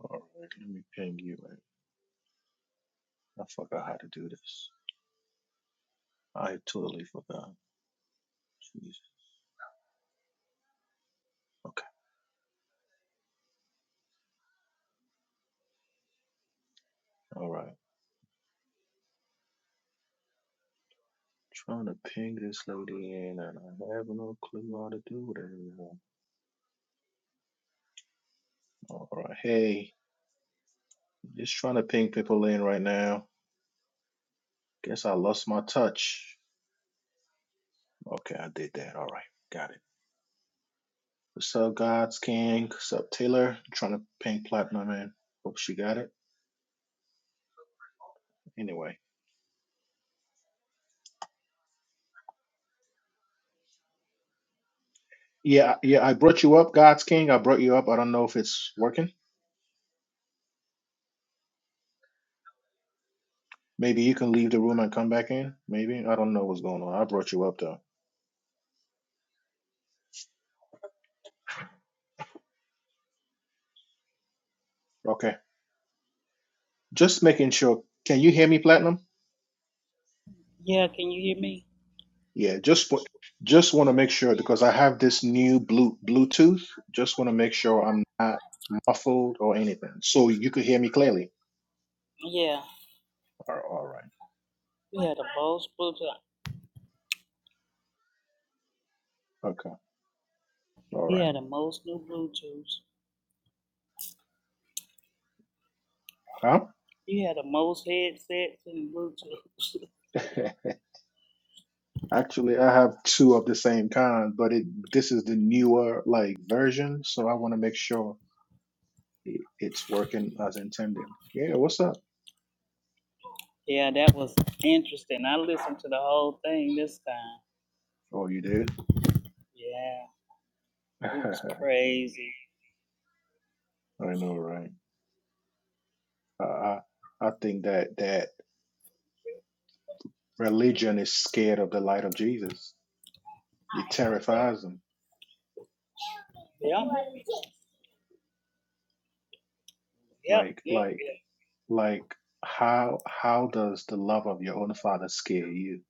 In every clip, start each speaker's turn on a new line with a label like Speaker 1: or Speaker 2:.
Speaker 1: All right, let me ping you. Man. I forgot how to do this. I totally forgot. Jeez. Okay. All right. Trying to ping this lady in, and I have no clue how to do that. All right. Hey, just trying to ping people in right now. Guess I lost my touch. Okay, I did that. All right. Got it. What's up, God's King? What's up, Taylor? trying to ping Platinum in. Hope she got it. Anyway. Yeah, yeah, I brought you up, God's King. I brought you up. I don't know if it's working. Maybe you can leave the room and come back in. Maybe. I don't know what's going on. I brought you up though. Okay. Just making sure. Can you hear me, Platinum?
Speaker 2: Yeah, can you hear me?
Speaker 1: Yeah, just wa- just want to make sure because I have this new blue Bluetooth. Just want to make sure I'm not muffled or anything. So you could hear me clearly.
Speaker 2: Yeah.
Speaker 1: All right, all right.
Speaker 2: You had the most Bluetooth.
Speaker 1: Okay. All
Speaker 2: You
Speaker 1: right.
Speaker 2: had the most new Bluetooths.
Speaker 1: Huh?
Speaker 2: You had the most headsets and Bluetooths.
Speaker 1: Actually, I have two of the same kind, but it this is the newer like version, so I want to make sure it, it's working as intended. Yeah, what's up?
Speaker 2: yeah, that was interesting. I listened to the whole thing this time.
Speaker 1: Oh, you did?
Speaker 2: Yeah,
Speaker 1: I
Speaker 2: it was crazy.
Speaker 1: know, right? I, I I think that that religion is scared of the light of Jesus. It terrifies them.
Speaker 2: Yep,
Speaker 1: Like
Speaker 2: yep,
Speaker 1: like
Speaker 2: yep.
Speaker 1: like how how does the love of your own father scare you?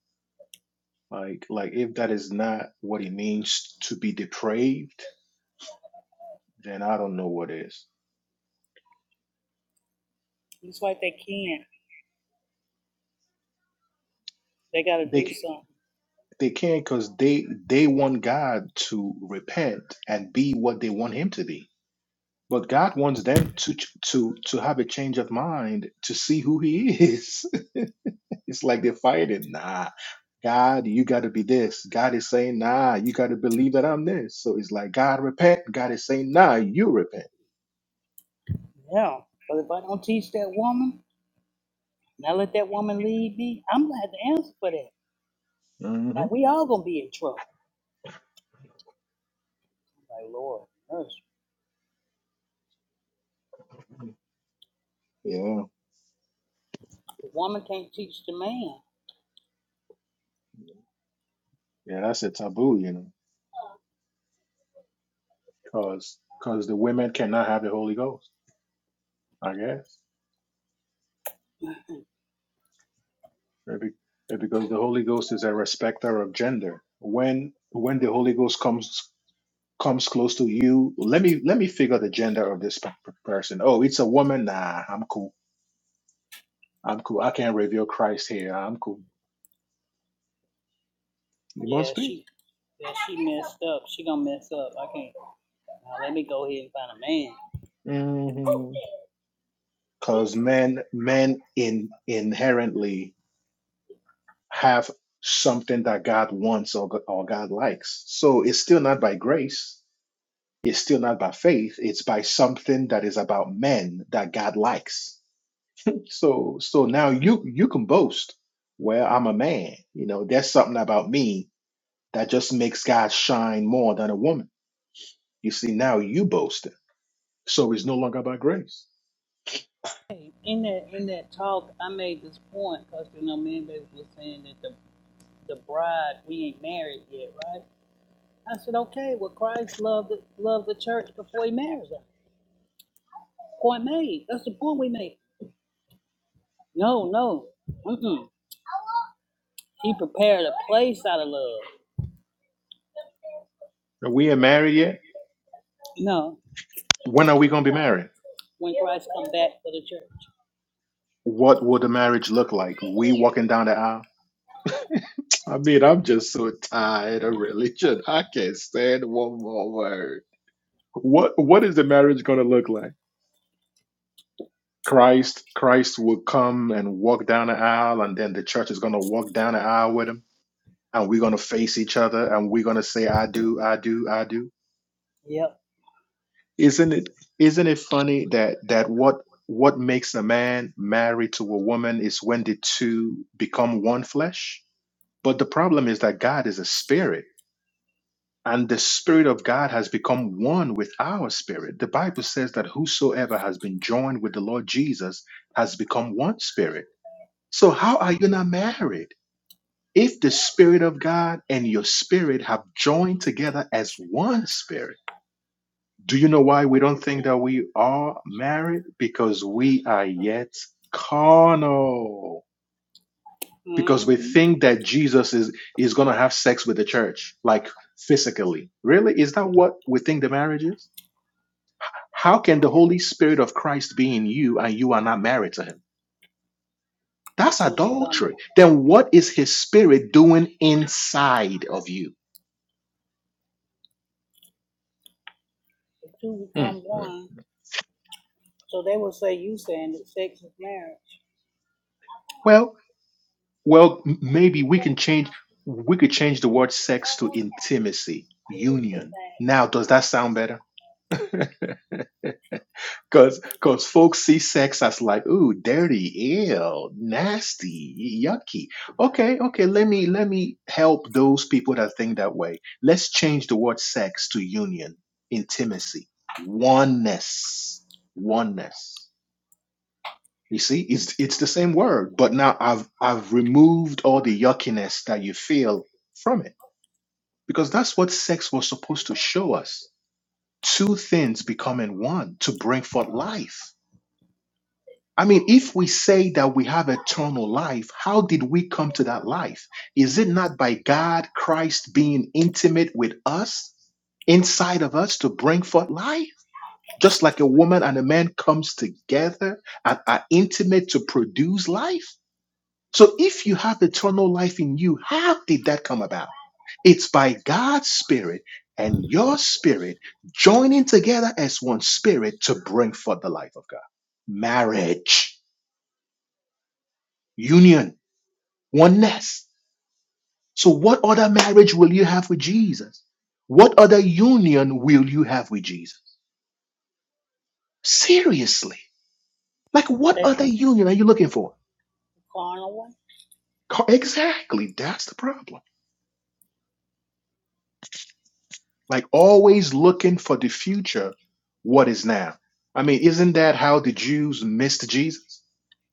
Speaker 1: Like like if that is not what it means to be depraved, then I don't know what is.
Speaker 2: It's like they can't. They got to
Speaker 1: They
Speaker 2: do
Speaker 1: c-
Speaker 2: something.
Speaker 1: they can't because they they want God to repent and be what they want Him to be. But God wants them to to to have a change of mind to see who He is. it's like they're fighting. Nah, God, you got to be this. God is saying, Nah, you got to believe that I'm this. So it's like God repent. God is saying, Nah, you repent.
Speaker 2: Yeah. But if I don't teach that woman, and I let that woman lead me, I'm gonna have to answer for that.
Speaker 1: hmm
Speaker 2: Like we all gonna be in trouble. Like Lord, mercy.
Speaker 1: Yeah,
Speaker 2: The woman can't teach the man.
Speaker 1: yeah, that's a taboo, you know, because because the women cannot have the Holy Ghost. I guess Right, be- right, because the Holy Ghost is a respecter of gender. When when the Holy Ghost comes comes close to you let me let me figure the gender of this pe- pe- person oh it's a woman nah i'm cool i'm cool i can't reveal christ here i'm cool you
Speaker 2: Yeah,
Speaker 1: must be
Speaker 2: she, yeah, she messed up. She gonna mess up. I can't. Now let me go ahead and find a man.
Speaker 1: Mm-hmm. because men men in inherently have something that god wants or, go- or god likes so it's still not by grace it's still not by faith it's by something that is about men that god likes so so now you you can boast well i'm a man you know there's something about me That just makes God shine more than a woman. You see, now you boasting. So it's no longer by grace.
Speaker 2: Hey, in that in that talk, I made this point because you know, man, baby was saying that the the bride we ain't married yet, right? I said, okay, well, Christ loved the, loved the church before he marries her. Point made. That's the point we made. No, no, mm-mm. He prepared place out of love.
Speaker 1: Are we married yet?
Speaker 2: No,
Speaker 1: When are we gonna be married?
Speaker 2: went back to the church.
Speaker 1: What would the marriage look like? We walking down the aisle. I mean, I'm just so tired of religion. I can't stand one more word. What what is the marriage gonna look like? Christ, Christ will come and walk down the aisle, and then the church is gonna walk down the aisle with him, and we're gonna face each other and we're gonna say, I do, I do, I do.
Speaker 2: Yep.
Speaker 1: Isn't it isn't it funny that that what what makes a man married to a woman is when the two become one flesh? But the problem is that God is a spirit, and the spirit of God has become one with our spirit. The Bible says that whosoever has been joined with the Lord Jesus has become one spirit. So how are you not married? If the spirit of God and your spirit have joined together as one spirit, Do you know why we don't think that we are married? Because we are yet carnal. Because
Speaker 2: mm
Speaker 1: we
Speaker 2: hmm
Speaker 1: think that Jesus is, is going to have sex with the church, like physically. Really? Is that what we think the marriage is? How can the Holy Spirit of Christ be in you and you are not married to him?
Speaker 2: The
Speaker 1: That's
Speaker 2: two become
Speaker 1: adultery. Then what is his spirit doing inside of you?
Speaker 2: the two
Speaker 1: Hmm.
Speaker 2: become
Speaker 1: Hmm.
Speaker 2: one So they would say you saying that sex is marriage.
Speaker 1: Well, Well, m- maybe we can change we could change the word sex to intimacy, union. Now, does that sound better? Cause cause folks see sex as like, ooh, dirty, ill, nasty, yucky. Okay, okay, let me let me help those people that think that way. Let's change the word sex to union, intimacy, oneness. Oneness. You see, it's it's the same word, but now I've I've removed all the yuckiness that you feel from it Because that's what sex was supposed to show us. Two things becoming one to bring forth life. I mean, if we say that we have eternal life, how did we come to that life? Is it not by God, Christ being intimate with us, inside of us to bring forth life? Just like a woman and a man comes together and are intimate to produce life? So if you have eternal life in you, how did that come about? It's by God's Spirit and your spirit joining together as one spirit to bring forth the life of God. Marriage, union, oneness. So what other marriage will you have with Jesus? What other union will you have with Jesus? Seriously. Like what
Speaker 2: That
Speaker 1: other union are you looking for?
Speaker 2: carnal one.
Speaker 1: Co- Exactly. That's the problem. Like always looking for the future, what is now. I mean, isn't that how the Jews missed Jesus?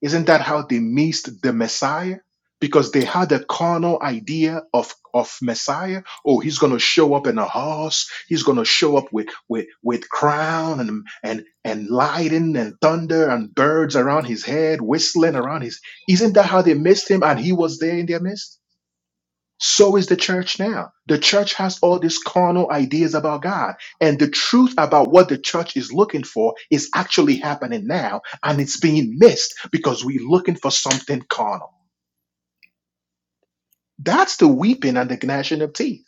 Speaker 1: Isn't that how they missed the Messiah? Because they had a carnal idea of, of Messiah. Oh, he's gonna show up in a horse, he's gonna show up with with with crown and and and lightning and thunder and birds around his head, whistling around his isn't that how they missed him and he was there in their midst? So is the church now. The church has all these carnal ideas about God. And the truth about what the church is looking for is actually happening now. And it's being missed because we're looking for something carnal. That's the weeping and the gnashing of teeth.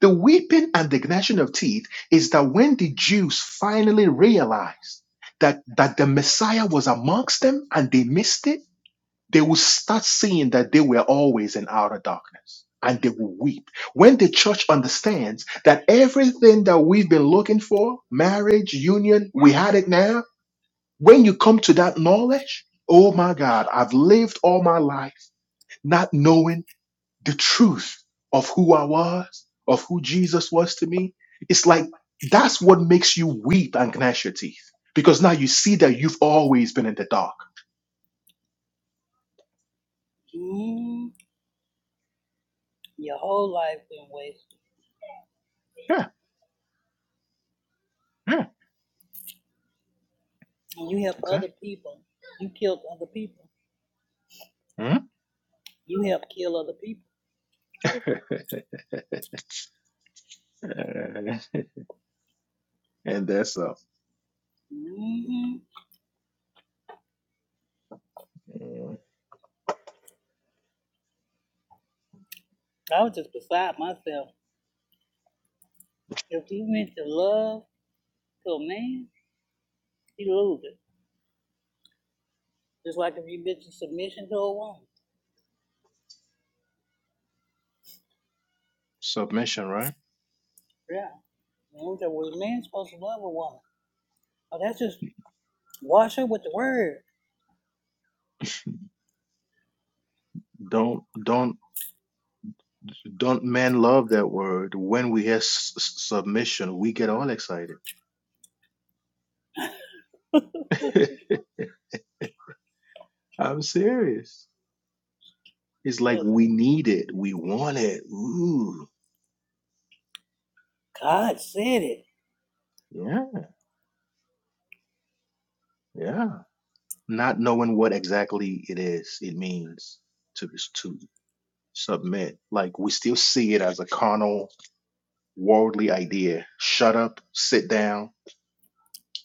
Speaker 1: The weeping and the gnashing of teeth is that when the Jews finally realized that, that the Messiah was amongst them and they missed it, they will start seeing that they were always in outer darkness and they will weep. When the church understands that everything that we've been looking for, marriage, union, we had it now. When you come to that knowledge, oh my God, I've lived all my life not knowing the truth of who I was, of who Jesus was to me. It's like that's what makes you weep and gnash your teeth because now you see that you've always been in the dark.
Speaker 2: Mm, your whole life been wasted.
Speaker 1: Yeah, yeah,
Speaker 2: And you help other
Speaker 1: exactly.
Speaker 2: people. You killed other people.
Speaker 1: Mhm.
Speaker 2: You help kill other people.
Speaker 1: Uh, and that's a
Speaker 2: hmm
Speaker 1: mm,
Speaker 2: I was just beside myself. If you meant to love to a man, you lose it. Just like if you meant to submission to a woman.
Speaker 1: submission, right?
Speaker 2: Yeah. You know, so, well, a man's supposed to love a woman. Oh, that's just wash her with the word.
Speaker 1: Don't don't don't men love that word? When we hear s- s- submission, we get all excited. I'm serious. It's like
Speaker 2: Yes.
Speaker 1: we need it, we want it. Ooh,
Speaker 2: God said it.
Speaker 1: yeah, yeah. Not knowing what exactly it is, it means to to submit. Like we still see it as a carnal, worldly idea. Shut up, sit down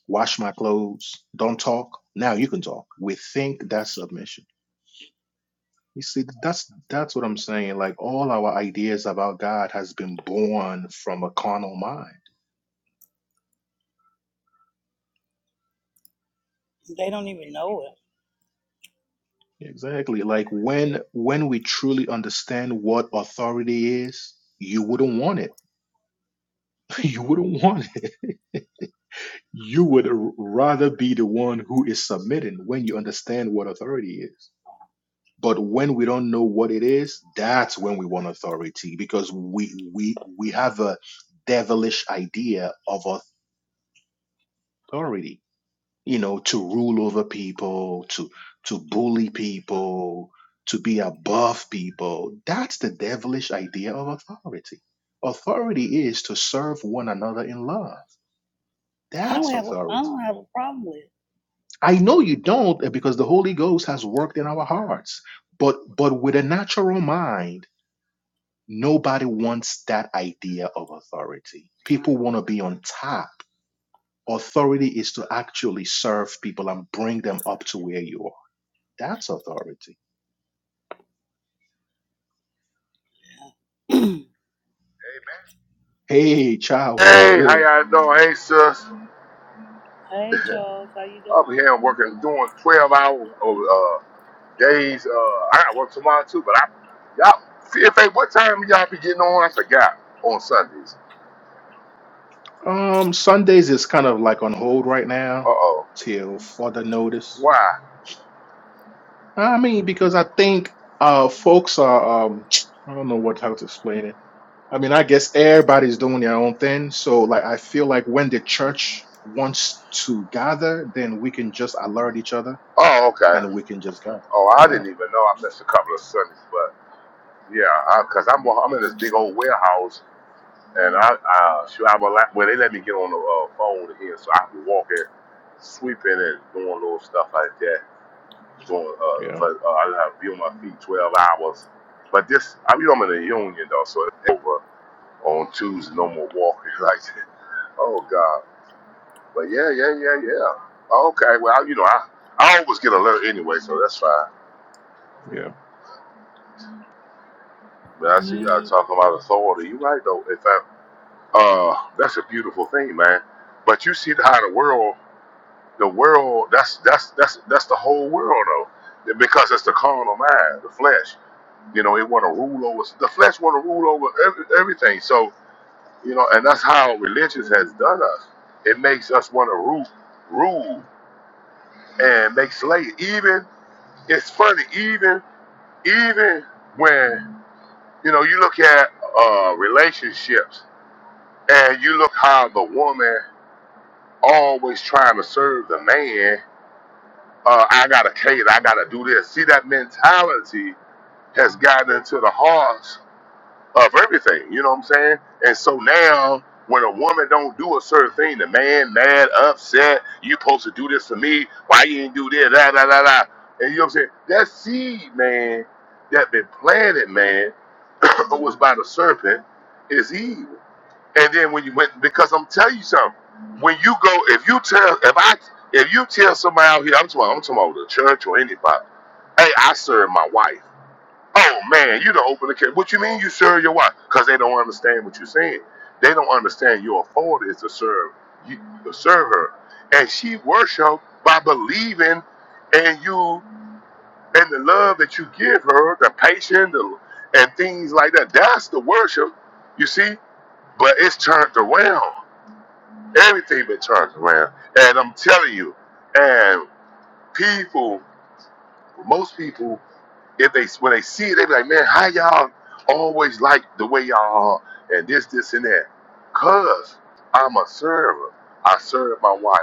Speaker 1: wash my clothes, don't talk. Now you can talk. We think that's submission. You see, that's that's what I'm saying. Like all our ideas about God has been born from a carnal mind.
Speaker 2: They don't even know it.
Speaker 1: Exactly. Like when when we truly understand what authority is, you wouldn't want it. You wouldn't want it. You would rather be the one who is submitting when you understand what authority is. But when we don't know what it is, that's when we want authority because we we we have a devilish idea of authority. You know, to rule over people, to to bully people, to be above people. That's the devilish idea of authority. Authority is to serve one another in love.
Speaker 2: I don't
Speaker 1: That's
Speaker 2: have a I
Speaker 1: authority.
Speaker 2: don't have a problem with
Speaker 1: I know you don't because the Holy Ghost has worked in our hearts. But but with a natural mind Nobody wants that idea of authority. People want to be on top. Authority is to actually serve people and bring them up to where you are. That's authority.
Speaker 2: it.
Speaker 1: Hey, Charles, what's
Speaker 3: Hey, how
Speaker 1: good?
Speaker 3: y'all doing? Hey, sis.
Speaker 2: hey Charles, how you
Speaker 3: Up
Speaker 2: doing?
Speaker 3: here working, doing 12 hour uh, days. Uh, I got work tomorrow too, but I, y'all, CFA, what time y'all be getting on? I forgot on Sundays.
Speaker 1: Um, Sundays is kind of like on hold right
Speaker 3: Uh
Speaker 1: now
Speaker 3: oh.
Speaker 1: till further notice.
Speaker 3: Why?
Speaker 1: I mean, because I think uh folks are um I don't know what how to explain it I mean, I guess everybody's doing their own thing. So, like, I feel like when the church wants to gather, then we can just alert each other
Speaker 3: Oh,
Speaker 1: and
Speaker 3: okay.
Speaker 1: we can just gather.
Speaker 3: Oh, I
Speaker 1: Yeah,
Speaker 3: didn't even know. I missed a couple of Sundays, but yeah, cause I'm I'm in this big old warehouse, and I uh, shoot, I was like, well, they let me get on the uh, phone here, so I can walk it, sweeping and doing little stuff like that. going uh,
Speaker 1: yeah,
Speaker 3: for uh, I have to be on my feet 12 hours. But this, I mean, I'm in a union though, so it's over on Tuesday. No more walking like that. Oh God. But yeah, yeah, yeah, yeah. Okay. Well, you know, I I always get alert anyway, so that's fine.
Speaker 1: yeah.
Speaker 3: But I see y'all
Speaker 2: Mm,
Speaker 3: talking about authority. You right though. In fact, uh, that's a beautiful thing, man. But you see how the world, the world, that's that's that's that's the whole world though, because it's the carnal mind, the flesh. You know, it want to rule over the flesh, want to rule over every, everything. So you know, and that's how religion has done us. It makes us want to rule, rule, and make slave. Even it's funny, even even when you know you look at uh, relationships and you look how the woman always trying to serve the man. Uh, I gotta cater. I gotta do this. See that mentality has gotten into the hearts of everything. You know what I'm saying? And so now, when a woman don't do a certain thing, the man mad, upset. You supposed to do this for me? Why you ain't do this? Da da da da. And you know what I'm saying? That seed, man, that been planted, man, was by the serpent, is evil. And then when you went, because I'm telling you something. When you go, if you tell, if I, if you tell somebody out here, I'm talking, I'm talking about the church or anybody. Hey, I serve my wife. Oh man, you don't open the case. What you mean you serve your wife? Because they don't understand what you're saying. They don't understand your authority is to serve you to serve her. And she worship by believing in you and the love that you give her, the patience the, and things like that. That's the worship, you see? But it's turned around. Everything been turned around. And I'm telling you, and people, most people if they when they see it, they be like, man, how y'all always like the way y'all are and this, this, and that. Cause I'm a server. I serve my wife,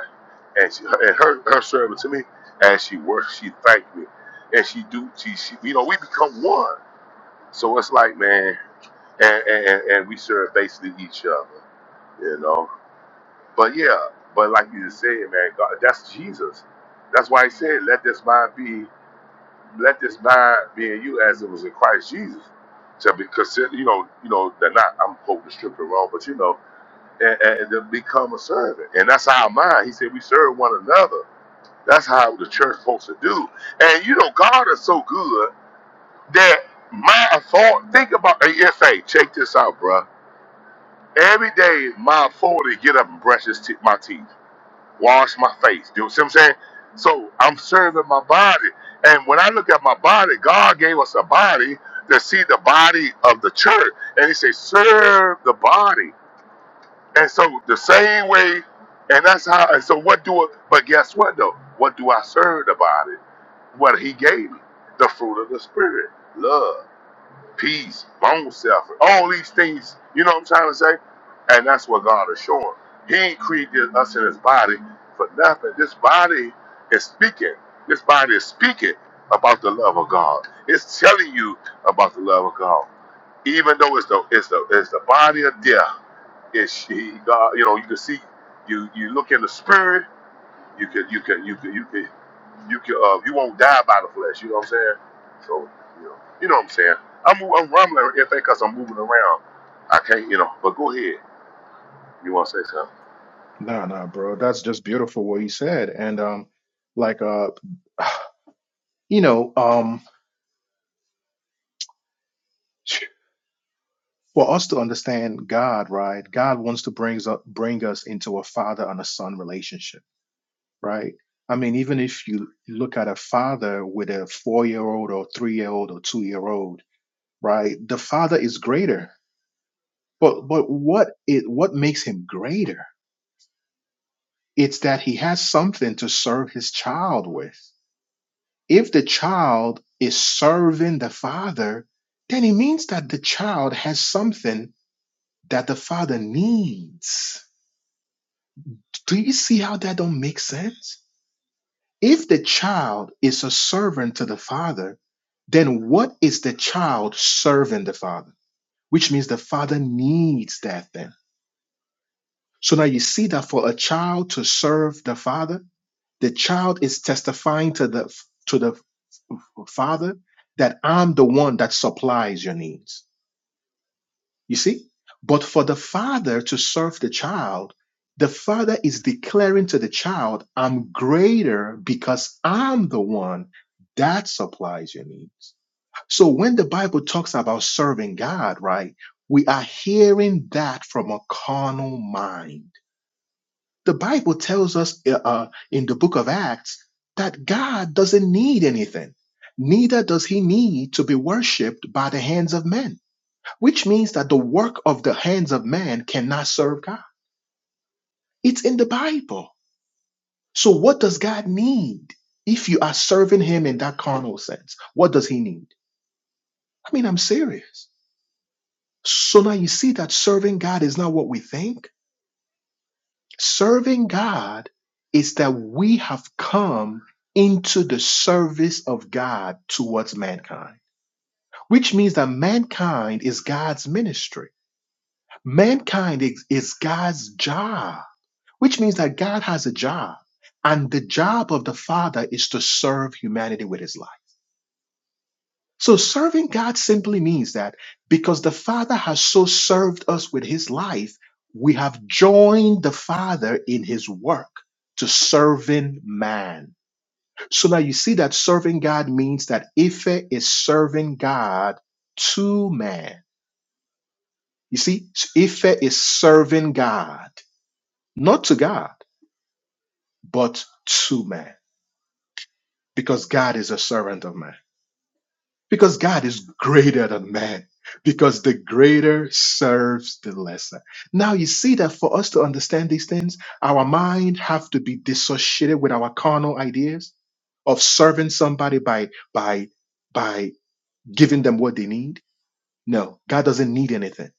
Speaker 3: and she and her her servant to me, and she works. She thank me, and she do. She, she you know we become one. So it's like man, and and, and and we serve basically each other, you know. But yeah, but like you just said, man, God, that's Jesus. That's why he said, let this mind be. Let this mind be in you as it was in Christ Jesus. To be consider, you know, you know, they're not. I'm quoting the scripture wrong, but you know, and, and to become a servant, and that's our mind. He said we serve one another. That's how the church supposed to do. And you know, God is so good that my thought. Think about, hey, if hey, check this out, bruh. Every day, my forty get up and brush his te- my teeth wash my face. You see what I'm saying? So I'm serving my body. And when I look at my body, God gave us a body to see the body of the church. And he says, serve the body. And so the same way, and that's how, and so what do I, but guess what though? What do I serve the body? What he gave me, the fruit of the spirit, love peace, long suffering, all these things, you know what I'm trying to say? And that's what God is showing. He ain't created us in his body for nothing. This body is speaking. This body is speaking about the love of God. It's telling you about the love of God. Even though it's the it's the it's the body of death, it's he God, you know, you can see you you look in the spirit you could, you could, you could, you could, you could, uh, you won't die by the flesh. You know what I'm saying? So, you know, you know what I'm saying. I'm, I'm rumbling everything because I'm moving around. I can't, you know. But go ahead. You want to say something?
Speaker 1: Nah, nah, bro. That's just beautiful what he said. And, um, like, uh, you know, um, for us to understand God, right? God wants to bring us up, bring us into a father and a son relationship, right? I mean, even if you look at a father with a four year old or three year old or two year old, right? The Father is greater. But but what it what makes him greater? It's that he has something to serve his child with. If the child is serving the Father, then it means that the child has something that the Father needs. Do you see how that don't make sense? If the child is a servant to the Father, then what is the child serving the Father? Which means the Father needs that thing So now you see that for a child to serve the father, the child is testifying to the to the father that I'm the one that supplies your needs. You see? But for the father to serve the child, the father is declaring to the child, I'm greater because I'm the one that supplies your needs. So when the Bible talks about serving God, right, we are hearing that from a carnal mind The Bible tells us uh, uh, in the book of Acts that God doesn't need anything. Neither does he need to be worshipped by the hands of men, which means that the work of the hands of man cannot serve God. It's in the Bible. So, what does God need if you are serving him in that carnal sense? What does he need? I mean, I'm serious. So now you see that serving God is not what we think Serving God is that we have come into the service of God towards mankind, which means that mankind is God's ministry. Mankind is, is God's job, which means that God has a job. And the job of the Father is to serve humanity with his life. So serving God simply means that because the Father has so served us with his life, we have joined the Father in his work to serving man. So now you see that serving God means that Ife is serving God to man. You see, Ife is serving God, not to God, but to man, because God is a servant of man. Because God is greater than man. Because the greater serves the lesser. Now you see that for us to understand these things, our mind have to be dissociated with our carnal ideas of serving somebody by by by giving them what they need. No, God doesn't need anything.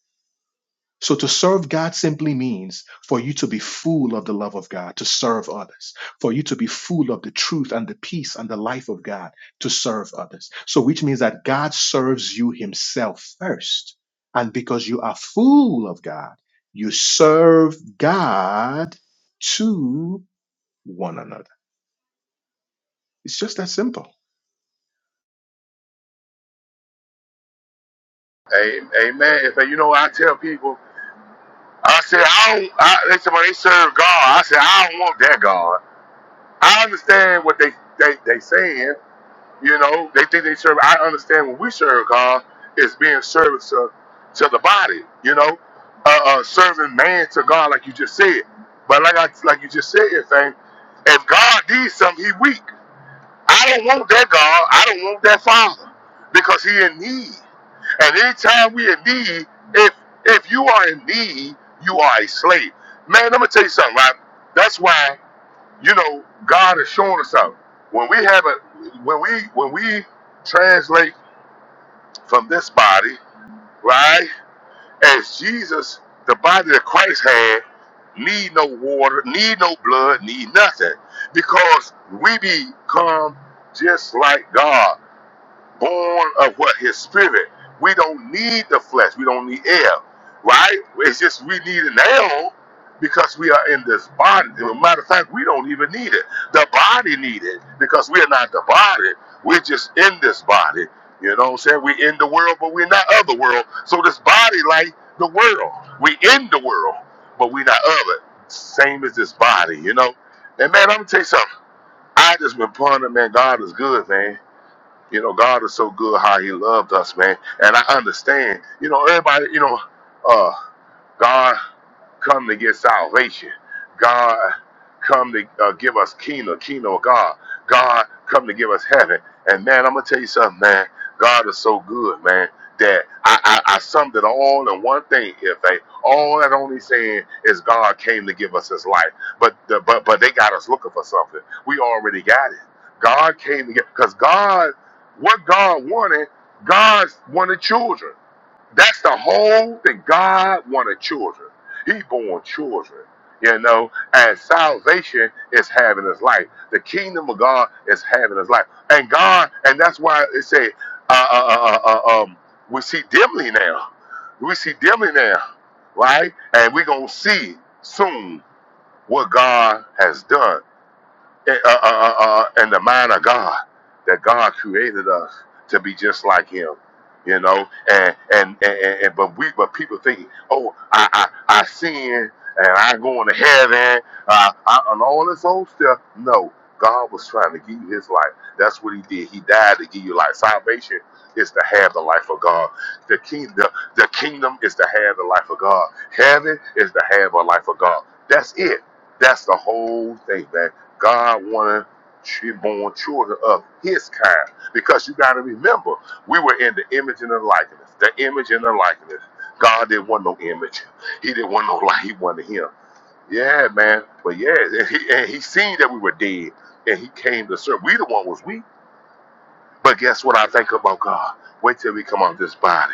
Speaker 1: So to serve God simply means for you to be full of the love of God, to serve others, for you to be full of the truth and the peace and the life of God, to serve others. So which means that God serves you himself first. And because you are full of God, you serve God to one another. It's just that simple.
Speaker 3: Hey, hey, man. If you know, I tell people, I said I don't. I, they said, well, they serve God. I said I don't want that God. I understand what they they they saying, You know, they think they serve. I understand when we serve God, it's being service to, to the body. You know, uh, uh, serving man to God, like you just said. But like I like you just said, thing. If God needs something, He weak. I don't want that God. I don't want that Father because He in need. And anytime we in need, if if you are in need, you are a slave. Man, let me tell you something, right? That's why you know, God has shown us out. When we have a when we when we translate from this body, right? As Jesus, the body that Christ had, need no water, need no blood, need nothing. Because we become just like God born of what? His spirit. We don't need the flesh. We don't need air, right? It's just we need an arrow because we are in this body. As a matter of fact, we don't even need it. The body need it because we are not the body. We're just in this body. You know what I'm saying? We're in the world, but we're not of the world. So this body like the world. We in the world, but we're not of it. Same as this body, you know? And man, I'm gonna tell you something. I just been pondering, man, God is good, man you know, God is so good how He loved us, man. And I understand. You know, everybody. You know, uh, God come to get salvation. God, come to uh, give us kingdom, kingdom of God. God, come to give us heaven. And man, I'm gonna tell you something, man. God is so good, man. That I, I, I summed it all in one thing. If they all that only saying is God came to give us His life, but the, but but they got us looking for something. We already got it. God came to get because God, what God wanted, God wanted children. That's the whole thing. God wanted children. He born children, you know, and salvation is having his life. The kingdom of God is having his life. And God, and that's why it say, uh, uh, uh, uh, uh, um, we see dimly now. We see dimly now, right? And we going to see soon what God has done eh, uh, uh, uh, uh, in the mind of God that God created us to be just like Him, you know. And and and, and and- but we but people think, oh, I I, I sin and I going to heaven uh, I, and all this old stuff. No, God was trying to give you His life. That's what He did. He died to give you life. Salvation is to have the life of God. The king the, the kingdom is to have the life of God. Heaven is to have a life of God. That's it. That's the whole thing, man God wanted she born children of his kind. Because you got to remember, we were in the image and the likeness. The image and the likeness. God didn't want no image. He didn't want no light. He wanted him. Yeah, man. But yeah, and he, and he seen that we were dead. And he came to serve. We the one was weak. But guess what I think about God? Wait till we come out of this body.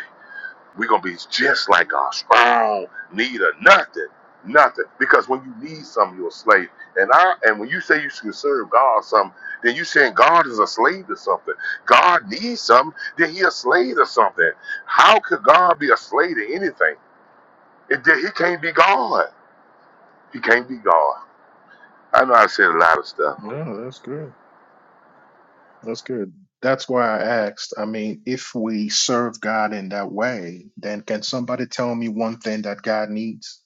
Speaker 3: We're gonna be just like God, strong, need of nothing, nothing. Because when you need something, you're a slave. And I and when you say you should serve God or something, then you saying God is a slave to something. God needs something, then he a slave to something. How could God be a slave to anything? It, then he can't be God. He can't be God. I know I said a lot of stuff.
Speaker 1: No, that's good. That's good. That's why I asked. I mean, if we serve God in that way, then can somebody tell me one thing that God needs?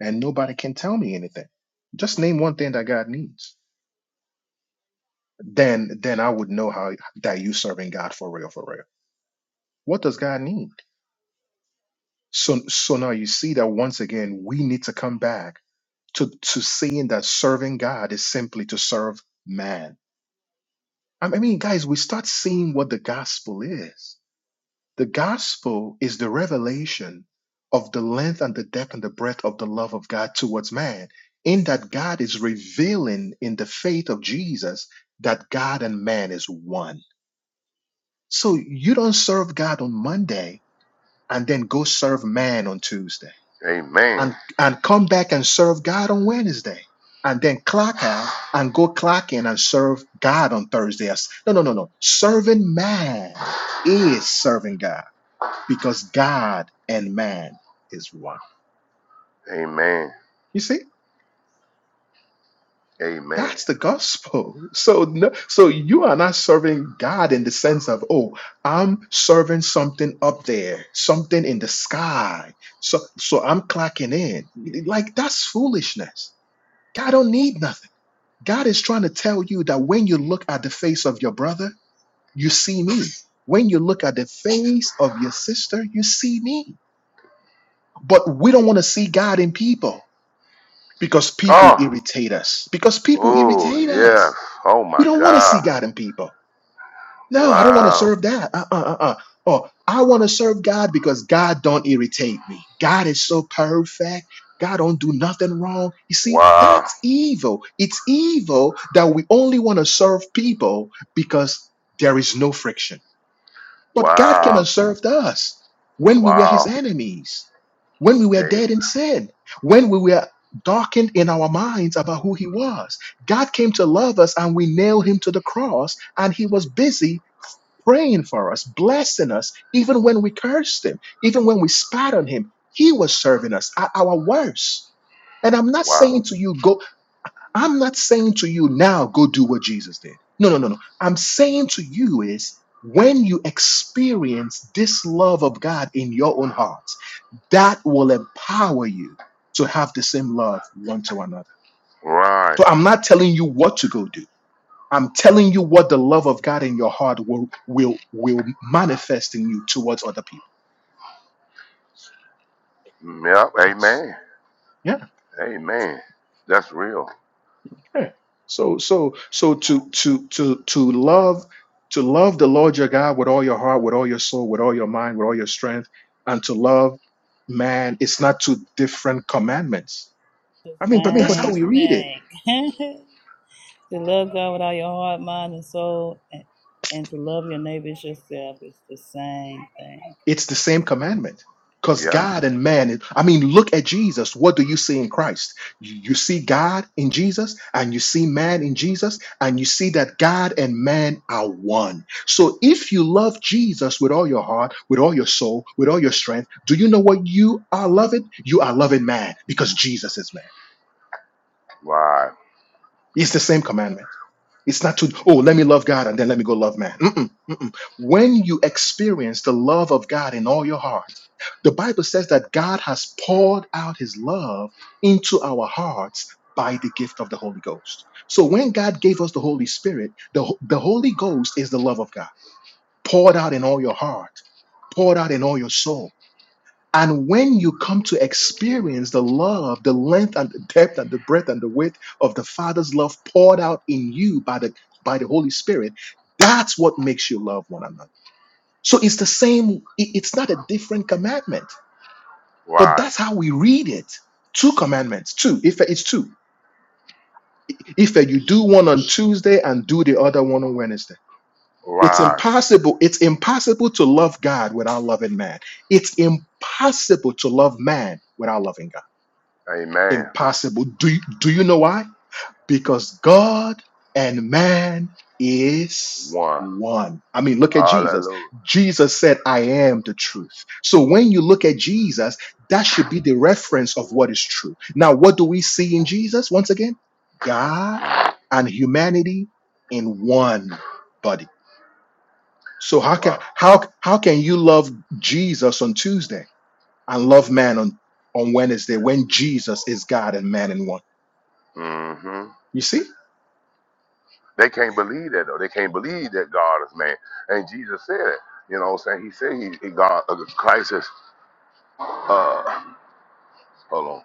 Speaker 1: And nobody can tell me anything. Just name one thing that God needs. Then then I would know how that you serving God for real, for real. What does God need? So so now you see that once again we need to come back to to seeing that serving God is simply to serve man. I mean, guys, we start seeing what the gospel is. The gospel is the revelation of the length and the depth and the breadth of the love of God towards man, in that God is revealing in the faith of Jesus that God and man is one. So you don't serve God on Monday and then go serve man on Tuesday
Speaker 3: Amen.
Speaker 1: and, and come back and serve God on Wednesday and then clock out and go clock in and serve God on Thursday. No, no, no, no. Serving man is serving God because God and man is one.
Speaker 3: Amen.
Speaker 1: You see,
Speaker 3: Amen.
Speaker 1: that's the gospel. So, no, so you are not serving God in the sense of, oh, I'm serving something up there, something in the sky. So, so I'm clocking in. Like that's foolishness. God don't need nothing. God is trying to tell you that when you look at the face of your brother, you see me. When you look at the face of your sister, you see me. But we don't want to see God in people because people
Speaker 3: Oh,
Speaker 1: irritate us. Because people
Speaker 3: oh
Speaker 1: irritate
Speaker 3: yes.
Speaker 1: us.
Speaker 3: Oh
Speaker 1: We
Speaker 3: my
Speaker 1: don't want to see
Speaker 3: God.
Speaker 1: God in people. No, I don't want to
Speaker 3: Wow.
Speaker 1: serve that. Uh uh uh. uh. Or I want to serve God because God don't irritate me. God is so perfect. God don't do nothing wrong. You see,
Speaker 3: Wow.
Speaker 1: that's evil. It's evil that we only want to serve people because there is no friction but God came and
Speaker 3: Wow.
Speaker 1: served us when we were his
Speaker 3: Wow.
Speaker 1: enemies, when we were dead
Speaker 3: Amen.
Speaker 1: in sin, when we were darkened in our minds about who he was. God came to love us and we nailed him to the cross, and he was busy praying for us, blessing us, even when we cursed him, even when we spat on him. He was serving us at our worst. And I'm not
Speaker 3: Wow.
Speaker 1: saying to you, go I'm not saying to you now, go do what Jesus did. No, no, no, no. I'm saying to you is when you experience this love of God in your own hearts, that will empower you to have the same love one to another.
Speaker 3: Right.
Speaker 1: So I'm not telling you what to go do. I'm telling you what the love of God in your heart will will will manifest in you towards other people.
Speaker 3: Mm, Yep.
Speaker 1: Yes.
Speaker 3: Amen.
Speaker 1: Yeah.
Speaker 3: Amen. That's real.
Speaker 1: Yeah. So so so to to to to love to love the Lord your God with all your heart, with all your soul, with all your mind, with all your strength, and to love man, it's not two different commandments. I mean,
Speaker 2: the
Speaker 1: but that's how we read it.
Speaker 2: same thing. to love God with all your heart, mind, and soul, and, and to love your neighbor as yourself is the same thing.
Speaker 1: It's the same commandment. Because
Speaker 3: Yeah.
Speaker 1: God and man, is- I mean, look at Jesus. What do you see in Christ? You you see God in Jesus, and you see man in Jesus, and you see that God and man are one. So if you love Jesus with all your heart, with all your soul, with all your strength, do you know what you are loving? You are loving man because Jesus is man.
Speaker 3: Right.
Speaker 1: It's the same commandment. It's not to, oh, let me love God and then let me go love man. Mm-mm, mm-mm. When you experience the love of God in all your heart, the Bible says that God has poured out his love into our hearts by the gift of the Holy Ghost. So when God gave us the Holy Spirit, the, the Holy Ghost is the love of God poured out in all your heart, poured out in all your soul. And when you come to experience the love, the length and the depth and the breadth and the width of the Father's love poured out in you by the by the Holy Spirit, that's what makes you love one another. So it's the same, it- it's not a different commandment, but
Speaker 3: Right.
Speaker 1: that's how we read it. Two commandments, two. If it's two. If you do one on Tuesday and do the other one on Wednesday. It's
Speaker 3: Right.
Speaker 1: impossible. It's impossible to love God without loving man. It's impossible to love man without loving God.
Speaker 3: Amen.
Speaker 1: Impossible. Do you, do you know why? Because God and man is
Speaker 3: One.
Speaker 1: one. I mean, look at Jesus.
Speaker 3: Hallelujah.
Speaker 1: Jesus said, I am the truth. So when you look at Jesus, that should be the reference of what is true. Now, what do we see in Jesus? Once again, God and humanity in one body. So how can
Speaker 3: Wow.
Speaker 1: how how can you love Jesus on Tuesday and love man on on Wednesday when Jesus is God and man in one?
Speaker 3: Mm-hmm.
Speaker 1: You see?
Speaker 3: They can't believe that though. They can't believe that God is man. And Jesus said it. You know what I'm saying? He said he, he God uh, Christ is uh, Hold on.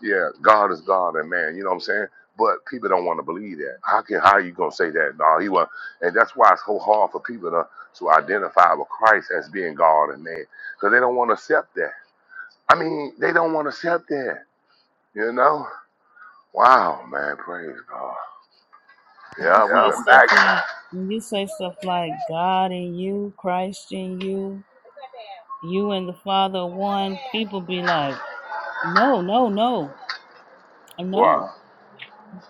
Speaker 3: Yeah, God is God and man. You know what I'm saying? But people don't want to believe that. How can how you gonna say that? No, he was, and that's why it's so hard for people to to identify with Christ as being God and man, because they don't want to accept that. I mean, they don't want to accept that. You know? Wow, man, praise God.
Speaker 2: When you
Speaker 3: Yeah, we
Speaker 2: say
Speaker 3: been
Speaker 2: stuff
Speaker 3: back.
Speaker 2: like when you say stuff like God in you, Christ in you, you and the Father one, people be like, no, no, no,
Speaker 3: Wow.
Speaker 2: no.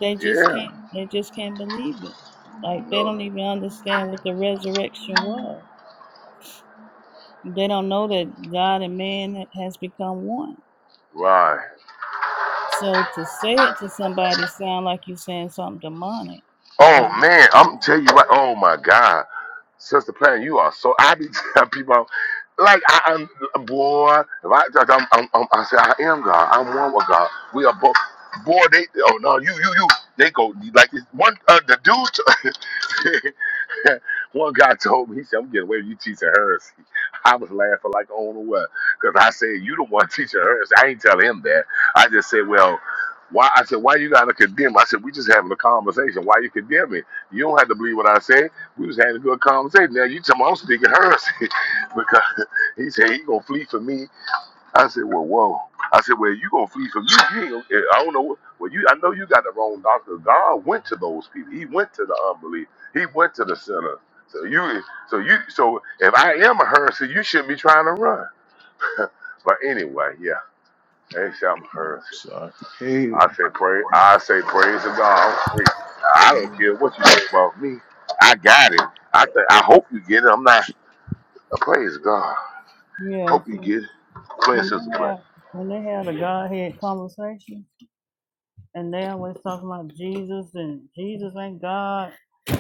Speaker 2: They just
Speaker 3: Yeah.
Speaker 2: can't. They just can't believe it. Like they
Speaker 3: No.
Speaker 2: don't even understand what the resurrection was. They don't know that God and man has become one.
Speaker 3: Right.
Speaker 2: So to say it to somebody sound like you saying something demonic,
Speaker 3: Oh
Speaker 2: or
Speaker 3: man, I'm telling you what. Oh my God. Sister Plan, you are so. I be telling people, like I, I'm boy. If I, like, I'm, I'm, I'm, I say I am God. I'm one with God. We are both. Boy, they. Oh no, you, you, you. They go like it's one. Uh, the dude. One guy told me, he said, I'm getting away with you teaching heresy. I was laughing like, oh, no, what? Because I said, you the one teaching heresy. I ain't tell him that. I just said, well, why? I said, why you got to condemn? I said, we just having a conversation. Why you condemning? You don't have to believe what I say. We was having a good conversation. Now you tell me I'm speaking heresy because he said he going to flee for me. I said, well, whoa. I said, well, you gonna flee from you? you ain't gonna, eh, I don't know. What, well, you, I know you got the wrong doctor. God went to those people. He went to the unbelief. He went to the sinners. So you, so you, so if I am a heresy, you shouldn't be trying to run. But anyway, yeah, they say I'm a heresy.
Speaker 1: So I
Speaker 3: I say praise. I say praise to God. I'm free. I don't care what you say about me. I got it. I think. I hope you get it. I'm not. Praise God.
Speaker 2: yeah.
Speaker 3: Hope you
Speaker 2: See,
Speaker 3: get it. Go ahead,
Speaker 2: when they
Speaker 3: sister.
Speaker 2: have when they have the Godhead conversation, and they always talking about Jesus and Jesus ain't God.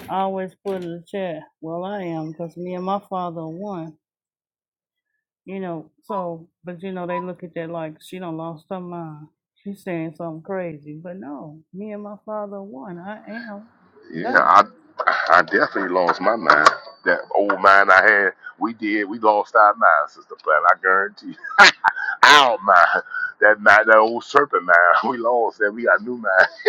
Speaker 2: I always put in the chat. Well, I am because me and my father are one. You know, so but you know they look at that like she done lost her mind. She's saying something crazy, but no, me and my father are one. I am
Speaker 3: Yeah,
Speaker 2: God.
Speaker 3: I I definitely lost my mind. That old mind I had, we did, we lost our mind, Sister Platt. I guarantee. you. Our mind, that mind, that old serpent mind, we lost that. We got new mind.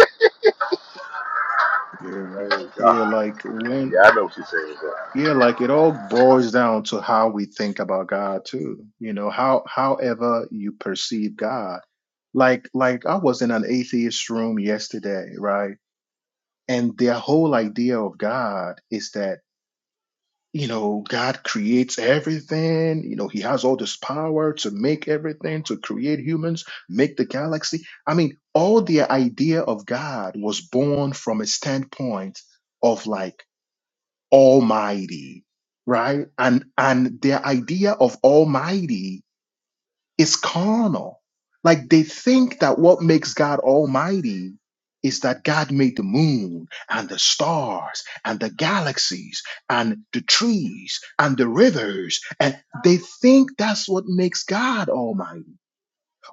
Speaker 1: Yeah.
Speaker 3: Thank God.
Speaker 1: Yeah, like when
Speaker 3: Yeah, I know what you're saying. God.
Speaker 1: yeah, like it all boils down to how we think about God too. You know, how however you perceive God. Like like I was in an atheist room yesterday, right? And their whole idea of God is that. you know, God creates everything. You know, He has all this power to make everything, to create humans, make the galaxy. I mean, all the idea of God was born from a standpoint of like Almighty, right? And and their idea of Almighty it's carnal. Like they think that what makes God almighty is that God made the moon and the stars and the galaxies and the trees and the rivers. And they think that's what makes God almighty.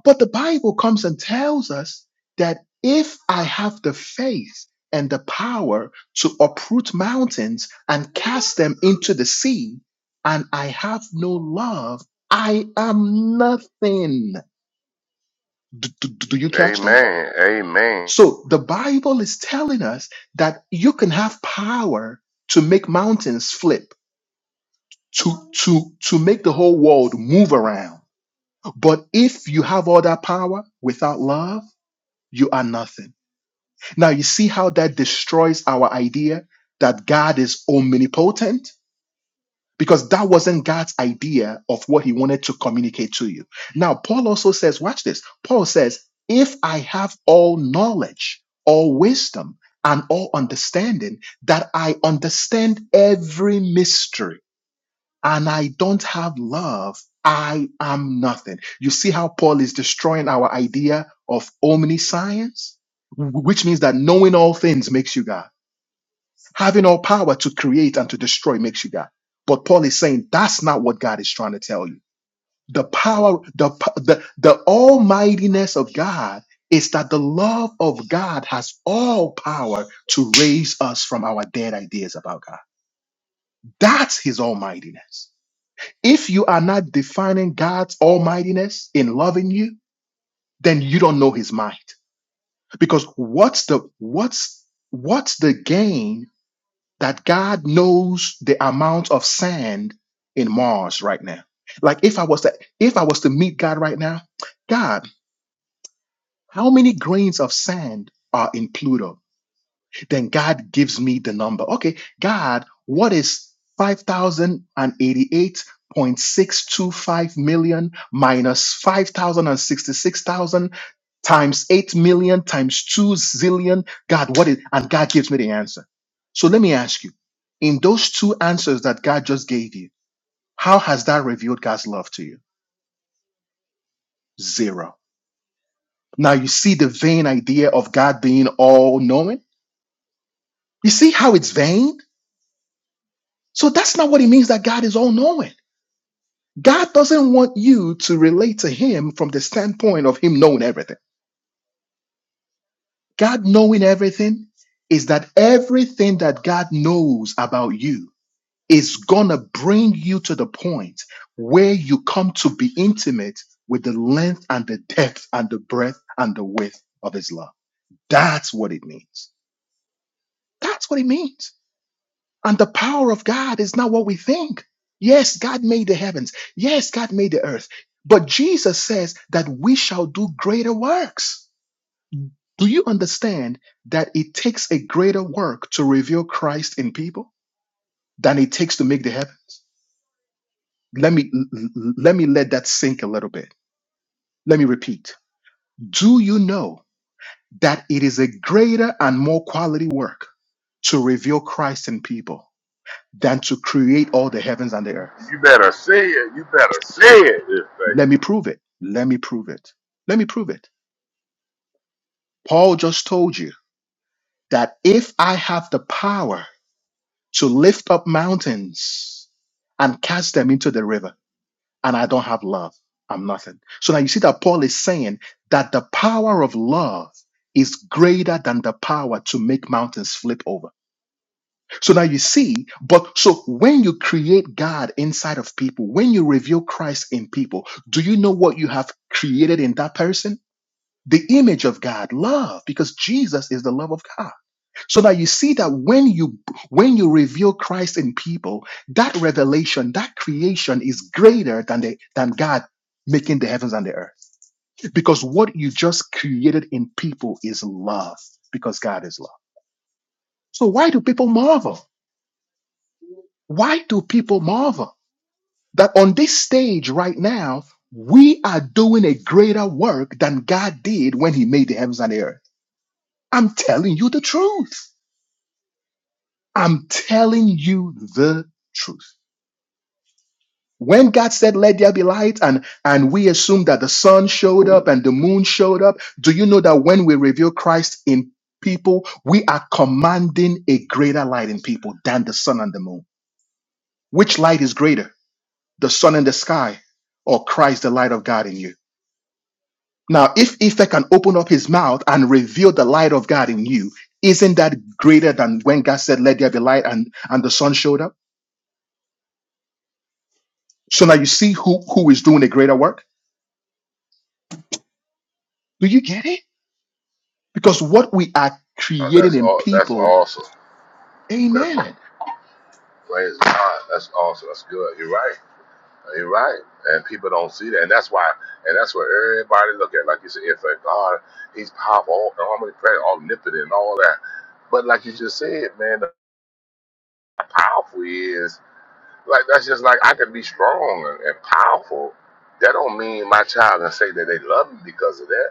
Speaker 1: But the Bible comes and tells us that if I have the faith and the power to uproot mountains and cast them into the sea, and I have no love, I am nothing. Do, do, do you catch that?
Speaker 3: Amen. Amen.
Speaker 1: So the Bible is telling us that you can have power to make mountains flip, to, to, to make the whole world move around. But if you have all that power without love, you are nothing. Now, you see how that destroys our idea that God is omnipotent? Because that wasn't God's idea of what he wanted to communicate to you. Now, Paul also says, watch this. Paul says, if I have all knowledge, all wisdom, and all understanding, that I understand every mystery and I don't have love, I am nothing. You see how Paul is destroying our idea of omniscience, Wh- which means that knowing all things makes you God. Having all power to create and to destroy makes you God. But Paul is saying that's not what God is trying to tell you. The power, the, p- the, the almightiness of God is that the love of God has all power to raise us from our dead ideas about God. That's his almightiness. If you are not defining God's almightiness in loving you, then you don't know his mind. Because what's the what's what's the gain that God knows the amount of sand in Mars right now? Like if I was to if I was to meet God right now, God, how many grains of sand are in Pluto? Then God gives me the number. Okay, God, what is 5,088.625 million minus minus five thousand and sixty-six thousand times 8 million times 2 zillion? God, what is, and God gives me the answer. So let me ask you, in those two answers that God just gave you, how has that revealed God's love to you? Zero. Now you see the vain idea of God being all knowing? You see how it's vain? So that's not what it means that God is all knowing. God doesn't want you to relate to Him from the standpoint of Him knowing everything. God knowing everything is that everything that God knows about you is going to bring you to the point where you come to be intimate with the length and the depth and the breadth and the width of His love. That's what it means. That's what it means. And the power of God is not what we think. Yes, God made the heavens. Yes, God made the earth. But Jesus says that we shall do greater works. Do you understand that it takes a greater work to reveal Christ in people than it takes to make the heavens? Let me let me let that sink a little bit. Let me repeat. Do you know that it is a greater and more quality work to reveal Christ in people than to create all the heavens and the earth?
Speaker 3: You better say it. You better say it. This thing.
Speaker 1: Let me prove it. Let me prove it. Let me prove it. Paul just told you that if I have the power to lift up mountains and cast them into the river, and I don't have love, I'm nothing. So now you see that Paul is saying that the power of love is greater than the power to make mountains flip over. So now you see, but so when you create God inside of people, when you reveal Christ in people, do you know what you have created in that person? the image of God, love, because Jesus is the love of God. So that you see that when you when you reveal Christ in people, that revelation, that creation is greater than the than God making the heavens and the earth. Because what you just created in people is love, because God is love. So why do people marvel? Why do people marvel that on this stage right now, we are doing a greater work than God did when he made the heavens and the earth? I'm telling you the truth. I'm telling you the truth. When God said, Let there be light, and, and we assume that the sun showed up and the moon showed up, do you know that when we reveal Christ in people, we are commanding a greater light in people than the sun and the moon? Which light is greater, the sun in the sky or Christ, the light of God in you? Now, if Ife can open up his mouth and reveal the light of God in you, isn't that greater than when God said, Let there be light, and, and the sun showed up? So now you see who, who is doing a greater work. Do you get it? Because what we are
Speaker 3: Oh,
Speaker 1: creating
Speaker 3: that's
Speaker 1: in
Speaker 3: all. That's
Speaker 1: people,
Speaker 3: awesome. That's all.
Speaker 1: amen.
Speaker 3: Praise God. That's awesome. That's good. You're right. You're right, and people don't see that, and that's why, and that's what everybody look at. Like you said, if a God, He's powerful, all- omnipresent, omnipotent, and all that. But like you just said, man, the powerful he is like that's just like I can be strong and, and powerful. That don't mean my child can say that they love me because of that.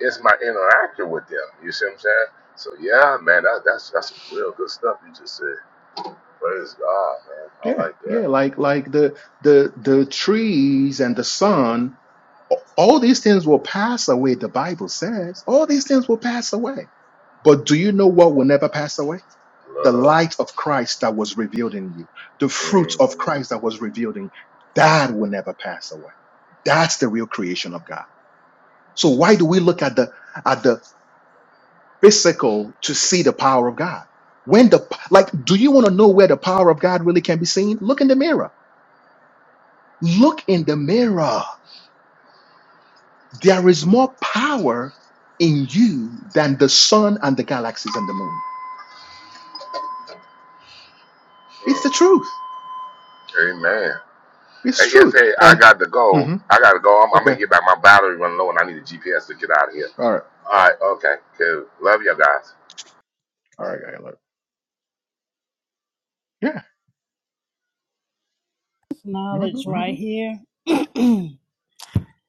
Speaker 3: It's my interaction with them. You see what I'm saying? So yeah, man, that, that's that's some real good stuff you just said. Praise God, man. I
Speaker 1: Yeah,
Speaker 3: like that
Speaker 1: yeah, like like the the the trees and the sun, a- all these things will pass away, the Bible says. All these things will pass away. But do you know what will never pass away? The
Speaker 3: love.
Speaker 1: light of Christ that was revealed in you, the fruit
Speaker 3: Mm-hmm.
Speaker 1: of Christ that was revealed in you, that will never pass away. That's the real creation of God. So why do we look at the at the physical to see the power of God. When the like, do you want to know where the power of God really can be seen? Look in the mirror. Look in the mirror. There is more power in you than the sun and the galaxies and the moon. It's the
Speaker 3: hmm
Speaker 1: truth.
Speaker 3: Amen.
Speaker 1: It's
Speaker 3: Hey, yes,
Speaker 1: truth.
Speaker 3: hey, I
Speaker 1: And
Speaker 3: got to go.
Speaker 1: mhm,
Speaker 3: I got to go. I'm, I'm
Speaker 1: okay,
Speaker 3: going to get back. My battery run low and I need a GPS to get out of here.
Speaker 1: all right,
Speaker 3: All right. Okay. Cool. Love you guys.
Speaker 1: all right, all right. yeah,
Speaker 2: This knowledge
Speaker 1: mhm,
Speaker 2: right Mhm. here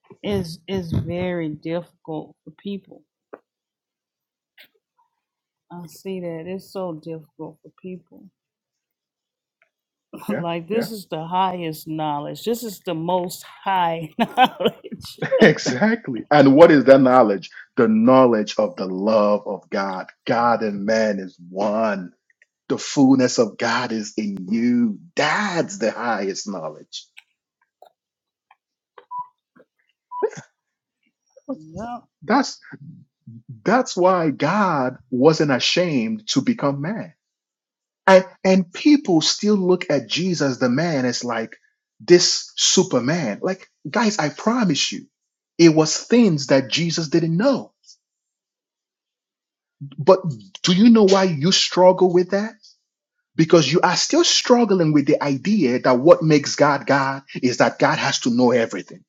Speaker 2: is is very difficult for people. I see that it's so difficult for people.
Speaker 1: yeah,
Speaker 2: like Yeah. this is the highest knowledge. This is the most high knowledge.
Speaker 1: exactly. And what is that knowledge? The knowledge of the love of God. God and man is one The fullness of God is in you. That's the highest knowledge.
Speaker 2: Yep,
Speaker 1: That's that's why God wasn't ashamed to become man. And and people still look at Jesus the man as like this superman. Like guys, I promise you, it was things that Jesus didn't know. But do you know why you struggle with that? because you are still struggling with the idea that what makes God God is that God has to know everything.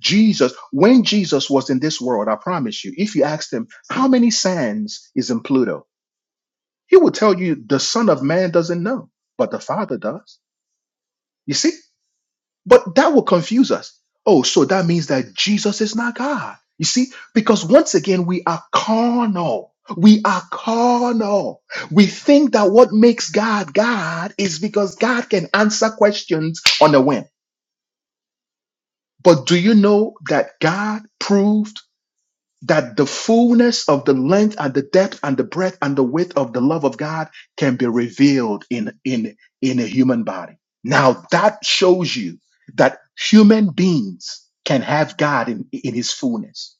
Speaker 1: Jesus, when Jesus was in this world, I promise you, if you asked him, how many sands is in Pluto? He will tell you the son of man doesn't know, but the father does. You see? But that will confuse us. Oh, so that means that Jesus is not God. You see, because once again, we are carnal. We are carnal. We think that what makes God God is because God can answer questions on a whim. But do you know that God proved? that the fullness of the length and the depth and the breadth and the width of the love of God can be revealed in in in a human body. Now that shows you that human beings can have God in, in his fullness.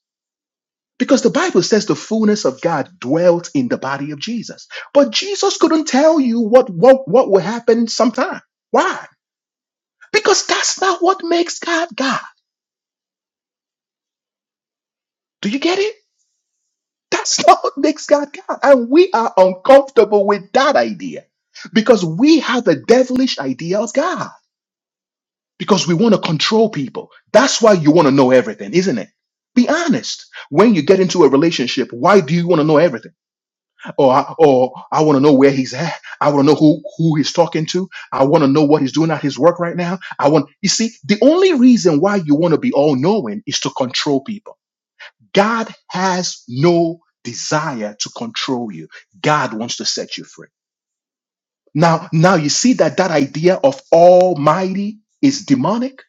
Speaker 1: Because the Bible says the fullness of God dwelt in the body of Jesus. But Jesus couldn't tell you what what, what will happen sometime. Why? Because that's not what makes God God. Do you get it? That's not what makes God God. And we are uncomfortable with that idea because we have a devilish idea of God because we want to control people. That's why you want to know everything, isn't it? Be honest. When you get into a relationship, why do you want to know everything? Or, or I want to know where he's at. I want to know who, who he's talking to. I want to know what he's doing at his work right now. I want, you see, the only reason why you want to be all knowing is to control people God has no desire to control you. God wants to set you free. Now, now you see that that idea of almighty is demonic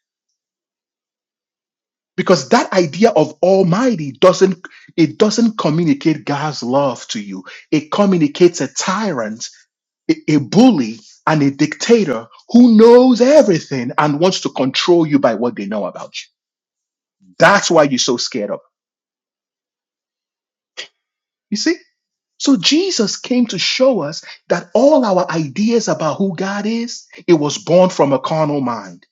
Speaker 1: because that idea of almighty doesn't it doesn't communicate God's love to you. It communicates a tyrant, a, a bully, and a dictator who knows everything and wants to control you by what they know about you. That's why you're so scared of. it. You see? So Jesus came to show us that all our ideas about who God is, it was born from a carnal mind.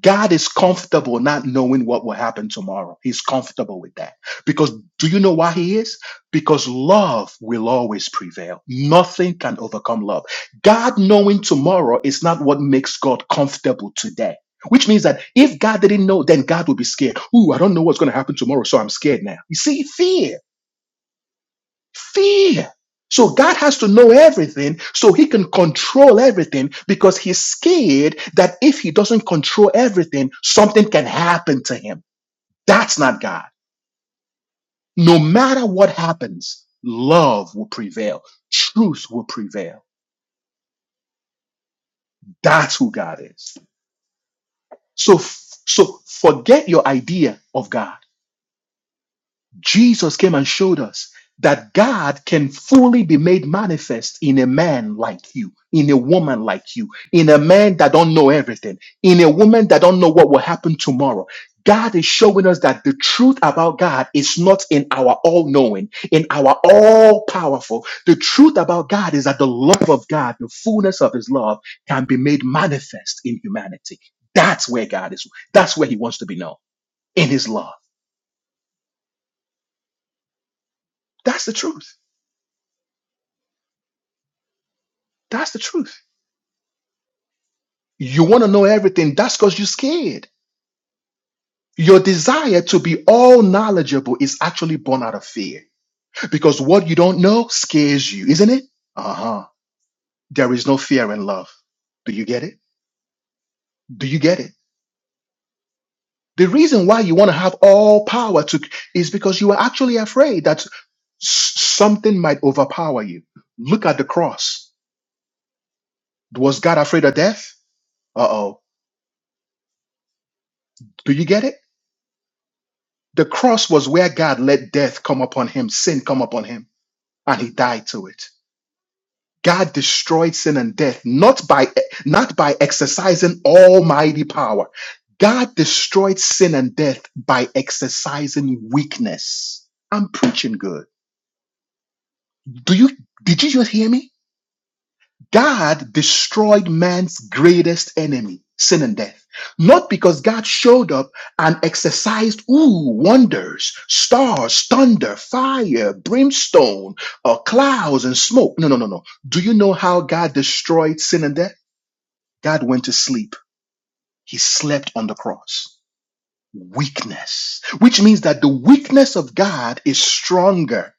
Speaker 1: God is comfortable not knowing what will happen tomorrow. He's comfortable with that. Because do you know why he is? Because love will always prevail. Nothing can overcome love. God knowing tomorrow is not what makes God comfortable today. Which means that if God didn't know, then God would be scared. Ooh, I don't know what's going to happen tomorrow, so I'm scared now. You see, fear. Fear. So God has to know everything so he can control everything because he's scared that if he doesn't control everything, something can happen to him. That's not God. No matter what happens, love will prevail. Truth will prevail. That's who God is. So, so forget your idea of God Jesus came and showed us that God can fully be made manifest in a man like you, in a woman like you, in a man that don't know everything, in a woman that don't know what will happen tomorrow. God is showing us that the truth about God is not in our all knowing, in our all powerful. The truth about God is that the love of God, the fullness of his love can be made manifest in humanity. That's where God is. That's where he wants to be known in his love. That's the truth. That's the truth. You want to know everything. That's because you're scared. Your desire to be all knowledgeable is actually born out of fear because what you don't know scares you, isn't it? Uh huh. There is no fear in love. Do you get it? Do you get it? The reason why you want to have all power to is because you are actually afraid that s- something might overpower you. Look at the cross. Was God afraid of death? Uh oh. Do you get it? The cross was where God let death come upon him, sin come upon him and he died to it. God destroyed sin and death not by not by exercising almighty power. God destroyed sin and death by exercising weakness. I'm preaching good. Do you did you just hear me? God destroyed man's greatest enemy, sin and death. Not because God showed up and exercised, ooh, wonders, stars, thunder, fire, brimstone, or clouds and smoke. No, no, no, no. Do you know how God destroyed sin and death? God went to sleep. He slept on the cross. Weakness, which means that the weakness of God is stronger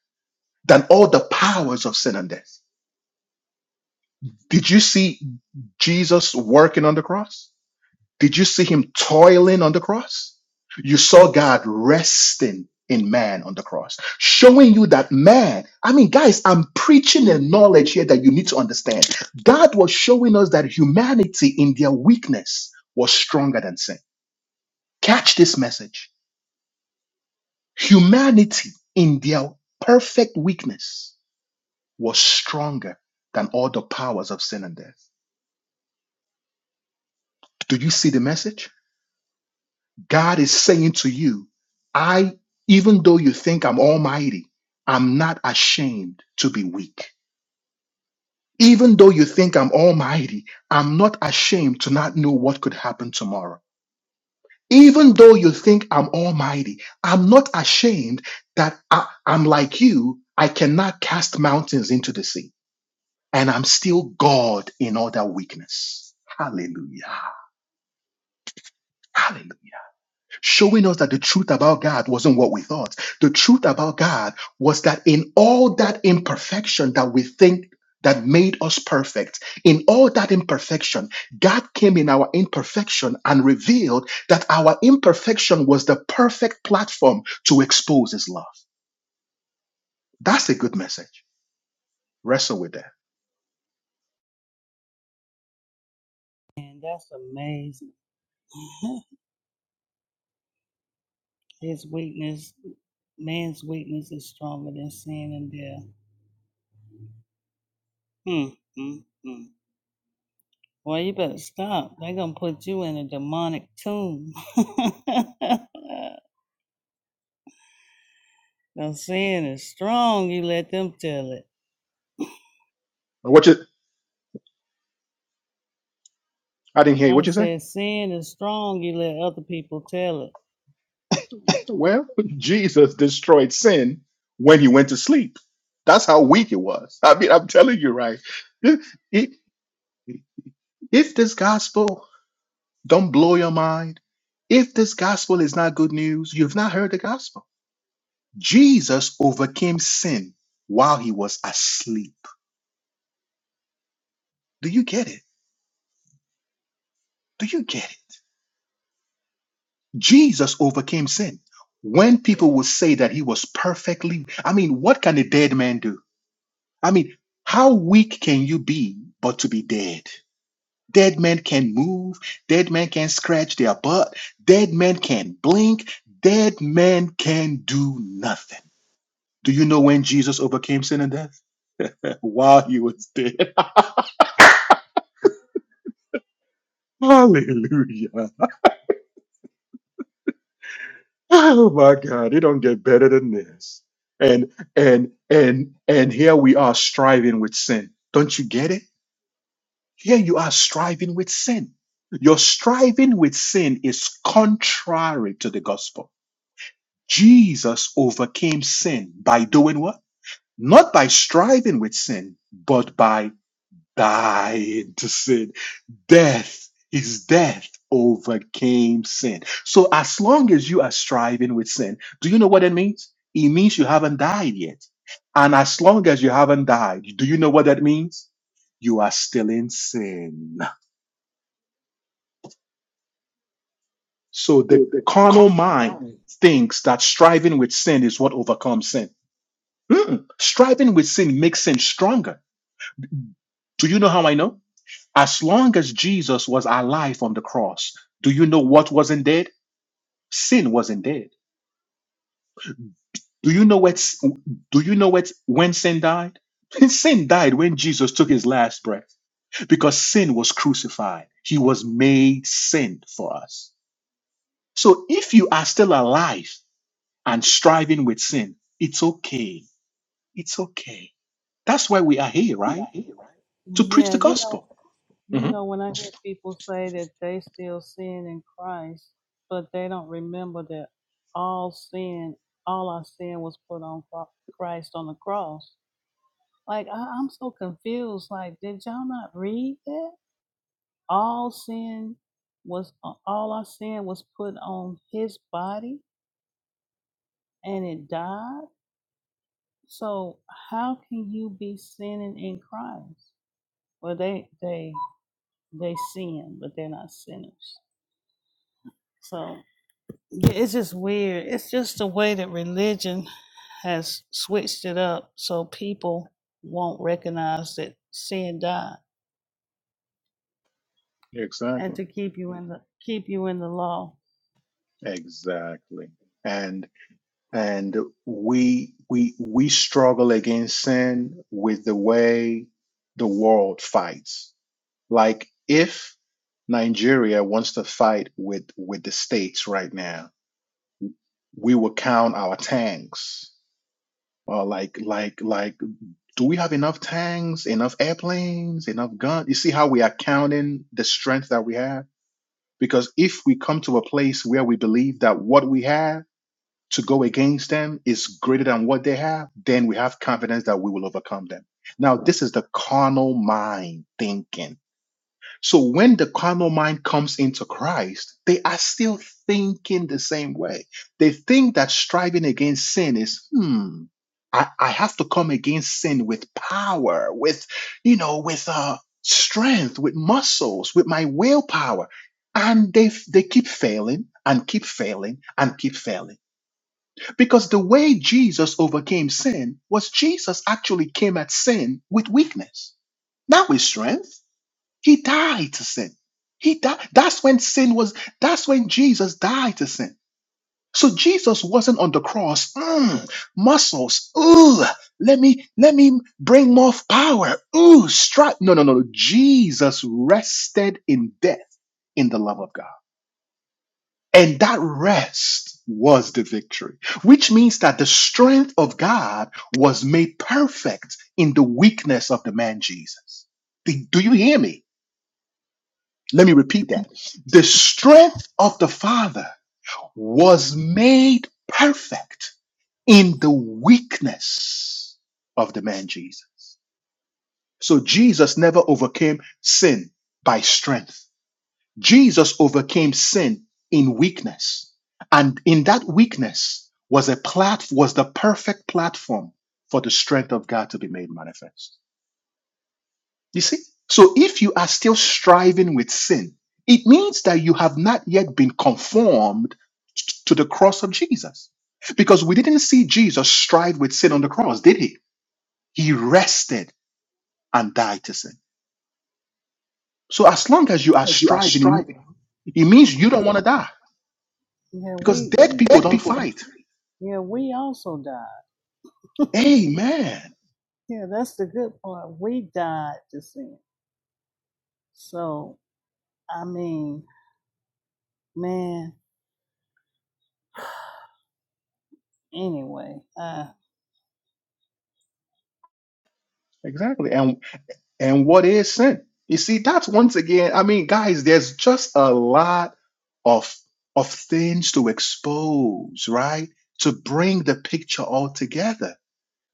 Speaker 1: than all the powers of sin and death. Did you see Jesus working on the cross? Did you see him toiling on the cross? You saw God resting in man on the cross, showing you that man. I mean, guys, I'm preaching a knowledge here that you need to understand. God was showing us that humanity in their weakness was stronger than sin. Catch this message. Humanity in their perfect weakness was stronger than all the powers of sin and death. Do you see the message? God is saying to you, I, even though you think I'm almighty, I'm not ashamed to be weak. Even though you think I'm almighty, I'm not ashamed to not know what could happen tomorrow. Even though you think I'm almighty, I'm not ashamed that I, I'm like you. I cannot cast mountains into the sea. And I'm still God in all that weakness. Hallelujah. Hallelujah. showing us that the truth about God wasn't what we thought. The truth about God was that in all that imperfection that we think that made us perfect, in all that imperfection, God came in our imperfection and revealed that our imperfection was the perfect platform to expose His love. That's a good message. Wrestle with that.
Speaker 2: And that's amazing. His weakness, man's weakness is stronger than sin and death. Mm, mm, mm. Well, you better stop. They're gonna put you in a demonic tomb. now, sin is strong. You let them tell it.
Speaker 1: What you? I didn't hear you.
Speaker 2: I
Speaker 1: What you say?
Speaker 2: said, sin is strong. You let other people tell it.
Speaker 1: Well, Jesus destroyed sin when he went to sleep. That's how weak it was. I mean, I'm telling you, right? If, if if this gospel don't blow your mind, if this gospel is not good news, you've not heard the gospel. Jesus overcame sin while he was asleep. Do you get it? Do you get it? Jesus overcame sin. When people will say that he was perfectly, I mean, what can a dead man do? I mean, how weak can you be but to be dead? Dead men can move, dead men can scratch their butt, dead men can blink, dead men can do nothing. Do you know when Jesus overcame sin and death? While he was dead. Hallelujah. Oh my God, it don't get better than this. And and and and here we are striving with sin. Don't you get it? Here you are striving with sin. Your striving with sin is contrary to the gospel. Jesus overcame sin by doing what? Not by striving with sin, but by dying to sin. Death, his death overcame sin. So as long as you are striving with sin, do you know what it means? It means you haven't died yet. And as long as you haven't died, do you know what that means? You are still in sin. So the carnal mind thinks that striving with sin is what overcomes sin. Mm-mm. Striving with sin makes sin stronger. Do you know how I know? As long as Jesus was alive on the cross, do you know what wasn't dead? Sin wasn't dead. Do you know what? Do you know what? When sin died, sin died when Jesus took his last breath, because sin was crucified. He was made sin for us. So if you are still alive and striving with sin, it's okay It's okay. That's why we are here, right? To preach
Speaker 2: Yeah,
Speaker 1: the
Speaker 2: you know,
Speaker 1: gospel.
Speaker 2: you
Speaker 1: hmm
Speaker 2: know, when I hear people say that they still sin in Christ, but they don't remember that all sin, all our sin was put on Cro- Christ on the cross. Like I, I'm so confused. Like, did y'all not read that? all sin was uh, all our sin was put on his body and it died so how can you be sinning in christ well they they they sin but they're not sinners so yeah, it's just weird it's just the way that religion has switched it up so people won't recognize that sin died and
Speaker 1: Exactly.
Speaker 2: to keep you in the keep you in the law
Speaker 1: Exactly. And and we we we struggle against sin with the way the world fights. Like if Nigeria wants to fight with with the states right now, we will count our tanks. Or like like like do we have enough tanks, enough airplanes, enough guns? You see how we are counting the strength that we have? Because if we come to a place where we believe that what we have to go against them is greater than what they have, then we have confidence that we will overcome them. Now, this is the carnal mind thinking so when the carnal mind comes into Christ, they are still thinking the same way. They think that striving against sin is, hmm, I, I have to come against sin with power, with, you know, with uh, strength, with muscles, with my willpower. And they, f- they keep failing and keep failing and keep failing. Because the way Jesus overcame sin was Jesus actually came at sin with weakness, not with strength he died to sin. He died. That's when sin was, that's when Jesus died to sin. So Jesus wasn't on the cross. Mm, muscles. Ooh, let me, let me bring more power. Ooh, strike. No, no, no, no. Jesus rested in death in the love of God. And that rest was the victory, which means that the strength of God was made perfect in the weakness of the man Jesus. Do do you hear me? Let me repeat that. The strength of the Father was made perfect in the weakness of the man Jesus. So Jesus never overcame sin by strength. Jesus overcame sin in weakness. And in that weakness was a plat- was the perfect platform for the strength of God to be made manifest. You see? So if you are still striving with sin, it means that you have not yet been conformed to the cross of Jesus. Because we didn't see Jesus strive with sin on the cross, did he? He rested and died to sin. So as long as you are striving, it it means you don't want to die
Speaker 2: yeah
Speaker 1: because
Speaker 2: we
Speaker 1: dead
Speaker 2: we
Speaker 1: people don't fight.
Speaker 2: yeah we also died
Speaker 1: Amen.
Speaker 2: Yeah, that's the good part. We died to sin. So, I mean, man, anyway, uh,
Speaker 1: Exactly. and what is sin you see that's once again i mean guys there's just a lot of of things to expose right to bring the picture all together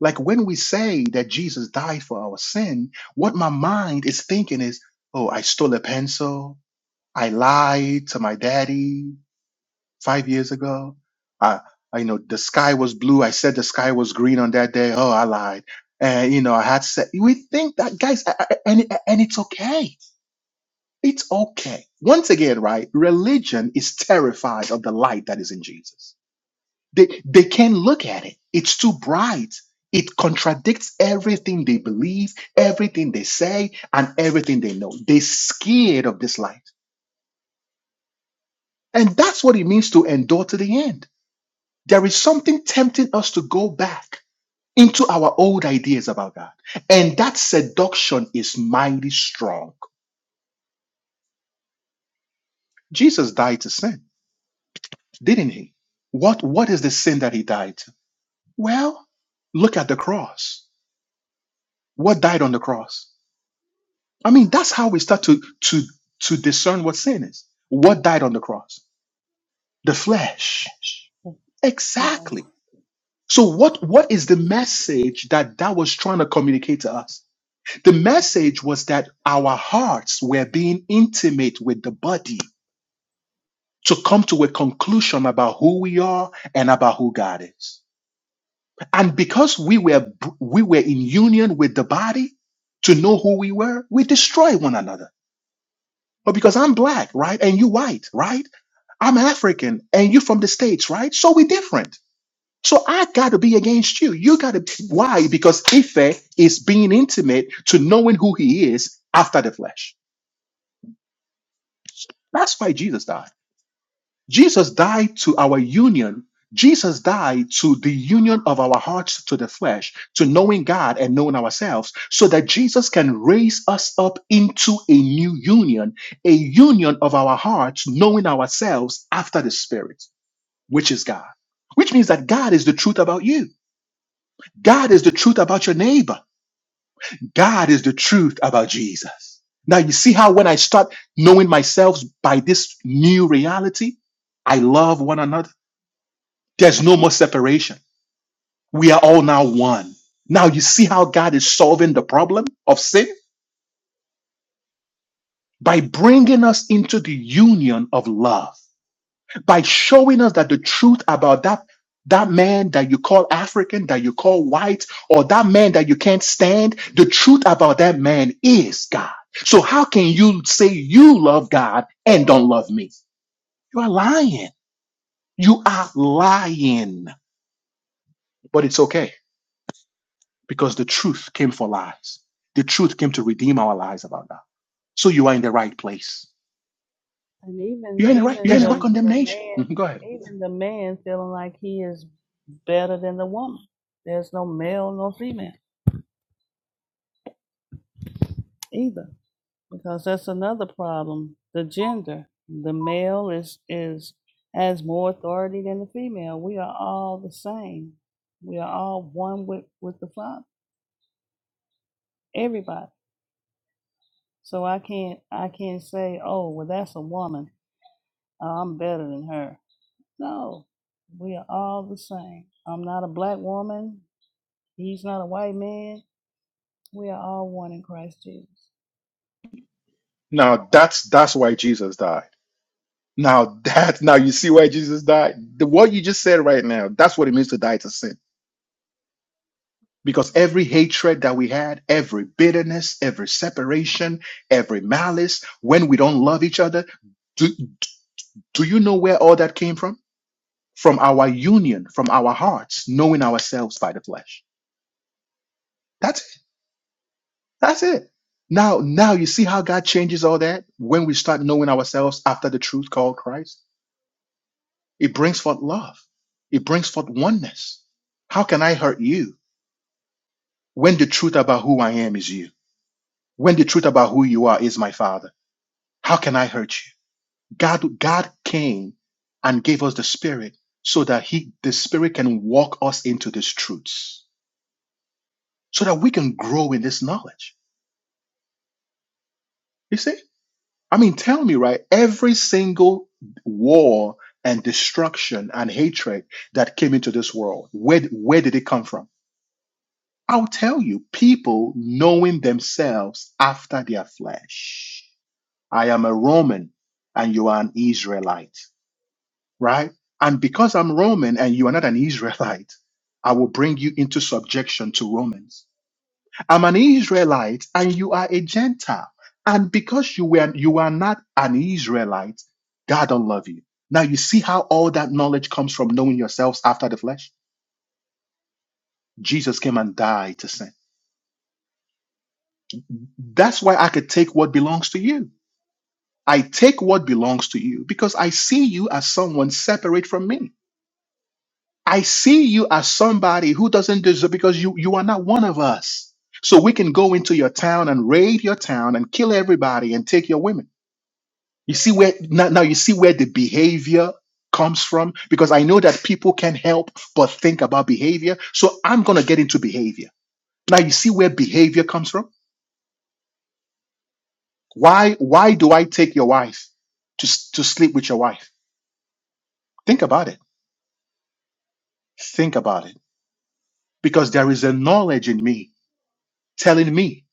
Speaker 1: like when we say that jesus died for our sin what my mind is thinking is oh i stole a pencil i lied to my daddy five years ago. I, I, you know, the sky was blue. I said the sky was green on that day. Oh, I lied. And you know, I had said we think that guys, I- I- and it- and it's okay. It's okay. Once again, right? Religion is terrified of the light that is in Jesus. They they can't look at it. It's too bright. It contradicts everything they believe, everything they say, and everything they know. They're scared of this light. And that's what it means to endure to the end There is something tempting us to go back into our old ideas about God. And that seduction is mighty strong. Jesus died to sin, didn't he? What, what is the sin that he died to? Well, look at the cross. What died on the cross? I mean, that's how we start to, to, to discern what sin is. What died on the cross? The flesh.
Speaker 2: you know,
Speaker 1: Exactly. So what, what is the message that that was trying to communicate to us? The message was that our hearts were being intimate with the body to come to a conclusion about who we are and about who God is. And because we were we were in union with the body to know who we were, we destroyed one another. But because I'm black, right? And you white, right? I'm African and you from the States, right? So we are different. So I gotta be against you. You gotta why? Because Ife is being intimate to knowing who he is after the flesh. That's why Jesus died. Jesus died to our union. Jesus died to the union of our hearts to the flesh, to knowing God and knowing ourselves, so that Jesus can raise us up into a new union, a union of our hearts, knowing ourselves after the Spirit, which is God. Which means that God is the truth about you. God is the truth about your neighbor. God is the truth about Jesus. Now, you see how when I start knowing myself by this new reality, I love one another. There's no more separation. We are all now one. Now, you see how God is solving the problem of sin? By bringing us into the union of love, by showing us that the truth about that, that man that you call African, that you call white, or that man that you can't stand, the truth about that man is God. So, how can you say you love God and don't love me? You are lying. You are lying. But it's okay because the truth came for lies. The truth came to redeem our lies about that. So you are in the right place.
Speaker 2: and even,
Speaker 1: You're in the right.
Speaker 2: even
Speaker 1: There's no
Speaker 2: the
Speaker 1: condemnation.
Speaker 2: man,
Speaker 1: Mhm, Go ahead.
Speaker 2: even the man feeling like he is better than the woman. There's no male nor female either, because that's another problem. The gender, the male is, is, has more authority than the female. We are all the same. We are all one with, with the Father. Everybody. So I can't I can't say, oh, well, that's a woman. Uh, I'm better than her. No, we are all the same. I'm not a black woman. He's not a white man. We are all one in Christ Jesus.
Speaker 1: Now that's that's why Jesus died. Now that now you see why Jesus died. The, what you just said right now, that's what it means to die to sin. Because every hatred that we had, every bitterness, every separation, every malice, when we don't love each other, do, do you know where all that came from? From our union, from our hearts, knowing ourselves by the flesh. That's it. Now, now you see how God changes all that when we start knowing ourselves after the truth called Christ. It brings forth love. It brings forth oneness. How can I hurt you when the truth about who I am is you? When the truth about who you are is my Father? How can I hurt you? God, God came and gave us the Spirit so that He, the Spirit, can walk us into these truths, so that we can grow in this knowledge. You see? I mean, tell me, right? Every single war and destruction and hatred that came into this world, where, where did it come from? I'll tell you, people knowing themselves after their flesh. I am a Roman and you are an Israelite, right? And because I'm Roman and you are not an Israelite, I will bring you into subjection to Romans. I'm an Israelite and you are a Gentile. And because you were you are not an Israelite, God don't love you. Now you see how all that knowledge comes from knowing yourselves after the flesh? Jesus came and died to sin. That's why I could take what belongs to you. I take what belongs to you because I see you as someone separate from me. I see you as somebody who doesn't deserve because you you are not one of us. So we can go into your town and raid your town and kill everybody and take your women You see where now, now you see where the behavior comes from because I know that people can help but think about behavior. So I'm gonna get into behavior. Now you see where behavior comes from. Why why do I take your wife to s- to sleep with your wife? Think about it. Think about it. Because there is a knowledge in me telling me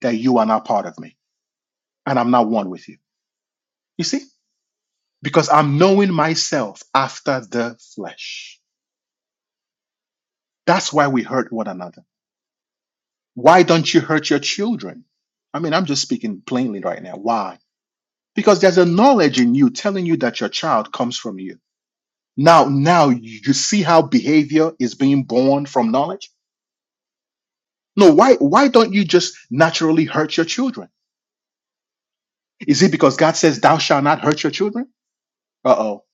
Speaker 1: that you are not part of me and I'm not one with you. You see? Because I'm knowing myself after the flesh. That's why we hurt one another. Why don't you hurt your children? I mean, I'm just speaking plainly right now. Why? Because there's a knowledge in you telling you that your child comes from you. Now, now you see how behavior is being born from knowledge? No, why why don't you just naturally hurt your children? Is it because God says thou shalt not hurt your children? Uh-oh.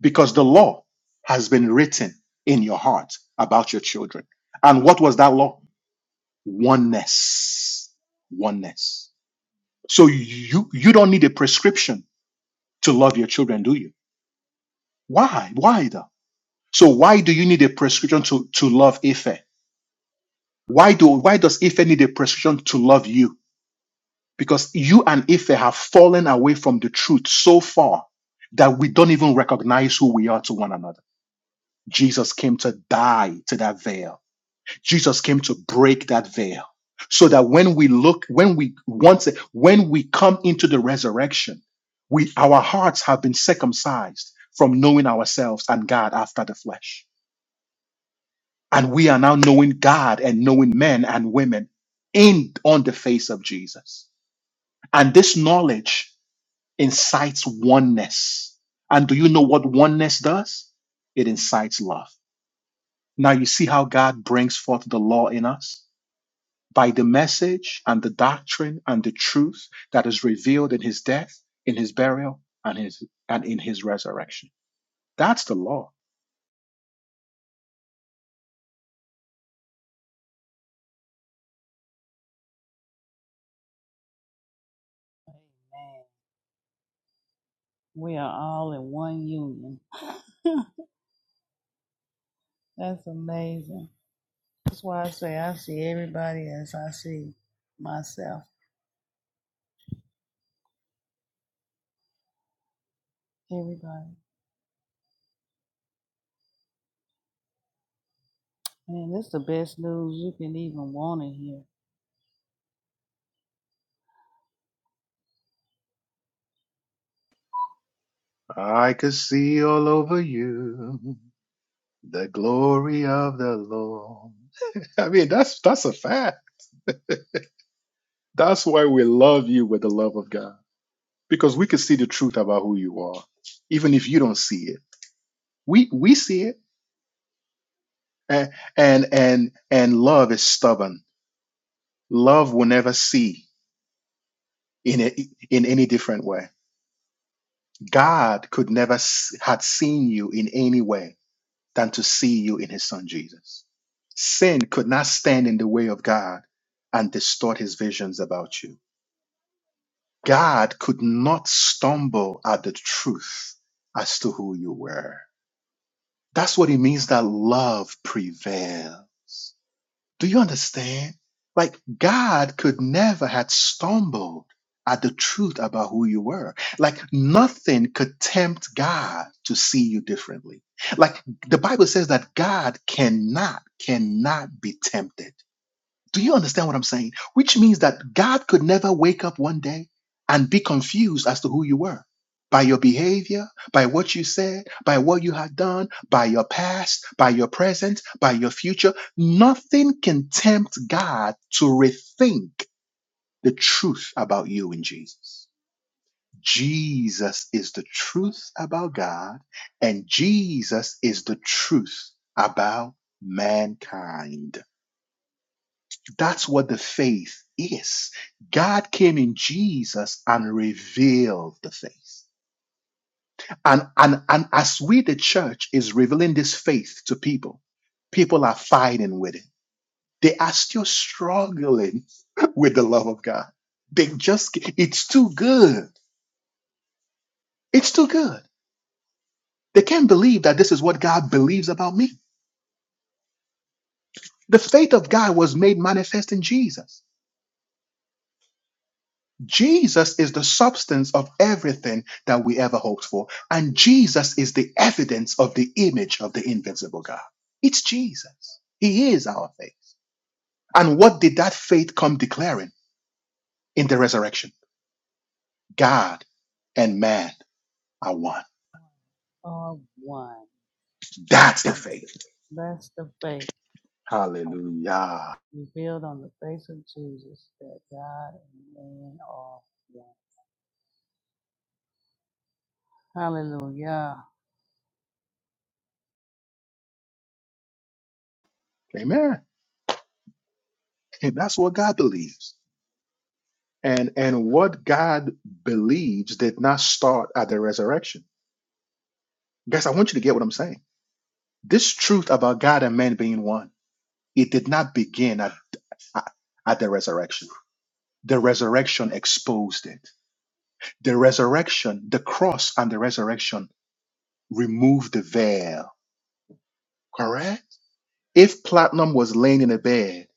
Speaker 1: Because the law has been written in your heart about your children. And what was that law? Oneness. Oneness. So you you don't need a prescription to love your children, do you? Why? Why though? So why do you need a prescription to, to love Ife? Why do why does Ife need a prescription to love you? Because you and Ife have fallen away from the truth so far that we don't even recognize who we are to one another. Jesus came to die to that veil Jesus came to break that veil so that when we look, when we once, when we come into the resurrection, we, our hearts have been circumcised from knowing ourselves and God after the flesh. And we are now knowing God and knowing men and women in, on the face of Jesus. And this knowledge incites oneness. And do you know what oneness does? It incites love. Now you see how God brings forth the law in us? by the message and the doctrine and the truth that is revealed in his death, in his burial, and his and in his resurrection. That's the law.
Speaker 2: Amen. We are all in one union. that's amazing. That's why I say I see everybody as I see myself. Everybody. Man, this is the best news you can even want to hear.
Speaker 1: I could see all over you the glory of the Lord. I mean, that's that's a fact. That's why we love you with the love of God. Because we can see the truth about who you are, even if you don't see it. We we see it. And and and, and love is stubborn. Love will never see in a, in any different way. God could never s- had seen you in any way than to see you in His Son Jesus. Sin could not stand in the way of God and distort His visions about you. God could not stumble at the truth as to who you were. That's what it means that love prevails. Do you understand? Like God could never had stumbled at the truth about who you were. Like nothing could tempt God to see you differently. Like the Bible says that God cannot, cannot be tempted. Do you understand what I'm saying? Which means that God could never wake up one day and be confused as to who you were by your behavior, by what you said, by what you had done, by your past, by your present, by your future. Nothing can tempt God to rethink the truth about you in Jesus. Jesus is the truth about God, and Jesus is the truth about mankind. That's what the faith is. God came in Jesus and revealed the faith. And, and, and as we, the church, is revealing this faith to people, people are fighting with it. They are still struggling with the love of God. They just, it's too good. It's too good. They can't believe that this is what God believes about me. The faith of God was made manifest in Jesus. Jesus is the substance of everything that we ever hoped for. And Jesus is the evidence of the image of the invincible God. It's Jesus. He is our faith. And what did that faith come declaring in the resurrection? God and man are one.
Speaker 2: Of one.
Speaker 1: That's the faith.
Speaker 2: That's the faith.
Speaker 1: Hallelujah.
Speaker 2: revealed on the face of Jesus that God and man are one. Hallelujah.
Speaker 1: Amen. And that's what God believes. And and what God believes did not start at the resurrection. Guys, I want you to get what I'm saying. This truth about God and man being one. It did not begin at, at, at the resurrection. The resurrection exposed it. The resurrection, the cross and the resurrection removed the veil. Correct? If Platinum was laying in a bed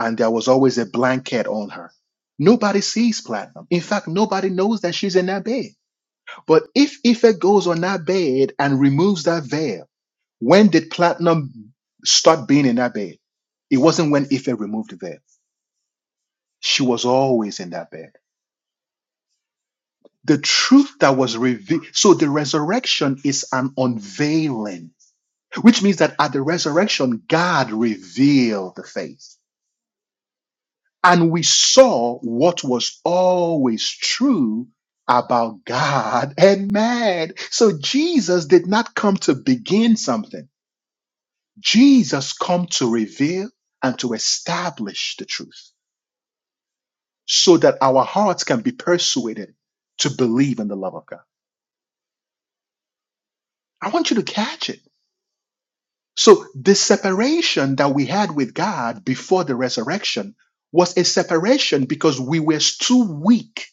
Speaker 1: and there was always a blanket on her, nobody sees Platinum. In fact, nobody knows that she's in that bed. But if Ife goes on that bed and removes that veil, when did Platinum start being in that bed? It wasn't when Ife removed the veil. She was always in that bed. The truth that was revealed. So the resurrection is an unveiling, which means that at the resurrection, God revealed the faith. And we saw what was always true about God and man. So Jesus did not come to begin something. Jesus come to reveal and to establish the truth so that our hearts can be persuaded to believe in the love of God. I want you to catch it. So the separation that we had with God before the resurrection was a separation because we were too weak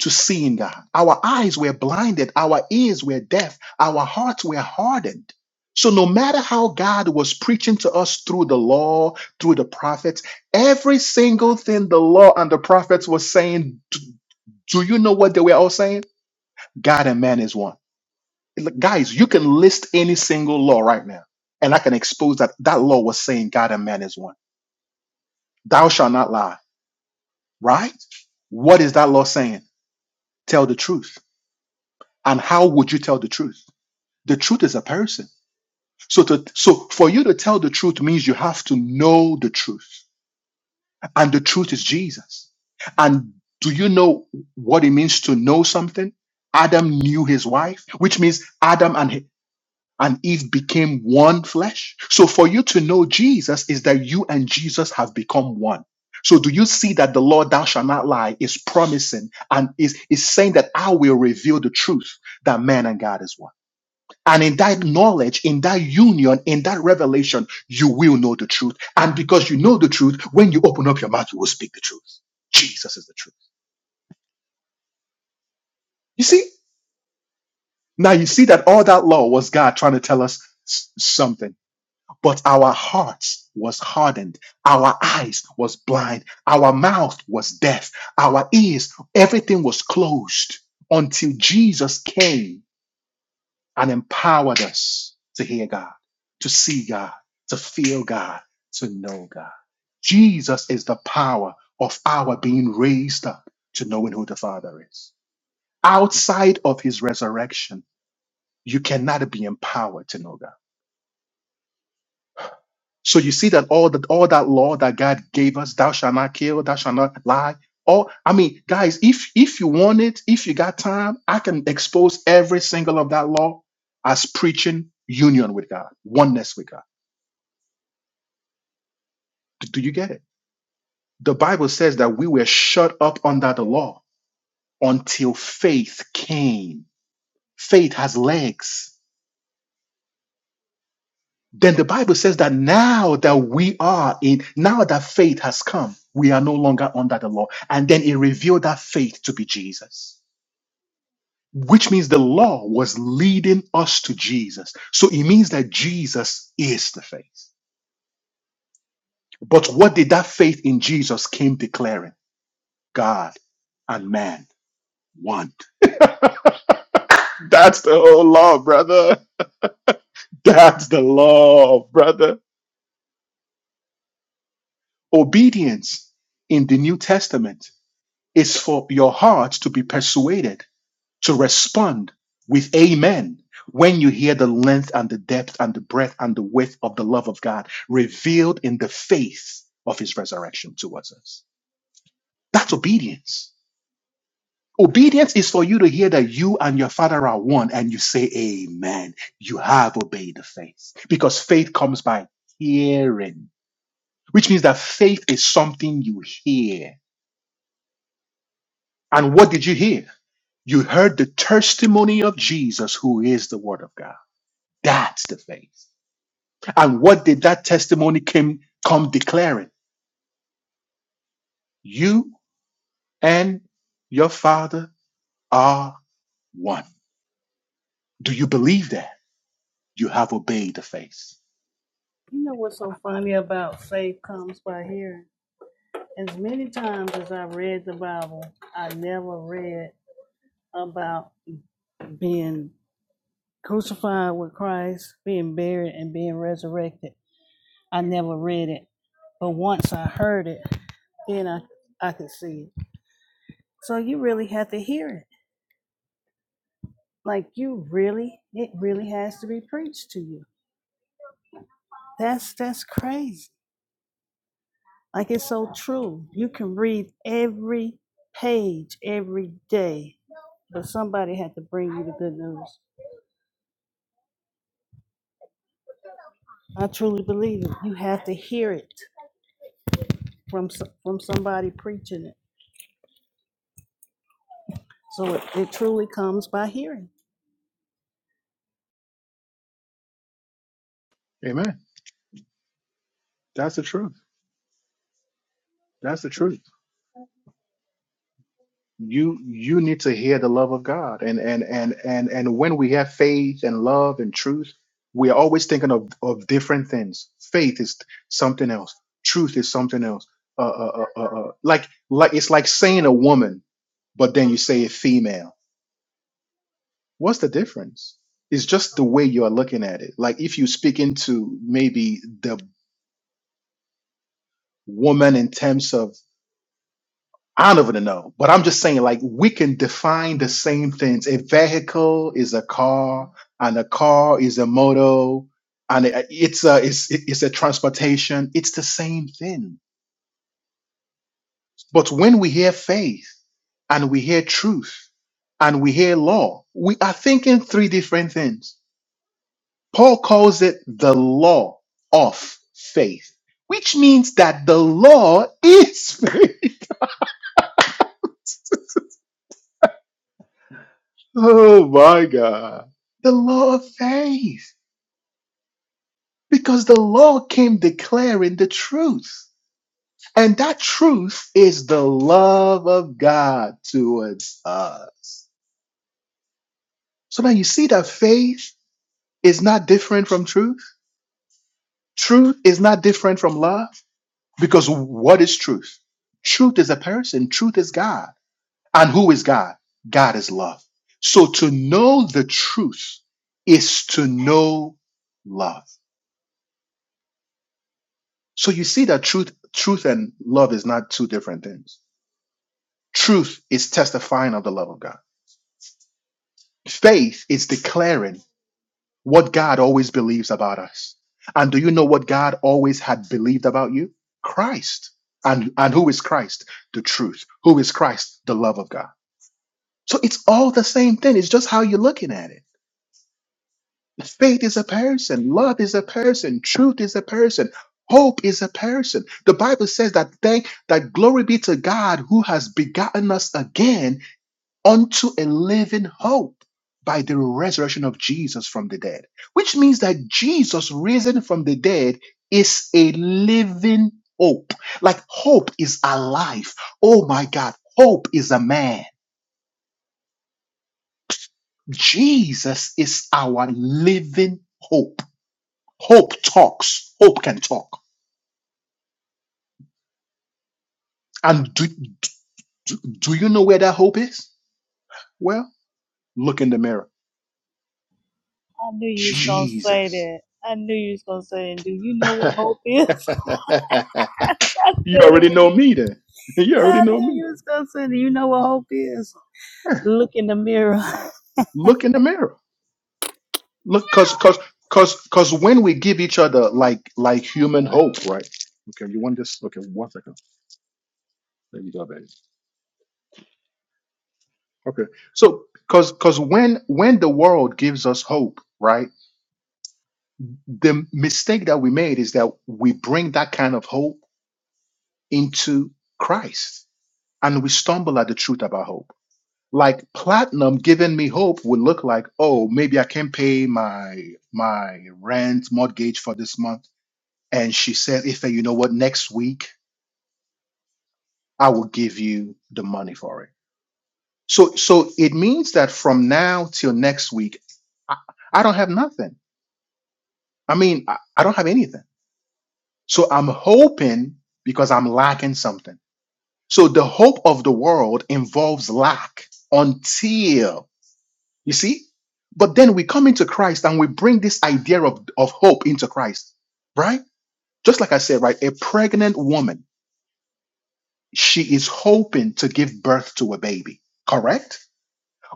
Speaker 1: to see in God. Our eyes were blinded, our ears were deaf, our hearts were hardened. So no matter how God was preaching to us through the law, through the prophets, every single thing the law and the prophets were saying, do do you know what they were all saying? God and man is one. Look, guys, you can list any single law right now, and I can expose that that law was saying God and man is one. Thou shalt not lie, right? What is that law saying? Tell the truth. And how would you tell the truth? The truth is a person. So to so for you to tell the truth means you have to know the truth, and the truth is Jesus. And do you know what it means to know something? Adam knew his wife, which means Adam and and Eve became one flesh. So for you to know Jesus is that you and Jesus have become one. So do you see that the Lord thou shalt not lie is promising and is, is saying that I will reveal the truth that man and God is one. And in that knowledge, in that union, in that revelation, you will know the truth. And because you know the truth, when you open up your mouth, you will speak the truth. Jesus is the truth. You see? Now you see that all that law was God trying to tell us s- something but our hearts was hardened our eyes was blind our mouth was deaf our ears everything was closed until jesus came and empowered us to hear god to see god to feel god to know god jesus is the power of our being raised up to knowing who the father is outside of his resurrection you cannot be empowered to know god So you see that all that all that law that God gave us, thou shalt not kill, thou shalt not lie. All I mean, guys, if if you want it, if you got time, I can expose every single of that law as preaching union with God, oneness with God. Do, do you get it? The Bible says that we were shut up under the law until faith came. Faith has legs. Then the Bible says that now that we are in, now that faith has come, we are no longer under the law. And then it revealed that faith to be Jesus, which means the law was leading us to Jesus. So it means that Jesus is the faith. But what did that faith in Jesus came declaring? God and man, one. That's the whole law, brother. That's the law, brother. Obedience in the New Testament is for your heart to be persuaded to respond with amen when you hear the length and the depth and the breadth and the width of the love of God revealed in the faith of his resurrection towards us. That's obedience. Obedience is for you to hear that you and your father are one and you say, Amen. You have obeyed the faith because faith comes by hearing, which means that faith is something you hear. And what did you hear? You heard the testimony of Jesus, who is the Word of God. That's the faith. And what did that testimony came, come declaring? You and your Father are one. Do you believe that? You have obeyed the faith.
Speaker 2: You know what's so funny about faith comes by hearing? As many times as I read the Bible, I never read about being crucified with Christ, being buried, and being resurrected. I never read it. But once I heard it, then I, I could see it. So you really have to hear it. Like you really, it really has to be preached to you That's that's crazy. Like it's so true. You can read every page every day, but somebody had to bring you the good news. I truly believe it. You have to hear it from so- from somebody preaching it. So it, it truly comes by hearing.
Speaker 1: Amen. That's the truth. That's the truth. you you need to hear the love of God. And and and and and when we have faith and love and truth, we are always thinking of of different things. Faith is something else. Truth is something else. Uh, uh, uh, uh, uh, like like it's like saying a woman, but then you say a female. What's the difference? It's just the way you are looking at it. Like if you speak into maybe the woman in terms of I don't even know, but I'm just saying, like, we can define the same things. A vehicle is a car, and a car is a moto, and it- it's a it's it's a transportation. It's the same thing. But when we hear faith, and we hear truth, and we hear law, we are thinking three different things. Paul calls it the law of faith, which means that the law is faith. Oh my God. The law of faith. Because the law came declaring the truth. And that truth is the love of God towards us. So now you see that faith is not different from truth. Truth is not different from love. Because what is truth? Truth is a person, truth is God. And who is God? God is love. So to know the truth is to know love. So you see that truth, truth and love is not two different things. Truth is testifying of the love of God. Faith is declaring what God always believes about us. And do you know what God always had believed about you? Christ. And and who is Christ? The truth. Who is Christ? The love of God. So it's all the same thing. It's just how you're looking at it. Faith is a person. Love is a person. Truth is a person. Hope is a person. The Bible says that thank that glory be to God who has begotten us again unto a living hope by the resurrection of Jesus from the dead. Which means that Jesus risen from the dead is a living hope. Like hope is alive. Oh my God, hope is a man. Jesus is our living hope. Hope talks. Hope can talk. And do, do, do you know where that hope is? Well, look in the mirror.
Speaker 2: I knew you gonna say
Speaker 1: Jesus.
Speaker 2: that. I knew you was gonna say and do you
Speaker 1: you
Speaker 2: know what hope is? I said it
Speaker 1: already
Speaker 2: when
Speaker 1: know
Speaker 2: you
Speaker 1: me then. You
Speaker 2: I
Speaker 1: already know
Speaker 2: knew
Speaker 1: me.
Speaker 2: you was gonna say that. You know what hope is? Look in the mirror.
Speaker 1: Look in the mirror. Look, cause, cause, cause, cause when we give each other like, like human hope, right? Okay, you want this? Okay, one second. There you go, baby. Okay, so cause, cause when, when the world gives us hope, right? The mistake that we made is that we bring that kind of hope into Christ. And we stumble at the truth about hope. Like platinum giving me hope would look like, oh, maybe I can pay my my rent mortgage for this month. And she said, Ife, you know what? Next week I will give you the money for it. So so it means that from now till next week, I, I don't have nothing. I mean, I, I don't have anything. So I'm hoping because I'm lacking something. So the hope of the world involves lack until, you see? But then we come into Christ and we bring this idea of, of hope into Christ, right? Just like I said, right? A pregnant woman, she is hoping to give birth to a baby, correct?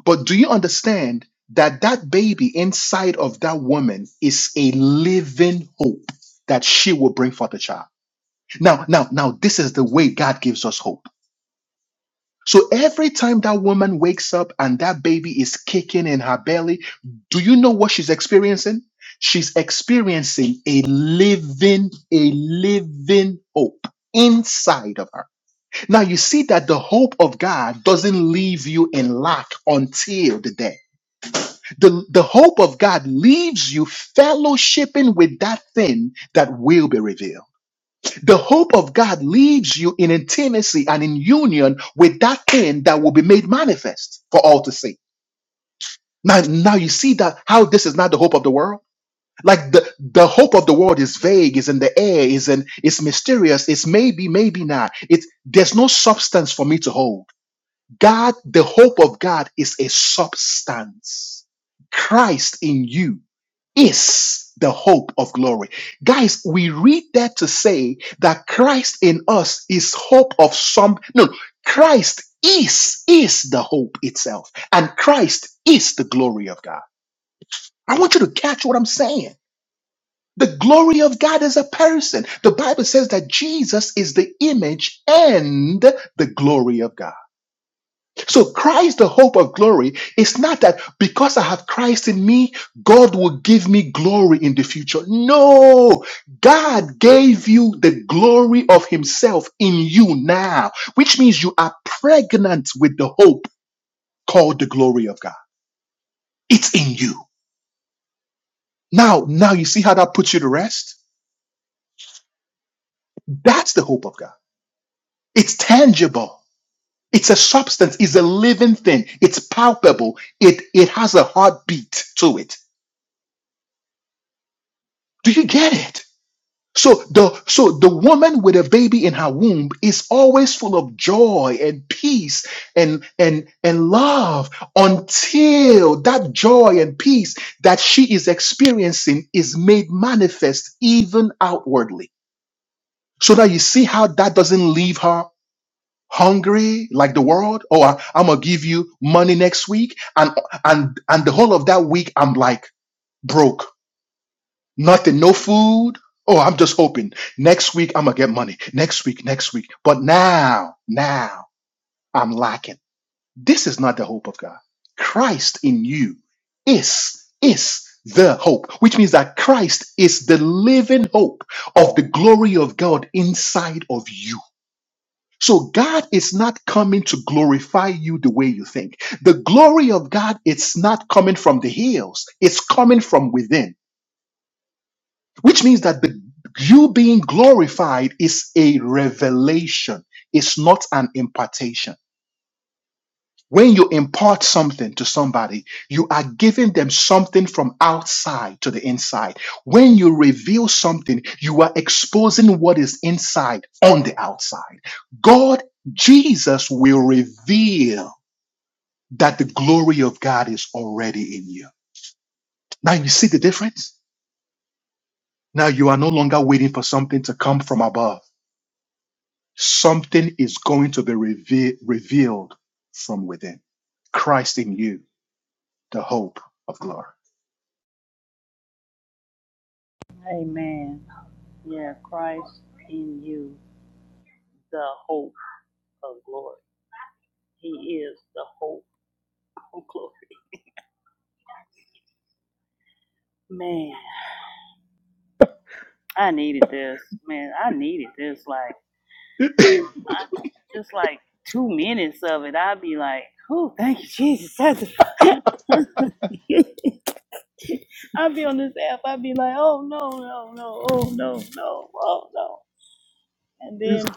Speaker 1: But do you understand that that baby inside of that woman is a living hope that she will bring forth a child? Now, now, now, this is the way God gives us hope. So every time that woman wakes up and that baby is kicking in her belly, do you know what she's experiencing? She's experiencing a living, a living hope inside of her. Now you see that the hope of God doesn't leave you in lack until the day. The, the hope of God leaves you fellowshipping with that thing that will be revealed. The hope of God leaves you in intimacy and in union with that thing that will be made manifest for all to see. Now, now you see that how this is not the hope of the world. Like the, the hope of the world is vague, is in the air, is in it's mysterious, it's maybe, maybe not. It's there's no substance for me to hold. God, the hope of God is a substance. Christ in you is the hope of glory. Guys, we read that to say that Christ in us is hope of some, no, Christ is, is the hope itself. And Christ is the glory of God. I want you to catch what I'm saying. The glory of God is a person. The Bible says that Jesus is the image and the glory of God. So Christ, the hope of glory, is not that because I have Christ in me, God will give me glory in the future. No, God gave you the glory of himself in you now, which means you are pregnant with the hope called the glory of God. It's in you. Now, now you see how that puts you to rest? That's the hope of God. It's tangible. It's a substance, it's a living thing, it's palpable, it, it has a heartbeat to it. Do you get it? So the so the woman with a baby in her womb is always full of joy and peace and and and love until that joy and peace that she is experiencing is made manifest even outwardly. So now you see how that doesn't leave her hungry like the world. Oh, I, I'm gonna give you money next week, and and and the whole of that week I'm like broke Nothing, no food. Oh, I'm just hoping next week I'm gonna get money. Next week, next week. But now, now I'm lacking. This is not the hope of God. Christ in you is is the hope, which means that Christ is the living hope of the glory of God inside of you. So God is not coming to glorify you the way you think. The glory of God it's not coming from the hills. It's coming from within. which means that the, you being glorified is a revelation. It's not an impartation. When you impart something to somebody, you are giving them something from outside to the inside. When you reveal something, you are exposing what is inside on the outside. God, Jesus will reveal that the glory of God is already in you. Now you see the difference? Now you are no longer waiting for something to come from above. Something is going to be reve- revealed from within. Christ in you, the hope of glory.
Speaker 2: Amen. Yeah, Christ in you. the hope of glory. He is the hope of glory. Man, I needed this. Man, I needed this. Like, I, just like two minutes of it, I'd be like, oh, thank you, Jesus. That's a- I'd be on this app. I'd be like, oh, no, no, no, oh, no, no, oh, no. And then,
Speaker 1: It's-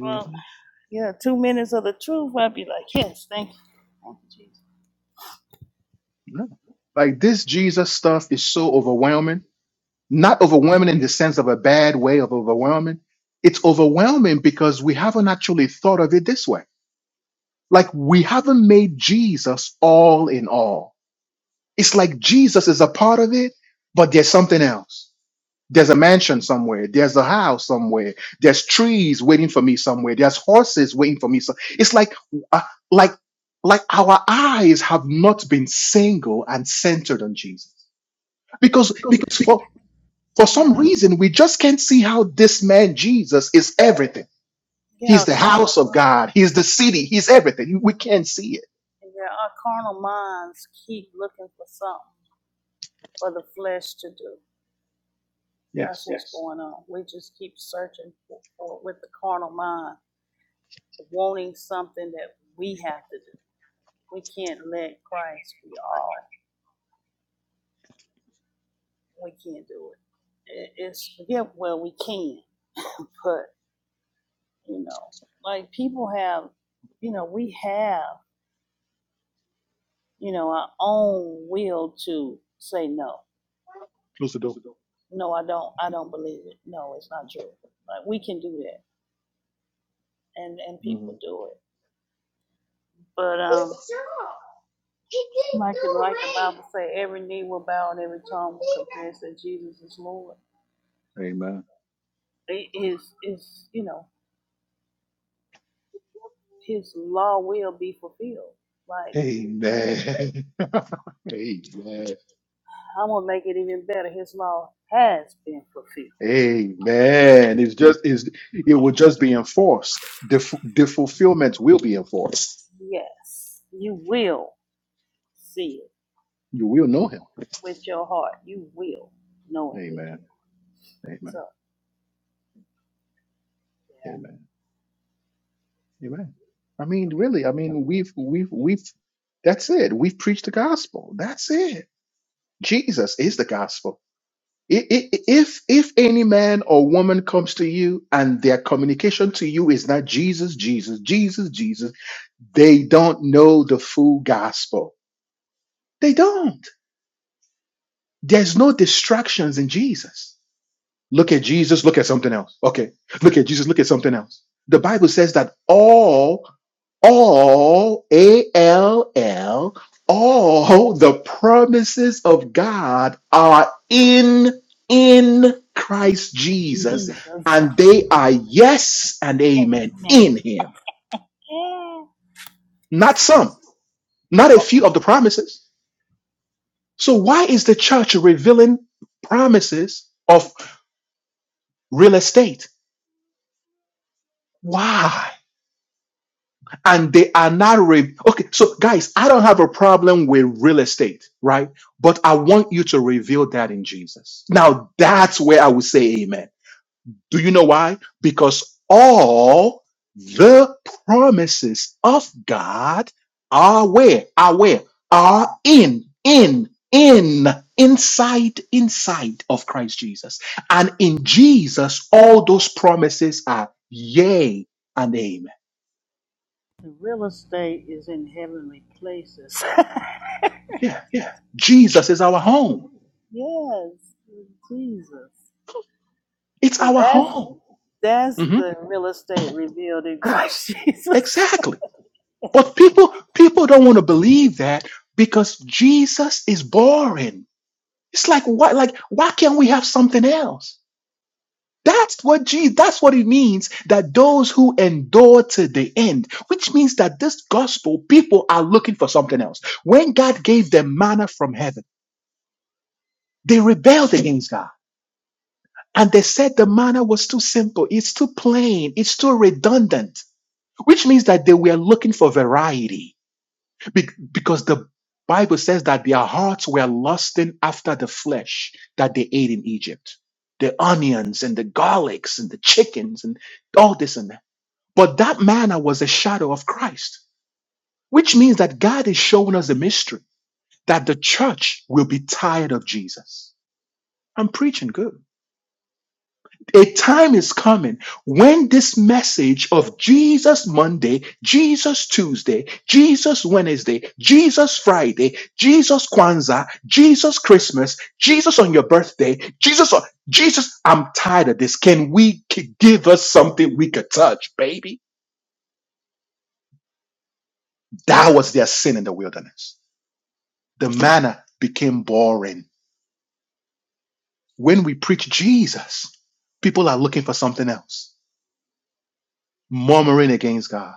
Speaker 2: well, yeah, two minutes of the truth, I'd be like, yes, thank you. Thank you, Jesus.
Speaker 1: Yeah. Like this Jesus stuff is so overwhelming, not overwhelming in the sense of a bad way of overwhelming. It's overwhelming because we haven't actually thought of it this way. Like we haven't made Jesus all in all. It's like Jesus is a part of it, but there's something else. There's a mansion somewhere. There's a house somewhere. There's trees waiting for me somewhere. There's horses waiting for me. So it's like, uh, like, like our eyes have not been single and centered on Jesus because because for for
Speaker 2: Yeah,
Speaker 1: some reason we just can't see how this man Jesus is everything.
Speaker 2: yeah,
Speaker 1: He's the house
Speaker 2: carnal
Speaker 1: of God.
Speaker 2: mind.
Speaker 1: He's the city. He's everything. We can't see it.
Speaker 2: Yeah, our carnal minds keep looking for something for the flesh to do. That's
Speaker 1: Yes.
Speaker 2: going on. We just keep searching for, for with the carnal mind, wanting something that we have to do. We can't let Christ be all. We can't do it. it it's yeah, well, we can, but you know, like people have, you know, we have, you know, our own will to say no.
Speaker 1: Close the door.
Speaker 2: No, I don't. I don't believe it. No, it's not true. Like we can do that and and
Speaker 1: Mhm.
Speaker 2: people do it. But um, like like the Bible say, every knee will bow and every tongue will confess that Jesus is Lord.
Speaker 1: Amen.
Speaker 2: It is is you know His law will be fulfilled. Like
Speaker 1: Amen. Amen.
Speaker 2: I'm gonna make it even better. His law has been fulfilled.
Speaker 1: Amen. It's just is it will just be enforced. The fu- the fulfillment will be enforced.
Speaker 2: Yes, you will see it
Speaker 1: You will know him.
Speaker 2: with your heart. You will know it with your
Speaker 1: Amen.
Speaker 2: heart. So
Speaker 1: Amen.
Speaker 2: yeah,
Speaker 1: Amen. Amen. I
Speaker 2: I
Speaker 1: mean,
Speaker 2: mean,
Speaker 1: really, I
Speaker 2: really.
Speaker 1: mean, we've we've we've that's it. We've preached the gospel. That's it. Jesus is the gospel. I- i- i- If if any man or woman comes to you and their communication to you is not Jesus, Jesus, Jesus, Jesus, they don't know the full gospel. They don't. There's no distractions in Jesus. Look at Jesus, look at something else. Okay. Look at Jesus, look at something else. The Bible says that all, all, A L L, all the promises of God are in, in Christ Jesus, and they are yes and amen in Him. Not some, not a few of the promises. So why is the church revealing promises of real estate? Why? And they are not re- okay. So, guys, I don't have a problem with real estate, right? But I want you to reveal that in Jesus. Now, that's where I would say amen. Do you know why? Because all the promises of God are where, are where, are in, in, in, inside, inside of Christ Jesus. And in Jesus, all those promises are yea and amen.
Speaker 2: the real estate is in heavenly places.
Speaker 1: Yeah. Jesus is our home.
Speaker 2: yes, Jesus.
Speaker 1: It's
Speaker 2: So
Speaker 1: our
Speaker 2: that's
Speaker 1: home.
Speaker 2: that's
Speaker 1: Mhm.
Speaker 2: the real estate revealed in Christ Jesus.
Speaker 1: Exactly. But people people don't want to believe that because Jesus is boring. It's like why like why can't we have something else? That's what Jesus, that's what it means that those who endure to the end, which means that this gospel people are looking for something else. When God gave them manna from heaven, they rebelled against God. And they said the manna was too simple, it's too plain, it's too redundant. which means that they were looking for variety be- because the Bible says that their hearts were lusting after the flesh that they ate in Egypt the onions and the garlics and the chickens and all this and that. But that manna was a shadow of Christ, which means that God is showing us a mystery that the church will be tired of Jesus. I'm preaching good A time is coming when this message of Jesus Monday, Jesus Tuesday, Jesus Wednesday, Jesus Friday, Jesus Kwanzaa, Jesus Christmas, Jesus on your birthday, Jesus, on- Jesus, I'm tired of this. Can we c- give us something we could touch, baby? That was their sin in the wilderness. The manna became boring. When we preach Jesus, people are looking for something else, murmuring against God.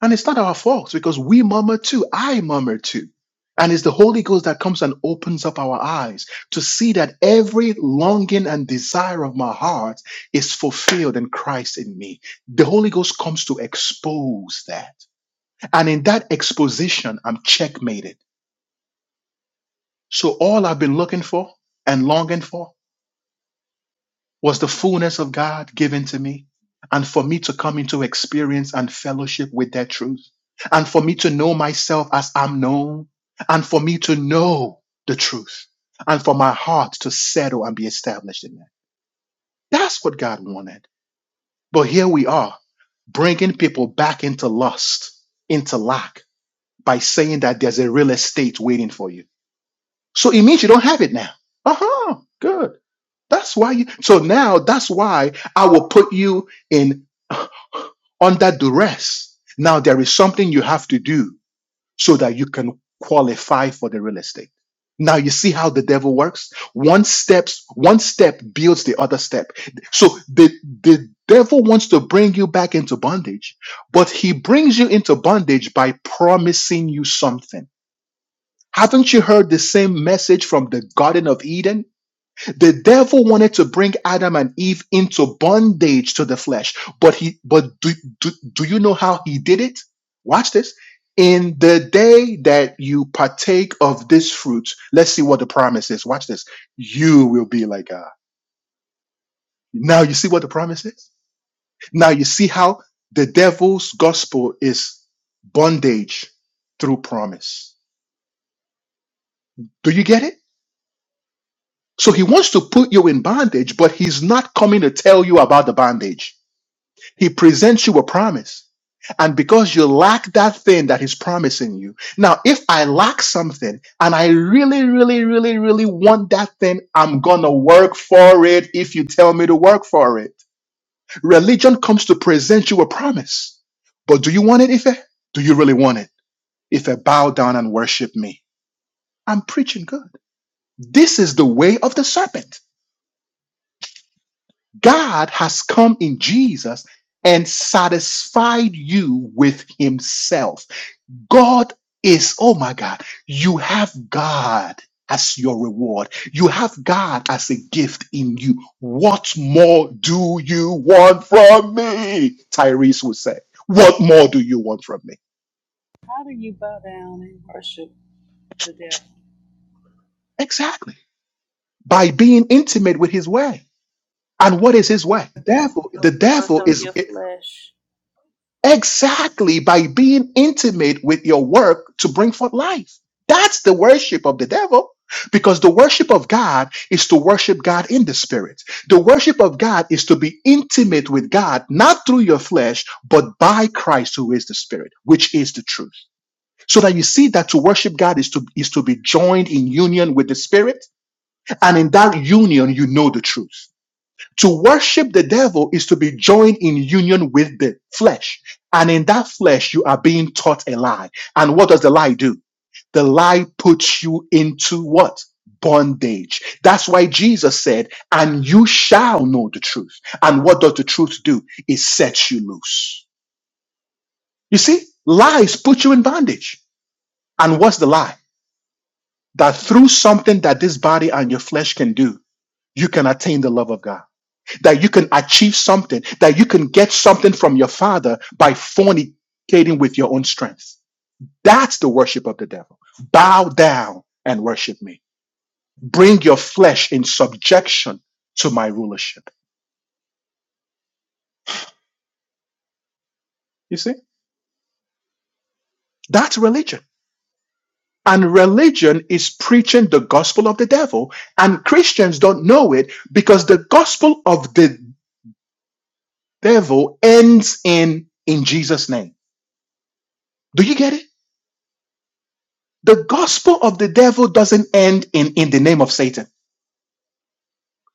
Speaker 1: And it's not our fault because we murmur too. I murmur too. And it's the Holy Ghost that comes and opens up our eyes to see that every longing and desire of my heart is fulfilled in Christ in me. The Holy Ghost comes to expose that. And in that exposition, I'm checkmated. So all I've been looking for and longing for was the fullness of God given to me and for me to come into experience and fellowship with that truth and for me to know myself as I'm known and for me to know the truth and for my heart to settle and be established in that. That's what God wanted. But here we are bringing people back into lust, into lack by saying that there's a real estate waiting for you. So it means you don't have it now. Uh huh. Good. That's why you so now that's why I will put you in under duress. Now there is something you have to do so that you can qualify for the real estate. Now you see how the devil works? One steps, one step builds the other step. So the the devil wants to bring you back into bondage, but he brings you into bondage by promising you something. Haven't you heard the same message from the Garden of Eden? The devil wanted to bring Adam and Eve into bondage to the flesh, but he but do, do, do you know how he did it? Watch this. In the day that you partake of this fruit, let's see what the promise is. Watch this. You will be like God. Now you see what the promise is? Now you see how the devil's gospel is bondage through promise. Do you get it? So he wants to put you in bondage, but he's not coming to tell you about the bondage. He presents you a promise. And because you lack that thing that he's promising you. Now, if I lack something and I really, really, really, really want that thing, I'm going to work for it if you tell me to work for it. Religion comes to present you a promise. But do you want it, Ife? Do you really want it? Ife, bow down and worship me. I'm preaching good. This is the way of the serpent. God has come in Jesus and satisfied you with himself. God is, oh my God, you have God as your reward. You have God as a gift in you. What more do you want from me? Tyrese would say, What more do you want from me?
Speaker 2: How do you bow down and worship the devil?
Speaker 1: Exactly. By being intimate with his way. And what is his way? The
Speaker 2: The work
Speaker 1: devil
Speaker 2: of
Speaker 1: is.
Speaker 2: your flesh.
Speaker 1: Exactly, by being intimate with your work to bring forth life. That's the worship of the devil. Because the worship of God is to worship God in the spirit. The worship of God is to be intimate with God, not through your flesh, but by Christ who is the spirit, which is the truth. So that you see that to worship God is to, is to be joined in union with the spirit. And in that union, you know the truth. To worship the devil is to be joined in union with the flesh. And in that flesh, you are being taught a lie. And what does the lie do? The lie puts you into what? Bondage. That's why Jesus said, and you shall know the truth. And what does the truth do? It sets you loose. You see, lies put you in bondage. And what's the lie? That through something that this body and your flesh can do, you can attain the love of God. that you can achieve something, that you can get something from your father by fornicating with your own strength. That's the worship of the devil. Bow down and worship me. Bring your flesh in subjection to my rulership. You see, that's religion. And religion is preaching the gospel of the devil. And Christians don't know it because the gospel of the devil ends in, in Jesus' name. Do you get it? The gospel of the devil doesn't end in, in the name of Satan.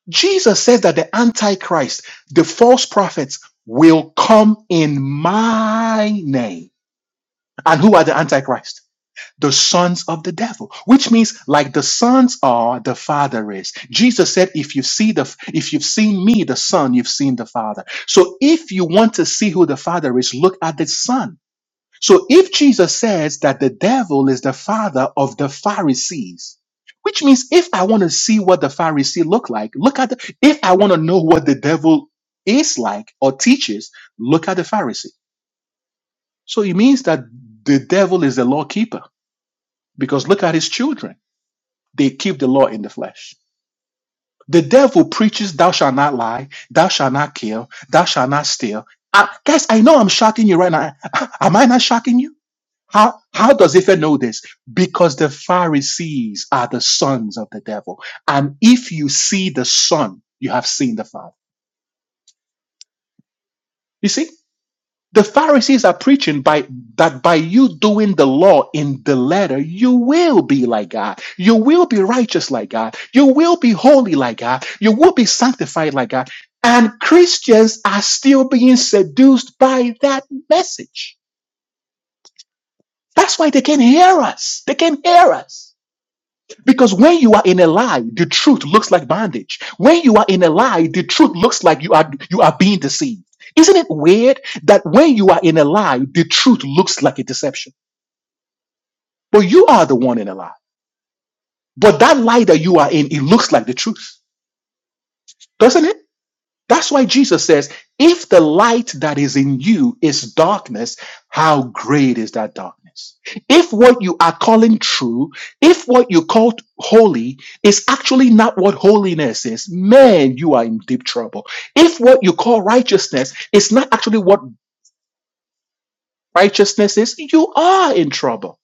Speaker 1: Jesus says that the Antichrist, the false prophets, will come in my name. And who are the Antichrist? The sons of the devil, which means like the sons are, the father is. Jesus said, if you see the, if you've seen me, the son, you've seen the father. So if you want to see who the father is, look at the son so if Jesus says that the devil is the father of the Pharisees, which means if I want to see what the Pharisee look like, look at the, if I want to know what the devil is like or teaches, look at the Pharisee. So it means that the devil is the law keeper because look at his children. They keep the law in the flesh. The devil preaches, thou shalt not lie, thou shalt not kill, thou shalt not steal. I, guys, I know I'm shocking you right now. Am I not shocking you? How, how does Ife know this? Because the Pharisees are the sons of the devil. And if you see the son, you have seen the father. You see, the Pharisees are preaching by that by you doing the law in the letter, you will be like God. You will be righteous like God. You will be holy like God. You will be sanctified like God. And Christians are still being seduced by that message. That's why they can hear us. They can hear us. Because when you are in a lie, the truth looks like bondage. When you are in a lie, the truth looks like you are you are being deceived. Isn't it weird that when you are in a lie, the truth looks like a deception? But you are the one in a lie. But that lie that you are in, it looks like the truth, doesn't it? That's why Jesus says, if the light that is in you is darkness, how great is that darkness? If what you are calling true, if what you call holy is actually not what holiness is, man, you are in deep trouble. If what you call righteousness is not actually what righteousness is, you are in trouble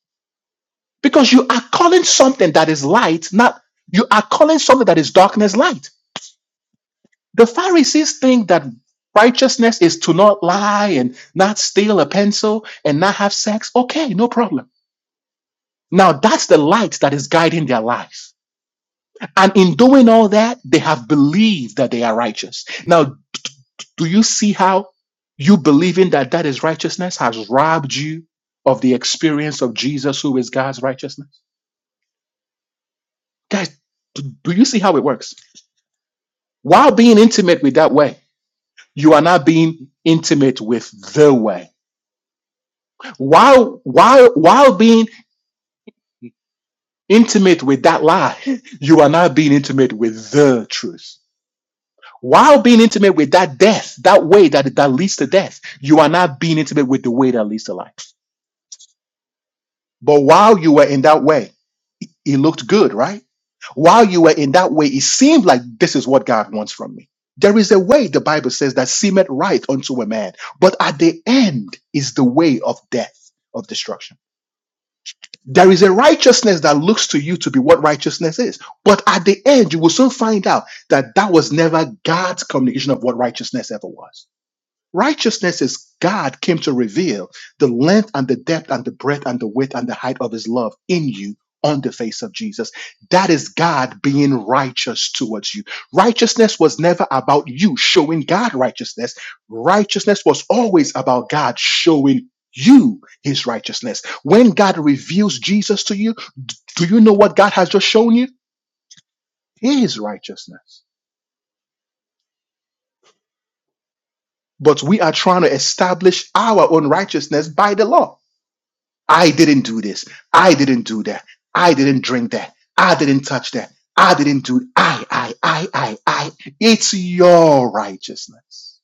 Speaker 1: because you are calling something that is light, not you are calling something that is darkness light. The Pharisees think that righteousness is to not lie and not steal a pencil and not have sex. Okay, no problem. Now that's the light that is guiding their life. And in doing all that, they have believed that they are righteous. Now, do you see how you believing that that is righteousness has robbed you of the experience of Jesus, who is God's righteousness? Guys, do do you see how it works? While being intimate with that way, you are not being intimate with the way While while while being intimate with that lie, you are not being intimate with the truth. While being intimate with that death, that way that, that leads to death, you are not being intimate with the way that leads to life. But while you were in that way, it looked good, right? While you were in that way, it seemed like this is what God wants from me. There is a way, the Bible says, that seemeth right unto a man, but at the end is the way of death, of destruction. There is a righteousness that looks to you to be what righteousness is. But at the end, you will soon find out that that was never God's communication of what righteousness ever was. Righteousness is God came to reveal the length and the depth and the breadth and the width and the height of his love in you on the face of Jesus. That is God being righteous towards you. Righteousness was never about you showing God righteousness. Righteousness was always about God showing you his righteousness. When God reveals Jesus to you, do you know what God has just shown you? His righteousness. But we are trying to establish our own righteousness by the law I didn't do this. I didn't do that. I didn't drink that. I didn't touch that. I didn't do I, I, I, I, I. It's your righteousness.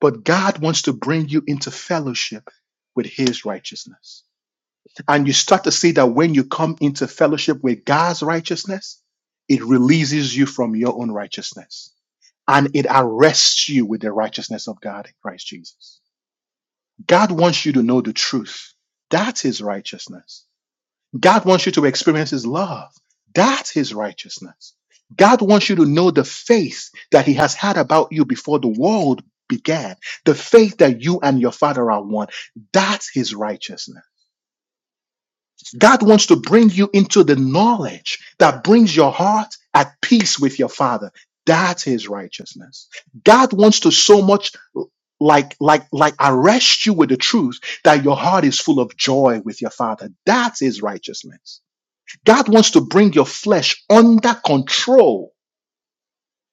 Speaker 1: But God wants to bring you into fellowship with his righteousness. And you start to see that when you come into fellowship with God's righteousness, it releases you from your own righteousness and it arrests you with the righteousness of God in Christ Jesus. God wants you to know the truth. That's his righteousness. God wants you to experience His love. That's His righteousness. God wants you to know the faith that He has had about you before the world began, the faith that you and your Father are one. That's His righteousness. God wants to bring you into the knowledge that brings your heart at peace with your Father. That's His righteousness. God wants to so much like like like arrest you with the truth that your heart is full of joy with your father that's his righteousness God wants to bring your flesh under control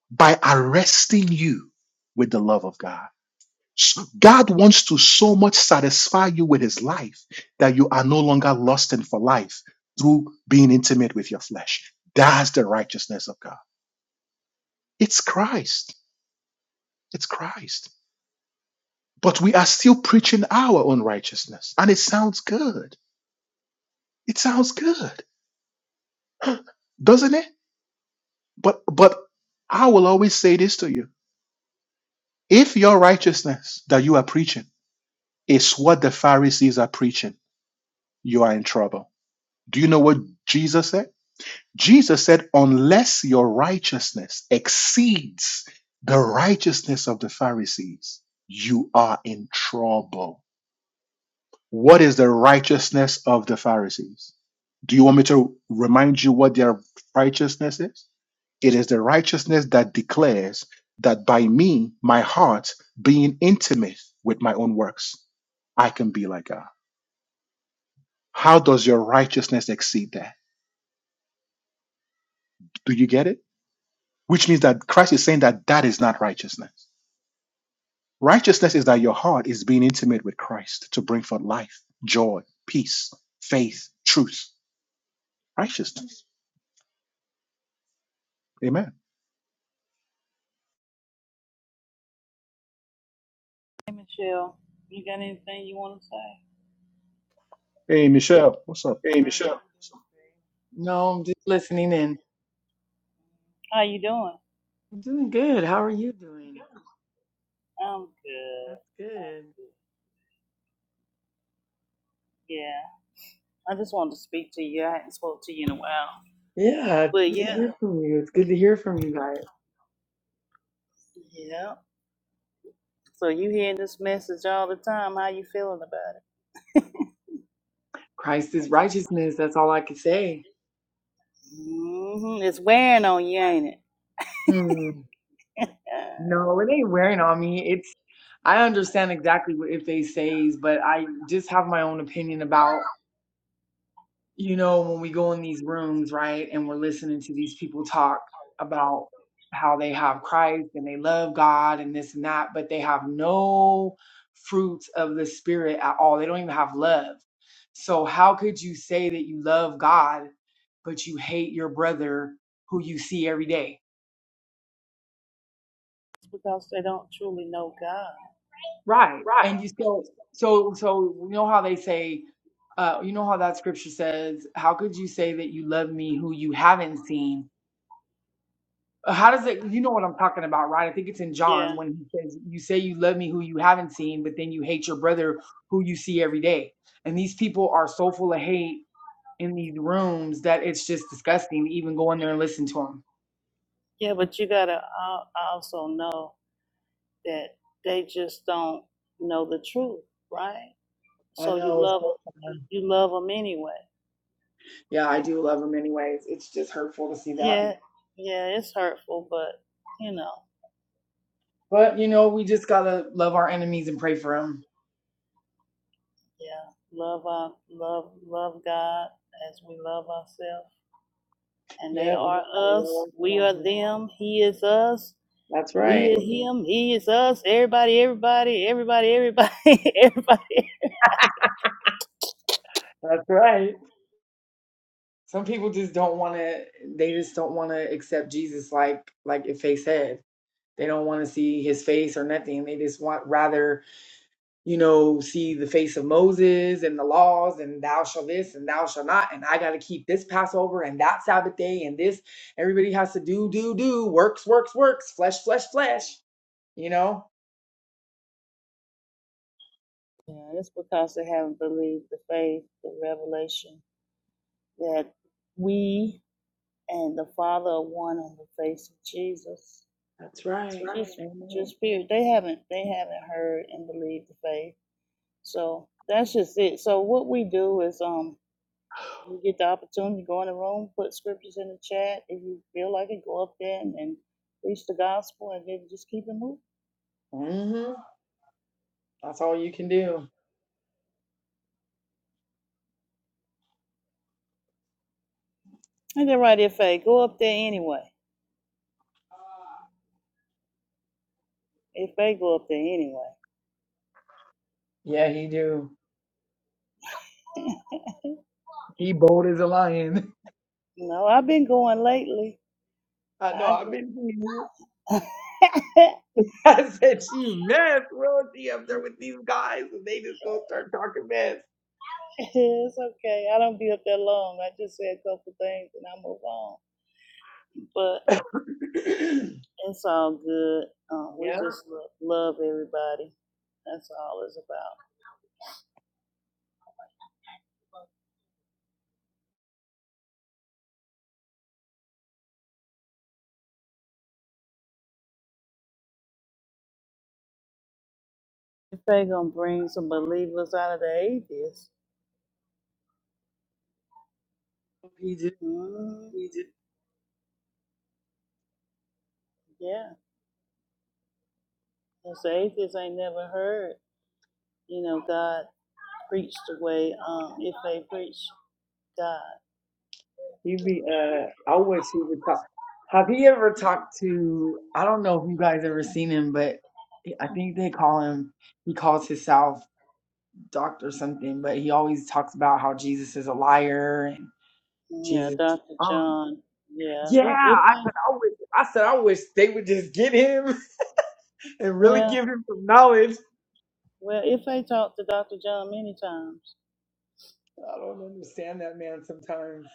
Speaker 1: by arresting you with the love of God. S- God wants to so much satisfy you with his life that you are no longer lusting for life through being intimate with your flesh. That's the righteousness of God. It's Christ. It's Christ. But we are still preaching our own righteousness. And it sounds good. It sounds good, doesn't it? But but I will always say this to you. If your righteousness that you are preaching is what the Pharisees are preaching, you are in trouble. Do you know what Jesus said? Jesus said, unless your righteousness exceeds the righteousness of the Pharisees, you are in trouble. What is the righteousness of the Pharisees? Do you want me to remind you what their righteousness is? It is the righteousness that declares that by me, my heart, being intimate with my own works, I can be like God. How does your righteousness exceed that? Do you get it? Which means that Christ is saying that that is not righteousness. Righteousness is that your heart is being intimate with Christ to bring forth life, joy, peace, faith, truth, righteousness. Amen.
Speaker 2: Hey Michelle, you got anything you want to say?
Speaker 1: Hey, Michelle, what's
Speaker 4: Hi, how you doing today? No, I'm just listening in.
Speaker 2: How you doing?
Speaker 4: I'm doing good. How are you doing?
Speaker 2: I'm good.
Speaker 4: That's good.
Speaker 2: Yeah. I just wanted to speak to you. I hadn't spoke to you in a while.
Speaker 4: Yeah, it's
Speaker 2: But
Speaker 4: good to
Speaker 2: yeah.
Speaker 4: hear from you. It's good to hear from you guys.
Speaker 2: Yeah. So you hearing this message all the time. How you feeling about it?
Speaker 4: Christ is righteousness. That's all I can say.
Speaker 2: hmm It's wearing on you, ain't it?
Speaker 4: Hmm.
Speaker 2: Yeah.
Speaker 4: No, it ain't wearing on me. It's I understand exactly what if they says, but I just have my own opinion about. you know, when we go in these rooms, right, and we're listening to these people talk about how they have Christ and they love God and this and that, but they have no fruits of the Spirit at all. They don't even have love. So, how could you say that you love God, but you hate your brother who you see every day?
Speaker 2: It's because they don't truly know God.
Speaker 4: Right. And you so, so, so, you know how they say, uh, you know how that scripture says, how could you say that you love me who you haven't seen? Uh, How does it? You know what I'm talking about, right? I think it's in John when he says, "You say you love me, who you haven't seen, but then you hate your brother, who you see every day." And these people are so full of hate in these rooms that it's just disgusting to even go in there and listen to them.
Speaker 2: Yeah, but you gotta al- also know that they just don't know the truth, right?
Speaker 4: I
Speaker 2: So you
Speaker 4: know. It's
Speaker 2: love
Speaker 4: so
Speaker 2: 'em- you
Speaker 4: sad.
Speaker 2: you love them anyway.
Speaker 4: yeah, I do love them anyways. It's just hurtful to see that.
Speaker 2: Yeah, yeah, it's hurtful, but you know,
Speaker 4: But you know, we just gotta love our enemies and pray for them.
Speaker 2: yeah, love our love love God as we love ourselves, and they
Speaker 4: Yeah, we
Speaker 2: are
Speaker 4: just gotta
Speaker 2: us.
Speaker 4: love
Speaker 2: We are
Speaker 4: them.
Speaker 2: them. He is us.
Speaker 4: That's
Speaker 2: We
Speaker 4: right.
Speaker 2: are him. He is us. Everybody, everybody, everybody, everybody, everybody.
Speaker 4: That's right. Some people just don't want to. They just don't want to accept Jesus, like like if they said they don't want to see his face or nothing. They just want rather, you know, see the face of Moses and the laws and thou shall this and thou shall not and I got to keep this Passover and that Sabbath day and this. Everybody has to do do do works works works flesh flesh flesh. You know.
Speaker 2: Yeah, it's because they haven't believed the faith, the revelation that we and the Father are one on the face of Jesus.
Speaker 4: That's right.
Speaker 2: Right. Just, just
Speaker 4: Amen.
Speaker 2: spirit. They haven't they haven't heard and believed the faith. So that's just it. So what we do is um you get the opportunity to go in the room, put scriptures in the chat. If you feel like it, go up there and, and preach the gospel and then just keep it moving.
Speaker 4: hmm That's all you can do.
Speaker 2: And then right if they go up there anyway. If they go up there anyway.
Speaker 4: Yeah, he do. He bold as a lion.
Speaker 2: You know, I've been going lately.
Speaker 4: I know.
Speaker 2: I
Speaker 4: I've
Speaker 2: go
Speaker 4: been seeing it.
Speaker 2: I
Speaker 4: I said, she mess, bro. She up there with these guys, and they just go start talking mess.
Speaker 2: It's okay. I don't be up there long. I just say a couple things and I move on. But it's all good. Um, we
Speaker 4: yeah,
Speaker 2: just lo- love everybody. That's all it's about. If they gonna bring some believers out of the atheists,
Speaker 4: he just
Speaker 2: mm, yeah, 'cause the atheists ain't never heard. You know, God preached the way um, it preached God.
Speaker 4: he be. Uh, I wish he would talk. Have he ever talked to? I don't know if you guys ever seen him, but I think they call him. He calls himself doctor something, but he always talks about how Jesus is a liar and
Speaker 2: Yeah,
Speaker 4: Jesus.
Speaker 2: Doctor
Speaker 4: Um,
Speaker 2: John. Yeah,
Speaker 4: yeah,
Speaker 2: he, if
Speaker 4: I
Speaker 2: I,
Speaker 4: said I wish. I said I wish they would just get him and really
Speaker 2: well,
Speaker 4: give him some knowledge
Speaker 2: well, if I talked to Doctor John many times.
Speaker 4: I don't understand that man sometimes.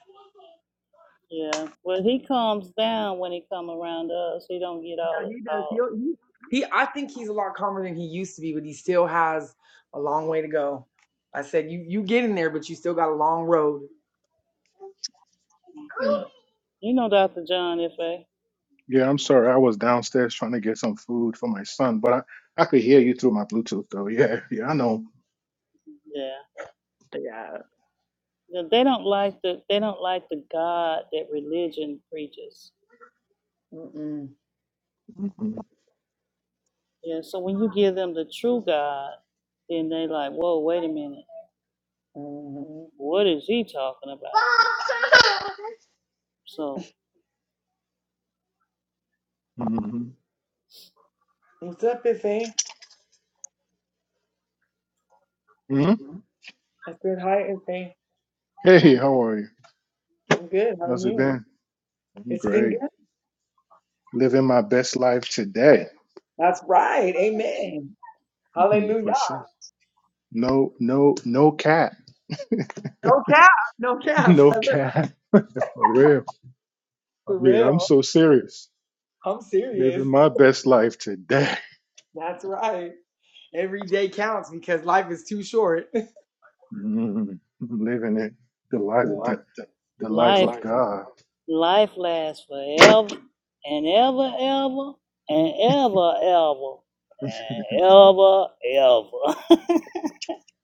Speaker 2: Yeah, well, he calms down when he come around us. He don't get
Speaker 4: Yeah,
Speaker 2: all
Speaker 4: he does.
Speaker 2: all.
Speaker 4: He'll, he he. I think he's a lot calmer than he used to be, but he still has a long way to go. I said you you get in there, but you still got a long road.
Speaker 2: Yeah,
Speaker 1: up?
Speaker 2: you know, Doctor John F. A.
Speaker 1: Yeah, I'm sorry. I was downstairs trying to get some food for my son, but I, I could hear you through my Bluetooth though. Yeah, yeah, I know.
Speaker 2: Yeah,
Speaker 4: Yeah.
Speaker 2: Yeah, they don't like the they don't like the God that religion preaches.
Speaker 4: Mm-mm.
Speaker 1: hmm
Speaker 2: Yeah, so when you give them the true God, then they like, whoa, wait a minute,
Speaker 4: Mm-mm.
Speaker 2: what is he talking about? So
Speaker 1: hmm
Speaker 4: What's up, Ife?
Speaker 1: hmm
Speaker 4: I said hi, Ife.
Speaker 1: Hey, how are you?
Speaker 4: I'm good. How are
Speaker 1: How's it
Speaker 4: you?
Speaker 1: been? I'm
Speaker 4: It's been
Speaker 1: great.
Speaker 4: good.
Speaker 1: Living my best life today,
Speaker 4: That's right. Amen.
Speaker 1: Mhm,
Speaker 4: Hallelujah.
Speaker 1: for sure. No, no, no cat,
Speaker 4: No cap. No cap.
Speaker 1: no cat, for real. I
Speaker 4: For
Speaker 1: mean, I'm
Speaker 4: real.
Speaker 1: so serious.
Speaker 4: I'm serious.
Speaker 1: Living my best life today.
Speaker 4: That's right. Every day counts because life is too short.
Speaker 1: Mhm. Living it, the life, the, the
Speaker 2: life
Speaker 1: life of God.
Speaker 2: life lasts forever and ever, ever and ever, ever and ever, ever.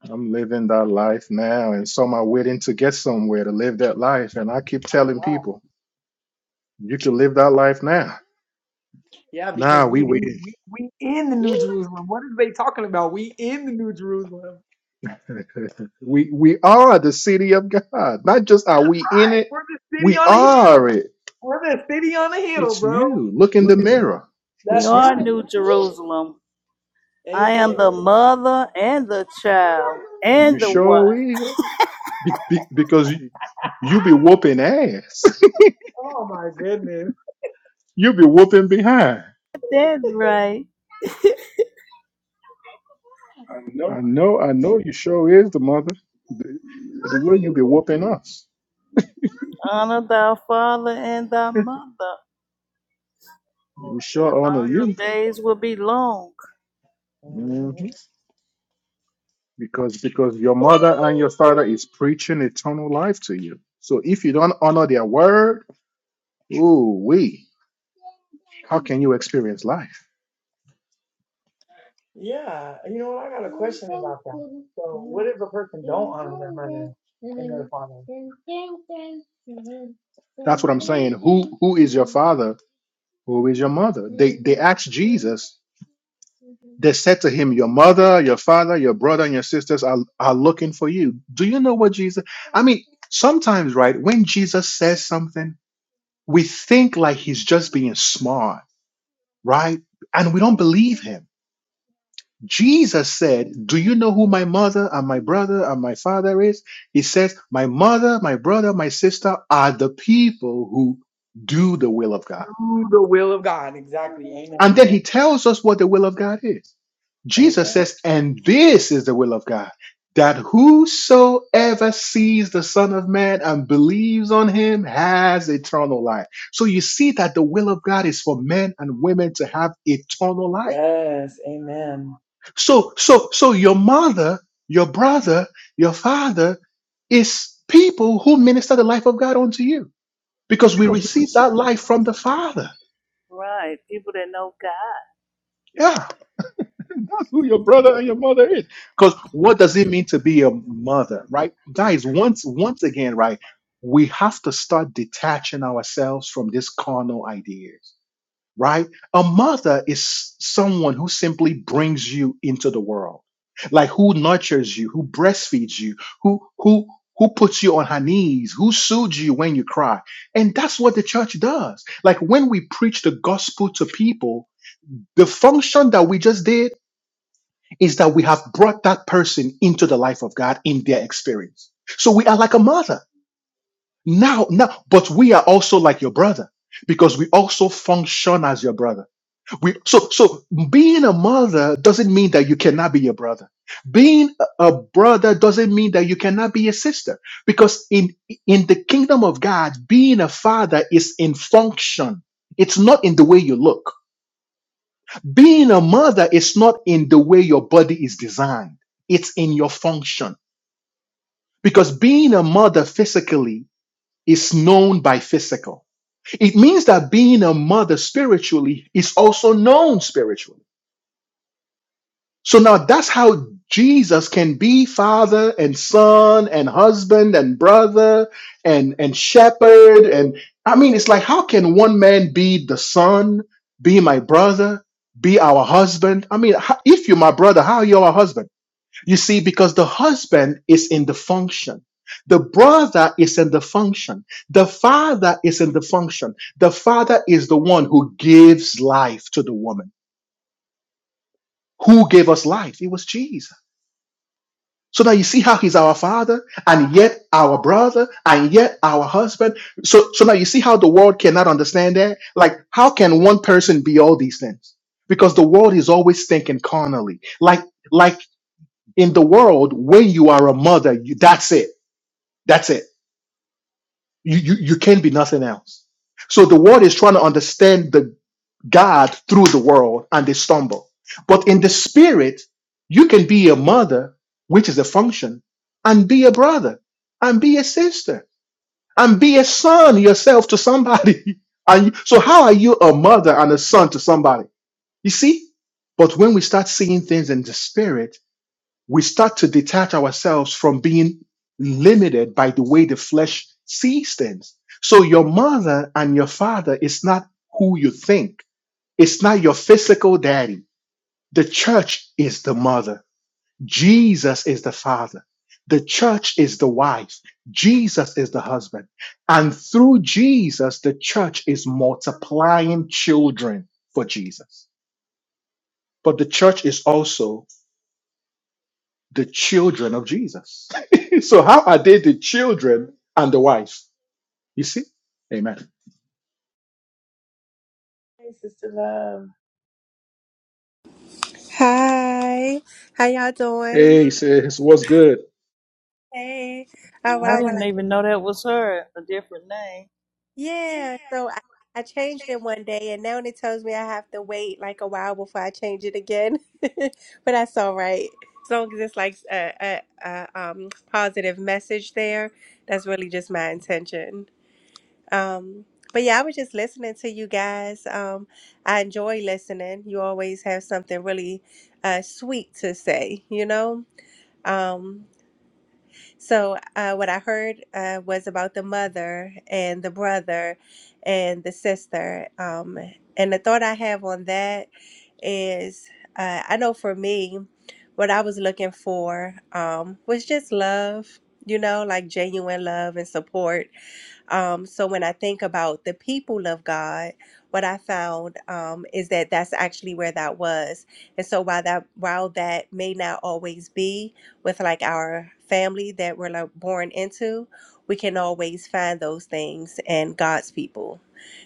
Speaker 1: I'm living that life now, and some are waiting to get somewhere to live that life. And I keep telling
Speaker 4: Wow.
Speaker 1: people, you can live that life now.
Speaker 4: Yeah, because
Speaker 1: Nah,
Speaker 4: we
Speaker 1: we
Speaker 4: in
Speaker 1: waiting.
Speaker 4: we, we in the New Jerusalem. What are they talking about? We in the New Jerusalem.
Speaker 1: we we are the city of God. Not just are we in it,
Speaker 4: We're the city
Speaker 1: we
Speaker 4: on a
Speaker 1: are
Speaker 4: hill.
Speaker 1: it.
Speaker 4: We're the city on a hill,
Speaker 1: It's
Speaker 4: bro.
Speaker 1: you. Look in the mirror.
Speaker 2: We
Speaker 1: It's
Speaker 4: That's
Speaker 2: are
Speaker 4: right.
Speaker 1: you.
Speaker 2: New Jerusalem. I
Speaker 4: Amen.
Speaker 2: am the mother and the child and
Speaker 1: You
Speaker 2: the wife.
Speaker 1: sure will. Be, be, because you, you be whooping ass.
Speaker 4: Oh my goodness.
Speaker 1: you be whooping behind.
Speaker 2: That's right.
Speaker 1: I know. I know. You sure is the mother. The, the way you be whooping us.
Speaker 2: Honor thy father and thy mother.
Speaker 1: We
Speaker 2: so
Speaker 1: sure honor
Speaker 2: All your
Speaker 1: you.
Speaker 2: days will be long.
Speaker 4: Mhm.
Speaker 1: Mhm. Because because your mother and your father is preaching eternal life to you. So if you don't honor their word, ooh we how can you experience life?
Speaker 4: Yeah. You know what? I got a question about that. So, what if a person don't honor their mother and their father?
Speaker 1: That's what I'm saying. Who who is your father? Who is your mother? They they asked Jesus. They said to him, Your mother, your father, your brother, and your sisters are, are looking for you. Do you know what Jesus? I mean, sometimes, right, when Jesus says something, we think like he's just being smart right? And we don't believe him. Jesus said, Do you know who my mother and my brother and my father is? He says, My mother, my brother, my sister are the people who do the will of God.
Speaker 4: Do the will of God. Exactly.
Speaker 1: And
Speaker 4: Amen.
Speaker 1: then he tells us what the will of God is. Jesus
Speaker 4: Amen.
Speaker 1: says, And this is the will of God, that whosoever sees the Son of Man and believes on him has eternal life. So you see that the will of God is for men and women to have eternal life.
Speaker 4: Yes. Amen.
Speaker 1: So, so, so your mother, your brother, your father is people who minister the life of God unto you because we receive that life from the Father.
Speaker 2: Right. People that know God.
Speaker 1: Yeah, that's who your brother and your mother is. Because what does it mean to be a mother, right? Guys, once, once again, right, we have to start detaching ourselves from these carnal ideas right? A mother is someone who simply brings you into the world, like who nurtures you, who breastfeeds you, who who who puts you on her knees, who soothes you when you cry. And that's what the church does. Like when we preach the gospel to people, the function that we just did is that we have brought that person into the life of God in their experience. So we are like a mother. Now, now, but we are also like your brother because we also function as your brother we, so, so being a mother doesn't mean that you cannot be a brother. Being a a brother doesn't mean that you cannot be a sister, because in in the kingdom of God, being a father is in function. It's not in the way you look. Being a mother is not in the way your body is designed. It's in your function, because being a mother physically is known by physical. It means that being a mother spiritually is also known spiritually. So now that's how Jesus can be father and son and husband and brother and and shepherd and I mean it's like how can one man be the son, be my brother, be our husband? I mean ho- if you're my brother, how are you our husband? You see because the husband is in the function. The brother is in the function. The father is in the function. The father is the one who gives life to the woman. Who gave us life? It was Jesus. So now you see how he's our father and yet our brother and yet our husband. So, so now you see how the world cannot understand that? Like, how can one person be all these things? Because the world is always thinking carnally. Like, like in the world, when you are a mother, you, that's it. That's it. You, you, you can't be nothing else. So the world is trying to understand God through the world and they stumble. But in the spirit, you can be a mother, which is a function, and be a brother, and be a sister, and be a son yourself to somebody. And so, how are you a mother and a son to somebody? You see? But when we start seeing things in the spirit, we start to detach ourselves from being limited by the way the flesh sees things. So, your mother and your father is not who you think it's not your physical daddy. The church is the mother. Jesus is the father. The church is the wife. Jesus is the husband. And through Jesus, the church is multiplying children for Jesus. But the church is also the children of Jesus. so how are they the children and the wife? You see? Amen.
Speaker 4: Hey, sister love.
Speaker 5: Hi, how y'all doing?
Speaker 1: Hey, he says, what's good?
Speaker 5: Hey, Oh, well, I was like,
Speaker 2: didn't even know that was her, a different name.
Speaker 5: yeah. So I, I changed it one day, and now it tells me I have to wait like a while before I change it again. But that's all right, as long as it's like a, a, a um positive message there. That's really just my intention. Um, but yeah, I was just listening to you guys. Um, I enjoy listening. You always have something really uh sweet to say, you know. Um. So uh, what I heard uh, was about the mother and the brother and the sister. Um, and the thought I have on that is, uh, I know for me, what I was looking for um, was just love. You know, like genuine love and support um, so when I think about the people of God, what I found um, is that that's actually where that was. And so while that while that may not always be with like our family that we're like born into, we can always find those things in God's people.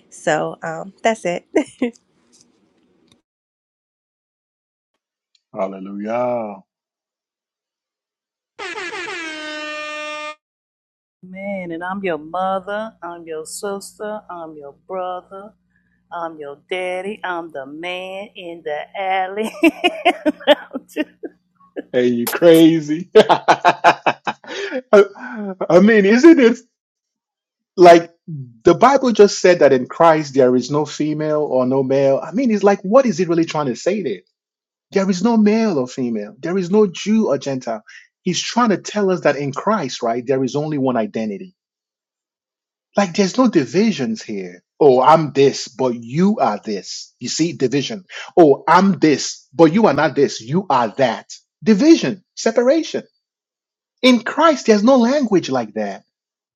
Speaker 5: So um, that's it.
Speaker 1: Hallelujah.
Speaker 2: Man, and I'm your mother. I'm your sister. I'm your brother. I'm your daddy. I'm the man in the alley.
Speaker 1: Hey, you crazy? I, I mean, isn't it like the Bible just said that in Christ there is no female or no male? I mean, it's like, what is it really trying to say there? There is no male or female, there is no Jew or Gentile. He's trying to tell us that in Christ, right, there is only one identity. Like, there's no divisions here. Oh, I'm this, but you are this. You see, division. Oh, I'm this, but you are not this. You are that. Division, separation In Christ, there's no language like that.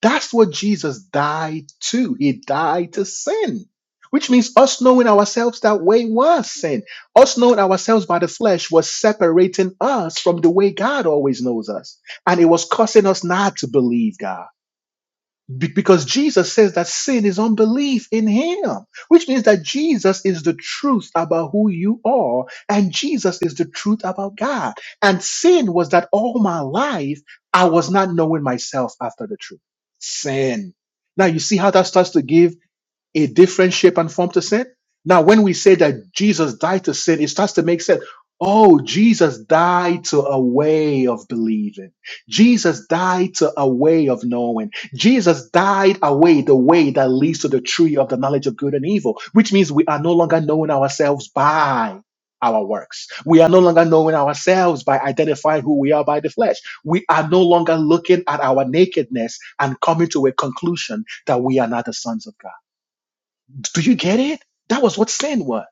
Speaker 1: That's what Jesus died to. He died to sin, which means us knowing ourselves that way was sin. Us knowing ourselves by the flesh was separating us from the way God always knows us. And it was causing us not to believe God. Be- because Jesus says that sin is unbelief in him, which means that Jesus is the truth about who you are, and Jesus is the truth about God. And sin was that all my life I was not knowing myself after the truth. Sin. Now you see how that starts to give a different shape and form to sin. Now, when we say that Jesus died to sin, it starts to make sense. Oh, Jesus died to a way of believing. Jesus died to a way of knowing. Jesus died away the way that leads to the tree of the knowledge of good and evil, which means we are no longer knowing ourselves by our works. We are no longer knowing ourselves by identifying who we are by the flesh. We are no longer looking at our nakedness and coming to a conclusion that we are not the sons of God. Do you get it? That was what sin was.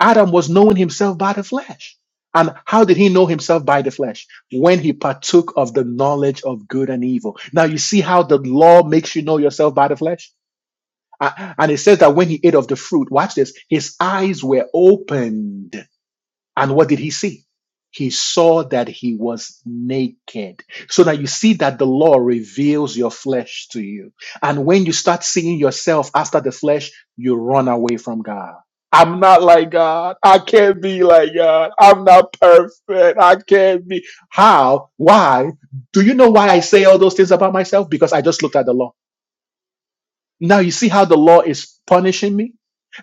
Speaker 1: Adam was knowing himself by the flesh. And how did he know himself by the flesh? When he partook of the knowledge of good and evil. Now you see how the law makes you know yourself by the flesh? A- And it says that when he ate of the fruit, watch this, his eyes were opened and what did he see? He saw that he was naked. So now you see that the law reveals your flesh to you. And when you start seeing yourself after the flesh, you run away from God. I'm not like God. I can't be like God. I'm not perfect. I can't be. How? Why? Do you know why I say all those things about myself? Because I just looked at the law. Now you see how the law is punishing me?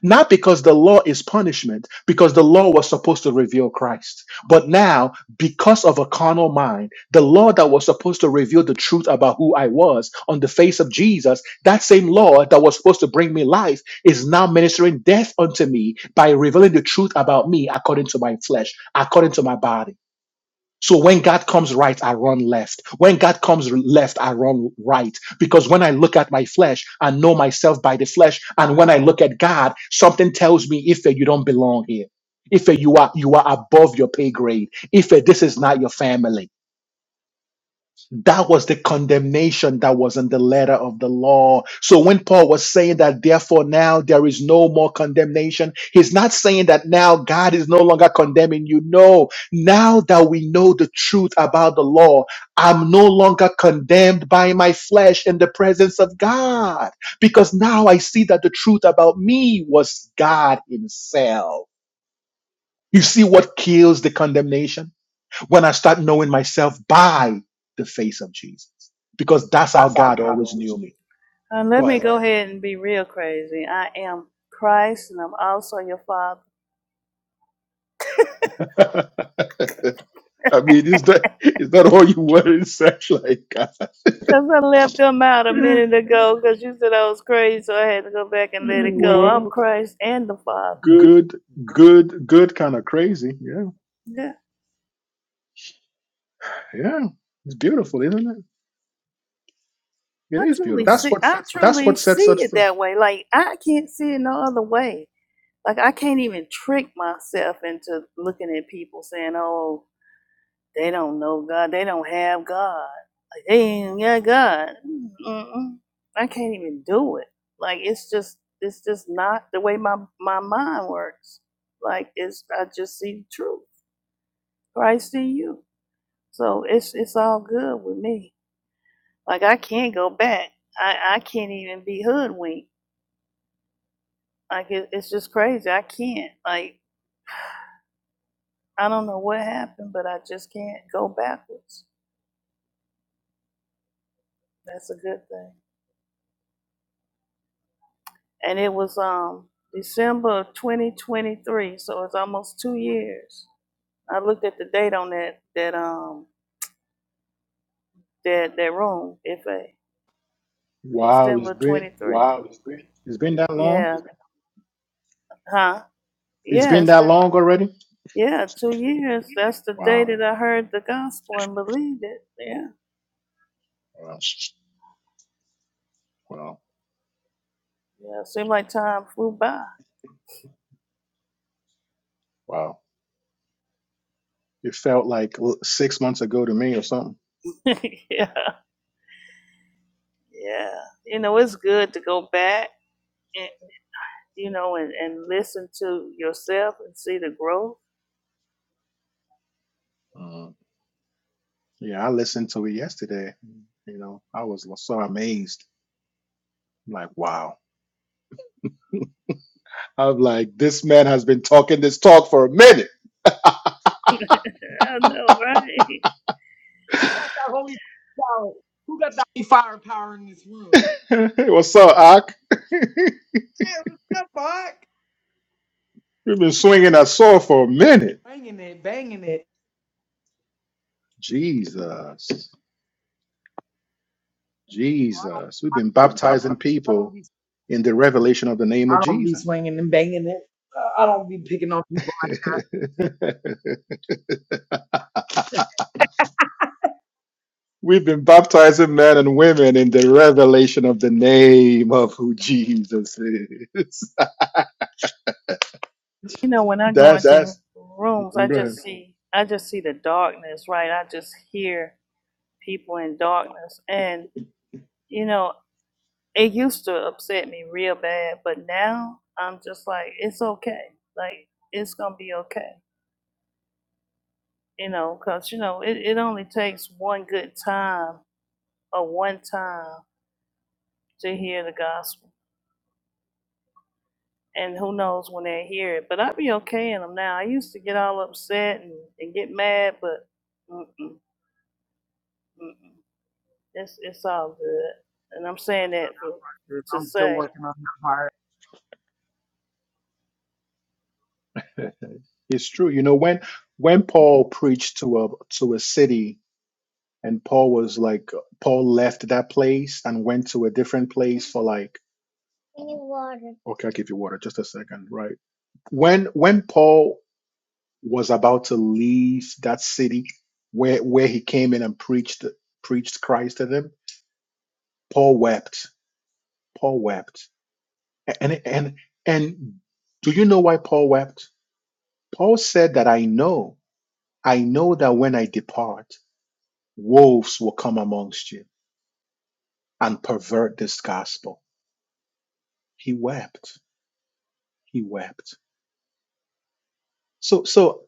Speaker 1: Not because the law is punishment, because the law was supposed to reveal Christ. But now, because of a carnal mind, the law that was supposed to reveal the truth about who I was on the face of Jesus, that same law that was supposed to bring me life is now ministering death unto me by revealing the truth about me according to my flesh, according to my body. So when God comes right, I run left. When God comes left, I run right. Because when I look at my flesh, I know myself by the flesh. And when I look at God, something tells me, if you don't belong here. If you are you are above your pay grade. If this is not your family that was the condemnation that was in the letter of the law. So when Paul was saying that, therefore now there is no more condemnation, he's not saying that now God is no longer condemning you. No, now that we know the truth about the law, I'm no longer condemned by my flesh in the presence of God because now I see that the truth about me was God Himself. You see what kills the condemnation? when I start knowing myself by the face of Jesus, because that's how God always knew me.
Speaker 2: Uh, let
Speaker 1: Go
Speaker 2: me
Speaker 1: ahead.
Speaker 2: go ahead and be real crazy. I am Christ and I'm also your father.
Speaker 1: I mean, is that is that all you want in sex? Like, God.
Speaker 2: Because I left them out a minute ago because you said I was crazy, so I had to go back and let it go. I'm
Speaker 1: well,
Speaker 2: Christ and the Father.
Speaker 1: good, good, good, kind of crazy. Yeah,
Speaker 2: Yeah,
Speaker 1: yeah. It's beautiful, isn't it? It
Speaker 2: I
Speaker 1: is
Speaker 2: truly,
Speaker 1: beautiful. That's
Speaker 2: truly
Speaker 1: what sets
Speaker 2: see
Speaker 1: us
Speaker 2: it
Speaker 1: free.
Speaker 2: that way. Like, I can't see it no other way. Like, I can't even trick myself into looking at people saying, oh, they don't know God, they don't have God. And yeah, God, mm-mm, I can't even do it. Like it's just, it's just not the way my my mind works. Like it's, I just see the truth, Christ in you. So it's it's all good with me. Like I can't go back. I I can't even be hoodwinked. Like it, it's just crazy. I can't. Like I don't know what happened, but I just can't go backwards. That's a good thing. And it was um December of 2023, so it's almost two years I looked at the date on that that um that that room. If a
Speaker 1: Wow, it's
Speaker 2: December
Speaker 1: been
Speaker 2: twenty three.
Speaker 1: it's been that long.
Speaker 2: Yeah. Huh?
Speaker 1: It's
Speaker 2: Yeah.
Speaker 1: been
Speaker 2: It's
Speaker 1: that
Speaker 2: been
Speaker 1: long already.
Speaker 2: yeah two years. That's the day
Speaker 1: Wow,
Speaker 2: that I heard the gospel and believed it. Yeah.
Speaker 1: wow, wow,
Speaker 2: Yeah. It Seemed like time flew by.
Speaker 1: wow. It felt like l- six months ago to me, or something.
Speaker 2: yeah. Yeah. You know, it's good to go back. And, you know, and, and listen to yourself and see the growth.
Speaker 1: Uh, yeah, I listened to it yesterday. You know, I was so amazed. Like, wow. I'm like, this man has been talking this talk for a minute.
Speaker 2: I know, right?
Speaker 4: got that holy power? Who got that holy firepower in this room?
Speaker 1: What's up, Ak?
Speaker 4: Hey, what's up, Mark?
Speaker 1: We've been swinging that sword for a minute.
Speaker 4: Banging it, banging it.
Speaker 1: Jesus. Jesus. We've been baptizing
Speaker 4: I don't
Speaker 1: people
Speaker 4: be,
Speaker 1: in the revelation of the name of
Speaker 4: I don't be
Speaker 1: Jesus.
Speaker 4: swinging and banging it. Uh, I don't be picking on people. I'm
Speaker 1: We've been baptizing men and women in the revelation of the name of who Jesus is.
Speaker 2: You know, when I go
Speaker 1: That's
Speaker 2: rooms, I
Speaker 1: go ahead.
Speaker 2: just see, I just see the darkness, right? I just hear people in darkness. And, you know, it used to upset me real bad, but now I'm just like, it's okay. Like, it's going to be okay. You know, because, you know, it, it only takes one good time or one time to hear the gospel. And who knows when they hear it. But i be okay in them now. I used to get all upset and, and get mad, but mm-mm, mm-mm, it's, it's all good. And I'm
Speaker 4: still
Speaker 2: saying
Speaker 4: working on
Speaker 2: that for,
Speaker 4: that. group.
Speaker 2: to
Speaker 4: I'm still
Speaker 2: say,
Speaker 4: working on that part.
Speaker 1: It's true. You know, when when Paul preached to a to a city and Paul was like Paul left that place and went to a different place for like okay, I'll give you water just a second, right? When when Paul was about to leave that city where where he came in and preached preached Christ to them, Paul wept. Paul wept. A- And and and do you know why Paul wept? Paul said that I know, I know that when I depart, wolves will come amongst you and pervert this gospel. He wept. He wept. So so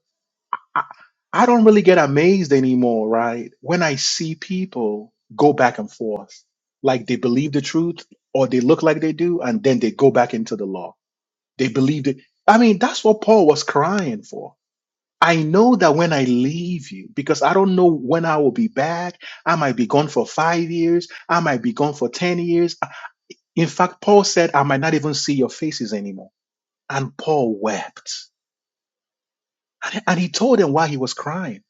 Speaker 1: I, I don't really get amazed anymore, right? When I see people go back and forth, like they believe the truth or they look like they do, and then they go back into the law. They believe it. I mean, that's what Paul was crying for. I know that when I leave you, because I don't know when I will be back, I might be gone for five years, I might be gone for 10 years. In fact, Paul said, I might not even see your faces anymore. And Paul wept. And he told them why he was crying.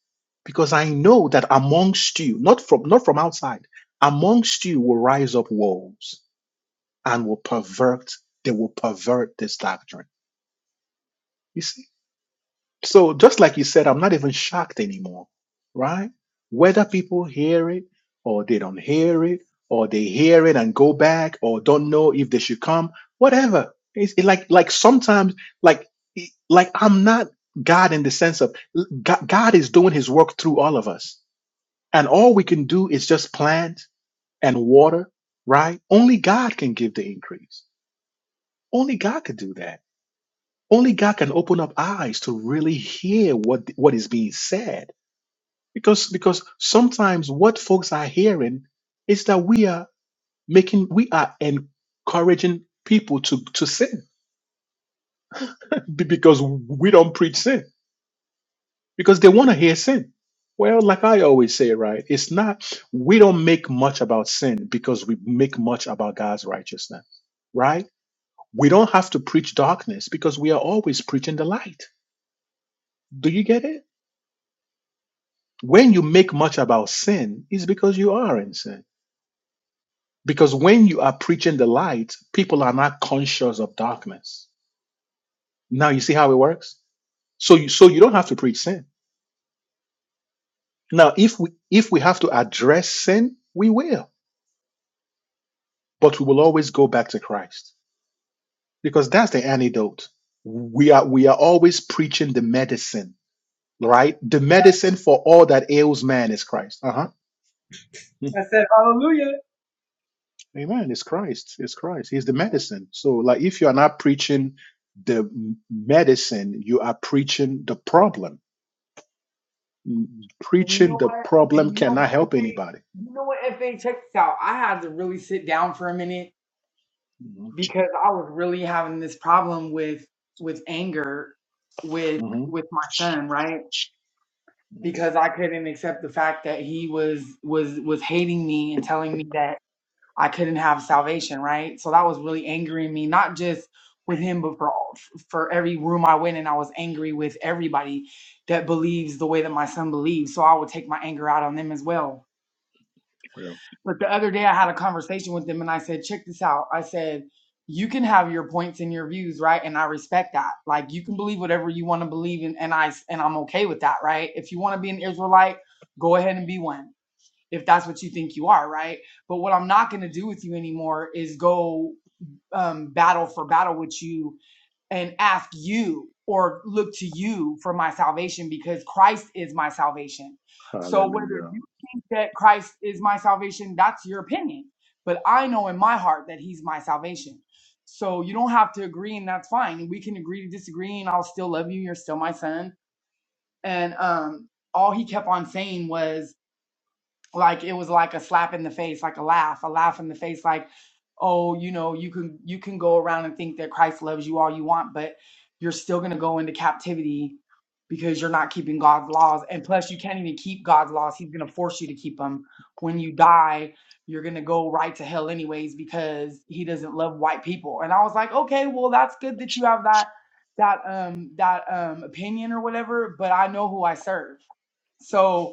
Speaker 1: Because I know that amongst you, not from not from outside, amongst you will rise up wolves and will pervert, they will pervert this doctrine. You see? So just like you said, I'm not even shocked anymore, right? Whether people hear it or they don't hear it, or they hear it and go back, or don't know if they should come, whatever. It's it like like sometimes like it- like I'm not God in the sense of God, God is doing His work through all of us, and all we can do is just plant and water, right? Only God can give the increase. Only God could do that. Only God can open up eyes to really hear what what is being said because because sometimes what folks are hearing is that we are making we are encouraging people to to sin be- because we don't preach sin because they want to hear sin well like i always say right it's not we don't make much about sin because we make much about god's righteousness right we don't have to preach darkness because we are always preaching the light do you get it when you make much about sin it's because you are in sin Because when you are preaching the light, people are not conscious of darkness. Now you see how it works? So you so you don't have to preach sin. Now if we if we have to address sin, we will, but we will always go back to Christ because that's the antidote. We are we are always preaching the medicine, right? The medicine for all that ails man is Christ. Uh-huh. Mm.
Speaker 4: I said hallelujah.
Speaker 1: Amen. It's Christ. It's Christ. He's the medicine. So like if you are not preaching the medicine, you are preaching the problem
Speaker 4: And you
Speaker 1: Preaching
Speaker 4: know
Speaker 1: the
Speaker 4: what? And
Speaker 1: problem
Speaker 4: you know what?
Speaker 1: cannot
Speaker 4: If
Speaker 1: help
Speaker 4: they,
Speaker 1: anybody.
Speaker 4: you know what? If they check this out, I had to really sit down for a minute
Speaker 1: hmm
Speaker 4: because I was really having this problem with with anger with
Speaker 1: hmm
Speaker 4: with my son, right?
Speaker 1: hmm
Speaker 4: because I couldn't accept the fact that he was was was hating me and telling me that I couldn't have salvation, right? So that was really angering me, not just with him, but for all, for every room I went in, I was angry with everybody that believes the way that my son believes. So I would take my anger out on them as well
Speaker 1: Yeah.
Speaker 4: but the other day I had a conversation with them and I said, check this out. I said, you can have your points and your views, right? And I respect that. Like you can believe whatever you want to believe in and I and I'm okay with that, right? If you want to be an Israelite, go ahead and be one. If that's what you think you are, right? But what I'm not going to do with you anymore is go um, battle for battle with you and ask you or look to you for my salvation because Christ is my salvation. So whether
Speaker 1: Hallelujah.
Speaker 4: you think that Christ is my salvation, that's your opinion. But I know in my heart that he's my salvation. So you don't have to agree and that's fine. We can agree to disagree and I'll still love you. You're still my son. And um all he kept on saying was like it was like a slap in the face like a laugh a laugh in the face like oh you know you can you can go around and think that christ loves you all you want but you're still going to go into captivity because you're not keeping god's laws and plus you can't even keep god's laws he's going to force you to keep them when you die you're going to go right to hell anyways because he doesn't love white people and i was like okay well that's good that you have that that um that um opinion or whatever but i know who i serve so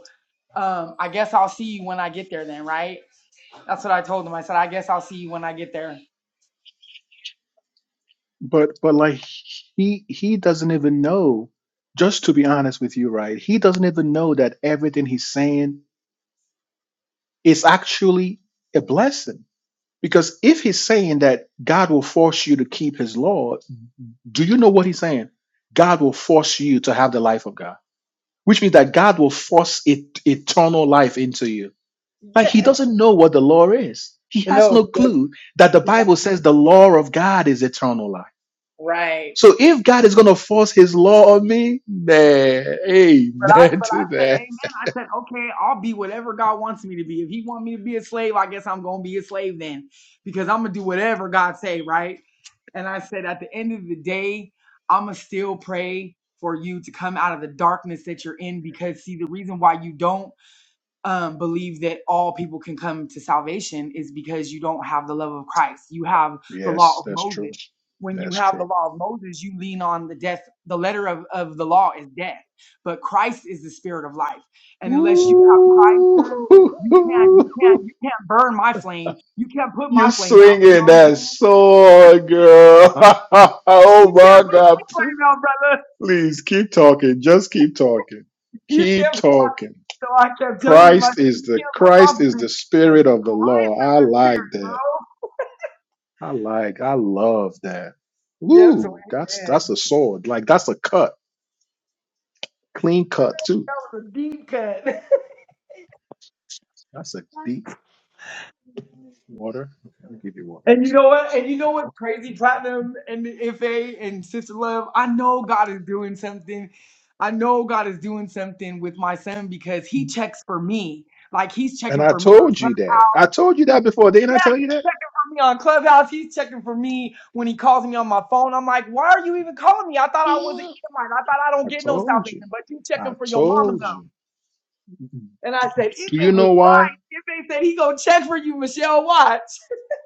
Speaker 4: um, I guess I'll see you when I get there then, right? That's what I told him. I said, I guess I'll see you when I get there.
Speaker 1: But but like he he doesn't even know. Just to be honest with you, right? He doesn't even know that everything he's saying is actually a blessing. Because if he's saying that God will force you to keep His law, do you know what he's saying? God will force you to have the life of God, which means that God will force it, eternal life into you. Like
Speaker 4: Yeah.
Speaker 1: he doesn't know what the law is. He has
Speaker 4: No,
Speaker 1: no
Speaker 4: he doesn't.
Speaker 1: clue that the
Speaker 4: He has-
Speaker 1: Bible says the law of God is eternal life.
Speaker 4: Right.
Speaker 1: So if God is going to force his law on me, man,
Speaker 4: But I
Speaker 1: amen
Speaker 4: but
Speaker 1: to
Speaker 4: I said,
Speaker 1: that.
Speaker 4: Amen. I said, okay, I'll be whatever God wants me to be. If He want me to be a slave, I guess I'm gonna be a slave then. Because I'm gonna do whatever God say, right? And I said, at the end of the day, I'ma still pray for you to come out of the darkness that you're in because see the reason why you don't um, believe that all people can come to salvation is because you don't have the love of Christ. You have the law
Speaker 1: Yes,
Speaker 4: of
Speaker 1: that's true.
Speaker 4: Moses. When you
Speaker 1: That's
Speaker 4: have the
Speaker 1: true.
Speaker 4: law of Moses, you lean on the death. The letter of, of the law is death, but Christ is the spirit of life. And unless you have Christ,
Speaker 1: Ooh,
Speaker 4: then you can't, you can't, you can't burn my flame. You can't put my
Speaker 1: you
Speaker 4: flame out. You know
Speaker 1: swinging
Speaker 4: what I'm
Speaker 1: that
Speaker 4: saying?
Speaker 1: sword, girl.
Speaker 4: You
Speaker 1: oh
Speaker 4: can't
Speaker 1: my
Speaker 4: put my
Speaker 1: God.
Speaker 4: flame out, brother.
Speaker 1: Please keep talking. Just keep talking.
Speaker 4: You
Speaker 1: Keep
Speaker 4: can't.
Speaker 1: talking.
Speaker 4: So I kept telling him, I
Speaker 1: Christ
Speaker 4: said,
Speaker 1: is
Speaker 4: you
Speaker 1: the
Speaker 4: can't put
Speaker 1: Christ
Speaker 4: my
Speaker 1: is
Speaker 4: flame
Speaker 1: the
Speaker 4: because
Speaker 1: spirit of the
Speaker 4: Christ
Speaker 1: law.
Speaker 4: is
Speaker 1: I
Speaker 4: the
Speaker 1: like
Speaker 4: spirit,
Speaker 1: that.
Speaker 4: bro.
Speaker 1: I like. I love that.
Speaker 4: Yep, so
Speaker 1: Woo! That's
Speaker 4: man,
Speaker 1: that's a sword. Like that's a cut, clean cut too.
Speaker 4: that was a deep cut.
Speaker 1: That's a deep water. Let me give you water.
Speaker 4: and
Speaker 1: One
Speaker 4: you
Speaker 1: second.
Speaker 4: know what? And you know what?
Speaker 1: Okay.
Speaker 4: Crazy Platinum and the FA and Sister Love. I know God is doing something. I know God is doing something with my son because he checks for me. Like he's
Speaker 1: And
Speaker 4: checking
Speaker 1: I
Speaker 4: for me on
Speaker 1: told you that.
Speaker 4: Clubhouse.
Speaker 1: I told you
Speaker 4: He-
Speaker 1: that before. Didn't I
Speaker 4: yeah,
Speaker 1: tell you
Speaker 4: he's
Speaker 1: that?
Speaker 4: checking for me on Clubhouse. He's checking for me when he calls me on my phone. I'm like, why are you even calling me? I thought I was an Edomite. I thought I don't
Speaker 1: I
Speaker 4: get no
Speaker 1: told
Speaker 4: salvation,
Speaker 1: you.
Speaker 4: but you
Speaker 1: I
Speaker 4: checking for your mama
Speaker 1: told you. Do
Speaker 4: And I said, if
Speaker 1: you
Speaker 4: they was
Speaker 1: know why?
Speaker 4: right, if they said he gonna check for you, Michelle Watts.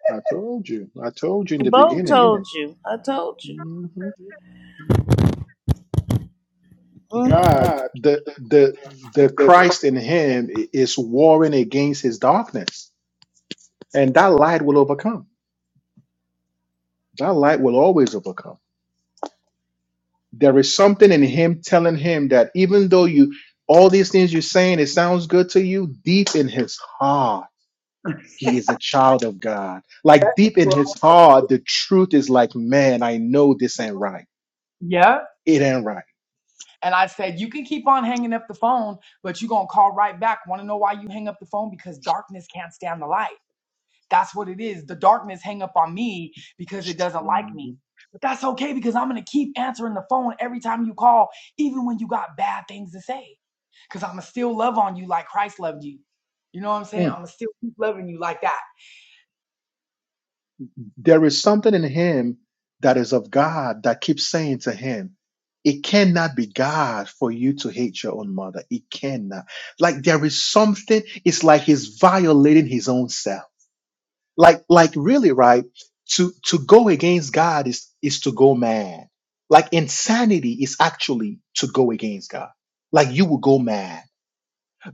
Speaker 1: I told you. I told you in the
Speaker 2: Bo
Speaker 1: beginning.
Speaker 2: told you. I told you.
Speaker 1: hmm
Speaker 2: Mm-hmm.
Speaker 1: God, the the the Christ in him i- is warring against his darkness, and that light will overcome. That light will always overcome. There is something in him telling him that even though you all these things you're saying, it sounds good to you, deep in his heart, he is a child of God. Like deep in
Speaker 4: Well,
Speaker 1: his heart, the truth is like, man, I know this ain't right.
Speaker 4: yeah.
Speaker 1: It ain't right.
Speaker 4: And I said, you can keep on hanging up the phone, but you gonna call right back. Wanna know why you hang up the phone? Because darkness can't stand the light. That's what it is. The darkness hang up on me because it doesn't like me.
Speaker 1: Mhm.
Speaker 4: But that's okay because I'm gonna keep answering the phone every time you call, even when you got bad things to say. Because I'ma still love on you like Christ loved you. You know what I'm saying? I'ma still keep loving you like that.
Speaker 1: There is something in him that is of God that keeps saying to him, It cannot be God for you to hate your own mother. It cannot. Like there is something, it's like he's violating his own self. Like, like really, right? To to go against God is is to go mad. Like insanity is actually to go against God. Like you will go mad.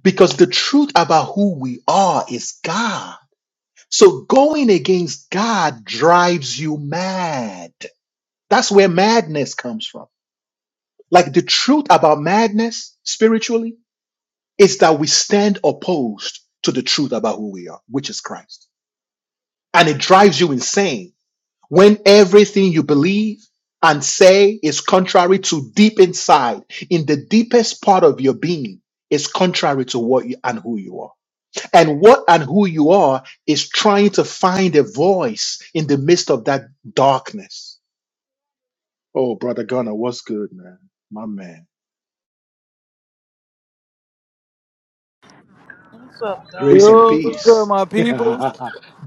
Speaker 1: Because the truth about who we are is God. So going against God drives you mad. That's where madness comes from. Like the truth about madness spiritually is that we stand opposed to the truth about who we are, which is Christ. And it drives you insane when everything you believe and say is contrary to deep inside, in the deepest part of your being, is contrary to what you and who you are. and what and who you are is trying to find a voice in the midst of that darkness. Oh, brother Gunner, what's good, man? My man,
Speaker 2: What's up,
Speaker 1: grace
Speaker 2: Ghana?
Speaker 1: and
Speaker 6: Yo, what's good,
Speaker 1: peace.
Speaker 6: my people?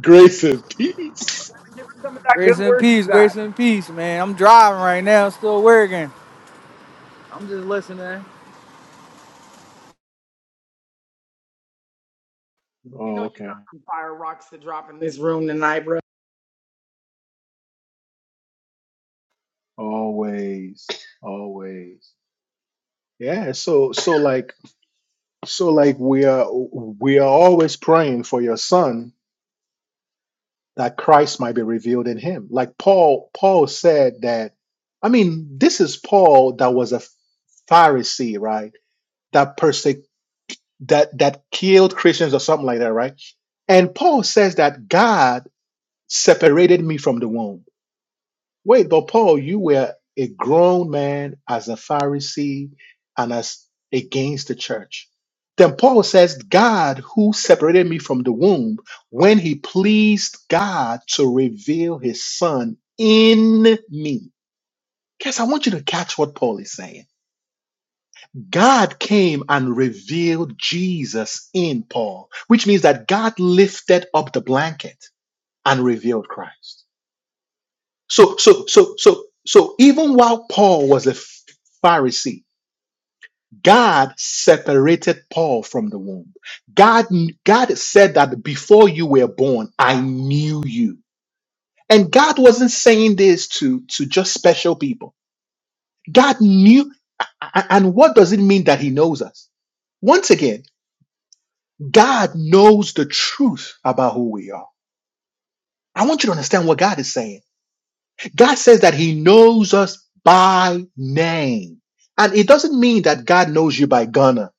Speaker 1: grace and peace.
Speaker 4: Give her some of that good
Speaker 6: Grace and
Speaker 4: word you
Speaker 6: peace,
Speaker 4: got.
Speaker 6: grace and peace, man. I'm driving right now, still working. I'm just listening.
Speaker 4: You know
Speaker 1: Oh,
Speaker 4: you
Speaker 1: okay.
Speaker 4: got some fire rocks to drop in this room tonight, bro.
Speaker 1: Always, always. Yeah. So, so like, so like, we are we are always praying for your son that Christ might be revealed in him. Like Paul, Paul said that, I mean, this is Paul that was a Pharisee, right? That persec that that killed Christians or something like that, right? And Paul says that God separated me from the womb. Wait, but Paul, you were a grown man as a Pharisee and as against the church. Then Paul says, God who separated me from the womb, when he pleased God to reveal his son in me. Guys, I want you to catch what Paul is saying. God came and revealed Jesus in Paul, which means that God lifted up the blanket and revealed Christ. So, so, so, so, so even while Paul was a Ph- Pharisee, God separated Paul from the womb. God, God said that before you were born, I knew you. And God wasn't saying this to, to just special people. God knew. a- a- And what does it mean that he knows us? Once again, God knows the truth about who we are. I want you to understand what God is saying. God says that He knows us by name. And it doesn't mean that God knows you by Ghana.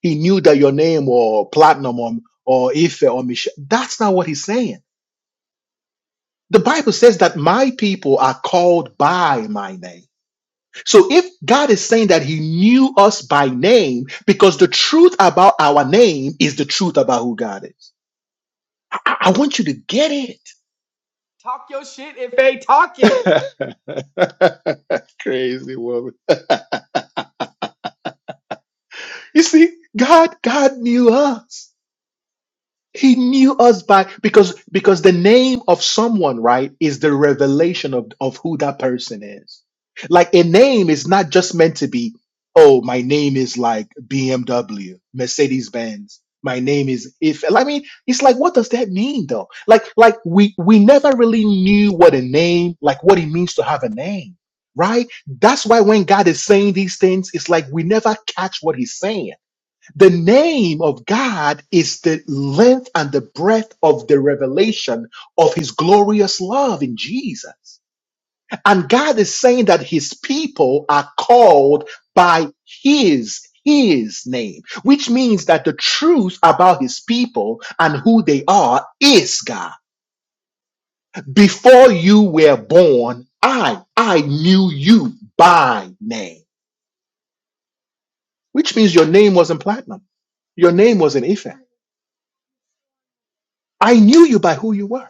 Speaker 1: He knew that your name or platinum or, or Ife or Michelle. That's not what He's saying. The Bible says that my people are called by my name. So if God is saying that He knew us by name, because the truth about our name is the truth about who God is. I, I want you to get it.
Speaker 4: Talk your shit if they talk it.
Speaker 1: Crazy woman. You see, God, God knew us. He knew us by because because the name of someone, right, is the revelation of, of who that person is. Like a name is not just meant to be, oh, my name is like BMW, Mercedes Benz. My name is if I mean, it's like what does that mean though? Like like we we never really knew what a name, like what it means to have a name, right? That's why when God is saying these things, it's like we never catch what he's saying the name of God is the length and the breadth of the revelation of his glorious love in Jesus. And God is saying that his people are called by his his name, which means that the truth about his people and who they are is God. Before you were born, I I knew you by name, which means your name wasn't platinum. Your name wasn't Ife. I knew you by who you were.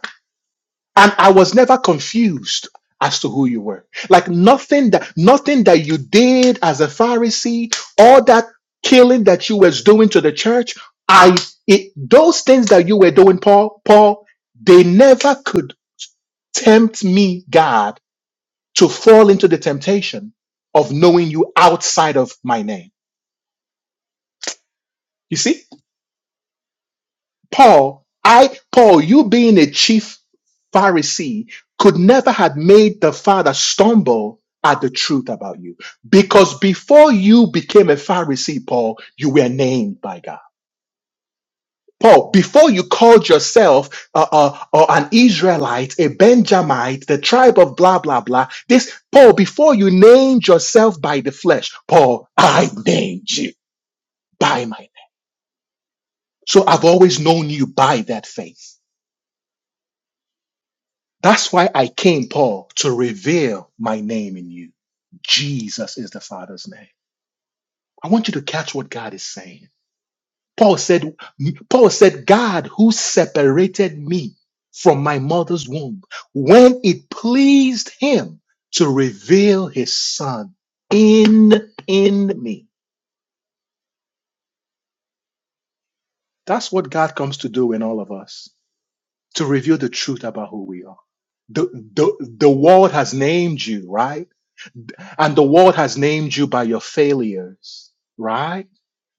Speaker 1: and I was never confused as to who you were. Like nothing that nothing that you did as a Pharisee, all that killing that you was doing to the church, I it, those things that you were doing, Paul, Paul, they never could tempt me, God, to fall into the temptation of knowing you outside of my name. You see, Paul, I Paul, you being a chief Pharisee could never have made the Father stumble at the truth about you. Because before you became a Pharisee, Paul, you were named by God. Paul, before you called yourself uh, uh, uh, an Israelite, a Benjamite, the tribe of blah, blah, blah, this, Paul, before you named yourself by the flesh, Paul, I named you by my name. So I've always known you by that faith. That's why I came, Paul, to reveal my name in you. Jesus is the Father's name. I want you to catch what God is saying. Paul said, Paul said, God who separated me from my mother's womb when it pleased him to reveal his son in, in me. That's what God comes to do in all of us, to reveal the truth about who we are. The, the, the world has named you, right? And the world has named you by your failures, right?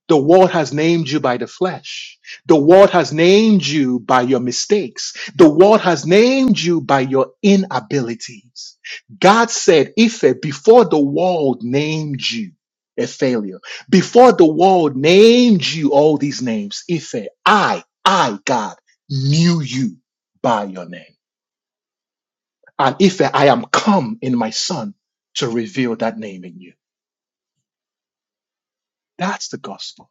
Speaker 1: The world has named you by the flesh. The world has named you by your mistakes. The world has named you by your inabilities. God said, Ife, before the world named you a failure, before the world named you all these names, Ife, I, I, God, knew you by your name. And Ife, I am come in my son to reveal that name in you. That's the gospel.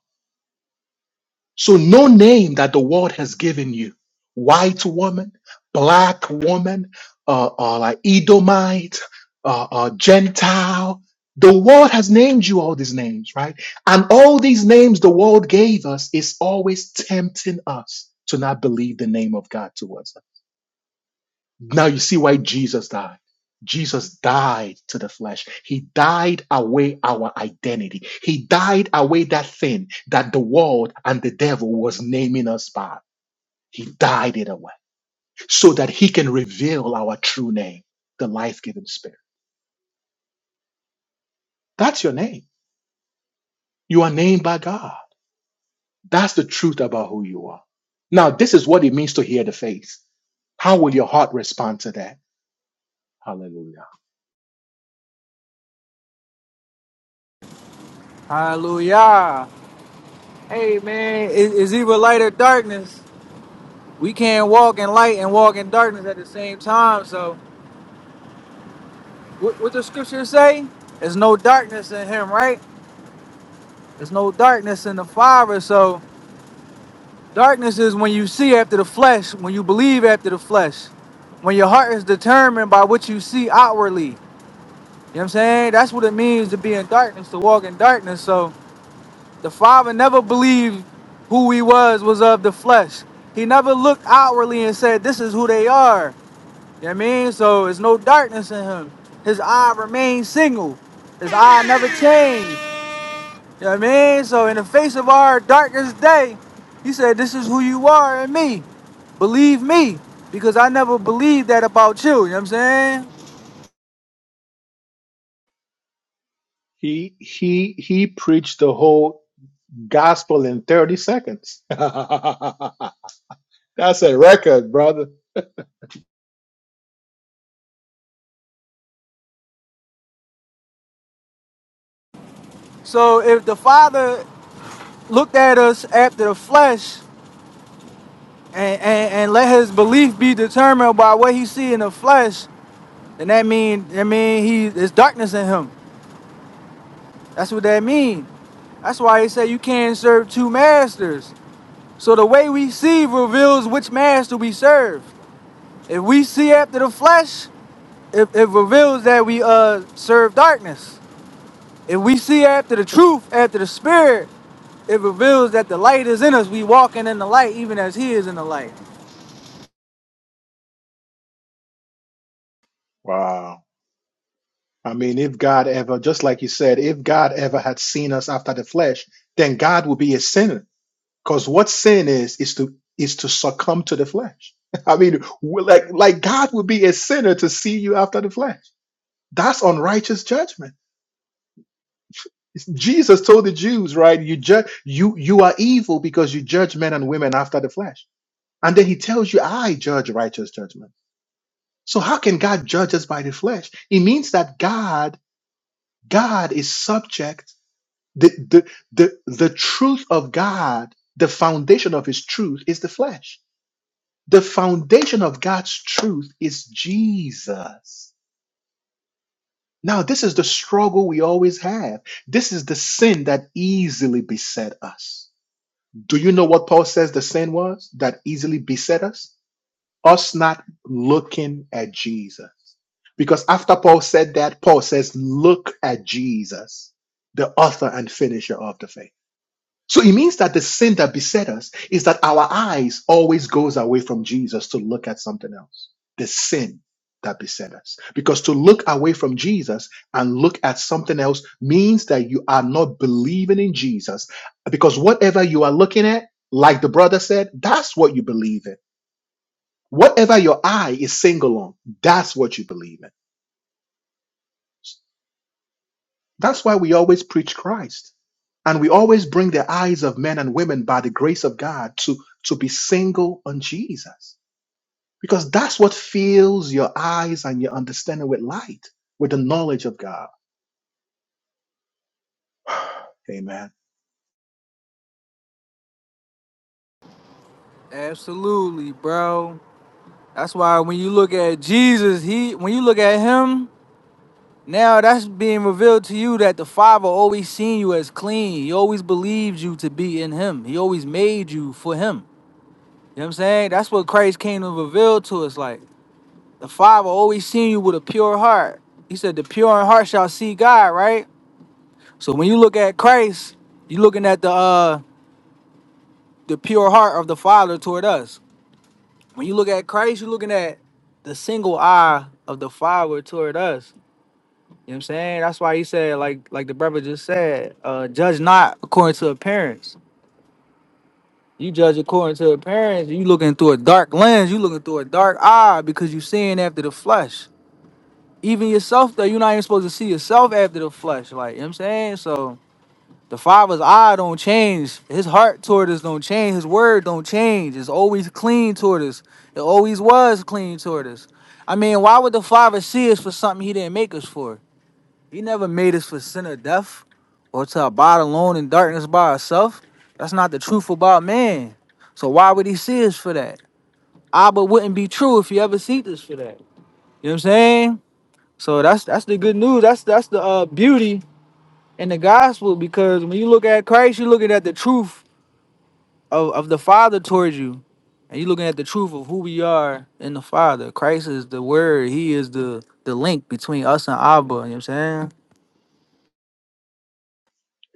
Speaker 1: So, no name that the world has given you white woman, black woman, uh, uh, like Edomite, uh, uh, Gentile. The world has named you all these names, right? And all these names the world gave us is always tempting us to not believe the name of God to us. Now you see why Jesus died. Jesus died to the flesh. He died away our identity. He died away that thing that the world and the devil was naming us by. He died it away so that he can reveal our true name, the life giving spirit. That's your name. You are named by God. That's the truth about who you are. Now, this is what it means to hear the faith. How will your heart respond to that? Hallelujah.
Speaker 6: Hallelujah. Hey, man, it- it's either light or darkness. We can't walk in light and walk in darkness at the same time. So, what, what the scripture say? There's no darkness in him, right? There's no darkness in the Father. So, darkness is when you see after the flesh, when you believe after the flesh, when your heart is determined by what you see outwardly. You know what I'm saying? That's what it means to be in darkness, to walk in darkness. So the Father never believed who he was was of the flesh. He never looked outwardly and said, This is who they are. You know what I mean? So there's no darkness in him. His eye remains single. His eye never changed. You know what I mean? So in the face of our darkest day, he said, This is who you are in me. Believe me. Because I never believed that about you. You know what I'm saying?
Speaker 1: He, he, he preached the whole gospel in 30 seconds. That's a record, brother.
Speaker 6: So if the Father looked at us after the flesh and, and, and let his belief be determined by what he see in the flesh, then that mean that mean he there's darkness in him. That's what that mean. That's why he said you can't serve two masters. So the way we see reveals which master we serve. If we see after the flesh, it, it reveals that we uh serve darkness. If we see after the truth, after the spirit, it reveals that the light is in us. We walking in the light even as he is in the light.
Speaker 1: Wow. I mean, if God ever, just like you said, if God ever had seen us after the flesh, then God would be a sinner. Because what sin is, is to is to succumb to the flesh. I mean, we- like like God would be a sinner to see you after the flesh. That's unrighteous judgment. It's- Jesus told the Jews, right? You judge you you are evil because you judge men and women after the flesh. And then he tells you, I judge righteous judgment. So how can God judge us by the flesh? It means that God, God is subject. The, the, the, the truth of God, the foundation of his truth is the flesh. The foundation of God's truth is Jesus. Now, this is the struggle we always have. This is the sin that easily beset us. Do you know what Paul says the sin was that easily beset us? us not looking at Jesus. Because after Paul said that, Paul says, Look at Jesus, the author and finisher of the faith. So it means that the sin that beset us is that our eyes always goes away from Jesus to look at something else. The sin that beset us. Because to look away from Jesus and look at something else means that you are not believing in Jesus. Because whatever you are looking at, like the brother said, that's what you believe in. Whatever your eye is single on, that's what you believe in. That's why we always preach Christ. And we always bring the eyes of men and women by the grace of God to, to be single on Jesus. Because that's what fills your eyes and your understanding with light, with the knowledge of God. Amen.
Speaker 6: Absolutely, bro. That's why when you look at Jesus, he when you look at him, now that's being revealed to you that the Father always seen you as clean. He always believed you to be in him. He always made you for him. You know what I'm saying? That's what Christ came to reveal to us. Like the Father always seen you with a pure heart. He said, The pure in heart shall see God, right? So when you look at Christ, you're looking at the uh the pure heart of the Father toward us. When you look at Christ, you're looking at the single eye of the Father toward us. You know what I'm saying? That's why he said, like like the brother just said, uh, judge not according to appearance. You judge according to appearance. You looking through a dark lens. You looking through a dark eye because you seeing after the flesh. Even yourself, though, you're not even supposed to see yourself after the flesh. Like, you know what I'm saying? So The Father's eye don't change. His heart toward us don't change. His word don't change. It's always clean toward us. It always was clean toward us. I mean, why would the Father see us for something he didn't make us for? He never made us for sin or death or to abide alone in darkness by ourselves. That's not the truth about man. So why would he see us for that? Abba wouldn't be true if he ever seeked us for that. You know what I'm saying? So that's that's the good news. That's that's the uh, beauty in the gospel because when you look at Christ, you're looking at the truth of, of the Father towards you, and you looking at the truth of who we are in the Father. Christ is the Word. He is the the link between us and Abba. You know what I'm saying?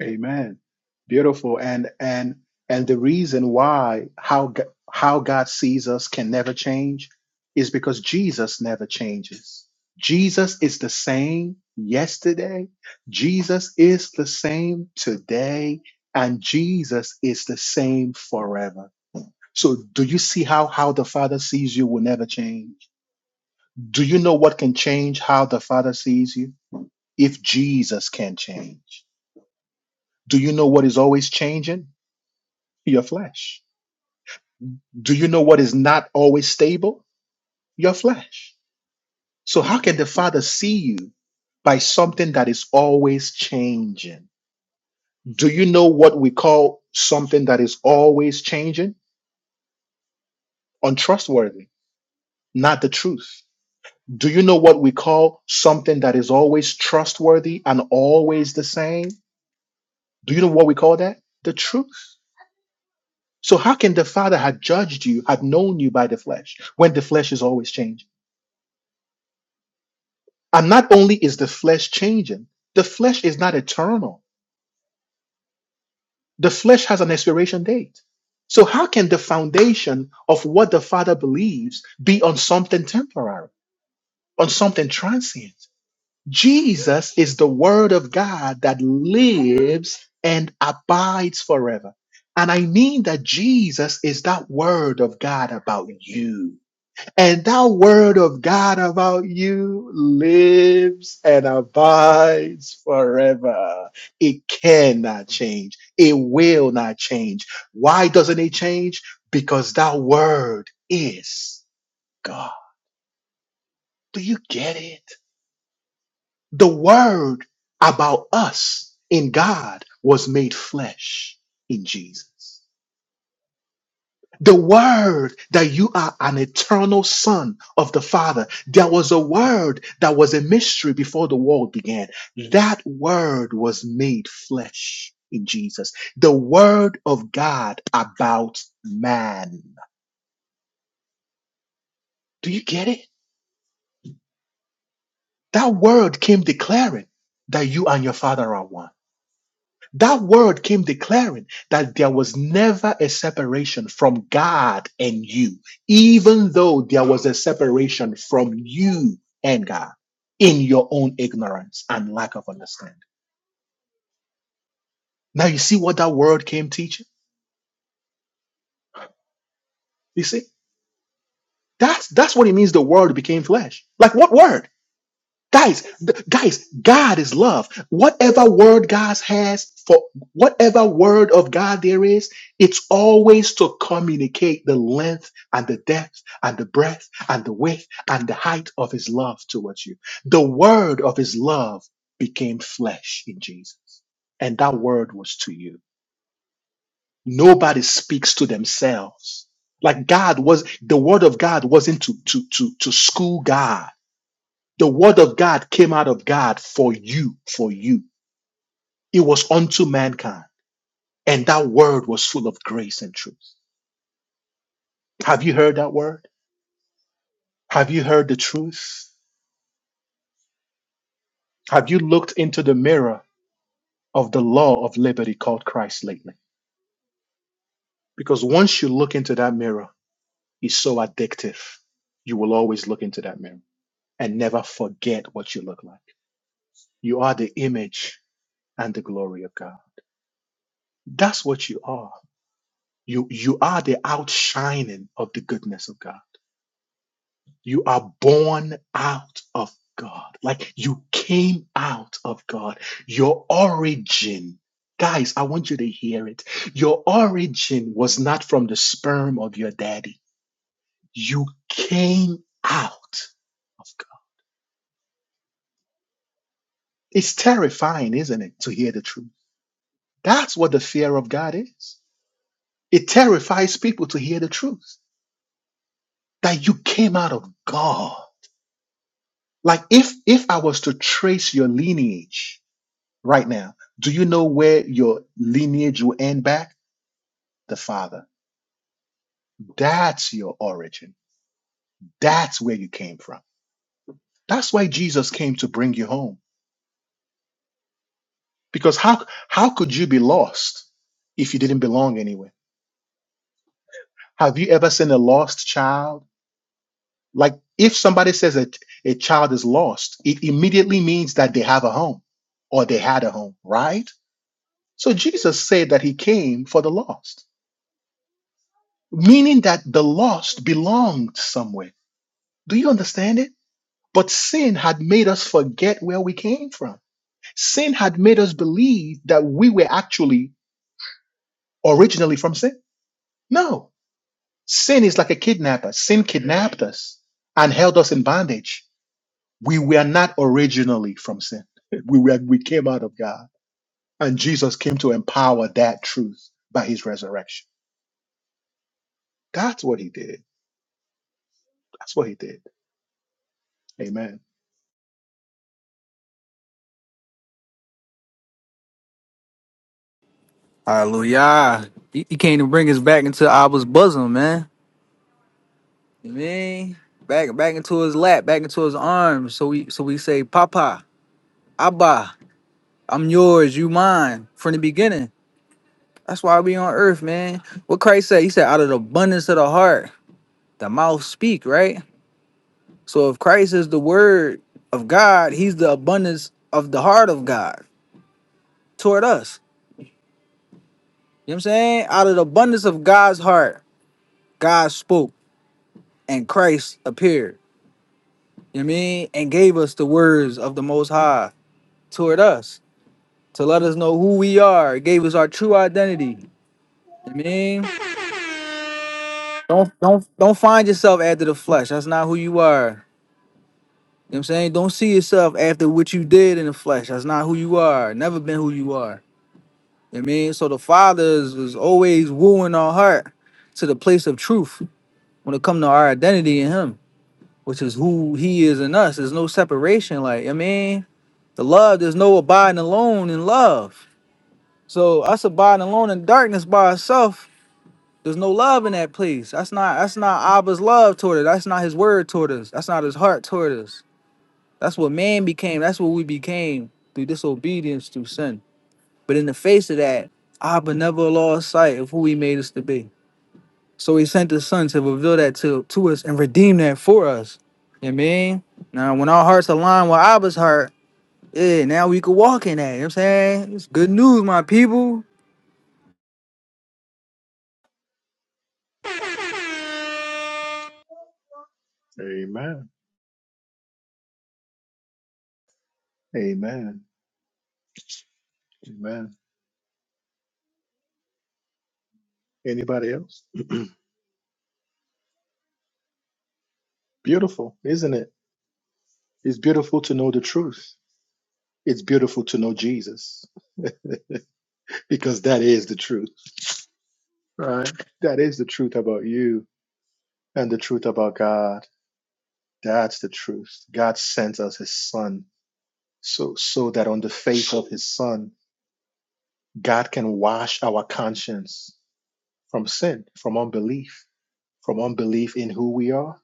Speaker 1: Amen. Beautiful. And and and the reason why how G- how God sees us can never change is because Jesus never changes. Jesus is the same yesterday. Jesus is the same today and Jesus is the same forever. So do you see how how the Father sees you will never change? Do you know what can change how the Father sees you? If Jesus can change. Do you know what is always changing? Your flesh. Do you know what is not always stable? Your flesh. So, how can the Father see you by something that is always changing? Do you know what we call something that is always changing? Untrustworthy, not the truth. Do you know what we call something that is always trustworthy and always the same? Do you know what we call that? The truth. So, how can the Father have judged you, have known you by the flesh, when the flesh is always changing? And not only is the flesh changing, the flesh is not eternal. The flesh has an expiration date. So, how can the foundation of what the Father believes be on something temporary, on something transient? Jesus is the Word of God that lives and abides forever. And I mean that Jesus is that Word of God about you. And that word of God about you lives and abides forever. It cannot change. It will not change. Why doesn't it change? Because that word is God. Do you get it? The word about us in God was made flesh in Jesus. the word that you are an eternal son of the father there was a word that was a mystery before the world began that word was made flesh in jesus the word of god about man do you get it that word came declaring that you and your father are one That word came declaring that there was never a separation from God and you, even though there was a separation from you and God in your own ignorance and lack of understanding. Now you see what that word came teaching? You see? That's that's what it means the word became flesh. Like what word? Guys, th- guys, God is love. Whatever word God has for whatever word of God there is, it's always to communicate the length and the depth and the breadth and the width and the height of his love towards you. The word of his love became flesh in Jesus. And that word was to you. Nobody speaks to themselves. Like God was the word of God wasn't to to to to school God. The word of God came out of God for you, for you. It was unto mankind. And that word was full of grace and truth. Have you heard that word? Have you heard the truth? Have you looked into the mirror of the law of liberty called Christ lately? Because once you look into that mirror, it's so addictive. You will always look into that mirror and never forget what you look like. You are the image and the glory of God. That's what you are. You, you are the outshining of the goodness of God. You are born out of God. Like you came out of God. Your origin, guys, I want you to hear it. Your origin was not from the sperm of your daddy. You came out of God. It's terrifying, isn't it, to hear the truth? That's what the fear of God is. It terrifies people to hear the truth that you came out of God. Like if if I was to trace your lineage, right now. Do you know where your lineage will end back? The Father. That's your origin. That's where you came from. That's why Jesus came to bring you home. Because how how could you be lost if you didn't belong anywhere? Have you ever seen a lost child? Like if somebody says that a child is lost, it immediately means that they have a home or they had a home, right? So Jesus said that he came for the lost, meaning that the lost belonged somewhere Do you understand it? But sin had made us forget where we came from. Sin had made us believe that we were actually originally from sin. No. Sin is like a kidnapper. Sin kidnapped us and held us in bondage. We were not originally from sin. We were, we came out of God. And Jesus came to empower that truth by his resurrection. That's what he did. That's what he did. Amen.
Speaker 6: Hallelujah. He, he came to bring us back into Abba's bosom, man. You mean back back into his lap, back into his arms. So we so we say, Papa, Abba, I'm yours, you mine, from the beginning. That's why we on earth, man. What Christ said, he said, out of the abundance of the heart, the mouth speak, right? So if Christ is the word of God, he's the abundance of the heart of God toward us. You know what I'm saying? Out of the abundance of God's heart, God spoke and Christ appeared. You know what I mean? And gave us the words of the most high toward us to let us know who we are. It gave us our true identity. You know what I mean? Don't don't don't find yourself after the flesh. That's not who you are. You know what I'm saying? Don't see yourself after what you did in the flesh. That's not who you are. Never been who you are. You know what I mean, so the Father is, is always wooing our heart to the place of truth when it comes to our identity in Him, which is who He is in us. There's no separation. Like you know what I mean, the love. There's no abiding alone in love. So us abiding alone in darkness by ourselves. There's no love in that place. That's not. That's not Abba's love toward us. That's not His word toward us. That's not His heart toward us. That's what man became. That's what we became through disobedience, through sin. But in the face of that, Abba never lost sight of who he made us to be. So he sent his son to reveal that to, to us and redeem that for us. You know what I mean? Now when our hearts align with Abba's heart, yeah, now we can walk in that. You know what I'm saying? It's good news, my people.
Speaker 1: Amen. Amen. Amen. Anybody else? Beautiful, isn't it? It's beautiful to know the truth. It's beautiful to know Jesus because that is the truth, right? That is the truth about you and the truth about God. That's the truth. God sent us his son so, so that on the face of his son, God can wash our conscience from sin, from unbelief, from unbelief in who we are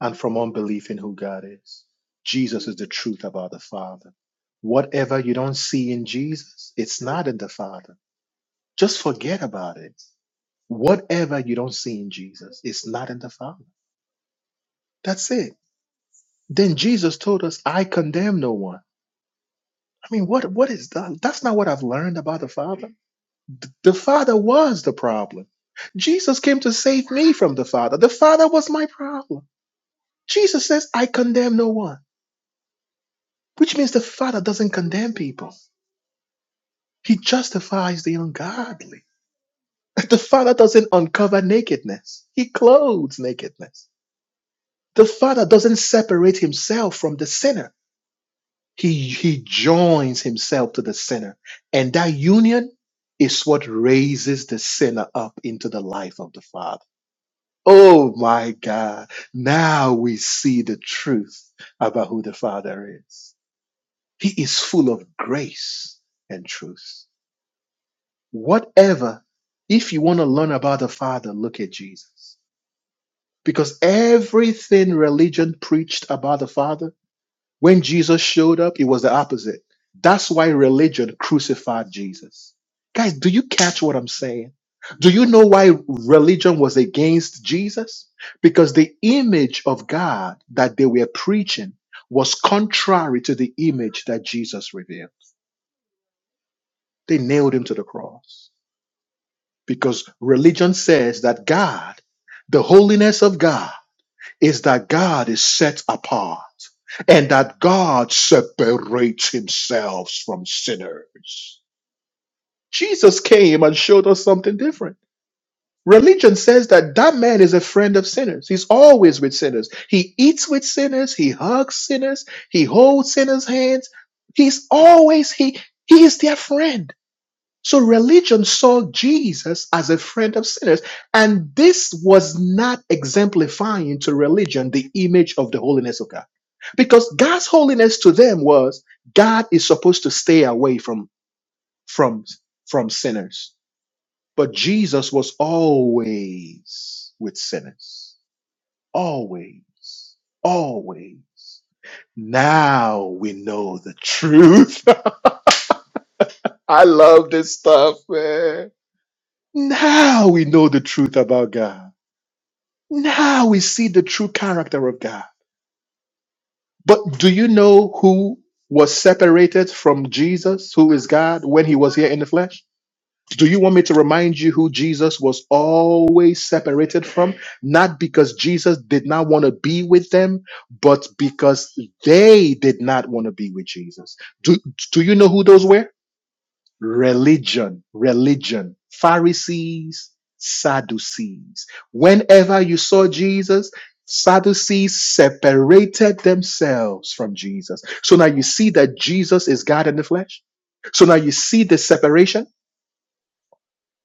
Speaker 1: and from unbelief in who God is. Jesus is the truth about the Father. Whatever you don't see in Jesus, it's not in the Father Just forget about it. Whatever you don't see in Jesus is not in the Father. That's it. Then Jesus told us, I condemn no one. I mean, what what is that? That's not what I've learned about the Father. Th- The Father was the problem. Jesus came to save me from the Father. The Father was my problem. Jesus says, I condemn no one, which means the Father doesn't condemn people. He justifies the ungodly. The Father doesn't uncover nakedness. He clothes nakedness. The Father doesn't separate himself from the sinner. He, he joins himself to the sinner. And that union is what raises the sinner up into the life of the Father. Oh my God. Now we see the truth about who the Father is. He is full of grace and truth. Whatever, if you want to learn about the Father, look at Jesus. Because everything religion preached about the Father When Jesus showed up, it was the opposite. That's why religion crucified Jesus. Guys, do you catch what I'm saying? Do you know why religion was against Jesus? Because the image of God that they were preaching was contrary to the image that Jesus revealed. They nailed him to the cross because religion says that God, the holiness of God, is that God is set apart and that God separates himself from sinners. Jesus came and showed us something different. Religion says that that man is a friend of sinners. He's always with sinners. He eats with sinners. He hugs sinners. He holds sinners' hands. He's always, he, he is their friend. So religion saw Jesus as a friend of sinners. And this was not exemplifying to religion the image of the holiness of God. Because God's holiness to them was God is supposed to stay away from, from, from sinners. But Jesus was always with sinners. Always. Always. Now we know the truth. I love this stuff, man Now we know the truth about God. Now we see the true character of God. But do you know who was separated from Jesus, who is God, when he was here in the flesh? Do you want me to remind you who Jesus was always separated from? Not because Jesus did not want to be with them, but because they did not want to be with Jesus. Do, do you know who those were? religion, religion, Pharisees, Sadducees. Whenever you saw Jesus, Sadducees separated themselves from Jesus. So now you see that Jesus is God in the flesh. So now you see the separation.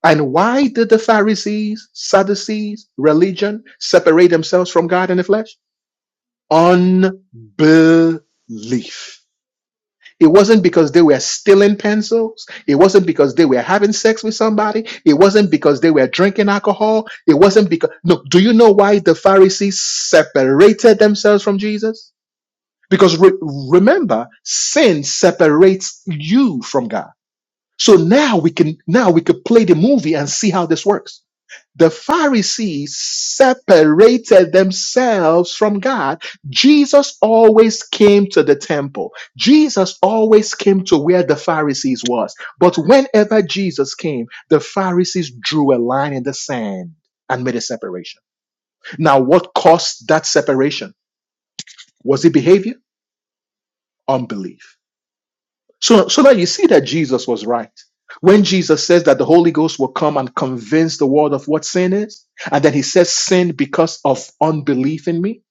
Speaker 1: And why did the Pharisees, Sadducees, religion separate themselves from God in the flesh? Unbelief it wasn't because they were stealing pencils. It wasn't because they were having sex with somebody. It wasn't because they were drinking alcohol. It wasn't because, no, do you know why the Pharisees separated themselves from Jesus? Because re- remember, sin separates you from God. So now we can, now we could play the movie and see how this works. The Pharisees separated themselves from God. Jesus always came to the temple. Jesus always came to where the Pharisees was. But whenever Jesus came, the Pharisees drew a line in the sand and made a separation. Now, what caused that separation? Was it behavior? Unbelief. So, so that you see that Jesus was right. When Jesus says that the Holy Ghost will come and convince the world of what sin is, and then he says sin because of unbelief in me.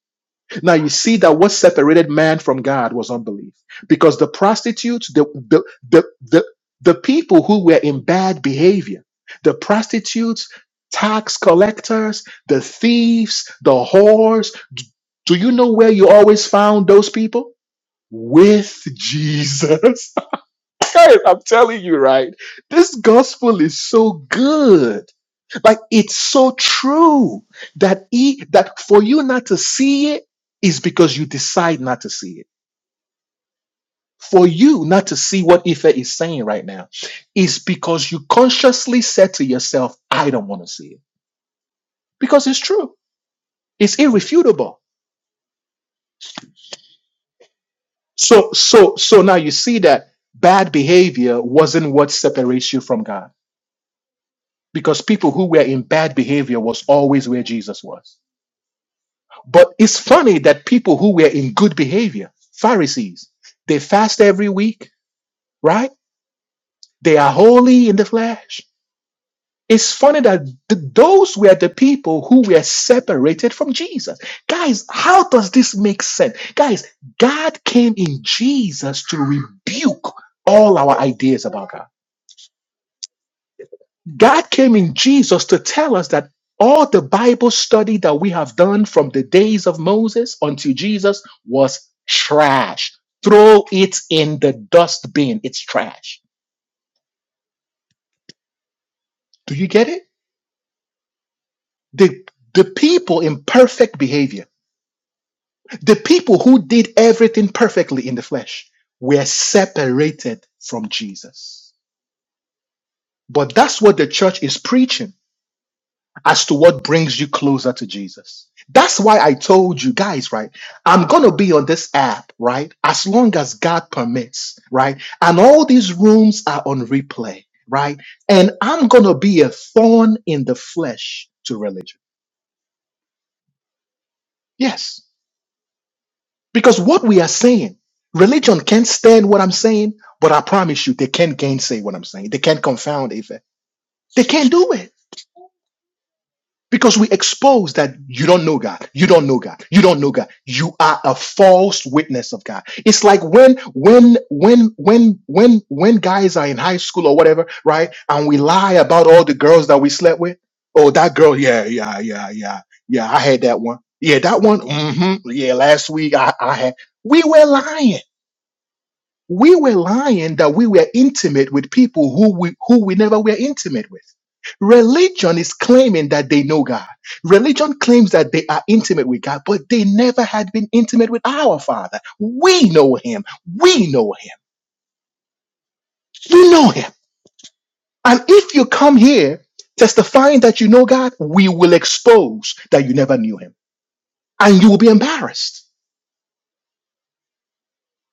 Speaker 1: Now you see that what separated man from God was unbelief. Because the prostitutes, the, the, the, the, the people who were in bad behavior, the prostitutes, tax collectors, the thieves, the whores, do you know where you always found those people? With Jesus. Guys, I'm telling you, right? This gospel is so good. Like it's so true that he, that for you not to see it is because you decide not to see it. For you not to see what Ife is saying right now is because you consciously said to yourself, I don't want to see it. Because it's true. It's irrefutable. So so so now you see that bad behavior wasn't what separates you from God. Because people who were in bad behavior was always where Jesus was But it's funny that people who were in good behavior, Pharisees, they fast every week, right? They are holy in the flesh. It's funny that th- those were the people who were separated from Jesus. Guys, how does this make sense? Guys, God came in Jesus to rebuke all our ideas about God. God came in Jesus to tell us that all the Bible study that we have done from the days of Moses until Jesus was trash. Throw it in the dustbin. It's trash. Do you get it? The, the people in perfect behavior, the people who did everything perfectly in the flesh, were separated from Jesus. But that's what the church is preaching as to what brings you closer to Jesus. That's why I told you guys, right? I'm going to be on this app, right? As long as God permits, right? And all these rooms are on replay, right? And I'm going to be a thorn in the flesh to religion. Yes. Because what we are saying, religion can't stand what I'm saying, but I promise you, they can't gainsay what I'm saying. They can't confound it. They can't do it. Because we expose that you don't know God, you don't know God, you don't know God. You are a false witness of God. It's like when, when, when, when, when, when guys are in high school or whatever, right? And we lie about all the girls that we slept with. Oh, that girl, yeah, yeah, yeah, yeah, yeah. I had that one. Yeah, that one. hmm Yeah, last week I, I had. We were lying we were lying that we were intimate with people who we, who we never were intimate with. Religion is claiming that they know God. Religion claims that they are intimate with God, but they never had been intimate with our Father. We know Him. We know Him. You know Him. And if you come here testifying that you know God, we will expose that you never knew Him. And you will be embarrassed.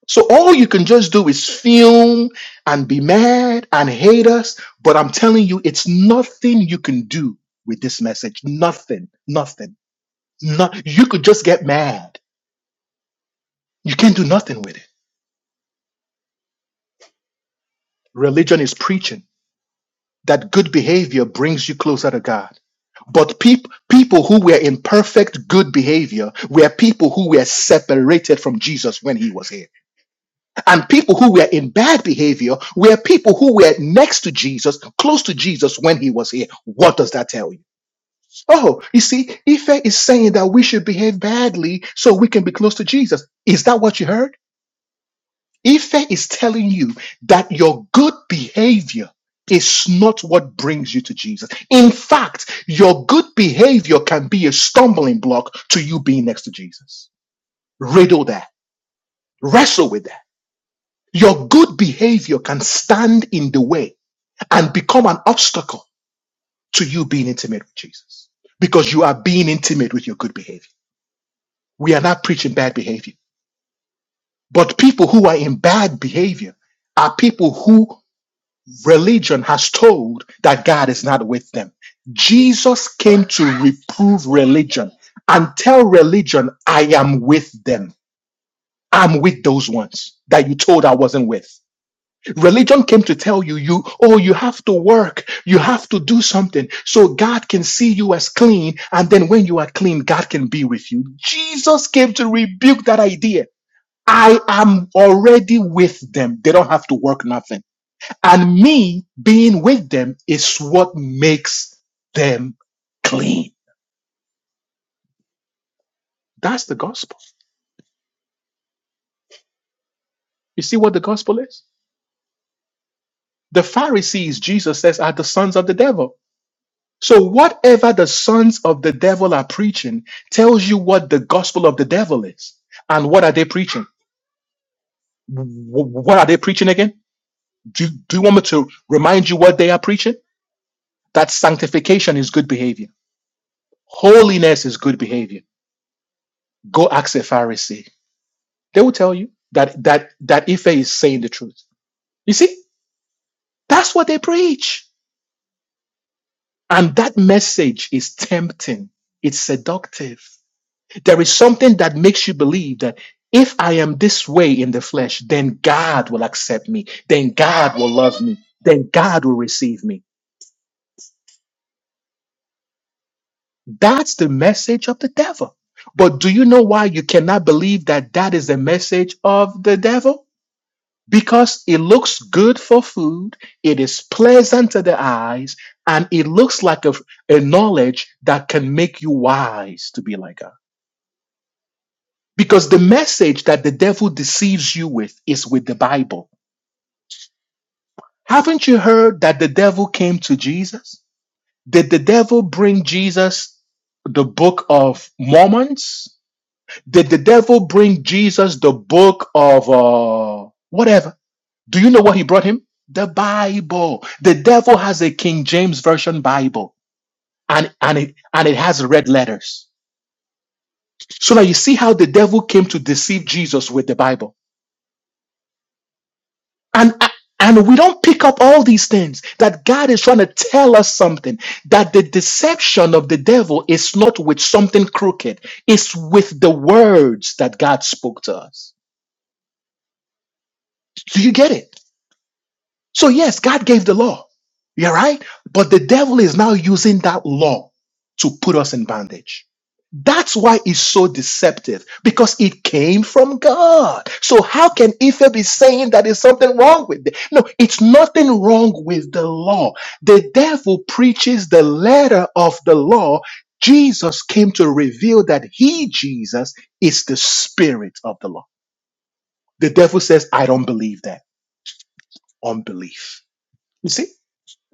Speaker 1: So all you can just do is film and be mad and hate us. But I'm telling you, it's nothing you can do with this message. Nothing, nothing. Not you could just get mad. You can't do nothing with it. Religion is preaching that good behavior brings you closer to God. But peop- people who were in perfect good behavior were people who were separated from Jesus when he was here. And people who were in bad behavior were people who were next to Jesus, close to Jesus when he was here. What does that tell you? Oh, you see, Ife is saying that we should behave badly so we can be close to Jesus. Is that what you heard? Ife is telling you that your good behavior is not what brings you to Jesus. In fact, your good behavior can be a stumbling block to you being next to Jesus. Riddle that. Wrestle with that. Your good behavior can stand in the way and become an obstacle to you being intimate with Jesus because you are being intimate with your good behavior. We are not preaching bad behavior, but people who are in bad behavior are people who religion has told that God is not with them. Jesus came to reprove religion and tell religion, I am with them. I'm with those ones that you told I wasn't with. Religion came to tell you, you, oh, you have to work, you have to do something so God can see you as clean. And then when you are clean, God can be with you. Jesus came to rebuke that idea. I am already with them. They don't have to work nothing. And me being with them is what makes them clean. That's the gospel. You see what the gospel is? The Pharisees, Jesus says, are the sons of the devil. So whatever the sons of the devil are preaching tells you what the gospel of the devil is. And what are they preaching? Wh- What are they preaching again? Do, do you want me to remind you what they are preaching? That sanctification is good behavior. Holiness is good behavior. Go ask a Pharisee. They will tell you that that that Ife is saying the truth. You see, that's what they preach. And that message is tempting. It's seductive. There is something that makes you believe that if I am this way in the flesh, then God will accept me, then God will love me, then God will receive me. That's the message of the devil. But do you know why you cannot believe that that is the message of the devil? Because it looks good for food, it is pleasant to the eyes, and it looks like a, a knowledge that can make you wise to be like God. Because the message that the devil deceives you with is with the Bible. Haven't you heard that the devil came to Jesus? Did the devil bring Jesus the book of Mormons? Did the devil bring Jesus the book of uh, whatever? Do you know what he brought him? The Bible. The devil has a King James Version Bible and, and, it, and it has red letters. So now you see how the devil came to deceive Jesus with the Bible. And and we don't pick up all these things that God is trying to tell us something that the deception of the devil is not with something crooked, it's with the words that God spoke to us. Do you get it? So, yes, God gave the law. You're right. But the devil is now using that law to put us in bondage. That's why it's so deceptive because it came from God. So, how can Ife be saying that there's something wrong with it? No, it's nothing wrong with the law. The devil preaches the letter of the law. Jesus came to reveal that he, Jesus, is the spirit of the law. The devil says, I don't believe that. Unbelief. You see?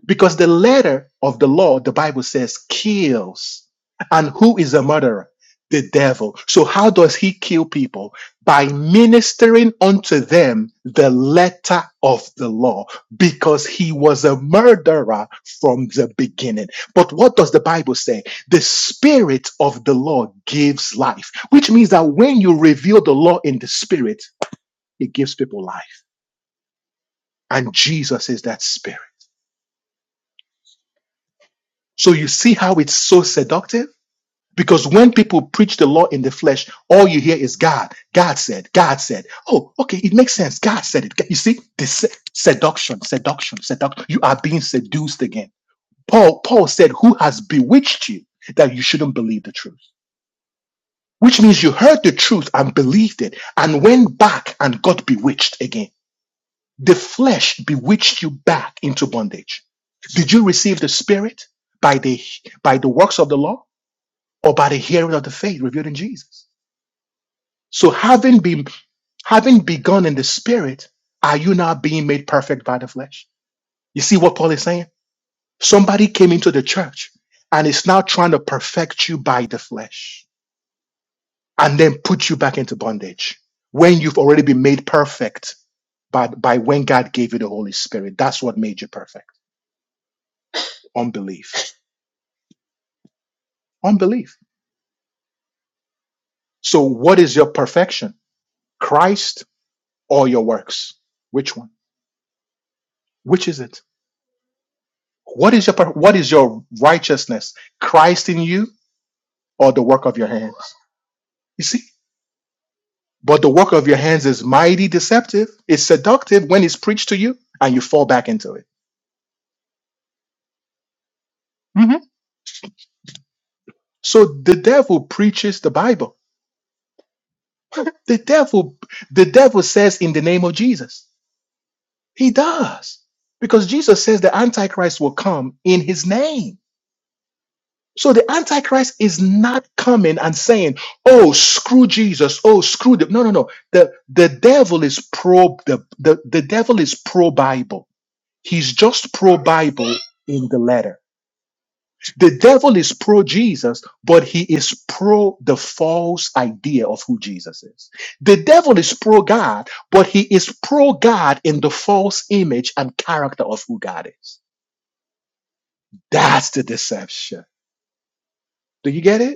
Speaker 1: Because the letter of the law, the Bible says, kills. And who is a murderer? The devil. So how does he kill people? By ministering unto them the letter of the law, because he was a murderer from the beginning. But what does the Bible say? The spirit of the law gives life, which means that when you reveal the law in the spirit, it gives people life. And Jesus is that spirit. So you see how it's so seductive? Because when people preach the law in the flesh, all you hear is God. God said, God said. Oh, okay, it makes sense. God said it. You see, this seduction, seduction, seduction. You are being seduced again. Paul, Paul said, Who has bewitched you that you shouldn't believe the truth? Which means you heard the truth and believed it and went back and got bewitched again. The flesh bewitched you back into bondage. Did you receive the spirit by the by the works of the law or by the hearing of the faith revealed in Jesus? So having been having begun in the spirit, are you now being made perfect by the flesh? You see what Paul is saying? Somebody came into the church and is now trying to perfect you by the flesh and then put you back into bondage when you've already been made perfect by, by when God gave you the Holy Spirit. That's what made you perfect. Unbelief. Unbelief. So what is your perfection? Christ or your works? Which one? Which is it? What is your per- what is your righteousness? Christ in you or the work of your hands? You see, but the work of your hands is mighty deceptive. It's seductive when it's preached to you, and you fall back into it. Mhm. So the devil preaches the Bible. The devil, the devil says in the name of Jesus. He does because Jesus says the Antichrist will come in His name. So the Antichrist is not coming and saying, oh, screw Jesus. Oh, screw them!" no, no, no. The the devil is pro the, the, the devil is pro Bible. He's just pro Bible in the letter. The devil is pro Jesus, but he is pro the false idea of who Jesus is. The devil is pro God, but he is pro God in the false image and character of who God is. That's the deception. Do you get it?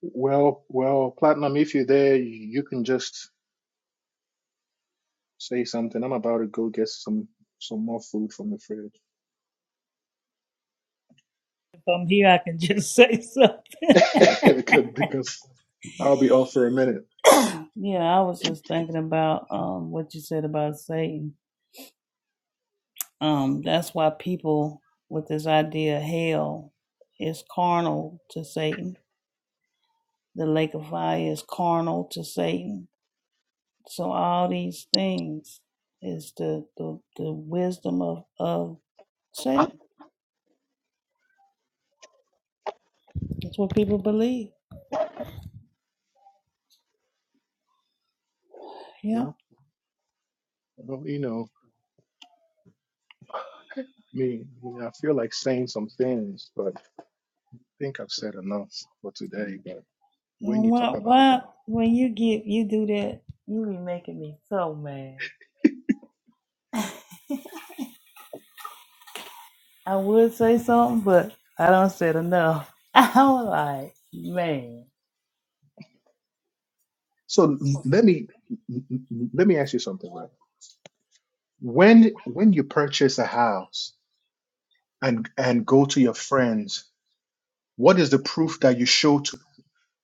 Speaker 1: Well, well, Platinum, if you're there, you can just say something. I'm about to go get some some more food from the fridge
Speaker 2: If I'm here, I can just say something.
Speaker 1: because because I'll be off for a minute.
Speaker 2: Yeah, I was just thinking about um what you said about Satan. Um, that's why people with this idea of hell is carnal to Satan. The lake of fire is carnal to Satan. So all these things is the the, the wisdom of of Satan. That's what people believe. Yeah.
Speaker 1: Well, well, you know me. I mean, I feel like saying some things, but I think I've said enough for today. But when
Speaker 2: And
Speaker 1: you
Speaker 2: Why
Speaker 1: talk about
Speaker 2: why when you get you do that, you be making me so mad. I would say something, but I don't said enough. I'm like, man,
Speaker 1: so, let me let me ask you something, right? When when you purchase a house and and go to your friends, what is the proof that you show to?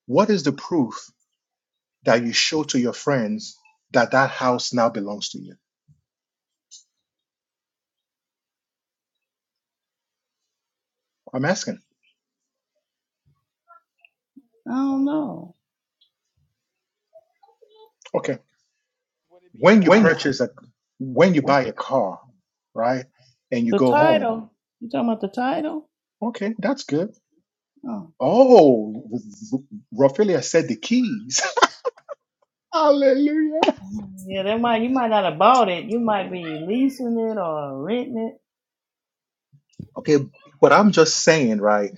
Speaker 1: What is the proof? that you show to your friends that that house now belongs to you? I'm asking.
Speaker 2: I don't know.
Speaker 1: Okay.
Speaker 4: Would it be your
Speaker 1: When you
Speaker 4: attitude?
Speaker 1: purchase a, when you buy a car, right, and you
Speaker 2: The
Speaker 1: go home,
Speaker 2: title, you talking about the title?
Speaker 1: okay, that's good.
Speaker 2: Oh.
Speaker 1: Oh, Raphaelia said the keys. Hallelujah.
Speaker 2: Yeah, that might you might not have bought it. You might be leasing it or renting it.
Speaker 1: Okay, but I'm just saying, right,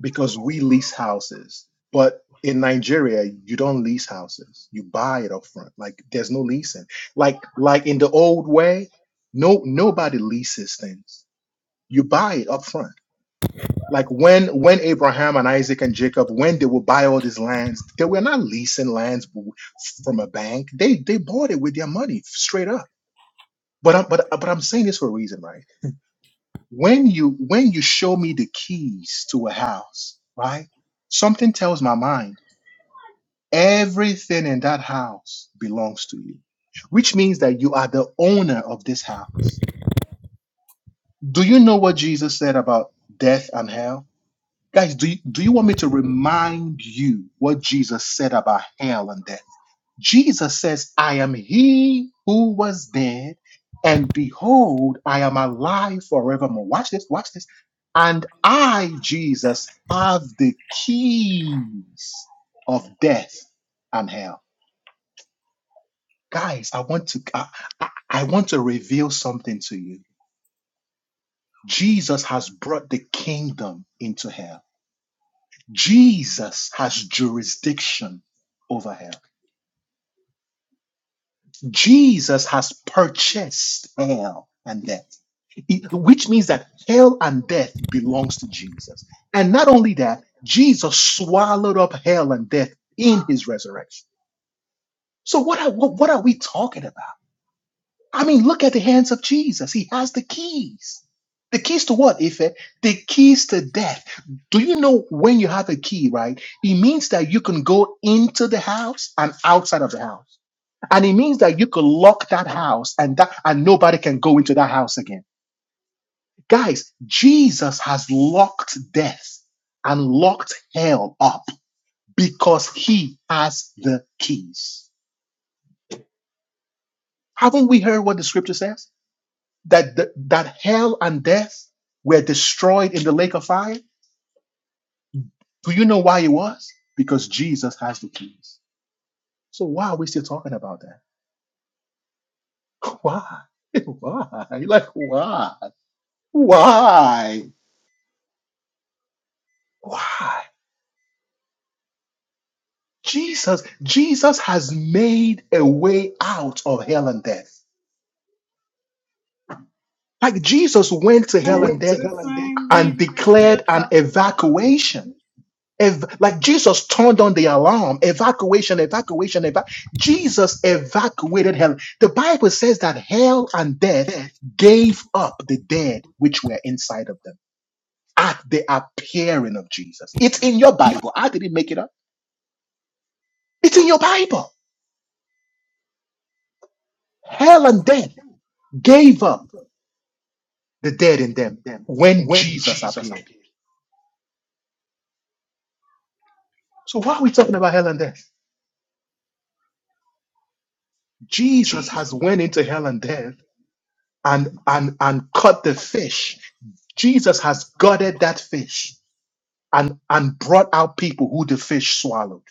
Speaker 1: because we lease houses, but in Nigeria, you don't lease houses. You buy it up front. Like there's no leasing. Like like in the old way, no nobody leases things you buy it up front like when when abraham and isaac and jacob when they would buy all these lands they were not leasing lands w- from a bank they they bought it with their money straight up but i'm but, but i'm saying this for a reason right when you when you show me the keys to a house right something tells my mind everything in that house belongs to you which means that you are the owner of this house do you know what jesus said about death and hell Guys, do you, do you want me to remind you what Jesus said about hell and death? Jesus says, I am he who was dead, and behold, I am alive forevermore. Watch this, watch this. And I, Jesus, have the keys of death and hell. Guys, I want to I, I I want to reveal something to you. Jesus has brought the kingdom into hell. Jesus has jurisdiction over hell. Jesus has purchased hell and death, It- which means that hell and death belongs to Jesus. And not only that, Jesus swallowed up hell and death in his resurrection. So what are, what, what are we talking about? I mean, look at the hands of Jesus. He has the keys. The keys to what, Ife? The keys to death. Do you know when you have a key, right? It means that you can go into the house and outside of the house. And it means that you can lock that house and that and nobody can go into that house again. Guys, Jesus has locked death and locked hell up because he has the keys. Haven't we heard what the scripture says? that th- that hell and death were destroyed in the lake of fire do you know why it was because jesus has the keys so why are we still talking about that why why like why why why jesus jesus has made a way out of hell and death like jesus went to hell and death
Speaker 2: Same
Speaker 1: and
Speaker 2: reason they still
Speaker 1: declared an evacuation Ev- like Jesus turned on the alarm, evacuation, evacuation, eva- Jesus evacuated hell. The Bible says that hell and death gave up the dead which were inside of them at the appearing of Jesus. It's in your Bible. I didn't make it up. It's in your Bible. Hell and death gave up the dead in them when Jesus appeared. So why are we talking about hell and death? Jesus has went into hell and death and and and caught the fish jesus has gutted that fish and and brought out people who the fish swallowed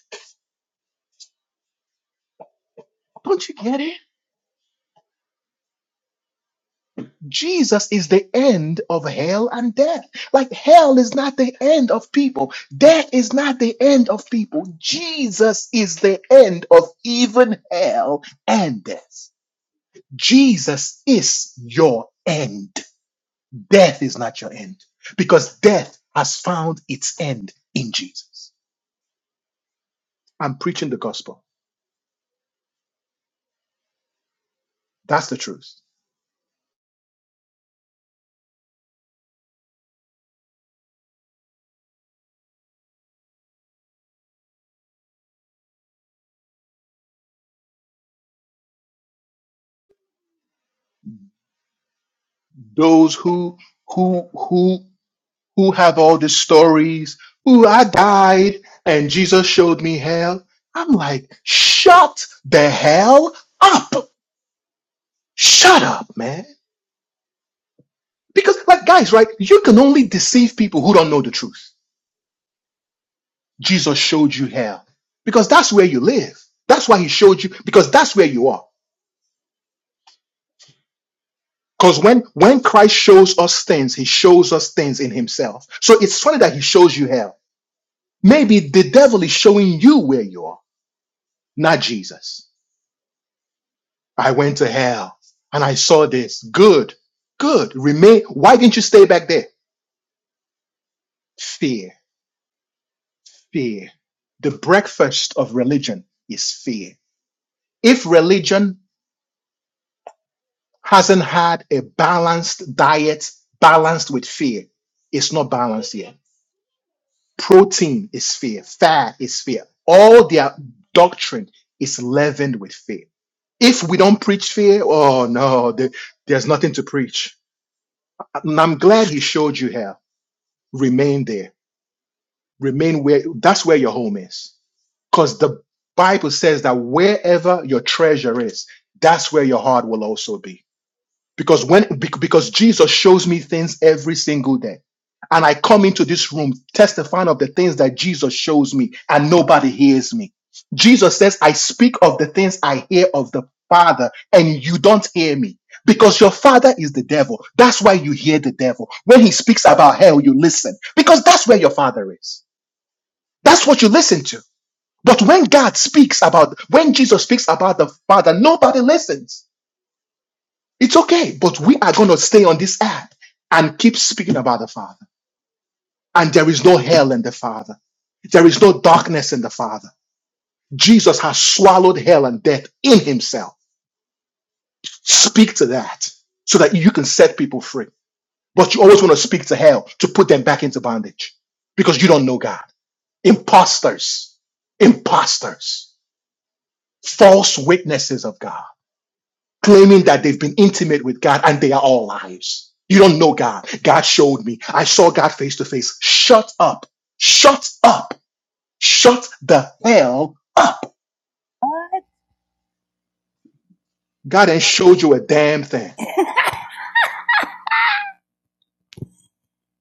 Speaker 1: don't you get it jesus is the end of hell and death like hell is not the end of people death is not the end of people jesus is the end of even hell and death jesus is your end death is not your end because death has found its end in jesus I'm preaching the gospel. That's the truth. Those who who who who have all these stories, who I died and Jesus showed me hell. I'm like, shut the hell up. Shut up, man. Because like guys, right? You can only deceive people who don't know the truth. Jesus showed you hell. Because that's where you live. That's why he showed you, because that's where you are. Because when when Christ shows us things, he shows us things in himself. So it's funny that he shows you hell Maybe the devil is showing you where you are, not Jesus. I went to hell and I saw this. Good, good. Remain. Why didn't you stay back there? Fear, fear. The breakfast of religion is fear. If religion hasn't had a balanced diet, balanced with fear, it's not balanced yet. Protein is fear, fat is fear. All their doctrine is leavened with fear If we don't preach fear, oh no, there- there's nothing to preach. And I'm glad he showed you here. Remain there. Remain where that's where your home is. Because the Bible says that wherever your treasure is, that's where your heart will also be because when bec- because Jesus shows me things every single day and I come into this room testifying of the things that Jesus shows me and nobody hears me. Jesus says I speak of the things I hear of the Father and you don't hear me because your father is the devil. That's why you hear the devil. When he speaks about hell you listen because that's where your father is. That's what you listen to. But when God speaks about when Jesus speaks about the Father nobody listens it's okay, but we are going to stay on this app and keep speaking about the Father. And there is no hell in the Father. There is no darkness in the Father. Jesus has swallowed hell and death in himself. Speak to that so that you can set people free. But you always want to speak to hell to put them back into bondage because you don't know God. Imposters, imposters, false witnesses of God. claiming that they've been intimate with God and they are all liars. You don't know God. God showed me. I saw God face to face. Shut up. Shut up. Shut the hell up. God ain't showed you a damn thing.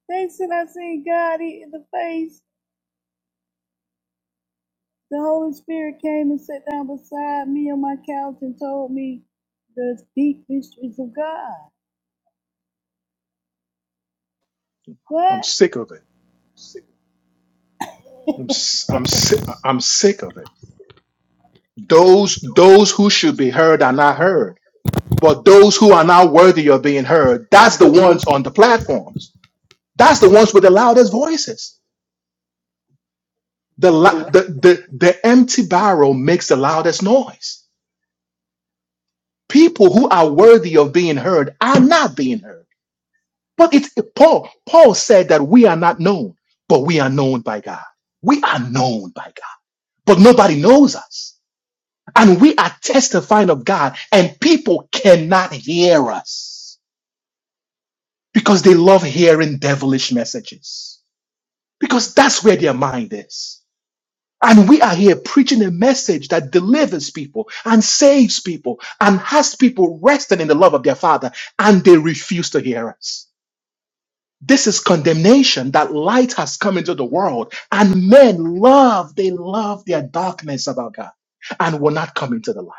Speaker 2: They said I seen God eat in the face. The Holy Spirit came and sat down beside me on my couch and told me the deep mysteries of God.
Speaker 1: I'm
Speaker 2: What?
Speaker 1: sick of it. I'm s- I'm sick I'm sick of it. Those those who should be heard are not heard, but those who are not worthy of being heard, that's the ones on the platforms. That's the ones with the loudest voices. The, la- the, the, the empty barrel makes the loudest noise. People who are worthy of being heard are not being heard. But it's Paul. Paul said that we are not known, but we are known by God. We are known by God, but nobody knows us. And we are testifying of God, and people cannot hear us because they love hearing devilish messages because that's where their mind is. And we are here preaching a message that delivers people and saves people and has people resting in the love of their Father, and they refuse to hear us. This is condemnation that light has come into the world, and men love, they love their darkness about God and will not come into the light.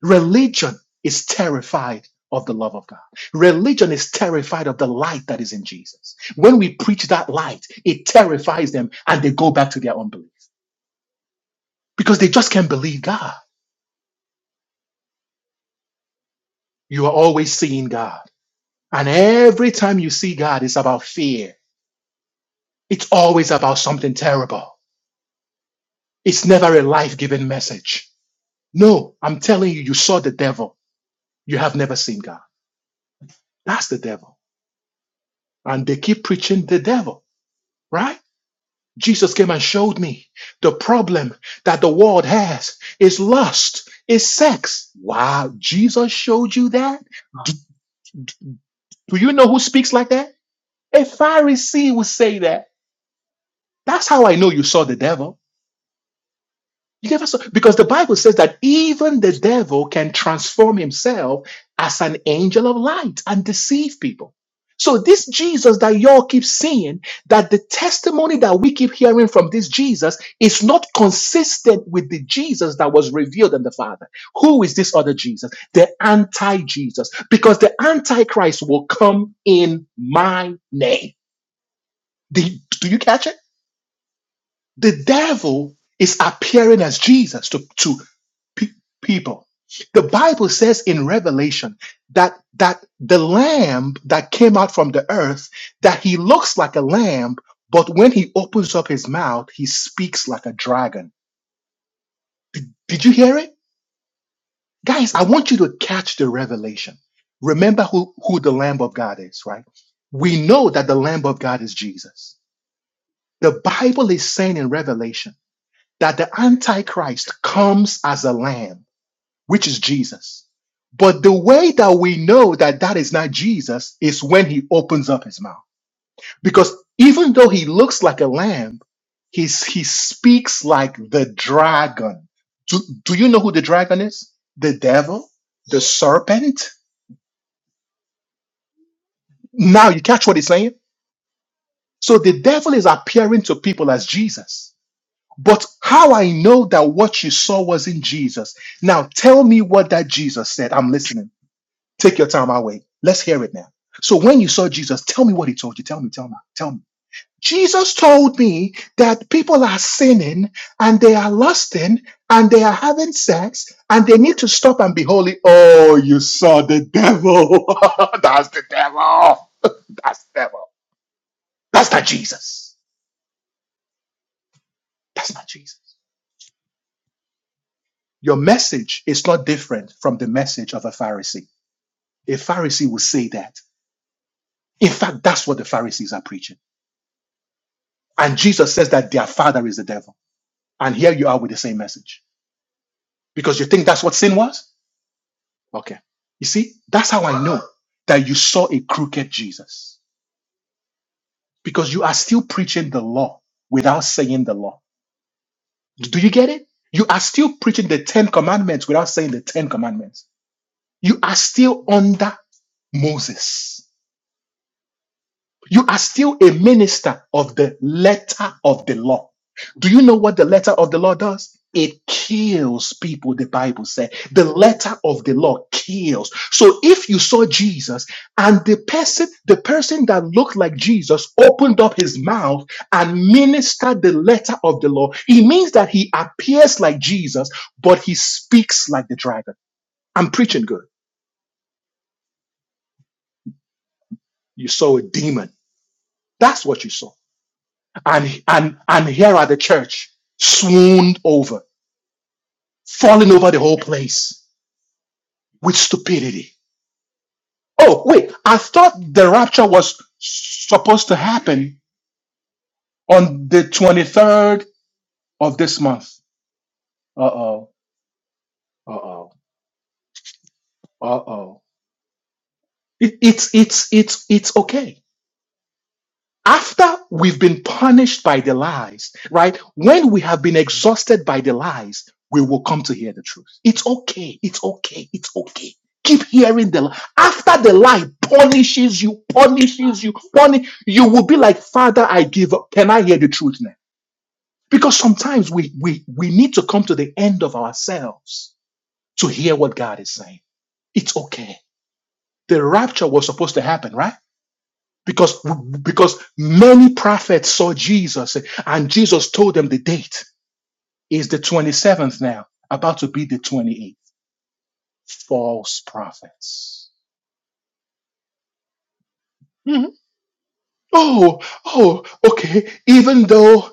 Speaker 1: Religion is terrified of the love of God. Religion is terrified of the light that is in Jesus. When we preach that light, it terrifies them and they go back to their unbelief because they just can't believe God. You are always seeing God. And every time you see God, it's about fear. It's always about something terrible. It's never a life giving message. No, I'm telling you, you saw the devil. You have never seen God. That's the devil. And they keep preaching the devil, right? Jesus came and showed me the problem that the world has is lust, is sex. Wow, Jesus showed you that? Do you know who speaks like that? A Pharisee would say that. That's how I know you saw the devil. You never saw because the Bible says that even the devil can transform himself as an angel of light and deceive people. So this Jesus that y'all keep seeing, that the testimony that we keep hearing from this Jesus is not consistent with the Jesus that was revealed in the Father. Who is this other Jesus? The anti-Jesus. Because the antichrist will come in my name. Do, do you catch it? The devil is appearing as Jesus to to pe- people. The Bible says in Revelation that that the lamb that came out from the earth that he looks like a lamb, but when he opens up his mouth, he speaks like a dragon. Did you hear it? Guys, I want you to catch the revelation. Remember who, who the Lamb of God is, right? We know that the Lamb of God is Jesus. The Bible is saying in Revelation that the Antichrist comes as a lamb which is Jesus. But the way that we know that that is not Jesus is when he opens up his mouth. Because even though he looks like a lamb, he's, he speaks like the dragon. Do, do you know who the dragon is? The devil? The serpent? Now you catch what he's saying? So the devil is appearing to people as Jesus. But how I know that what you saw was in Jesus? Now tell me what that Jesus said. I'm listening. Take your time, I'll wait. Let's hear it now. So when you saw Jesus, tell me what he told you. Tell me, tell me, tell me. Jesus told me that people are sinning and they are lusting and they are having sex and they need to stop and be holy. Oh, you saw the devil. That's the devil. That's the devil. That's not Jesus. That's not Jesus. Your message is not different from the message of a Pharisee. A Pharisee will say that. In fact, that's what the Pharisees are preaching. And Jesus says that their father is the devil. And here you are with the same message. Because you think that's what sin was? Okay. You see, that's how I know that you saw a crooked Jesus. Because you are still preaching the law without saying the law. Do you get it? You are still preaching the Ten Commandments without saying the Ten Commandments. You are still under Moses. You are still a minister of the letter of the law. Do you know what the letter of the law does? It kills people, the Bible said. The letter of the law kills. So if you saw Jesus and the person, the person that looked like Jesus opened up his mouth and ministered the letter of the law, it means that he appears like Jesus, but he speaks like the dragon. I'm preaching good. You saw a demon. That's what you saw. And and and here at the church, swooned over, falling over the whole place with stupidity. Oh, wait, I thought the rapture was supposed to happen on the 23rd of this month. Uh-oh. Uh-oh. Uh-oh. It, it's it's it's it's okay. after we've been punished by the lies, right? When we have been exhausted by the lies, we will come to hear the truth. It's okay. It's okay. It's okay. Keep hearing the lie. After the lie punishes you, punishes you, punish, you will be like, Father, I give up. Can I hear the truth now? Because sometimes we, we, we need to come to the end of ourselves to hear what God is saying. It's okay. The rapture was supposed to happen, right? because because many prophets saw Jesus and Jesus told them the date is the 27th now about to be the 28th false prophets Mhm. oh oh okay even though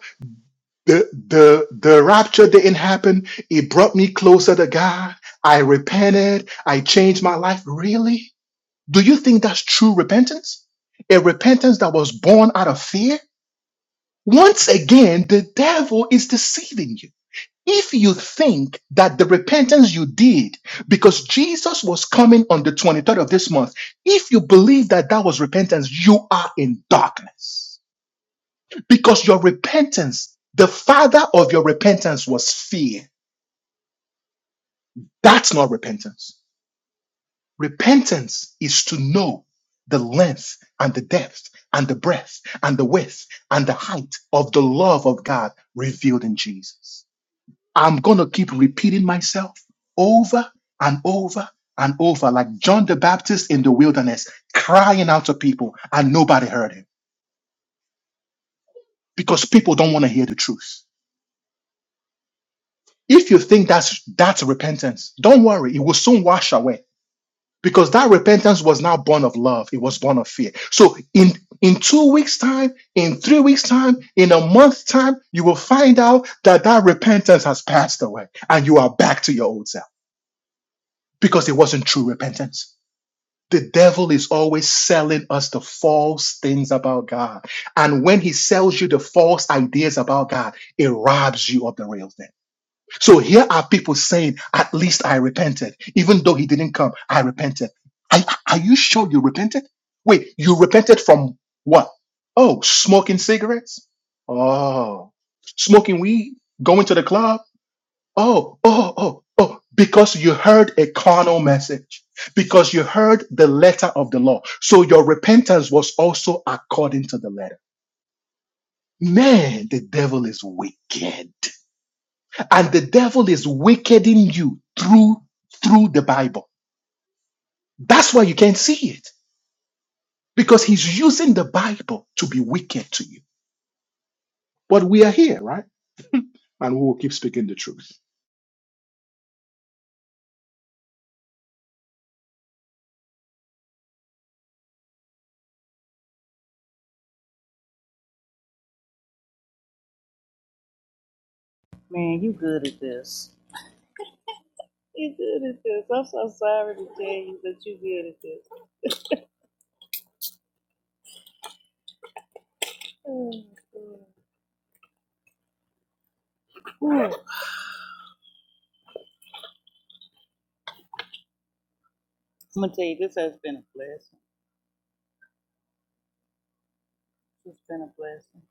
Speaker 1: the the the rapture didn't happen it brought me closer to God I repented I changed my life really do you think that's true repentance a repentance that was born out of fear once again the devil is deceiving you If you think that the repentance you did, because Jesus was coming on the 23rd of this month, if you believe that that was repentance, you are in darkness. Because your repentance, the father of your repentance was fear. That's not repentance. Repentance is to know the length and the depth and the breadth and the width and the height of the love of God revealed in Jesus. I'm going to keep repeating myself over and over and over, like John the Baptist in the wilderness, crying out to people, and nobody heard him because people don't want to hear the truth. If you think that's that's repentance, don't worry, it will soon wash away because that repentance was not born of love; it was born of fear. So, in in two weeks' time, in three weeks' time, in a month's time, you will find out that that repentance has passed away, and you are back to your old self because it wasn't true repentance. The devil is always selling us the false things about God. And when he sells you the false ideas about God, it robs you of the real thing. So here are people saying, at least I repented. Even though he didn't come, I repented. Are, are you sure you repented? Wait, you repented from what? Oh, smoking cigarettes? Oh, smoking weed? Going to the club? Oh, oh, oh, oh, because you heard a carnal message, because you heard the letter of the law. So your repentance was also according to the letter. Man, the devil is wicked. And the devil is wicked in you through through the Bible. That's why you can't see it. Because he's using the Bible to be wicked to you. But we are here, right? And we will keep speaking the truth.
Speaker 2: Man, you good at this. You're good at this. I'm so sorry to tell you that you're good at this. I'm gonna tell you this has been a blessing. It's been a blessing.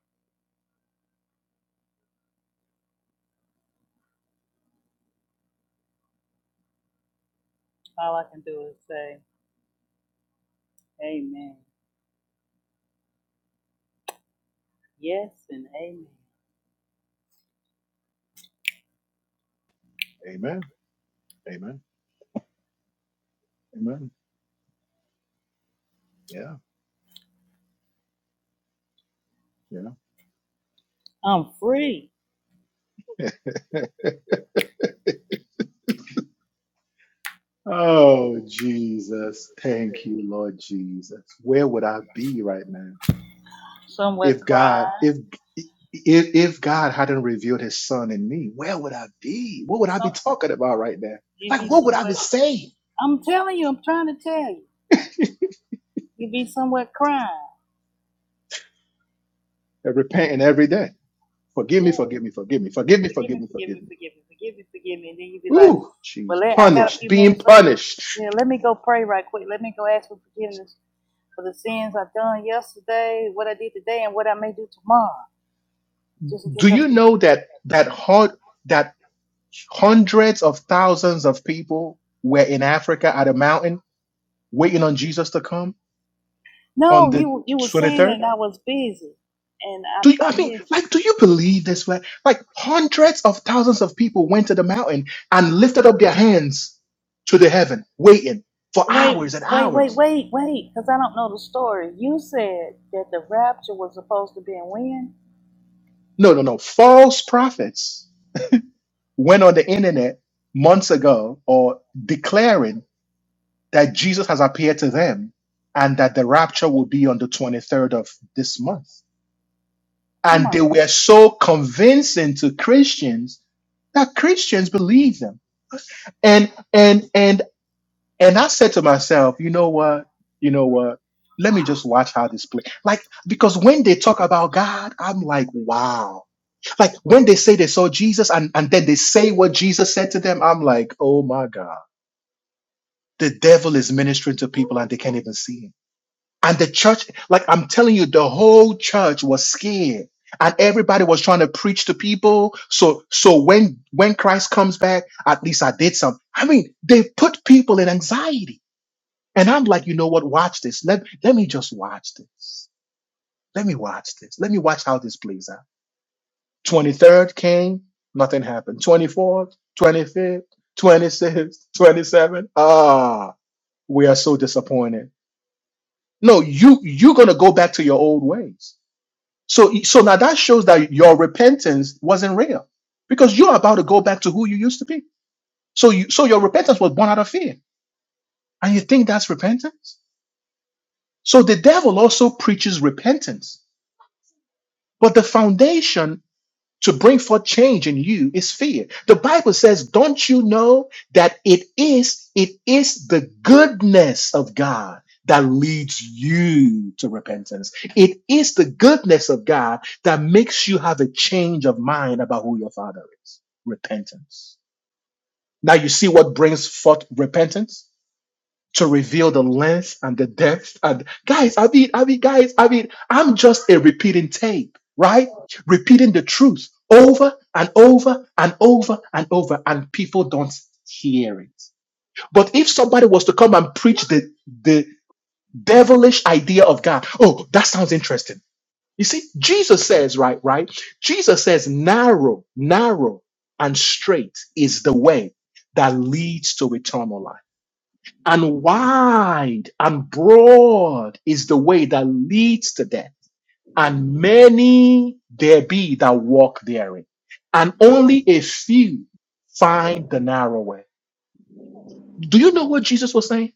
Speaker 2: All I can do is say amen. Yes and amen.
Speaker 1: Amen. Amen. Amen. Yeah. Yeah.
Speaker 2: I'm free.
Speaker 1: Oh, Jesus. Thank you, Lord Jesus. Where would I be right now
Speaker 2: Somewhere
Speaker 1: if God,
Speaker 2: crying.
Speaker 1: if if, if God hadn't revealed his son in me, where would I be? What would I
Speaker 2: Some
Speaker 1: be talking about right now?
Speaker 2: you
Speaker 1: Like,
Speaker 2: be
Speaker 1: what would I
Speaker 2: somewhere
Speaker 1: be saying?
Speaker 2: I'm telling you, I'm trying to tell you. You be somewhere crying.
Speaker 1: And repenting every day. Forgive me, forgive me, forgive me, forgive me,
Speaker 2: Forgive
Speaker 1: forgive
Speaker 2: me,
Speaker 1: me,
Speaker 2: forgive
Speaker 1: forgive
Speaker 2: me,
Speaker 1: me.
Speaker 2: forgive me, forgive me, forgive me. And then you be like,
Speaker 1: Ooh,
Speaker 2: Well
Speaker 1: jeez,
Speaker 2: let, I got a
Speaker 1: punished,
Speaker 2: few
Speaker 1: being
Speaker 2: minutes, let me
Speaker 1: punished.
Speaker 2: yeah, let me go pray right quick. Let me go ask for forgiveness for the sins I've done yesterday, what I did today, and what I may do tomorrow, just in case
Speaker 1: Do
Speaker 2: I.
Speaker 1: you know that that hun- that hundreds of thousands of people were in Africa at a mountain waiting on Jesus to come?
Speaker 2: No,
Speaker 1: on the 23rd? Do you, I mean, like, do you believe this? Like, like hundreds of thousands of people went to the mountain and lifted up their hands to the heaven, waiting for hours and
Speaker 2: wait, wait,
Speaker 1: hours.
Speaker 2: wait, wait, because I don't know the story. You said that the rapture was supposed to be in when?
Speaker 1: No, no, no. False prophets went on the internet months ago or declaring that Jesus has appeared to them and that the rapture will be on the 23rd of this month. And they were so convincing to Christians that Christians believed them. and and and and I said to myself, you know what, you know what, let me just watch how this play. Like because when they talk about God, I'm like, wow. Like when they say they saw Jesus and and then they say what Jesus said to them, I'm like, oh my God, the devil is ministering to people and they can't even see him. And the church, like I'm telling you, the whole church was scared. And everybody was trying to preach to people. So so when when Christ comes back, at least I did something. I mean, they put people in anxiety. And I'm like, you know what? Watch this. Let, let me just watch this. Let me watch this. Let me watch how this plays out. 23rd came, nothing happened. 24th, 25th, 26th, 27th. Ah, we are so disappointed. No, you you're gonna go back to your old ways So, so now that shows that your repentance wasn't real because you're about to go back to who you used to be. So, you, so your repentance was born out of fear, and you think that's repentance. So the devil also preaches repentance, but the foundation to bring forth change in you is fear. The Bible says, don't you know that it is, it is the goodness of God that leads you to repentance. It is the goodness of God that makes you have a change of mind about who your father is. Repentance. Now you see what brings forth repentance? to reveal the length and the depth. And guys, I mean, I mean, guys, I mean, I'm just a repeating tape, right? Repeating the truth over and over and over and over, and people don't hear it. But if somebody was to come and preach the the devilish idea of God, oh, that sounds interesting. You see, Jesus says, right, right? Jesus says, narrow, narrow and straight is the way that leads to eternal life and wide and broad is the way that leads to death, and many there be that walk therein, and only a few find the narrow way. Do you know what Jesus was saying?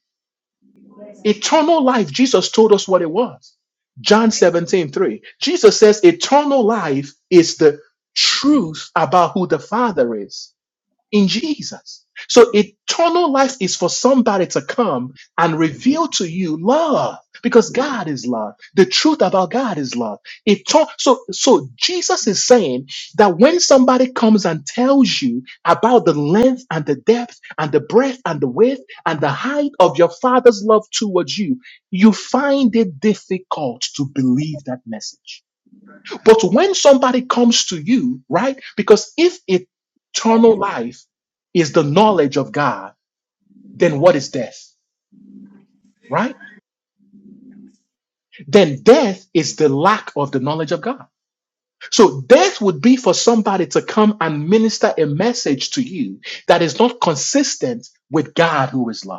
Speaker 1: Eternal life, Jesus told us what it was. John 17 3. Jesus says, Eternal life is the truth about who the Father is in Jesus. So eternal life is for somebody to come and reveal to you love because God is love. The truth about God is love. Etern- so, so Jesus is saying that when somebody comes and tells you about the length and the depth and the breadth and the width and the height of your father's love towards you, you find it difficult to believe that message but when somebody comes to you, right? Because if eternal life is the knowledge of God, then what is death? Right? Then death is the lack of the knowledge of God. So death would be for somebody to come and minister a message to you that is not consistent with God who is love.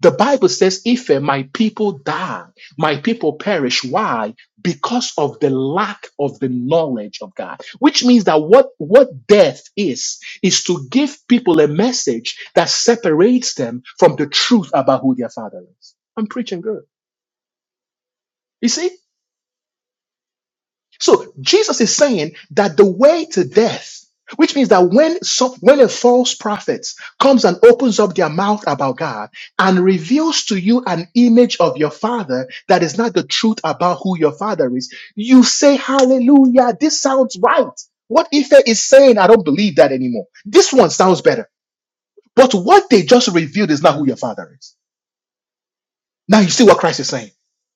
Speaker 1: The Bible says, If uh, my people die, my people perish. Why? Because of the lack of the knowledge of God. Which means that what, what death is, is to give people a message that separates them from the truth about who their father is. I'm preaching good. You see? So Jesus is saying that the way to death, which means that when some, when a false prophet comes and opens up their mouth about God and reveals to you an image of your father that is not the truth about who your father is, you say, Hallelujah, this sounds right. What Ife is saying, I don't believe that anymore. This one sounds better. But what they just revealed is not who your father is. Now you see what Christ is saying.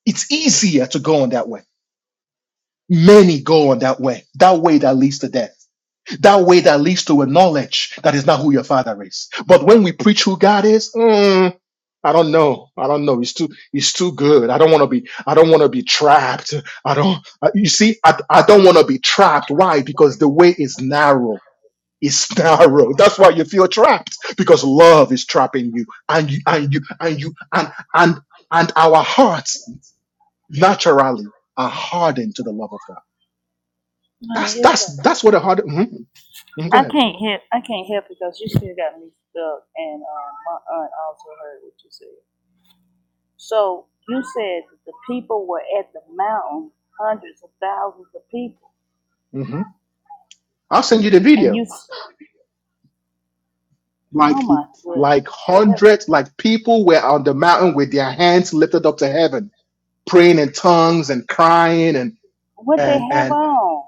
Speaker 1: It's easier to go on that way. Many go on that way, that way that leads to death. that way that leads to a knowledge that is not who your father is. But when we preach who God is, mm, I don't know. I don't know. It's too. It's too good. I don't want to be. I don't want to be trapped. I don't. I- You see, I, I don't want to be trapped. Why? Because the way is narrow. It's narrow. That's why you feel trapped because love is trapping you, and you, and you, and you, and and and our hearts naturally are hardened to the love of God. That's
Speaker 2: it's
Speaker 1: that's
Speaker 2: like-
Speaker 1: that's what a hard. mhm. Mhm, Go
Speaker 2: I
Speaker 1: ahead.
Speaker 2: can't help. I can't help because you still got me stuck, and um, my aunt also heard what you said. So you said that the people were at the mountain, hundreds of thousands of people,
Speaker 1: Mm-hmm. I'll send you the
Speaker 2: and you.
Speaker 1: video.
Speaker 2: Oh
Speaker 1: Like
Speaker 2: my
Speaker 1: like
Speaker 2: goodness,
Speaker 1: hundreds, like people were on the mountain with their hands lifted up to heaven, praying in tongues and crying and
Speaker 2: what they
Speaker 1: and
Speaker 2: have
Speaker 1: and
Speaker 2: on?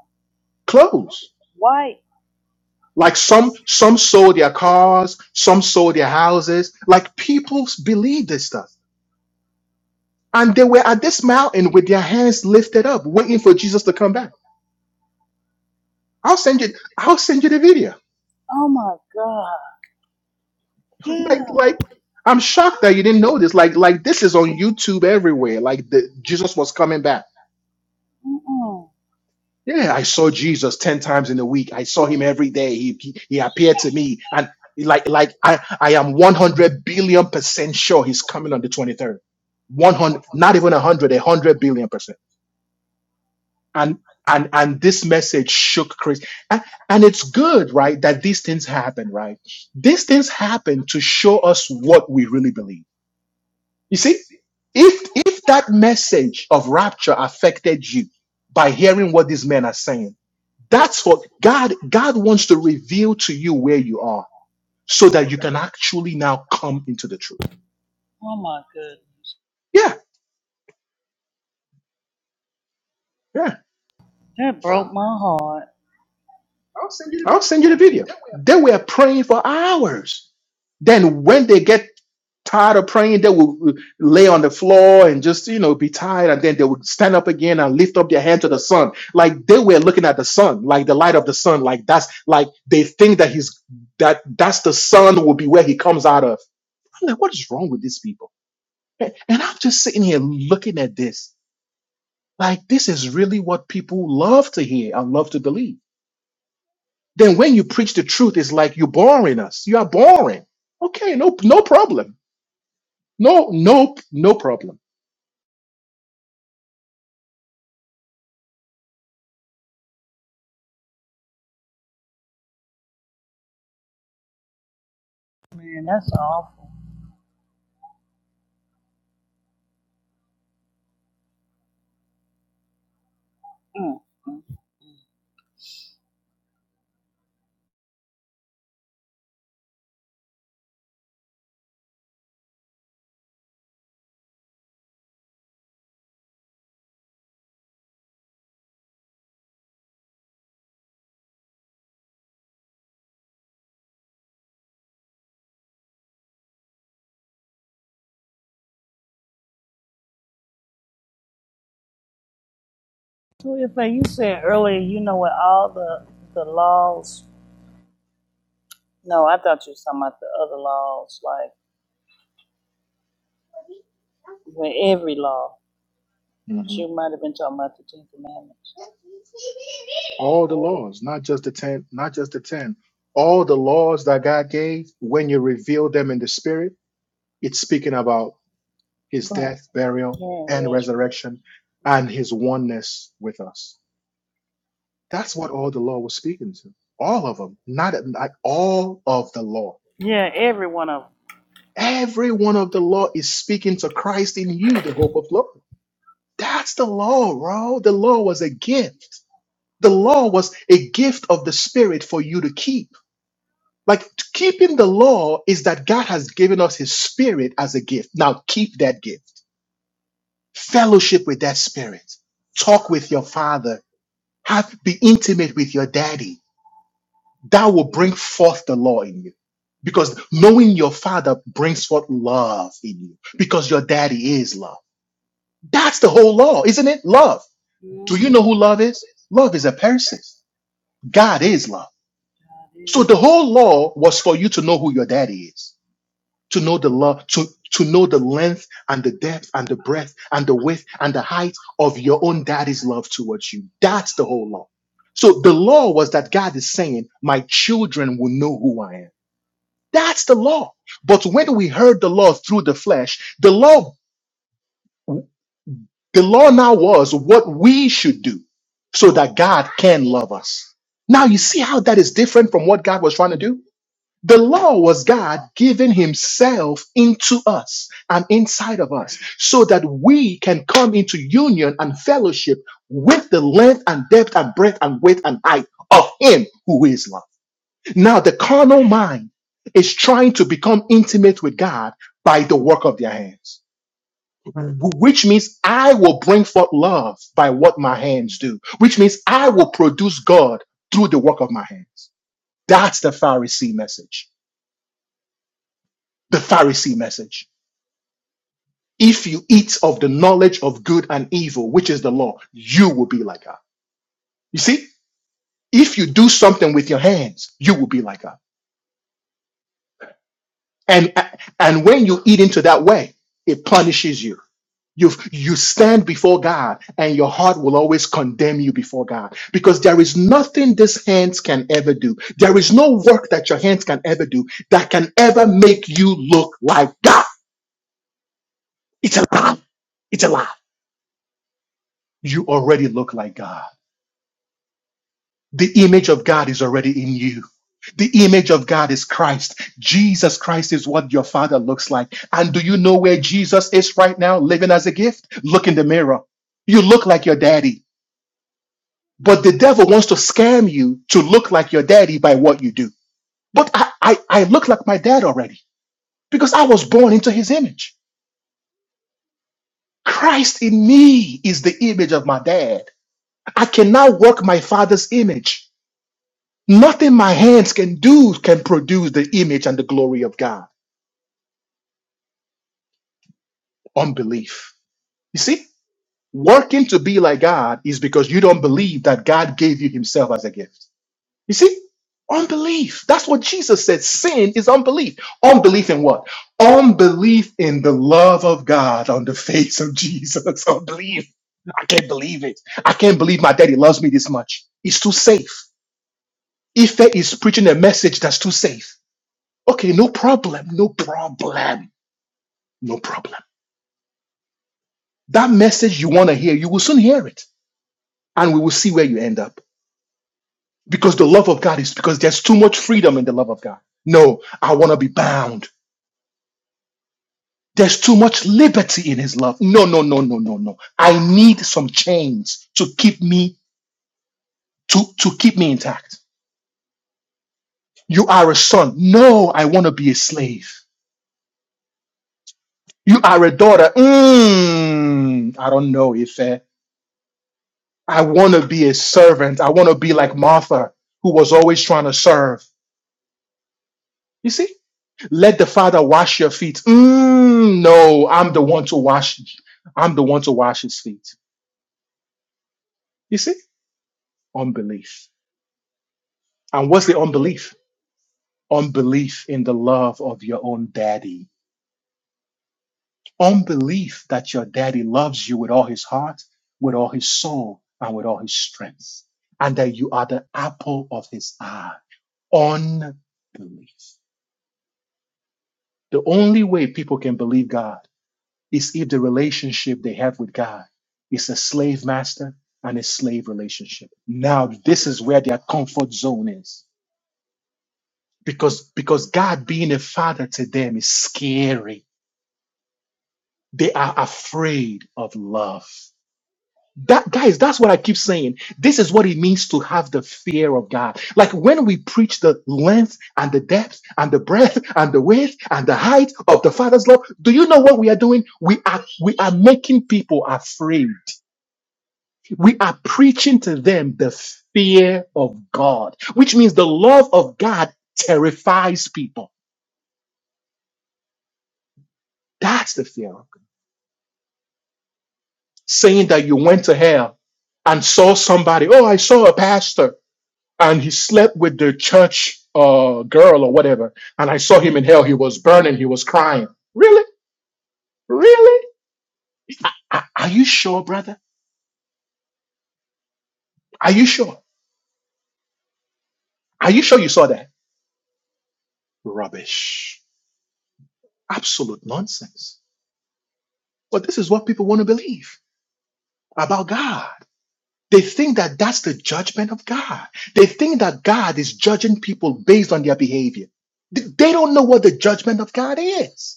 Speaker 1: clothes.
Speaker 2: White.
Speaker 1: Like some some sold their cars, some sold their houses. Like people believed this stuff. And they were at this mountain with their hands lifted up, waiting for Jesus to come back. I'll send you I'll send you the video.
Speaker 2: Oh my God. Yeah.
Speaker 1: Like like I'm shocked that you didn't know this. Like like this is on YouTube everywhere. Like the Jesus was coming back
Speaker 2: Mm-mm.
Speaker 1: Yeah, I saw Jesus 10 times in a week. I saw him every day. He, he, he appeared to me. And like, like I, I am 100 billion percent sure he's coming on the 23rd. 100, not even 100, a 100 billion percent. And, and, and this message shook Chris. And, and it's good, right? That these things happen, right? These things happen to show us what we really believe. You see, if, if that message of rapture affected you by hearing what these men are saying, that's what God God wants to reveal to you where you are so that you can actually now come into the truth.
Speaker 2: Oh my goodness.
Speaker 1: Yeah, yeah.
Speaker 2: That broke my heart.
Speaker 1: I'll send you the video. They were praying for hours. Then when they get tired of praying, they will lay on the floor and just, you know, be tired. And then they would stand up again and lift up their hand to the sun. Like they were looking at the sun, like the light of the sun. Like that's like they think that he's that that's the sun will be where he comes out of. I'm like, what is wrong with these people? And and I'm just sitting here looking at this. Like, this is really what people love to hear and love to believe. Then when you preach the truth, it's like you're boring us. You are boring. Okay, no, no problem. No, no, no problem.
Speaker 2: Man, that's awful. Mm, mm, mm. Well, if like you said earlier, you know, with all the the laws. No, I thought you were talking about the other laws, like with every law.
Speaker 1: Mhm.
Speaker 2: She might have been talking about the Ten Commandments.
Speaker 1: All the
Speaker 2: Oh,
Speaker 1: laws, not just the ten, not just the ten. All the laws that God gave, when you reveal them in the spirit, it's speaking about his
Speaker 2: Cry.
Speaker 1: death, burial,
Speaker 2: Yeah,
Speaker 1: and
Speaker 2: rest, rest.
Speaker 1: resurrection and his oneness with us. That's what all the law was speaking to. All of them, not like all of the law.
Speaker 2: Yeah, every one of them.
Speaker 1: Every one of the law is speaking to Christ in you, the hope of glory. That's the law, bro. The law was a gift. The law was a gift of the Spirit for you to keep. Like keeping the law is that God has given us His Spirit as a gift. Now keep that gift. Fellowship with that Spirit. Talk with your Father. Have be intimate with your Daddy that will bring forth the law in you. Because knowing your father brings forth love in you. Because your daddy is love. That's the whole law, isn't it? Love. Do you know who love is? Love is a person. God is love. So the whole law was for you to know who your daddy is, to know the love, to, to know the length and the depth and the breadth and the width and the height of your own daddy's love towards you. That's the whole law. So the law was that God is saying, my children will know who I am That's the law. But when we heard the law through the flesh, the law, the law now was what we should do so that God can love us. Now you see how that is different from what God was trying to do? The law was God giving himself into us and inside of us so that we can come into union and fellowship with the length and depth and breadth and width and height of him who is love. Now, the carnal mind is trying to become intimate with God by the work of their hands, wh- which means I will bring forth love by what my hands do, which means I will produce God through the work of my hands. That's the Pharisee message. The Pharisee message. If you eat of the knowledge of good and evil, which is the law, you will be like God. You see, if you do something with your hands, you will be like God. And and when you eat into that way, it punishes you You, you stand before God and your heart will always condemn you before God because there is nothing these hands can ever do. There is no work that your hands can ever do that can ever make you look like God. It's a lie. It's a lie. You already look like God. The image of God is already in you. The image of God is Christ. Jesus Christ is what your father looks like. And do you know where Jesus is right now, living as a gift? Look in the mirror. You look like your daddy. But the devil wants to scam you to look like your daddy by what you do. But I, I, I look like my dad already because I was born into his image. Christ in me is the image of my dad. I can now work my father's image. Nothing my hands can do can produce the image and the glory of God. Unbelief. You see, working to be like God is because you don't believe that God gave you himself as a gift. You see? Unbelief. That's what Jesus said. Sin is unbelief. Unbelief in what? Unbelief in the love of God on the face of Jesus. Unbelief. I can't believe it. I can't believe my daddy loves me this much. It's too safe. Ife is preaching a message that's too safe. Okay, no problem. No problem. No problem. That message you want to hear, you will soon hear it. And we will see where you end up. Because the love of God is because there's too much freedom in the love of God. No, I want to be bound. There's too much liberty in his love. No, no, no, no, no, no. I need some chains to keep me to, to keep me intact. You are a son. No, I want to be a slave. You are a daughter. Mm, I don't know, Ife. I want to be a servant. I want to be like Martha, who was always trying to serve. You see? Let the father wash your feet. Mm, no, I'm the one to wash. I'm the one to wash his feet. You see? Unbelief. And what's the unbelief? unbelief in the love of your own daddy, unbelief that your daddy loves you with all his heart, with all his soul, and with all his strength, and that you are the apple of his eye. Unbelief. The only way people can believe God is if the relationship they have with God is a slave master and a slave relationship. Now, this is where their comfort zone is. Because, because God being a father to them is scary They are afraid of love. That guys, that's what I keep saying. This is what it means to have the fear of God. Like when we preach the length and the depth and the breadth and the width and the height of the Father's love, do you know what we are doing? We are we are making people afraid. We are preaching to them the fear of God, which means the love of God terrifies people. That's the fear of God. Saying that you went to hell and saw somebody, oh, I saw a pastor and he slept with the church uh, girl or whatever. And I saw him in hell. He was burning. He was crying. Really? Really? Are, are you sure, brother? Are you sure? Are you sure you saw that? Rubbish. Absolute nonsense. But this is what people want to believe about God. They think that that's the judgment of God. They think that God is judging people based on their behavior. Th- They don't know what the judgment of God is.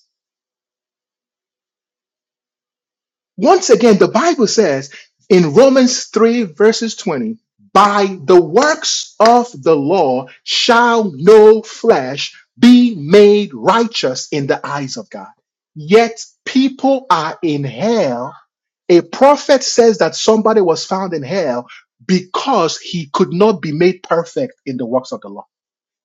Speaker 1: Once again, the Bible says in Romans 3, verses 20, by the works of the law shall no flesh be made righteous in the eyes of God. Yet people are in hell. A prophet says that somebody was found in hell because he could not be made perfect in the works of the law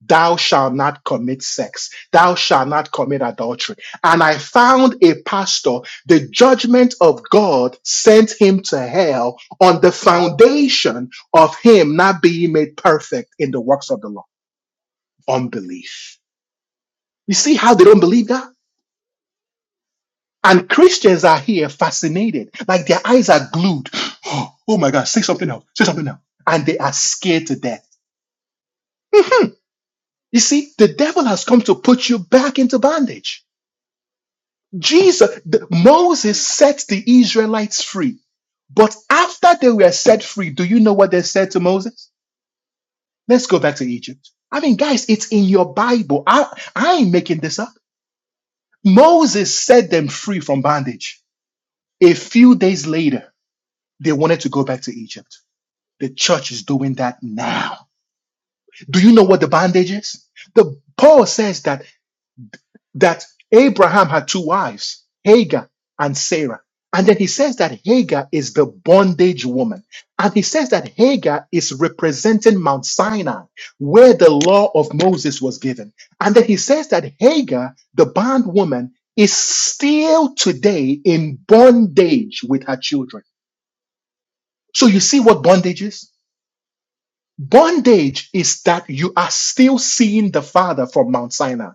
Speaker 1: thou shalt not commit sex, thou shalt not commit adultery. And I found a pastor, the judgment of God sent him to hell on the foundation of him not being made perfect in the works of the law. Unbelief. You see how they don't believe that? And Christians are here fascinated, like their eyes are glued. Oh, my God, say something else, say something else. And they are scared to death. Mhm. You see, the devil has come to put you back into bondage. Jesus, the, Moses set the Israelites free. But after they were set free, do you know what they said to Moses? Let's go back to Egypt. I mean, guys, it's in your Bible. I, I ain't making this up. Moses set them free from bondage. A few days later, they wanted to go back to Egypt. The church is doing that now. Do you know what the bondage is? The Paul says that that Abraham had two wives, Hagar and Sarah. And then he says that Hagar is the bondage woman. And he says that Hagar is representing Mount Sinai, where the law of Moses was given. And then he says that Hagar, the bondwoman, is still today in bondage with her children. So you see what bondage is? Bondage is that you are still seeing the Father from Mount Sinai.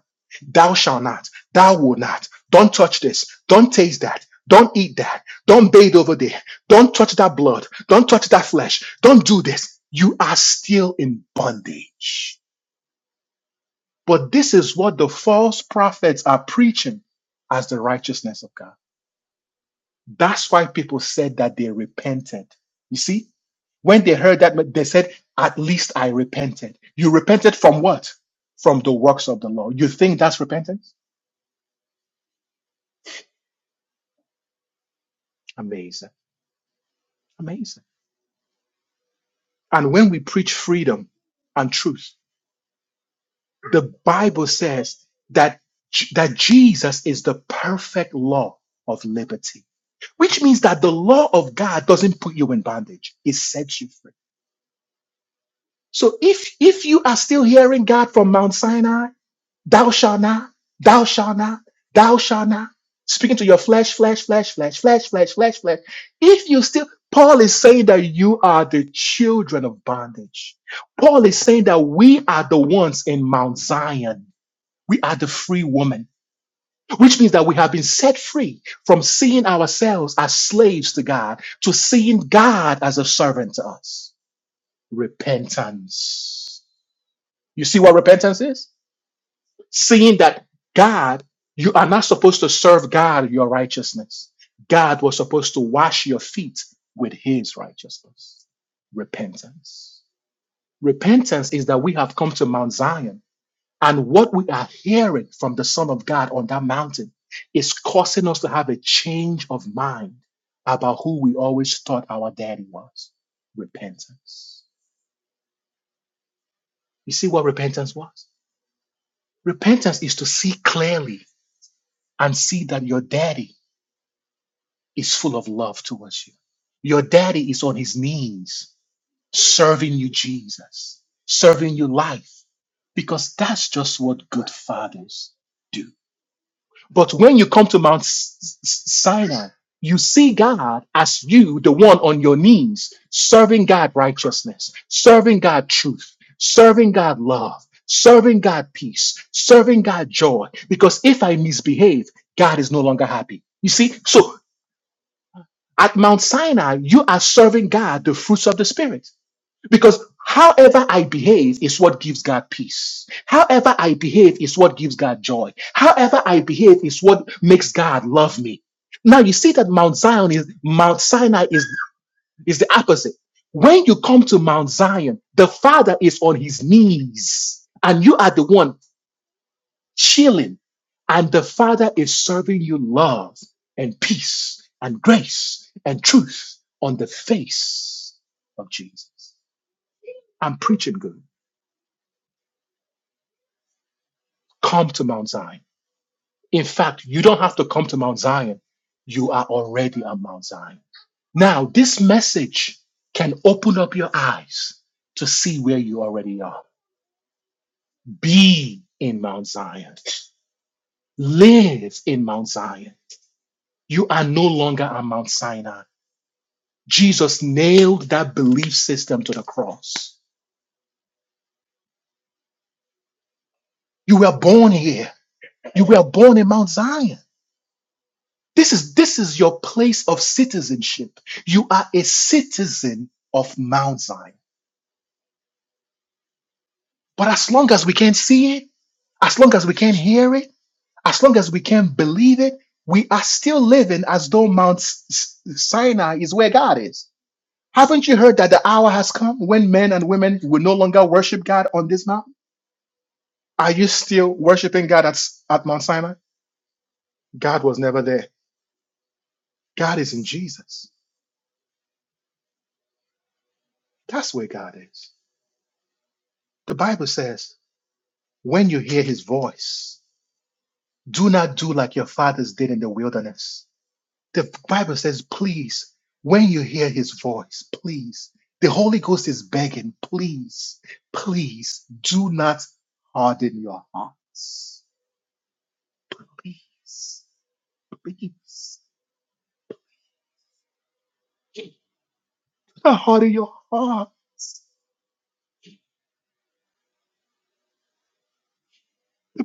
Speaker 1: Thou shalt not, thou will not, don't touch this, don't taste that, don't eat that, don't bathe over there, don't touch that blood, don't touch that flesh, don't do this. You are still in bondage. But this is what the false prophets are preaching as the righteousness of God. That's why people said that they repented. You see, when they heard that, they said, At least I repented. You repented from what? From the works of the law. You think that's repentance? Amazing. Amazing. And when we preach freedom and truth, the Bible says that, that Jesus is the perfect law of liberty, which means that the law of God doesn't put you in bondage. It sets you free. So if, if you are still hearing God from Mount Sinai, Thou shalt not, thou shalt not, thou shalt not. Speaking to your flesh, flesh, flesh, flesh, flesh, flesh, flesh, flesh. If you still, Paul is saying that you are the children of bondage. Paul is saying that we are the ones in Mount Zion. We are the free woman, which means that we have been set free from seeing ourselves as slaves to God to seeing God as a servant to us. Repentance. You see what repentance is? seeing that God, you are not supposed to serve God your righteousness. God was supposed to wash your feet with his righteousness. Repentance. Repentance is that we have come to Mount Zion, and what we are hearing from the Son of God on that mountain is causing us to have a change of mind about who we always thought our daddy was. Repentance. You see what repentance was? Repentance is to see clearly and see that your daddy is full of love towards you. Your daddy is on his knees serving you Jesus, serving you life, because that's just what good fathers do. But when you come to Mount S- S- Sinai, you see God as you, the one on your knees, serving God righteousness, serving God truth, serving God love, serving God peace, serving God joy. Because if I misbehave, God is no longer happy. You see, so at Mount Sinai, you are serving God the fruits of the Spirit. Because however I behave is what gives God peace. However I behave is what gives God joy. However I behave is what makes God love me. Now you see that Mount Zion is Mount Sinai is, is the opposite. When you come to Mount Zion, the Father is on his knees, and you are the one chilling, and the Father is serving you love and peace and grace and truth on the face of Jesus. I'm preaching good. Come to Mount Zion. In fact, you don't have to come to Mount Zion. You are already at Mount Zion. Now, this message can open up your eyes to see where you already are. Be in Mount Zion. Live in Mount Zion. You are no longer at Mount Sinai. Jesus nailed that belief system to the cross. You were born here. You were born in Mount Zion. This is this is your place of citizenship. You are a citizen of Mount Zion. But as long as we can't see it, as long as we can't hear it, as long as we can't believe it, we are still living as though Mount S- Sinai is where God is. Haven't you heard that the hour has come when men and women will no longer worship God on this mountain? Are you still worshiping God at, at Mount Sinai? God was never there. God is in Jesus. That's where God is. The Bible says, when you hear his voice, do not do like your fathers did in the wilderness. The Bible says, please, when you hear his voice, please. The Holy Ghost is begging, please, please do not harden your hearts. Please, please, do not harden your heart.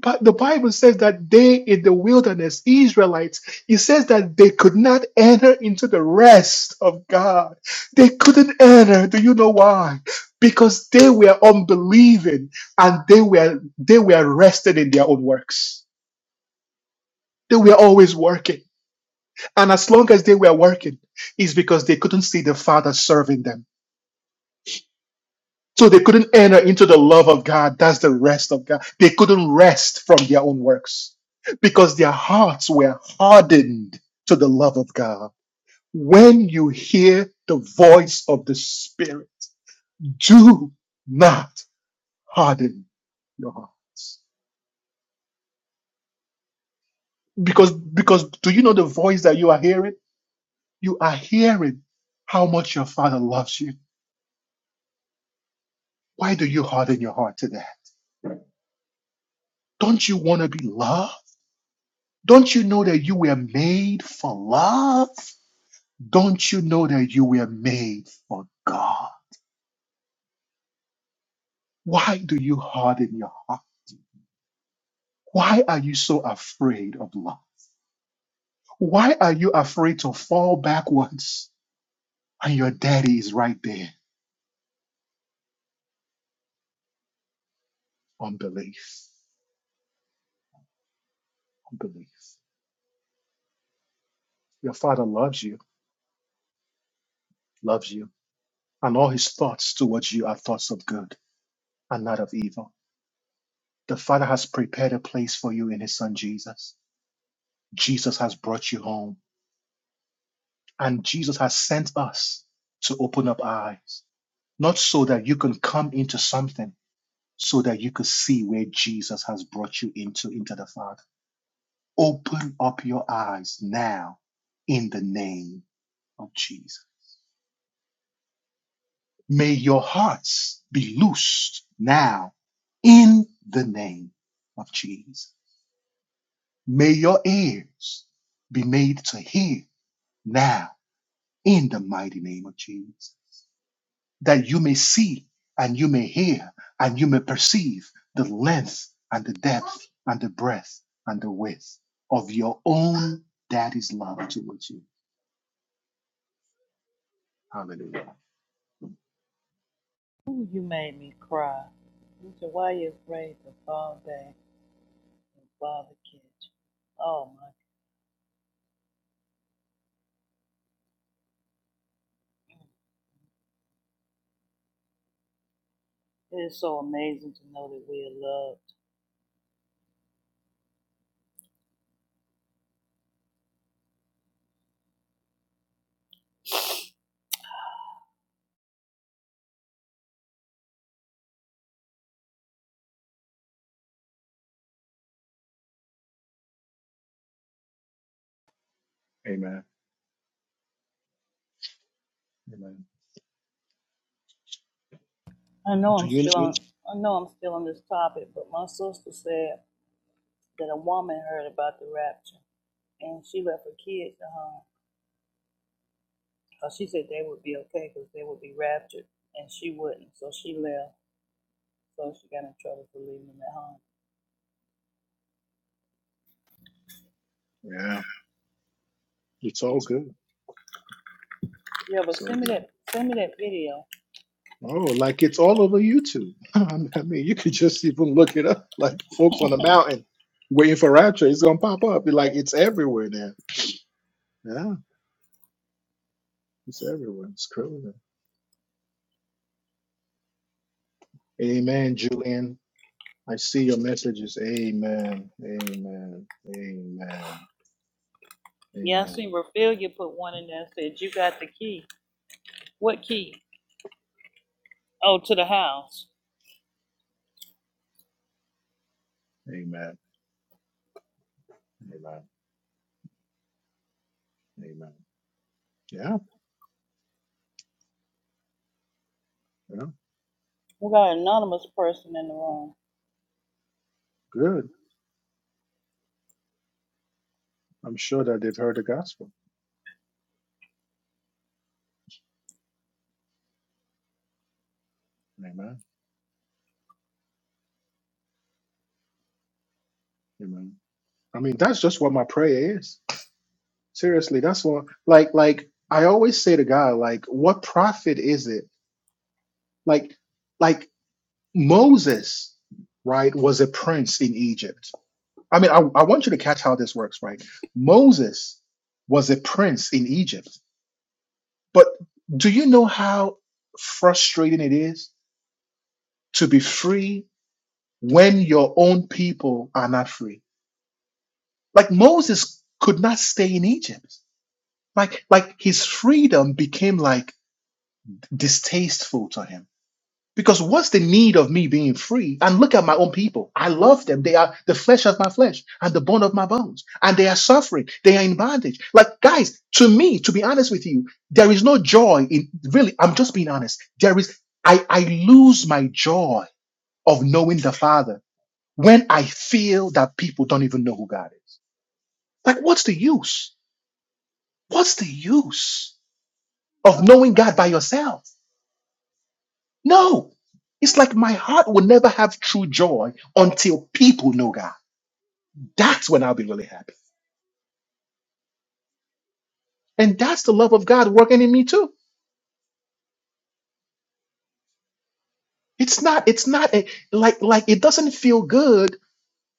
Speaker 1: But the Bible says that they in the wilderness, Israelites, it says that they could not enter into the rest of God. They couldn't enter. Do you know why? Because they were unbelieving and they were they were rested in their own works. They were always working. And as long as they were working, it's because they couldn't see the Father serving them. So they couldn't enter into the love of God. That's the rest of God. They couldn't rest from their own works because their hearts were hardened to the love of God. When you hear the voice of the Spirit, do not harden your hearts. Because, because do you know the voice that you are hearing? You are hearing how much your Father loves you. Why do you harden your heart to that? Don't you want to be loved? Don't you know that you were made for love? Don't you know that you were made for God? Why do you harden your heart? Why are you so afraid of love? Why are you afraid to fall backwards? And your daddy is right there. Unbelief. Unbelief. Your father loves you, loves you, and all his thoughts towards you are thoughts of good and not of evil. The father has prepared a place for you in his son Jesus. Jesus has brought you home. And Jesus has sent us to open up our eyes, not so that you can come into something, so that you could see where Jesus has brought you into, into the Father. Open up your eyes now in the name of Jesus. May your hearts be loosed now in the name of Jesus. May your ears be made to hear now in the mighty name of Jesus. that you may see and you may hear and you may perceive the length and the depth and the breadth and the width of your own daddy's love towards you. Hallelujah.
Speaker 2: Ooh, you made me cry. You said, why are you afraid to fall back and father catch? Oh my, it is so amazing to know that we are loved
Speaker 1: Amen. Amen.
Speaker 2: I know
Speaker 1: Do
Speaker 2: I'm
Speaker 1: you?
Speaker 2: still I know I'm still on this topic, but my sister said that a woman heard about the rapture and she left her kids at home. 'Cause she said they would be okay because they would be raptured and she wouldn't, so she left. So she got in trouble for leaving them at home.
Speaker 1: Yeah, it's all good.
Speaker 2: Yeah, but
Speaker 1: So
Speaker 2: send me
Speaker 1: good.
Speaker 2: that send me that video.
Speaker 1: Oh, like it's all over YouTube. I mean, you could just even look it up. Like folks on the mountain waiting for rapture, it's gonna pop up. Like it's everywhere now. Yeah, it's everywhere. It's crazy. Amen, Julian. I see your messages. Amen. Amen. Amen.
Speaker 2: Yeah, I
Speaker 1: Amen.
Speaker 2: seen Raphaelia put one in there and said you got the key. What key? Oh, to the house.
Speaker 1: Amen. Amen. Amen. Yeah. Yeah.
Speaker 2: We got an anonymous person in the room.
Speaker 1: Good. I'm sure that they've heard the gospel. Amen. Amen. I mean, that's just what my prayer is. Seriously, that's what like like I always say to God, like, what profit is it? Like, like Moses, right, was a prince in Egypt. I mean, I, I want you to catch how this works, right? Moses was a prince in Egypt But do you know how frustrating it is to be free when your own people are not free? Like Moses could not stay in Egypt. Like like his freedom became like distasteful to him Because what's the need of me being free? And look at my own people. I love them. They are the flesh of my flesh and the bone of my bones. And they are suffering. They are in bondage. Like, guys, to me, to be honest with you, there is no joy in really, I'm just being honest. There is, I, I lose my joy of knowing the Father when I feel that people don't even know who God is. Like, what's the use? What's the use of knowing God by yourself? No. It's like my heart will never have true joy until people know God. That's when I'll be really happy. And that's the love of God working in me too. It's not, it's not a, like, like it doesn't feel good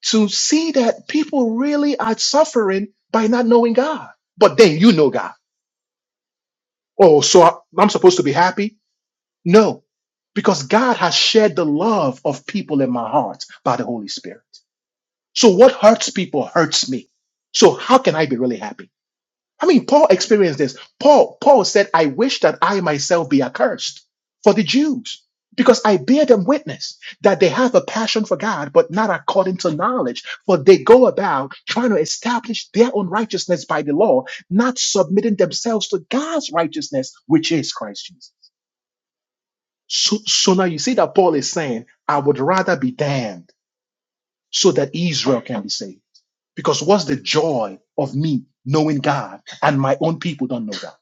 Speaker 1: to see that people really are suffering by not knowing God. But then you know God. Oh, so I- I'm supposed to be happy? No, because God has shared the love of people in my heart by the Holy Spirit. So what hurts people hurts me. So how can I be really happy? I mean, Paul experienced this. Paul, Paul said, I wish that I myself be accursed for the Jews, because I bear them witness that they have a passion for God, but not according to knowledge. For they go about trying to establish their own righteousness by the law, not submitting themselves to God's righteousness, which is Christ Jesus. So, so now you see that Paul is saying, I would rather be damned so that Israel can be saved. Because what's the joy of me knowing God and my own people don't know God?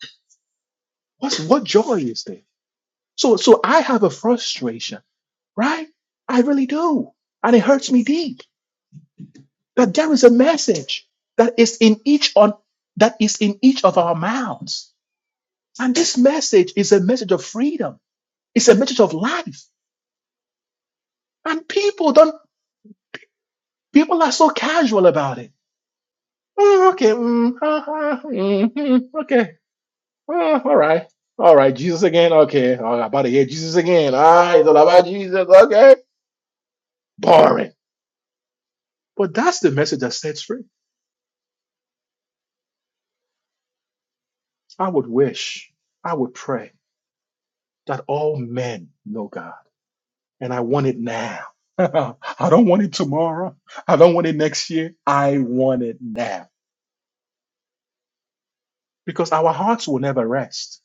Speaker 1: What's what joy is there? So so I have a frustration, right? I really do. And it hurts me deep that there is a message that is in each on that is in each of our mouths. And this message is a message of freedom. It's a message of life. And people don't people are so casual about it. Oh, okay, mm, ha, ha, mm, mm, okay. Oh, all right. All right, Jesus again. Okay. Oh, about to hear Jesus again. Ah, it's all about Jesus. Okay. Boring But that's the message that sets free. I would wish, I would pray that all men know God. And I want it now. I don't want it tomorrow. I don't want it next year. I want it now. Because our hearts will never rest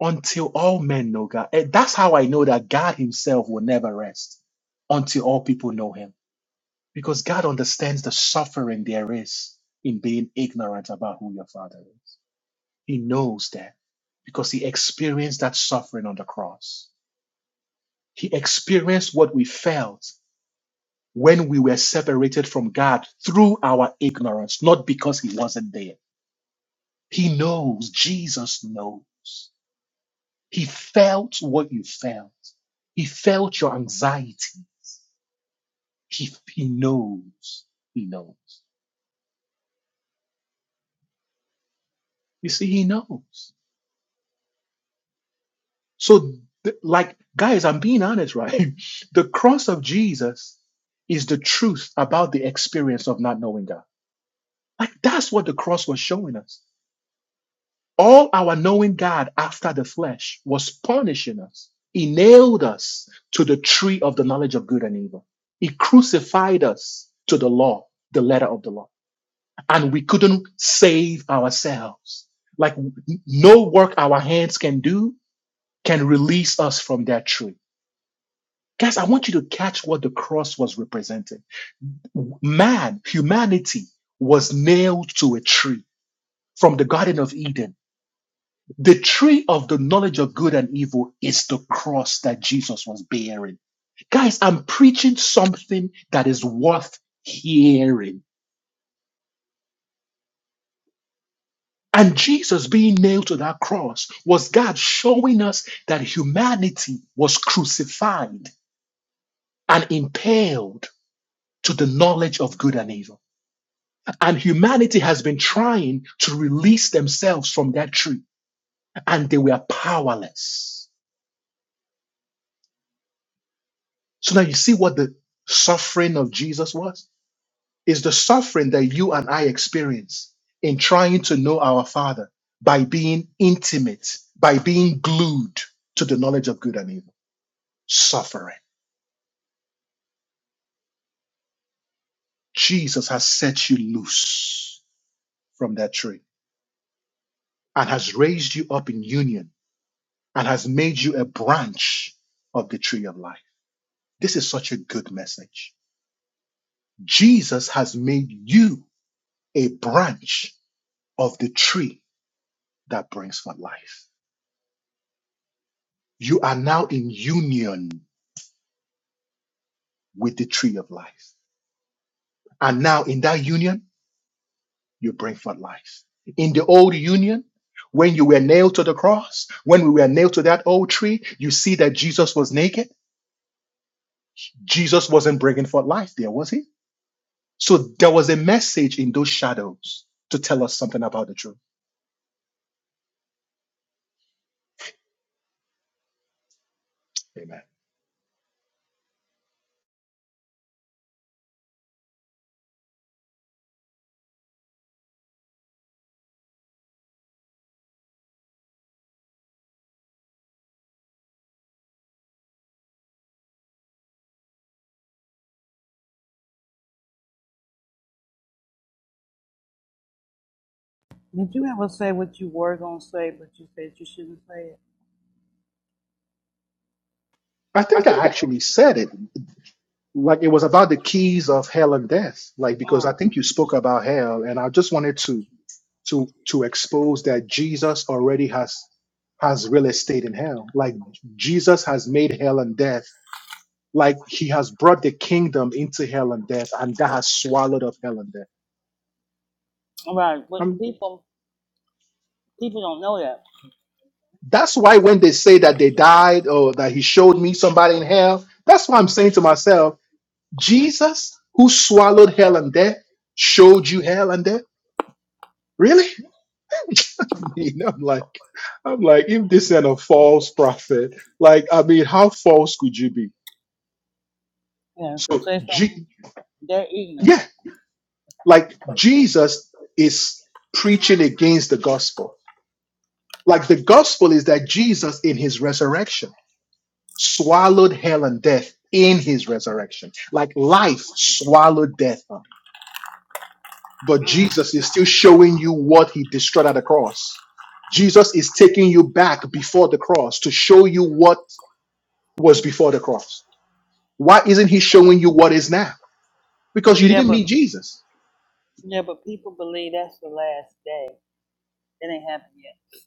Speaker 1: until all men know God. And that's how I know that God Himself will never rest until all people know Him. Because God understands the suffering there is in being ignorant about who your Father is. He knows that because he experienced that suffering on the cross. He experienced what we felt when we were separated from God through our ignorance, not because he wasn't there. He knows, Jesus knows. He felt what you felt. He felt your anxiety. He, he knows. He knows. You see, he knows. So, th- like, guys, I'm being honest, right? The cross of Jesus is the truth about the experience of not knowing God. Like, that's what the cross was showing us. All our knowing God after the flesh was punishing us. He nailed us to the tree of the knowledge of good and evil. He crucified us to the law, the letter of the law. And we couldn't save ourselves. Like, n- no work our hands can do can release us from that tree Guys, I want you to catch what the cross was representing. Man, humanity was nailed to a tree from the Garden of Eden. The tree of the knowledge of good and evil is the cross that Jesus was bearing. Guys, I'm preaching something that is worth hearing. And Jesus being nailed to that cross was God showing us that humanity was crucified and impaled to the knowledge of good and evil. And humanity has been trying to release themselves from that tree, and they were powerless. So now you see what the suffering of Jesus was? Is the suffering that you and I experience in trying to know our Father by being intimate, by being glued to the knowledge of good and evil. Suffering. Jesus has set you loose from that tree and has raised you up in union and has made you a branch of the tree of life. This is such a good message. Jesus has made you a branch of the tree that brings forth life. You are now in union with the tree of life. And now in that union, you bring forth life. In the old union, when you were nailed to the cross, when we were nailed to that old tree, you see that Jesus was naked. Jesus wasn't bringing forth life there, was he? So there was a message in those shadows to tell us something about the truth. Amen.
Speaker 2: Did you ever say what you were gonna say, but you said you shouldn't say it?
Speaker 1: I think I actually said it like it was about the keys of hell and death like because i think you spoke about hell and i just wanted to to to expose that jesus already has has real estate in hell like jesus has made hell and death like he has brought the kingdom into hell and death and that has swallowed up hell and death
Speaker 2: Right, but
Speaker 1: um,
Speaker 2: people people don't know that.
Speaker 1: that's why when they say that they died or that he showed me somebody in hell that's why i'm saying to myself jesus who swallowed hell and death showed you hell and death really I mean, I'm like, I'm like, if this ain't a false prophet, like, I mean, how false could you be?
Speaker 2: Yeah, because
Speaker 1: So,
Speaker 2: they some
Speaker 1: G-
Speaker 2: they're ignorant.
Speaker 1: yeah, like Jesus is preaching against the gospel. Like the gospel is that Jesus in his resurrection swallowed hell and death in his resurrection. Like life swallowed death up. But
Speaker 2: Mm.
Speaker 1: Jesus is still showing you what he destroyed at the cross. Jesus is taking you back before the cross to show you what was before the cross. Why isn't he showing you what is now? Because you
Speaker 2: Yeah,
Speaker 1: didn't
Speaker 2: but
Speaker 1: meet Jesus.
Speaker 2: yeah, but people believe that's the last day. It ain't happened yet.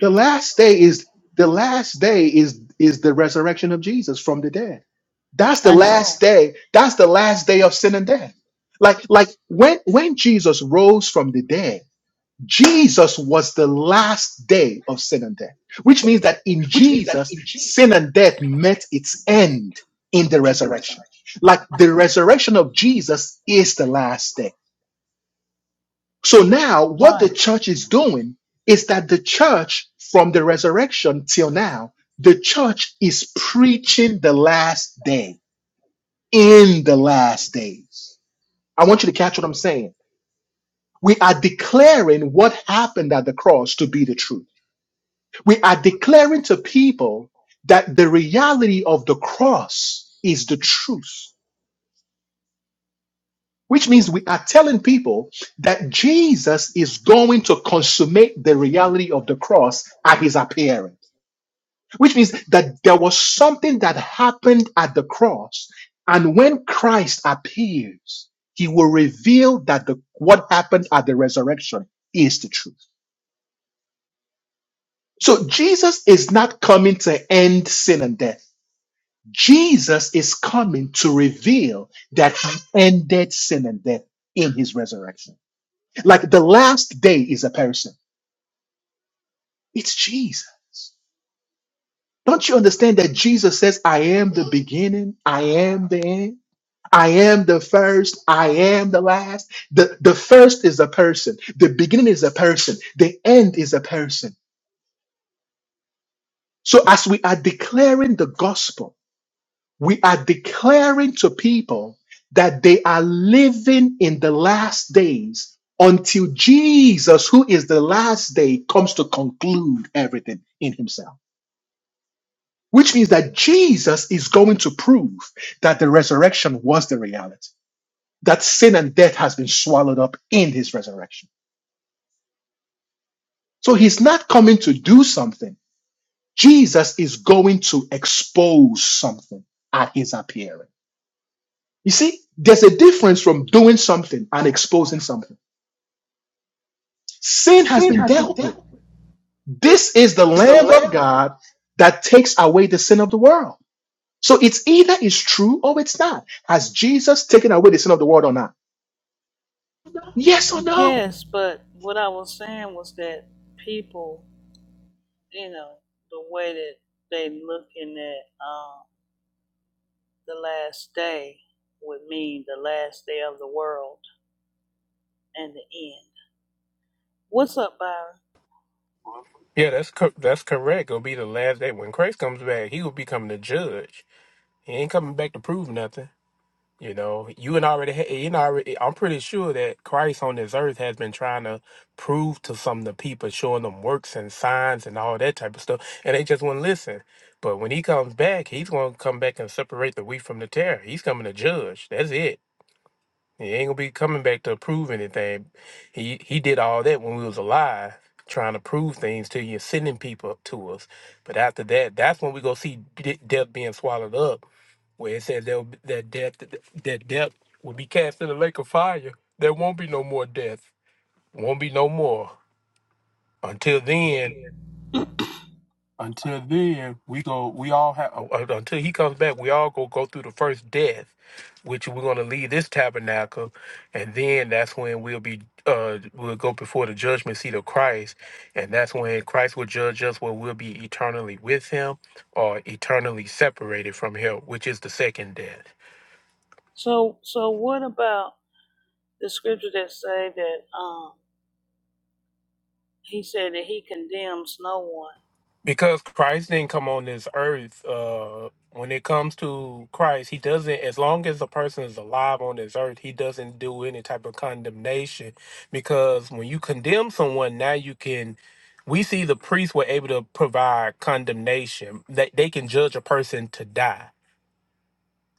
Speaker 1: The last day is the last day is is the resurrection of Jesus from the dead. That's the
Speaker 2: I know,
Speaker 1: last day. That's the last day of sin and death. Like like when when Jesus rose from the dead, Jesus was the last day of sin and death, which means that in Jesus, sin and death met its end in the resurrection. Like the resurrection of Jesus is the last day So now, what the
Speaker 2: right?
Speaker 1: church is doing is that the church, from the resurrection till now, the church is preaching the last day in the last days. I want you to catch what I'm saying. We are declaring what happened at the cross to be the truth. We are declaring to people that the reality of the cross is the truth. which means we are telling people that Jesus is going to consummate the reality of the cross at his appearance, which means that there was something that happened at the cross. And when Christ appears, he will reveal that the, what happened at the resurrection is the truth. So Jesus is not coming to end sin and death. Jesus is coming to reveal that he ended sin and death in his resurrection. Like the last day is a person. It's Jesus. Don't you understand that Jesus says, I am the beginning, I am the end, I am the first, I am the last. The, the first is a person, the beginning is a person, the end is a person. So as we are declaring the gospel, we are declaring to people that they are living in the last days until Jesus, who is the last day, comes to conclude everything in himself. which means that Jesus is going to prove that the resurrection was the reality, that sin and death has been swallowed up in his resurrection. So he's not coming to do something. Jesus is going to expose something at his appearing. You see, there's a difference from doing something and exposing something. Sin has been dealt with. This is the Lamb of God that takes away the sin of the world. So it's either it's true or it's not. Has Jesus taken away the sin of the world or not? Yes or no?
Speaker 2: Yes, but what I was saying was that people, you know, the way that they looking at um, the last day would mean the last day of the world and the end. What's up, Byron?
Speaker 7: Yeah, that's co- that's correct. It'll be the last day when Christ comes back. He will be coming to judge. He ain't coming back to prove nothing. You know, you and already, ha- you and already. I'm pretty sure that Christ on this earth has been trying to prove to some of the people, showing them works and signs and all that type of stuff, and they just wouldn't listen. But when he comes back, he's going to come back and separate the wheat from the tare. He's coming to judge. That's it. He ain't gonna be coming back to prove anything. He he did all that when we was alive, trying to prove things to you, sending people up to us. But after that, that's when we go see de- death being swallowed up, where it says there'll be- that death that death will be cast in the lake of fire. There won't be no more death. Won't be no more. Until then, until then, we go. We all have uh, uh, until he comes back. We all go go through the first death, which we're going to leave this tabernacle, and then that's when we'll be. Uh, we'll go before the judgment seat of Christ, and that's when Christ will judge us, where we'll be eternally with Him, or eternally separated from Him, which is the second death.
Speaker 2: So, so what about the scriptures that say that? Um, He said that he condemns no one.
Speaker 7: because Christ didn't come on this earth, uh, when it comes to Christ, he doesn't, as long as a person is alive on this earth, he doesn't do any type of condemnation. Because when you condemn someone, now you can, we see the priests were able to provide condemnation, that they, can judge a person to die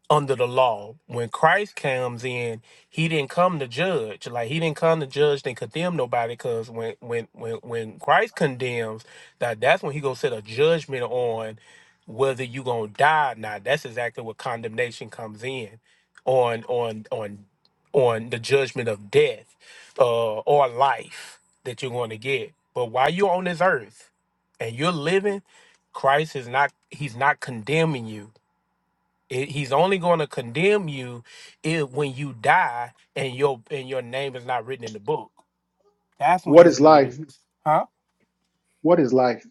Speaker 7: under the law. When Christ comes in, he didn't come to judge. Like he didn't come to judge and condemn nobody because when when when when Christ condemns, that that's when he gonna set a judgment on whether you gonna die or not. That's exactly what condemnation comes in on on on on the judgment of death uh or life that you're gonna get. But while you're on this earth and you're living, Christ is not he's not condemning you it, he's only going to condemn you if when you die and your and your name is not written in the book. That's when
Speaker 1: What
Speaker 7: he's
Speaker 1: is
Speaker 7: going to do
Speaker 1: life?
Speaker 7: his. Huh?
Speaker 1: What is life?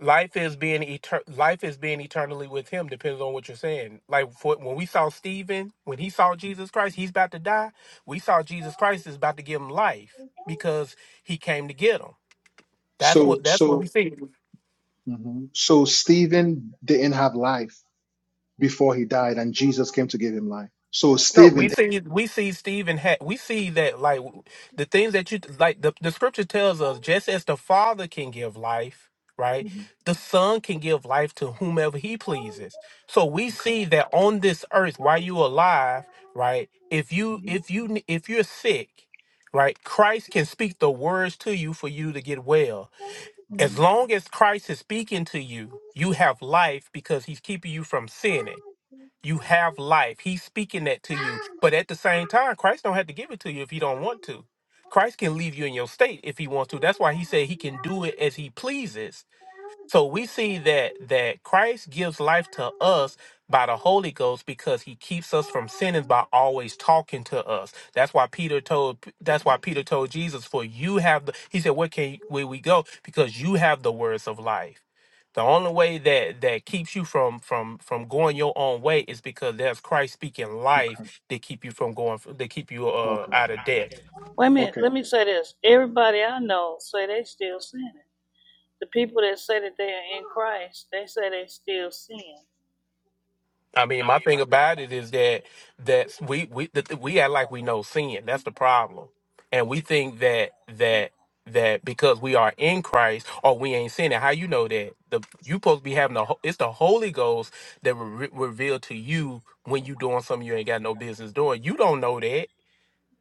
Speaker 7: Life is being etern- life is being eternally with him depends on what you're saying. Like for, when we saw Stephen, when he saw Jesus Christ, he's about to die. We saw Jesus Christ is about to give him life because he came to get him. That's
Speaker 1: So,
Speaker 7: what that's what we
Speaker 1: so,
Speaker 7: see.
Speaker 1: mhm. so Stephen didn't have life before he died, and Jesus came to give him life. So
Speaker 7: No, we
Speaker 1: Stephen.
Speaker 7: see we see Stephen. Ha- we see that like the things that you like. The, the scripture tells us just as the Father can give life, right?
Speaker 1: Mhm.
Speaker 7: The Son can give life to whomever He pleases. So we
Speaker 1: Okay.
Speaker 7: see that on this earth, while you are alive, right? If you
Speaker 1: Mhm.
Speaker 7: if you ne- if you're sick, right? Christ can speak the words to you for you to get well. As
Speaker 1: Mhm.
Speaker 7: long as Christ is speaking to you, you have life because He's keeping you from sinning you have life. He's speaking that to you. But at the same time, Christ don't have to give it to you if he don't want to. Christ can leave you in your state if he wants to. That's why he said he can do it as he pleases so we see that that Christ gives life to us by the Holy Ghost because he keeps us from sinning by always talking to us. That's why Peter told that's why Peter told Jesus, for you have the he said, What can where we go? Because you have the words of life. The only way that that keeps you from from from going your own way is because there's Christ speaking
Speaker 1: Okay.
Speaker 7: life that keep you from going that keep you uh
Speaker 1: Okay.
Speaker 7: out of death.
Speaker 2: Wait a minute,
Speaker 1: Okay.
Speaker 2: let me say this. Everybody I know say they still sinning. The people that say that they are in Christ, they say they still sin.
Speaker 7: I mean, my thing about it is that that we we that we act like we know sin. That's the problem, and we think that that that because we are in Christ or we ain't sinning. How you know that? The you supposed to be having the ho- it's the Holy Ghost that will re- reveal to you when you doing something you ain't got no business doing. You don't know that.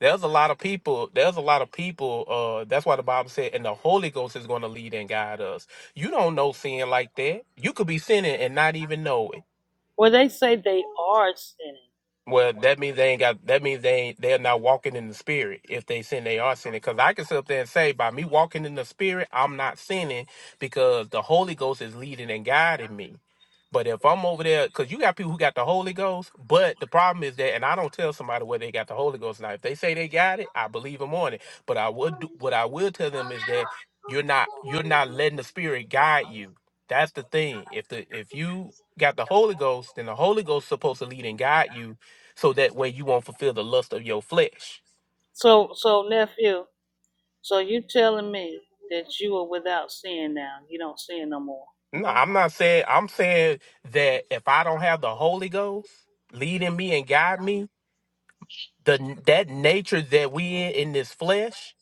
Speaker 7: There's a lot of people. There's a lot of people. Uh, that's why the Bible said, and the Holy Ghost is going to lead and guide us. You don't know sin like that. You could be sinning and not even know it.
Speaker 2: Well, they say they are sinning.
Speaker 7: Well, that means they ain't got. That means they ain't, they're not walking in the spirit. If they sin, they are sinning. Because I can sit up there and say, by me walking in the spirit, I'm not sinning because the Holy Ghost is leading and guiding me. But if I'm over there, because you got people who got the Holy Ghost, but the problem is that, and I don't tell somebody whether they got the Holy Ghost or not. If they say they got it, I believe them on it. But I would, do, what I will tell them is that you're not, you're not letting the Spirit guide you. That's the thing. If the if you got the Holy Ghost, then the Holy Ghost is supposed to lead and guide you so that way you won't fulfill the lust of your flesh.
Speaker 2: So, so nephew, so you telling me that you are without sin now? You don't sin no more.
Speaker 7: No, I'm not saying I'm saying that if I don't have the Holy Ghost leading me and guide me, the that nature that we in in this flesh,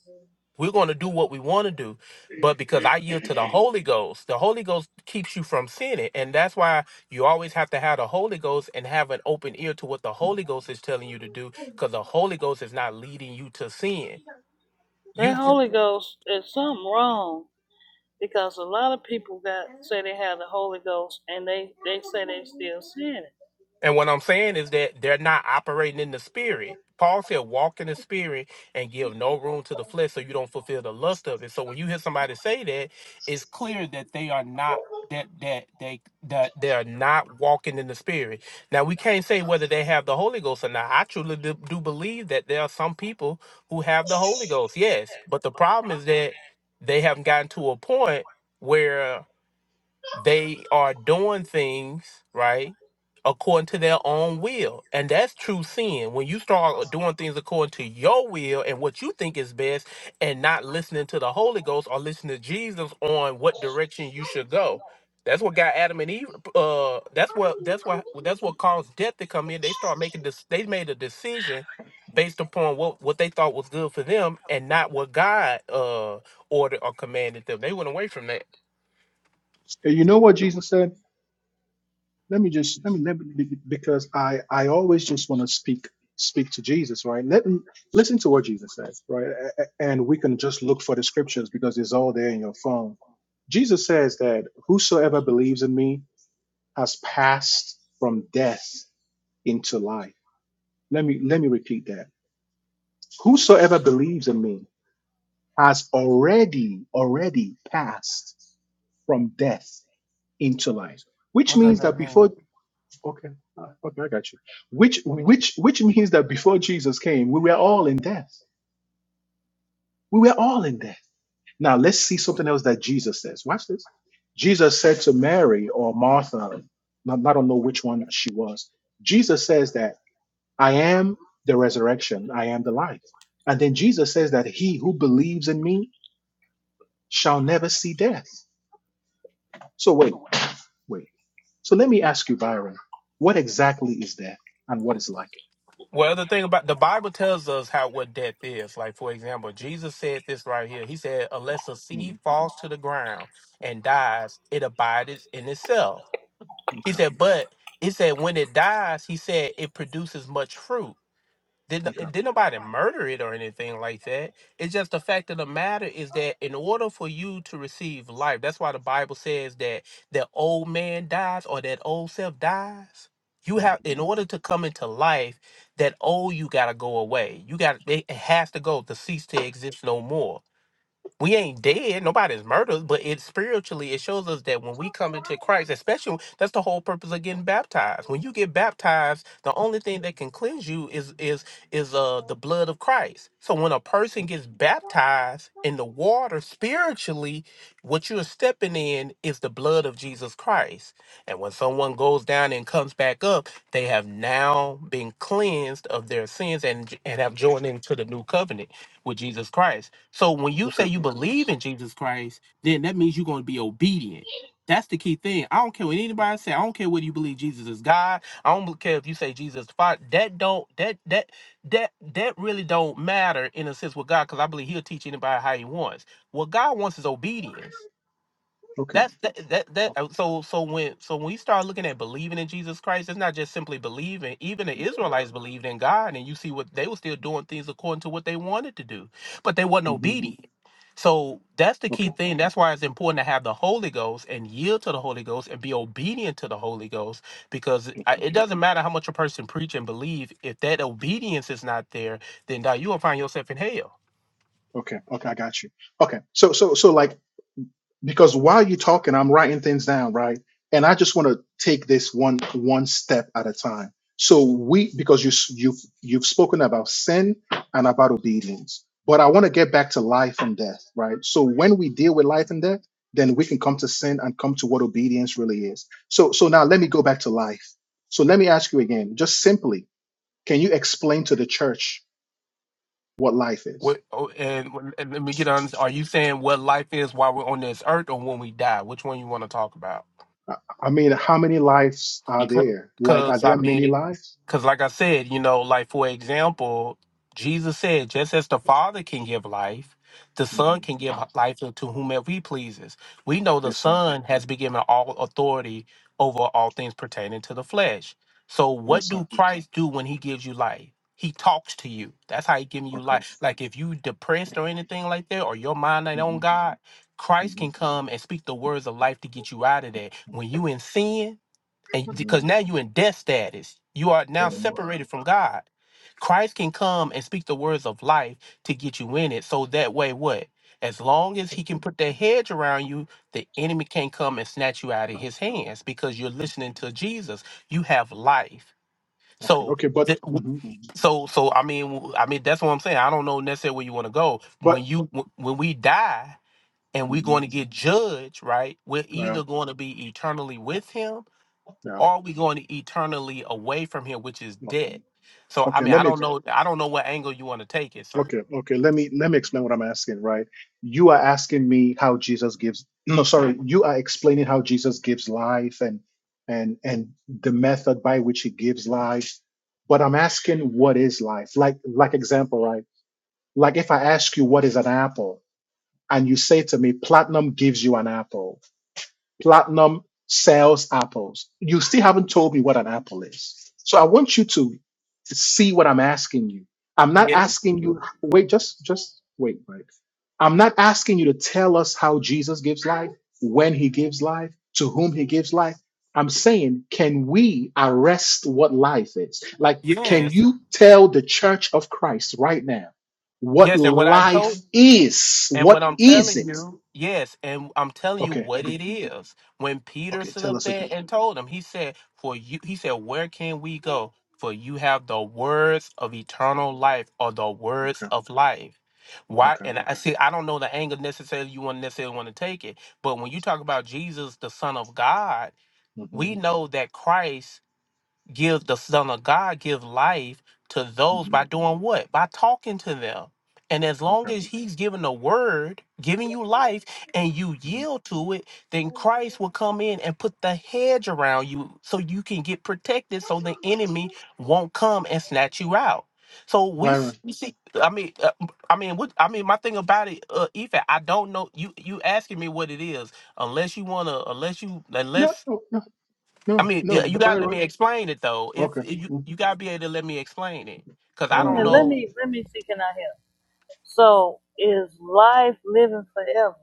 Speaker 7: we're going to do what we want to do. But because I yield to the Holy Ghost, the Holy Ghost keeps you from sinning, and that's why you always have to have the Holy Ghost and have an open ear to what the Holy Ghost is telling you to do, because the Holy Ghost is not leading you to sin. You
Speaker 2: That Holy Ghost is something wrong because a lot of people got say they have the Holy Ghost and they they say they still sinning.
Speaker 7: And what I'm saying is that they're not operating in the spirit. Paul said, walk in the spirit and give no room to the flesh so you don't fulfill the lust of it. So when you hear somebody say that, it's clear that they are not that that they that they're not walking in the spirit. Now we can't say whether they have the Holy Ghost or not. I truly do, do believe that there are some people who have the Holy Ghost, yes. But the problem is that they haven't gotten to a point where. They are doing things, right, according to their own will. And that's true sin. When you start doing things according to your will and what you think is best and not listening to the Holy Ghost or listening to Jesus on what direction you should go. That's what got Adam and Eve. Uh, that's what that's what that's what caused death to come in. They start making this. They made a decision based upon what what they thought was good for them and not what God uh ordered or commanded them. They went away from that.
Speaker 1: And you know what Jesus said? let me just let me let me be- because I I always just want to speak speak to Jesus, right? Let me listen to what Jesus says, right? A- a- And we can just look for the scriptures because it's all there in your phone. Jesus says that whosoever believes in me has passed from death into life. Let me let me repeat that. Whosoever believes in me has already already passed from death into life, which
Speaker 7: What does
Speaker 1: means
Speaker 7: that
Speaker 1: that
Speaker 7: mean?
Speaker 1: before Okay. Uh, okay, I got you. Which which which means that before Jesus came, we were all in death. We were all in death. Now let's see something else that Jesus says. Watch this. Jesus said to Mary or Martha, not- I don't know which one she was. Jesus says that I am the resurrection, I am the life. And then Jesus says that he who believes in me shall never see death. So wait, wait. So let me ask you, Byron, what exactly is death and what is life?
Speaker 7: Well, the thing about the Bible tells us how what death is. Like, for example, Jesus said this right here. He said, Unless a seed
Speaker 1: Mhm.
Speaker 7: falls to the ground and dies, it abides in itself. He
Speaker 1: Okay.
Speaker 7: said, But he said, When it dies, he said, it produces much fruit. Did, no-
Speaker 1: Okay.
Speaker 7: did nobody murder it or anything like that? It's just the fact of the matter is that in order for you to receive life, that's why the Bible says that that old man dies or that old self dies. You
Speaker 1: Mhm.
Speaker 7: have in order to come into life, that old you gotta go away. You got it has to go to cease to exist no more we ain't dead nobody's murdered but it spiritually it shows us that when we come into christ especially that's the whole purpose of getting baptized when you get baptized the only thing that can cleanse you is is is uh the blood of christ so when a person gets baptized in the water spiritually what you're stepping in is the blood of jesus christ and when someone goes down and comes back up they have now been cleansed of their sins and and have joined into the new covenant with jesus christ so when you
Speaker 1: Okay.
Speaker 7: say you believe in Jesus Christ, then that means you're going to be obedient. That's the key thing. I don't care what anybody say. I don't care whether you believe Jesus is God. I don't care if you say Jesus is the Father. That don't that that that that really don't matter in a sense with God, because I believe He'll teach anybody how He wants. What God wants is obedience
Speaker 1: Okay.
Speaker 7: that's that that, that
Speaker 1: Okay.
Speaker 7: uh, so so when so when you start looking at believing in Jesus Christ, it's not just simply believing. Even the Israelites believed in God, and you see what they were still doing things according to what they wanted to do, but they wasn't
Speaker 1: hmm
Speaker 7: obedient. So that's the key
Speaker 1: Okay.
Speaker 7: thing. That's why it's important to have the Holy Ghost and yield to the Holy Ghost and be obedient to the Holy Ghost because I-
Speaker 1: Okay.
Speaker 7: it doesn't matter how much a person preach and believe if that obedience is not there, then dog, you will find yourself in hell
Speaker 1: Okay. Okay. I got you. Okay. So so so like because while you're talking, I'm writing things down, right? And I just want to take this one one step at a time. So we because you s- you've you've spoken about sin and about obedience, but I want to get back to life and death, right? So when we deal with life and death, then we can come to sin and come to what obedience really is. So so now let me go back to life. So let me ask you again, just simply, can you explain to the church what life is.
Speaker 7: What, oh, and, and let me get on. Are you saying what life is while we're on this earth, or when we die? Which one you want to talk about?
Speaker 1: I I mean, how many lives are there? Like, are
Speaker 7: Because, I
Speaker 1: there many
Speaker 7: mean,
Speaker 1: lives?
Speaker 7: because like I said, you know, like for example, Jesus said, just as the Father can give life, the Son
Speaker 1: hmm
Speaker 7: can give life to whomever he pleases. We know the
Speaker 1: Yes, sir.
Speaker 7: Son has been given all authority over all things pertaining to the flesh. So,
Speaker 1: Yes,
Speaker 7: what
Speaker 1: sir.
Speaker 7: do Christ do when he gives you life? He talks to you. That's how he giving you
Speaker 1: Okay.
Speaker 7: life. Like if you depressed or anything like that, or your mind ain't on
Speaker 1: hmm
Speaker 7: God, Christ
Speaker 1: hmm
Speaker 7: can come and speak the words of life to get you out of that. When you in sin, and
Speaker 1: hmm
Speaker 7: because now you're in death status you are now
Speaker 1: hmm
Speaker 7: separated from god christ can come and speak the words of life to get you in it so that way what as long as he can put that hedge around you the enemy can't come and snatch you out of his hands because you're listening to jesus you have life
Speaker 1: Okay.
Speaker 7: so
Speaker 1: Okay. But,
Speaker 7: th- w-
Speaker 1: hmm
Speaker 7: so so i mean w- i mean that's what i'm saying i don't know necessarily where you want to go when
Speaker 1: but,
Speaker 7: you w- when we die and we're
Speaker 1: hmm
Speaker 7: going to get judged right we're
Speaker 1: yeah,
Speaker 7: either going to be eternally with him
Speaker 1: yeah.
Speaker 7: or are we going eternally away from him, which is
Speaker 1: Okay.
Speaker 7: dead? So I
Speaker 1: Okay.
Speaker 7: mean, I
Speaker 1: Let me
Speaker 7: don't know. I don't know what angle you want to take it. So
Speaker 1: Okay, okay. Let me let me explain what I'm asking, right? You are asking me how Jesus gives no, sorry, you are explaining how Jesus gives life and and and the method by which he gives life. But I'm asking what is life? Like like example, right? Like if I ask you what is an apple and you say to me platinum gives you an apple. Platinum sells apples. You still haven't told me what an apple is. So I want you to see what I'm asking you. I'm not
Speaker 7: yeah,
Speaker 1: asking you wait, just just wait, right? I'm not asking you to tell us how Jesus gives life, when he gives life, to whom he gives life. I'm saying, can we arrest what life is? Like, can
Speaker 7: yes,
Speaker 1: you tell the church of Christ right now what
Speaker 7: yes. And what I
Speaker 1: life
Speaker 7: told
Speaker 1: is?
Speaker 7: and what
Speaker 1: What
Speaker 7: I'm
Speaker 1: is
Speaker 7: telling
Speaker 1: it?
Speaker 7: you, yes, and I'm telling you
Speaker 1: Okay,
Speaker 7: what
Speaker 1: good.
Speaker 7: it is. When Peter
Speaker 1: okay,
Speaker 7: stood
Speaker 1: tell
Speaker 7: up
Speaker 1: us
Speaker 7: there
Speaker 1: again.
Speaker 7: and told him, he said, "For you," he said, "Where can we go? For you have the words of eternal life, or the words
Speaker 1: Okay.
Speaker 7: of life." Why?
Speaker 1: Okay.
Speaker 7: And I see. I don't know the angle necessarily you want necessarily want to take it, but when you talk about Jesus, the Son of God
Speaker 1: hmm
Speaker 7: we know that Christ give the Son of God give life to those
Speaker 1: hmm
Speaker 7: by doing what? By talking to them. And as long
Speaker 1: Okay.
Speaker 7: as he's giving the word, giving you life, and you
Speaker 1: hmm
Speaker 7: yield to it, then Christ will come in and put the hedge around you so you can get protected so the enemy won't come and snatch you out. So we
Speaker 1: Byron.
Speaker 7: s- we see, I mean, uh, I mean, what, I mean, my thing about it, uh, Ife, I don't know. You you asking me what it is, unless you wanna, unless you,
Speaker 1: No,
Speaker 7: unless
Speaker 1: no, no,
Speaker 7: I
Speaker 1: no,
Speaker 7: mean,
Speaker 1: no,
Speaker 7: yeah, you
Speaker 1: But
Speaker 7: gotta let
Speaker 1: Byron.
Speaker 7: me explain it though. If,
Speaker 1: Okay.
Speaker 7: if you
Speaker 1: hmm
Speaker 7: you gotta be able to let me explain it, cause
Speaker 1: All
Speaker 7: I
Speaker 2: Wait a
Speaker 1: right,
Speaker 7: don't
Speaker 1: go
Speaker 2: minute, let
Speaker 1: ahead.
Speaker 7: know
Speaker 2: me let me see. Can I help? So is life living forever?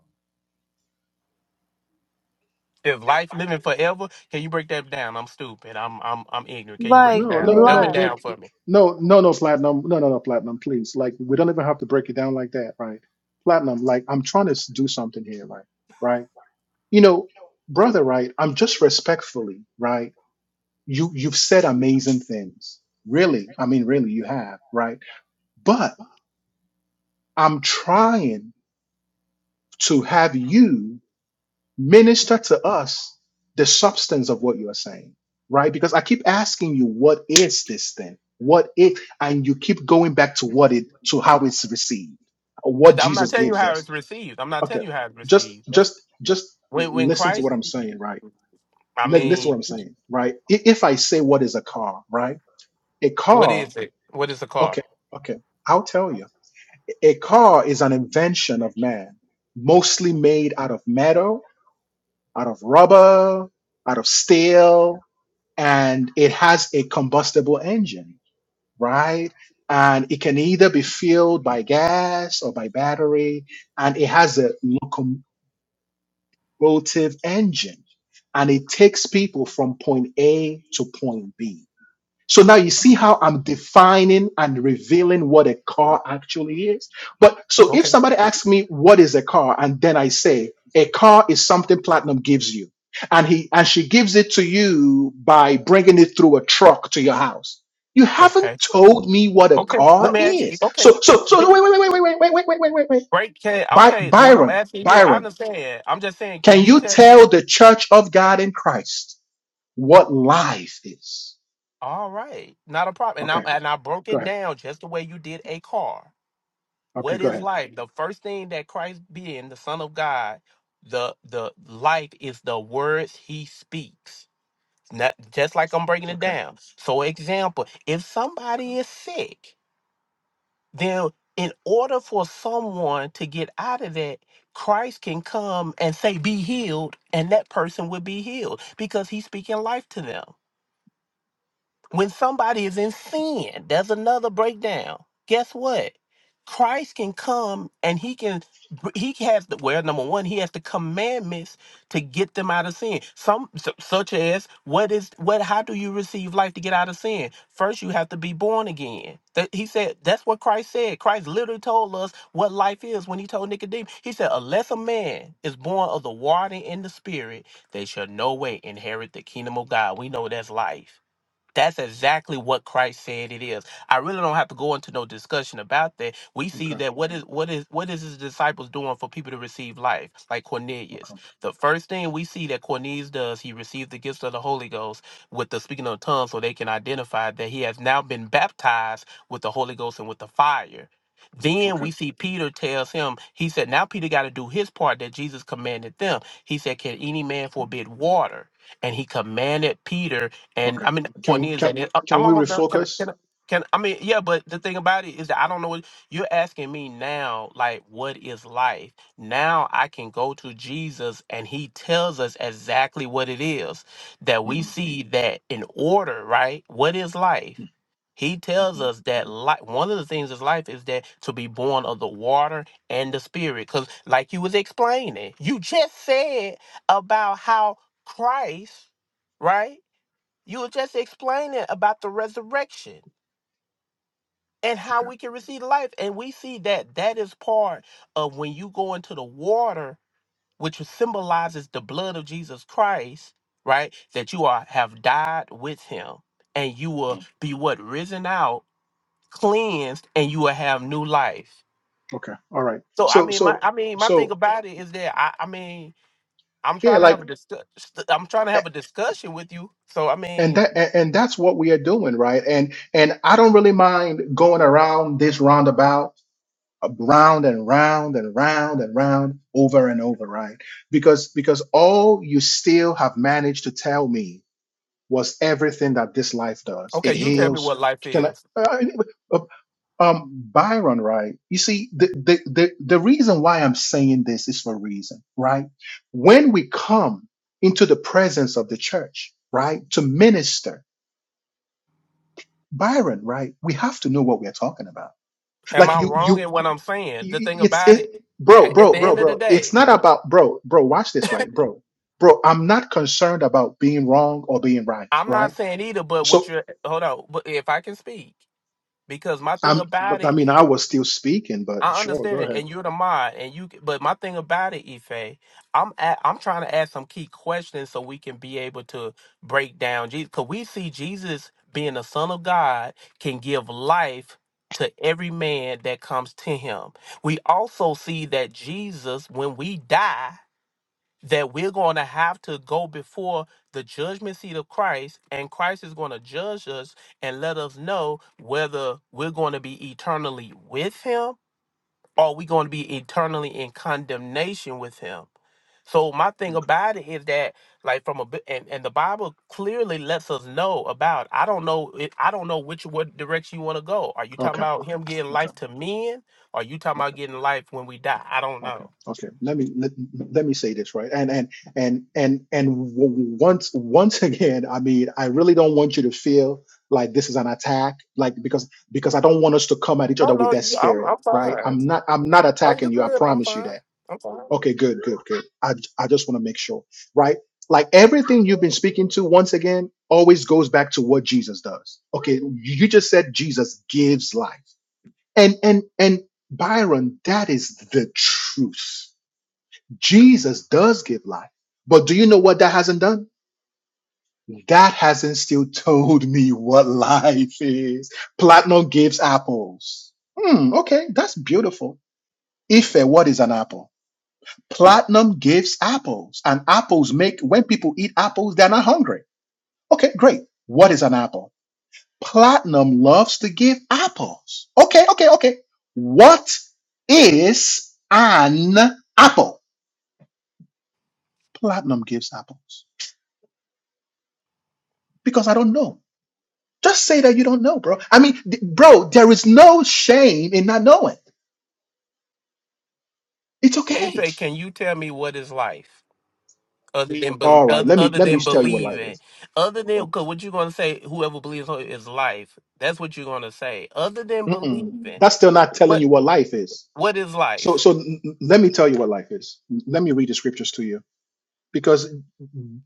Speaker 7: if life living forever. Can you break that down? I'm stupid. I'm I'm I'm ignorant. Can you break it
Speaker 1: No,
Speaker 7: down?
Speaker 1: no,
Speaker 7: Dumb it
Speaker 1: no, no,
Speaker 7: down for me.
Speaker 1: no, no, no, platinum. No, no, no, platinum, please. Like, we don't even have to break it down like that, right? Platinum, like, I'm trying to s- do something here, right? Right? You know, brother, right? I'm just respectfully, right? You, you've said amazing things. Really. I mean, really, you have, right? But I'm trying to have you minister to us the substance of what you are saying, right? Because I keep asking you, what is this thing? What it? And you keep going back to what it, to how it's received, what
Speaker 7: I'm not
Speaker 1: Jesus
Speaker 7: telling you
Speaker 1: gives
Speaker 7: how
Speaker 1: us.
Speaker 7: it's received. I'm not
Speaker 1: Okay,
Speaker 7: telling you how it's
Speaker 1: just,
Speaker 7: received. That's
Speaker 1: just, just
Speaker 7: when when
Speaker 1: listen to
Speaker 7: Christ.
Speaker 1: what I'm saying, right?
Speaker 7: I
Speaker 1: Li- Listen to what
Speaker 7: mean,
Speaker 1: I'm saying, right? I- If I say what is a car, right? A
Speaker 7: what
Speaker 1: car,
Speaker 7: is it? What is a car?
Speaker 1: okay, okay, I'll tell you. A a car is an invention of man, mostly made out of metal out of rubber, out of steel, and it has a combustible engine, right? And it can either be fueled by gas or by battery, and it has a locomotive engine, and it takes people from point A to point B so now you see how I'm defining and revealing what a car actually is. But so if
Speaker 7: Okay,
Speaker 1: somebody asks me what is a car, and then I say a car is something platinum gives you, and he and she gives it to you by bringing it through a truck to your house. You haven't
Speaker 7: okay,
Speaker 1: told me what a
Speaker 7: okay. Let
Speaker 1: car
Speaker 7: me ask you.
Speaker 1: is.
Speaker 7: Okay,
Speaker 1: So so so wait wait wait wait wait wait wait wait wait wait wait.
Speaker 7: break. Can
Speaker 1: By,
Speaker 7: okay. What I'm
Speaker 1: Byron
Speaker 7: asking you, I
Speaker 1: Byron,
Speaker 7: understand. I'm just saying.
Speaker 1: can
Speaker 7: Can you
Speaker 1: you
Speaker 7: tell me?
Speaker 1: tell the Church of God in Christ what life is?
Speaker 7: All right, not a problem. And
Speaker 1: Okay,
Speaker 7: I and I broke
Speaker 1: go
Speaker 7: it
Speaker 1: ahead.
Speaker 7: down just the way you did a car.
Speaker 1: Okay,
Speaker 7: What
Speaker 1: go
Speaker 7: is
Speaker 1: ahead.
Speaker 7: life? The first thing that Christ being the Son of God, the the life is the words He speaks. Not just like I'm breaking it
Speaker 1: Okay.
Speaker 7: down. So, example, if
Speaker 1: Okay.
Speaker 7: somebody is sick, then in order for someone to get out of that, Christ can come and say, "Be healed," and that person will be healed because He's speaking life to them. When somebody is in sin, there's another breakdown. Guess what? Christ can come and he can he has the well number one he has the commandments to get them out of sin some su- such as what is what how do you receive life to get out of sin first you have to be born again that he said that's what christ said christ literally told us what life is when he told nicodemus he said unless a man is born of the water and the spirit they shall no way inherit the kingdom of god we know that's life that's exactly what Christ said it is. I really don't have to go into no discussion about that. We see
Speaker 1: Okay.
Speaker 7: that what is what is what is his disciples doing for people to receive life, like Cornelius.
Speaker 1: Okay.
Speaker 7: The first thing we see that Cornelius does, he received the gifts of the Holy Ghost with the speaking of tongues, so they can identify that he has now been baptized with the Holy Ghost and with the fire. Then
Speaker 1: Okay.
Speaker 7: we see Peter tells him, he said, Now Peter got to do his part that Jesus commanded them. He said, Can any man forbid water? And he commanded Peter and
Speaker 1: Okay.
Speaker 7: I mean, Courtney
Speaker 1: Can
Speaker 7: is
Speaker 1: can
Speaker 7: that it, I-
Speaker 1: can
Speaker 7: I'm
Speaker 1: we
Speaker 7: almost done. Can, I-
Speaker 1: refocus?
Speaker 7: can, I- can I mean, yeah, but the thing about it is that I don't know what you're asking me now, like, what is life? Now I can go to Jesus and he tells us exactly what it is that
Speaker 1: hmm
Speaker 7: we see that in order, right? What is life? He tells
Speaker 1: hmm
Speaker 7: us that life, one of the things is life is that to be born of the water and the spirit. Because, like you was explaining, you just said about how Christ, right? You were just explaining about the resurrection and how
Speaker 1: Okay.
Speaker 7: we can receive life. And we see that that is part of when you go into the water, which symbolizes the blood of Jesus Christ, right? That you are have died with him and you will
Speaker 1: Mm.
Speaker 7: be what risen out, cleansed, and you will have new life.
Speaker 1: Okay. All right.
Speaker 7: So I
Speaker 1: So
Speaker 7: mean my
Speaker 1: so
Speaker 7: I mean my thing
Speaker 1: so
Speaker 7: about it is that I, I mean I'm
Speaker 1: yeah,
Speaker 7: trying to
Speaker 1: like
Speaker 7: have a discuss I'm trying to
Speaker 1: a-
Speaker 7: have a discussion with you. So I
Speaker 1: and
Speaker 7: mean,
Speaker 1: that a- and that's what we are doing, right? And and I don't really mind going around this roundabout, uh, round and round and round and round, over and over, right? Because because all you still have managed to tell me was everything that this life does.
Speaker 7: okay,
Speaker 1: It
Speaker 7: you tell me
Speaker 1: heals.
Speaker 7: what life
Speaker 1: Can I?
Speaker 7: is.
Speaker 1: Uh, Um, Byron, right? You see, the, the the the reason why I'm saying this is for a reason, right? When we come into the presence of the church, right, to minister, Byron, right, we have to know what we're talking about.
Speaker 7: Am
Speaker 1: Like
Speaker 7: I
Speaker 1: you,
Speaker 7: wrong in
Speaker 1: you,
Speaker 7: what I'm saying? The
Speaker 1: you
Speaker 7: thing
Speaker 1: it's
Speaker 7: about it,
Speaker 1: it, bro,
Speaker 7: at, at the
Speaker 1: bro, bro,
Speaker 7: end of the
Speaker 1: bro. It's
Speaker 7: day,
Speaker 1: not about, bro, bro. Watch this, right, bro, bro. I'm not concerned about being wrong or being right,
Speaker 7: I'm not
Speaker 1: right.
Speaker 7: saying either. But what
Speaker 1: So
Speaker 7: you're hold on, but if I can speak, because my thing
Speaker 1: I'm,
Speaker 7: about
Speaker 1: I
Speaker 7: it,
Speaker 1: mean, I
Speaker 7: is-
Speaker 1: was still speaking, but
Speaker 7: I
Speaker 1: sure,
Speaker 7: understand
Speaker 1: go
Speaker 7: it,
Speaker 1: ahead.
Speaker 7: and you're the mod, and you. But my thing about it, Ife, I'm at, I'm trying to ask some key questions so we can be able to break down Jesus, because we see Jesus being the Son of God can give life to every man that comes to him. We also see that Jesus, when we die that we're going to have to go before the judgment seat of Christ, and Christ is going to judge us and let us know whether we're going to be eternally with Him or we're going to be eternally in condemnation with Him. So my thing about it is that, like from a bi- and, and the Bible clearly lets us know about. I don't know. it- I don't know which what direction you want to go. Are you talking
Speaker 1: Okay,
Speaker 7: about Him getting
Speaker 1: okay,
Speaker 7: life to men? Or are you talking
Speaker 1: okay.
Speaker 7: about getting life when we die? I don't
Speaker 1: Okay.
Speaker 7: know.
Speaker 1: Okay. Let me let, let me say this right, and and and and and w- once once again, I mean, I really don't want you to feel like this is an attack, like because because I don't want us to come at each other with that spirit, right? I'm not I'm not attacking you. I promise you that. Okay. Good. Good. Good. I I just want to make sure, right? Like everything you've been speaking to, once again, always goes back to what Jesus does. Okay. You you just said Jesus gives life, and and and Byron, that is the truth Jesus does give life. But do you know what that hasn't done? That hasn't still told me what life is. Platinum gives apples. Hmm, okay, that's beautiful. Ife, what is an apple? Platinum gives apples, and apples make, when people eat apples, they're not hungry. Okay, great. What is an apple? Platinum loves to give apples. Okay, okay, okay. What is an apple? Platinum gives apples because I don't know. Just say that you don't know, bro. I mean, th- bro, there is no shame in not knowing. It's okay.
Speaker 7: Afe, can you tell me what is life? other than bel
Speaker 1: All right,
Speaker 7: other,
Speaker 1: let me
Speaker 7: other
Speaker 1: let me
Speaker 7: than
Speaker 1: tell you what life
Speaker 7: believing,
Speaker 1: is.
Speaker 7: other than
Speaker 1: Okay.
Speaker 7: because what you're gonna say, whoever believes on is life. That's what you're gonna say. Other than
Speaker 1: Mm-mm.
Speaker 7: believing,
Speaker 1: That's still not telling
Speaker 7: what
Speaker 1: you what life is.
Speaker 7: what is
Speaker 1: So
Speaker 7: life?
Speaker 1: so n- n- let me tell you what life is. Let me read the scriptures to you because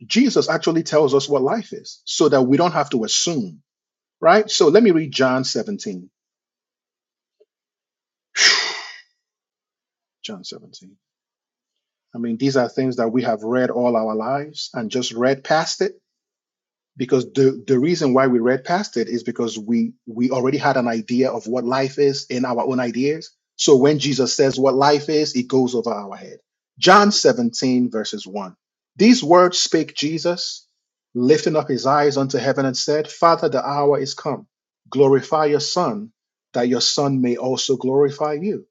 Speaker 1: Jesus actually tells us what life is so that we don't have to assume, right? So let me read John 17. John 17. I mean, these are things that we have read all our lives and just read past it because the the reason why we read past it is because we we already had an idea of what life is in our own ideas so when jesus says what life is it goes over our head john 17 verses 1 these words spake jesus lifting up his eyes unto heaven and said father the hour is come glorify your son that your son may also glorify you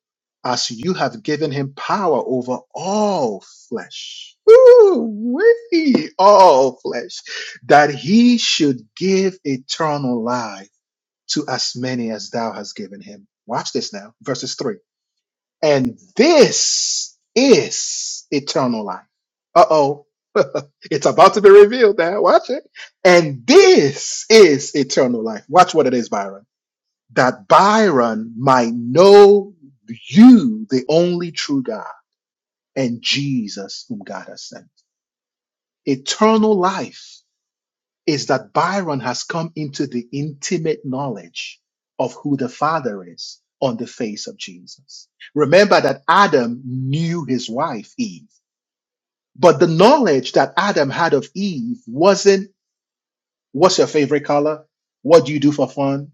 Speaker 1: as you have given him power over all flesh Woo-wee, all flesh that he should give eternal life to as many as thou hast given him. Watch this now, verses 3. And this is eternal life. Uh oh. it's about to be revealed now. Watch it. And this is eternal life. Watch what it is, Byron. That Byron might know you, the only true God, and Jesus, whom God has sent. Eternal life is that Byron has come into the intimate knowledge of who the Father is on the face of Jesus. Remember that Adam knew his wife Eve, but the knowledge that Adam had of Eve wasn't what's your favorite color? What do you do for fun?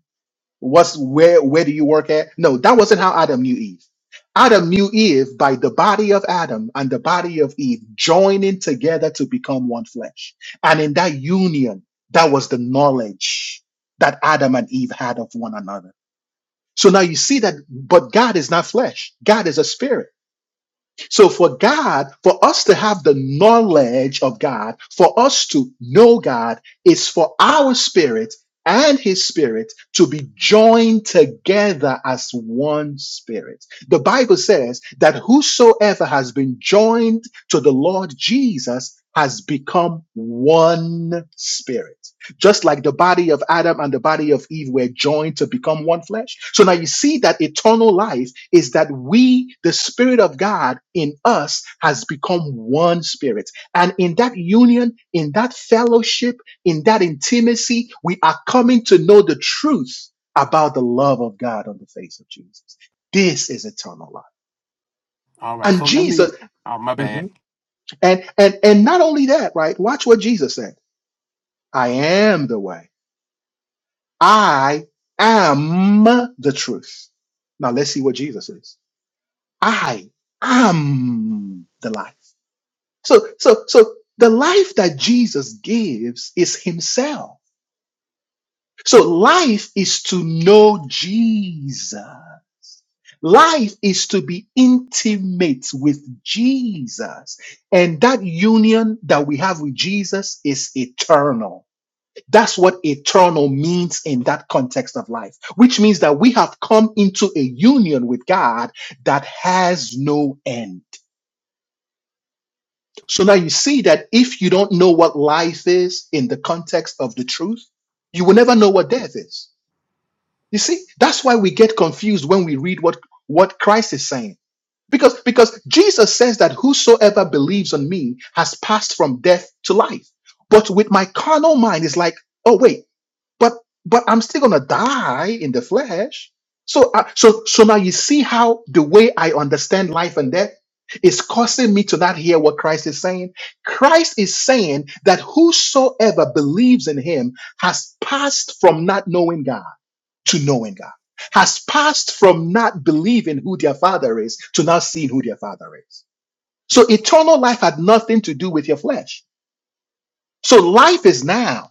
Speaker 1: What's where where do you work at? No, that wasn't how Adam knew Eve. Adam knew Eve by the body of Adam and the body of Eve joining together to become one flesh. And in that union, that was the knowledge that Adam and Eve had of one another. So now you see that, but God is not flesh. God is a spirit. So for God, for us to have the knowledge of God, for us to know God, is for our spirit and his spirit to be joined together as one spirit. The Bible says that whosoever has been joined to the Lord Jesus has become one spirit just like the body of Adam and the body of Eve were joined to become one flesh. So now you see that eternal life is that we, the Spirit of God in us, has become one spirit. And in that union, in that fellowship, in that intimacy, we are coming to know the truth about the love of God on the face of Jesus. This is eternal life.
Speaker 7: All right.
Speaker 1: And
Speaker 7: So let me.
Speaker 1: Jesus,
Speaker 7: Oh, my bad.
Speaker 1: Mhm. and and and not only that, right? Watch what Jesus said. I am the way. I am the truth. Now let's see what Jesus is. I am the life. So, so, so the life that Jesus gives is himself. So life is to know Jesus. Life is to be intimate with Jesus. And that union that we have with Jesus is eternal. That's what eternal means in that context of life, which means that we have come into a union with God that has no end. So now you see that if you don't know what life is in the context of the truth, you will never know what death is. You see, that's why we get confused when we read what, what Christ is saying. Because, because Jesus says that whosoever believes on me has passed from death to life. But with my carnal mind, it's like, oh, wait. but but I'm still gonna die in the flesh. So I, so so now you see how the way I understand life and death is causing me to not hear what Christ is saying. Christ is saying that whosoever believes in Him has passed from not knowing God to knowing God, has passed from not believing who their Father is to not seeing who their Father is. So eternal life had nothing to do with your flesh. So life is now.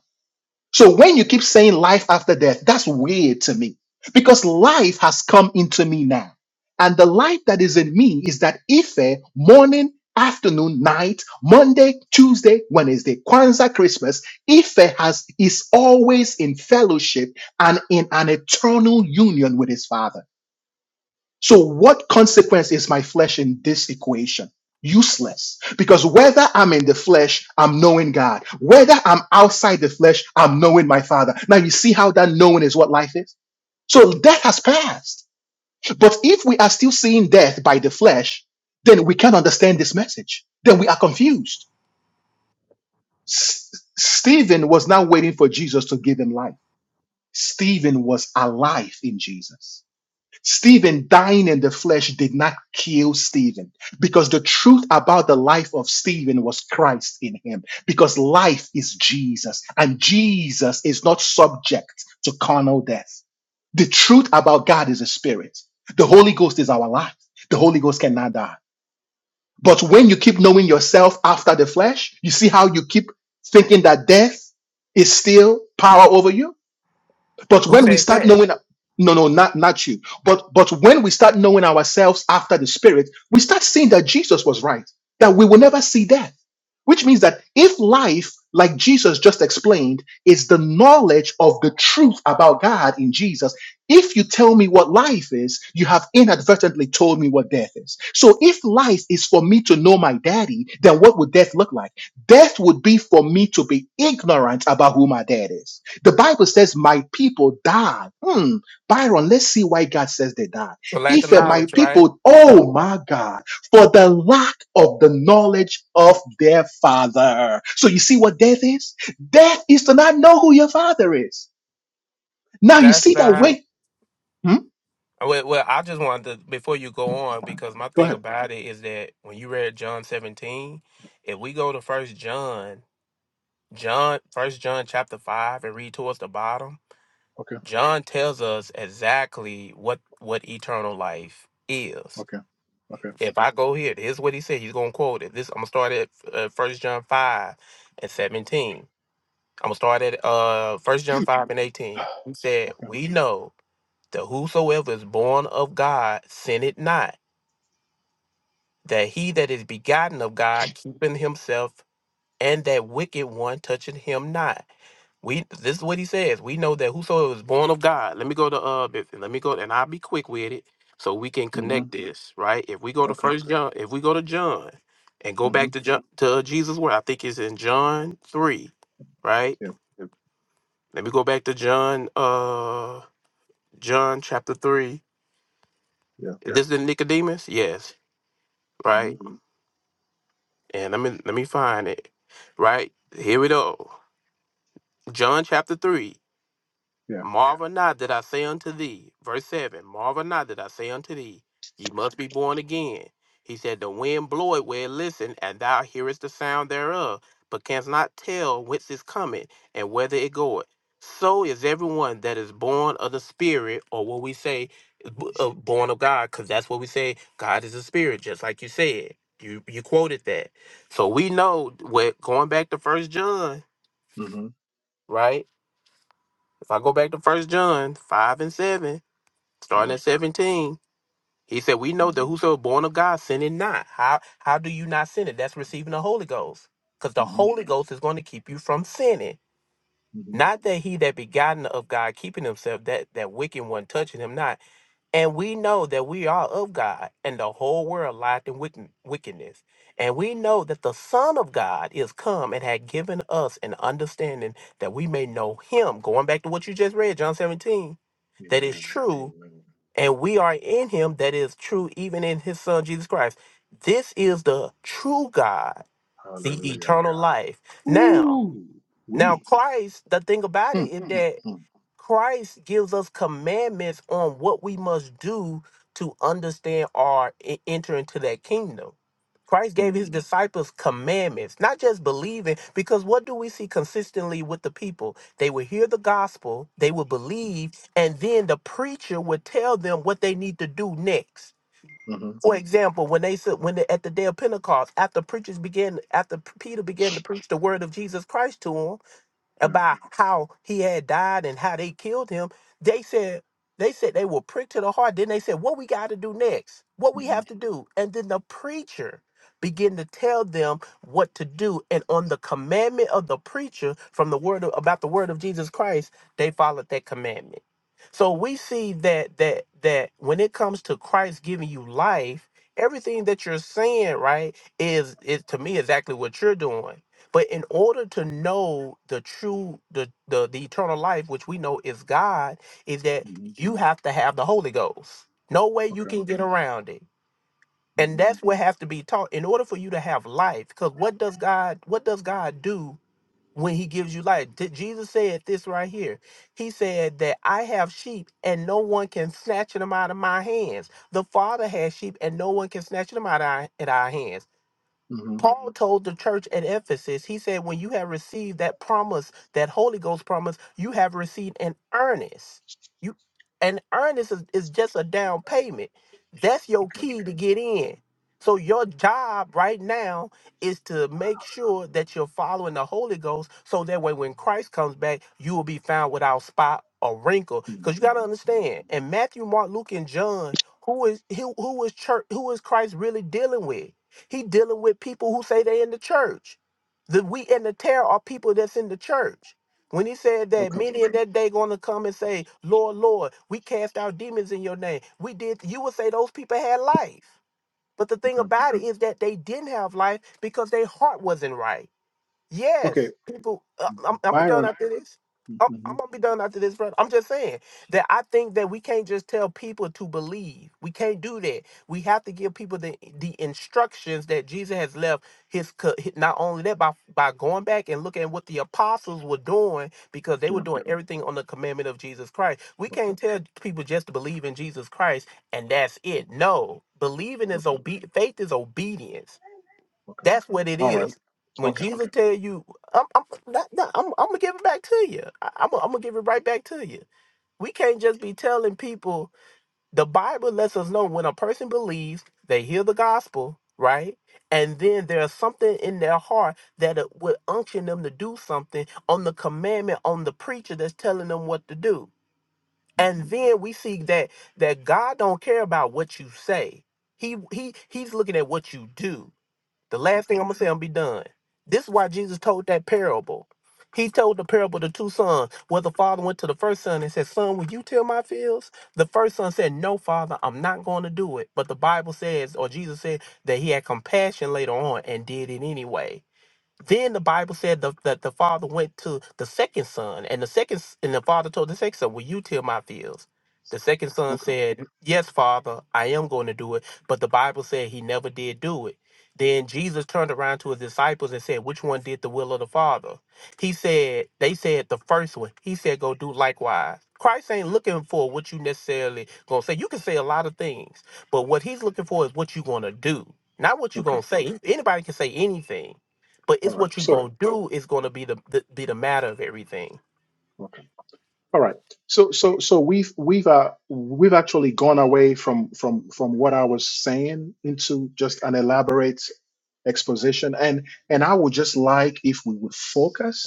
Speaker 1: So when you keep saying life after death, that's weird to me because life has come into me now. And the life that is in me is that Ife, morning, afternoon, night, Monday, Tuesday, Wednesday, Kwanzaa, Christmas, Ife has, is always in fellowship and in an eternal union with his father. So, what consequence is my flesh in this equation? Useless. Because whether I'm in the flesh, I'm knowing God. Whether I'm outside the flesh, I'm knowing my Father. Now, you see how that knowing is what life is? So, death has passed. But if we are still seeing death by the flesh, then we can't understand this message. Then we are confused. S- Stephen was not waiting for Jesus to give him life, Stephen was alive in Jesus. Stephen dying in the flesh did not kill Stephen because the truth about the life of Stephen was Christ in him because life is Jesus and Jesus is not subject to carnal death. The truth about God is a spirit. The Holy Ghost is our life. The Holy Ghost cannot die. But when you keep knowing yourself after the flesh, you see how you keep thinking that death is still power over you? But
Speaker 7: Who
Speaker 1: when we
Speaker 7: said
Speaker 1: start
Speaker 7: that?
Speaker 1: knowing, no, no, not not you, but but when we start knowing ourselves after the Spirit, we start seeing that Jesus was right, that we will never see death. Which means that if life, like Jesus just explained, is the knowledge of the truth about God in Jesus, if you tell me what life is, you have inadvertently told me what death is. So if life is for me to know my daddy, then what would death look like? Death would be for me to be ignorant about who my dad is. The Bible says, My people died. Hmm. Byron, let's see why God says they died.
Speaker 7: So lack of
Speaker 1: If uh, my
Speaker 7: knowledge, right?
Speaker 1: people, oh my God, for the lack of the knowledge of their father. So you see what death is? Death is to not know who your father is. Now you
Speaker 7: That's
Speaker 1: see that
Speaker 7: not.
Speaker 1: way. Hmm?
Speaker 7: Well, well, I just wanted to before you go on because my
Speaker 1: Go
Speaker 7: thing
Speaker 1: ahead.
Speaker 7: about it is that when you read John 17, if we go to First John, John, First John chapter five, and read towards the bottom.
Speaker 1: Okay.
Speaker 7: John tells us exactly what what eternal life is.
Speaker 1: Okay. Okay.
Speaker 7: If I go here, here's what he said. He's gonna quote it. This I'm gonna start at uh, First John five and seventeen. I'm gonna start at uh First John five and eighteen. He said,
Speaker 1: Okay.
Speaker 7: "We know that whosoever is born of God sinneth not. That he that is begotten of God keepeth himself, and that wicked one touching him not. We this is what he says. We know that whosoever is born of God. Let me go to uh this- let me go and I'll be quick with it so we can
Speaker 1: hmm
Speaker 7: connect this, right? If we go to
Speaker 1: Okay.
Speaker 7: first John, if we go to John and go
Speaker 1: hmm
Speaker 7: back to John to uh, Jesus word. I think it's in John 3, right?
Speaker 1: Yeah.
Speaker 7: Let me go back to John uh John chapter 3.
Speaker 1: Yeah.
Speaker 7: Is this the Nicodemus? Yes,
Speaker 1: hmm
Speaker 7: right? And let me let me find it. Right? Here we go. John chapter 3.
Speaker 1: Yeah.
Speaker 7: Marvel not that I say unto thee, verse 7 Marvel not that I say unto thee, ye must be born again. He said, The wind bloweth where it listen, and thou hearest the sound thereof, but canst not tell whence it cometh and whither it goeth. So is everyone that is born of the Spirit, or what we say, b- uh, born of God, because that's what we say. God is a spirit, just like you said. You you quoted that. So we know what going back to First John,
Speaker 1: hmm
Speaker 7: right? If I go back to First John five and seven starting
Speaker 1: Yeah.
Speaker 7: at 17 he said we know that
Speaker 1: hmm
Speaker 7: whoso is born of god sinneth not how how do you not sin it that's receiving the holy ghost because the
Speaker 1: hmm
Speaker 7: holy ghost is going to keep you from sinning
Speaker 1: hmm
Speaker 7: not that he that begotten of god keeping himself that that wicked one touching him not and we know that we are of god and the whole world lieth in wicked- wickedness and we know that the son of god is come and had given us an understanding that we may know him going back to what you just read john 17 that is
Speaker 1: Amen.
Speaker 7: true
Speaker 1: Amen.
Speaker 7: and we are in him that is true even in his son jesus christ this is the true god the
Speaker 1: Hallelujah.
Speaker 7: eternal life now
Speaker 1: Ooh. We.
Speaker 7: now christ the thing about it
Speaker 1: Hmm,
Speaker 7: is
Speaker 1: hmm,
Speaker 7: that
Speaker 1: hmm,
Speaker 7: Christ gives us commandments on what we must do to understand or e- enter into that kingdom. Christ gave
Speaker 1: hmm.
Speaker 7: his disciples commandments, not just believing, because what do we see consistently with the people? They would hear the gospel, they would believe, and then the preacher would tell them what they need to do next.
Speaker 1: Mhm.
Speaker 7: For example, when they said when they, at the day of Pentecost, after preachers began, after Peter began to preach the word of Jesus Christ to them,
Speaker 1: Yeah.
Speaker 7: about how he had died and how they killed him, they said they said they were pricked to the heart. Then they said, "What we got to do next? What we have
Speaker 1: Mhm,
Speaker 7: to do?" And then the preacher began to tell them what to do, and on the commandment of the preacher from the word of, about the word of Jesus Christ, they followed that commandment. So we see that that that when it comes to Christ giving you life, everything that you're saying, right, is is to me exactly what you're doing but in order to know the true, the, the the eternal life, which we know is God, is that
Speaker 1: mhm.
Speaker 7: you have to have the Holy Ghost. No way you
Speaker 1: Okay.
Speaker 7: can get around it. And
Speaker 1: Mhm,
Speaker 7: that's what has to be taught in order for you to have life. Because what does God what does God do when he gives you life? Did Jesus said this right here. He said that I have sheep and no one can snatch them out of my hands. The Father has sheep and no one can snatch them out of our, at our hands.
Speaker 1: mhm.
Speaker 7: Paul told the church at Ephesus, he said, when you have received that promise, that Holy Ghost promise, you have received an earnest. You an earnest is, is just a down payment. That's your
Speaker 1: Okay.
Speaker 7: key to get in. So your job right now is to make sure that you're following the Holy Ghost so that way when Christ comes back, you will be found without spot or wrinkle. Because
Speaker 1: Mhm,
Speaker 7: you gotta
Speaker 1: mhm.
Speaker 7: understand, in Matthew, Mark, Luke, and John, who is who, who is church who is Christ really dealing with? He dealing with people who say they in the church. The wheat and the tear are people that's in the church. When he said that
Speaker 1: Okay.
Speaker 7: many in that day gonna come and say, Lord, Lord, we cast out demons in your name. We did you would say those people had life. But the thing
Speaker 1: Okay.
Speaker 7: about it is that they didn't have life because their heart wasn't right.
Speaker 1: Okay.
Speaker 7: Yes, people. uh, I'm, I'm gonna be done
Speaker 1: Byron.
Speaker 7: after this. I'm, I'm
Speaker 1: Mhm.
Speaker 7: gonna be done after this, brother. I'm just saying that I think that we can't just tell people to believe. We can't do that. We have to give people the the instructions that Jesus has left. His co- hi- not only that by by going back and looking at what the apostles were doing because they were
Speaker 1: Yeah.
Speaker 7: doing Mhm. everything on the commandment of Jesus Christ. We
Speaker 1: Okay.
Speaker 7: can't tell people just to believe in Jesus Christ and that's it. No, believing is
Speaker 1: Okay.
Speaker 7: obe- faith is obedience.
Speaker 1: Okay.
Speaker 7: That's what it
Speaker 1: All right.
Speaker 7: is. When
Speaker 1: Okay.
Speaker 7: Jesus tell you, I'm, I'm, that, that- I'm, I'm gonna give it back to you. I, I'm, I'm gonna give it right back to you. We can't just be telling people. The Bible lets us know when a person believes, they hear the gospel, right, and then there's something in their heart that it would unction them to do something on the commandment on the preacher that's telling them what to do.
Speaker 1: Mhm.
Speaker 7: And then we see that that God don't care about what you say. He he he's looking at what you do the last
Speaker 1: Okay.
Speaker 7: thing I'm gonna say, I'm gonna be done. This is why Jesus told that parable. He told the parable to two sons, where the father went to the first son and said, Son, will you till my fields? The first son said, No, father, I'm not going to do it. But the Bible says, or Jesus said, that he had compassion later on and did it anyway. Then the Bible said the, that the father went to the second son, and the second s- and the father told the second son, "Will you till my fields?" The second son
Speaker 1: Okay.
Speaker 7: said, "Yes, father, I am going to do it." But the Bible said he never did do it. Then Jesus turned around to his disciples and said, "Which one did the will of the Father?" He said, "They said the first one." He said, "Go do likewise." Christ ain't looking for what you necessarily gonna say. You can say a lot of things, but what he's looking for is what you gonna do, not what you
Speaker 1: Okay.
Speaker 7: gonna say. Anybody can say anything but
Speaker 1: All
Speaker 7: it's
Speaker 1: right.
Speaker 7: what you
Speaker 1: So,
Speaker 7: gonna do is gonna be the, the be the matter of everything.
Speaker 1: okay. All right. So, so, so we've, we've, uh, we've actually gone away from, from, from what I was saying into just an elaborate exposition. And, and I would just like if we would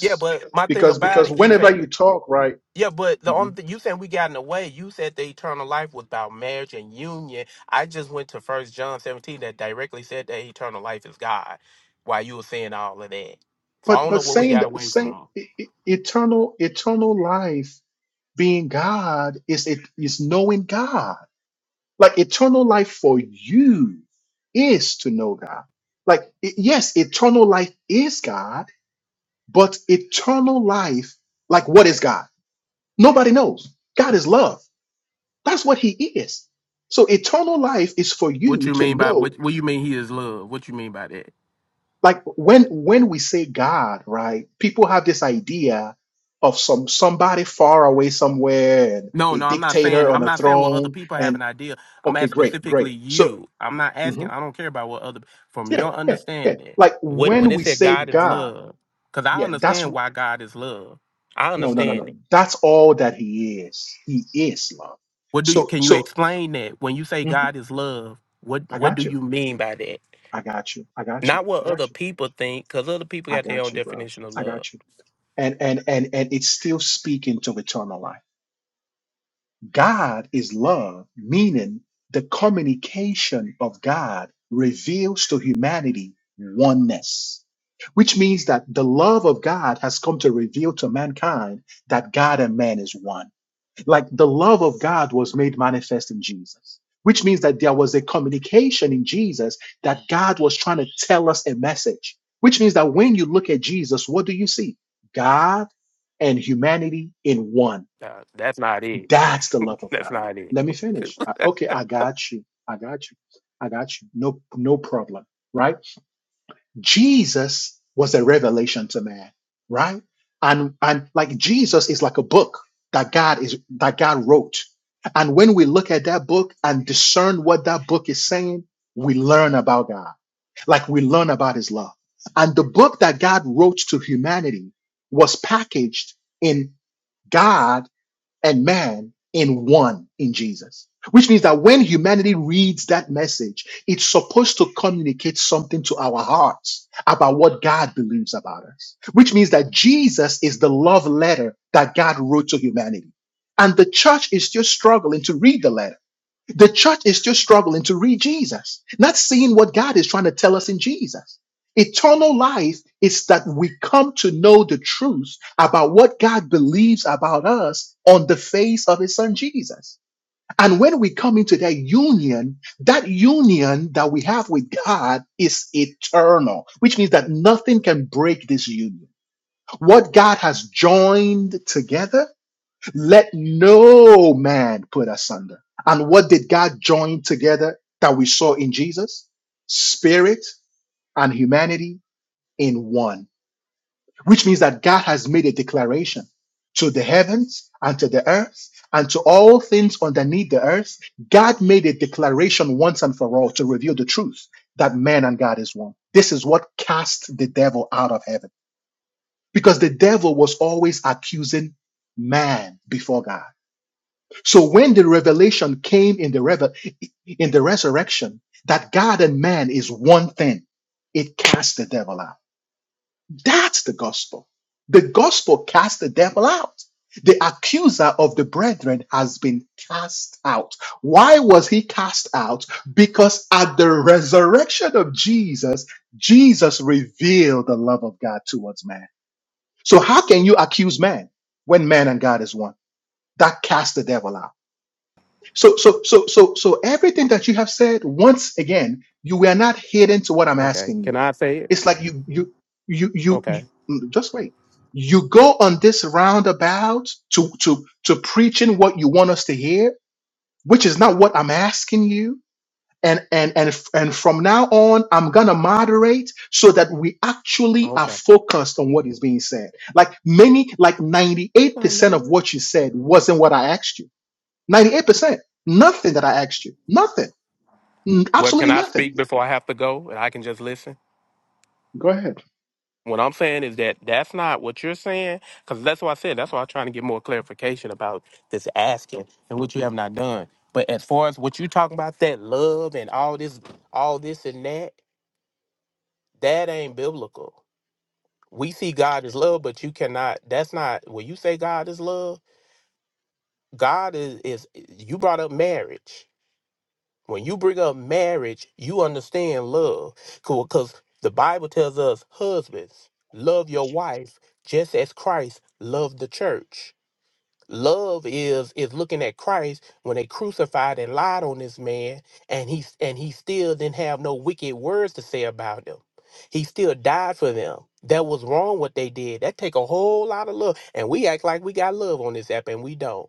Speaker 7: Yeah, but my thing
Speaker 1: because,
Speaker 7: about
Speaker 1: because
Speaker 7: it, if
Speaker 1: whenever
Speaker 7: it,
Speaker 1: you talk, right?
Speaker 7: yeah, but the only thing you saying we got in the way, you said the eternal life was about marriage and union. I just went to First John seventeen that directly said that eternal life is God. While you were saying all of that, so I
Speaker 1: But
Speaker 7: don't know
Speaker 1: but
Speaker 7: what we
Speaker 1: saying
Speaker 7: got
Speaker 1: that
Speaker 7: away
Speaker 1: saying
Speaker 7: from.
Speaker 1: e- e- eternal eternal life being God is it is knowing God. Like eternal life for you is to know God. Like i- yes, eternal life is God, but eternal life like what is God? Nobody knows. God is love. That's what he is. So eternal life is for
Speaker 7: What
Speaker 1: you
Speaker 7: you
Speaker 1: to
Speaker 7: mean by
Speaker 1: know
Speaker 7: what? What you mean he is love? What you mean by that?
Speaker 1: like when when we say god right people have this idea of some somebody far away somewhere and
Speaker 7: No,
Speaker 1: a
Speaker 7: no, I'm not saying
Speaker 1: dictator
Speaker 7: I'm
Speaker 1: on a
Speaker 7: not saying what other
Speaker 1: throne
Speaker 7: people have an
Speaker 1: and
Speaker 7: idea. I'm
Speaker 1: okay
Speaker 7: asking
Speaker 1: great great
Speaker 7: specifically
Speaker 1: so
Speaker 7: you. I'm not asking.
Speaker 1: mhm,
Speaker 7: I don't care about what other from
Speaker 1: yeah
Speaker 7: your
Speaker 1: yeah yeah
Speaker 7: understanding.
Speaker 1: like
Speaker 7: What when
Speaker 1: when
Speaker 7: it
Speaker 1: we
Speaker 7: said
Speaker 1: say
Speaker 7: God is
Speaker 1: god
Speaker 7: love, because I
Speaker 1: yeah that's
Speaker 7: understand why God is love. I
Speaker 1: no no no
Speaker 7: understand
Speaker 1: no
Speaker 7: it.
Speaker 1: that's all that he is he is love
Speaker 7: What do you
Speaker 1: so
Speaker 7: can you
Speaker 1: so
Speaker 7: explain that when you say
Speaker 1: mhm,
Speaker 7: God is love? What
Speaker 1: i
Speaker 7: what do
Speaker 1: got you
Speaker 7: you mean by that?
Speaker 1: i got you i got you
Speaker 7: Not
Speaker 1: i
Speaker 7: what other
Speaker 1: got you
Speaker 7: people think, because other people
Speaker 1: i
Speaker 7: got their
Speaker 1: got
Speaker 7: own
Speaker 1: you bro
Speaker 7: definition of
Speaker 1: i
Speaker 7: love.
Speaker 1: got you and and and and it's still speaking to eternal life God is love, meaning the communication of God reveals to humanity oneness, which means that the love of God has come to reveal to mankind that God and man is one. Like the love of God was made manifest in Jesus, which means that there was a communication in Jesus that God was trying to tell us a message, which means that when you look at Jesus, what do you see? God and humanity in one
Speaker 7: Nah, that's not it.
Speaker 1: that's the love of
Speaker 7: that's
Speaker 1: God.
Speaker 7: not it.
Speaker 1: Let me finish. I- okay, I got you. I got you. I got you. No, no problem. Right? Jesus was a revelation to man. Right? And and like Jesus is like a book that God is that God wrote. And when we look at that book and discern what that book is saying, we learn about God. Like we learn about his love. And the book that God wrote to humanity was packaged in God and man in one in Jesus. Which means that when humanity reads that message, it's supposed to communicate something to our hearts about what God believes about us. Which means that Jesus is the love letter that God wrote to humanity. And the church is still struggling to read the letter. The church is still struggling to read Jesus, not seeing what God is trying to tell us in Jesus. Eternal life is that we come to know the truth about what God believes about us on the face of his son Jesus. And when we come into that union, that union that we have with God is eternal, which means that nothing can break this union. What God has joined together, let no man put asunder. And what did God join together that we saw in Jesus? Spirit and humanity in one, which means that God has made a declaration to the heavens and to the earth and to all things underneath the earth. God made a declaration once and for all to reveal the truth that man and God is one. This is what cast the devil out of heaven because the devil was always accusing man before God. So when the revelation came in the revel- in the resurrection that God and man is one thing, it cast the devil out. That's the gospel. The gospel cast the devil out. The accuser of the brethren has been cast out. Why was he cast out? Because at the resurrection of Jesus, Jesus revealed the love of God towards man. So how can you accuse man when man and God is one? That cast the devil out. So, so, so, so, so everything that you have said, once again, you were not hidden to what I'm
Speaker 7: okay.
Speaker 1: asking
Speaker 7: Can
Speaker 1: you.
Speaker 7: I say it?
Speaker 1: It's like you, you, you, you, you
Speaker 7: Okay.
Speaker 1: mm, just wait. You go on this roundabout to, to, to preaching what you want us to hear, which is not what I'm asking you. And, and, and, f- and from now on, I'm going to moderate so that we actually are
Speaker 7: Okay.
Speaker 1: focused on what is being said. Like many, like 98% of what you said wasn't what I asked you. 98%. Nothing that I asked you. Nothing. N-
Speaker 7: Well, can
Speaker 1: Absolutely
Speaker 7: I
Speaker 1: nothing.
Speaker 7: speak before I have to go and I can just listen?
Speaker 1: Go ahead.
Speaker 7: What I'm saying is that that's not what you're saying, because that's what I said. That's why I'm trying to get more clarification about this asking and what you have not done. But as far as what you talking about, that love and all this, all this and that, that ain't biblical. We see God as love, but you cannot. That's not when you say God is love. God is is. You brought up marriage. When you bring up marriage, you understand love. Cool, because the Bible tells us, husbands, love your wife just as Christ loved the church. Love is is looking at Christ when they crucified and lied on this man, and he and he still didn't have no wicked words to say about them. He still died for them. That was wrong what they did. That take a whole lot of love, and we act like we got love on this app, and we don't.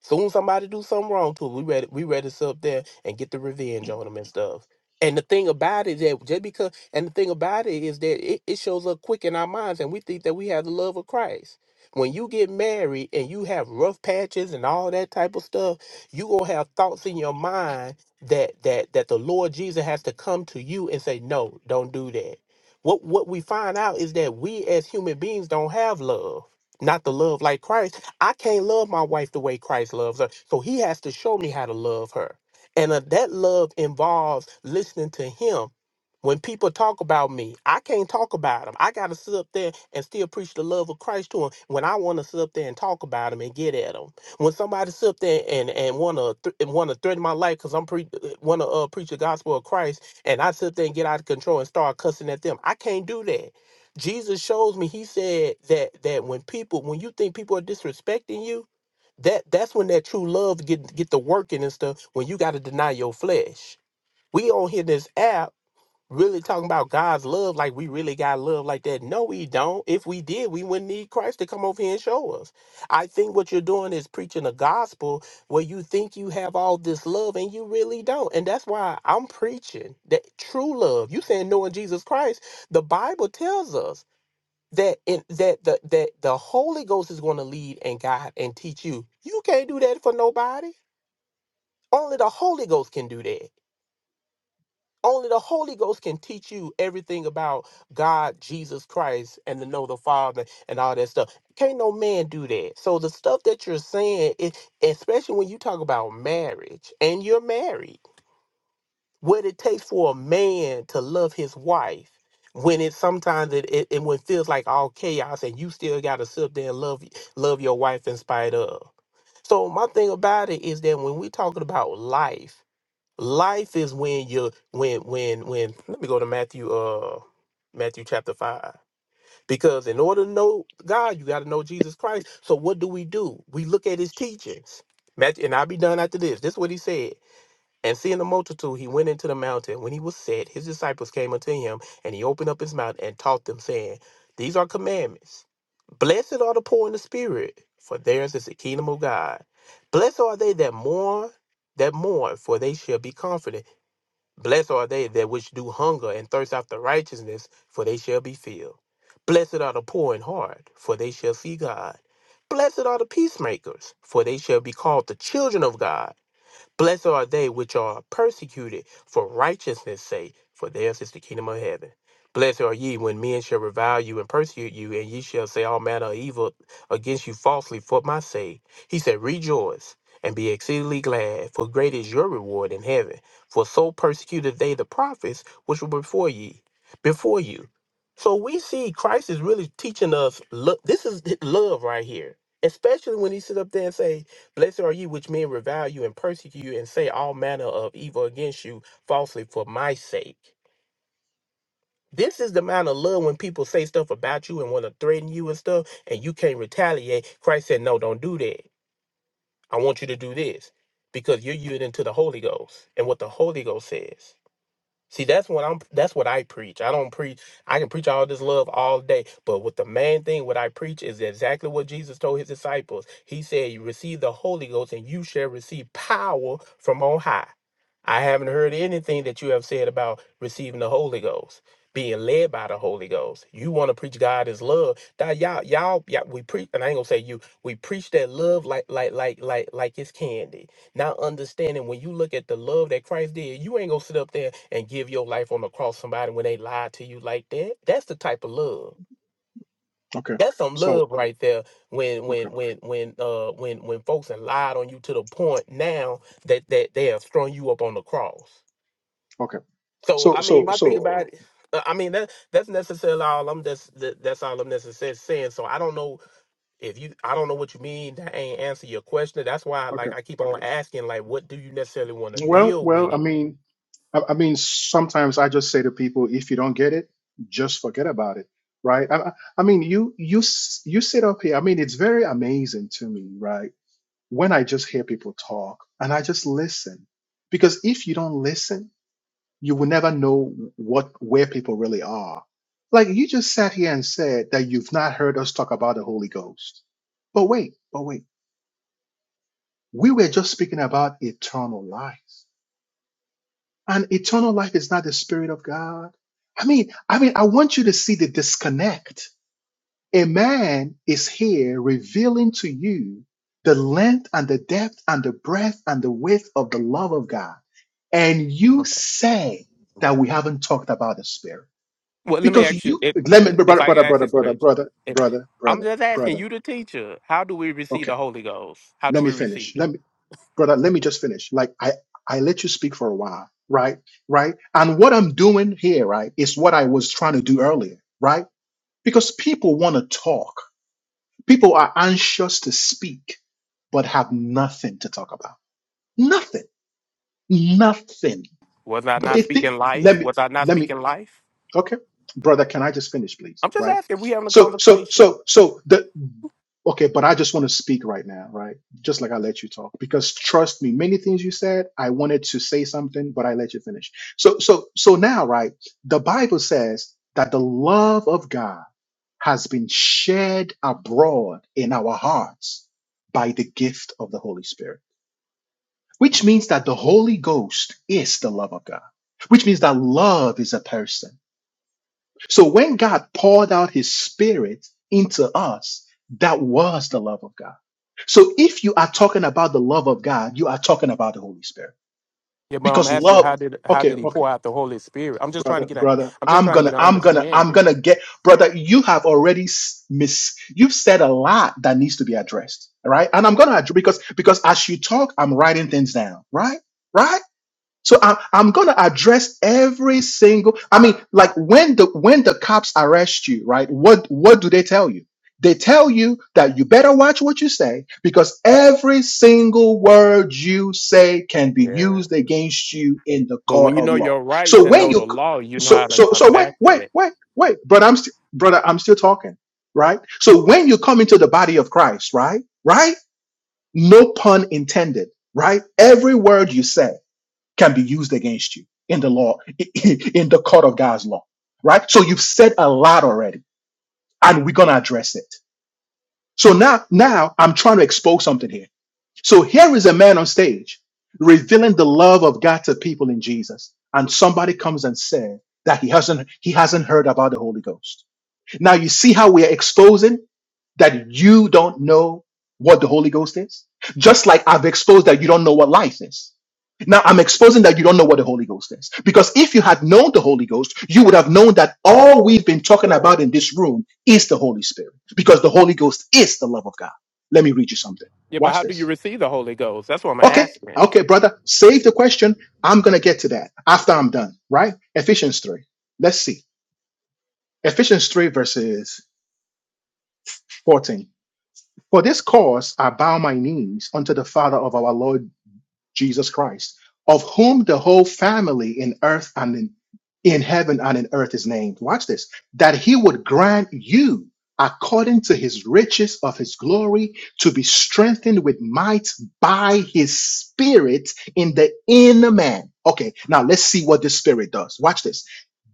Speaker 7: Soon somebody do something wrong to it. We ready we ready to sit up there and get the revenge on them and stuff. And the thing about it that just because and the thing about it is that it, it shows up quick in our minds and we think that we have the love of Christ. When you get married and you have rough patches and all that type of stuff, you gonna have thoughts in your mind that that that the Lord Jesus has to come to you and say, No, don't do that. What what we find out is that we as human beings don't have love. Not the love like Christ I can't love my wife the way Christ loves her. So he has to show me how to love her. And uh, that love involves listening to him when people talk about me, I can't talk about them. I got to sit up there and still preach the love of Christ to them when I want to sit up there and talk about them and get at them. When somebody sit up there and and want to th- and want to threaten my life because I'm pre want to uh, preach the gospel of Christ and I sit up there and get out of control and start cussing at them, I can't do that. Jesus shows me. He said that that when people when you think people are disrespecting you, that that's when that true love get get the working and stuff. When you got to deny your flesh. We on here this app really talking about God's love like we really got love like that. No, we don't. If we did, we wouldn't need Christ to come over here and show us. I think what you're doing is preaching a gospel where you think you have all this love and you really don't. And that's why I'm preaching that true love. You saying knowing Jesus Christ, the Bible tells us that in that the that the Holy Ghost is going to lead and guide and teach you. You can't do that for nobody. Only the Holy Ghost can do that. Only the Holy Ghost can teach you everything about God, Jesus Christ, and to know the Father and all that stuff. Can't no man do that. So the stuff that you're saying, it, especially when you talk about marriage and you're married, what it takes for a man to love his wife, when it sometimes it, it, it when it feels like all chaos and you still gotta sit there and love love your wife in spite of. So my thing about it is that when we talking about life Life is when you when when when let me go to Matthew uh Matthew chapter 5. Because in order to know God, you got to know Jesus Christ. So what do we do? We look at his teachings. Matthew, and I'll be done after this. This is what he said. And seeing the multitude, he went into the mountain. When he was set, his disciples came unto him, and he opened up his mouth and taught them, saying, These are commandments. Blessed are the poor in the spirit, for theirs is the kingdom of God. Blessed are they that mourn, that mourn, for they shall be comforted. Blessed are they that which do hunger and thirst after righteousness, for they shall be filled. Blessed are the poor in heart, for they shall see God. Blessed are the peacemakers, for they shall be called the children of God. Blessed are they which are persecuted for righteousness' sake, for theirs is the kingdom of heaven. Blessed are ye when men shall revile you and persecute you, and ye shall say all manner of evil against you falsely for my sake. He said, Rejoice and be exceedingly glad, for great is your reward in heaven. For so persecuted they the prophets which were before ye, before you. So we see Christ is really teaching us. Look, this is love right here, especially when he sit up there and say, Blessed are you which men revile you and persecute you and say all manner of evil against you falsely for my sake. This is the amount of love when people say stuff about you and want to threaten you and stuff, and you can't retaliate. Christ said, No, don't do that. I want you to do this because you're yielding to the Holy Ghost and what the Holy Ghost says. See, that's what I'm that's what I preach. I don't preach I can preach all this love all day, but with the main thing what I preach is exactly what Jesus told his disciples. He said, "You receive the Holy Ghost and you shall receive power from on high." I haven't heard anything that you have said about receiving the Holy Ghost, being led by the Holy Ghost. You want to preach God is love. That y'all, y'all, yeah, we preach, and I ain't gonna say you. We preach that love like, like, like, like, like it's candy not understanding when you look at the love that Christ did, you ain't gonna sit up there and give your life on the cross somebody when they lie to you like that. That's the type of love.
Speaker 1: Okay.
Speaker 7: That's some
Speaker 1: So,
Speaker 7: love right there. When
Speaker 1: okay.
Speaker 7: when when when uh when when folks have lied on you to the point now that that they have strung you up on the cross.
Speaker 1: Okay.
Speaker 7: So
Speaker 1: So,
Speaker 7: I mean,
Speaker 1: so,
Speaker 7: my thing
Speaker 1: so,
Speaker 7: about it, uh, I mean that that's necessarily all I'm that's that, that's all I'm necessarily saying. So I don't know if you I don't know what you mean that ain't answer your question. That's why
Speaker 1: okay.
Speaker 7: like I keep on asking like what do you necessarily want to
Speaker 1: Well,
Speaker 7: deal
Speaker 1: well, I
Speaker 7: with
Speaker 1: mean, I, I mean, sometimes I just say to people, if you don't get it, just forget about it. Right. I, I I mean, you, you, s- you sit up here. I mean, it's very amazing to me, right? When I just hear people talk and I just listen because if you don't listen, you will never know what where people really are. Like you just sat here and said that you've not heard us talk about the Holy Ghost. But wait, but wait. We were just speaking about eternal life. And eternal life is not the spirit of God. I mean, I mean, I want you to see the disconnect. A man is here revealing to you the length and the depth and the breadth and the width of the love of God. And you
Speaker 7: Okay.
Speaker 1: say that we haven't talked about the spirit.
Speaker 7: Well, let me
Speaker 1: Because
Speaker 7: ask you
Speaker 1: you,
Speaker 7: if
Speaker 1: let me,
Speaker 7: if
Speaker 1: brother,
Speaker 7: I can
Speaker 1: brother,
Speaker 7: ask
Speaker 1: brother,
Speaker 7: this
Speaker 1: brother,
Speaker 7: question.
Speaker 1: brother,
Speaker 7: If,
Speaker 1: brother,
Speaker 7: I'm
Speaker 1: brother,
Speaker 7: just asking
Speaker 1: brother.
Speaker 7: you, the teacher, how do we receive
Speaker 1: Okay,
Speaker 7: the Holy Ghost? How do
Speaker 1: let me
Speaker 7: we receive
Speaker 1: finish. Let
Speaker 7: it?
Speaker 1: me, brother, let me just finish. Like I, I let you speak for a while, right? Right. And what I'm doing here, right, is what I was trying to do earlier, right? Because people want to talk. People are anxious to speak, but have nothing to talk about. Nothing. Nothing.
Speaker 7: Was I
Speaker 1: But
Speaker 7: not
Speaker 1: they think.
Speaker 7: speaking life?
Speaker 1: Let me.
Speaker 7: Was I not
Speaker 1: Let me.
Speaker 7: speaking life?
Speaker 1: Okay, brother, can I just finish, please?
Speaker 7: I'm just
Speaker 1: Right.
Speaker 7: asking. If we having a
Speaker 1: So, so,
Speaker 7: conversation.
Speaker 1: so, so the okay, but I just want to speak right now, right? Just like I let you talk, because trust me, many things you said, I wanted to say something, but I let you finish. So, so, so now, right? The Bible says that the love of God has been shed abroad in our hearts by the gift of the Holy Spirit, which means that the Holy Ghost is the love of God, which means that love is a person so when God poured out his spirit into us, that was the love of God. So if you are talking about the love of God, you are talking about the Holy Spirit.
Speaker 7: Yeah, but I'm
Speaker 1: Because
Speaker 7: asking
Speaker 1: love,
Speaker 7: how did how
Speaker 1: okay,
Speaker 7: did he
Speaker 1: okay,
Speaker 7: pour out the Holy Spirit? I'm just trying to
Speaker 1: brother,
Speaker 7: get a
Speaker 1: brother,
Speaker 7: I'm just
Speaker 1: I'm
Speaker 7: trying to get
Speaker 1: gonna,
Speaker 7: an
Speaker 1: I'm gonna, I'm
Speaker 7: understanding.
Speaker 1: gonna get, brother, you have already s- miss, you've said a lot that needs to be addressed, all right? And I'm gonna address because because as you talk, I'm writing things down, right? Right? So I, I'm gonna address every single. I mean, like when the when the cops arrest you, right? What what do they tell you? They tell you that you better watch what you say because every single word you say can be
Speaker 7: Yeah.
Speaker 1: used against you in the
Speaker 7: But
Speaker 1: court
Speaker 7: when you
Speaker 1: of
Speaker 7: know
Speaker 1: law.
Speaker 7: your rights
Speaker 1: So
Speaker 7: and
Speaker 1: when
Speaker 7: know the
Speaker 1: you,
Speaker 7: law, you know
Speaker 1: so
Speaker 7: how to
Speaker 1: so so wait
Speaker 7: combat
Speaker 1: wait
Speaker 7: that.
Speaker 1: wait wait, brother, I'm st- brother, I'm still talking, right? So when you come into the body of Christ, right, right, no pun intended, right? Every word you say can be used against you in the law, in the court of God's law, right? So you've said a lot already, and we're gonna address it. So now, now I'm trying to expose something here. So here is a man on stage revealing the love of God to people in Jesus, and somebody comes and says that he hasn't he hasn't heard about the Holy Ghost. Now you see how we are exposing that you don't know what the Holy Ghost is? Just like I've exposed that you don't know what life is. Now I'm exposing that you don't know what the Holy Ghost is. Because if you had known the Holy Ghost, you would have known that all we've been talking about in this room is the Holy Spirit. Because the Holy Ghost is the love of God. Let me read you something.
Speaker 7: Yeah, but
Speaker 1: Watch
Speaker 7: how do you
Speaker 1: this.
Speaker 7: receive the Holy Ghost? That's what I'm
Speaker 1: Okay,
Speaker 7: asking.
Speaker 1: okay, brother, save the question. I'm going to get to that after I'm done, right? Ephesians 3. Let's see. Ephesians 3, verses 14. For this cause I bow my knees unto the Father of our Lord Jesus Christ, of whom the whole family in earth and in, in heaven and in earth is named. Watch this. That he would grant you, according to his riches of his glory, to be strengthened with might by his spirit in the inner man. Okay, now let's see what this spirit does. Watch this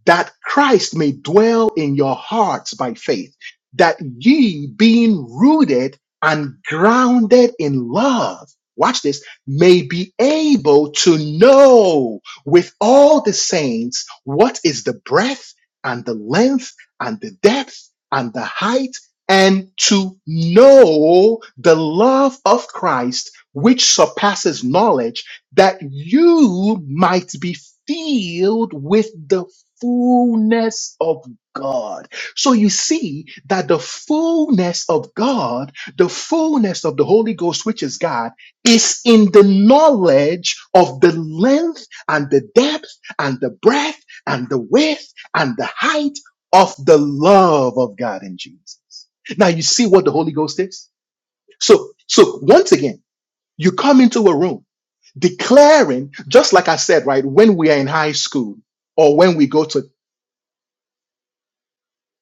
Speaker 1: that Christ may dwell in your hearts by faith, that ye being rooted and grounded in love, watch this, may be able to know with all the saints what is the breadth and the length and the depth and the height and to know the love of Christ which surpasses knowledge that you might be filled with the fullness of God. So you see that the fullness of God, the fullness of the Holy Ghost, which is God, is in the knowledge of the length and the depth and the breadth and the width and the height of the love of God in Jesus. Now you see what the Holy Ghost is? So, so once again, you come into a room declaring, just like I said, right, when we are in high school, or when we go to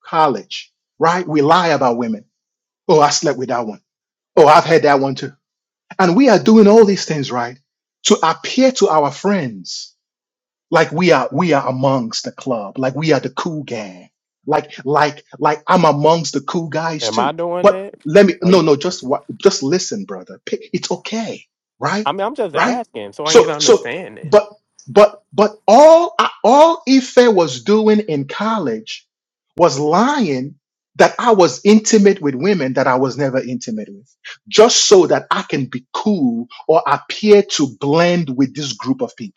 Speaker 1: college, right? We lie about women. Oh, I slept with that one. Oh, I've had that one too. And we are doing all these things, right? To appear to our friends like we are we are amongst the club like we are the cool gang like like like i'm amongst the cool guys
Speaker 7: Am I
Speaker 1: too
Speaker 7: doing
Speaker 1: but
Speaker 7: that?
Speaker 1: let me
Speaker 7: Are you?
Speaker 1: no no just what just listen brother Pick- it's okay right
Speaker 7: I mean, I'm just
Speaker 1: right
Speaker 7: asking so I can
Speaker 1: so
Speaker 7: get an
Speaker 1: so
Speaker 7: understanding.
Speaker 1: but but but all I- all ife was doing in college was lying that i was intimate with women that i was never intimate with just so that i can be cool or appear to blend with this group of people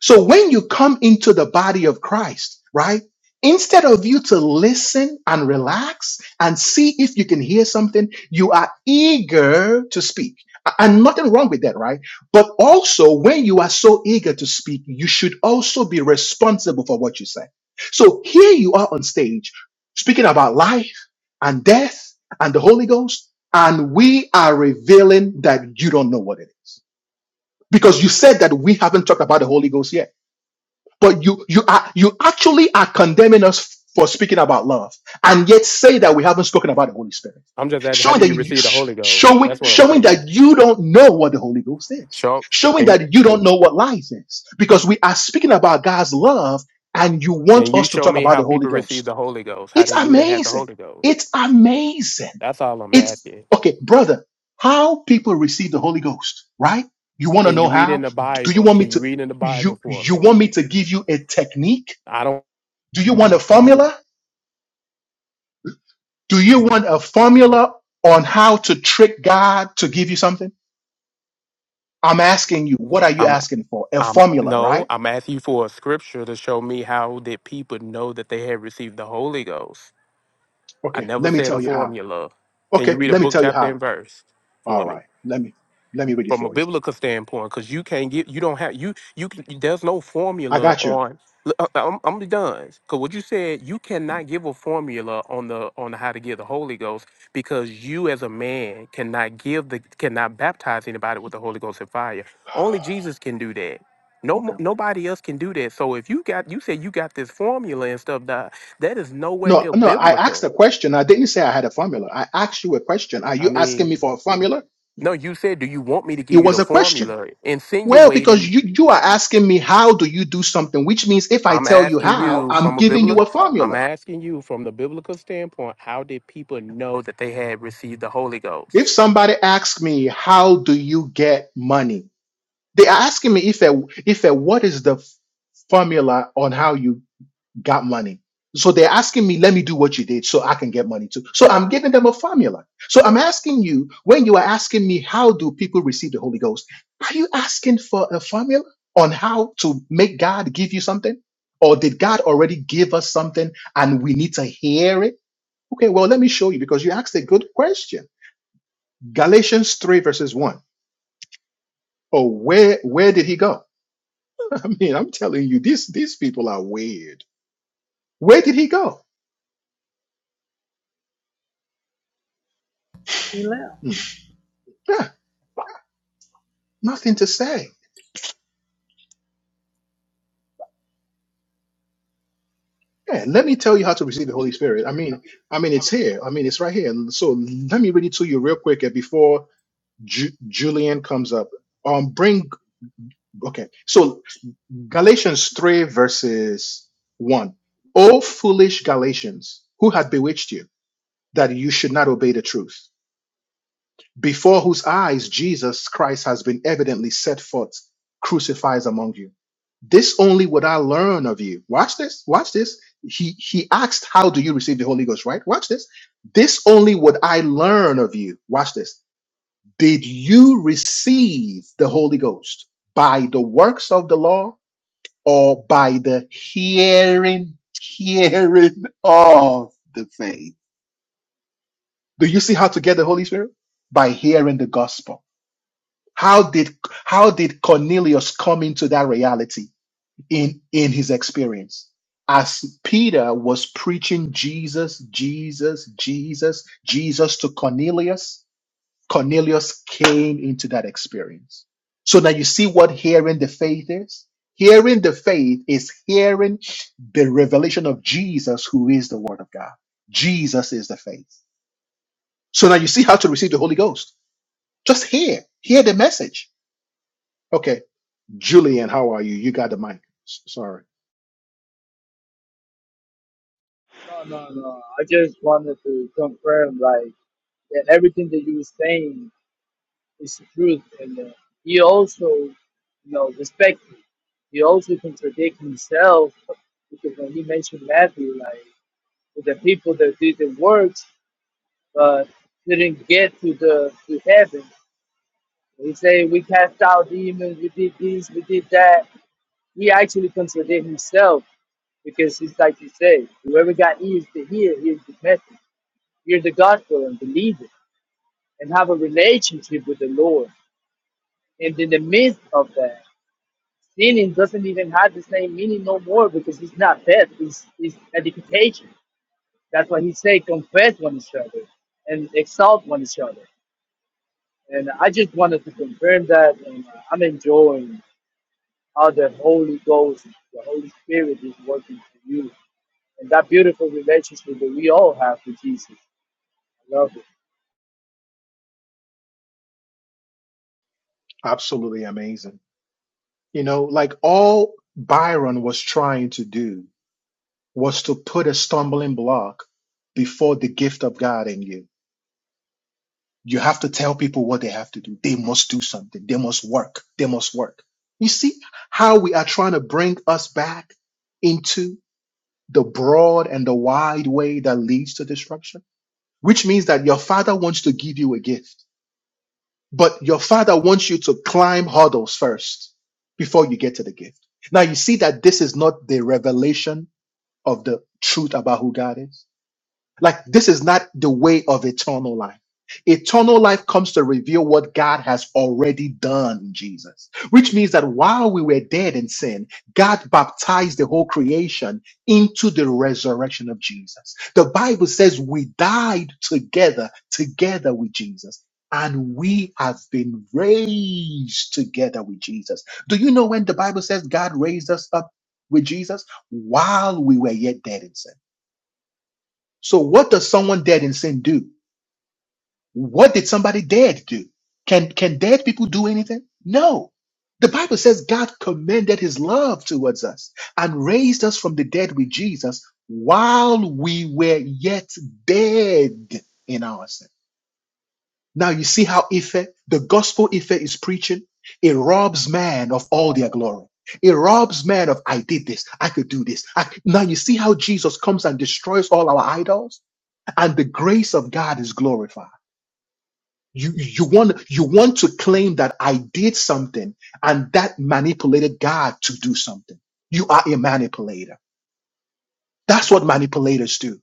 Speaker 1: so when you come into the body of Christ, right? Instead of you to listen and relax and see if you can hear something, you are eager to speak. A- And nothing wrong with that, right? But also, when you are so eager to speak, you should also be responsible for what you say. So here you are on stage speaking about life and death and the Holy Ghost, and we are revealing that you don't know what it is because you said that we haven't talked about the Holy Ghost yet. But you you are you actually are condemning us for speaking about love, and yet say that we haven't spoken about the Holy Spirit,
Speaker 7: I'm just asking, how
Speaker 1: showing
Speaker 7: do
Speaker 1: that
Speaker 7: you
Speaker 1: you
Speaker 7: receive the
Speaker 1: sh-
Speaker 7: Holy Ghost?
Speaker 1: showing
Speaker 7: That's what I'm
Speaker 1: showing
Speaker 7: saying.
Speaker 1: that you don't know what the Holy Ghost is,
Speaker 7: Show,
Speaker 1: showing
Speaker 7: can,
Speaker 1: that you don't know what life is, because we are speaking about God's love, and you want
Speaker 7: can you
Speaker 1: us to
Speaker 7: show
Speaker 1: talk
Speaker 7: me
Speaker 1: about
Speaker 7: how
Speaker 1: the Holy
Speaker 7: people receive
Speaker 1: Ghost.
Speaker 7: the Holy Ghost, how
Speaker 1: It's
Speaker 7: they knew they had the
Speaker 1: amazing.
Speaker 7: Holy Ghost?
Speaker 1: It's amazing.
Speaker 7: That's all I'm
Speaker 1: It's
Speaker 7: asking.
Speaker 1: okay, brother, how people receive the Holy Ghost, right? You want to
Speaker 7: Can you
Speaker 1: know
Speaker 7: read in
Speaker 1: how?
Speaker 7: the
Speaker 1: Do you
Speaker 7: Bible?
Speaker 1: want me
Speaker 7: Can you
Speaker 1: to
Speaker 7: read in the Bible
Speaker 1: you
Speaker 7: for
Speaker 1: you
Speaker 7: me?
Speaker 1: want me to give you a technique?
Speaker 7: I don't,
Speaker 1: Do you want a formula? Do you want a formula on how to trick God to give you something? I'm asking you, what are you
Speaker 7: I'm,
Speaker 1: asking for? A
Speaker 7: I'm,
Speaker 1: formula,
Speaker 7: no,
Speaker 1: right?
Speaker 7: I'm asking you for a scripture to show me how did people know that they had received the Holy Ghost. I
Speaker 1: Okay,
Speaker 7: never
Speaker 1: let me
Speaker 7: said a
Speaker 1: tell you how.
Speaker 7: formula. Can you
Speaker 1: Okay,
Speaker 7: read a
Speaker 1: let me
Speaker 7: book,
Speaker 1: tell you
Speaker 7: chapter,
Speaker 1: how.
Speaker 7: and verse for
Speaker 1: All
Speaker 7: me?
Speaker 1: right. Let me let me read it
Speaker 7: from a
Speaker 1: for you.
Speaker 7: biblical standpoint because you can't get you don't have you you can there's no
Speaker 1: I
Speaker 7: formula
Speaker 1: got you.
Speaker 7: on Look, I- I'm, I'm done because what you said you cannot give a formula on the on how to get the Holy Ghost because you as a man cannot give the cannot baptize anybody with the Holy Ghost and fire only Jesus can do that no
Speaker 1: Okay.
Speaker 7: mo- nobody else can do that so if you got you said you got this formula and stuff that that is nowhere
Speaker 1: No,
Speaker 7: near
Speaker 1: no, I asked
Speaker 7: biblical
Speaker 1: a question. I didn't say I had a formula. I asked you a question. Are
Speaker 7: I
Speaker 1: you asking
Speaker 7: mean
Speaker 1: me for a formula?
Speaker 7: no you said do you want me to
Speaker 1: It
Speaker 7: give you
Speaker 1: was
Speaker 7: the
Speaker 1: a question.
Speaker 7: formula
Speaker 1: Well,
Speaker 7: insinuating
Speaker 1: because you, you are asking me how do you do something, which means if I
Speaker 7: I'm
Speaker 1: tell you
Speaker 7: asking
Speaker 1: how,
Speaker 7: you
Speaker 1: I'm
Speaker 7: from a
Speaker 1: giving you
Speaker 7: biblical.
Speaker 1: a
Speaker 7: I'm
Speaker 1: formula.
Speaker 7: asking you from the biblical standpoint. How did people know that they had received the Holy
Speaker 1: If
Speaker 7: Ghost?
Speaker 1: somebody asks me how do you get money, they are asking me if a if a what is the f- formula on how you got money. So they're asking me, let me do what you did so I can get money too. So I'm giving them a formula. So I'm asking you, when you are asking me, how do people receive the Holy Ghost? Are you asking for a formula on how to make God give you something? Or did God already give us something and we need to hear it? Okay, well, let me show you because you asked a good question. Galatians 3 verses 1. Oh, where where did he go? I mean, I'm telling you, these these people are weird. Where did he go?
Speaker 2: He left.
Speaker 1: Hmm. Yeah. nothing to say. Yeah, let me tell you how to receive the Holy Spirit. I mean, I mean, it's here. I mean, it's right here. And So let me read it to you real quick uh, before Ju- Julian comes up. Um, bring okay. So Galatians three verses one. O foolish Galatians, who had bewitched you that you should not obey the truth? before whose eyes Jesus Christ has been evidently set forth, crucified among you. This only would I learn of you. Watch this. Watch this. He he asked, How do you receive the Holy Ghost? Right? Watch this. This only would I learn of you. Watch this. Did you receive the Holy Ghost by the works of the law or by the hearing, hearing of the faith? Do you see how to get the Holy Spirit? By hearing the gospel How did how did Cornelius come into that reality in in his experience? As Peter was preaching Jesus, Jesus, Jesus, Jesus to Cornelius, Cornelius came into that experience. So now you see what hearing the faith is. Hearing the faith is hearing the revelation of Jesus, who is the Word of God. Jesus is the faith. So now you see how to receive the Holy Ghost. Just hear, hear the message. Okay. Julian, how are you? You got the mic. S- Sorry. Absolutely amazing. You know, like all Byron was trying to do was to put a stumbling block before the gift of God in you. You have to tell people what they have to do. They must do something. They must work. They must work. You see how we are trying to bring us back into the broad and the wide way that leads to destruction, which means that your father wants to give you a gift But your father wants you to climb hurdles first before you get to the gift. Now you see that this is not the revelation of the truth about who God is. Like this is not the way of eternal life. Eternal life comes to reveal what God has already done in Jesus, which means that while we were dead in sin, God baptized the whole creation into the resurrection of Jesus. The Bible says we died together, together with Jesus, and we have been raised together with Jesus. Do you know when the Bible says God raised us up with Jesus? While we were yet dead in sin. So what does someone dead in sin do? What did somebody dead do? Can can dead people do anything? No. The Bible says God commended his love towards us and raised us from the dead with Jesus while we were yet dead in our sin. Now you see how Ife, the gospel Ife is preaching, it robs man of all their glory. It robs man of I did this, I could do this. I, now you see how Jesus comes and destroys all our idols? and the grace of God is glorified. You, you want you want to claim that I did something and that manipulated God to do something. You are a manipulator. That's what manipulators do.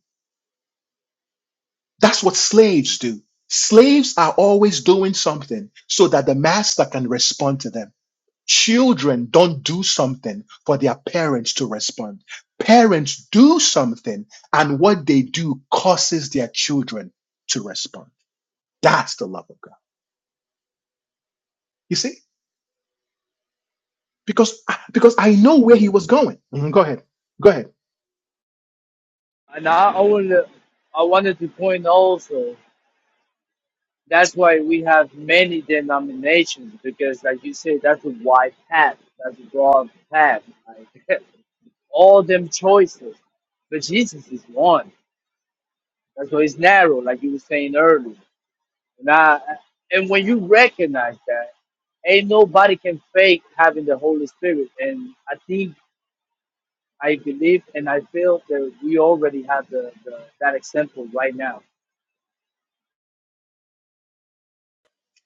Speaker 1: That's what slaves do. Slaves are always doing something so that the master can respond to them. Children don't do something for their parents to respond. Parents do something and what they do causes their children to respond. That's the love of God. You see? because because I know where he was going. Mhm, Go ahead, go ahead.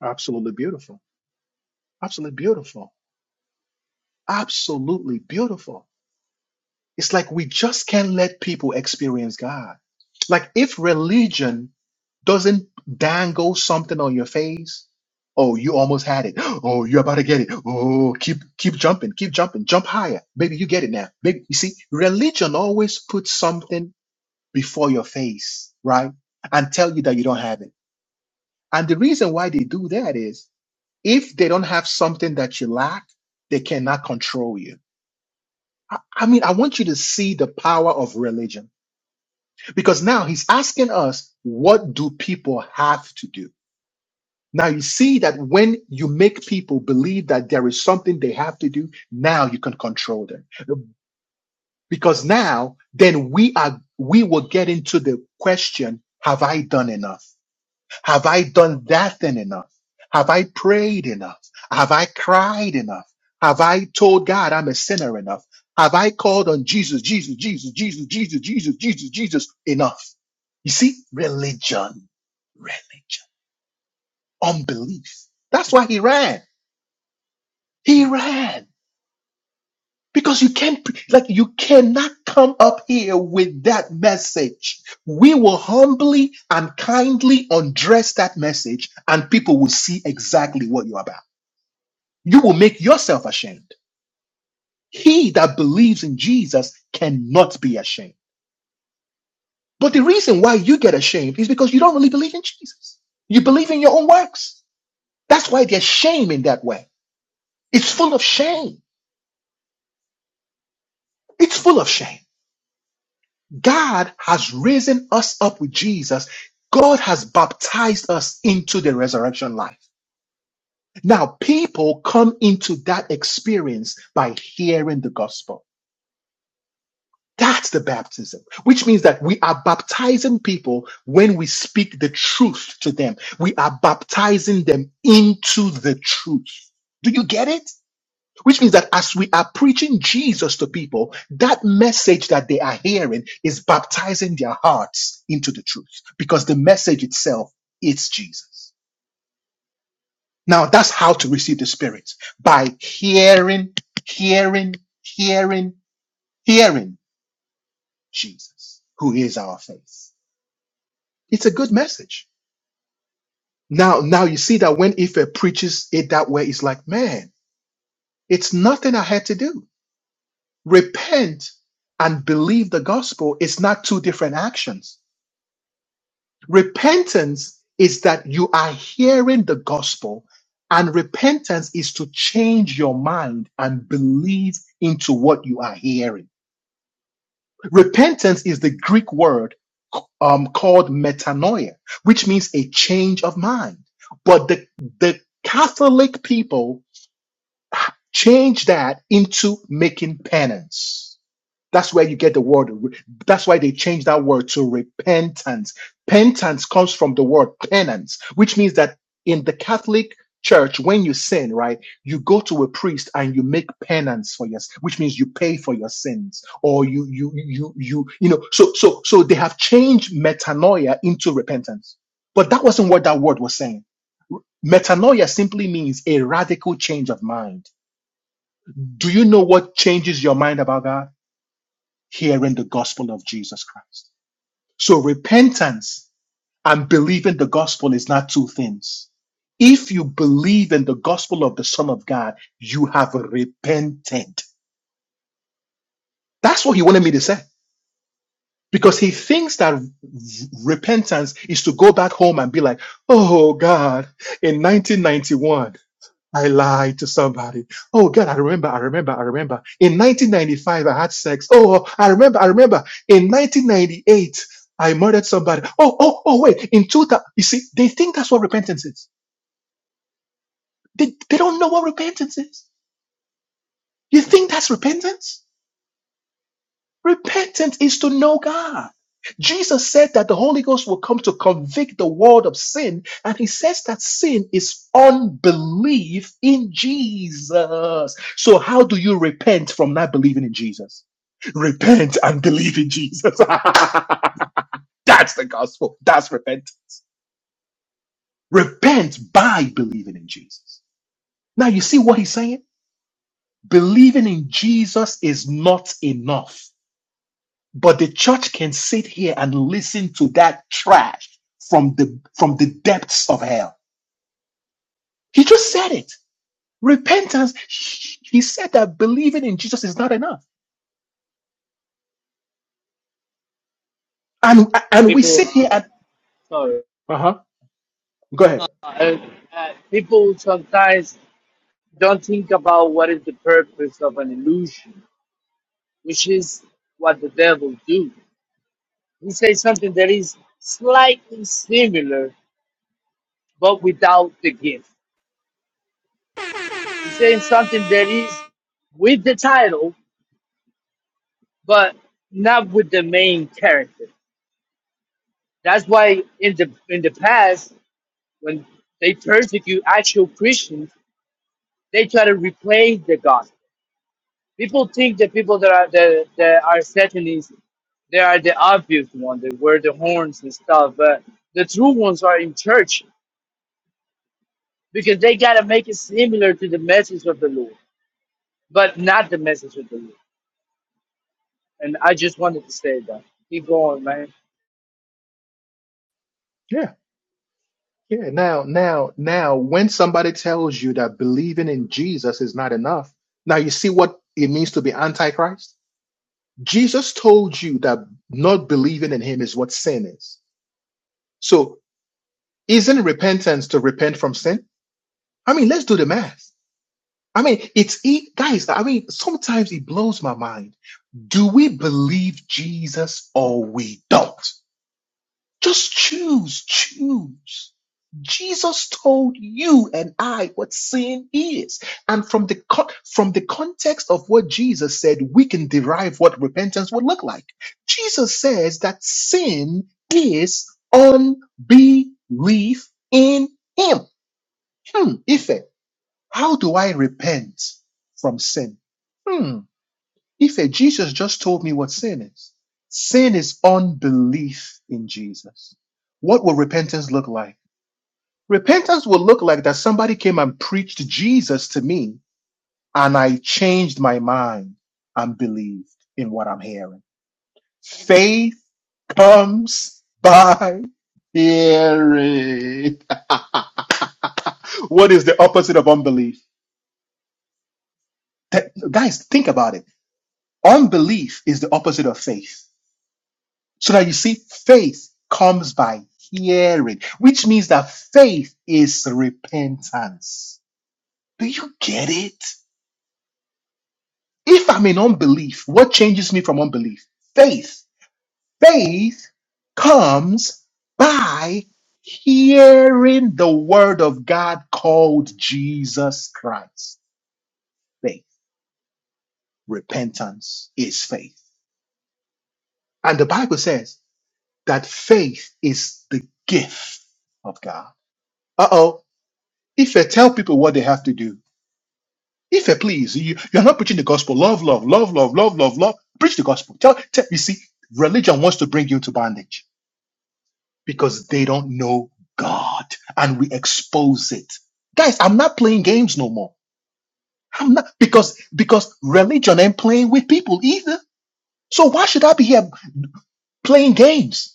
Speaker 1: Absolutely beautiful. Absolutely beautiful. Absolutely beautiful. It's like we just can't let people experience God. Like if religion doesn't dangle something on your face, oh, you almost had it. Oh, you're about to get it. Oh, keep keep jumping, keep jumping, jump higher. Maybe you get it now. Maybe you see, religion always puts something before your face, right? And tell you that you don't have it And the reason why they do that is if they don't have something that you lack, they cannot control you. I, I mean, I want you to see the power of religion because now he's asking us, what do people have to do? Now you see that when you make people believe that there is something they have to do, now you can control them. Because now then we are, we will get into the question, have I done enough? Have I done that thing enough? Have I prayed enough? Have I cried enough? Have I told God I'm a sinner enough? Have I called on Jesus, Jesus, Jesus, Jesus, Jesus, Jesus, Jesus, Jesus enough? You see, religion, religion, unbelief. That's why he ran. He ran. Because you can't, pre- like, you cannot come up here with that message. We will humbly and kindly undress that message, and people will see exactly what you're about. You will make yourself ashamed. He that believes in Jesus cannot be ashamed. But the reason why you get ashamed is because you don't really believe in Jesus. You believe in your own works. That's why there's shame in that way. It's full of shame. It's full of shame. God has risen us up with Jesus. God has baptized us into the resurrection life. Now, people come into that experience by hearing the gospel. That's the baptism, which means that we are baptizing people when we speak the truth to them. We are baptizing them into the truth. Do you get it? Which means that as we are preaching Jesus to people, that message that they are hearing is baptizing their hearts into the truth because the message itself is Jesus. Now that's how to receive the Spirit by hearing, hearing, hearing, hearing Jesus, who is our faith. It's a good message. Now, now you see that when Ife preaches it that way, it's like, man, it's nothing I had to do Repent and believe the gospel is not two different actions. Repentance is that you are hearing the gospel, and repentance is to change your mind and believe into what you are hearing. Repentance is the Greek word um, called metanoia, which means a change of mind. But the, the Catholic people change that into making penance That's where you get the word. That's why they changed that word to repentance. Penance comes from the word penance, which means that in the Catholic Church, when you sin, right, you go to a priest and you make penance for your, which means you pay for your sins, or you, you, you, you, you know. So, so, so they have changed metanoia into repentance, but that wasn't what that word was saying. Metanoia simply means a radical change of mind. Do you know what changes your mind about God? hearing the gospel of Jesus Christ. So repentance and believing the gospel is not two things. If you believe in the gospel of the Son of God, you have repented. That's what he wanted me to say. Because he thinks that v- repentance is to go back home and be like, oh God, in 1991. I lied to somebody. Oh God, I remember, I remember, I remember. In 1995, I had sex. Oh, I remember, I remember. In 1998, I murdered somebody. Oh, oh, oh, wait. In 2000, you see, they think that's what repentance is. They, they don't know what repentance is. You think that's repentance? Repentance is to know God. Jesus said that the Holy Ghost will come to convict the world of sin, and he says that sin is unbelief in Jesus. So, how do you repent from not believing in Jesus? Repent and believe in Jesus. That's the gospel. That's repent. Repent by believing in Jesus. Now, you see what he's saying? Believing in Jesus is not enough. But the church can sit here and listen to that trash from the from the depths of hell. He just said it. Repentance. He said that believing in Jesus is not enough. And and we sit here and uh-huh. Go ahead. Yeah. Yeah, now, now, now, when somebody tells you that believing in Jesus is not enough, now you see what it means to be antichrist? Jesus told you that not believing in him is what sin is. So, isn't repentance to repent from sin? I mean, let's do the math. I mean, it's e guys. I mean, sometimes it blows my mind. Do we believe Jesus or we don't? Just choose, choose. Jesus told you and I what sin is, and from the con- from the context of what Jesus said, we can derive what repentance would look like. Jesus says that sin is unbelief in Him. Hmm, Ife. How do I repent from sin? Hmm. If Jesus just told me what sin is, sin is unbelief in Jesus. What will repentance look like? Repentance will look like that somebody came and preached Jesus to me and I changed my mind and believed in what I'm hearing. Faith comes by hearing. what is the opposite of unbelief? That- guys, think about it Unbelief is the opposite of faith. So that you see, faith comes by hearing, which means that faith is repentance. Do you get it? If I'm in unbelief, what changes me from unbelief? Faith. Faith comes by hearing the word of God called Jesus Christ. Faith. Repentance is faith. And the Bible says, that faith is the gift of God. Uh oh. If I tell people what they have to do, if I please, you, you're not preaching the gospel. Love, love, love, love, love, love, love. Preach the gospel. Tell, tell, you see, religion wants to bring you into bondage because they don't know God and we expose it. Guys, I'm not playing games no more. I'm not because because religion ain't playing with people either. So why should I be here playing games?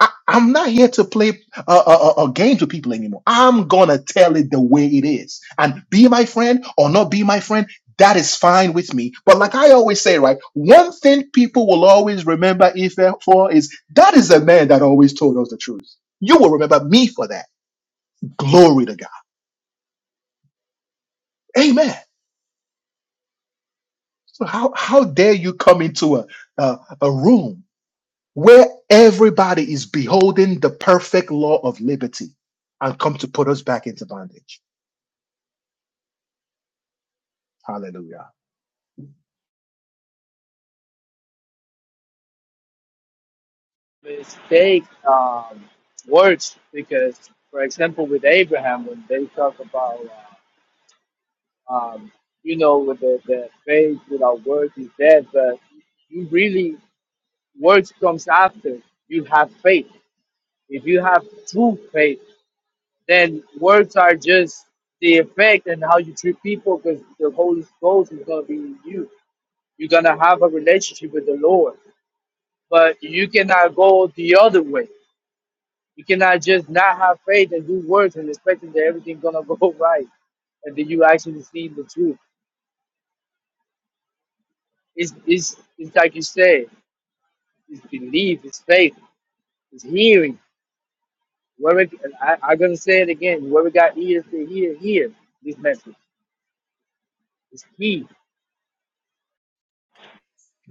Speaker 1: I, I'm not here to play uh, uh, uh, uh, games with people anymore. I'm gonna tell it the way it is, and be my friend or not be my friend. That is fine with me. But like I always say, right? One thing people will always remember Ife for is that is the man that always told us the truth. You will remember me for that. Glory to God. Amen. So how how dare you come into a a, a room where everybody is beholding the perfect law of liberty and come to put us back into bondage? Hallelujah.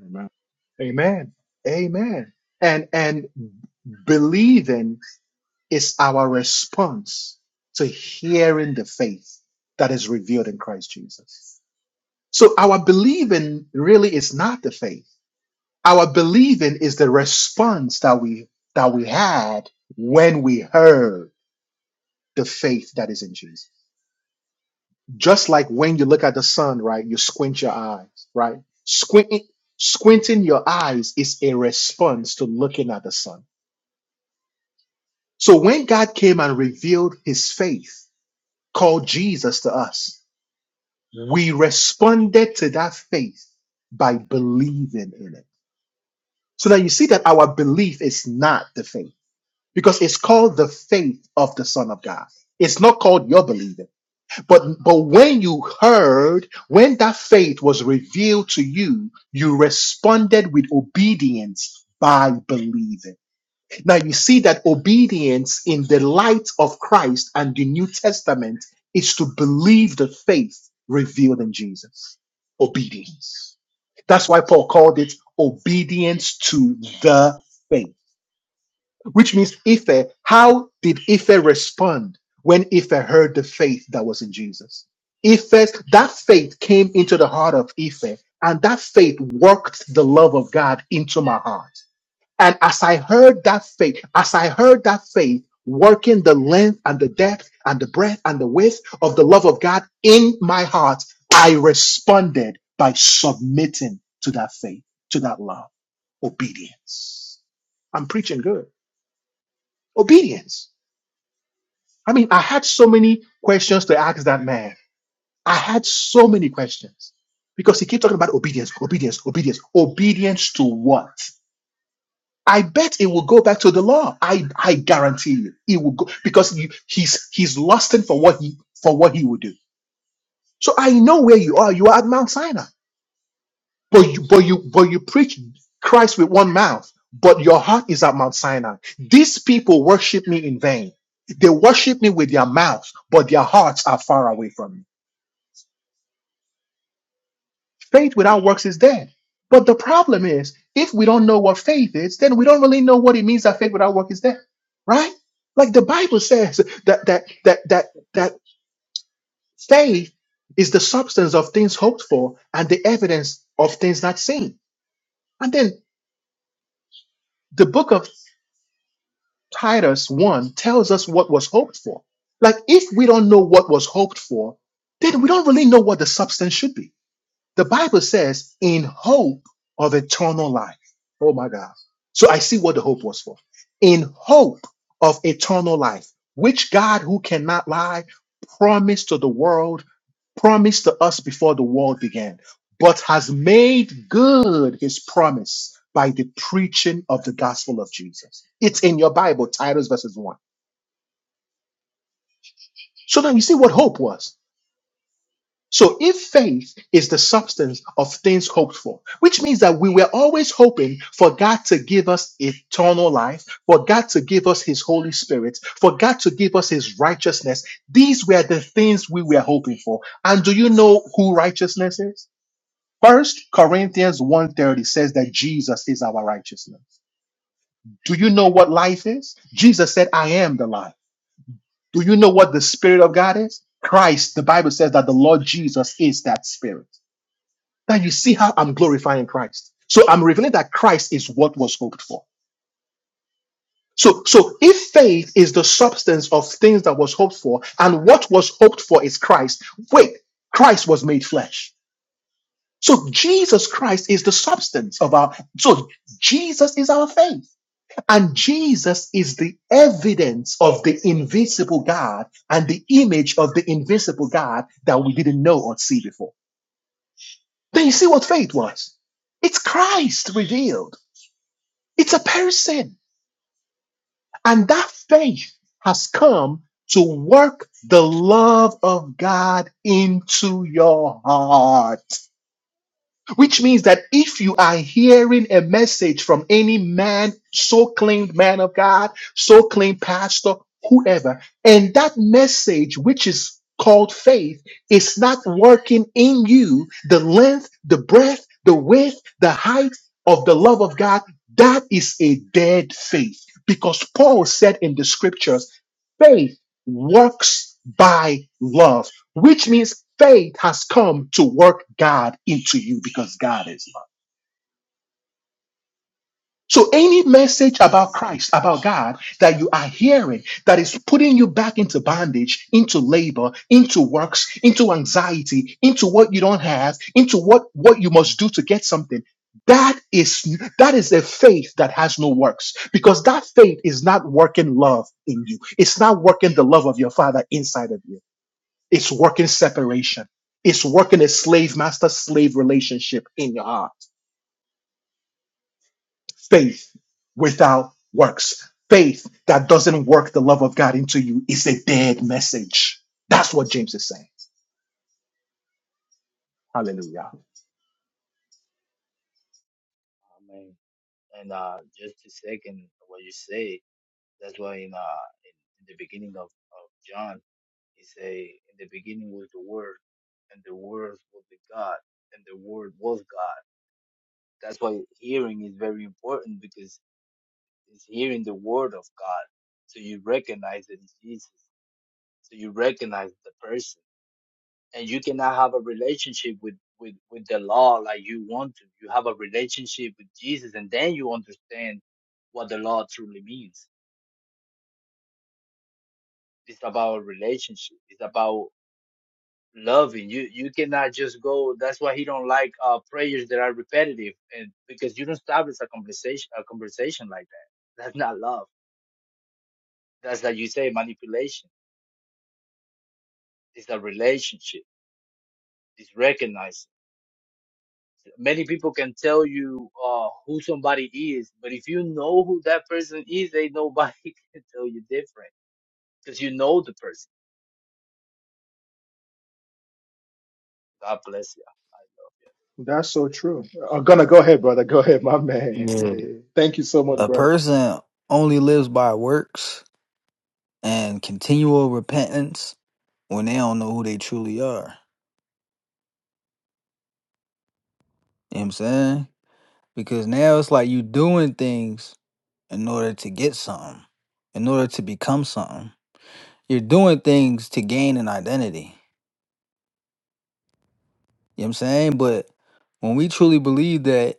Speaker 1: Amen. Amen. Amen. And and believing is our response to hearing the faith that is revealed in Christ Jesus. So our believing really is not the faith. Our believing is the response that we that we had when we heard the faith that is in Jesus. Just like when you look at the sun, right? You squint your eyes, right? Squinting squinting your eyes is a response to looking at the sun. So when God came and revealed his faith, called Jesus to us, we responded to that faith by believing in it. So now you see that our belief is not the faith. because it's called the faith of the son of god it's not called your believing but but when you heard when that faith was revealed to you you responded with obedience by believing now you see that obedience in the light of christ and the new testament is to believe the faith revealed in jesus obedience that's why paul called it obedience to the faith which means Ife. How did Ife respond when Ife heard the faith that was in Jesus? Ife, that faith came into the heart of Ife, and that faith worked the love of God into my heart. And as I heard that faith, as I heard that faith working the length and the depth and the breadth and the width of the love of God in my heart, I responded by submitting to that faith, to that love, obedience. I'm preaching good. Obedience. I mean, I had so many questions to ask that man. I had so many questions because he kept talking about obedience, obedience, obedience, obedience to what? I bet it will go back to the law. I I guarantee you, it will go because he, he's he's lusting for what he for what he will do. So I know where you are. You are at Mount Sinai, but you but you but you preach Christ with one mouth, but your heart is at Mount Sinai. These people worship me in vain. They worship me with their mouths, but their hearts are far away from me. Faith without works is dead. But the problem is, if we don't know what faith is, then we don't really know what it means that faith without work is dead, right? Like the Bible says that that that that that faith is the substance of things hoped for and the evidence of things not seen. And then the book of Titus 1 tells us what was hoped for. Like if we don't know what was hoped for, then we don't really know what the substance should be The Bible says, in hope of eternal life. Oh my God. So I see what the hope was for. In hope of eternal life, which God, who cannot lie, promised to the world, promised to us before the world began, but has made good his promise by the preaching of the gospel of Jesus. It's in your Bible, Titus verses 1. So now you see what hope was. So if faith is the substance of things hoped for, which means that we were always hoping for God to give us eternal life, for God to give us his Holy Spirit, for God to give us his righteousness. These were the things we were hoping for. And do you know who righteousness is? First Corinthians one thirty says that Jesus is our righteousness. Do you know what life is? Jesus said, I am the life. Do you know what the Spirit of God is? Christ, the Bible says that the Lord Jesus is that Spirit that you see how I'm glorifying Christ. So I'm revealing that Christ is what was hoped for. So, so if faith is the substance of things that was hoped for, and what was hoped for is Christ, wait, Christ was made flesh. So Jesus Christ is the substance of our, so Jesus is our faith. And Jesus is the evidence of the invisible God and the image of the invisible God that we didn't know or see before. Then you see what faith was. It's Christ revealed. It's a person. And that faith has come to work the love of God into your heart. Which means that if you are hearing a message from any man, so claimed man of God, so claimed pastor, whoever, and that message, which is called faith, is not working in you, the length, the breadth, the width, the height of the love of God, that is a dead faith. Because Paul said in the scriptures, faith works by love which means faith has come to work God into you because God is love. So any message about Christ, about God that you are hearing that is putting you back into bondage, into labor, into works, into anxiety, into what you don't have, into what what you must do to get something, that is that is a faith that has no works because that faith is not working love in you. It's not working the love of your father inside of you. It's working separation. It's working a slave master slave relationship in your heart. Faith without works. Faith that doesn't work the love of God into you is a dead message. That's what James is saying. Hallelujah.
Speaker 8: And uh, just to second what you say, that's why in, uh, in, in the beginning of, of John, he say, in the beginning was the Word, and the Word was with God, and the Word was God. That's why hearing is very important because it's hearing the Word of God. So you recognize that it's Jesus. So you recognize the person. And you cannot have a relationship with, with, with the law like you want to. You have a relationship with Jesus and then you understand what the law truly means It's about relationship. It's about loving. You you cannot just go. That's why he don't like uh prayers that are repetitive, and because you don't establish a conversation a conversation like that. That's not love. That's like you say manipulation. It's a relationship. It's recognized. Many people can tell you uh who somebody is, but if you know who that person is, they nobody can tell you different because you know the person. God bless you.
Speaker 1: That's so true. I'm gonna go ahead, brother. Go ahead, my man.
Speaker 6: Yeah.
Speaker 1: Thank you so much,
Speaker 6: A
Speaker 1: brother.
Speaker 6: person only lives by works and continual repentance when they don't know who they truly are. You know what I'm saying? Because now it's like you doing things in order to get something, in order to become something. You're doing things to gain an identity. You know what I'm saying? But when we truly believe that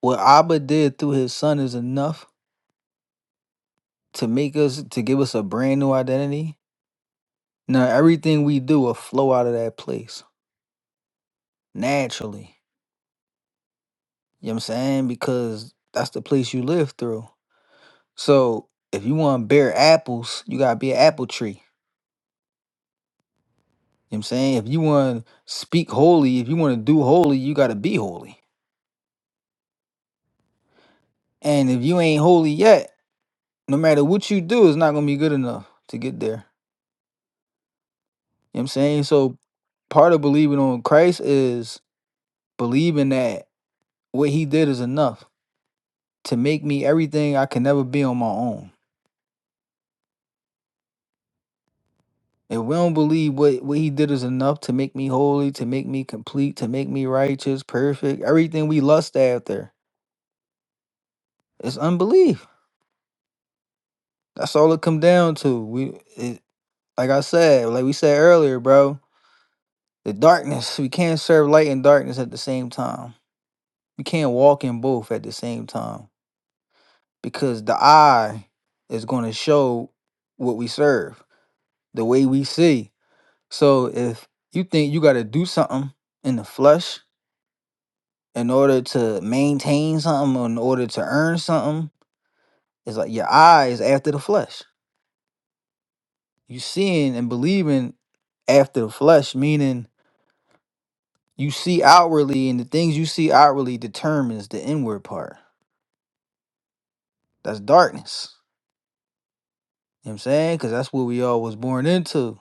Speaker 6: what Abba did through his son is enough to make us to give us a brand new identity, now everything we do will flow out of that place naturally. You know what I'm saying? Because that's the place you live through. So if you want to bear apples, you gotta be an apple tree. You know what I'm saying? If you want to speak holy, if you want to do holy, you gotta be holy. And if you ain't holy yet, no matter what you do, it's not gonna be good enough to get there. You know what I'm saying? So part of believing on Christ is believing that what he did is enough to make me everything I can never be on my own. If we don't believe what, what he did is enough to make me holy, to make me complete, to make me righteous, perfect, everything we lust after, it's unbelief. That's all it come down to. We it, like I said, like we said earlier, bro, the darkness. We can't serve light and darkness at the same time You can't walk in both at the same time because the eye is going to show what we serve, the way we see. So if you think you got to do something in the flesh in order to maintain something or in order to earn something, it's like your eye is after the flesh. You seeing and believing after the flesh, meaning you see outwardly, and the things you see outwardly determines the inward part. That's darkness. You know what I'm saying? Because that's what we all was born into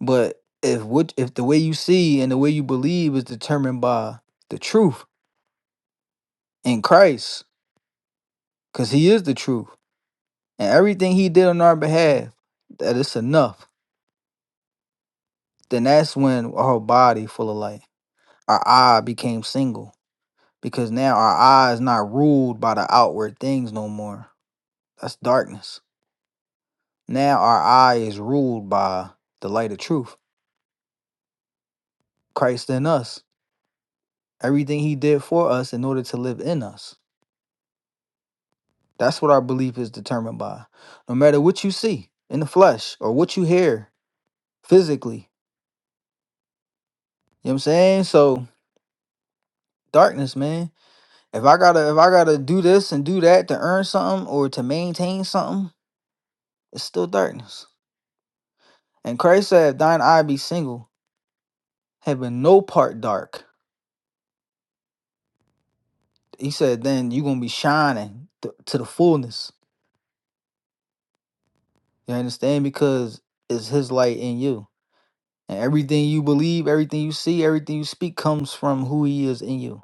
Speaker 6: But if what if the way you see and the way you believe is determined by the truth in Christ, because He is the truth, and everything He did on our behalf, that it's enough. Then that's when our body full of light, our eye became single, because now our eye is not ruled by the outward things no more. That's darkness. Now our eye is ruled by the light of truth, Christ in us, everything He did for us in order to live in us. That's what our belief is determined by. No matter what you see in the flesh or what you hear physically. You know what I'm saying? So darkness, man. If I gotta if I gotta do this and do that to earn something or to maintain something, it's still darkness. And Christ said, Thine eye be single, having no part dark. He said, then you're gonna be shining th- to the fullness. You understand? Because it's his light in you. And everything you believe, everything you see, everything you speak comes from who he is in you.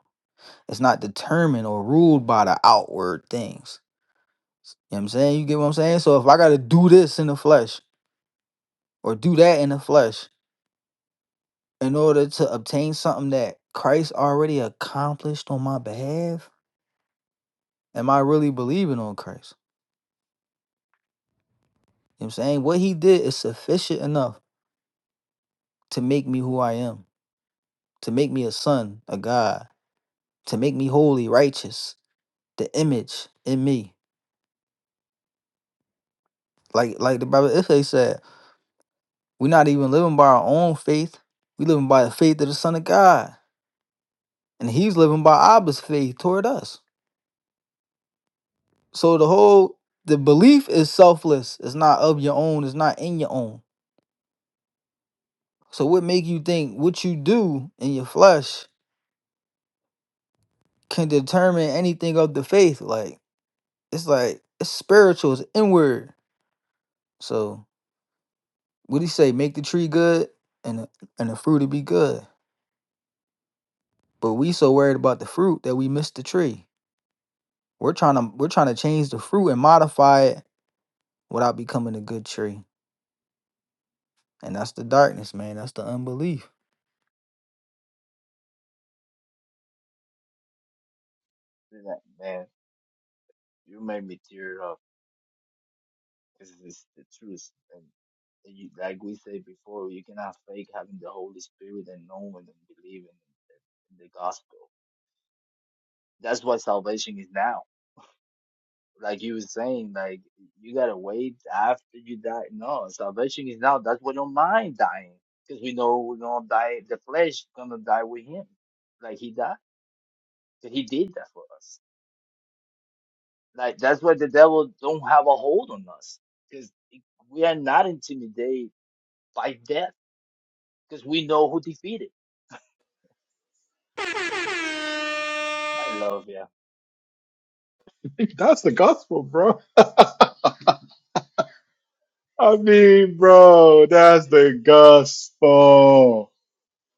Speaker 6: It's not determined or ruled by the outward things. You know what I'm saying? You get what I'm saying? So if I gotta do this in the flesh or do that in the flesh in order to obtain something that Christ already accomplished on my behalf, am I really believing on Christ? You know what I'm saying? What he did is sufficient enough to make me who I am, to make me a son, a God, to make me holy, righteous, the image in me. Like like the Bible Ife said, We're not even living by our own faith. We living by the faith of the Son of God. And he's living by Abba's faith toward us. So the whole the belief is selfless. It's not of your own. It's not in your own. So what make you think what you do in your flesh can determine anything of the faith? Like it's like it's spiritual, it's inward. So what he say? Make the tree good and the- and the fruit to be good. But we so worried about the fruit that we miss the tree. We're trying to we're trying to change the fruit and modify it without becoming a good tree. And that's the darkness, man. That's the unbelief.
Speaker 8: Man, you made me tear up. This is the truth. And you, like we said before, you cannot fake having the Holy Spirit and knowing and believing in the gospel. That's what salvation is now. Like you were saying, like you gotta wait after you die. No, salvation is now. That's why we don't mind dying, because we know we don't die. The flesh gonna die with him, like he died. 'Cause he did that for us. Like that's why the devil don't have a hold on us, because we are not intimidated by death because we know who defeated. I love you.
Speaker 1: That's the gospel, bro. I mean, bro, that's the gospel.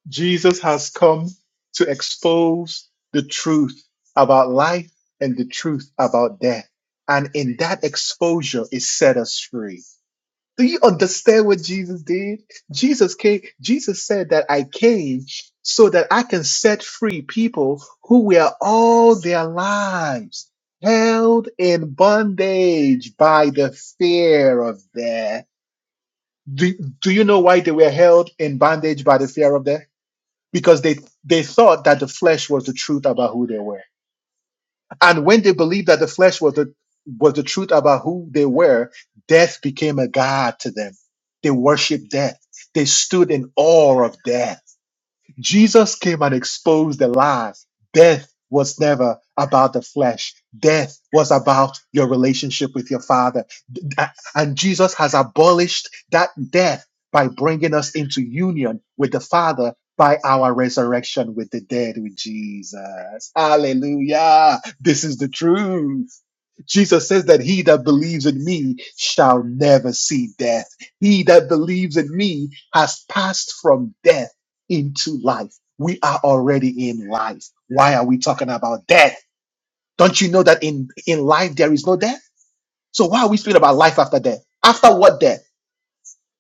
Speaker 1: Jesus has come to expose the truth about life and the truth about death. And in that exposure, it set us free. Do you understand what Jesus did? Jesus came, Jesus said that I came so that I can set free people who were all their lives held in bondage by the fear of death do, do you know why they were held in bondage by the fear of death? Because they, they thought that the flesh was the truth about who they were. And when they believed that the flesh was the, was the truth about who they were, death became a god to them. They worshiped death. They stood in awe of death Jesus came and exposed the lies. Death was never about the flesh. Death was about your relationship with your Father. And Jesus has abolished that death by bringing us into union with the Father by our resurrection with the dead with Jesus. Hallelujah. This is the truth. Jesus says that he that believes in me shall never see death. He that believes in me has passed from death into life. We are already in life. Why are we talking about death? Don't you know that in, in life there is no death? So why are we speaking about life after death? After what death?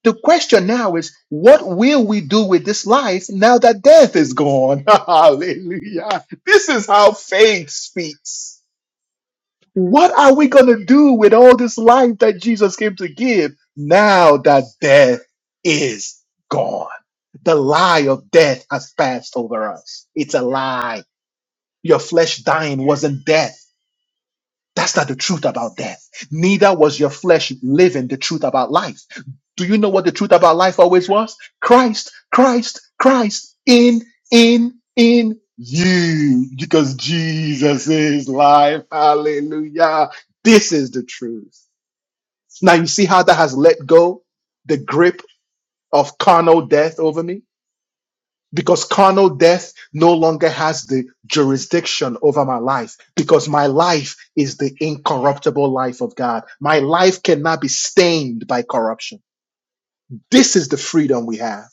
Speaker 1: The question now is, what will we do with this life now that death is gone? Hallelujah. This is how faith speaks. What are we going to do with all this life that Jesus came to give now that death is gone? The lie of death has passed over us. It's a lie. Your flesh dying wasn't death. That's not the truth about death. Neither was your flesh living the truth about life. Do you know what the truth about life always was? Christ, Christ, Christ in, in, in you. Because Jesus is life. Hallelujah. This is the truth. Now you see how that has let go the grip of carnal death over me? because carnal death no longer has the jurisdiction over my life because my life is the incorruptible life of God. My life cannot be stained by corruption. This is the freedom we have.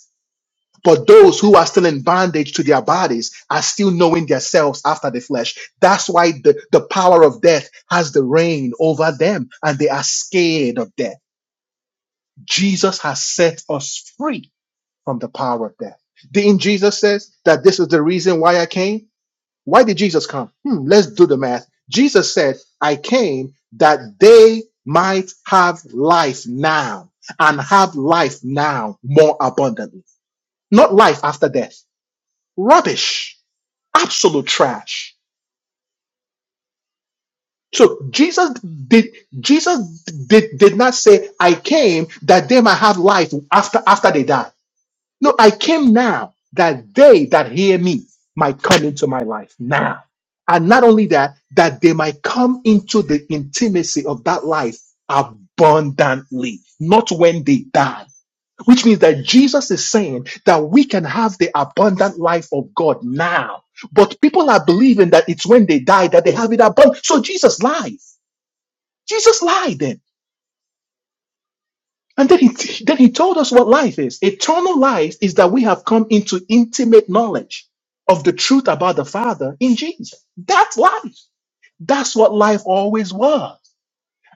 Speaker 1: But those who are still in bondage to their bodies are still knowing themselves after the flesh. That's why the, the power of death has the reign over them and they are scared of death. Jesus has set us free from the power of death. Didn't Jesus says that this is the reason why I came? Why did Jesus come? Hmm, let's do the math. Jesus said, I came that they might have life now and have life now more abundantly, not life after death. Rubbish, absolute trash. So Jesus did Jesus did, did not say I came that they might have life after after they die. No, I came now that they that hear me might come into my life now. And not only that, that they might come into the intimacy of that life abundantly, not when they die. Which means that Jesus is saying that we can have the abundant life of God now. But people are believing that it's when they die that they have it abundant. So Jesus lied. Jesus lied then. And then he, then he told us what life is. Eternal life is that we have come into intimate knowledge of the truth about the Father in Jesus. That's life. That's what life always was.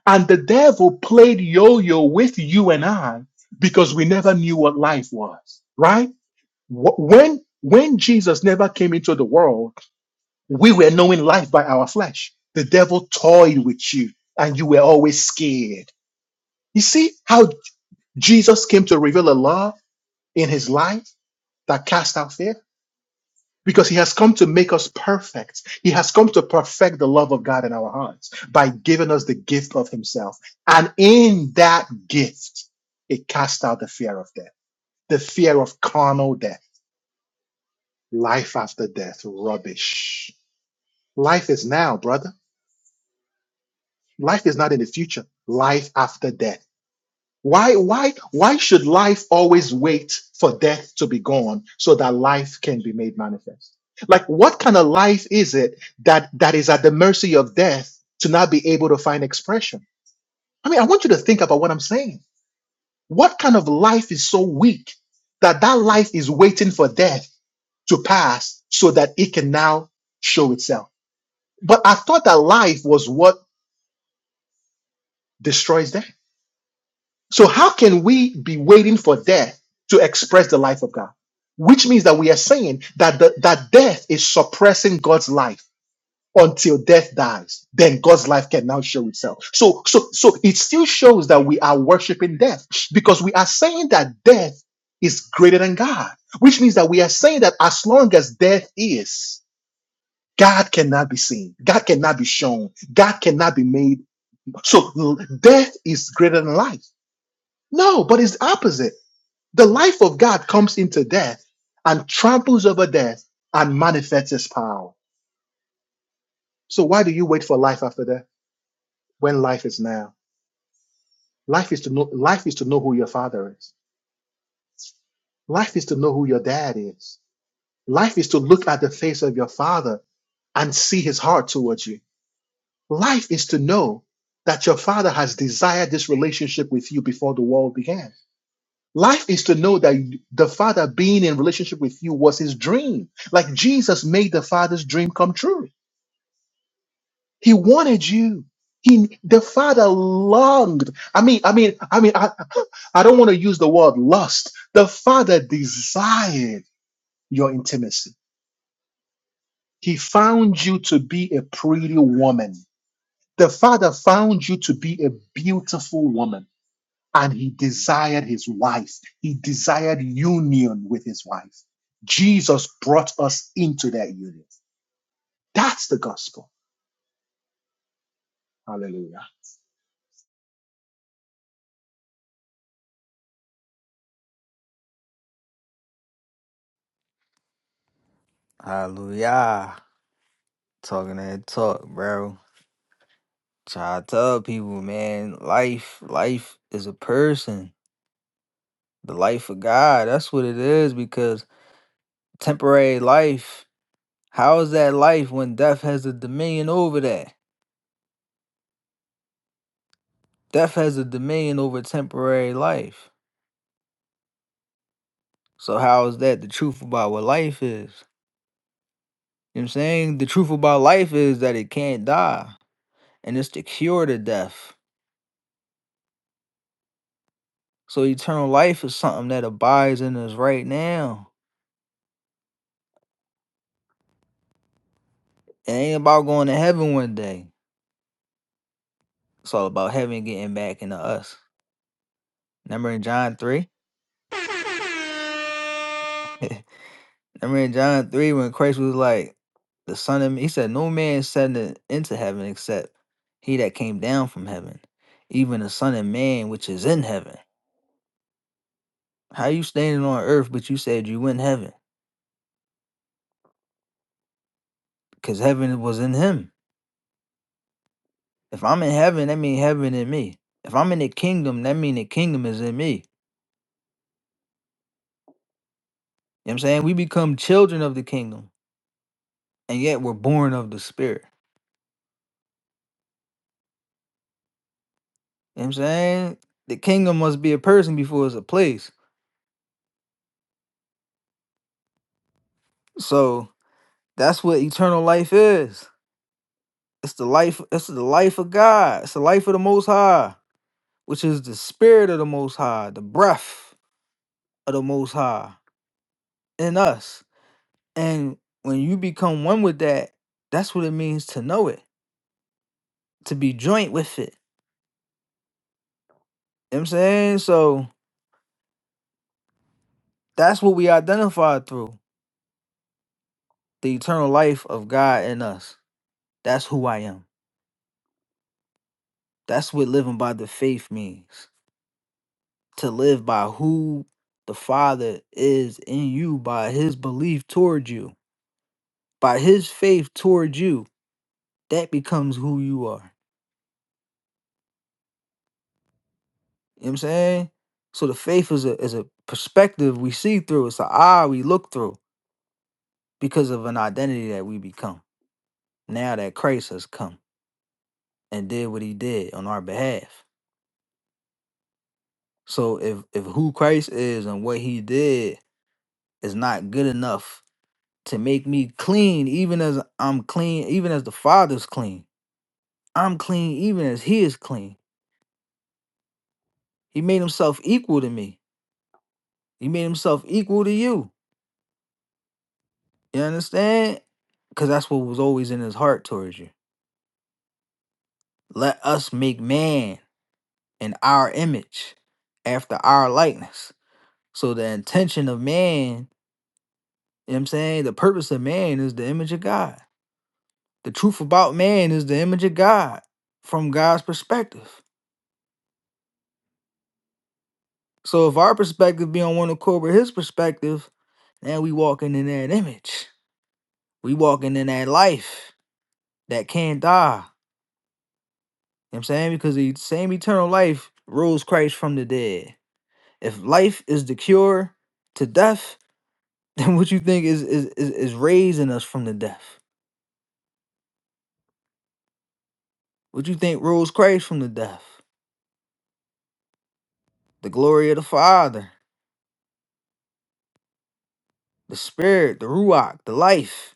Speaker 1: And the devil played yo yo with you and I because we never knew what life was, right? Wh- When, when Jesus never came into the world, we were knowing life by our flesh. The devil toyed with you and you were always scared. You see how Jesus came to reveal a lie? in his life that cast out fear because he has come to make us perfect. He has come to perfect the love of God in our hearts by giving us the gift of himself. And in that gift, it casts out the fear of death, the fear of carnal death, life after death, rubbish. Life is now, brother. Life is not in the future. Life after death. Why, why, why should life always wait for death to be gone so that life can be made manifest? Like, what kind of life is it that that is at the mercy of death to not be able to find expression? I mean, I want you to think about what I'm saying. What kind of life is so weak that that life is waiting for death to pass so that it can now show itself? But I thought that life was what destroys death. So how can we be waiting for death to express the life of God? Which means that we are saying that the, that death is suppressing God's life until death dies. Then God's life can now show itself. So so so it still shows that we are worshiping death because we are saying that death is greater than God. Which means that we are saying that as long as death is, God cannot be seen. God cannot be shown. God cannot be made. So l- death is greater than life. No, but it's the opposite the life of God comes into death and tramples over death and manifests His power. So why do you wait for life after death when life is now? Life is to know life is to know who your father is. Life is to know who your dad is. Life is to look at the face of your father and see his heart towards you. Life is to know that your father has desired this relationship with you before the world began. Life is to know that the father being in relationship with you was his dream. Like Jesus made the father's dream come true. He wanted you. He, the father longed. I mean, I mean, I mean, I, I don't want to use the word lust. The father desired your intimacy. He found you to be a pretty woman. The father found you to be a beautiful woman and he desired his wife. He desired union with his wife. Jesus brought us into that union. That's the gospel. Hallelujah.
Speaker 6: Hallelujah. Talking that talk, bro. Try to tell people, man, life, life is a person. The life of God. That's what it is because temporary life, how is that life when death has a dominion over that? Death has a dominion over temporary life. So how is that the truth about what life is? You know what I'm saying? The truth about life is that it can't die. And it's the cure to death So eternal life is something that abides in us right now. It ain't about going to heaven one day. It's all about heaven getting back into us. Remember in John 3? Remember in John 3 when Christ was like, the Son of Man, he said, No man is ascended into heaven except he that came down from heaven, even the Son of Man which is in heaven. How you standing on earth, but you said you in heaven? Because heaven was in him. If I'm in heaven, that mean heaven in me. If I'm in the kingdom, that mean the kingdom is in me. You know what I'm saying? We become children of the kingdom, and yet we're born of the spirit. You know what I'm saying? The kingdom must be a person before it's a place. So that's what eternal life is. It's the life, it's the life of God. It's the life of the most high, which is the spirit of the most high, the breath of the most high in us. And when you become one with that, that's what it means to know it, to be joint with it. You know what I'm saying? So that's what we identify through. the eternal life of God in us. That's who I am. That's what living by the faith means. To live by who the Father is in you, by his belief towards you, by his faith towards you, that becomes who you are. You know what I'm saying? So the faith is a is a perspective we see through. It's an eye we look through because of an identity that we become. Now that Christ has come and did what he did on our behalf. So if if who Christ is and what he did is not good enough to make me clean, even as I'm clean, even as the Father's clean. I'm clean, even as He is clean. He made Himself equal to me. He made Himself equal to you. You understand? Because that's what was always in His heart towards you. Let us make man in our image, after our likeness. So the intention of man, you know what I'm saying? The purpose of man is the image of God. The truth about man is the image of God from God's perspective. So if our perspective be on one accord with his perspective, then we walking in that image. We walking in that life that can't die. You know what I'm saying? Because the same eternal life rose Christ from the dead. If life is the cure to death, then what you think is is is, is raising us from the death? What you think rose Christ from the death? The glory of the Father, the Spirit, the Ruach, the life.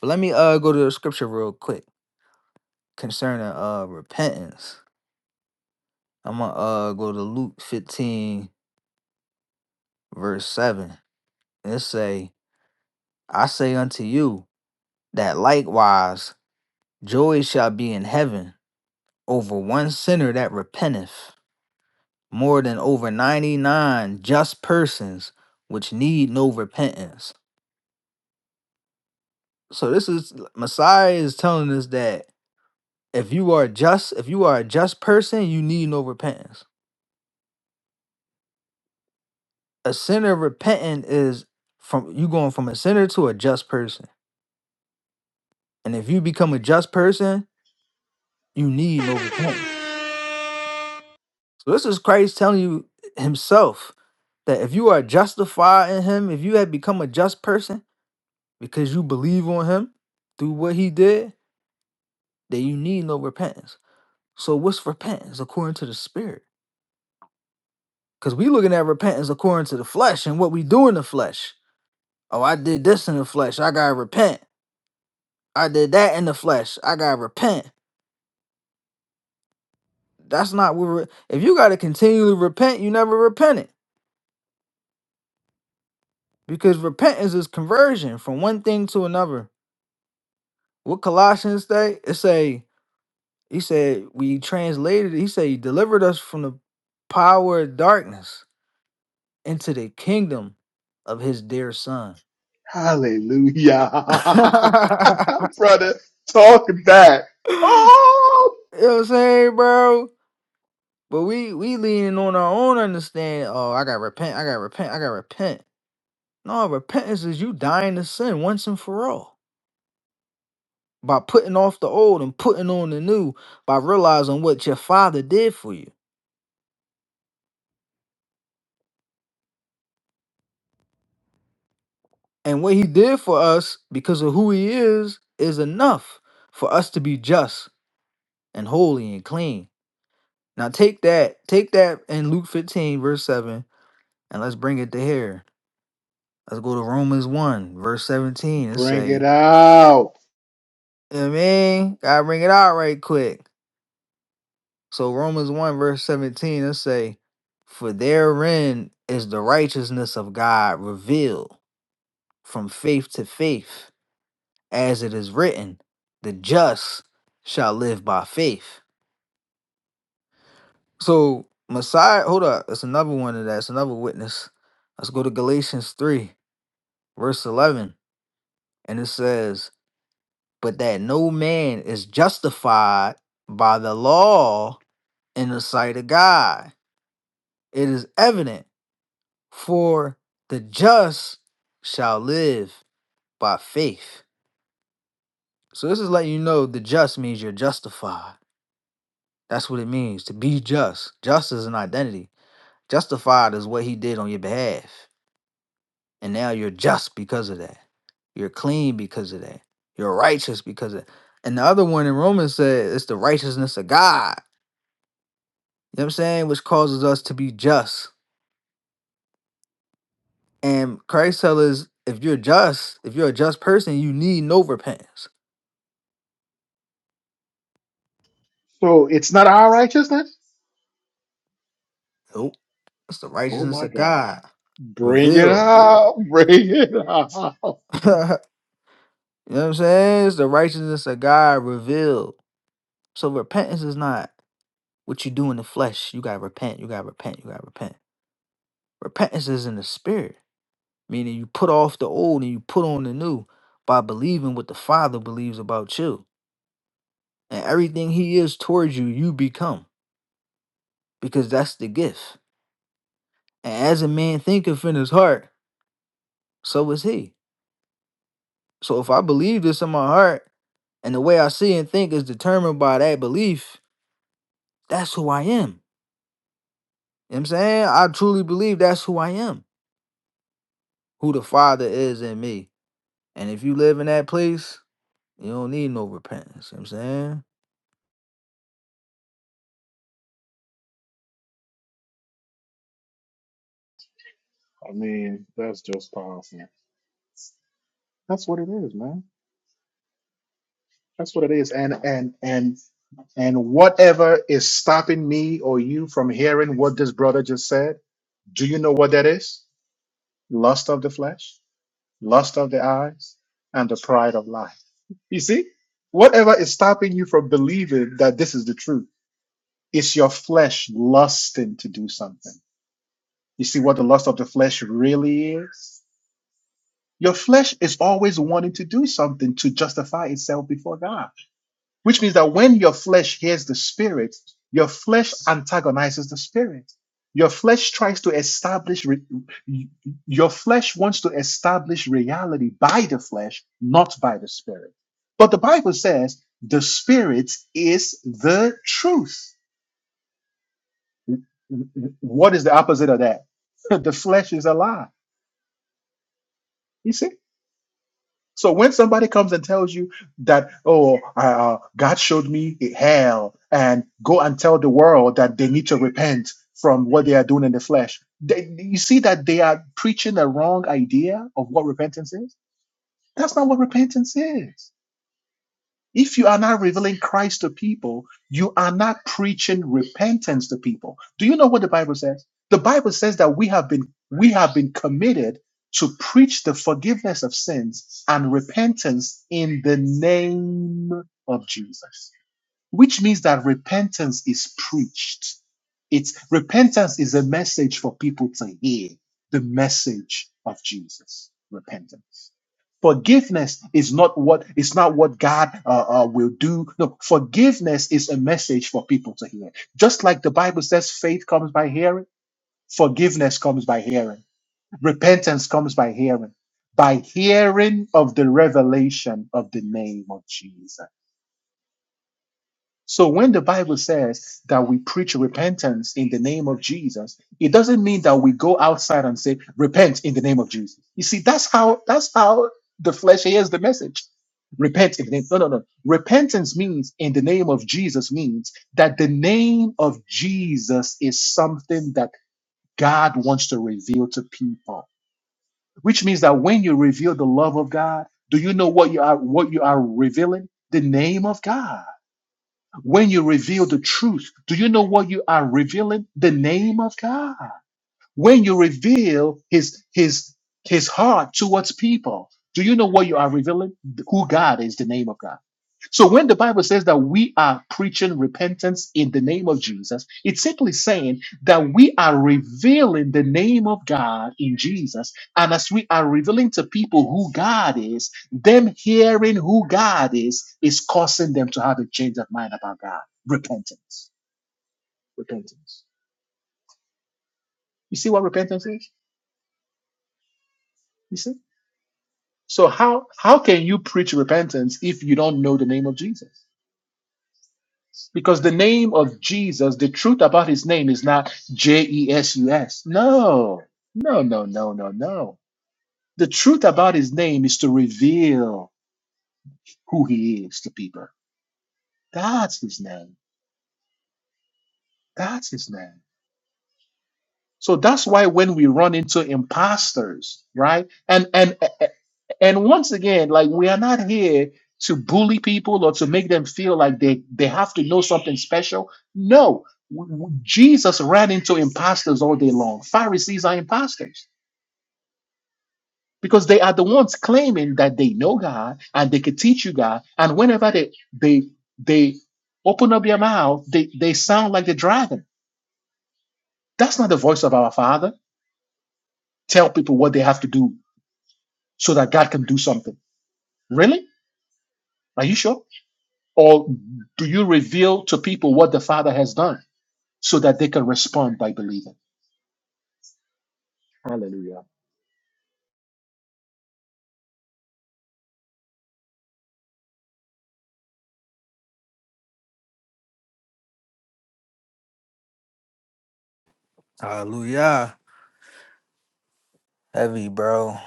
Speaker 6: But let me uh go to the scripture real quick concerning uh repentance. I'm gonna uh go to Luke 15 verse 7 and say, I say unto you that likewise joy shall be in heaven over one sinner that repenteth, more than over 99 just persons which need no repentance. So this is Messiah is telling us that if you are just, if you are a just person, you need no repentance. A sinner repenting is from you going from a sinner to a just person. And if you become a just person, You need no repentance. So this is Christ telling you himself that if you are justified in him, if you have become a just person because you believe on him through what he did, then you need no repentance. So what's repentance according to the spirit? Because we looking at repentance according to the flesh and what we do in the flesh. Oh, I did this in the flesh. I gotta repent. I did that in the flesh. I gotta repent. That's not what. Re- if you gotta continually repent, you never repented. because repentance is conversion from one thing to another. What Colossians say? It say he said we translated. He said he delivered us from the power of darkness into the kingdom of his dear son. you know
Speaker 1: Hallelujah. brother. Talk that. Oh,
Speaker 6: what I'm saying, bro? But we we leaning on our own understanding. Oh, I gotta repent. I gotta repent. I gotta repent. No, repentance is you dying to sin once and for all. by putting off the old and putting on the new by realizing what your father did for you and what he did for us because of who he is is enough for us to be just and holy and clean now take that take that in luke 15 verse 7 and let's bring it to here let's go to romans 1 verse 17 and
Speaker 1: Bring it
Speaker 6: say
Speaker 1: out.
Speaker 6: you know what i mean gotta bring it out right quick so romans 1 verse 17 let's say for therein is the righteousness of god revealed from faith to faith, as it is written, the just shall live by faith. So, Messiah, hold up, it's another one of that, it's another witness. Let's go to Galatians 3, verse 11, and it says, But that no man is justified by the law in the sight of God. It is evident, for the just shall live by faith. So, this is letting you know the just means you're justified That's what it means to be just. Just is an identity. Justified is what he did on your behalf. And now you're just because of that. You're clean because of that. You're righteous because of that. And the other one in Romans said it's the righteousness of God. You know what I'm saying? Which causes us to be just. And Christ tells us if you're just, if you're a just person, you need no repentance.
Speaker 1: So it's not our righteousness?
Speaker 6: Nope. It's the
Speaker 1: Oh
Speaker 6: righteousness
Speaker 1: my
Speaker 6: of
Speaker 1: God.
Speaker 6: God
Speaker 1: Bring it
Speaker 6: revealed.
Speaker 1: out. Bring it out. I
Speaker 6: you know what I'm saying? It's the righteousness of God revealed. So repentance is not. What you do in the flesh, you gotta repent, you gotta repent, you gotta repent. Repentance is in the spirit, meaning you put off the old and you put on the new by believing what the Father believes about you. And everything He is towards you, you become, because that's the gift. And as a man thinketh in his heart, so is he. So if I believe this in my heart, and the way I see and think is determined by that belief, that's who I am. You know what I'm saying? I truly believe that's who I am, who the Father is in me. And if you live in that place, You don't need no repentance. You know what I'm saying?
Speaker 1: mean, that's just powerful. That's what it is, man. That's what it is. And and and and whatever is stopping me or you from hearing what this brother just said, do you know what that is? Lust of the flesh, lust of the eyes, and the pride of life. You see, whatever is stopping you from believing that this is the truth, it's your flesh lusting to do something. You see what the lust of the flesh really is? Your flesh is always wanting to do something to justify itself before God which means that when your flesh hears the spirit, your flesh antagonizes the spirit. Your flesh tries to establish, re- your flesh wants to establish reality by the flesh, not by the spirit. But the Bible says the spirit is the truth. What is the opposite of that? the flesh is a lie. You see? So when somebody comes and tells you that, oh, uh, uh, God showed me hell, and go and tell the world that they need to repent from what they are doing in the flesh, they, you see that they are preaching a wrong idea of what repentance is. That's not what repentance is. If you are not revealing Christ to people, you are not preaching repentance to people. Do you know what the Bible says? The Bible says that we have been we have been committed to preach the forgiveness of sins and repentance in the name of Jesus which means that repentance is preached. It's repentance is a message for people to hear the message of Jesus. Repentance. Forgiveness is not what is not what God uh, uh, will do. No, forgiveness is a message for people to hear. Just like the Bible says, faith comes by hearing. Forgiveness comes by hearing. Repentance comes by hearing. By hearing of the revelation of the name of Jesus so when the Bible says that we preach repentance in the name of Jesus, it doesn't mean that we go outside and say repent in the name of Jesus. You see, that's how that's how the flesh hears the message. Repent in the name. No, no, no. Repentance means in the name of Jesus means that the name of Jesus is something that God wants to reveal to people. Which means that when you reveal the love of God, do you know what you are what you are revealing? The name of God. When you reveal the truth, do you know what you are revealing? The name of God when you reveal his his his heart towards people do you know what you are revealing who god is the name of god so when the bible says that we are preaching repentance in the name of jesus it's simply saying that we are revealing the name of god in jesus and as we are revealing to people who god is them hearing who god is is causing them to have a change of mind about god repentance repentance you see what repentance is you see So how how can you preach repentance if you don't know the name of Jesus? Because the name of Jesus, the truth about his name is not J E S U S. No. No, no, no, no, no. The truth about his name is to reveal who he is to people. That's his name. That's his name. So that's why when we run into imposters, right? And and And once again, like we are not here to bully people or to make them feel like they, they have to know something special. No, W- w- Jesus ran into imposters all day long. Pharisees are imposters because they are the ones claiming that they know God and they can teach you God. And whenever they they they open up their mouth, they, they sound like the dragon. That's not the voice of our Father. Tell people what they have to do so that God can do something. Really? Are you sure? Or do you reveal to people what the Father has done so that they can respond by believing? Hallelujah.
Speaker 6: Hallelujah. Heavy, bro.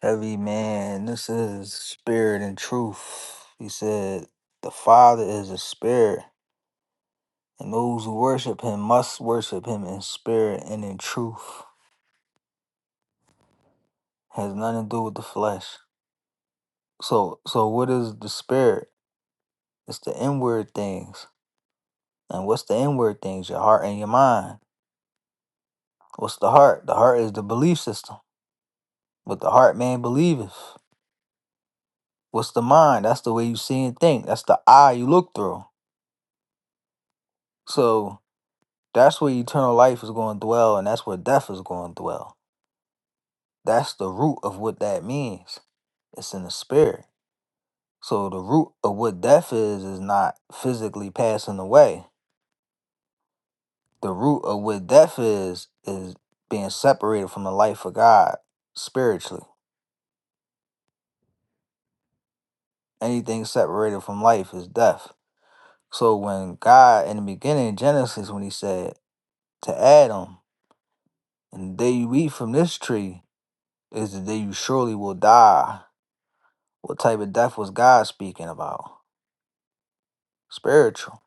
Speaker 6: Heavy, man. This is spirit and truth. He said, The Father is a spirit, and those who worship him must worship him in spirit and in truth. Has nothing to do with the flesh. So, so what is the spirit? It's the inward things. And what's the inward things? Your heart and your mind. What's the heart? The heart is the belief system. What the heart man believeth. What's the mind? That's the way you see and think. That's the eye you look through. So that's where eternal life is going to dwell, and that's where death is going to dwell. That's the root of what that means. It's in the spirit. So the root of what death is is not physically passing away. The root of what death is is being separated from the life of God spiritually. Anything separated from life is death. So when God in the beginning, Genesis, when he said to Adam. And the day you eat from this tree is the day you surely will die. What type of death was God speaking about? Spiritual.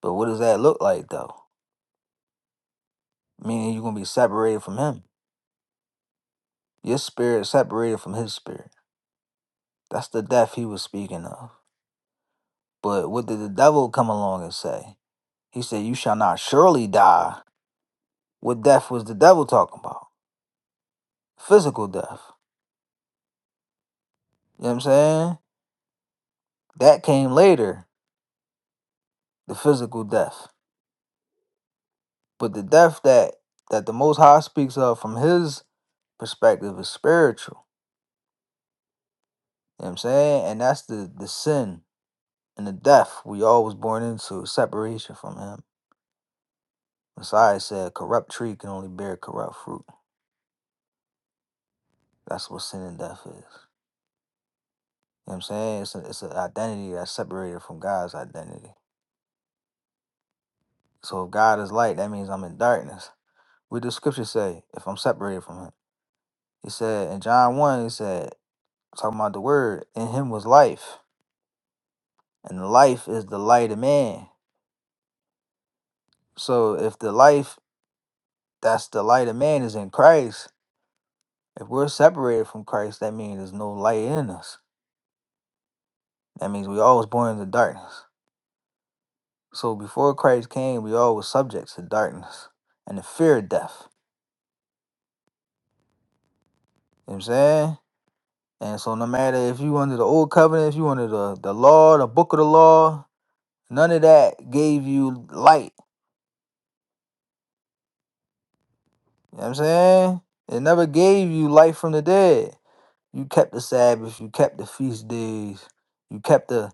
Speaker 6: But what does that look like though? Meaning you're gonna be separated from him. Your spirit separated from his spirit. That's the death he was speaking of. But what did the devil come along and say? He said, You shall not surely die. What death was the devil talking about? Physical death. You know what I'm saying? That came later, the physical death. But the death that that the Most High speaks of from His perspective is spiritual. You know what I'm saying, and that's the the sin and the death we all was born into, separation from Him. Messiah said, "A "Corrupt tree can only bear corrupt fruit." That's what sin and death is. You know what I'm saying? It's a, it's an identity that's separated from God's identity. So if God is light, that means I'm in darkness. What does Scripture say? If I'm separated from Him, He said in John one, He said, talking about the Word, in Him was life, and life is the light of man. So if the life that's the light of man is in Christ, if we're separated from Christ, that means there's no light in us. That means we always born in the darkness. So before Christ came, we all was subjects to darkness and the fear of death. You know what I'm saying? And so no matter if you under the old covenant, if you under the, the law, the book of the law, none of that gave you light. You know what I'm saying? It never gave you life from the dead. You kept the Sabbath, you kept the feast days, you kept the,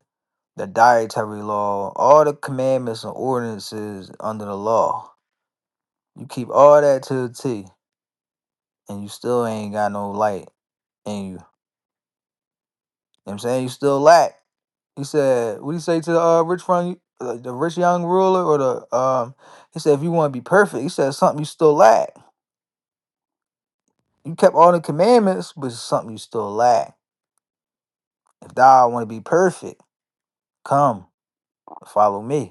Speaker 6: the dietary law, all the commandments and ordinances under the law. You keep all that to the T, and you still ain't got no light in you. You know what I'm saying? You still lack. He said, what he say to the uh, rich from the rich young ruler or the um he said if you want to be perfect, he said something you still lack. You kept all the commandments, but it's something you still lack. If thou want to be perfect, come follow me.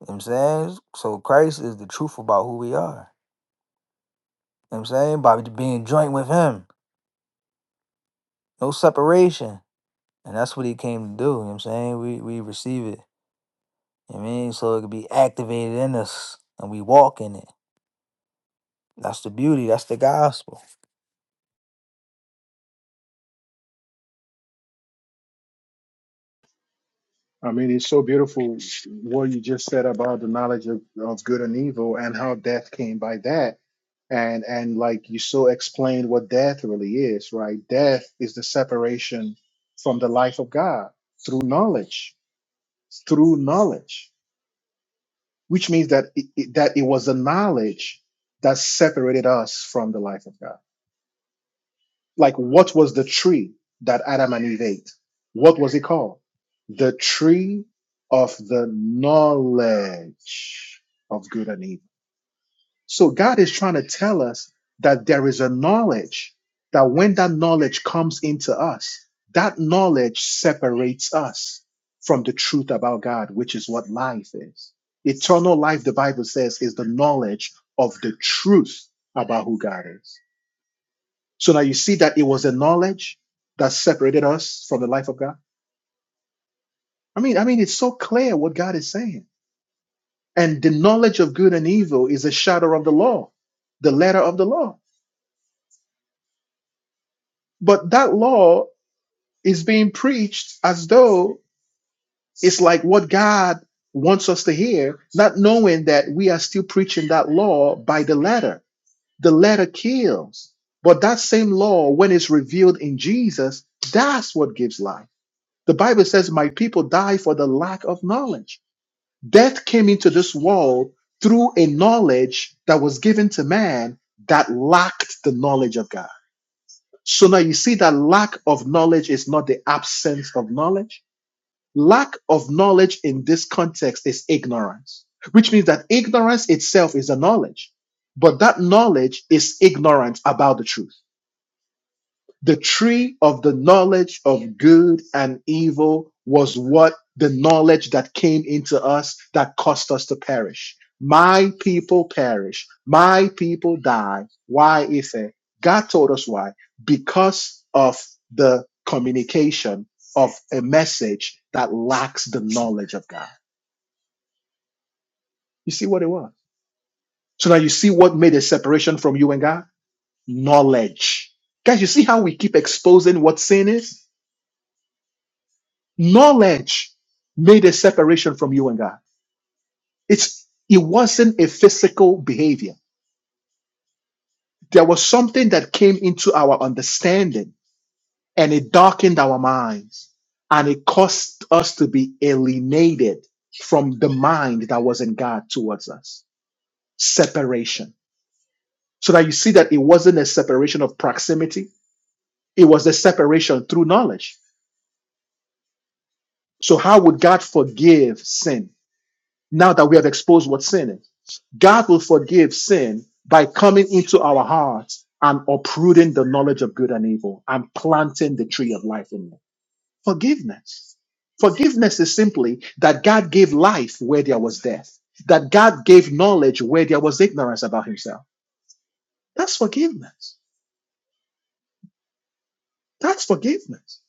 Speaker 6: You know what I'm saying? So Christ is the truth about who we are. You know what I'm saying? By being joint with him. No separation. And that's what he came to do. You know what I'm saying? We we receive it. You know what I mean? So it could be activated in us and we walk in it. That's the beauty. That's the gospel.
Speaker 1: I mean, it's so beautiful what you just said about the knowledge of, of good and evil and how death came by that. And and like you so explained what death really is, right? Death is the separation from the life of God through knowledge, through knowledge, which means that it, it- that it was the knowledge that separated us from the life of God. like what was the tree that Adam and Eve ate? What was it called? The tree of the knowledge of good and evil. So God is trying to tell us that there is a knowledge that when that knowledge comes into us, that knowledge separates us from the truth about God, which is what life is. Eternal life, the Bible says, is the knowledge of the truth about who God is. So now you see that it was the knowledge that separated us from the life of God. I mean, I mean, it's so clear what God is saying. And the knowledge of good and evil is a shadow of the law, the letter of the law. But that law is being preached as though it's like what God wants us to hear, not knowing that we are still preaching that law by the letter. The letter kills. But that same law, when it's revealed in Jesus, that's what gives life. The Bible says, My people die for the lack of knowledge. Death came into this world through a knowledge that was given to man that lacked the knowledge of God. So now you see that lack of knowledge is not the absence of knowledge. Lack of knowledge in this context is ignorance, which means that ignorance itself is a knowledge, but that knowledge is ignorance about the truth. The tree of the knowledge of good and evil was what the knowledge that came into us that caused us to perish. My people perish. My people die. Why is it? God told us why. Because of the communication of a message that lacks the knowledge of God. You see what it was? So now you see what made a separation from you and God? Knowledge. Guys, you see how we keep exposing what sin is? Knowledge made a separation from you and God. It's it wasn't a physical behavior. There was something that came into our understanding and it darkened our minds and it caused us to be alienated from the mind that was in God towards us. Separation. So that you see that it wasn't a separation of proximity, it was a separation through knowledge. So how would God forgive sin? now that we have exposed what sin is. God will forgive sin by coming into our hearts and uprooting the knowledge of good and evil and planting the tree of life in it. Forgiveness. Forgiveness is simply that God gave life where there was death, that God gave knowledge where there was ignorance about himself. That's forgiveness. That's forgiveness.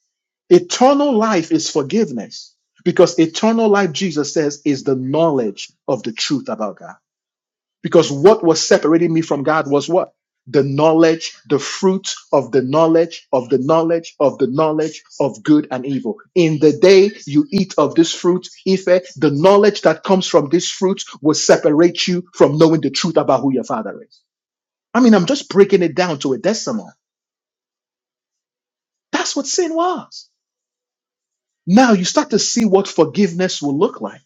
Speaker 1: Eternal life is forgiveness because eternal life, Jesus says, is the knowledge of the truth about God. Because what was separating me from God was what? The knowledge, the fruit of the knowledge, of the knowledge, of the knowledge of good and evil. In the day you eat of this fruit, Ife, the knowledge that comes from this fruit will separate you from knowing the truth about who your father is. I mean, I'm just breaking it down to a decimal. That's what sin was. Now you start to see what forgiveness will look like.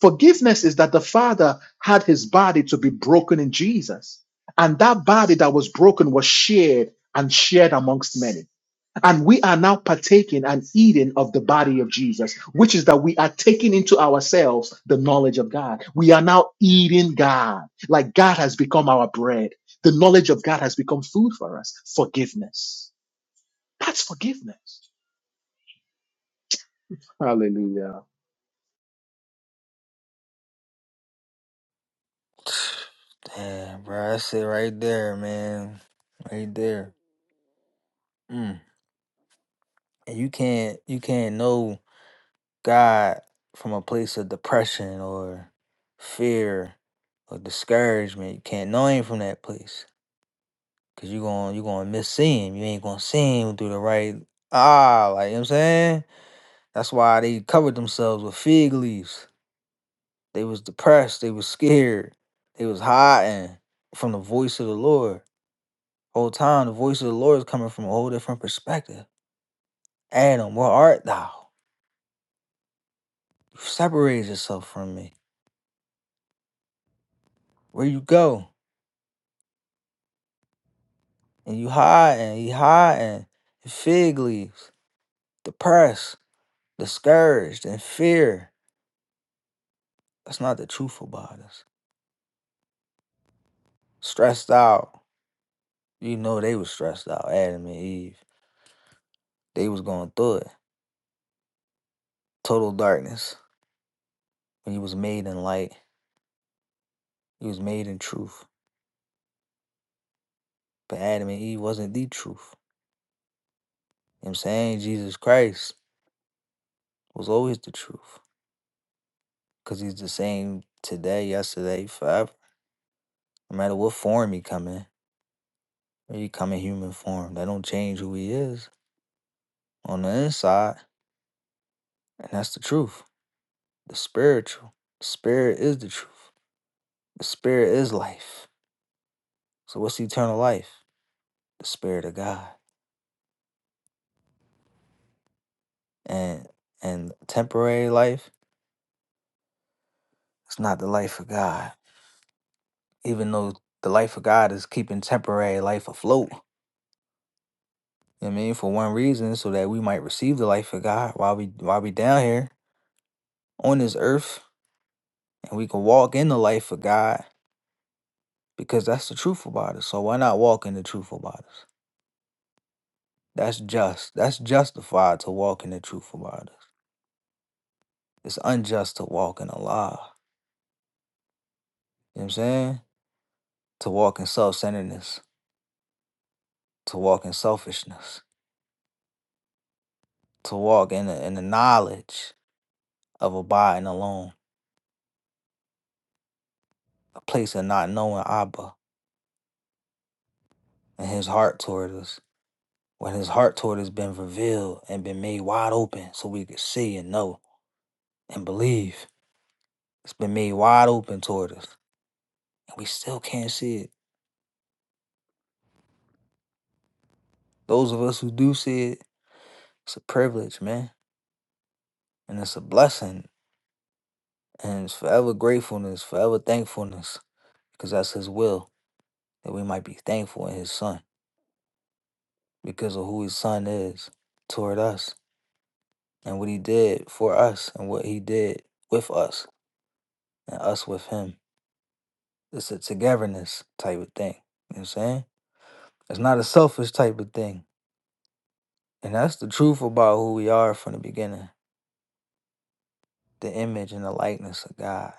Speaker 1: Forgiveness is that the Father had his body to be broken in Jesus. And that body that was broken was shared and shared amongst many. And we are now partaking and eating of the body of Jesus, which is that we are taking into ourselves the knowledge of God. We are now eating God, like God has become our bread. The knowledge of God has become food for us. Forgiveness. That's forgiveness. Hallelujah.
Speaker 6: Damn, bro. That's it right there, man. Right there. Mm. And you can't you can't know God from a place of depression or fear or discouragement. You can't know him from that place. Cause you going you gonna miss seeing. him. You ain't gonna see him through the right ah, like you know what I'm saying? That's why they covered themselves with fig leaves. They was depressed, they was scared, they was hiding from the voice of the Lord. Whole time the voice of the Lord is coming from a whole different perspective. Adam, where art thou? You separated yourself from me. Where you go? and you hiding, you hiding, fig leaves, depressed, discouraged, and fear. That's not the truth about us. Stressed out. You know they was stressed out, Adam and Eve. They was going through it. Total darkness. When you was made in light, you was made in truth. But Adam and Eve wasn't the truth. You know what I'm saying? Jesus Christ was always the truth. Cause he's the same today, yesterday, forever. No matter what form he come in. He come in human form. That don't change who he is. on the inside, and that's the truth. The spiritual. The spirit is the truth. The spirit is life. So what's eternal life? The spirit of God. And and temporary life is not the life of God. Even though the life of God is keeping temporary life afloat. You know what I mean? For one reason, so that we might receive the life of God while we while we down here on this earth and we can walk in the life of God because that's the truth about it. So why not walk in the truth about it? That's just. That's justified to walk in the truth about us. It's unjust to walk in a lie. You know what I'm saying? To walk in self centeredness, to walk in selfishness, to walk in the, in the knowledge of abiding alone, a place of not knowing Abba and his heart toward us. When his heart toward us has been revealed and been made wide open so we could see and know and believe. It's been made wide open toward us. And we still can't see it. Those of us who do see it, it's a privilege, man. and it's a blessing and it's forever gratefulness forever thankfulness because that's his will that we might be thankful in his son because of who his son is toward us and what he did for us and what he did with us and us with him it's a togetherness type of thing you know what i'm saying it's not a selfish type of thing and that's the truth about who we are from the beginning the image and the likeness of god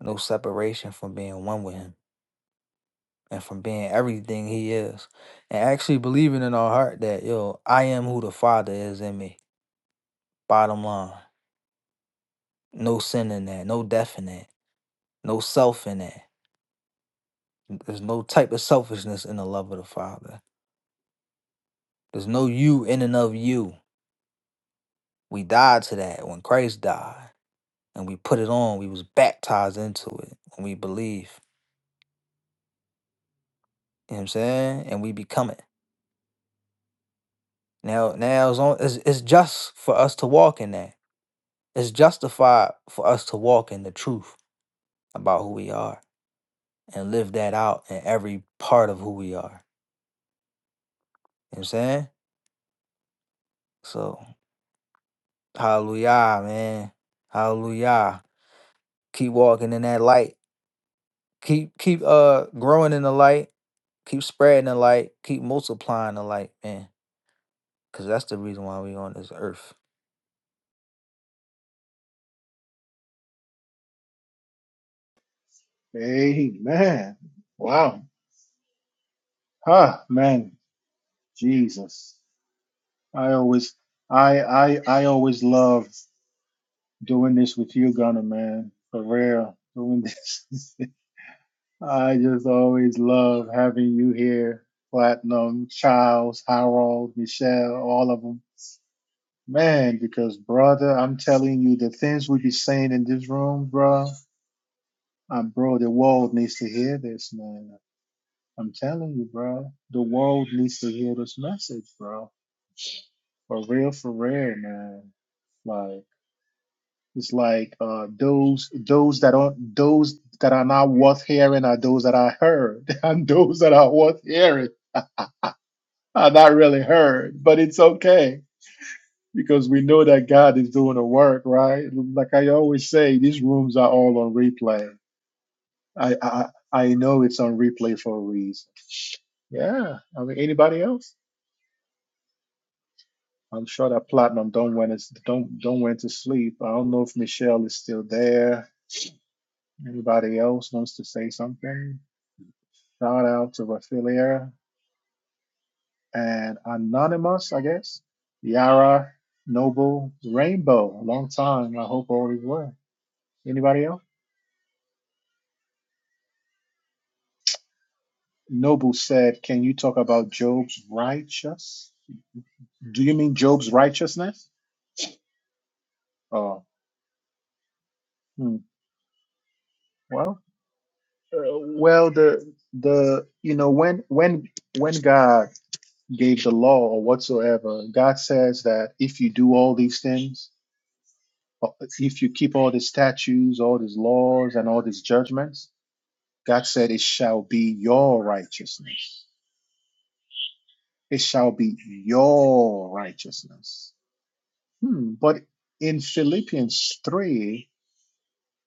Speaker 6: no separation from being one with him and from being everything he is and actually believing in our heart that yo i am who the father is in me bottom line no sin in that no death in that no self in that there's no type of selfishness in the love of the father there's no you in and of you we died to that when christ died and we put it on we was baptized into it when we believe you know what i'm saying and we become it now now it's, on, it's, it's just for us to walk in that it's justified for us to walk in the truth about who we are and live that out in every part of who we are. You know what I'm saying? So, hallelujah, man. Hallelujah. Keep walking in that light. Keep keep uh growing in the light. Keep spreading the light. Keep multiplying the light, man. Cause that's the reason why we on this earth.
Speaker 1: Amen. Wow. Huh, man. Jesus. I always I I I always love doing this with you, Gunner, man. For real. Doing this. I just always love having you here. Platinum, Charles, Harold, Michelle, all of them. Man, because brother, I'm telling you, the things we be saying in this room, bro, um, bro, the world needs to hear this, man. I'm telling you, bro. The world needs to hear this message, bro. For real, for real, man. Like it's like uh those those that aren't those that are not worth hearing are those that I heard. And those that are worth hearing are not really heard. But it's okay. Because we know that God is doing the work, right? Like I always say, these rooms are all on replay. I I I know it's on replay for a reason. Yeah. I mean anybody else? I'm sure that Platinum don't went is don't don't went to sleep. I don't know if Michelle is still there. Anybody else wants to say something? Shout out to Raphaelia and Anonymous, I guess. Yara, Noble, Rainbow. Long time. I hope all is well. Anybody else? Noble said, "Can you talk about Job's righteous? Do you mean Job's righteousness? Oh, hmm. well, uh, well, the the you know when when when God gave the law or whatsoever, God says that if you do all these things, if you keep all these statutes, all these laws, and all these judgments, God said it shall be your righteousness. It shall be your righteousness. Hmm. But in Philippians 3,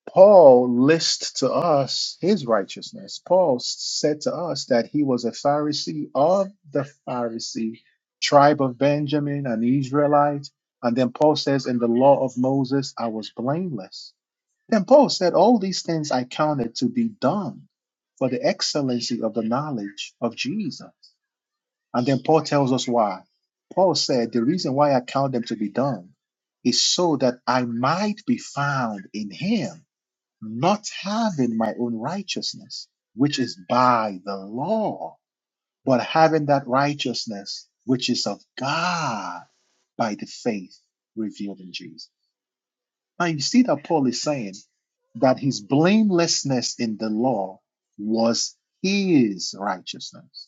Speaker 1: Paul lists to us his righteousness. Paul said to us that he was a Pharisee of the Pharisee tribe of Benjamin, an Israelite. And then Paul says, In the law of Moses, I was blameless. Then Paul said, All these things I counted to be done for the excellency of the knowledge of Jesus. And then Paul tells us why. Paul said, The reason why I count them to be done is so that I might be found in him not having my own righteousness, which is by the law, but having that righteousness which is of God by the faith revealed in Jesus. Now you see that Paul is saying that his blamelessness in the law was his righteousness.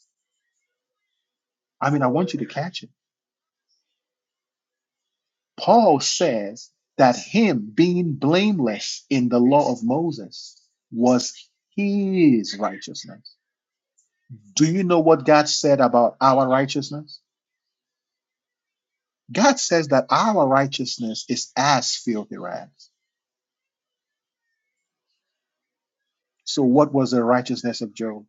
Speaker 1: I mean, I want you to catch it. Paul says that him being blameless in the law of Moses was his righteousness Do you know what God said about our righteousness? God says that our righteousness is as filthy rags. So, what was the righteousness of Job?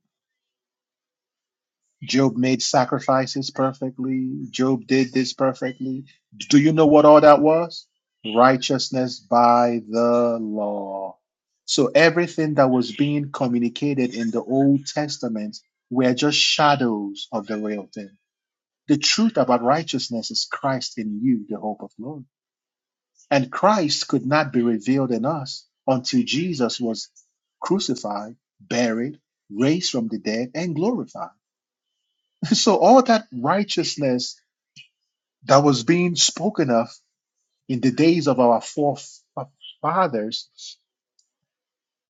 Speaker 1: Job made sacrifices perfectly. Job did this perfectly. Do you know what all that was? Righteousness by the law. So, everything that was being communicated in the Old Testament were just shadows of the real thing. The truth about righteousness is Christ in you, the hope of glory. And Christ could not be revealed in us until Jesus was crucified, buried, raised from the dead, and glorified. So all that righteousness that was being spoken of in the days of our forefathers,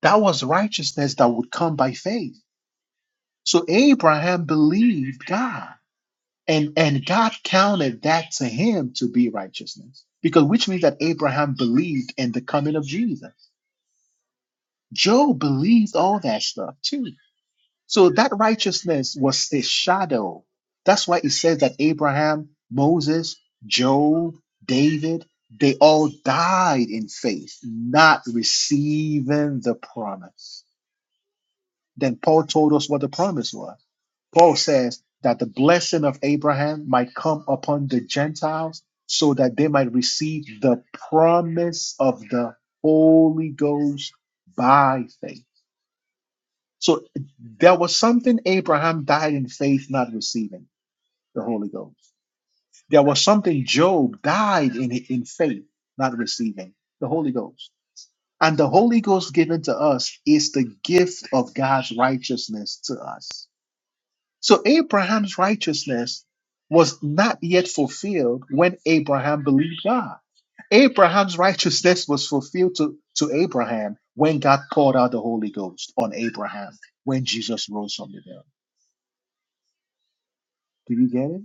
Speaker 1: that was righteousness that would come by faith. So Abraham believed God, and, and God counted that to him to be righteousness. Because which means that Abraham believed in the coming of Jesus. Job believes all that stuff too. So that righteousness was the shadow. That's why it says that Abraham, Moses, Job, David, they all died in faith, not receiving the promise. Then Paul told us what the promise was. Paul says that the blessing of Abraham might come upon the Gentiles so that they might receive the promise of the Holy Ghost by faith. So there was something Abraham died in faith, not receiving the Holy Ghost. There was something Job died in, in faith, not receiving the Holy Ghost. And the Holy Ghost given to us is the gift of God's righteousness to us. So Abraham's righteousness was not yet fulfilled when Abraham believed God. Abraham's righteousness was fulfilled to, to Abraham when God poured out the Holy Ghost on Abraham when Jesus rose from the dead. Do you get it?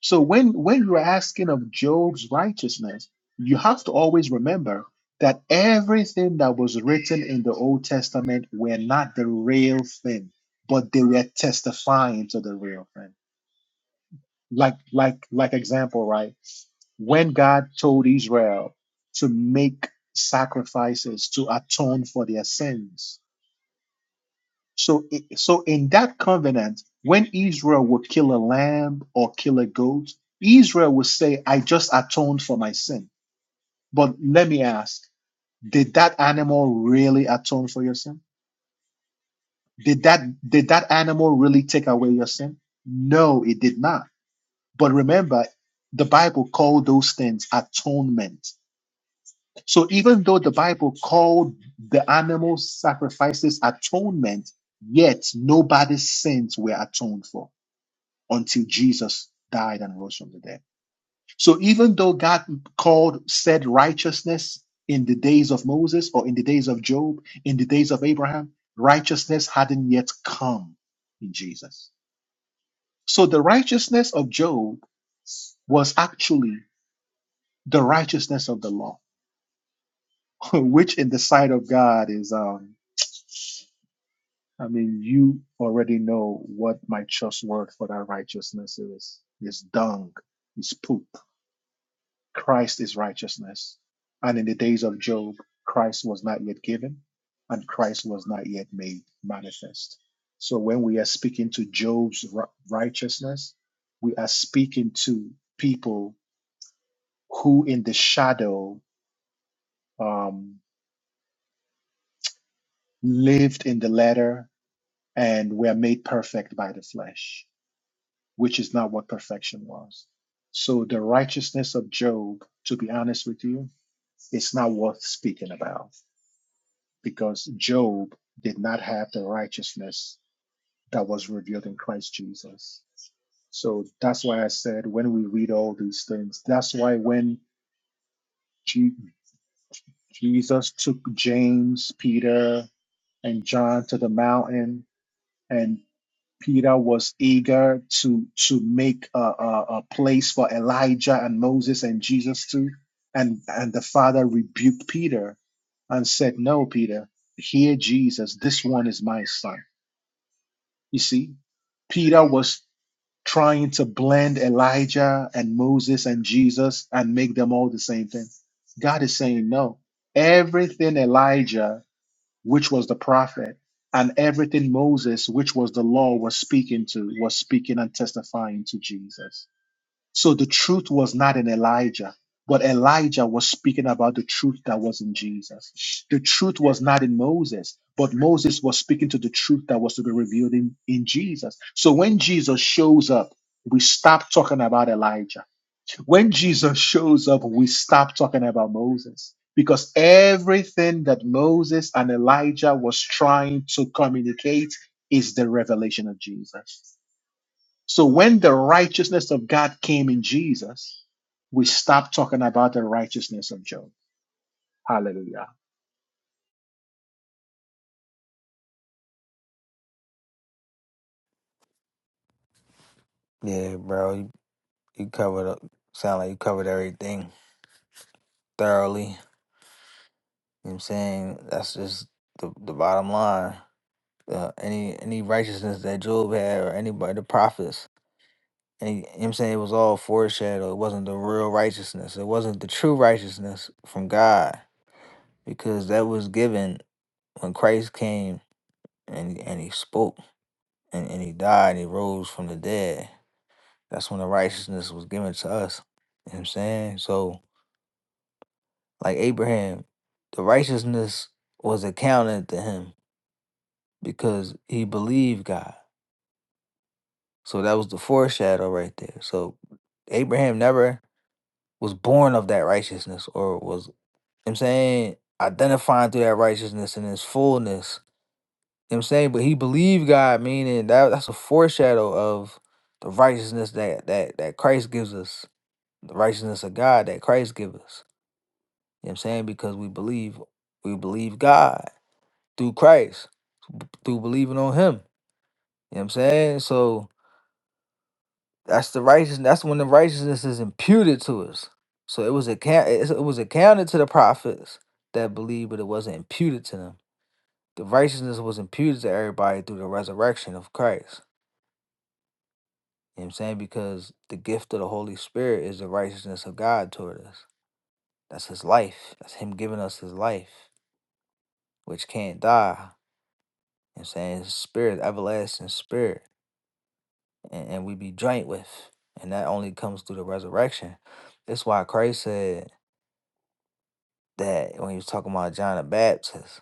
Speaker 1: So when when you're asking of Job's righteousness, you have to always remember that everything that was written in the Old Testament were not the real thing, but they were testifying to the real thing. Like like like example, right? When God told Israel to make sacrifices to atone for their sins, So, i- so in that covenant, when Israel would kill a lamb or kill a goat, Israel would say, "I just atoned for my sin." But let me ask: Did that animal really atone for your sin? Did that did that animal really take away your sin? No, it did not. But remember, the Bible called those things atonement. So even though the Bible called the animal sacrifices atonement, yet nobody's sins were atoned for. until Jesus died and rose from the dead. So even though God called said righteousness in the days of Moses or in the days of Job, in the days of Abraham, righteousness hadn't yet come in Jesus. So the righteousness of Job was actually the righteousness of the law, which in the sight of God is, um, I mean, you already know what my just word for that righteousness is. It's dung, it's poop Christ is righteousness. And in the days of Job, Christ was not yet given and Christ was not yet made manifest. So when we are speaking to Job's ri- righteousness, we are speaking to people who in the shadow um, lived in the letter and were made perfect by the flesh, which is not what perfection was. So the righteousness of Job, to be honest with you, it's not worth speaking about because Job did not have the righteousness that was revealed in Christ Jesus. So that's why I said when we read all these things, that's why when Je- Jesus took James, Peter, and John to the mountain, and Peter was eager to to make a, a, a place for Elijah and Moses and Jesus too, and and the Father rebuked Peter and said, "No, Peter, hear Jesus. This one is my son." You see, Peter was trying to blend Elijah and Moses and Jesus and make them all the same thing. God is saying, no, everything Elijah, which was the prophet, and everything Moses, which was the law, was speaking to, was speaking and testifying to Jesus. So the truth was not in Elijah, but Elijah was speaking about the truth that was in Jesus. The truth was not in Moses, but Moses was speaking to the truth that was to be revealed in, in Jesus. So when Jesus shows up, we stop talking about Elijah. When Jesus shows up, we stop talking about Moses. Because everything that Moses and Elijah was trying to communicate is the revelation of Jesus. So when the righteousness of God came in Jesus, we stopped talking about the righteousness of Job. Hallelujah.
Speaker 6: Yeah, bro. You, you covered up. Sound like you covered everything thoroughly. You know what I'm saying? That's just the, the bottom line. Uh, any any righteousness that Job had or anybody the prophets And you know what I'm saying it was all foreshadow. It wasn't the real righteousness. It wasn't the true righteousness from God because that was given when Christ came and and he spoke and, and he died and he rose from the dead. That's when the righteousness was given to us. You know what I'm saying? So like Abraham, the righteousness was accounted to him because he believed God. So that was the foreshadow right there. So Abraham never was born of that righteousness or was You know what I'm saying? Identifying through that righteousness in its fullness. You know what I'm saying? But he believed God, meaning that that's a foreshadow of the righteousness that that that Christ gives us, the righteousness of God that Christ gives us. You know what I'm saying? Because we believe we believe God through Christ, through believing on him. You know what I'm saying? So that's the righteousness that's when the righteousness is imputed to us. So it was account it was accounted to the prophets that believed, but it wasn't imputed to them. the righteousness was imputed to everybody through the resurrection of Christ. You know what I'm saying? Because the gift of the Holy Spirit is the righteousness of God toward us. That's his life. That's him giving us his life, which can't die. You know what I'm saying? His spirit, everlasting spirit. And, and we be joint with. And that only comes through the resurrection. That's why Christ said that when he was talking about John the Baptist,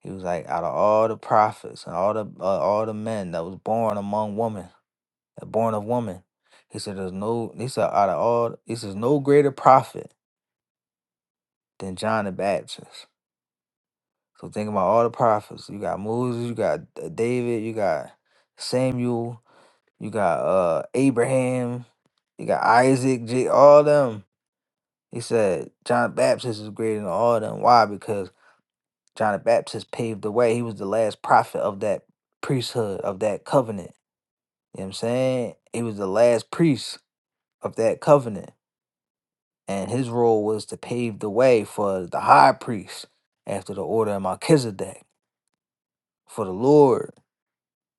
Speaker 6: he was like, out of all the prophets and all the uh, all the men that was born among women, born of woman. He said, There's no, he said, out of all, he says, no greater prophet than John the Baptist. So think about all the prophets. You got Moses, you got uh, David, you got Samuel, you got uh Abraham, you got Isaac, J- all them. He said, John the Baptist is greater than all them. Why? Because John the Baptist paved the way. He was the last prophet of that priesthood, of that covenant. You know what I'm saying? He was the last priest of that covenant. and his role was to pave the way for the high priest after the order of Melchizedek, for the Lord,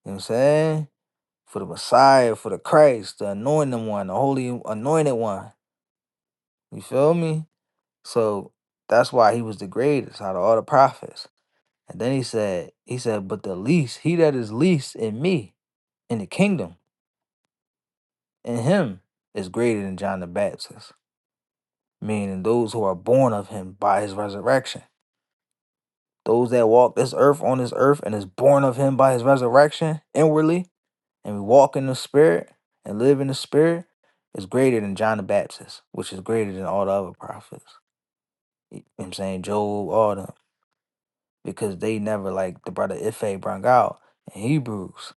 Speaker 6: you know what I'm saying? For the Messiah, for the Christ, the anointed one, the holy anointed one. You feel me? So that's why he was the greatest out of all the prophets. And then he said, he said, but the least, he that is least in me, in the kingdom, in him, is greater than John the Baptist, meaning those who are born of him by his resurrection. those that walk this earth on this earth and is born of him by his resurrection inwardly and we walk in the spirit and live in the spirit is greater than John the Baptist, which is greater than all the other prophets. You know what I'm saying? Job, all them. Because they never like the brother Ife brung out in Hebrews.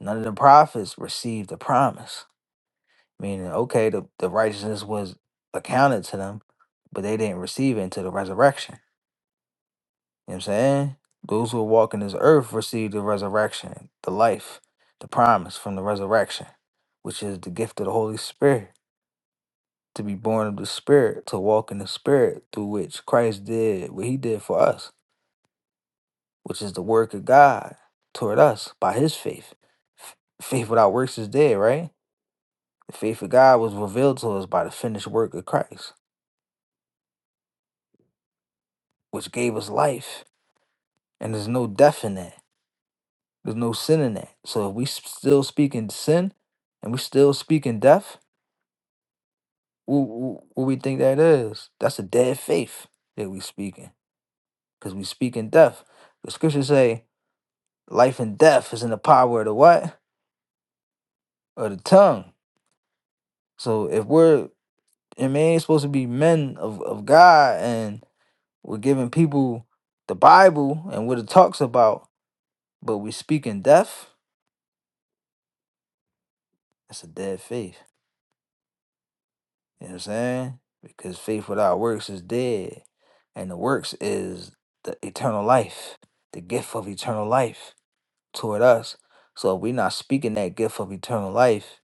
Speaker 6: None of the prophets received the promise. Meaning, okay, the, the righteousness was accounted to them, but they didn't receive it until the resurrection. You know what I'm saying? Those who walk in this earth receive the resurrection, the life, the promise from the resurrection, which is the gift of the Holy Spirit, to be born of the Spirit, to walk in the Spirit through which Christ did what he did for us, which is the work of God toward us by his faith. F- Faith without works is dead, right? The faith of God was revealed to us by the finished work of Christ, which gave us life, and there's no death in that. There's no sin in that. So if we s- still speaking sin and we still speaking death, what, what we think that is? That's a dead faith that we speaking because we speaking death. The scriptures say life and death is in the power of the what? Of the tongue. So if we're, and man, ain't supposed to be men of, of God and we're giving people the Bible and what it talks about, but we speaking death, that's a dead faith. You know what I'm saying? Because faith without works is dead. And the works is the eternal life, the gift of eternal life toward us. So if we're not speaking that gift of eternal life,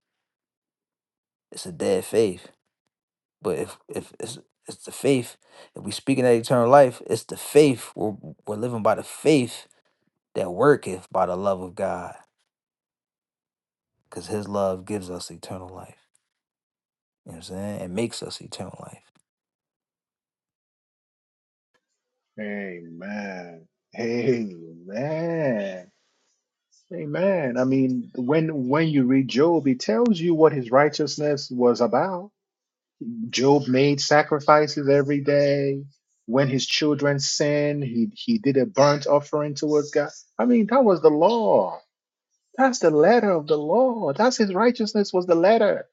Speaker 6: it's a dead faith. But if if it's it's the faith, if we speaking that eternal life, it's the faith. We're, we're living by the faith that worketh by the love of God. Because his love gives us eternal life. You know what I'm saying? It makes us eternal life.
Speaker 1: Amen. Amen. Amen. I mean, when when you read Job, he tells you what his righteousness was about. Job made sacrifices every day. When his children sinned, he he did a burnt offering towards God. I mean, that was the law. That's the letter of the law. That's his righteousness was the letter.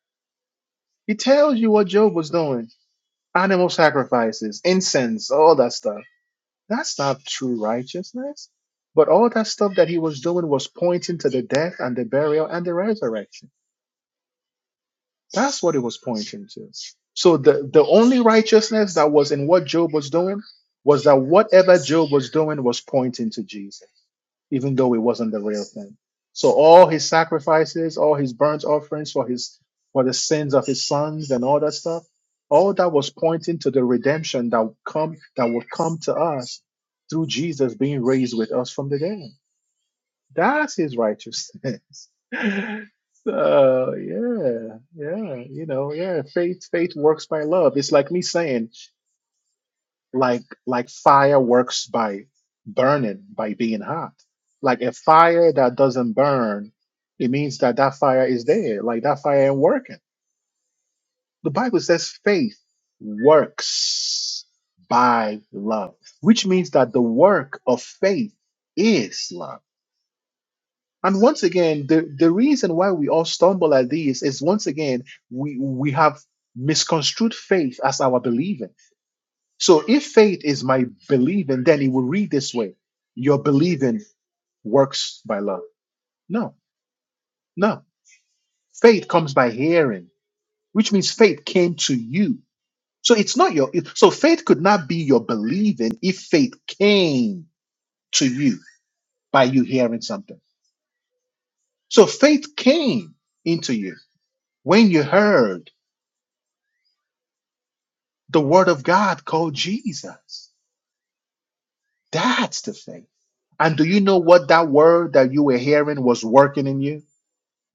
Speaker 1: He tells you what Job was doing animal sacrifices, incense, all that stuff. That's not true righteousness. But all that stuff that he was doing was pointing to the death and the burial and the resurrection. That's what it was pointing to. So the, the only righteousness that was in what Job was doing was that whatever Job was doing was pointing to Jesus even though it wasn't the real thing. So all his sacrifices, all his burnt offerings for his for the sins of his sons and all that stuff, all that was pointing to the redemption that would come that would come to us through Jesus being raised with us from the dead. That's his righteousness. so yeah, yeah, you know, yeah. Faith, faith works by love. It's like me saying like like fireworks by burning by being hot like a fire that doesn't burn it means that that fire is there like that fire ain't working the bible says faith works by love which means that the work of faith is love and once again the, the reason why we all stumble at these is once again we we have misconstrued faith as our believing So if faith is my believing, then it will read this way Your believing works by love. No, no. Faith comes by hearing, which means faith came to you. So it's not your, it- so faith could not be your believing if faith came to you by you hearing something. So faith came into you when you heard the word of God called Jesus. That's the faith. And do you know what that word that you were hearing was working in you?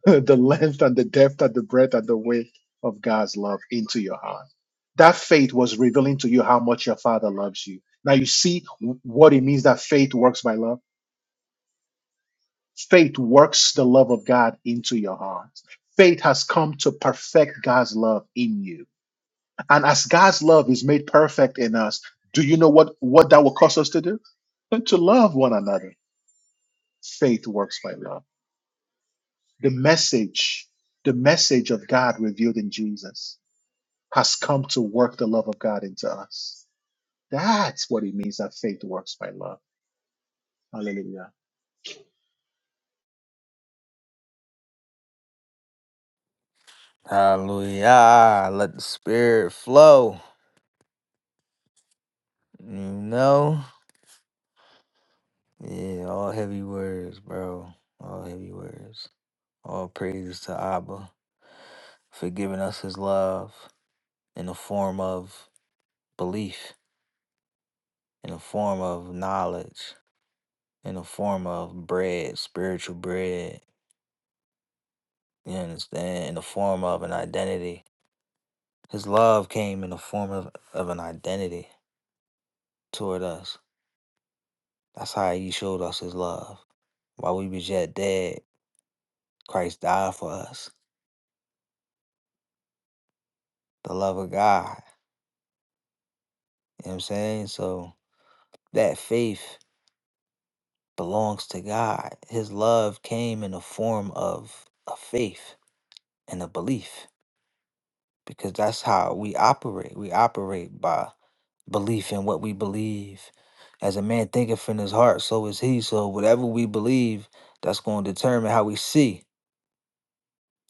Speaker 1: the length and the depth and the breadth and the width of God's love into your heart. That faith was revealing to you how much your Father loves you. Now you see w- what it means that faith works by love. Faith works the love of God into your heart. Faith has come to perfect God's love in you. And as God's love is made perfect in us, do you know what, what that will cause us to do? To love one another. Faith works by love. The message, the message of God revealed in Jesus has come to work the love of God into us. That's what it means that faith works by love. Hallelujah.
Speaker 6: Hallelujah. Let the spirit flow. You know? Yeah, all heavy words, bro. All heavy words. All praises to Abba for giving us his love in the form of belief, in the form of knowledge, in the form of bread, spiritual bread. You understand? In the form of an identity. His love came in the form of, of an identity toward us. That's how he showed us his love. While we was yet dead, Christ died for us. The love of God. You know what I'm saying? So that faith belongs to God. His love came in the form of a faith and a belief because that's how we operate. We operate by belief in what we believe. As a man thinketh in his heart, so is he. So whatever we believe, that's going to determine how we see.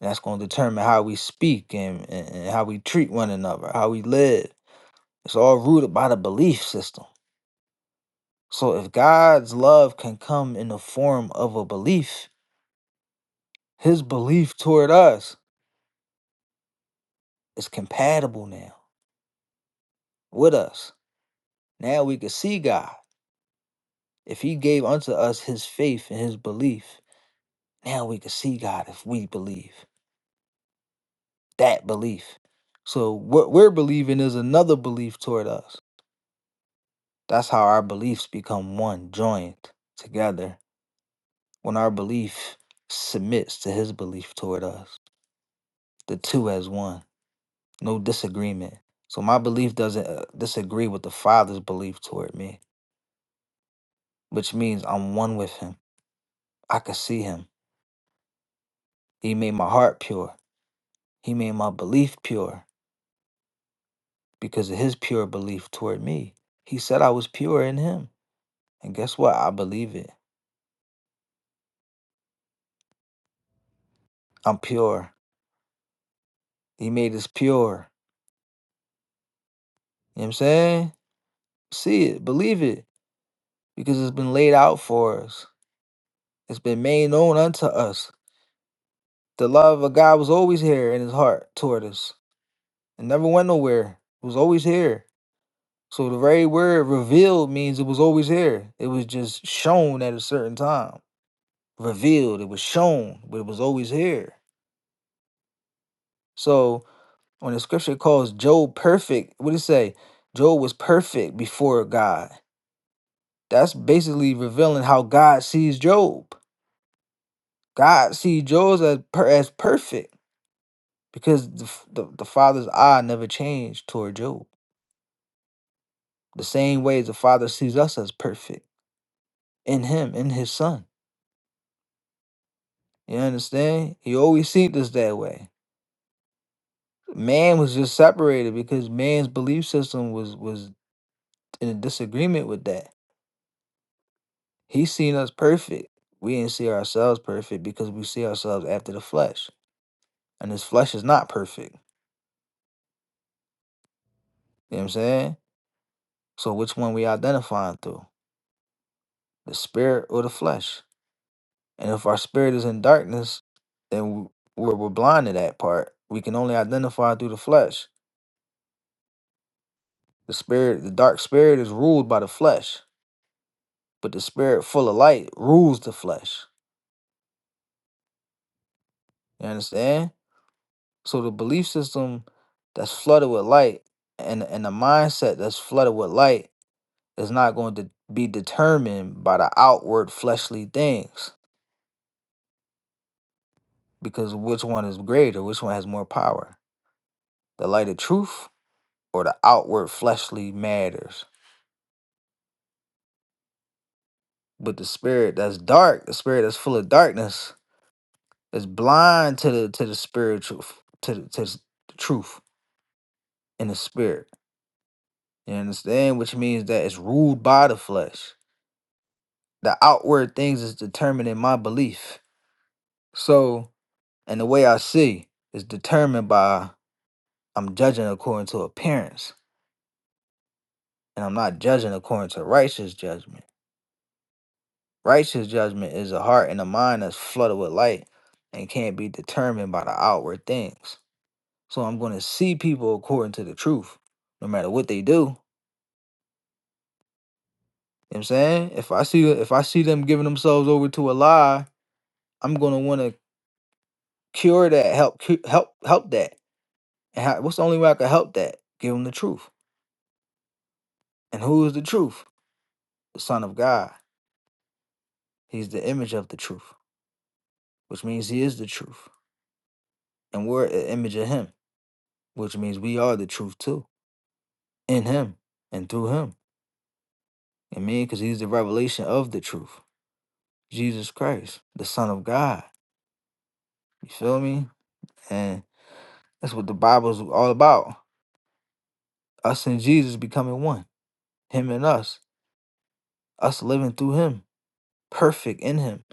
Speaker 6: That's going to determine how we speak and, and, and how we treat one another, how we live. It's all rooted by the belief system. So if God's love can come in the form of a belief, his belief toward us is compatible now with us. Now we can see God. If he gave unto us his faith and his belief, now we can see God if we believe that belief. So what we're believing is another belief toward us. That's how our beliefs become one, joined together when our belief submits to his belief toward us, the two as one. no disagreement. So my belief doesn't uh, disagree with the Father's belief toward me, which means I'm one with Him. I could see Him. He made my heart pure. He made my belief pure because of His pure belief toward me. He said I was pure in Him. And guess what? I believe it. I'm pure. He made us pure. You know what I'm saying? See it, believe it, because it's been laid out for us. It's been made known unto us. The love of God was always here in his heart toward us It never went nowhere. It was always here. So the very word revealed means it was always here. It was just shown at a certain time. Revealed, it was shown, but it was always here. So when the scripture calls Job perfect, what did it say? Job was perfect before God. That's basically revealing how God sees Job. God sees Job as, per- as perfect because the, the, the Father's eye never changed toward Job. The same way as the Father sees us as perfect. in him, in his son. You understand? He always sees us that way. Man was just separated because man's belief system was was in a disagreement with that. He seen us perfect. We didn't see ourselves perfect because we see ourselves after the flesh. And this flesh is not perfect. You know what I'm saying? So which one we identifying through? The spirit or the flesh? And if our spirit is in darkness, then w- we're, we're blind to that part. We can only identify through the flesh. The spirit, the dark spirit is ruled by the flesh, but the spirit full of light rules the flesh. You understand? So the belief system that's flooded with light and and the mindset that's flooded with light is not going to be determined by the outward fleshly things because which one is greater, which one has more power? The light of truth or the outward fleshly matters? But the spirit that's dark, the spirit that's full of darkness, is blind to the to the spiritual f- to the, to s- the truth in the spirit. You understand? Which means that it's ruled by the flesh. The outward things is determining my belief. So, and the way I see is determined by I'm judging according to appearance, and I'm not judging according to righteous judgment. Righteous judgment is a heart and a mind that's flooded with light and can't be determined by the outward things. So I'm going to see people according to the truth, no matter what they do You know what I'm saying? If I see if I see them giving themselves over to a lie, I'm gonna want to cure that, help cu- help help that. And how, what's the only way I can help that? Give them the truth. And who is the truth? The Son of God. He's the image of the truth, which means He is the truth, and we're an image of Him, which means we are the truth too, in Him and through Him. I mean, because He's the revelation of the truth, Jesus Christ, the Son of God. You feel me? And that's what the Bible's all about: us and Jesus becoming one. him and us, us living through him, perfect in him,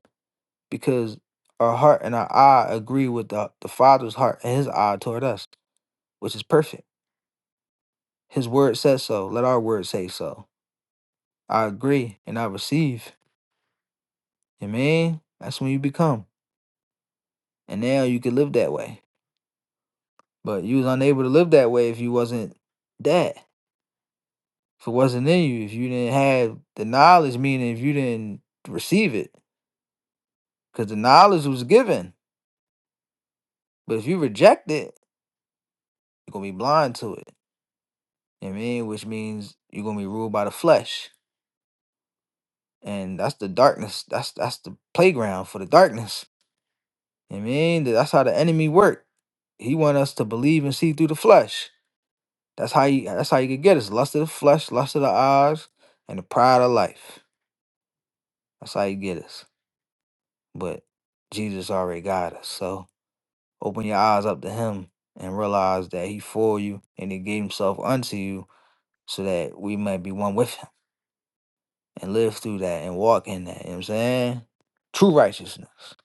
Speaker 6: because our heart and our eye agree with the, the Father's heart and his eye toward us, which is perfect. His word says so. Let our word say so. I agree and I receive. You mean? That's when you become. And now you can live that way. But you was unable to live that way if you wasn't that. If it wasn't in you, if you didn't have the knowledge, meaning if you didn't receive it. Because the knowledge was given. But if you reject it, you're gonna be blind to it. You know what I mean? Which means you're gonna be ruled by the flesh. And that's the darkness. That's that's the playground for the darkness. You know what I mean? That's how the enemy work. He want us to believe and see through the flesh. That's how you that's how you could get us. Lust of the flesh, lust of the eyes, and the pride of life. That's how you get us. But Jesus already got us. So open your eyes up to him and realize that he for you and he gave himself unto you so that we might be one with him. and live through that and walk in that. You know what I'm saying? True righteousness.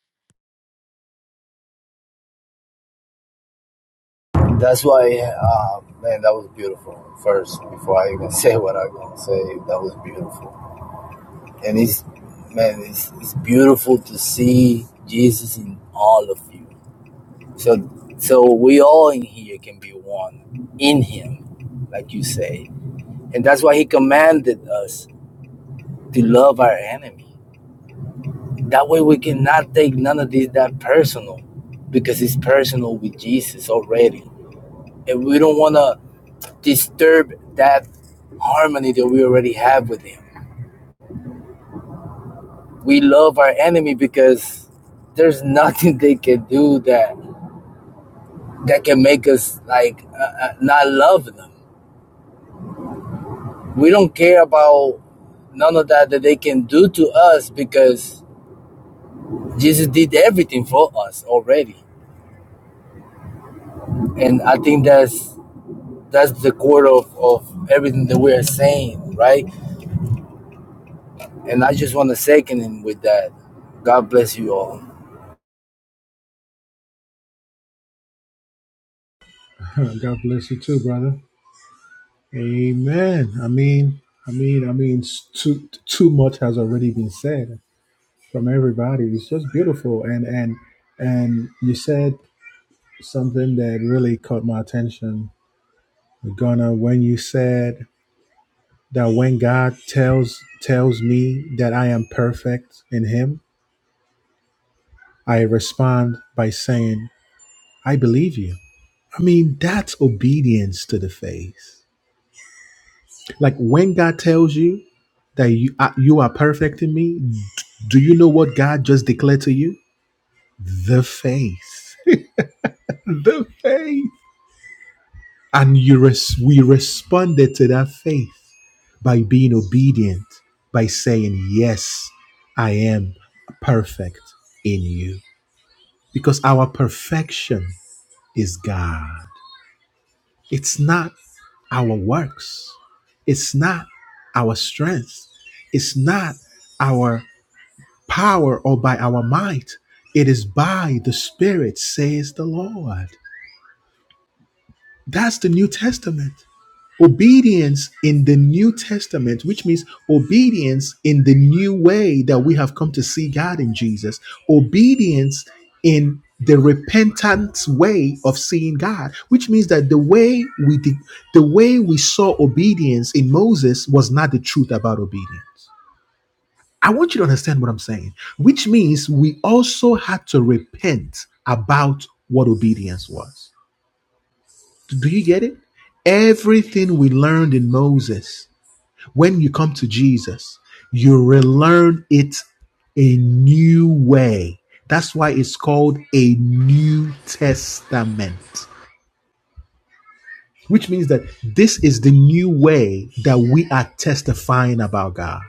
Speaker 8: That's why, uh, man, that was beautiful. First, before I even say what I'm gonna say, that was beautiful. And it's, man, it's, it's beautiful to see Jesus in all of you. So, so we all in here can be one in Him, like you say. And that's why He commanded us to love our enemy. That way, we cannot take none of this that personal, because it's personal with Jesus already and we don't want to disturb that harmony that we already have with him. We love our enemy because there's nothing they can do that that can make us like uh, uh, not love them. We don't care about none of that that they can do to us because Jesus did everything for us already. And I think that's that's the core of, of everything that we are saying, right? And I just want to second him with that. God bless you all.
Speaker 1: God bless you too, brother. Amen. I mean, I mean, I mean, too too much has already been said from everybody. It's just beautiful, and and and you said something that really caught my attention, Gunnar, when you said that when God tells tells me that I am perfect in Him, I respond by saying, "I believe you." I mean, that's obedience to the face. Like when God tells you that you are, you are perfect in me, do you know what God just declared to you? The faith. the faith. And you res- we responded to that faith by being obedient, by saying, Yes, I am perfect in you. Because our perfection is God. It's not our works. It's not our strength. It's not our power or by our might. It is by the Spirit, says the Lord. That's the New Testament. Obedience in the New Testament, which means obedience in the new way that we have come to see God in Jesus, obedience in the repentance way of seeing God, which means that the way we did, the way we saw obedience in Moses was not the truth about obedience. I want you to understand what I'm saying, which means we also had to repent about what obedience was. Do you get it? Everything we learned in Moses when you come to Jesus, you relearn it a new way. That's why it's called a New Testament, which means that this is the new way that we are testifying about God.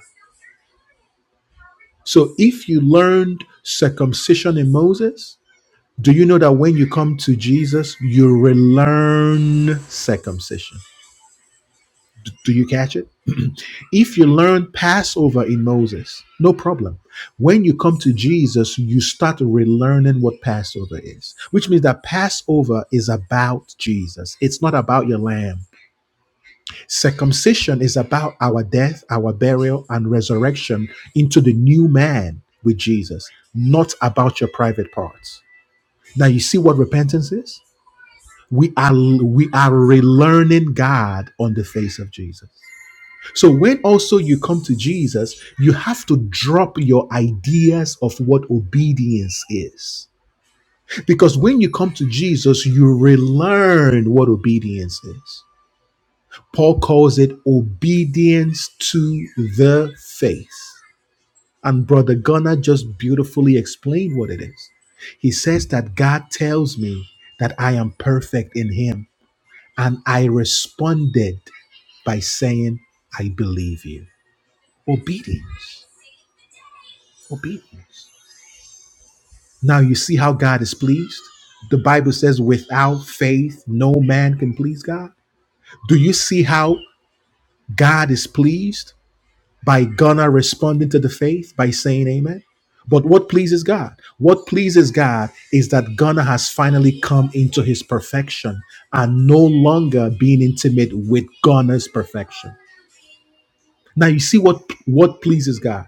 Speaker 1: So if you learned circumcision in Moses, do you know that when you come to Jesus, you relearn circumcision? Do you catch it? if you learn Passover in Moses, no problem. When you come to Jesus, you start relearning what Passover is, which means that Passover is about Jesus. It's not about your lamb. Circumcision is about our death, our burial, and resurrection into the new man with Jesus, not about your private parts. Now, you see what repentance is? We are, we are relearning God on the face of Jesus. So when also you come to Jesus, you have to drop your ideas of what obedience is. Because when you come to Jesus, you relearn what obedience is. Paul calls it obedience to the faith. And Brother Gunnar just beautifully explained what it is. He says that God tells me that I am perfect in Him. And I responded by saying, I believe you. Obedience. Obedience. Now you see how God is pleased? The Bible says, without faith, no man can please God. Do you see how God is pleased? By Ghana responding to the faith by saying amen. But what pleases God? What pleases God is that Ghana has finally come into his perfection and no longer being intimate with Ghana's perfection. Now you see what what pleases God.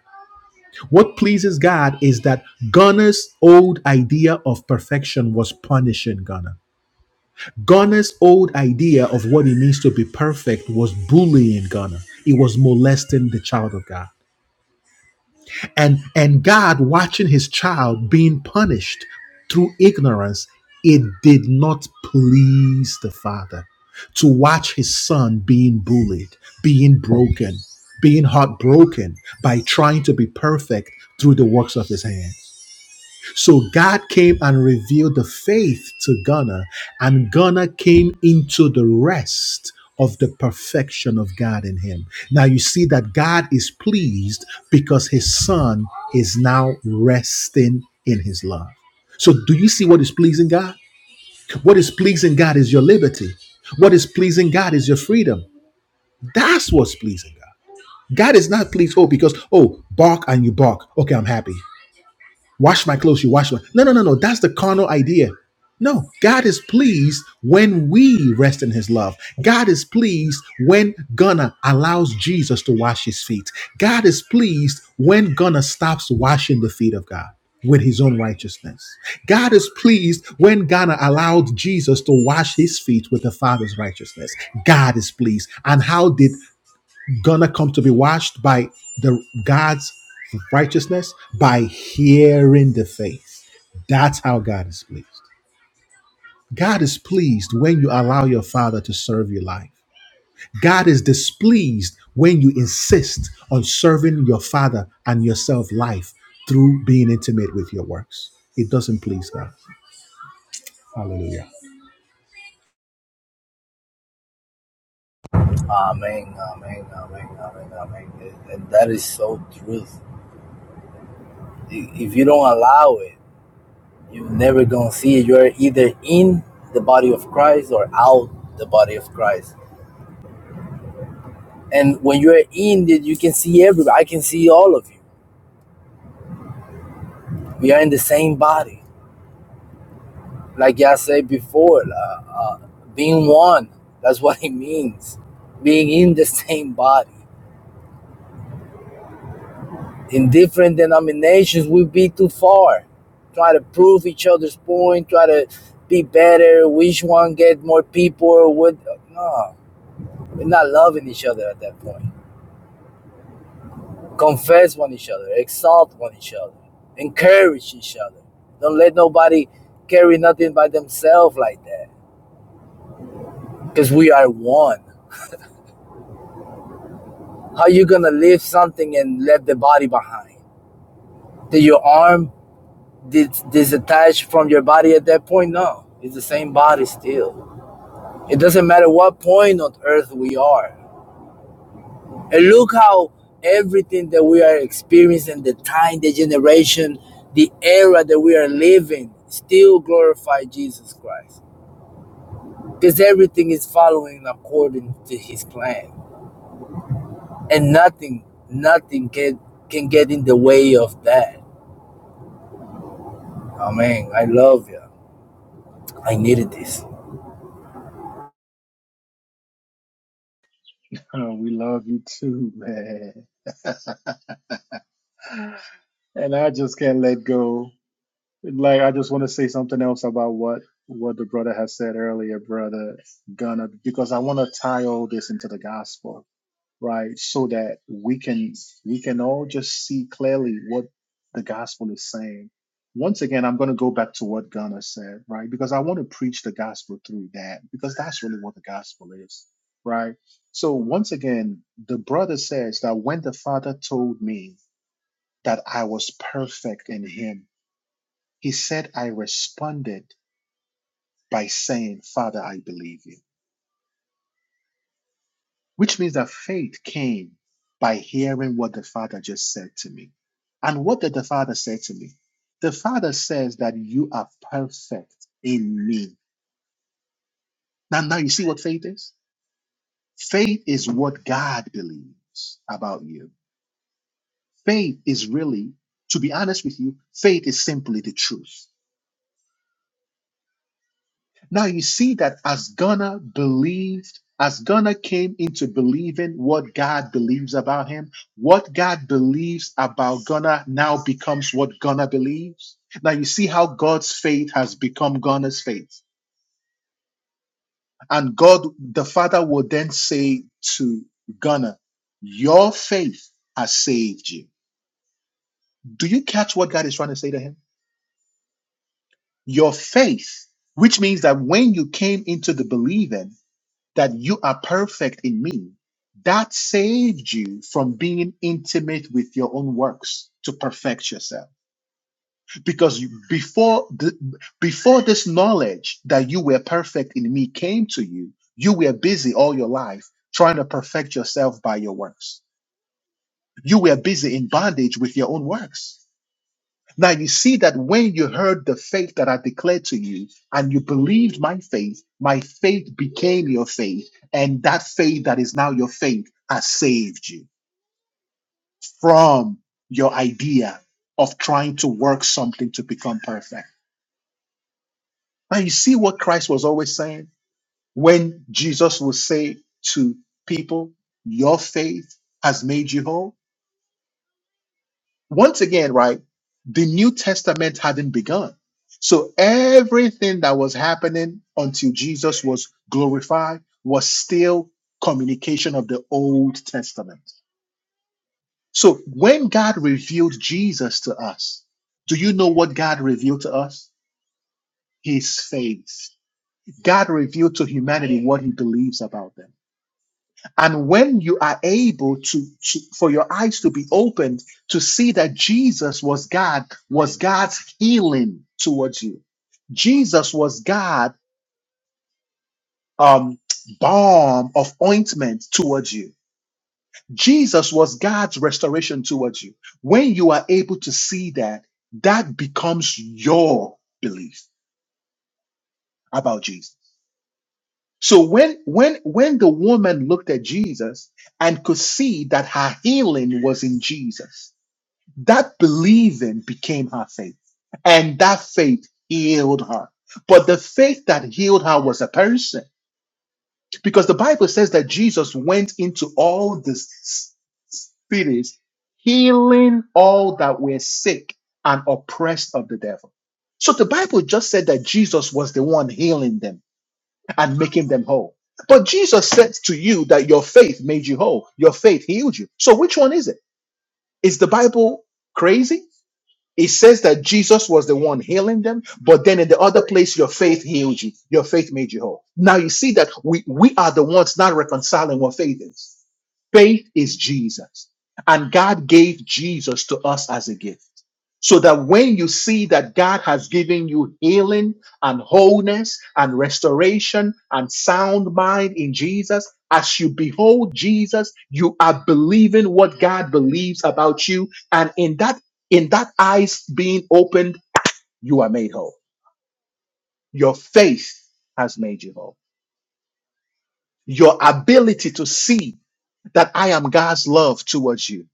Speaker 1: What pleases God is that Gunner's old idea of perfection was punishing Gunner. Gunner's old idea of what it means to be perfect was bullying Gunner. It was molesting the child of God. And and God watching his child being punished through ignorance, it did not please the father to watch his son being bullied, being broken, being heartbroken by trying to be perfect through the works of his hand. So God came and revealed the faith to Ghana, and Ghana came into the rest of the perfection of God in him. Now you see that God is pleased because his son is now resting in his love. So do you see what is pleasing God? What is pleasing God is your liberty. What is pleasing God is your freedom. That's what's pleasing God. God is not pleased, oh, because, oh, bark and you bark. Okay, I'm happy. Wash my clothes, you wash my. No, no, no, no. That's the carnal idea. No, God is pleased when we rest in his love. God is pleased when Gunna allows Jesus to wash his feet. God is pleased when Gunna stops washing the feet of God with his own righteousness. God is pleased when Ghana allowed Jesus to wash his feet with the Father's righteousness. God is pleased. And how did gonna come to be washed by the God's righteousness by hearing the faith. That's how God is pleased. God is pleased when you allow your father to serve your life. God is displeased when you insist on serving your father and yourself life through being intimate with your works. It doesn't please God. Hallelujah.
Speaker 8: Amen, amen, amen, amen, amen. And and that is so truth. I- If you don't allow it, you're never gonna see it. You're either in the body of Christ or out the body of Christ. And when you're in it, you can see everybody. I can see all of you. We are in the same body. Like I said before, uh, uh, being one, that's what it means. Being in the same body. in different denominations we would be too far. Try to prove each other's point, try to be better, which one get more people or what no. We're not loving each other at that point. Confess one each other, exalt one each other, encourage each other. Don't let nobody carry nothing by themselves like that. Because we are one. How you gonna lift something and left the body behind? Did your arm dis- disattach from your body at that point? No. It's the same body still. It doesn't matter what point on earth we are. And look how everything that we are experiencing, the time, the generation, the era that we are living, still glorify Jesus Christ. Because everything is following according to his plan. And nothing, nothing can, can get in the way of that. Amen. I love you. I needed this.
Speaker 1: Oh, we love you too, man. And I just can't let go. Like I just want to say something else about what what the brother has said earlier, brother Gunner, because I want to tie all this into the gospel, right? So that we can we can all just see clearly what the gospel is saying. Once again, I'm going to go back to what Gunner said, right? Because I want to preach the gospel through that, because that's really what the gospel is, right? So once again, the brother says that when the Father told me that I was perfect in Him. He said, I responded by saying, Father, I believe you, which means that faith came by hearing what the Father just said to me. And what did the Father say to me? The Father says that you are perfect in me. Now, now you see what faith is? Faith is what God believes about you. Faith is really, to be honest with you, faith is simply the truth. Now you see that as Ghana believed, as Ghana came into believing what God believes about him, what God believes about Ghana now becomes what Ghana believes. Now you see how God's faith has become Ghana's faith. And God, the Father, will then say to Ghana, Your faith has saved you. Do you catch what God is trying to say to him? Your faith, which means that when you came into the believing, that you are perfect in me, that saved you from being intimate with your own works to perfect yourself. Because you- before the, before this knowledge that you were perfect in me came to you, you were busy all your life trying to perfect yourself by your works. You were busy in bondage with your own works. Now you see that when you heard the faith that I declared to you and you believed my faith, my faith became your faith. And that faith that is now your faith has saved you from your idea of trying to work something to become perfect. Now you see what Christ was always saying when Jesus would say to people, Your faith has made you whole. Once again, right? The new So everything that was happening until Jesus was glorified was still communication of the Old Testament. So when God revealed Jesus to us, do you know what God revealed to us? His faith. God revealed to humanity what he believes about them. And when you are able to, to for your eyes to be opened to see that Jesus was God, was God's healing towards you. Jesus was God um, balm of ointment towards you. Jesus was God's restoration towards you. When you are able to see that, that becomes your belief about Jesus. So when when when the woman looked at Jesus and could see that her healing was in Jesus, that believing became her faith. And that faith healed her. But the faith that healed her was a person. Because the Bible says that Jesus went into all the s- s- cities, healing all that were sick and oppressed of the devil. So the Bible just said that Jesus was the one healing them and making them whole. But Jesus said to you that your faith made you whole, your faith healed you. So which one is it? Is the Bible crazy? It says that Jesus was the one healing them, but then in the other place, your faith healed you. Your faith made you whole. Now you see that we, we are the ones not reconciling what faith is. Faith is Jesus. And God gave Jesus to us as a gift. So that when you see that God has given you healing and wholeness and restoration and sound mind in Jesus, as you behold Jesus, you are believing what God believes about you. And in that, in that eyes being opened, you are made whole. Your faith has made you whole. Your ability to see that I am God's love towards you.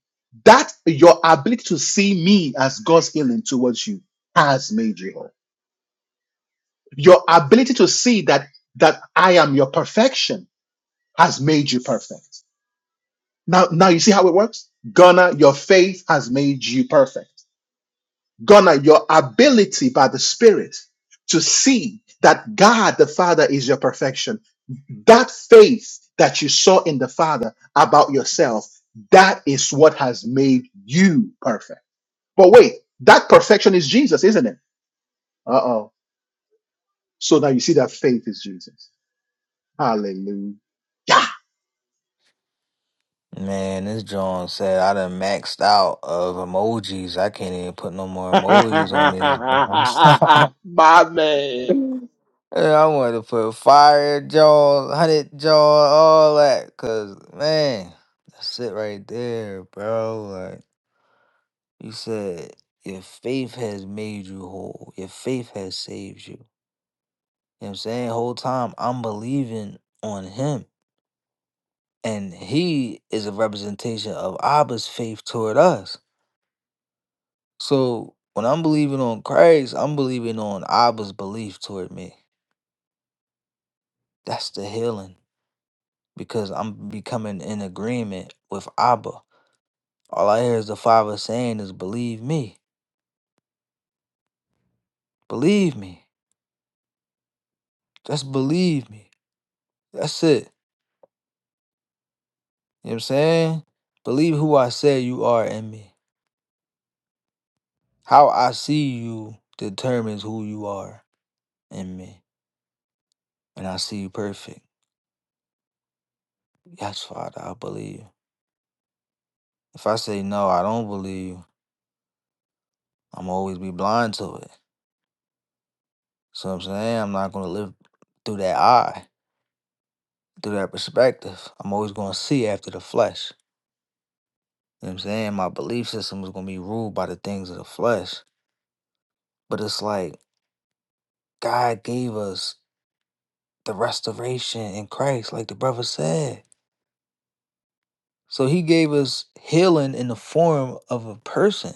Speaker 1: That your ability to see me as God's healing towards you has made you whole. Your ability to see that that I am your perfection has made you perfect. Now, now you see how it works? Ghana, your faith has made you perfect. Ghana, your ability to see that God, the fashion, that faith that you saw in the Father about yourself, that is what has made you perfect. But wait, that perfection is Jesus, isn't it? Uh oh. So now you see it is Jesus. Hallelujah.
Speaker 6: Man, this John said I done maxed out of emojis. I can't even put no more emojis on this. I'm sorry.
Speaker 1: My man.
Speaker 6: Yeah, I wanted to put fire jaws, hundred jaw, all that. Cause man, that's it right there, bro. Like you said, your faith has made you whole. Your faith has saved you. You know what I'm saying? Whole time I'm believing on him. and he is a representation of Abba's faith toward us. So when I'm believing on Christ, I'm believing on Abba's belief toward me. That's the healing because I'm becoming in agreement with Abba. All I hear is the Father saying is believe me. Believe me. Just believe me. That's it. You know what I'm saying? Believe who I say you are in me. How I see you determines who you are in me. And I see you perfect. Yes, Father, I believe. you. If I say no, I don't believe you, I'm always be blind to it. So I'm saying I'm not gonna live through that eye, through that perspective. I'm always gonna see after the flesh. You know what I'm saying? My belief system is gonna be ruled by the things of the flesh. But it's like God gave us the restoration in Christ, like the brother said. So he gave us healing in the form of a person.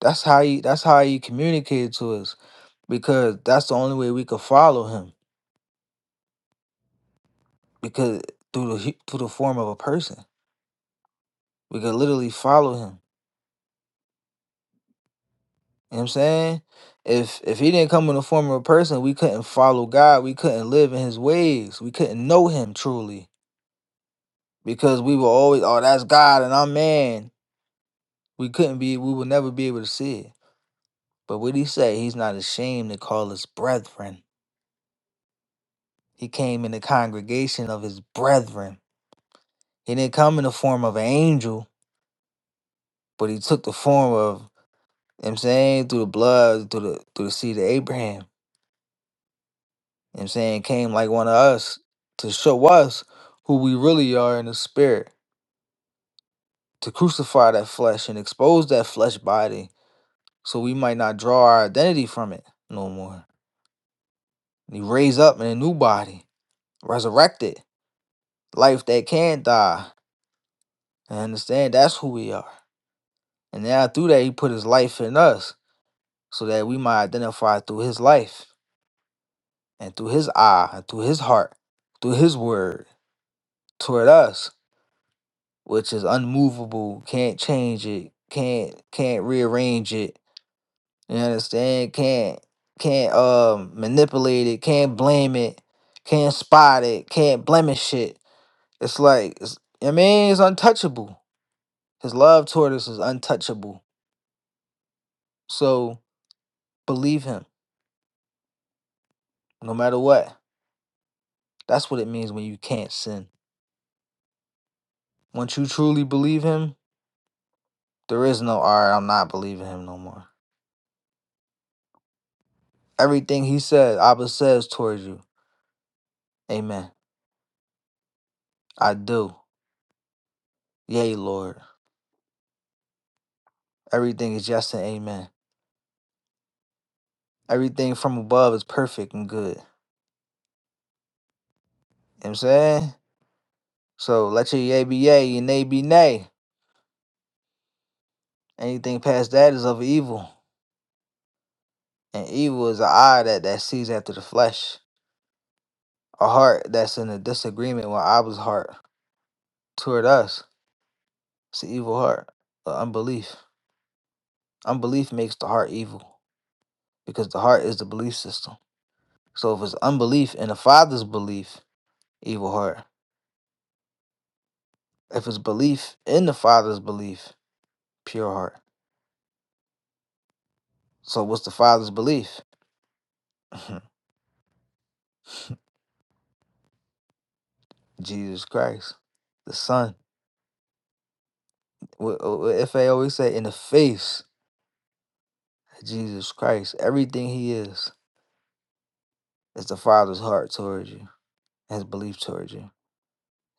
Speaker 6: That's how he that's how he communicated to us because that's the only way we could follow him because through the hu- through the form of a person, we could literally follow him. You know what I'm saying? If if he didn't come in the form of a person, we couldn't follow God. We couldn't live in his ways. We couldn't know him truly because we were always, oh, that's God and I'm man. We couldn't be, we would never be able to see it. But what he say? he's not ashamed to call us brethren. He came in the congregation of his brethren. He didn't come in the form of an angel, but he took the form of You know what I'm saying? Through the blood, through the through the seed of Abraham. You know what I'm saying? Came like one of us to show us who we really are in the spirit, to crucify that flesh and expose that flesh body so we might not draw our identity from it no more. he raised up in a new body, resurrected, life that can't die. I understand that's who we are. And now through that he put his life in us so that we might identify through his life and through his eye and through his heart, through his word. toward us, which is unmovable, can't change it, can't can't rearrange it. You understand? Can't can't um manipulate it, can't blame it, can't spot it, can't blemish it. It's like it's, I mean, it's untouchable. His love toward us is untouchable. So believe him, no matter what. That's what it means when you can't sin. Once you truly believe him, there is no all right, I'm not believing him no more. Everything he says, Abba says towards you. Amen. I do. Yea, Lord. Everything is yes and amen. Everything from above is perfect and good. You know what I'm saying? So let your yea be yea, and nay be nay. Anything past that is of evil. And evil is an eye that, that sees after the flesh. A heart that's in a disagreement with Abba's heart toward us. It's an evil heart. But unbelief. Unbelief makes the heart evil. Because the heart is the belief system. So if it's unbelief in the father's belief, evil heart. if it's belief in the Father's belief, pure heart. So what's the Father's belief? Jesus Christ, the Son. Wh- wh- If I always say, in the face of Jesus Christ, everything He is is the Father's heart towards you, His belief towards you,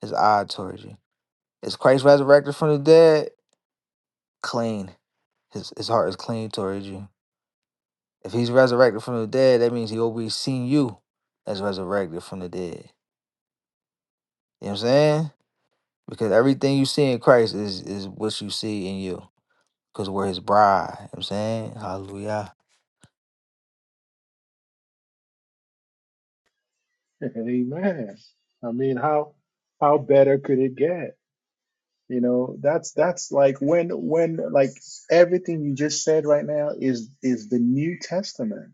Speaker 6: His eye towards you. Is Christ resurrected from the dead? Clean. His His heart is clean towards you. If He's resurrected from the dead, that means He always seen you as resurrected from the dead. You know what I'm saying? Because everything you see in Christ is is what you see in you. Because we're his bride. You know what I'm saying? Hallelujah.
Speaker 1: Amen. I mean, how how better could it get? You know, that's that's like when when like everything you just said right now is is the New Testament.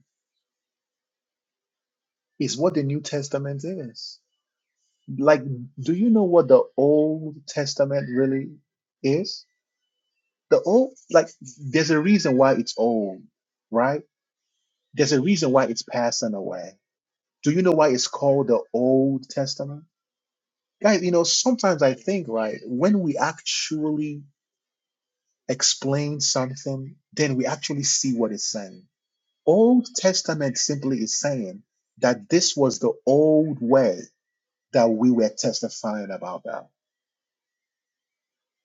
Speaker 1: Is what the New Testament is. Like, do you know what the Old Testament really is? The old, like, there's a reason why it's old, right? There's a reason why it's passing away. Do you know why it's called the Old Testament? Guys, you know, sometimes I think, right, when we actually explain something, then we actually see what it's saying. Old Testament simply is saying that this was the old way that we were testifying about that.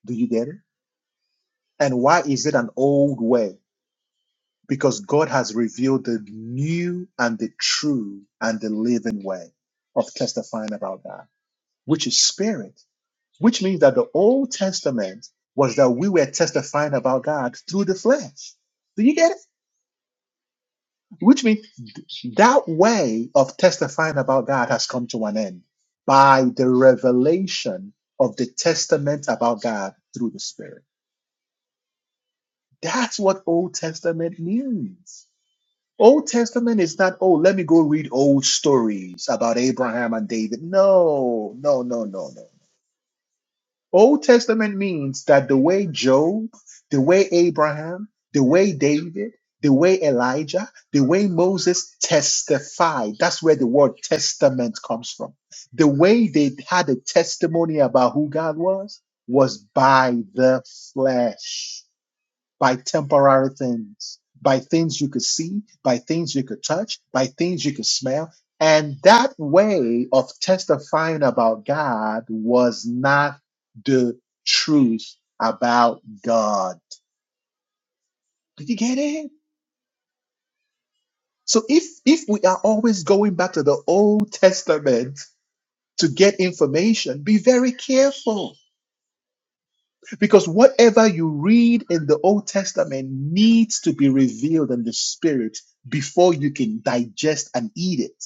Speaker 1: Do you get it? And why is it an old way? because God has revealed the new and the true and the living way of testifying about God, which is spirit, which means that the Old Testament was that we were testifying about God through the flesh. Do you get it? Which means that way of testifying about God has come to an end by the revelation of the testament about God through the Spirit. That's what Old Testament means. Old Testament is not, oh, let me go read old stories about Abraham and David. No, no, no, no, no. Old Testament means that the way Job, the way Abraham, the way David, the way Elijah, the way Moses testified, that's where the word testament comes from. The way they had a testimony about who God was, was by the flesh by temporary things, by things you could see, by things you could touch, by things you could smell. And that way of testifying about God was not the truth about God. Did you get it? So if if we are always going back to the Old Testament to get information, be very careful Because whatever you read in the Old Testament needs to be revealed in the Spirit before you can digest and eat it.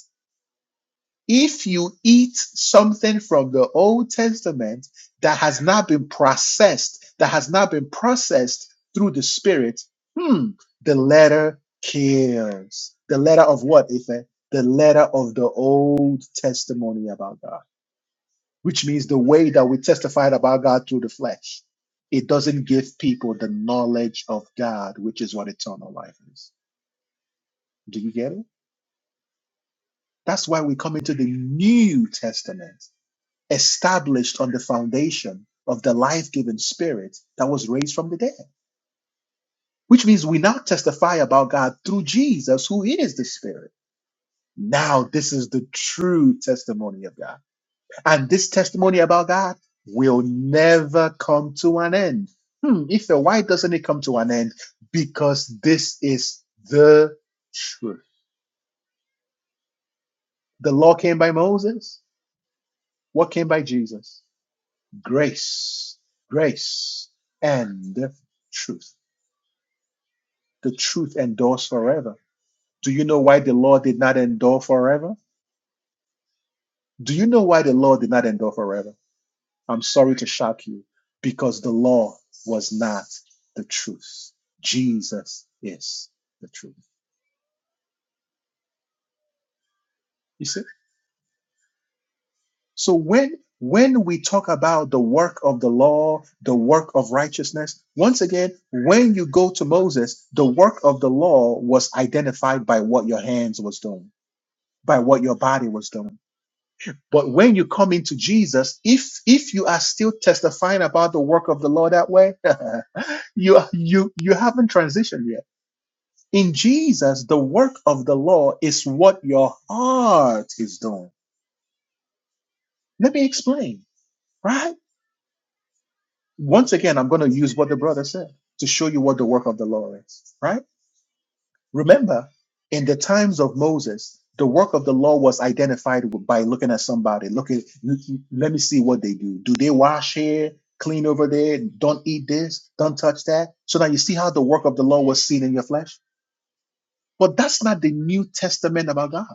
Speaker 1: If you eat something from the Old Testament that has not been processed, that has not been processed through the Spirit, hmm, the letter kills. The letter of what, Ife? The letter of the Old Testimony about God which means the way that we testified about God through the flesh. It doesn't give people the knowledge of God, which is what eternal life is. Do you get it? That's why we come into the New Testament, established on the foundation of the life giving spirit that was raised from the dead, which means we now testify about God through Jesus, who is the spirit. Now, this is the true testimony of God. And this testimony about God will never come to an end. Hmm, if so, why doesn't it come to an end? Because this is the truth. The law came by Moses. What came by Jesus? Grace, grace, and truth. The truth endures forever. Do you know why the law did not endure forever? Do you know why the law did not endure forever? I'm sorry to shock you because the law was not the truth. Jesus is the truth. You see? So when when we talk about the work of the law, the work of righteousness, once again, when you go to Moses, the work of the law was identified by what your hands was doing, by what your body was doing. But when you come into Jesus, if if you are still testifying about the work of the law that way, you you you haven't transitioned yet In Jesus, the work of the law is what your heart is doing. Let me explain, right? Once again, I'm going to use what the brother said to show you what the work of the law is, right? Remember, in the times of Moses, the work of the law was identified by looking at somebody. Look at, let me see what they do. Do they wash here, clean over there, don't eat this, don't touch that? So now you see how the work of the law was seen in your flesh? But that's not the New Testament about God.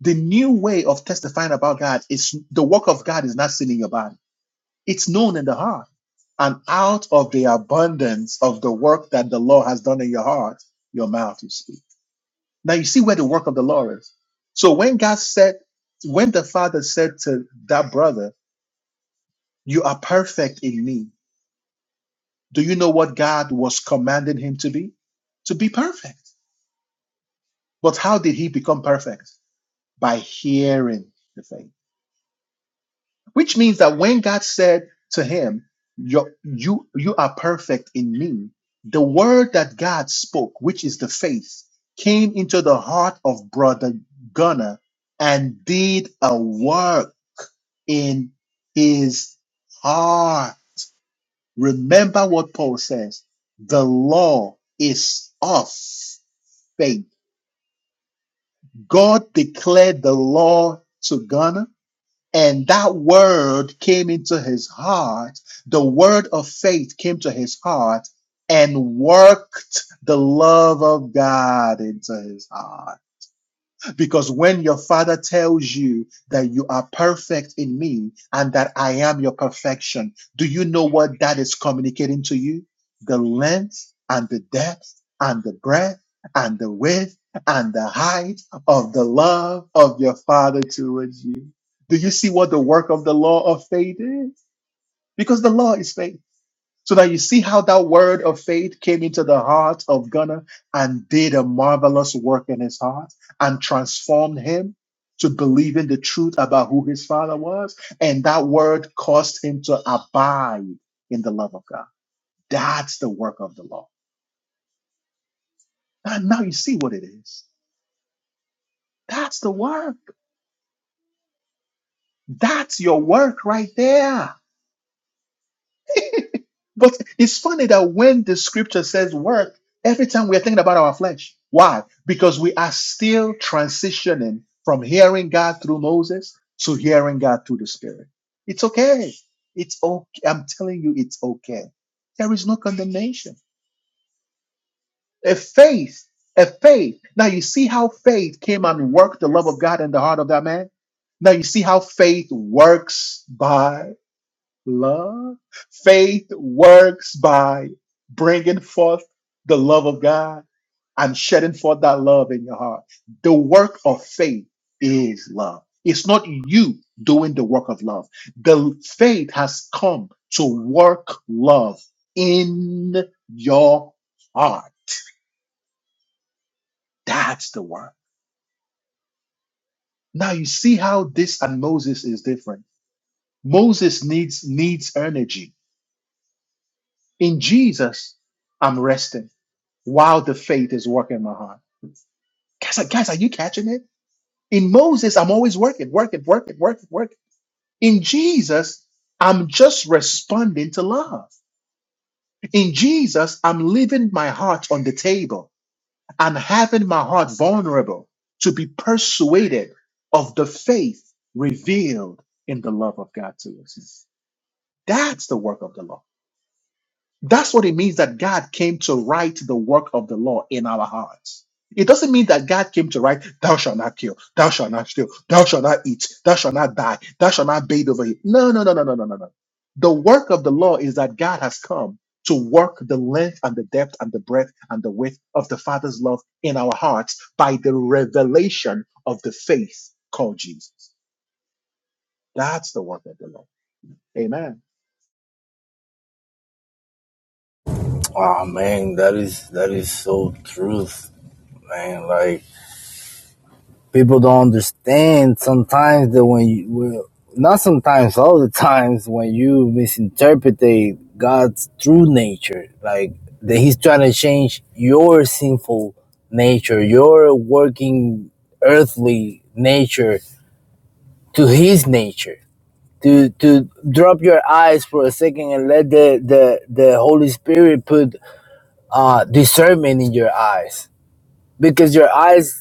Speaker 1: The new way of testifying about God is the work of God is not seen in your body. It's known in the heart. And out of the abundance of the work that the Lord has done in your heart, your mouth will speak. Now you see where the work of the Lord is. So when God said, when the Father said to that brother, You are perfect in me, do you know what God was commanding him to be? To be perfect. But how did he become perfect? By hearing the faith. Which means that when God said to him, you, you, you are perfect in me, the word that God spoke, which is the faith, came into the heart of brother Gunnar and did a work in his heart. Remember what Paul says the law is of faith. God declared the law to Gunnar And that word came into his heart. The word of faith came to his heart and worked the love of God into his heart. Because when your father tells you that you are perfect in me and that I am your perfection, do you know what that is communicating to you? The length and the depth and the breadth and the width and the height of the love of your father towards you. Do you see what the work of the law of faith is? Because the law is faith. So that you see how that word of faith came into the heart of Gunnar and did a marvelous work in his heart and transformed him to believing the truth about who his father was. And that word caused him to abide in the love of God. That's the work of the law. And now you see what it is. That's the work. That's your work right there. But it's funny that when the scripture says work, every time we're thinking about our flesh. Why? Because we are still transitioning from hearing God through Moses to hearing God through the Spirit. It's okay. It's okay. I'm telling you, it's okay. There is no condemnation. A faith, a faith. Now you see how faith came and worked the love of God in the heart of that man? Now you see how faith works by love. Faith works by bringing forth the love of God and shedding forth that love in your heart. The work of faith is love. It's not you doing the work of love. The faith has come to work love in your heart. That's the work. Now you see how this and Moses is different. Moses needs needs energy. In Jesus, I'm resting. while the faith is working in my heart. Guys, are- guys, are you catching it? In Moses, I'm always working, working, working, working, working. In Jesus, I'm just responding to love. In Jesus, I'm leaving my heart on the table. I'm having my heart vulnerable to be persuaded of the faith revealed in the love of God to us. That's the work of the Lord. That's what it means that God came to write the work of the law in our hearts. It doesn't mean that God came to write, thou shalt not kill, thou shalt not steal, thou shalt not eat, thou shalt not die, thou shalt not bathe over you. No, no, no, no, no, no, no, no. The work of the law is that God has come to work the length and the depth and the breadth and the width of the Father's love in our hearts by the revelation of the faith called Jesus. That's the work of the law. Amen.
Speaker 8: Oh man, that is that is so truth, man. Like people don't understand sometimes that when you well, not sometimes all the times when you misinterpret god's true nature like that he's trying to change your sinful nature your working earthly nature to his nature to to drop your eyes for a second and let the the, the holy spirit put uh discernment in your eyes because your eyes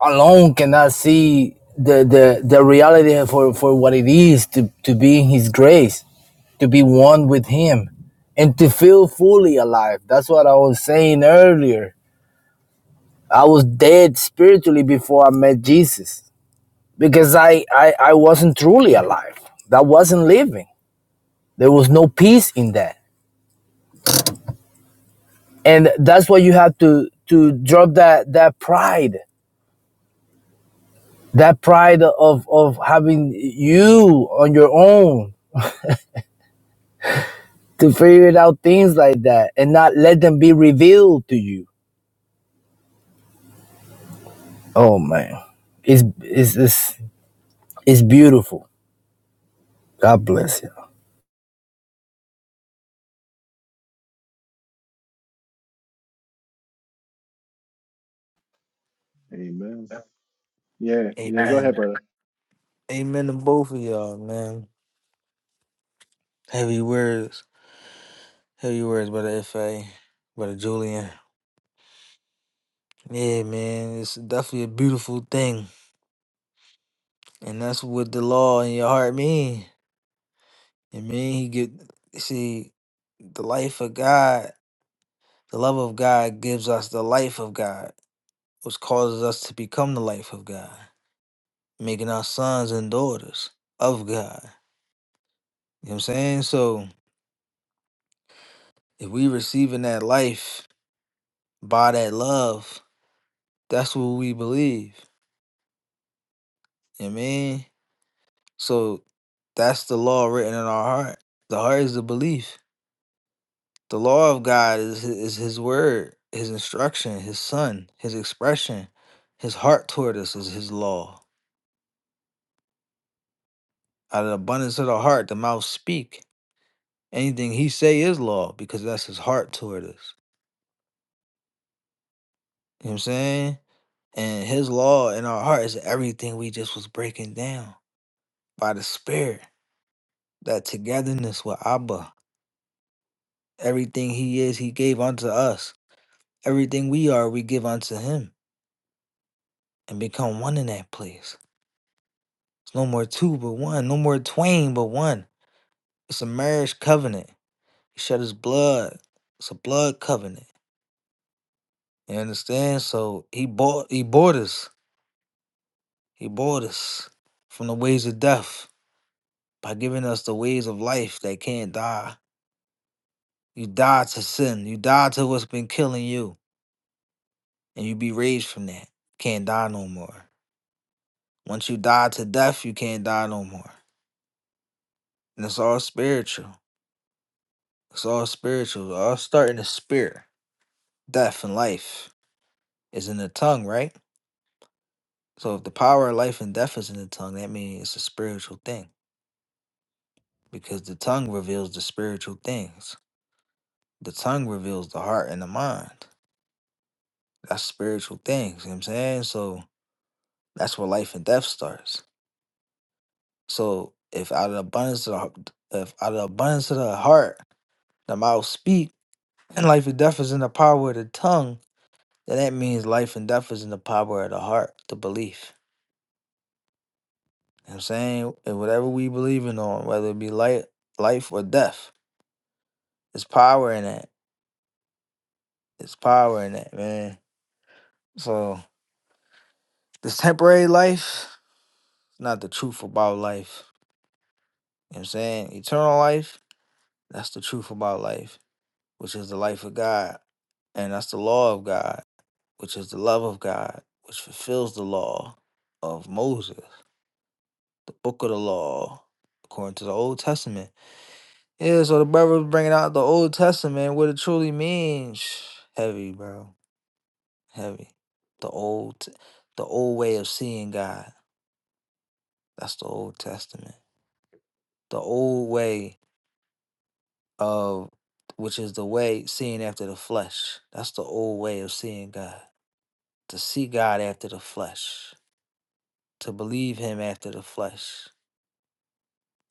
Speaker 8: alone cannot see the, the, the reality for, for what it is to, to be in his grace, to be one with him, and to feel fully alive. That's what I was saying earlier. I was dead spiritually before I met Jesus because I, I, I wasn't truly alive. That wasn't living. There was no peace in that. And that's why you have to, to drop that, that pride, that pride of, of having you on your own to figure it out things like that and not let them be revealed to you. Oh man, it's it's it's, it's beautiful. God bless you,
Speaker 1: Amen. Yeah, yeah, go ahead,
Speaker 6: Amen.
Speaker 1: brother.
Speaker 6: Amen to both of y'all, man. Heavy words. Heavy words, Brother Ife, Brother Julian. Yeah, man. It's definitely a beautiful thing. And that's what the law in your heart mean. It mean he get see the life of God, the love of God gives us the life of God, which causes us to become the life of God. making our sons and daughters of God. You know what I'm saying? So if we receiving that life by that love, that's what we believe. You know what I mean? So that's the law written in our heart. The heart is the belief. The law of God is his, is his word, his instruction, his son, his expression. His heart toward us is his law. Out of the abundance of the heart, the mouth speak. Anything he say is law because that's his heart toward us. You know what I'm saying? And his law in our heart is everything we just was breaking down by the spirit. That togetherness with Abba. Everything he is, he gave unto us. Everything we are, we give unto him and become one in that place. It's no more two but one, no more twain but one. It's a marriage covenant. He shed his blood. It's a blood covenant. You understand? So he bought he bought us. He bought us from the ways of death by giving us the ways of life that can't die You die to sin. You die to what's been killing you, and you be raised from that. Can't die no more. Once you die to death, you can't die no more. And it's all spiritual. It's all spiritual. It all starting the spirit. Death and life is in the tongue, right? So if the power of life and death is in the tongue, that means it's a spiritual thing because the tongue reveals the spiritual things. The tongue reveals the heart and the mind. That's spiritual things. You know what I'm saying? So that's where life and death starts. So if out of the abundance of the, if out of the abundance of the heart the mouth speak, and life and death is in the power of the tongue, then that means life and death is in the power of the heart, the belief. You know what I'm saying, and whatever we believing on, whether it be life, life or death, it's power in that. It's power in that, man. So this temporary life, not the truth about life. You know what I'm saying, eternal life, that's the truth about life, which is the life of God, and that's the law of God. which is the love of God, which fulfills the law of Moses, the book of the law, according to the Old Testament. Yeah, so the brother was bringing out the Old Testament, what it truly means. Heavy, bro. Heavy. The old, the old way of seeing God. That's the Old Testament. The old way of, which is the way seeing after the flesh. That's the old way of seeing God. To see God after the flesh. To believe Him after the flesh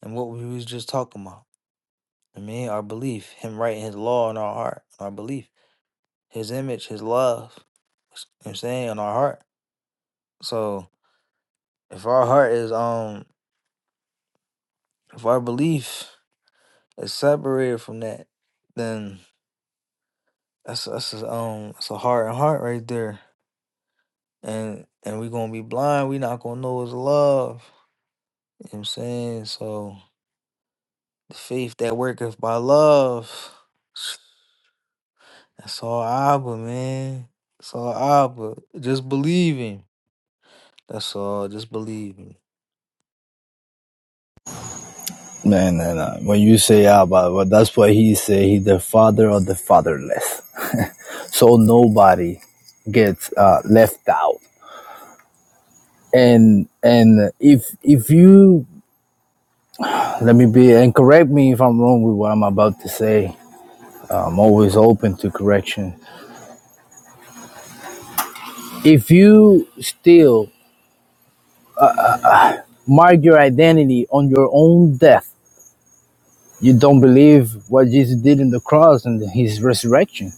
Speaker 6: and what we was just talking about. I mean, our belief, him writing his law in our heart, our belief, his image, his love, you know what I'm saying, in our heart. So if our heart is um if our belief is separated from that, then that's that's a, um it's a heart and heart right there. And and we gonna be blind, we not gonna know it's love. You know what I'm saying? So the faith that worketh by love. That's all Abba, man. That's all Abba. Just believe him. That's all. Just believe him.
Speaker 8: man. And uh, when you say Abba, well, that's what he say he's the father of the fatherless, so nobody gets uh, left out. And and if if you let me be and correct me if I'm wrong with what I'm about to say, I'm always open to correction. If you still mark your identity on your own death. You don't believe what Jesus did in the cross and his resurrection.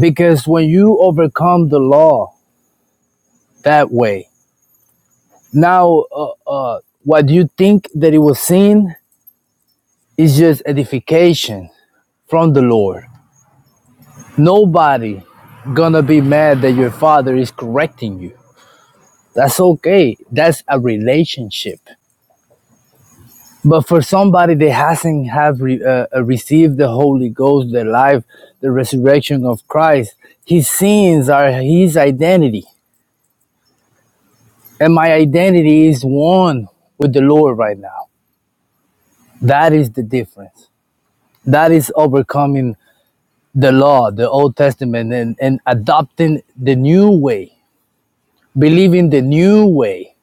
Speaker 8: Because when you overcome the law that way, now uh, uh, what you think that it was sin is just edification from the Lord. Nobody gonna be mad that your father is correcting you. That's okay. That's a relationship. But for somebody that hasn't have re, uh, uh, received the Holy Ghost, the life, the resurrection of Christ, his sins are his identity, and my identity is one with the Lord right now. That is the difference. That is overcoming the law, the Old Testament, and, and adopting the new way, believing the new way.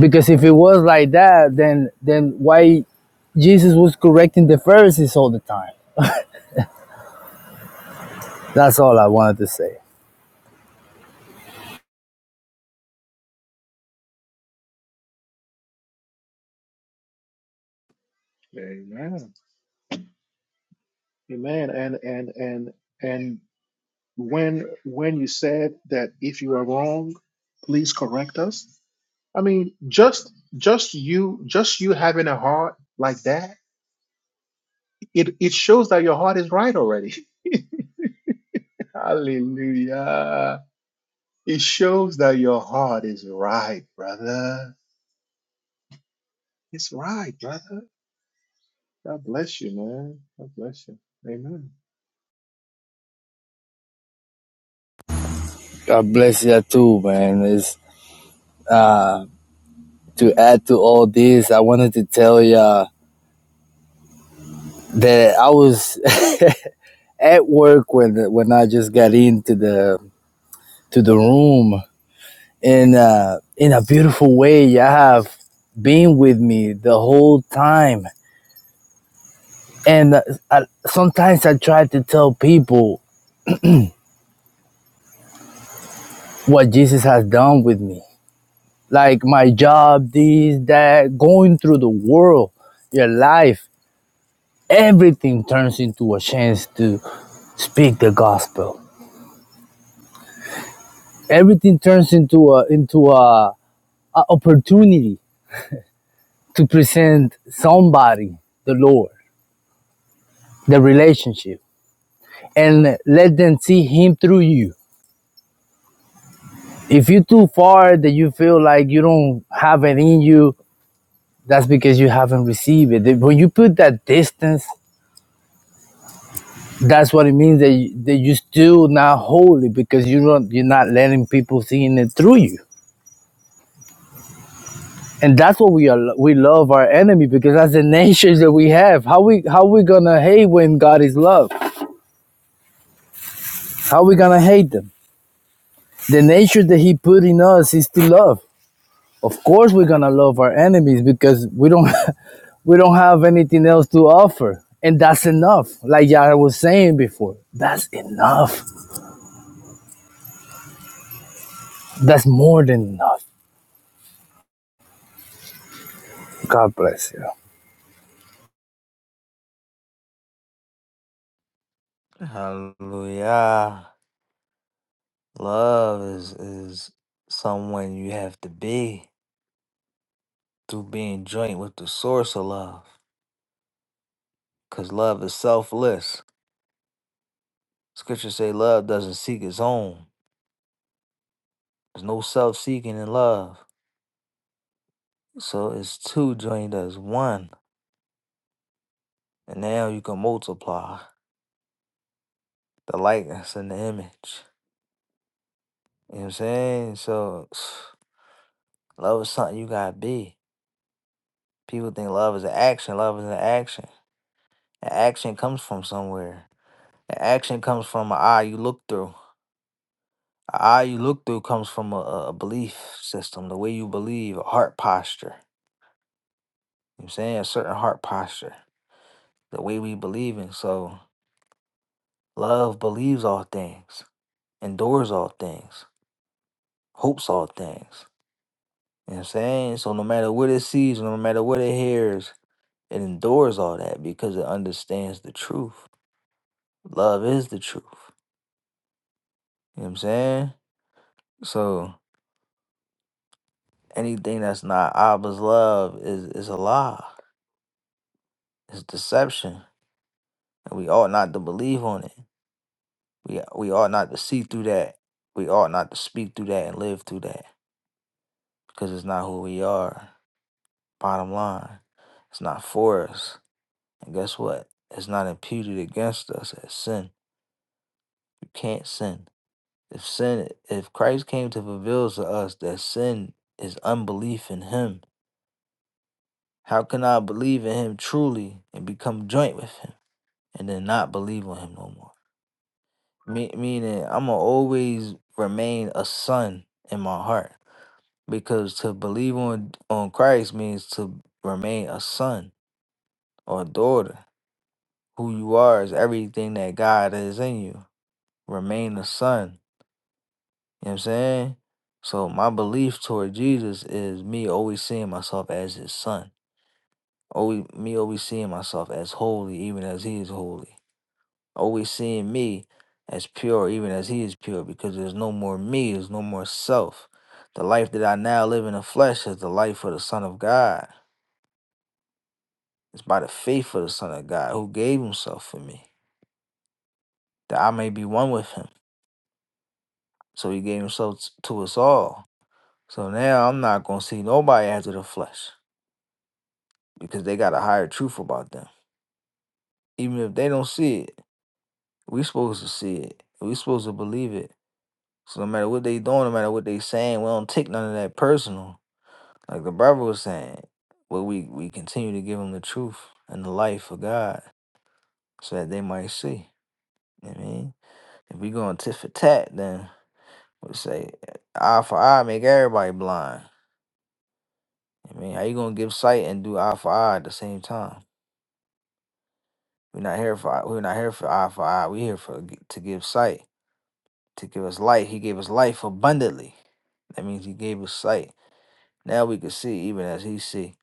Speaker 8: Because if it was like that, then then why Jesus was correcting the Pharisees all the time? That's all I wanted to say.
Speaker 1: Amen. Amen. And and and and when when you said that if you are wrong, please correct us. I mean, just just you just you having a heart like that, it it shows that your heart is right already. Hallelujah. It shows that your heart is right, brother. It's right, brother. God bless you, man. God bless you. Amen.
Speaker 8: God bless you too, man. It's, uh, to add to all this, I wanted to tell ya that I was at work when when I just got into the to the room, and uh, in a beautiful way, you have been with me the whole time. And uh, I, sometimes I try to tell people what Jesus has done with me, like my job, this, that, going through the world, your life everything turns into a chance to speak the gospel. Everything turns into a into a, a opportunity to present somebody the Lord, the relationship, and let them see Him through you. If you are too far that you feel like you don't have it in you, that's because you haven't received it. When you put that distance, that's what it means that you, that you are still not holy because you don't you're not letting people seeing it through you. and that's what we are we love our enemy because that's the nature that we have how we how we gonna hate when god is love how we gonna hate them the nature that he put in us is to love of course we're gonna love our enemies because we don't we don't have anything else to offer and that's enough like yara was saying before that's enough that's more than enough god bless you
Speaker 6: Hallelujah. Love is is someone you have to be through being joint with the source of love. Cause love is selfless. Scriptures say love doesn't seek its own. There's no self seeking in love. So it's two joined as one. And now you can multiply the likeness and the image. You know what I'm saying? So Love is something you gotta be. People think love is an action. Love is an action. An action comes from somewhere. An action comes from an eye you look through. An eye you look through comes from a, a a belief system, the way you believe, a heart posture. You know what I'm saying? A certain heart posture, the way we believe in. So love believes all things, endures all things, hopes all things. You know what I'm saying? So no matter what it sees, no matter what it hears, it endures all that because it understands the truth. Love is the truth. You know what I'm saying? So anything that's not Abba's love is is a lie. It's deception. And we ought not to believe on it. We we ought not to see through that. We ought not to speak through that and live through that. Because it's not who we are. Bottom line. It's not for us. And guess what? It's not imputed against us as sin. You can't sin. If sin if Christ came to reveal to us that sin is unbelief in him, How can I believe in him truly and become joint with him and then not believe on him no more? Me- meaning, I'm going to always remain a son in my heart because to believe on, on Christ means to remain a son or a daughter. Who you are is everything that God is in you. Remain a son. You know what I'm saying? So my belief toward Jesus is me always seeing myself as his son. Always me always seeing myself as holy even as he is holy. always seeing me as pure, even as He is pure, because there's no more me, there's no more self. The life that I now live in the flesh is the life of the Son of God. It's by the faith of the Son of God who gave Himself for me, that I may be one with Him. So He gave Himself t- to us all. So now I'm not going to see nobody after the flesh because they got a higher truth about them. Even if they don't see it, we supposed to see it. We supposed to believe it. So no matter what they doing, no matter what they saying, we don't take none of that personal Like the Bible was saying, but we, we continue to give them the truth and the life of God so that they might see. You know what I mean, if we going tit for tat, then we say eye for eye make everybody blind. You know what I mean, how you gonna give sight and do eye for eye at the same time? We're not here for eye- we're not here for eye for eye. We're here for g- to give sight, to give us light. He gave us life abundantly. That means he gave us sight. Now we can see even as he see.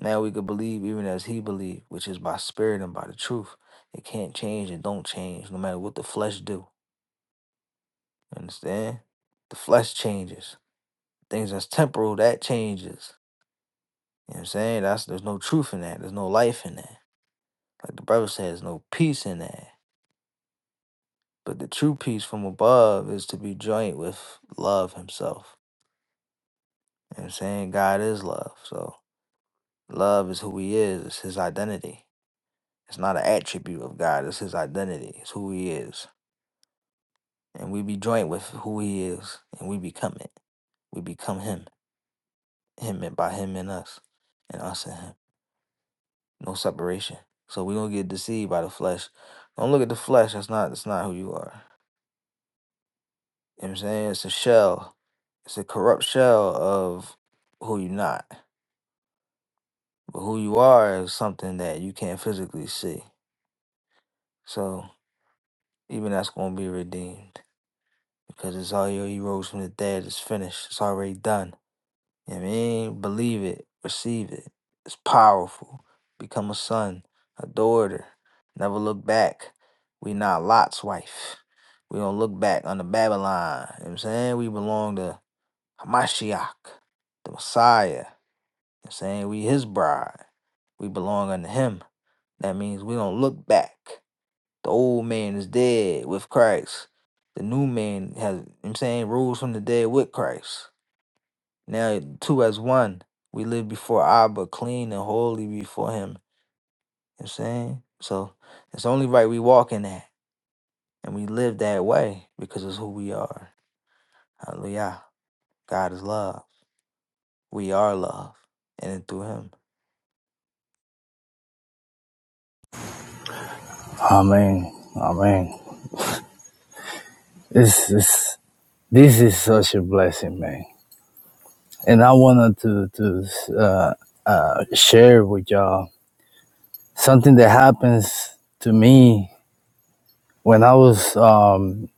Speaker 6: Now we can believe even as he believe, which is by spirit and by the truth. It can't change and don't change, no matter what the flesh do. You Understand? The flesh changes. Things that's temporal, that changes. You know what I'm saying? That's there's no truth in that. There's no life in that. Like the brother says, no peace in that. But the true peace from above is to be joint with love himself. You know what I'm saying? God is love. So love is who he is, it's his identity. It's not an attribute of God. It's His identity. It's who He is, and we be joined with who He is, and we become it. We become Him, Him, and by Him and us, and us and Him. No separation. So we don't get deceived by the flesh. Don't look at the flesh. That's not. That's not who you are. You know what I'm saying it's a shell. It's a corrupt shell of who you're not. But who you are is something that you can't physically see. So even that's going to be redeemed because it's all you. He rose from the dead. It's finished. It's already done. You know what I mean? Believe it, receive it. It's powerful. Become a son, a daughter. Never look back. We not Lot's wife. We don't look back under Babylon. You know what I'm saying? We belong to Hamashiach, the Messiah. You know what I'm saying? We his bride. We belong unto him. That means we don't look back. The old man is dead with Christ. The new man has, you know what I'm saying, rose from the dead with Christ. Now, two as one, we live before Abba, clean and holy before Him. You know what I'm saying? So it's only right we walk in that and we live that way because it's who we are. Hallelujah. God is love. We are love. in And through Him.
Speaker 8: amen amen this is this is such a blessing man and I wanted to to uh, uh, share with y'all something that happens to me when I was um,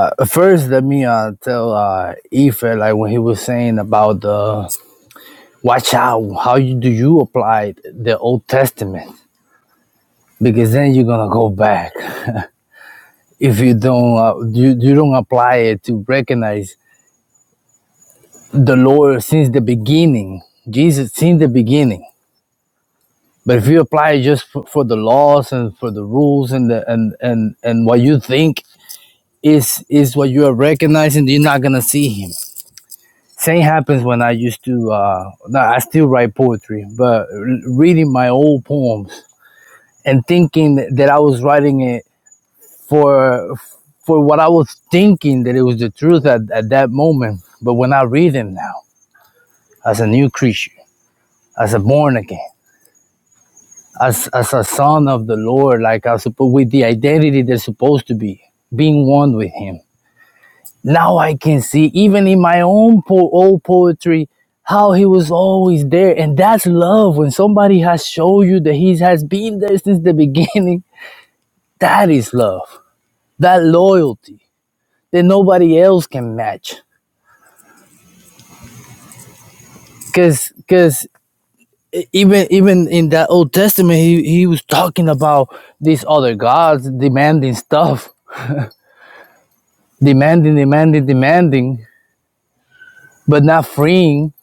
Speaker 8: uh, first. Let me uh, tell uh, Ife like when he was saying about the watch out how you do you apply the Old Testament because then you're gonna go back if you don't uh, you, you don't apply it to recognize the Lord since the beginning. Jesus since the beginning But if you apply it just for, for the laws and for the rules and the and and and what you think is is what you are recognizing, you're not gonna see him. Same happens when I used to. Uh, no, I still write poetry, but reading my old poems and thinking that I was writing it for for what I was thinking that it was the truth at, at that moment. But when I read them now, as a new creature, as a born again. as as a son of the Lord, like I suppose with the identity they're supposed to be, being one with Him. Now I can see, even in my own po- old poetry, how He was always there, and that's love. When somebody has shown you that He has been there since the beginning, that is love. That loyalty that nobody else can match. Cause, cause even even in that Old Testament, he, he was talking about these other gods demanding stuff demanding, demanding, demanding, but not freeing,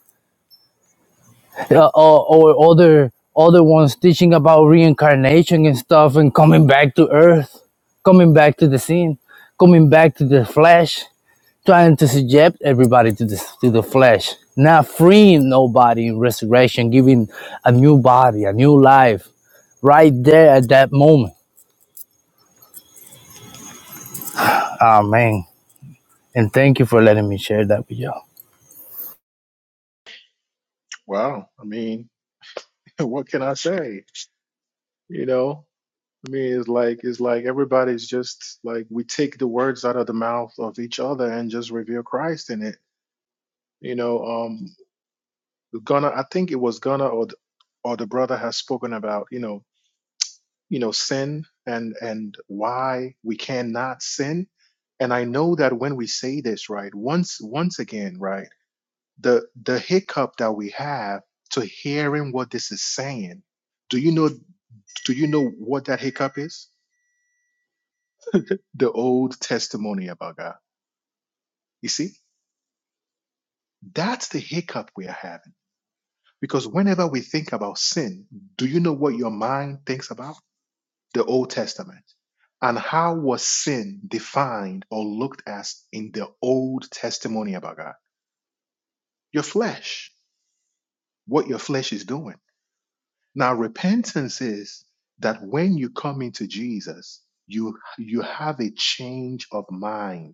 Speaker 8: uh, or, or other other ones teaching about reincarnation and stuff, and coming back to earth, coming back to the scene, coming back to the flesh, trying to subject everybody to the to the flesh, not freeing nobody in resurrection, giving a new body, a new life, right there at that moment. Amen. And thank you for letting me share that with you. all
Speaker 1: Wow. I mean, what can I say? You know. I mean, it's like it's like everybody's just like we take the words out of the mouth of each other and just reveal Christ in it. You know, um, Gunna, I think it was Gunna or the, or the brother has spoken about you know you know sin and and why we cannot sin. And I know that when we say this, right, once once again, right, the the hiccup that we have to hearing what this is saying. Do you know? Do you know what that hiccup is? The old testimony about God You see, that's the hiccup we are having. Because whenever we think about sin, do you know what your mind thinks about? The Old Testament. And how was sin defined or looked at in the Old Testimony about God? Your flesh, what your flesh is doing. Now, repentance is that when you come into Jesus, you, you have a change of mind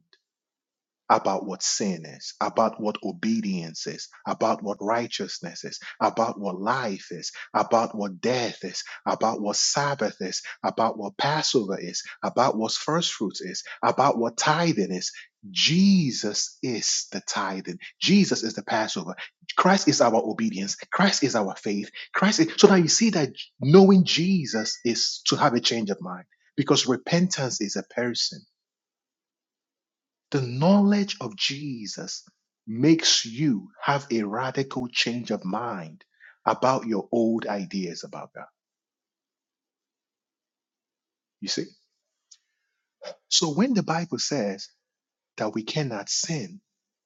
Speaker 1: about what sin is, about what obedience is, about what righteousness is, about what life is, about what death is, about what Sabbath is, about what Passover is, about what first fruits is, about what tithing is. Jesus is the tithing. Jesus is the Passover. Christ is our obedience. Christ is our faith. Christ is so now you see that knowing Jesus is to have a change of mind because repentance is a person. The knowledge of Jesus makes you have a radical change of mind about your old ideas about God. You see? So when the Bible says that we cannot sin,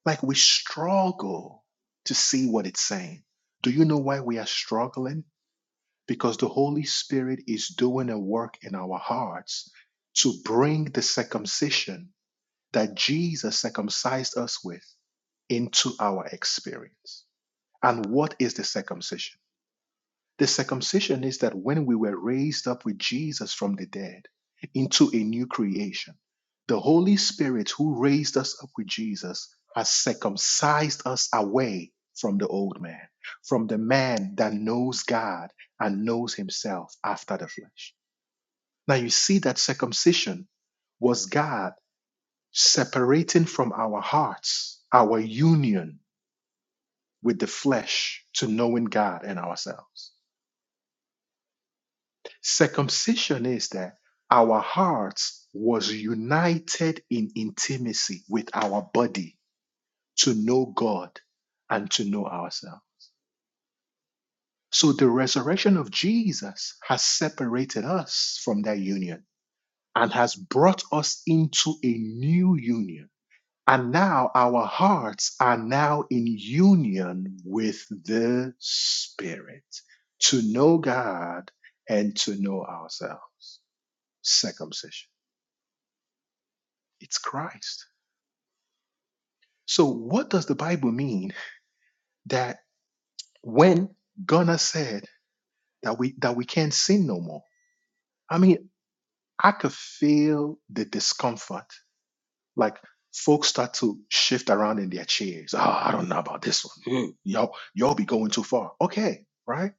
Speaker 1: like we struggle to see what it's saying. Do you know why we are struggling? Because the Holy Spirit is doing a work in our hearts to bring the circumcision that Jesus circumcised us with into our experience. And what is the circumcision? The circumcision is that when we were raised up with Jesus from the dead into a new creation, the Holy Spirit who raised us up with Jesus has circumcised us away from the old man, from the man that knows God and knows himself after the flesh. Now you see that circumcision was God separating from our hearts our union with the flesh to knowing God and ourselves. Circumcision is that our hearts was united in intimacy with our body to know God and to know ourselves. So the resurrection of Jesus has separated us from that union and has brought us into a new union. And now our hearts are now in union with the Spirit to know God and to know ourselves. Circumcision. It's Christ. So what does the Bible mean that when Gunnar said that we that we can't sin no more? I mean, I could feel the discomfort. Like folks start to shift around in their chairs. Oh, I don't know about this one. Mm, Y'all, y'all be going too far. Okay, right?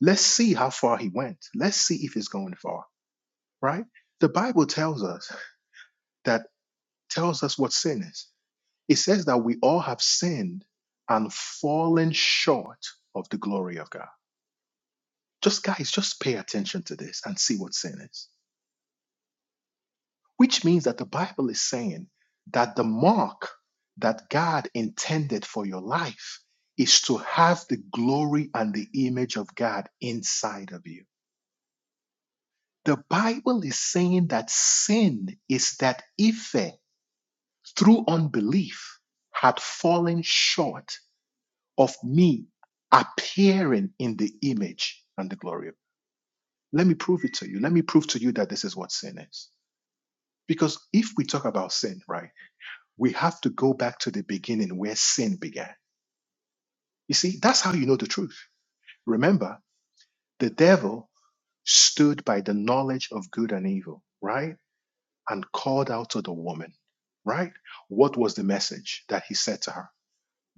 Speaker 1: Let's see how far he went. Let's see if he's going far, right? The Bible tells us that tells us what sin is. It says that we all have sinned and fallen short of the glory of God. Just guys, just pay attention to this and see what sin is. Which means that the Bible is saying that the mark that God intended for your life is to have the glory and the image of God inside of you. The Bible is saying that sin is that Ife, through unbelief, had fallen short of me appearing in the image and the glory of. Let me prove it to you. Let me prove to you that this is what sin is. Because if we talk about sin, right, we have to go back to the beginning where sin began. You see, that's how you know the truth. Remember, the devil stood by the knowledge of good and evil, right? And called out to the woman, right? What was the message that he said to her?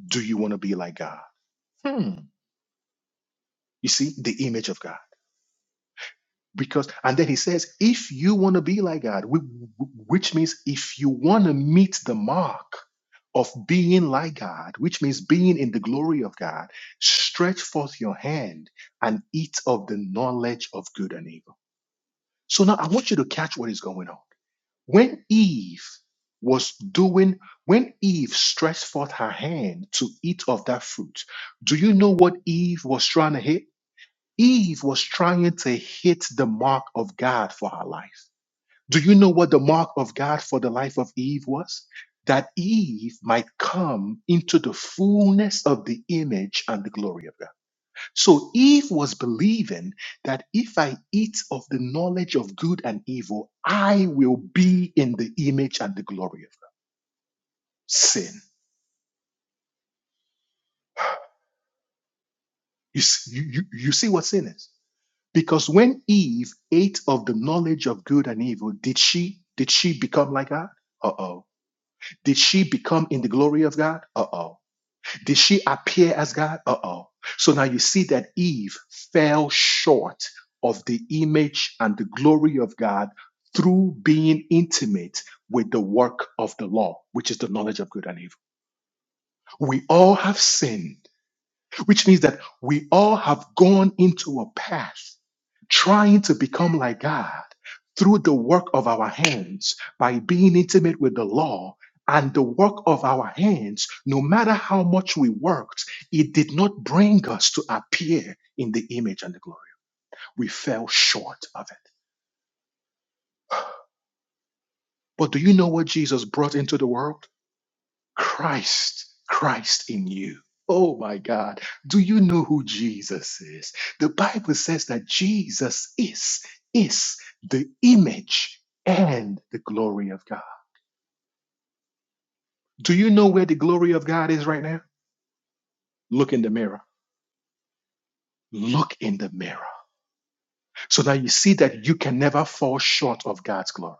Speaker 1: Do you want to be like God? Hmm. You see, the image of God. because and then he says if you want to be like god whi- which means if you want to meet the mark of being like god which means being in the glory of god stretch forth your hand and eat of the knowledge of good and evil so now i want you to catch what is going on when eve was doing when eve stretched forth her hand to eat of that fruit do you know what eve was trying to hit Eve was trying to hit the mark of God for her life. Do you know what the mark of God for the life of Eve was? That Eve might come into the fullness of the image and the glory of God. So Eve was believing that if I eat of the knowledge of good and evil, I will be in the image and the glory of God. Sin. You, s- you, you you see what sin is? Because when Eve ate of the knowledge of good and evil, did she did she become like God? Uh-oh. Did she become in the glory of God? Uh-oh. Did she appear as God? Uh-oh. So now you see that Eve fell short of the image and the glory of God through being intimate with the work of the law, which is the knowledge of good and evil. We all have sinned which means that we all have gone into a path trying to become like God through the work of our hands by being intimate with the law. And the work of our hands, no matter how much we worked, it did not bring us to appear in the image and the glory. We fell short of it. But do you know what Jesus brought into the world? Christ, Christ in you. Oh my God. Do you know who Jesus is? The Bible says that Jesus is, is the image and the glory of God. Do you know where the glory of God is right now? Look in the mirror. Look in the mirror. So now you see that you can never fall short of God's glory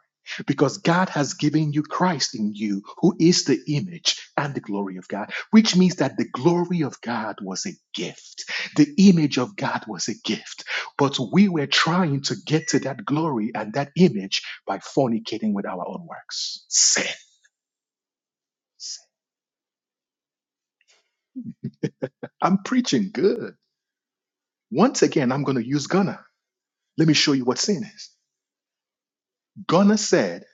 Speaker 1: because God has given you Christ in you, who is the image and the glory of God, which means that the glory of God was a gift. The image of God was a gift. But we were trying to get to that glory and that image by fornicating with our own works. Sin. I'm preaching good. Once again, I'm going to use Gunnar. Let me show you what sin is. Gunnar said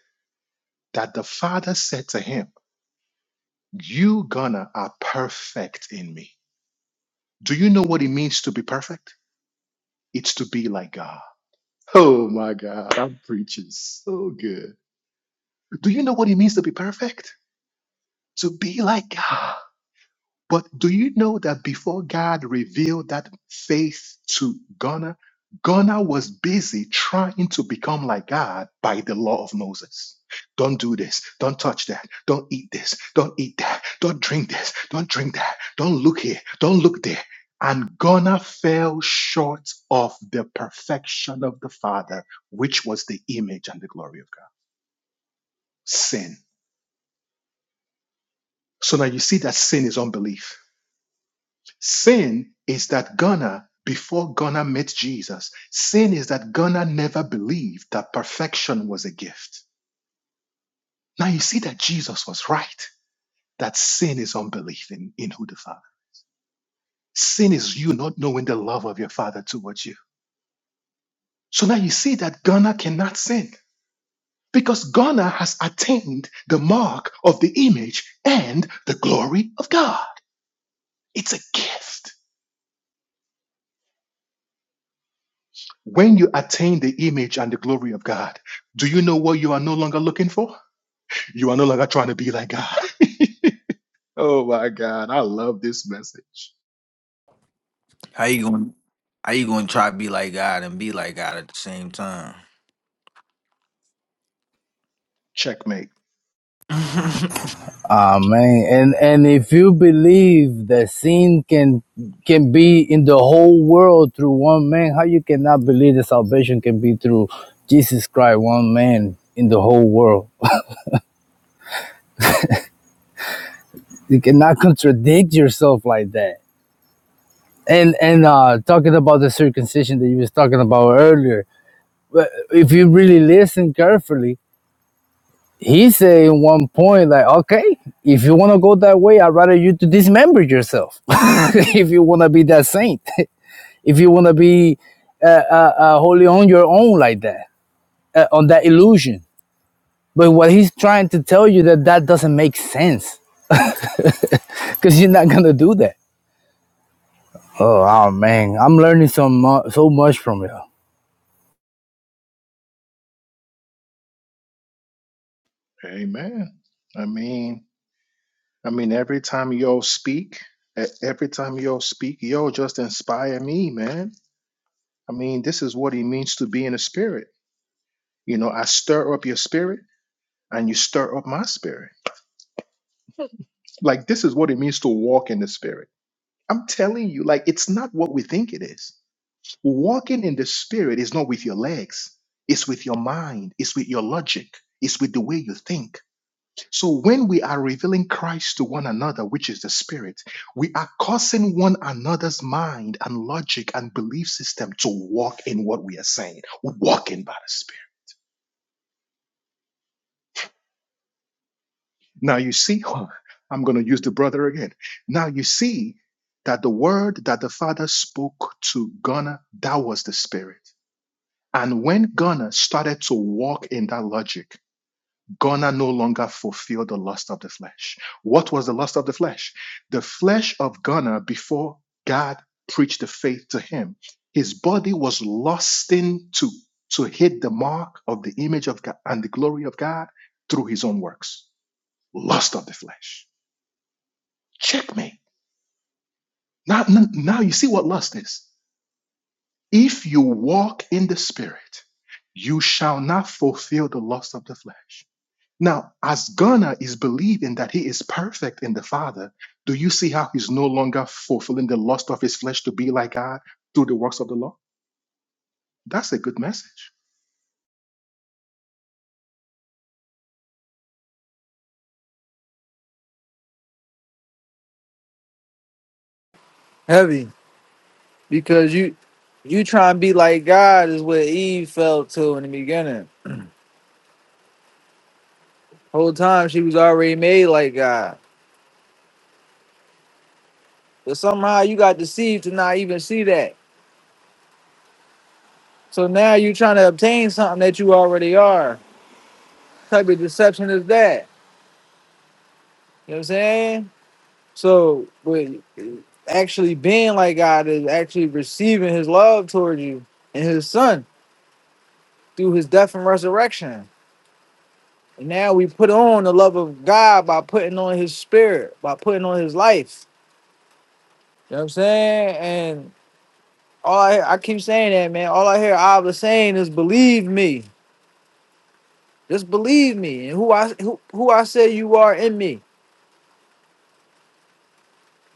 Speaker 1: that the Father said to him, You, gonna are perfect in me. Do you know what it means to be perfect? It's to be like God. Oh my God, I'm preaching so good. Do you know what it means to be perfect? To be like God. But do you know that before God revealed that faith to Ghana, Ghana was busy trying to become like God by the law of Moses. Don't do this. Don't touch that. Don't eat this. Don't eat that. Don't drink this. Don't drink that. Don't look here. Don't look there. And Ghana fell short of the perfection of the Father, which was the image and the glory of God. Sin. So now you see that sin is unbelief Sin is that Ghana, before Ghana met Jesus, sin is that Ghana never believed that perfection was a gift. Now you see that Jesus was right, that sin is unbelief in, in who the Father. Sin is you not knowing the love of your Father towards you. So now you see that Ghana cannot sin because Ghana has attained the mark of the image and the glory of God. It's a gift. When you attain the image and the glory of God, do you know what you are no longer looking for? You are no longer trying to be like God. Oh my God. I love this message.
Speaker 6: How you going? How you going to try to be like God and be like God at the same time?
Speaker 1: Checkmate.
Speaker 8: Ah man, and and if you believe that sin can can be in the whole world through one man, how you cannot believe that salvation can be through Jesus Christ, one man in the whole world? You cannot contradict yourself like that. And and uh, talking about the circumcision that you was talking about earlier, but if you really listen carefully, he said in one point like, okay, if you want to go that way, I'd rather you to dismember yourself if you want to be that saint. if you want to be uh, uh, uh, wholly on your own like that, uh, on that illusion. But what he's trying to tell you that that doesn't make sense because you're not gonna do that. Oh, oh man, I'm learning so much, so much from you.
Speaker 1: Amen. I mean, I mean, every time y'all speak, e- every time y'all speak, y'all just inspire me, man. I mean, this is what it means to be in the spirit. You know, I stir up your spirit and you stir up my spirit. Like this is what it means to walk in the spirit. I'm telling you, like it's not what we think it is. Walking in the spirit is not with your legs, it's with your mind, it's with your logic, it's with the way you think. So when we are revealing Christ to one another, which is the spirit, we are causing one another's mind and logic and belief system to walk in what we are saying, walking by the spirit. Now you see, I'm going to use the brother again. Now you see that the word that the father spoke to Ghana, that was the spirit. And when Ghana started to walk in that logic, going no longer fulfill the lust of the flesh. What was the lust of the flesh? The flesh of Ghana before God preached the faith to him. His body was lusting to, to hit the mark of the image of God and the glory of God through his own works. Lust of the flesh. Checkmate. Now, n- now you see what lust is. If you walk in the spirit, you shall not fulfill the lust of the flesh. Now, as Ghana is believing that he is perfect in the Father, do you see how he's no longer fulfilling the lust of his flesh to be like God through the works of the law? That's a good message.
Speaker 6: Heavy. Because you you trying to be like God is what Eve felt to in the beginning. Whole time she was already made like God. But somehow you got deceived to not even see that. So now you're trying to obtain something that you already are. What type of deception is that? You know what I'm saying? So, but actually being like God is actually receiving his love towards you and his son through his death and resurrection. And now we put on the love of God by putting on his spirit, by putting on his life. You know what I'm saying? And all I, I keep saying that, man. All I hear Abba saying is, believe me. Just believe me and who I who, who I say you are in me. You know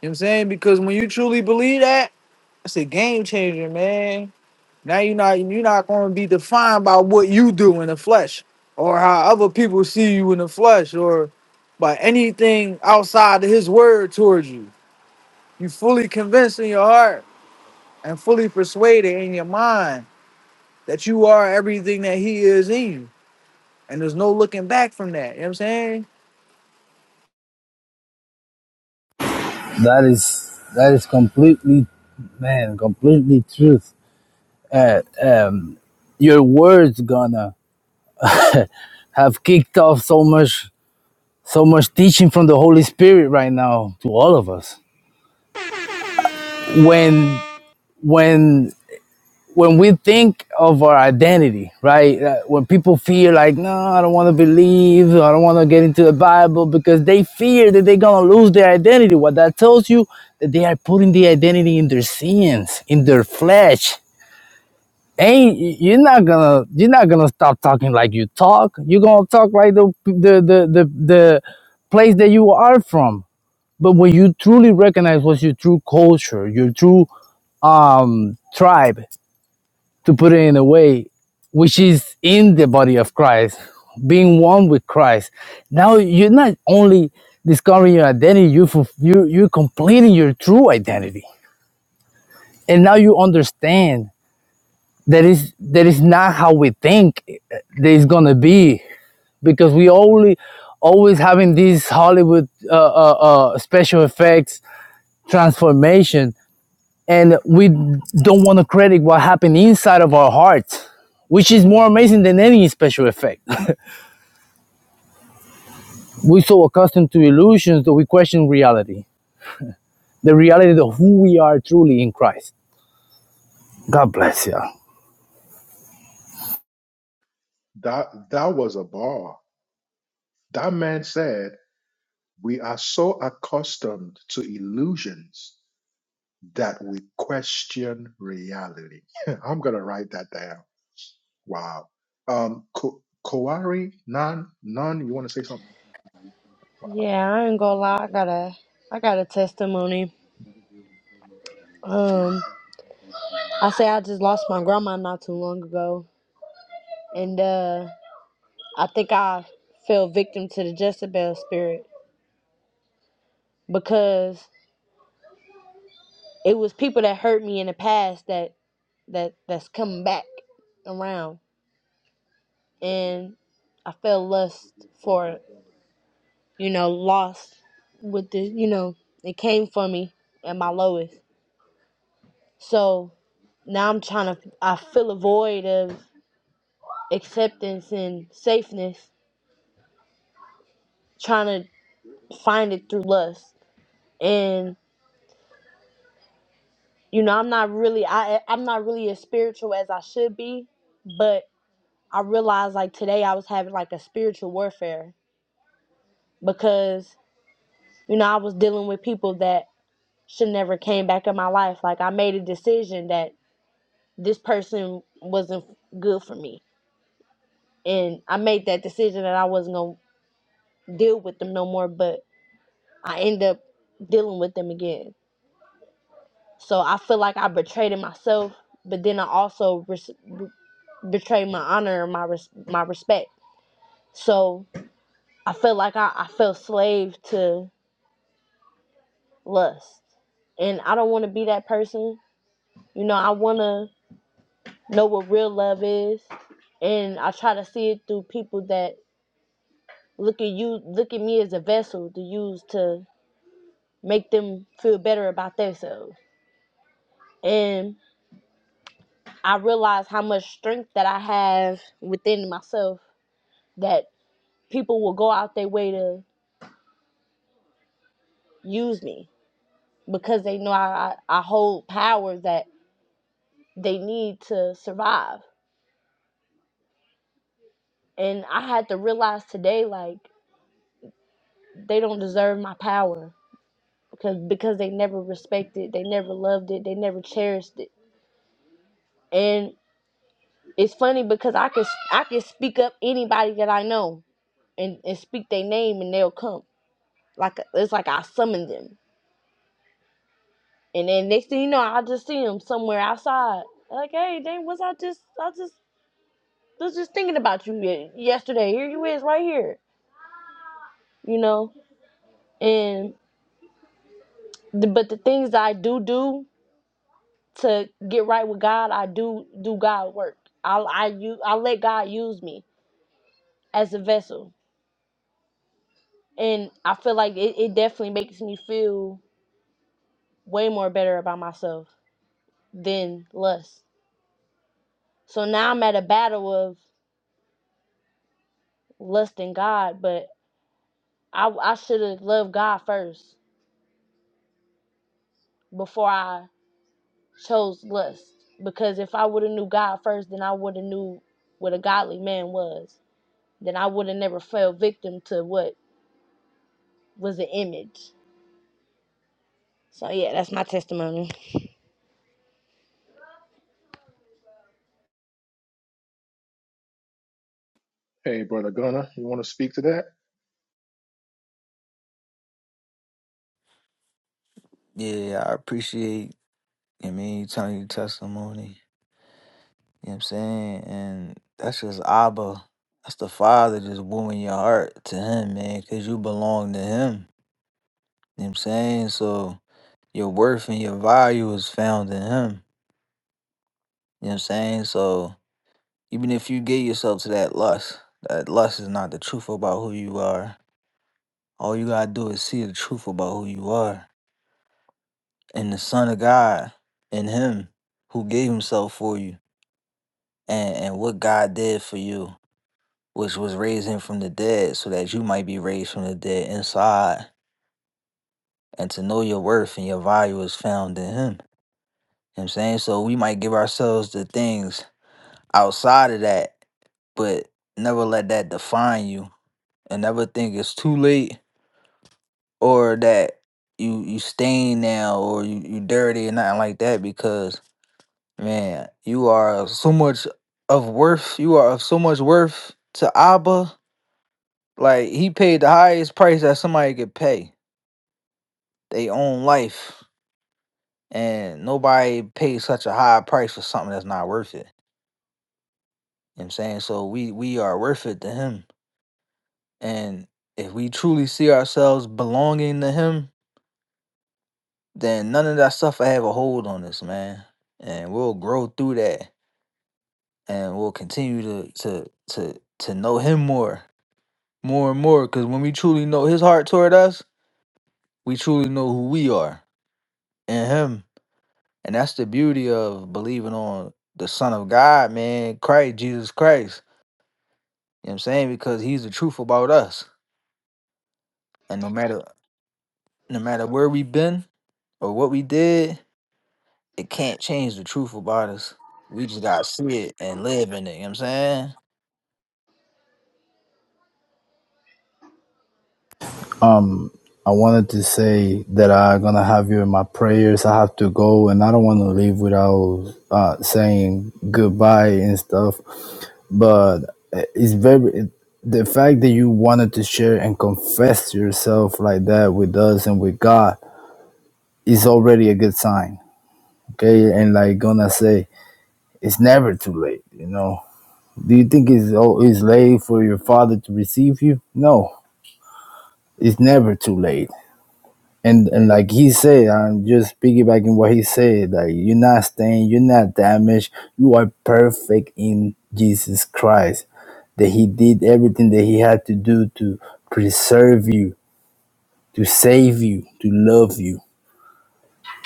Speaker 6: what I'm saying? Because when you truly believe that, it's a game changer, man. Now you're not you're not gonna be defined by what you do in the flesh or how other people see you in the flesh or by anything outside of his word towards you. You fully convinced in your heart and fully persuaded in your mind that you are everything that he is in you. And there's no looking back from that. You know what I'm saying?
Speaker 8: That is that is completely, man, completely truth. Uh, um, your words gonna have kicked off so much, so much teaching from the Holy Spirit right now to all of us. When when when we think of our identity, right? uh, When people fear, like, no, I don't want to believe, I don't want to get into the Bible because they fear that they're going to lose their identity. What that tells you that they are putting the identity in their sins, in their flesh. Ain't you're not gonna you're not gonna stop talking like you talk. You're gonna talk like the the the the, the place that you are from. But when you truly recognize what's your true culture, your true um, tribe, to put it in a way which is in the body of Christ, being one with Christ. Now you're not only discovering your identity, you you you're completing your true identity, and now you understand that is that is not how we think that it's gonna be because we only always having these Hollywood uh, uh, uh, special effects transformation and we don't want to credit what happened inside of our heart, which is more amazing than any special effect. We're so accustomed to illusions that we question reality, the reality of who we are truly in Christ. God bless you.
Speaker 1: That that was a bar. That man said, "We are so accustomed to illusions that we question reality." I'm gonna write that down. Wow. Um, Ko- Kowari, non, non. You want to say something?
Speaker 9: Yeah, I ain't gonna lie. I got a, I got a testimony. Um, I say I just lost my grandma not too long ago, and uh, I think I fell victim to the Jezebel spirit because it was people that hurt me in the past that, that that's coming back around, and I felt lust for, it, you know, lost with the, you know, it came for me at my lowest. So now I'm trying to, I feel a void of acceptance and safeness trying to find it through lust and you know i'm not really i i'm not really as spiritual as i should be but i realized like today i was having like a spiritual warfare because you know i was dealing with people that should never came back in my life like i made a decision that this person wasn't good for me and i made that decision that i wasn't gonna deal with them no more but i end up dealing with them again So I feel like I betrayed myself, but then I also res- betrayed my honor and my res- my respect. So I feel like I, I fell slave to lust, and I don't want to be that person. You know, I want to know what real love is, and I try to see it through people that look at you, look at me as a vessel to use to make them feel better about themselves. And I realize how much strength that I have within myself that. people will go out their way to use me because they know I, I, hold power that they need to survive. And I had to realize today, like, they don't deserve my power because because they never respected, it, they never loved it, they never cherished it. And it's funny because I can I can speak up anybody that I know and, and speak their name and they'll come. Like it's like I summoned them. And then next thing you know, I just see them somewhere outside. Like, hey, dang, was I just I just I was just thinking about you ye- yesterday. Here you is, right here. You know, and the, but the things I do do to get right with God, I do do God work. I I you I let God use me as a vessel, and I feel like it, it definitely makes me feel way more better about myself than lust. So now I'm at a battle of lust and God, but I I should have loved God first before I chose lust because if I would have knew God first, then I would have knew what a godly man was. Then I would have never fell victim to what was an image. So yeah, that's my testimony.
Speaker 1: Hey, brother Gunner, you want to speak to that?
Speaker 6: Yeah, I appreciate You know what I mean, you telling your testimony. You know what I'm saying? And that's just Abba. That's the Father just wooing your heart to Him, man, because you belong to Him. You know what I'm saying? So your worth and your value is found in Him. You know what I'm saying? So even if you give yourself to that lust, that lust is not the truth about who you are. All you gotta do is see the truth about who you are and the Son of God in Him who gave Himself for you and, and what God did for you. which was raised him from the dead, so that you might be raised from the dead inside, and to know your worth and your value is found in him. You know what I'm saying? So we might give ourselves the things outside of that, but never let that define you and never think it's too late or that you you stain now or you, you dirty or nothing like that because man, you are of so much of worth, you are of so much worth to Abba. Like he paid the highest price that somebody could pay. they own life and nobody pays such a high price for something that's not worth it. You know what I'm saying? So we we are worth it to him. And if we truly see ourselves belonging to him, then none of that stuff will have a hold on us, man. And we'll grow through that and we'll continue to to to to know him more, more and more. Cause when we truly know his heart toward us, we truly know who we are and him And that's the beauty of believing on the Son of God, man, Christ, Jesus Christ. You know what I'm saying? Because he's the truth about us. And no matter no matter where we've been or what we did, it can't change the truth about us. We just gotta see it and live in it, you know what I'm saying?
Speaker 8: Um, I wanted to say that I'm gonna have you in my prayers. I have to go, and I don't want to leave without uh, saying goodbye and stuff. but eh, it's very eh, the fact that you wanted to share and confess yourself like that with us and with god is already a good sign okay and like gonna say it's never too late you know do you think it's oh it's late for your father to receive you no it's never too late And and like he said, I'm just piggybacking what he said. Like you're not stained, you're not damaged. You are perfect in Jesus Christ. That He did everything that He had to do to preserve you, to save you, to love you.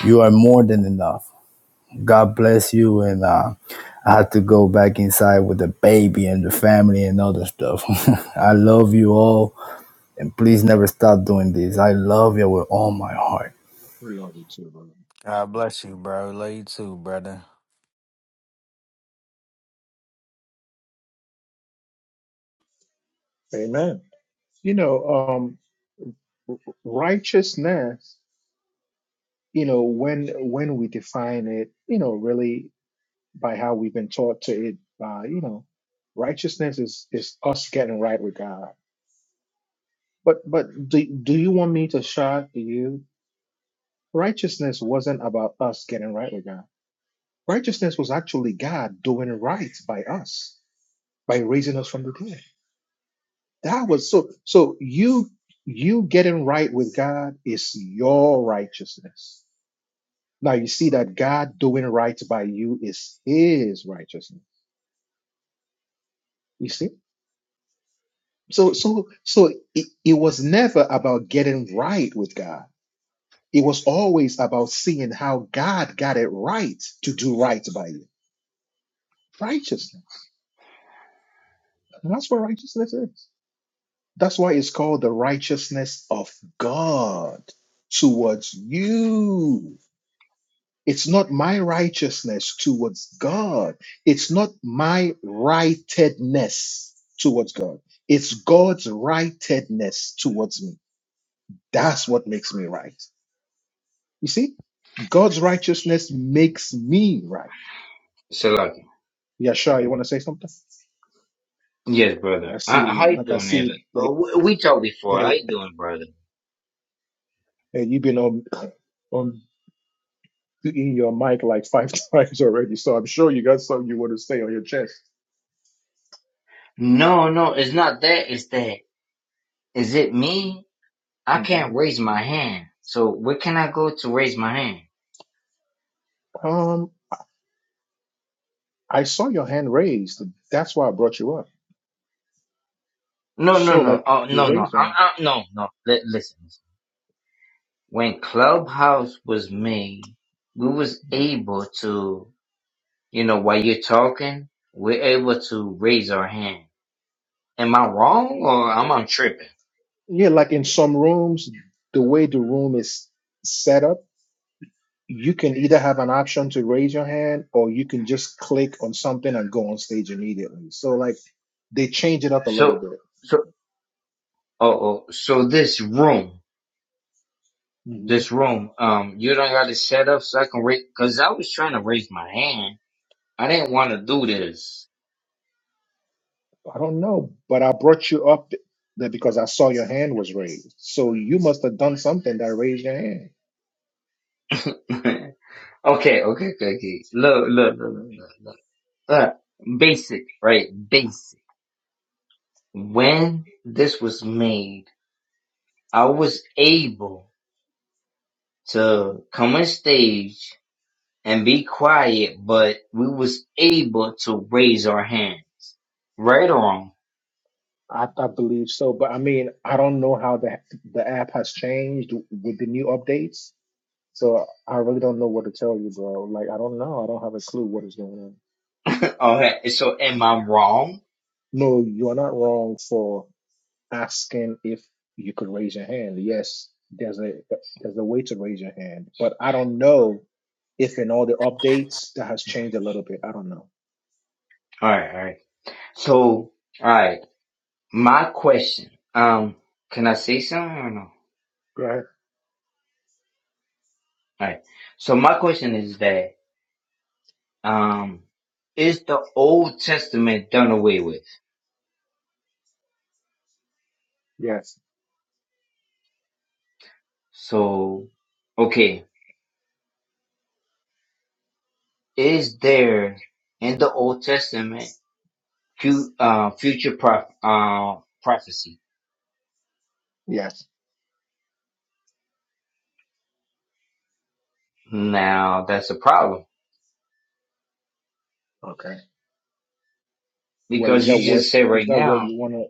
Speaker 8: You are more than enough. God bless you. And uh, I had to go back inside with the baby and the family and other stuff. I love you all, and please never stop doing this. I love you with all my heart.
Speaker 6: God bless you, bro. Love you too, brother.
Speaker 1: Amen. You know, um, r- righteousness, you know, when when we define it, you know, really by how we've been taught to it, by, you know, righteousness is is us getting right with God. You- God. Right? By you now you see that it is righteousness. So it, it it's God. It's not my rightedness towards God. It's God's rightedness towards me. That's what makes me right. You see? God's righteousness makes me right.
Speaker 10: Salaki.
Speaker 1: Yeah, sure. You want to say something?
Speaker 10: Yes, brother.
Speaker 1: I see,
Speaker 10: I, how you
Speaker 1: like I
Speaker 10: doing, Evan?
Speaker 1: see,
Speaker 10: Uh,
Speaker 1: like
Speaker 10: we, we talked
Speaker 1: uh,
Speaker 10: before. How you doing, brother?
Speaker 1: uh, you've been on on in your mic like five times already. So I'm sure you got something you want to say on your chest.
Speaker 10: No, no, it's not that. It's that. Is it me? I
Speaker 1: hmm
Speaker 10: can't raise my hand. So where can I go to raise my hand?
Speaker 1: Um, I saw your hand raised. That's why I brought you up.
Speaker 10: No, no,
Speaker 1: So,
Speaker 10: no.
Speaker 1: like,
Speaker 10: Oh,
Speaker 1: you
Speaker 10: no, no.
Speaker 1: raised your
Speaker 10: i
Speaker 1: hand.
Speaker 10: i no, no. Li- listen. When Clubhouse was made, we was able to, you know, while you're talking, we're able to raise our hand. Am I wrong or am I tripping?
Speaker 1: Yeah, like in some rooms, the way the room is set up. you can either have an option to raise your hand or you can just click on something and go on stage immediately. So like they change it up a little
Speaker 10: So,
Speaker 1: bit.
Speaker 10: so, oh, oh, so this room.
Speaker 1: Mhm.
Speaker 10: this room. Um, you don't got to set up so I can raise, cause I was trying to raise my hand. I didn't want to do this.
Speaker 1: I don't know, but I brought you up there because I saw your hand was raised. So you must have done something that raised your hand.
Speaker 10: okay, okay, okay, okay. Look, look, look, look,
Speaker 1: Mhm.
Speaker 10: look, look. Uh, basic, right? Basic. When this was made, I was able to come on stage and be quiet, but we was able to raise our hand. Right or wrong?
Speaker 1: I, I believe so, but I mean, I don't know how the the app has changed with the new updates. So I really don't know what to tell you, bro. Like I don't know. I don't have a clue what is going on.
Speaker 10: Alright, so am I wrong?
Speaker 1: No, you are not wrong for asking if you could raise your hand. Yes, there's a there's a way to raise your hand, but I don't know if in all the updates that has changed a little bit. I don't know.
Speaker 10: Alright, alright. So, alright. My question, um, can I say something or no?
Speaker 1: Go ahead.
Speaker 10: Alright. So my question is that, um, is the Old Testament done away with?
Speaker 1: Yes.
Speaker 10: So, okay, is there in the Old Testament fu- uh, future prof- uh, prophecy?
Speaker 1: Yes.
Speaker 10: Now that's a problem
Speaker 1: Okay. Well, is
Speaker 10: because you
Speaker 1: that what
Speaker 10: just said
Speaker 1: is
Speaker 10: right
Speaker 1: that what
Speaker 10: now,
Speaker 1: you wanna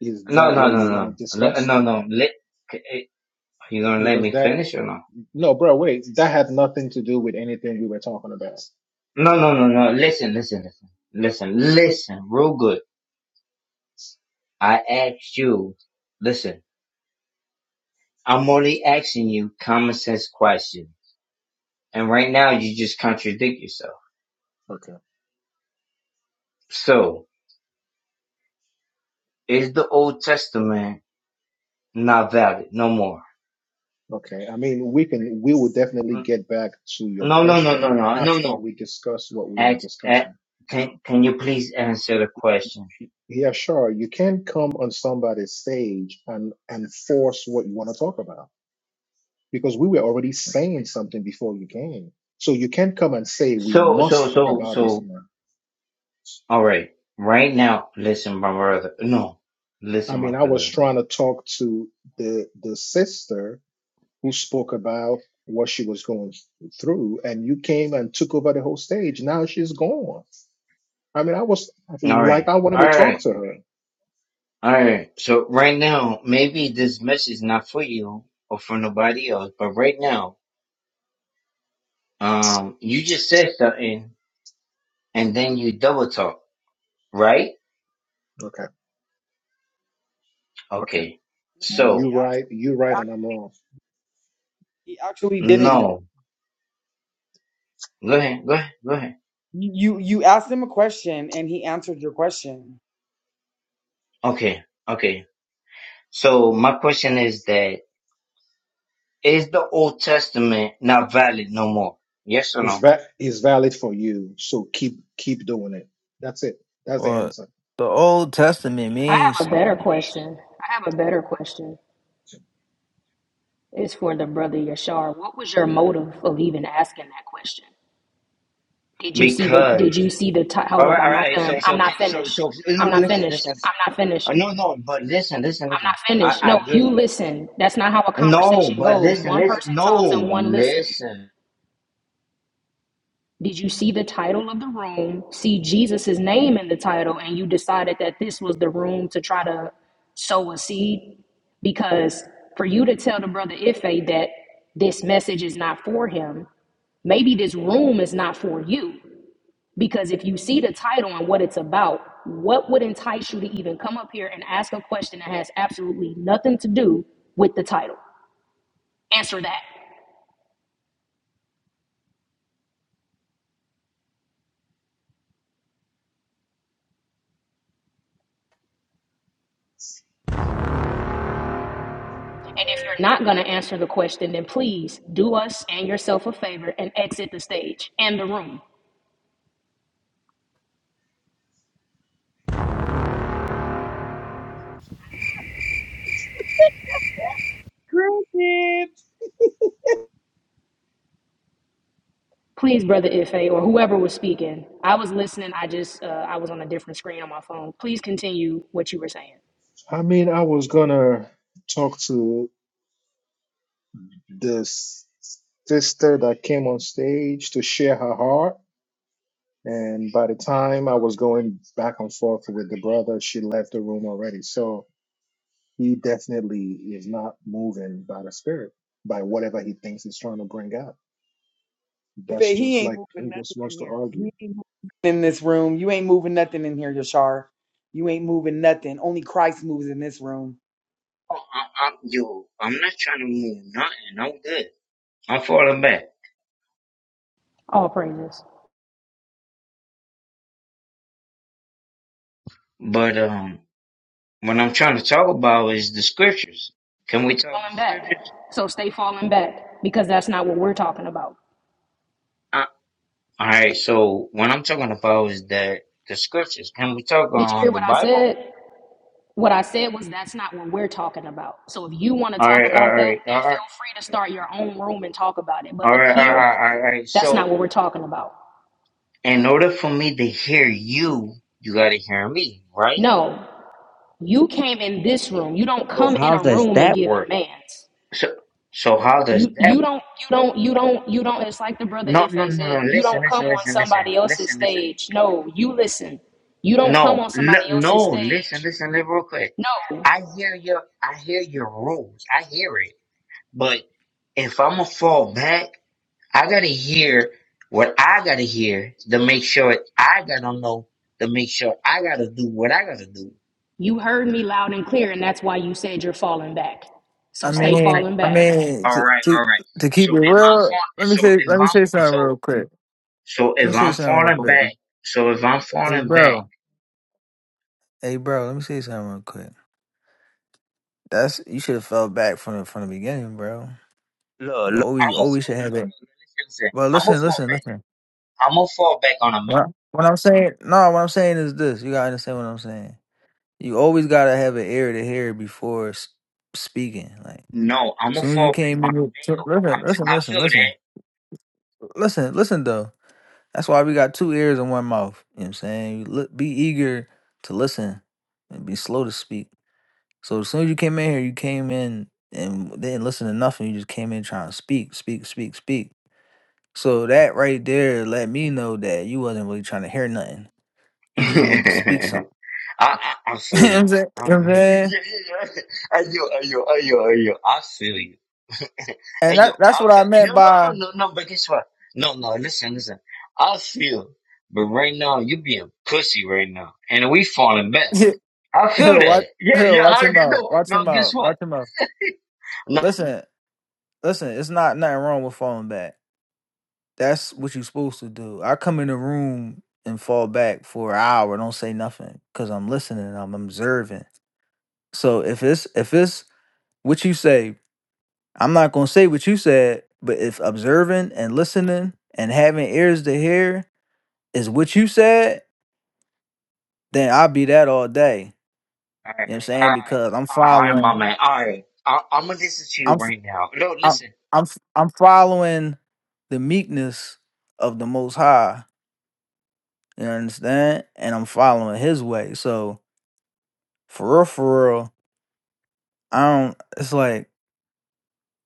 Speaker 1: is
Speaker 10: no,
Speaker 1: that
Speaker 10: no,
Speaker 1: what
Speaker 10: no, no,
Speaker 1: you wanna
Speaker 10: no, Le-
Speaker 1: discuss?
Speaker 10: no, no, let, you gonna let
Speaker 1: Because
Speaker 10: me
Speaker 1: that
Speaker 10: finish or no?
Speaker 1: no, bro, wait, that had nothing to do with anything we were talking about.
Speaker 10: No, no, no, no, listen, listen, listen, listen, listen, real good I asked you, listen, I'm only asking you common sense questions. And right now you just contradict yourself.
Speaker 1: Okay.
Speaker 10: So, is the Old Testament not valid? No more.
Speaker 1: Okay. I mean, we can we will definitely
Speaker 10: Mm,
Speaker 1: get back to your
Speaker 10: No, no, no, no,
Speaker 1: question
Speaker 10: no, no,
Speaker 1: after
Speaker 10: no.
Speaker 1: we discuss what we are
Speaker 10: Ask, a
Speaker 1: discussing.
Speaker 10: can, can you please answer the question?
Speaker 1: Yeah, sure. You can't come on somebody's stage and and force what you want to talk about because we were already saying something before you came. So you can't come and say we
Speaker 10: So, so,
Speaker 1: must talk
Speaker 10: so,
Speaker 1: about this
Speaker 10: so,
Speaker 1: now.
Speaker 10: alright. Right Right now, listen, my brother. No,
Speaker 1: I
Speaker 10: listen, my
Speaker 1: mean, I was
Speaker 10: brother.
Speaker 1: trying to talk to the the sister who spoke about what she was going through, and you came and took over the whole stage. Now she's gone. I mean, I was
Speaker 10: Alright.
Speaker 1: like, I wanted to
Speaker 10: Alright.
Speaker 1: talk to her.
Speaker 10: All right. So right now, maybe this message is not for you or for nobody else, but right now, um, you just said something and then you double talk, right?
Speaker 1: Okay, okay.
Speaker 10: Okay.
Speaker 4: You know
Speaker 1: You
Speaker 10: So
Speaker 4: he
Speaker 1: right,
Speaker 4: actually
Speaker 1: you right, and I'm wrong.
Speaker 4: he actually didn't. though.
Speaker 10: no, go ahead, go ahead, go ahead.
Speaker 4: You you you asked him a question and he answered your question.
Speaker 10: Okay, okay. So my question is that is the Old Testament not valid no more? Yes or
Speaker 1: It's
Speaker 10: no?
Speaker 1: va- it's valid for you. So keep keep doing it. That's it. That's the
Speaker 6: Well,
Speaker 1: answer.
Speaker 6: the Old Testament
Speaker 11: I
Speaker 6: means
Speaker 11: have a
Speaker 6: something.
Speaker 11: better question. I have a better question. It's for the brother Yashar. What was your motive of even asking that question? Did you see the did
Speaker 10: Because
Speaker 11: you see the ti hold
Speaker 10: all
Speaker 11: up,
Speaker 10: right, all
Speaker 11: I'm not
Speaker 10: right.
Speaker 11: done.
Speaker 10: So
Speaker 11: I'm
Speaker 10: so
Speaker 11: not
Speaker 10: so
Speaker 11: finished.
Speaker 10: so, so
Speaker 11: I'm
Speaker 10: no,
Speaker 11: not
Speaker 10: listen,
Speaker 11: finished.
Speaker 10: listen.
Speaker 11: I'm not
Speaker 10: Uh,
Speaker 11: finished.
Speaker 10: No, no, but listen, listen,
Speaker 11: I'm
Speaker 10: listen.
Speaker 11: not
Speaker 10: I,
Speaker 11: finished.
Speaker 10: I
Speaker 11: No,
Speaker 10: get it.
Speaker 11: you listen. That's not how a
Speaker 10: No,
Speaker 11: conversation
Speaker 10: but
Speaker 11: goes.
Speaker 10: listen,
Speaker 11: One
Speaker 10: listen.
Speaker 11: person talks
Speaker 10: No,
Speaker 11: and one listens.
Speaker 10: listen.
Speaker 11: Did you see the title of the room, see Jesus' name in the title, and you decided that this was the room to try to sow a seed? Because for you to tell the brother Ife that this message is not for him, maybe this room is not for you. Because if you see the title and what it's about, what would entice you to even come up here and ask a question that has absolutely nothing to do with the title? Answer that. And if you're not going to answer the question, then please do us and yourself a favor and exit the stage and the room.
Speaker 4: Cricket.
Speaker 11: Please, Brother Ife, or whoever was speaking. I was listening. I just, uh, I was on a different screen on my phone. Please continue what you were saying.
Speaker 1: I mean, I was gonna talk to this sister that came on stage to share her heart, and by the time I was going back and forth with the brother, she left the room already. So he definitely is not moving by the spirit, by whatever he thinks he's trying to bring out.
Speaker 4: If
Speaker 1: That's
Speaker 4: it, he
Speaker 1: just
Speaker 4: ain't
Speaker 1: like
Speaker 4: moving
Speaker 1: he
Speaker 4: nothing
Speaker 1: just
Speaker 4: in
Speaker 1: wants to
Speaker 4: here, he
Speaker 1: argue.
Speaker 4: ain't moving nothing in this room. You ain't moving nothing in here, Yashar. You ain't moving nothing. Only Christ moves in this room.
Speaker 10: Oh, I, I, yo, I'm not trying to move nothing. I'm good. I'm falling back.
Speaker 11: All praises.
Speaker 10: But um, what I'm trying to talk about is the scriptures. Can we talk the
Speaker 11: Falling back.
Speaker 10: scriptures?
Speaker 11: So stay falling back because that's not what we're talking about.
Speaker 10: Uh, all right. So what I'm talking about is that the scriptures. Can we talk
Speaker 11: Did you hear
Speaker 10: on the
Speaker 11: what I
Speaker 10: Bible?
Speaker 11: said? What I said was that's not what we're talking about. So if you want to
Speaker 10: All
Speaker 11: talk
Speaker 10: right. All
Speaker 11: about that,
Speaker 10: right. All
Speaker 11: then
Speaker 10: right.
Speaker 11: feel free to start your own room and talk about it. But
Speaker 10: All right. All
Speaker 11: up
Speaker 10: right. All
Speaker 11: here,
Speaker 10: right. All right.
Speaker 11: that's not
Speaker 10: So
Speaker 11: what we're talking about.
Speaker 10: in order for me to hear you, you got to hear me, right?
Speaker 11: No, You came in this room. You don't
Speaker 10: So
Speaker 11: come in
Speaker 10: how
Speaker 11: a
Speaker 10: does
Speaker 11: room and
Speaker 10: that
Speaker 11: give
Speaker 10: work?
Speaker 11: demands.
Speaker 10: So, so how does
Speaker 11: You
Speaker 10: that
Speaker 11: you don't
Speaker 10: work?
Speaker 11: you don't you don't you don't it's like the brother
Speaker 10: No,
Speaker 11: Ife
Speaker 10: no, no, no.
Speaker 11: said, you
Speaker 10: Listen,
Speaker 11: don't come
Speaker 10: listen,
Speaker 11: on
Speaker 10: listen, listen,
Speaker 11: somebody else's
Speaker 10: listen, listen.
Speaker 11: stage. No, you listen. You don't come
Speaker 10: No,
Speaker 11: on somebody
Speaker 10: li-
Speaker 11: else's
Speaker 10: no. Listen,
Speaker 11: stage.
Speaker 10: listen, li- real quick.
Speaker 11: No.
Speaker 10: I hear your, I hear your rules. I hear it. But if I'm gonna fall back, I gotta hear what I gotta hear to make sure I gotta know to make sure I gotta do what I gotta do.
Speaker 11: You heard me loud and clear and that's why you said you're falling back.
Speaker 6: I
Speaker 11: So
Speaker 10: Oh,
Speaker 11: stay
Speaker 6: mean
Speaker 11: falling
Speaker 6: I
Speaker 11: back.
Speaker 6: mean
Speaker 10: all
Speaker 6: to,
Speaker 10: right,
Speaker 6: to
Speaker 10: all right.
Speaker 6: to
Speaker 10: So
Speaker 6: keep it
Speaker 10: if I'm
Speaker 6: real,
Speaker 10: fall,
Speaker 6: let me
Speaker 10: so
Speaker 6: say
Speaker 10: if
Speaker 6: let me
Speaker 10: I'm
Speaker 6: say something
Speaker 10: so
Speaker 6: real quick.
Speaker 10: so
Speaker 6: Let me
Speaker 10: if
Speaker 6: say
Speaker 10: I'm
Speaker 6: something real
Speaker 10: falling
Speaker 6: quick.
Speaker 10: back, so if I'm
Speaker 6: Hey
Speaker 10: falling back.
Speaker 6: bro. Hey, bro, let me say something real quick. That's you should have fell back from the from the beginning, bro.
Speaker 10: Look,
Speaker 6: You
Speaker 10: look, I'm
Speaker 6: always
Speaker 10: a
Speaker 6: always
Speaker 10: fall.
Speaker 6: should
Speaker 10: No,
Speaker 6: have
Speaker 10: no,
Speaker 6: it.
Speaker 10: no, listen, listen.
Speaker 6: But
Speaker 10: I'm a
Speaker 6: listen,
Speaker 10: fall
Speaker 6: listen,
Speaker 10: back.
Speaker 6: listen.
Speaker 10: I'm a fall back on a. ma-
Speaker 6: What, what I'm saying, no, what I'm saying is this. You gotta understand what I'm saying. You always gotta have an ear to hear before s- speaking. Like,
Speaker 10: No, I'm a
Speaker 6: soon as you
Speaker 10: fall back
Speaker 6: came
Speaker 10: on
Speaker 6: in,
Speaker 10: a
Speaker 6: with- so-
Speaker 10: male. I,
Speaker 6: listen, listen,
Speaker 10: f-
Speaker 6: listen, listen, listen, listen. Though that's why we got two ears and one mouth. You know what I'm saying? You look, be eager to listen and be slow to speak. So as soon as you came in here, you came in and didn't listen to nothing. You just came in trying to speak, speak, speak, speak. So that right there let me know that you wasn't really trying to hear nothing.
Speaker 10: I feel that.
Speaker 6: You just wanted to speak something.
Speaker 10: I, I I
Speaker 6: you know
Speaker 10: feel
Speaker 6: what
Speaker 10: you.
Speaker 6: I'm saying? You
Speaker 10: Uh,
Speaker 6: know what I'm saying?
Speaker 10: yeah, yeah, yeah. Ayo, ayo, ayo, ayo. I feel you.
Speaker 6: And
Speaker 10: Ayo,
Speaker 6: that, that's
Speaker 10: I
Speaker 6: what
Speaker 10: feel.
Speaker 6: I
Speaker 10: No,
Speaker 6: meant
Speaker 10: no, no,
Speaker 6: by
Speaker 10: no, no. But guess what? No, no. Listen, listen. I feel. But right now, you being pussy right now, and we falling back. I feel
Speaker 6: Hill, watch
Speaker 10: that. Yeah,
Speaker 6: Hill,
Speaker 10: yeah.
Speaker 6: watch
Speaker 10: I
Speaker 6: him out.
Speaker 10: no,
Speaker 6: Watch
Speaker 10: no.
Speaker 6: him
Speaker 10: Guess
Speaker 6: out.
Speaker 10: what?
Speaker 6: Watch him out.
Speaker 10: No,
Speaker 6: Listen, listen, it's not nothing wrong with falling back. That's what you're supposed to do. I come in the room and fall back for an hour, don't say nothing. Cause I'm listening, I'm observing. So if it's if it's what you say, I'm not gonna say what you said, but if observing and listening and having ears to hear is what you said, then I'll be that all day. You
Speaker 10: Alright,
Speaker 6: know what I'm saying?
Speaker 10: alright,
Speaker 6: Because I'm
Speaker 10: alright, alright, my
Speaker 6: following
Speaker 10: man. Alright, I, I'm gonna listen to you
Speaker 6: I'm f-
Speaker 10: right now. No,
Speaker 6: I'm
Speaker 10: listen,
Speaker 6: I'm f- I'm following the meekness of the most high. You understand? And I'm following his way. So for real for real, I don't it's like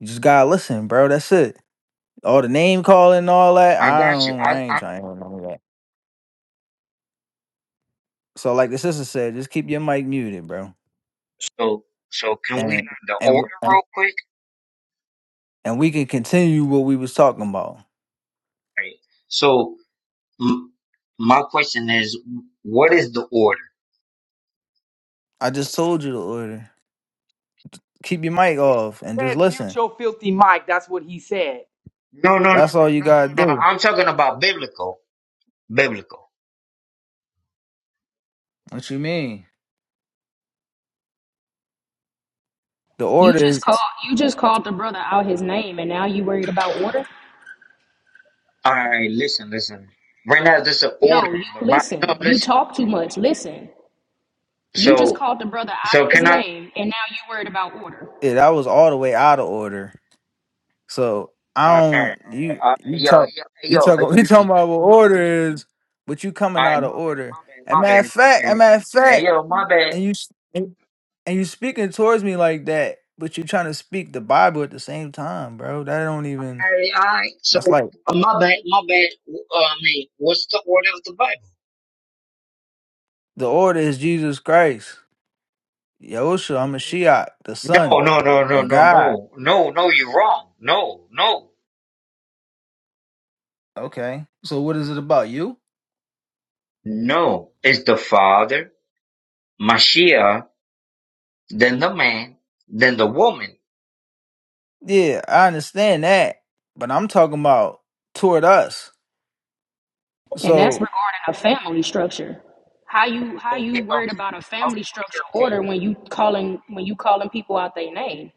Speaker 6: you just gotta listen, bro. That's it. all the name calling and all that.
Speaker 10: I
Speaker 6: I
Speaker 10: got you.
Speaker 6: don't.
Speaker 10: I,
Speaker 6: I ain't
Speaker 10: I
Speaker 6: trying to hear none of that. So, like the sister said, just keep your mic muted, bro,
Speaker 10: so so can we
Speaker 6: and
Speaker 10: learn the
Speaker 6: and
Speaker 10: order
Speaker 6: w- and
Speaker 10: real quick?
Speaker 6: and we can continue what we was talking about.
Speaker 10: Alright. So m- my question is, what is the order?
Speaker 6: I just told you the order. Keep your mic off and just
Speaker 4: Said mute
Speaker 6: listen.
Speaker 4: your filthy mic. That's what he said.
Speaker 10: No, no, no,
Speaker 6: That's
Speaker 10: no,
Speaker 6: all you
Speaker 10: no,
Speaker 6: gotta
Speaker 10: no, no.
Speaker 6: do.
Speaker 10: I'm talking about biblical, biblical.
Speaker 6: What you mean? The
Speaker 11: You
Speaker 6: order
Speaker 11: just
Speaker 6: is
Speaker 11: called you just called the brother out his name and now you worried about order?
Speaker 10: Alright, listen, listen. Right now, there's an order
Speaker 11: No, you
Speaker 10: in the Bible. No,
Speaker 11: listen. You
Speaker 10: listen.
Speaker 11: talk too much. Listen. You just
Speaker 10: So
Speaker 11: called the brother out
Speaker 10: so
Speaker 11: of his
Speaker 10: can I?
Speaker 11: name, and now you worried about order.
Speaker 6: yeah, that was all the way out of order. So
Speaker 10: All
Speaker 6: I
Speaker 10: right. Alright,
Speaker 6: don't you
Speaker 10: alright, alright.
Speaker 6: you
Speaker 10: yo,
Speaker 6: talk you
Speaker 10: yo,
Speaker 6: talk
Speaker 10: yo,
Speaker 6: you
Speaker 10: yo.
Speaker 6: talking about what order is, but you
Speaker 10: All
Speaker 6: coming
Speaker 10: right,
Speaker 6: out of
Speaker 10: my bad,
Speaker 6: order.
Speaker 10: my bad,
Speaker 6: And
Speaker 10: my
Speaker 6: matter of
Speaker 10: bad, my
Speaker 6: fact, and
Speaker 10: bad.
Speaker 6: matter of
Speaker 10: Hey,
Speaker 6: fact,
Speaker 10: yo, my bad.
Speaker 6: and you. s- and you speaking towards me like that, but you're trying to speak the Bible at the same time, bro. That don't even.
Speaker 10: Hey, all right. So,
Speaker 6: That's like
Speaker 10: uh, my bad, my bad. Uh, I mean, what's the order of the Bible?
Speaker 6: the order is Jesus Christ, Yahushua, I'm a Shiach, the
Speaker 10: No,
Speaker 6: Son
Speaker 10: no, no, no,
Speaker 6: of
Speaker 10: no,
Speaker 6: God.
Speaker 10: no, no, no. You're wrong. No, no,
Speaker 6: Okay, so what is it about you?
Speaker 10: no. It's the father, Mashiach, then the man, then the woman.
Speaker 6: Yeah, I understand that, but I'm talking about toward us.
Speaker 11: And that's
Speaker 10: Okay,
Speaker 6: So
Speaker 11: regarding a family structure. How you how
Speaker 10: okay,
Speaker 11: you worried about a
Speaker 10: okay, okay,
Speaker 11: family
Speaker 10: okay,
Speaker 11: structure
Speaker 10: okay.
Speaker 11: order when you calling when you calling people out their name?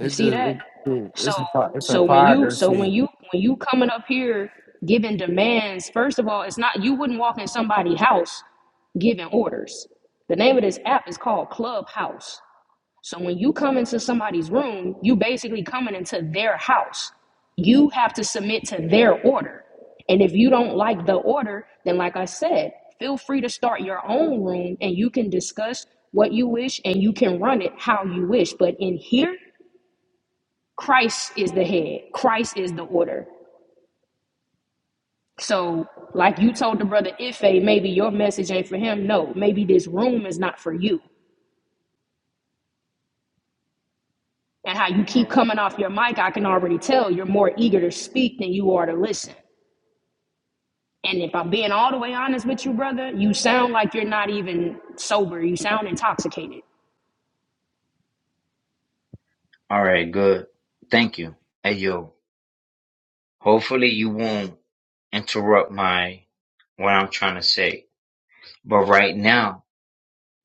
Speaker 11: You see
Speaker 6: just
Speaker 11: that?
Speaker 6: it's
Speaker 11: So
Speaker 6: it's hypo- it's
Speaker 11: so when you so when
Speaker 6: hypocrisy.
Speaker 11: you when you coming up here giving demands, first of all, it's not you wouldn't walk in somebody's house giving orders. The name of this app is called Clubhouse. So when you come into somebody's room, you basically coming into their house. You have to submit to their order. And if you don't like the order, then like I said, feel free to start your own room and you can discuss what you wish and you can run it how you wish. But in here, Christ is the head. Christ is the order. So, like you told the brother Ife, maybe your message ain't for him. No, maybe this room is not for you. and how you
Speaker 10: All
Speaker 11: keep
Speaker 10: right.
Speaker 11: coming off your mic, I can already tell you're more eager to speak than you are to listen. And if I'm being all the way honest with you, brother, you sound like you're not even sober. You sound intoxicated.
Speaker 10: all right, good. Thank you. Hey, yo. Hopefully, you won't interrupt my what I'm trying to say. But right now,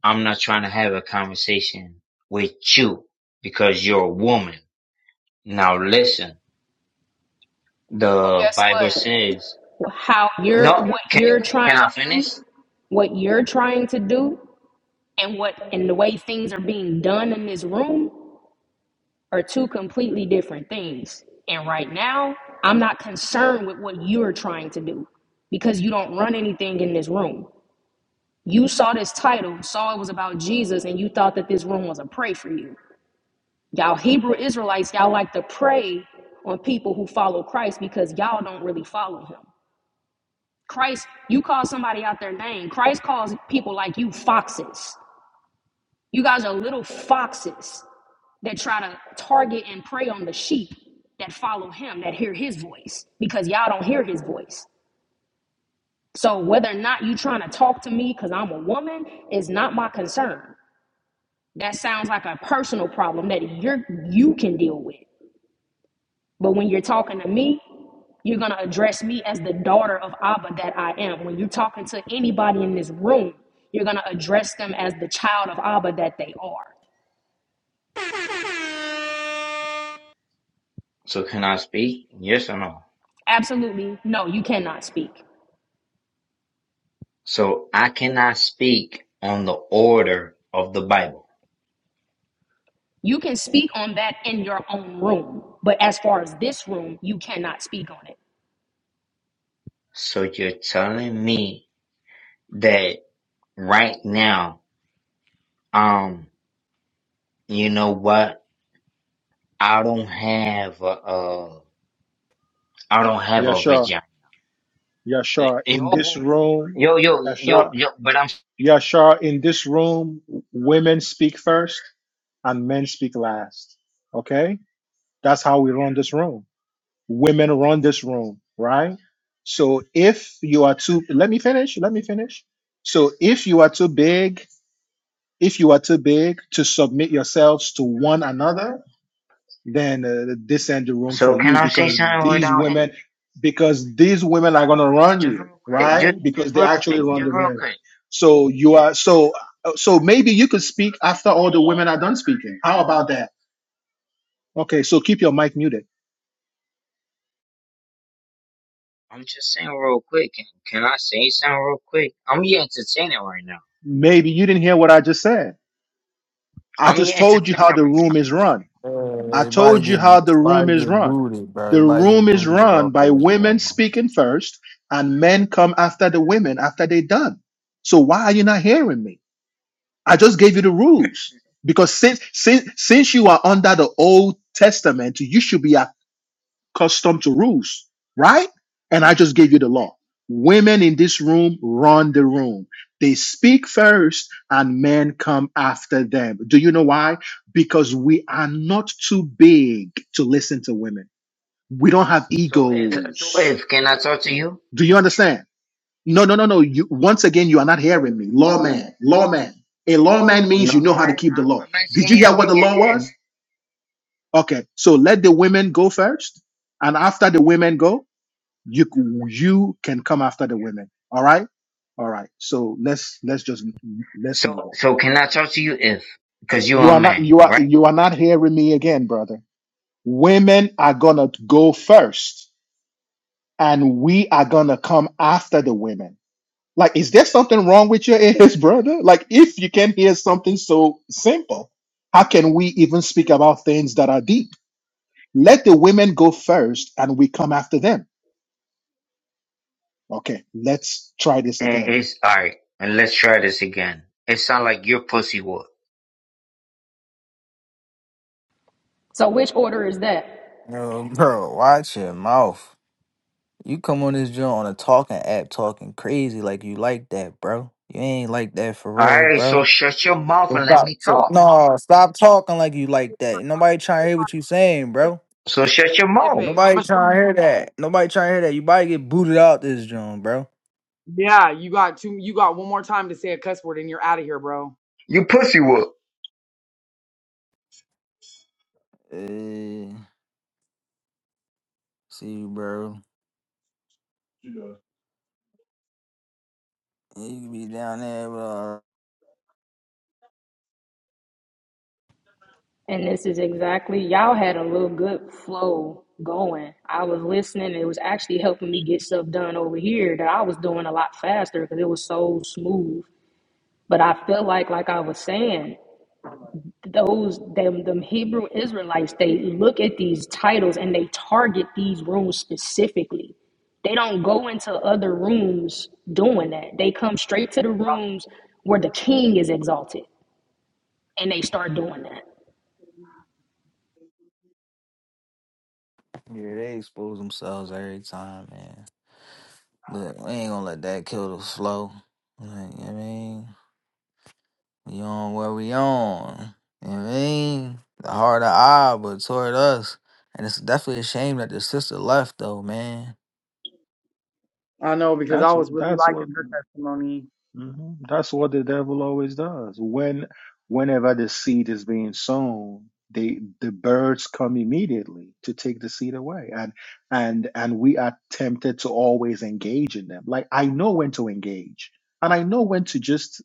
Speaker 10: I'm not trying to have a conversation with you because you're a woman. Now listen,
Speaker 11: Well,
Speaker 10: the
Speaker 11: guess
Speaker 10: Bible
Speaker 11: what?
Speaker 10: says,
Speaker 11: How you're
Speaker 4: He
Speaker 10: no,
Speaker 11: what
Speaker 4: doesn't.
Speaker 10: can,
Speaker 11: you're
Speaker 10: can,
Speaker 11: trying
Speaker 10: can I
Speaker 11: to do,
Speaker 10: finish?
Speaker 11: what you're trying to do, and what and the way things are being done in this room are two completely different things. And right now, I'm not concerned with what you're trying to do because you don't run anything in this room. You saw this title, saw it was about Jesus, and you thought that this room was a pray for you. Y'all Hebrew Israelites, y'all like to pray on people who follow Christ because y'all don't really follow him. Christ, you call somebody out their name. Christ calls people like you foxes. You guys are little foxes that try to target and prey on the sheep that follow him, that hear his voice, because y'all don't hear his voice. So whether or not you trying to talk to me because I'm a woman is not my concern. That sounds like a personal problem that you're you can deal with. But when you're talking to me, you're gonna address me as the daughter of Abba that I am. When you're talking to anybody in this room, you're gonna address them as the child of Abba that they are.
Speaker 10: So can I speak? Yes or no?
Speaker 11: Absolutely, no, you cannot speak.
Speaker 10: So I cannot speak on the order of the Bible.
Speaker 11: You can speak on that in your own room, but as far as this room, you cannot speak on it.
Speaker 10: So you're telling me that right now, um, you know what? I don't have a, uh, I don't have a vagina. Uh,
Speaker 1: Yashar, in
Speaker 10: Yo,
Speaker 1: this room,
Speaker 10: yo, yo, yo,
Speaker 1: Yashar.
Speaker 10: yo. But I'm
Speaker 1: Yeah, sure. In this room, women speak first and men speak last. Okay? That's how we run this room. Women run this room, right? So if you are too, let me finish. Let me finish. So if you are too big, if you are too big to submit yourselves to one another, then uh, this end the room
Speaker 10: so
Speaker 1: for
Speaker 10: can
Speaker 1: you
Speaker 10: I say
Speaker 1: because
Speaker 10: something without an- just real quick, just just real quick, just real quick.
Speaker 1: so so how that?
Speaker 10: I'm just saying real quick. Can, can I say something real quick? I'm your entertainer right now. I'm your entertainer right now.
Speaker 6: Uh,
Speaker 1: I
Speaker 6: everybody
Speaker 1: told you
Speaker 6: get
Speaker 1: how the room
Speaker 6: everybody
Speaker 1: is
Speaker 6: get
Speaker 1: run.
Speaker 6: booted, bro.
Speaker 1: The
Speaker 6: Everybody get
Speaker 1: room is
Speaker 6: booted
Speaker 1: run
Speaker 6: off
Speaker 1: by
Speaker 6: of this
Speaker 1: women
Speaker 6: drama.
Speaker 1: speaking first, and men come after the women after they done. So why are you not hearing me? I just gave you the rules because since since since you are under the Old Testament, you should be custom to rules, right? And I just gave you the law. Women in this room run the room. They speak first and men come after them. Do you know why? Because we are not too big to listen to women. We don't have
Speaker 10: So if so
Speaker 1: egos.
Speaker 10: if can I talk to you?
Speaker 1: Do you understand? No, no, no, no. You once again you are not hearing me. Lawman, lawman. A lawman
Speaker 10: No,
Speaker 1: means you know
Speaker 10: I'm
Speaker 1: how to keep the
Speaker 10: a-
Speaker 1: law.
Speaker 10: I'm
Speaker 1: Did
Speaker 10: asking
Speaker 1: you
Speaker 10: you
Speaker 1: hear
Speaker 10: if
Speaker 1: what
Speaker 10: you
Speaker 1: the
Speaker 10: can.
Speaker 1: law was?
Speaker 10: If,
Speaker 1: Okay. So let the women go first. And after the women go, you you can come after the women all right all right so let's let's just
Speaker 10: so
Speaker 1: walk.
Speaker 10: so can I talk to you if because you're
Speaker 1: you
Speaker 10: a
Speaker 1: are not
Speaker 10: man,
Speaker 1: you are
Speaker 10: right?
Speaker 1: you are not hearing me again brother women are gonna go first and we are gonna come after the women like is there something wrong with your ears brother like if you can hear so simple how can that are deep let them okay let's try this
Speaker 10: And
Speaker 1: again
Speaker 10: it's all right. And let's try this again. It sounds like you're pussy whoop.
Speaker 11: So which order is that?
Speaker 6: Yo, bro, watch your mouth. You come on this joint on a talking app talking crazy like you like that, bro. You ain't like that for real,
Speaker 10: Alright, so
Speaker 6: bro.
Speaker 10: shut your mouth
Speaker 6: Well,
Speaker 10: and let
Speaker 6: Stop.
Speaker 10: me
Speaker 6: so-
Speaker 10: talk.
Speaker 6: No, stop talking like you like that. Nobody trying to hear what you saying,
Speaker 4: If,
Speaker 6: bro.
Speaker 10: So shut your
Speaker 4: if
Speaker 10: mouth.
Speaker 4: a, I'm
Speaker 6: Nobody
Speaker 4: gonna show.
Speaker 6: trying to hear that. Nobody trying to hear that. You about get booted out this joint, bro.
Speaker 4: Yeah, you got two. You got one more time to say a cuss word, and you're out of here, bro.
Speaker 10: You pussy whoop.
Speaker 6: Hey, see you, bro. You can be down there, bro.
Speaker 11: And this is exactly, y'all had a little good flow going. I was listening. It was actually helping me get stuff done over here that I was doing a lot faster because it was so smooth. But I felt like, like I was saying, those them them Hebrew Israelites, they look at these titles and they target these rooms specifically. They don't go into other rooms doing that. They come straight to the rooms where the king is exalted and they start doing that.
Speaker 6: Yeah, they expose themselves every time, man. But we ain't gonna let that kill the flow. Like, you know what I mean? We on where we on. You know what I mean? The heart of I, but toward us. And it's definitely a shame that the sister left though, man.
Speaker 4: I know because I
Speaker 1: That's
Speaker 4: was
Speaker 1: wh-
Speaker 4: really
Speaker 1: that's
Speaker 4: liking
Speaker 1: what.
Speaker 4: her testimony.
Speaker 1: hmm That's what the devil always does. When, whenever the seed is being sown, they the birds come immediately to take the seed away, and and and we are tempted to always engage in them. Like I know when to engage, and I know when to just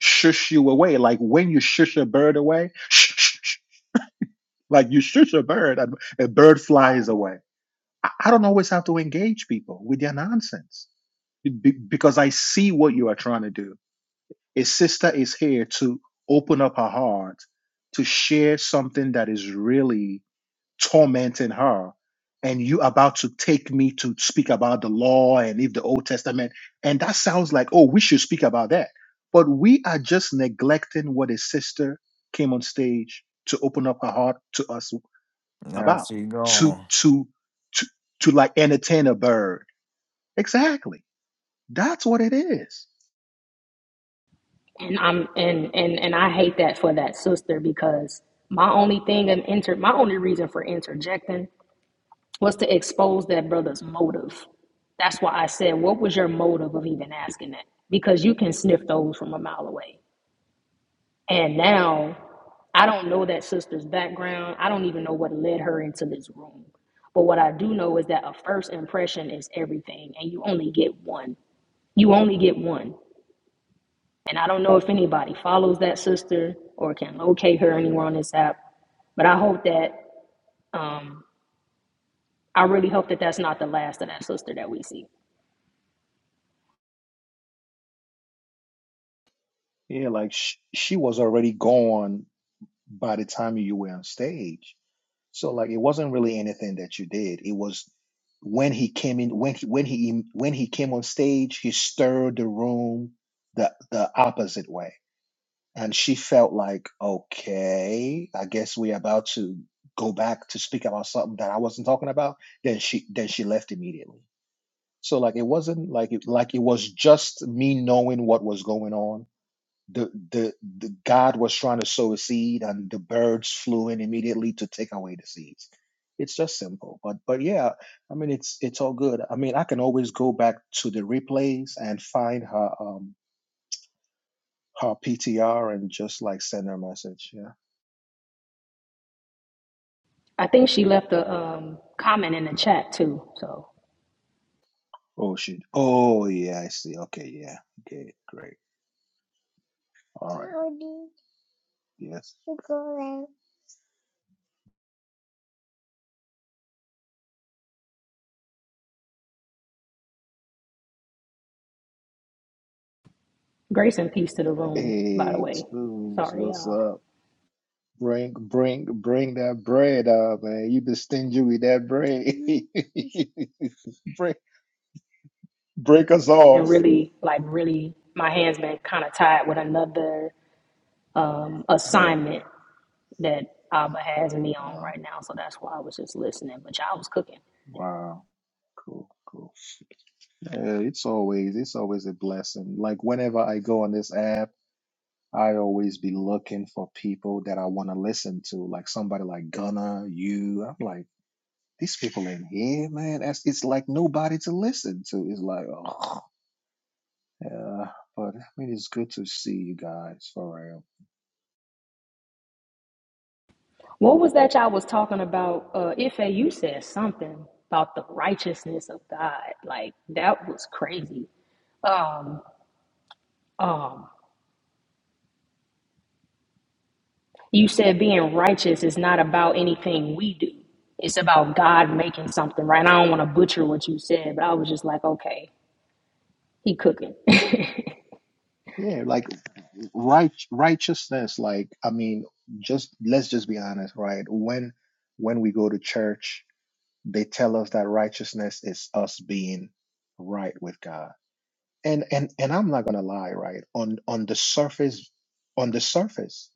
Speaker 1: shush you away. Like when you shush a bird away, shh, shh, shh. like you shush a bird, and a bird flies away. I, I don't always have to engage people with their nonsense be- because I see what you are trying to do. A sister is here to open up her heart to share something that is really tormenting her. And you about to take me to speak about the law and if the Old Testament. And that sounds like, oh, we should speak about that. But we are just neglecting what a sister came on stage to open up her heart to us
Speaker 6: Now
Speaker 1: about.
Speaker 6: she
Speaker 1: To
Speaker 6: gone.
Speaker 1: to to to like entertain a bird. Exactly. That's what it is.
Speaker 11: and I'm and and and I hate that for that sister because my only thing and inter my only reason for interjecting was to expose that brother's motive. That's why I said, what was your motive of even asking that? Because you can sniff those from a mile away. And now I don't know that sister's background. I don't even know what led her into this room. But what I do know is that a first impression is everything, and you only get one. You only get one. And I don't know if anybody follows that sister or can locate her anywhere on this app, but I hope that, um, I really hope that that's not the last of that sister that we see.
Speaker 1: Yeah, like sh- she was already gone by the time you were on stage. So like it wasn't really anything that you did. It was when he came in when he when he when he came on stage, he stirred the room the the opposite way. And she felt like, okay, I guess we're about to go back to speak about something that I wasn't talking about. Then she then she left immediately. So like it wasn't like it like it was just me knowing what was going on the, the the God was trying to sow a seed, and the birds flew in immediately to take away the seeds. It's just simple, but but yeah, I mean it's it's all good. I mean I can always go back to the replays and find her um her PTR and just like send her a message. Yeah.
Speaker 11: I think she left a um, comment in the chat too. So
Speaker 1: Oh shit. Oh yeah, I see. Okay, yeah. Okay, great. All yes.
Speaker 11: grace and peace to the room, by the
Speaker 1: Hey,
Speaker 11: way.
Speaker 1: Tunes,
Speaker 11: Sorry,
Speaker 1: what's
Speaker 11: y'all.
Speaker 1: up? Bring, bring, bring that bread up, man. You've been stingy with that bread. break, break us
Speaker 11: And
Speaker 1: off.
Speaker 11: really, like, really, my hands been kind of tied with another um,
Speaker 1: Oh,
Speaker 11: assignment that Abba has me on
Speaker 1: wow.
Speaker 11: right now. So that's why I was just listening. But y'all was cooking.
Speaker 1: Wow. Cool, cool. Yeah, it's always, it's always a blessing. Like whenever I go on this app, I always be looking for people that I want to listen to, like somebody like Gunna, you. I'm like, these people in here, man. That's, it's like nobody to listen to. It's like, oh, yeah. But I mean, it's good to see you guys for real.
Speaker 11: What was that y'all was talking about? Uh, Ife, you said something about the righteousness of God. Like that was crazy. Um, um, you said being righteous is not about anything we do. It's about God making something right. And I don't want to butcher what you said, but I was just like, okay, he cooking.
Speaker 1: Yeah, like right righteousness, like I mean, just let's just be honest, right? When when we go to church, they tell us that righteousness is us being right with God. And and and I'm not gonna lie, right? On on the surface, on the surface,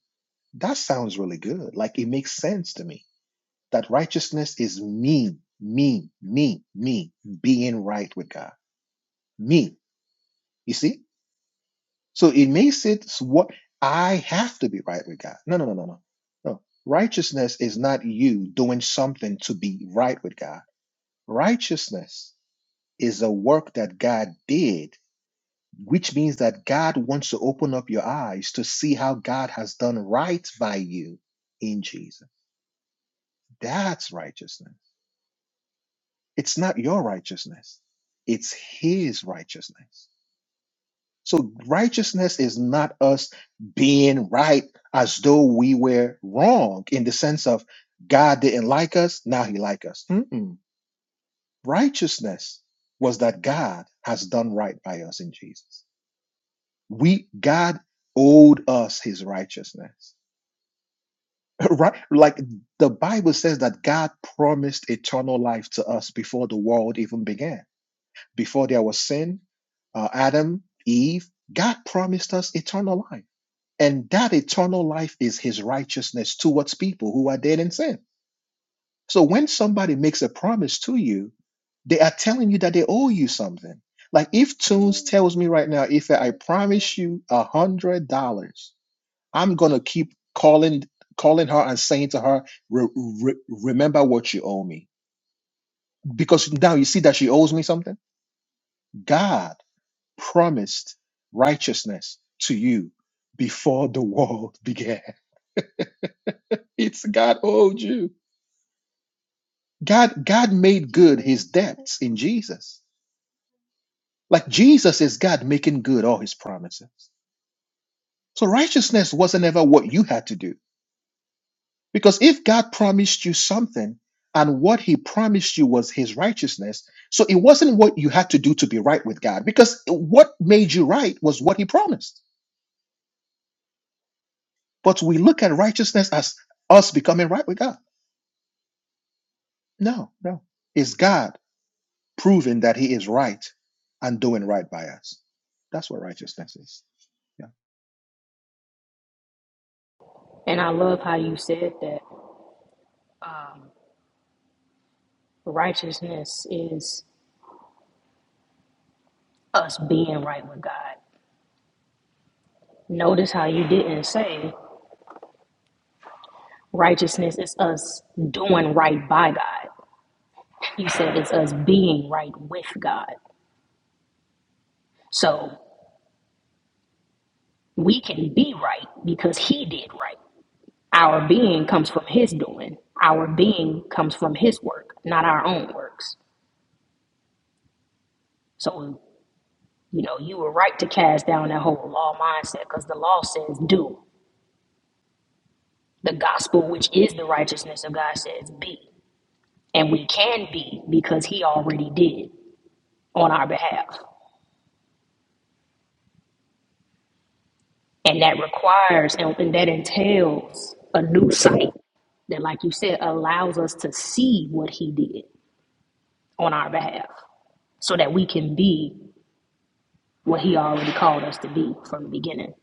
Speaker 1: that sounds really good. Like it makes sense to me that righteousness is me, me, me, me being right with God. Me. You see? So it makes it what I have to be right with God. No, no, no, no, no. No. Righteousness is not you doing something to be right with God. Righteousness is a work that God did, which means that God wants to open up your eyes to see how God has done right by you in Jesus. That's righteousness. It's not your righteousness. It's his righteousness. So righteousness is not us being right as though we were wrong in the sense of God didn't like us, now he like us. Mm-mm. Righteousness was that God has done right by us in Jesus. We God owed us his righteousness. Right? Like the Bible says that God promised eternal life to us before the world even began. Before there was sin, uh, Adam, Eve, God promised us eternal life And that eternal life is his righteousness towards people who are dead in sin. So when somebody makes a promise to you, they are telling you that they owe you something. Like if Tony tells me right now, if I promise you a hundred dollars, I'm gonna keep calling calling her and saying to her, "Re- re- remember what you owe me. Because now you see that she owes me something. God promised righteousness to you before the world began. It's God owed you God God made good his debts in Jesus. Like Jesus is God making good all his promises. So righteousness wasn't ever what you had to do. Because if God promised you something and what he promised you was his righteousness, so it wasn't what you had to do to be right with God because what made you right was what he promised. But we look at righteousness as us becoming right with God. No, no. It's God proving that he is right and doing right by us. That's what righteousness is.
Speaker 11: and I love how you said that righteousness is us being right with God. Notice how you didn't say righteousness is us doing right by God. He said it's us being right with God. So we can be right because He did right. Our being comes from His doing, our being comes from His work, not our own works. So, you know, you were right to cast down that whole law mindset because the law says do. The gospel, which is the righteousness of God, says be. And we can be because He already did on our behalf. And that requires and, and that entails a new sight that, like you said, allows us to see what he did on our behalf so that we can be what he already called us to be from the beginning.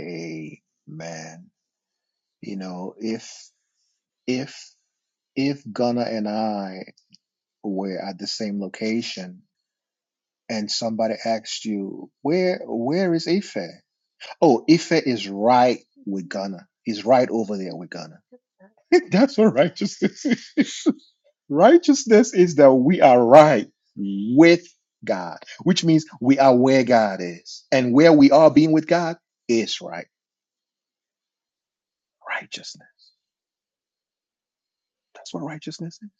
Speaker 1: Amen. You know, if if if Gunnar and I were at the same location and somebody asked you, where where is Ife? Oh, Ife is right with Gunnar. He's right over there with Gunnar. That's what righteousness is. Righteousness is that we are right with God, which means we are where God is. And where we are being with God is right. Righteousness. That's what righteousness is.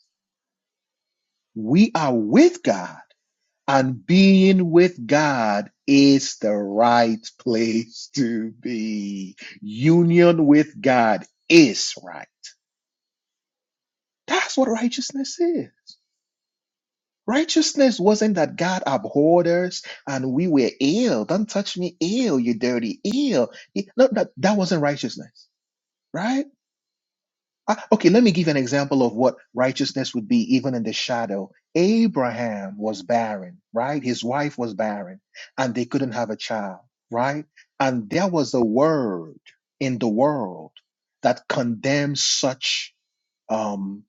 Speaker 1: We are with God, and being with God is the right place to be. Union with God is right. That's what righteousness is. Righteousness wasn't that God abhorred us and we were ill. Don't touch me ill, you dirty ill. No, that, that wasn't righteousness, right? I- Okay, let me give an example of what righteousness would be, even in the shadow. Abraham was barren, right? His wife was barren, and they couldn't have a child, right? And there was a word in the world that condemns such um,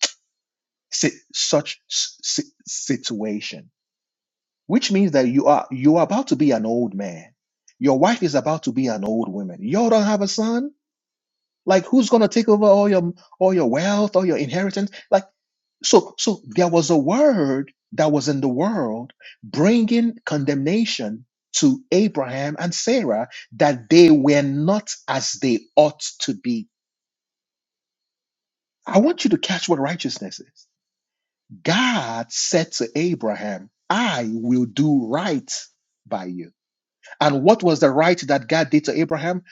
Speaker 1: si- such s- si- situation, which means that you are you are about to be an old man. Your wife is about to be an old woman. You all don't have a son. Like who's gonna take over all your all your wealth, all your inheritance? Like so, so there was a word that was in the world bringing condemnation to Abraham and Sarah that they were not as they ought to be. I want you to catch what righteousness is. God said to Abraham, I will do right by you. And what was the right that God did to Abraham?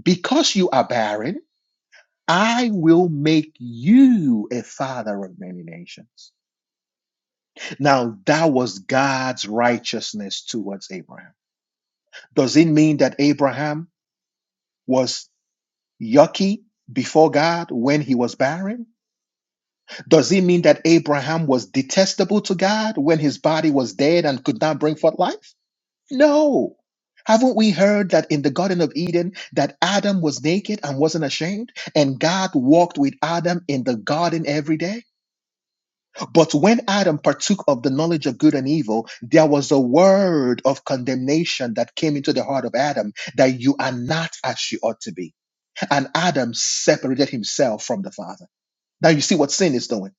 Speaker 1: Because you are barren, I will make you a father of many nations. Now, that was God's righteousness towards Abraham. Does it mean that Abraham was yucky before God when he was barren? Does it mean that Abraham was detestable to God when his body was dead and could not bring forth life? No. Haven't we heard that in the Garden of Eden that Adam was naked and wasn't ashamed and God walked with Adam in the garden every day? But when Adam partook of the knowledge of good and evil, there was a word of condemnation that came into the heart of Adam that you are not as you ought to be. And Adam separated himself from the Father. Now you see what sin is doing.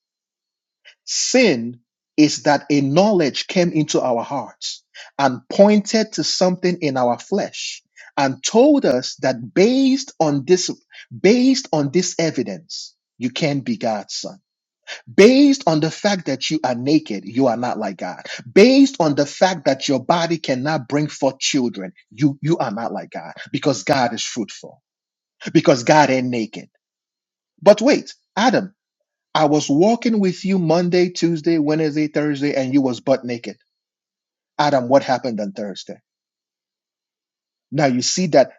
Speaker 1: Sin is that a knowledge came into our hearts and pointed to something in our flesh and told us that based on this based on this evidence you can be God's son Based on the fact that you are naked, you are not like God. Based on the fact that your body cannot bring forth children, you, you are not like God because God is fruitful, because God ain't naked. But wait, Adam, I was walking with you Monday, Tuesday, Wednesday, Thursday, and you was butt naked. Adam, what happened on Thursday? Now you see that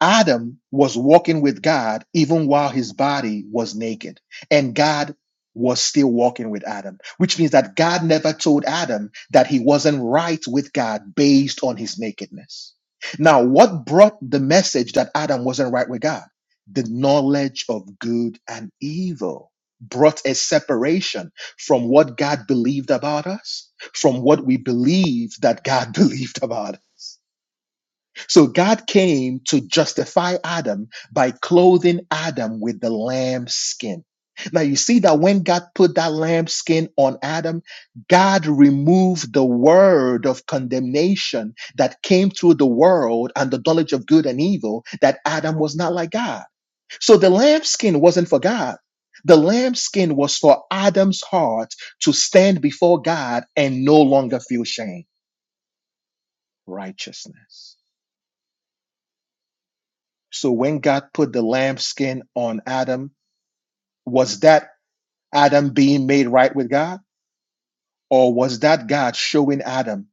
Speaker 1: Adam was walking with God even while his body was naked, and God was still walking with Adam, which means that God never told Adam that he wasn't right with God based on his nakedness. Now, what brought the message that Adam wasn't right with God? The knowledge of good and evil brought a separation from what God believed about us, from what we believed that God believed about us so God came to justify Adam by clothing Adam with the lamb skin. Now you see that when God put that lamb skin on Adam, God removed the word of condemnation that came through the world and the knowledge of good and evil that Adam was not like God. So the lamb skin wasn't for God. The lamb skin was for Adam's heart to stand before God and no longer feel shame. Righteousness. So when God put the lambskin on Adam, was that Adam being made right with God? Or was that God showing Adam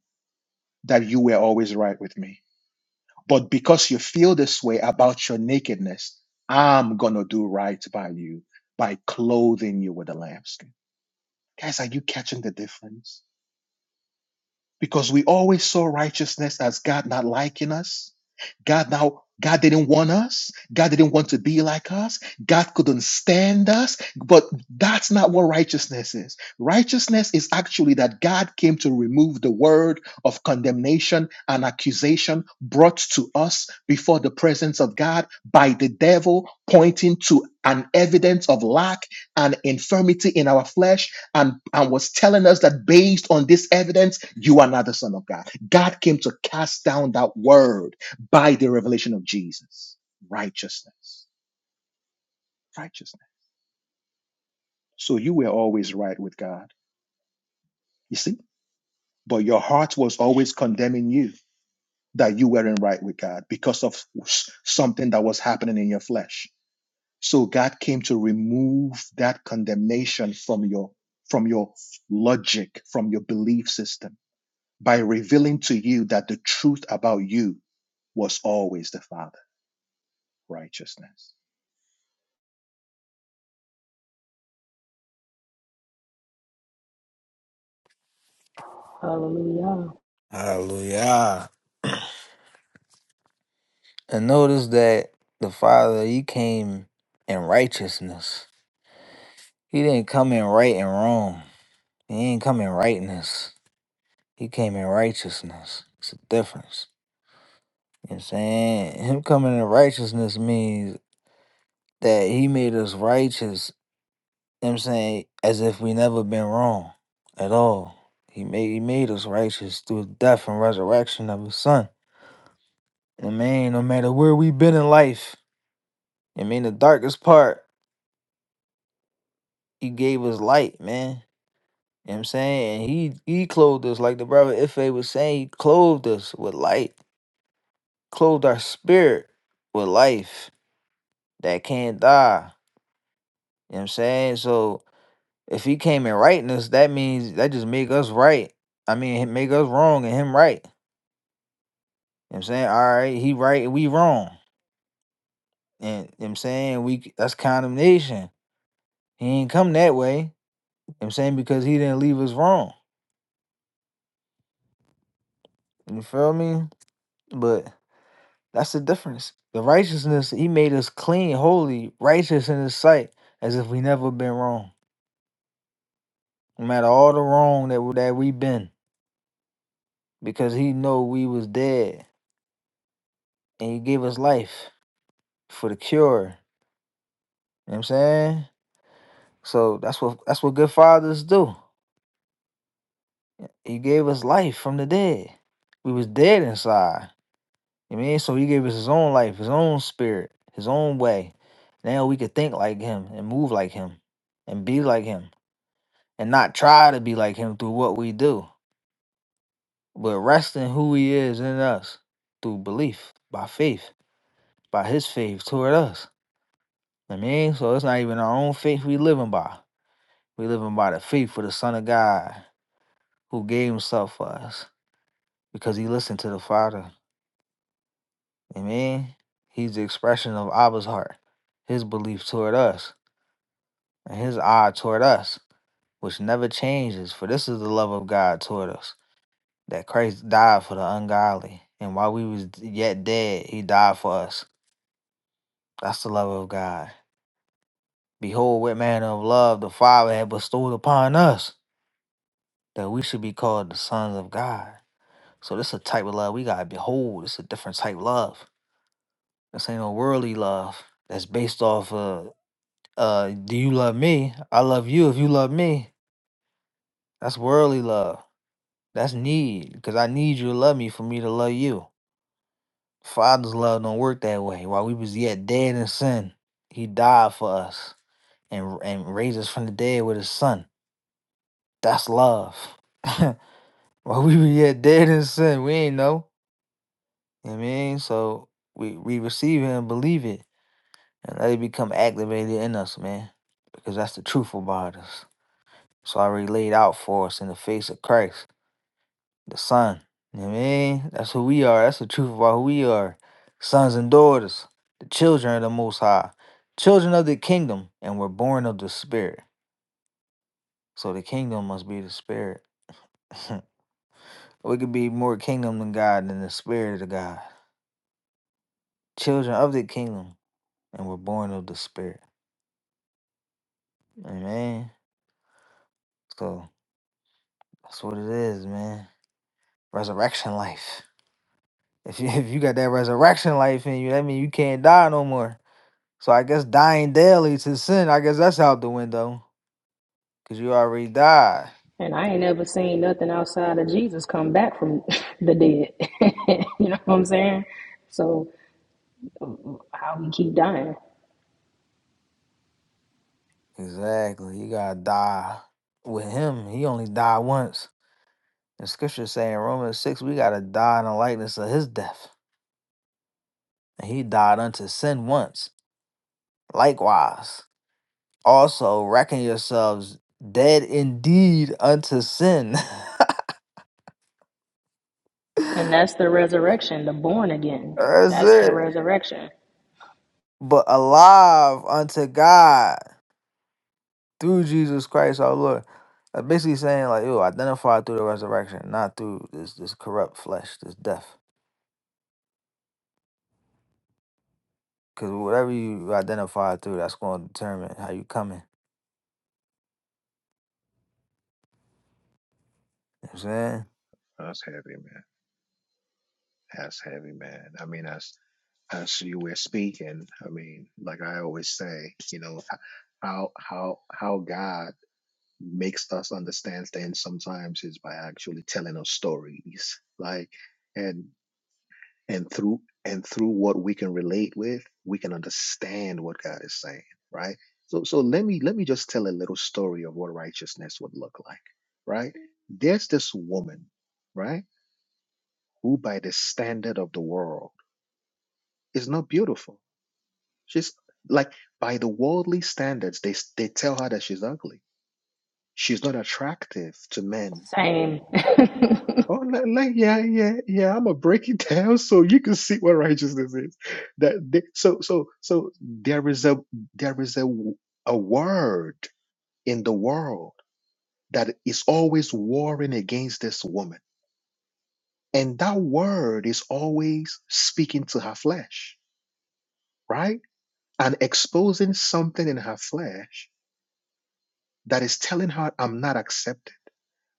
Speaker 1: that you were always right with me? But because you feel this way about your nakedness, I'm going to do right by you by clothing you with a lambskin. Guys, are you catching the difference? because we always saw righteousness as God not liking us. God now God didn't want us. God didn't want to be like us. God couldn't stand us. But that's not what righteousness is. Righteousness is actually that God came to remove the word of condemnation and accusation brought to us before the presence of God by the devil, pointing to an evidence of lack and infirmity in our flesh and, and was telling us that based on this evidence, you are not the Son of God. God came to cast down that word by the revelation of Jesus. Righteousness. Righteousness. So you were always right with God, you see? But your heart was always condemning you that you weren't right with God because of s- something that was happening in your flesh. So God came to remove that condemnation from your from your logic, from your belief system by revealing to you that the truth about you was always the Father righteousness.
Speaker 11: Hallelujah.
Speaker 6: Hallelujah. And notice that the father, he came in righteousness. He didn't come in right and wrong. He ain't come in rightness. He came in righteousness. It's a difference. You know what I'm saying? Him coming in righteousness means that he made us righteous You know what I'm saying, as if we never been wrong at all. He made he made us righteous through the death and resurrection of his son. I mean, no matter where we've been in life, I mean the darkest part, he gave us light, man. You know what I'm saying? And he he clothed us, like the brother Ife was saying, he clothed us with light, clothed our spirit with life that can't die. You know what I'm saying? So if he came in rightness, that means that just make us right. I mean, make us wrong and him right. You know what I'm saying? All right, he right and we wrong. And you know what I'm saying we that's condemnation. He ain't come that way. You know what I'm saying because he didn't leave us wrong. You feel me? But that's the difference. The righteousness, he made us clean, holy, righteous in his sight, as if we never been wrong. No matter all the wrong that we, that we been, because he know we was dead and he gave us life for the cure. You know what I'm saying? So that's what that's what good fathers do. He gave us life from the dead. We was dead inside. You mean? So he gave us his own life, his own spirit, his own way. Now we could think like him and move like him and be like him and not try to be like him through what we do, but rest in who he is in us through belief, by faith, by his faith toward us. I mean, so it's not even our own faith we living by. We living by the faith for the Son of God who gave himself for us because he listened to the Father. I mean, he's the expression of Abba's heart, his belief toward us, and his eye toward us, which never changes, for this is the love of God toward us, that Christ died for the ungodly, and while we was yet dead, he died for us. That's the love of God. Behold, what manner of love the Father had bestowed upon us, that we should be called the sons of God. So this is a type of love we gotta behold. It's a different type of love. This ain't no worldly love that's based off of Uh, do you love me? I love you if you love me. That's worldly love. That's need, because I need you to love me for me to love you. Father's love don't work that way. While we was yet dead in sin, he died for us and and raised us from the dead with his son. That's love. While we were yet dead in sin, we ain't know. You know what I mean, so we we receive it and believe it, and let it become activated in us, man, because that's the truth about us. It's already laid out for us in the face of Christ. The son. You know what I mean? That's who we are. That's the truth about who we are. Sons and daughters, the children of the Most High, children of the kingdom, and we're born of the Spirit. So the kingdom must be the Spirit. we could be more kingdom than God than the Spirit of God. Children of the kingdom, and we're born of the Spirit. Amen. So that's what it is, man. Resurrection life. If you, if you got that resurrection life in you, that means you can't die no more. So I guess dying daily to sin, I guess that's out the window. Cause you already died.
Speaker 11: And I ain't ever seen nothing outside of Jesus come back from the dead. you know what I'm saying? So how we keep dying.
Speaker 6: Exactly. You gotta die with him. He only died once. The scripture saying in Romans 6, we gotta die in the likeness of his death. And he died unto sin once. Likewise. Also reckon yourselves dead indeed unto sin.
Speaker 11: And
Speaker 6: that's
Speaker 11: that's the resurrection, the born again. That's the
Speaker 6: it.
Speaker 11: resurrection.
Speaker 6: But alive unto God through Jesus Christ our Lord. Uh, basically saying like, yo, identify through the resurrection, not through this this corrupt flesh, this death. Because whatever you identify through, that's going to determine how you coming. You know what I'm saying?
Speaker 1: That's heavy, man. That's heavy, man. I mean, as as you were speaking, I mean, like I always say, you know, how how how God makes us understand things sometimes is by actually telling us stories, like. and. and through and through what we can relate with we can understand what god is saying right so so let me let me just tell a little story of what righteousness would look like right there's this woman right who by the standard of the world is not beautiful she's like by the worldly standards they they tell her that she's ugly she's not attractive to men
Speaker 11: Same.
Speaker 1: Oh, like, like, yeah, yeah, yeah. I'm gonna break it down so you can see what righteousness is. That they, so so so there is a there is a a word in the world that is always warring against this woman, and that word is always speaking to her flesh, right? And exposing something in her flesh that is telling her, "I'm not accepted.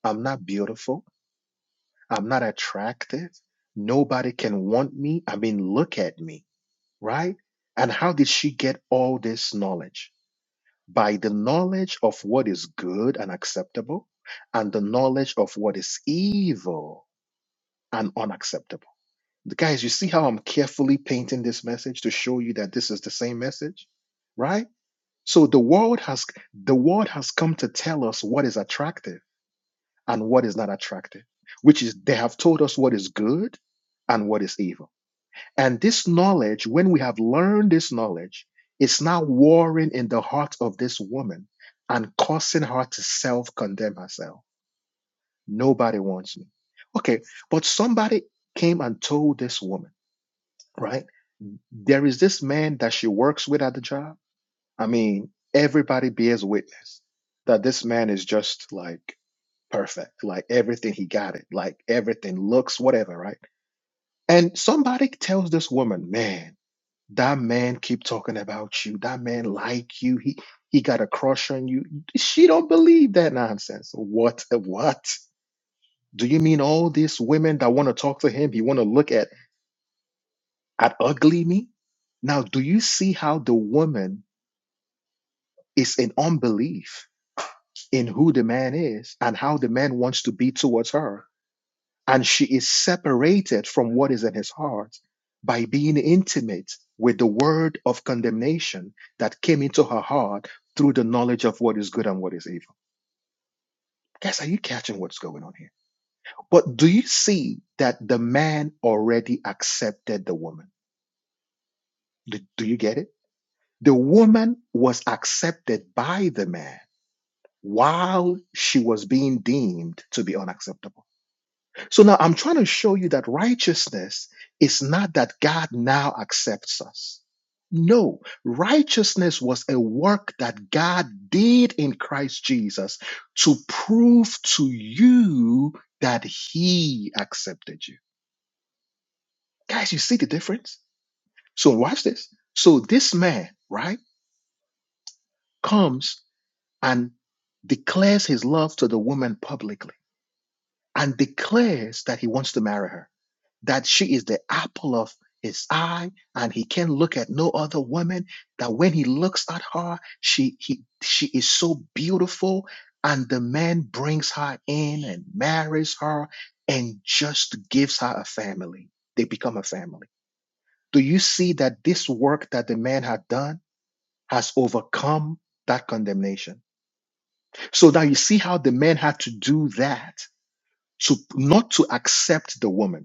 Speaker 1: I'm not beautiful. I'm not attractive. Nobody can want me. I mean, look at me." right? And how did she get all this knowledge? By the knowledge of what is good and acceptable, and the knowledge of what is evil and unacceptable. The Guys, you see how I'm carefully painting this message to show you that this is the same message, right? So the world has the world has come to tell us what is attractive and what is not attractive, which is they have told us what is good and what is evil and this knowledge, when we have learned this knowledge, is now warring in the heart of this woman and causing her to self condemn herself. Nobody wants me. Okay, but somebody came and told this woman, right? There is this man that she works with at the job. I mean, everybody bears witness that this man is just like perfect, like everything he got it, like everything looks, whatever, right? And somebody tells this woman, man, That man keep talking about you. That man like you. He he got a crush on you. She don't believe that nonsense. What what? Do you mean all these women that want to talk to him, he want to look at at ugly me? Now, do you see how the woman is in unbelief in who the man is and how the man wants to be towards her? and she is separated from what is in his heart by being intimate with the word of condemnation that came into her heart through the knowledge of what is good and what is evil. Guys, are you catching what's going on here? But do you see that the man already accepted the woman? Do, do you get it? The woman was accepted by the man while she was being deemed to be unacceptable. So now I'm trying to show you that righteousness is not that God now accepts us. No, righteousness was a work that God did in Christ Jesus to prove to you that He accepted you. Guys, you see the difference? So watch this. So this man, right, comes and declares his love to the woman publicly and declares that he wants to marry her. that she is the apple of his eye and he can look at no other woman that when he looks at her she he, she is so beautiful and the man brings her in and marries her and just gives her a family they become a family do you see that this work that the man had done has overcome that condemnation so now you see how the man had to do that to not to accept the woman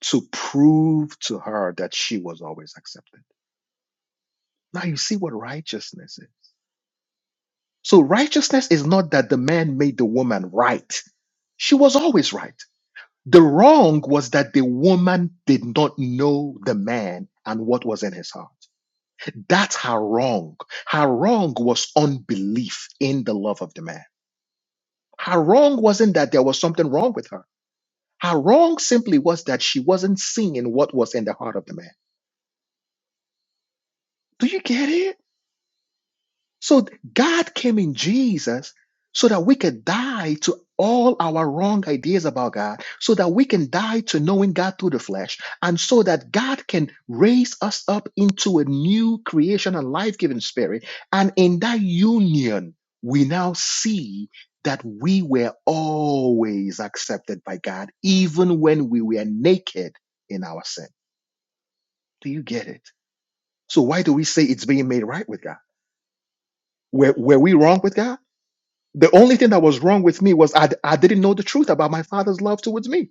Speaker 1: to prove to her that she was always accepted. Now you see what righteousness is. So righteousness is not that the man made the woman right. She was always right. The wrong was that the woman did not know the man and what was in his heart. That's her wrong. Her wrong was unbelief in the love of the man. Her wrong wasn't that there was something wrong with her. Her wrong simply was that she wasn't seeing what was in the heart of the man. Do you get it? So th- God came in Jesus so that we could die to all our wrong ideas about God, so that we can die to knowing God through the flesh, and so that God can raise us up into a new creation, a life giving spirit. And in that union, we now see that we were always accepted by God, even when we were naked in our sin. Do you get it? So, why do we say it's being made right with God? Were, were we wrong with God? The only thing that was wrong with me was I, I didn't know the truth about my father's love towards me.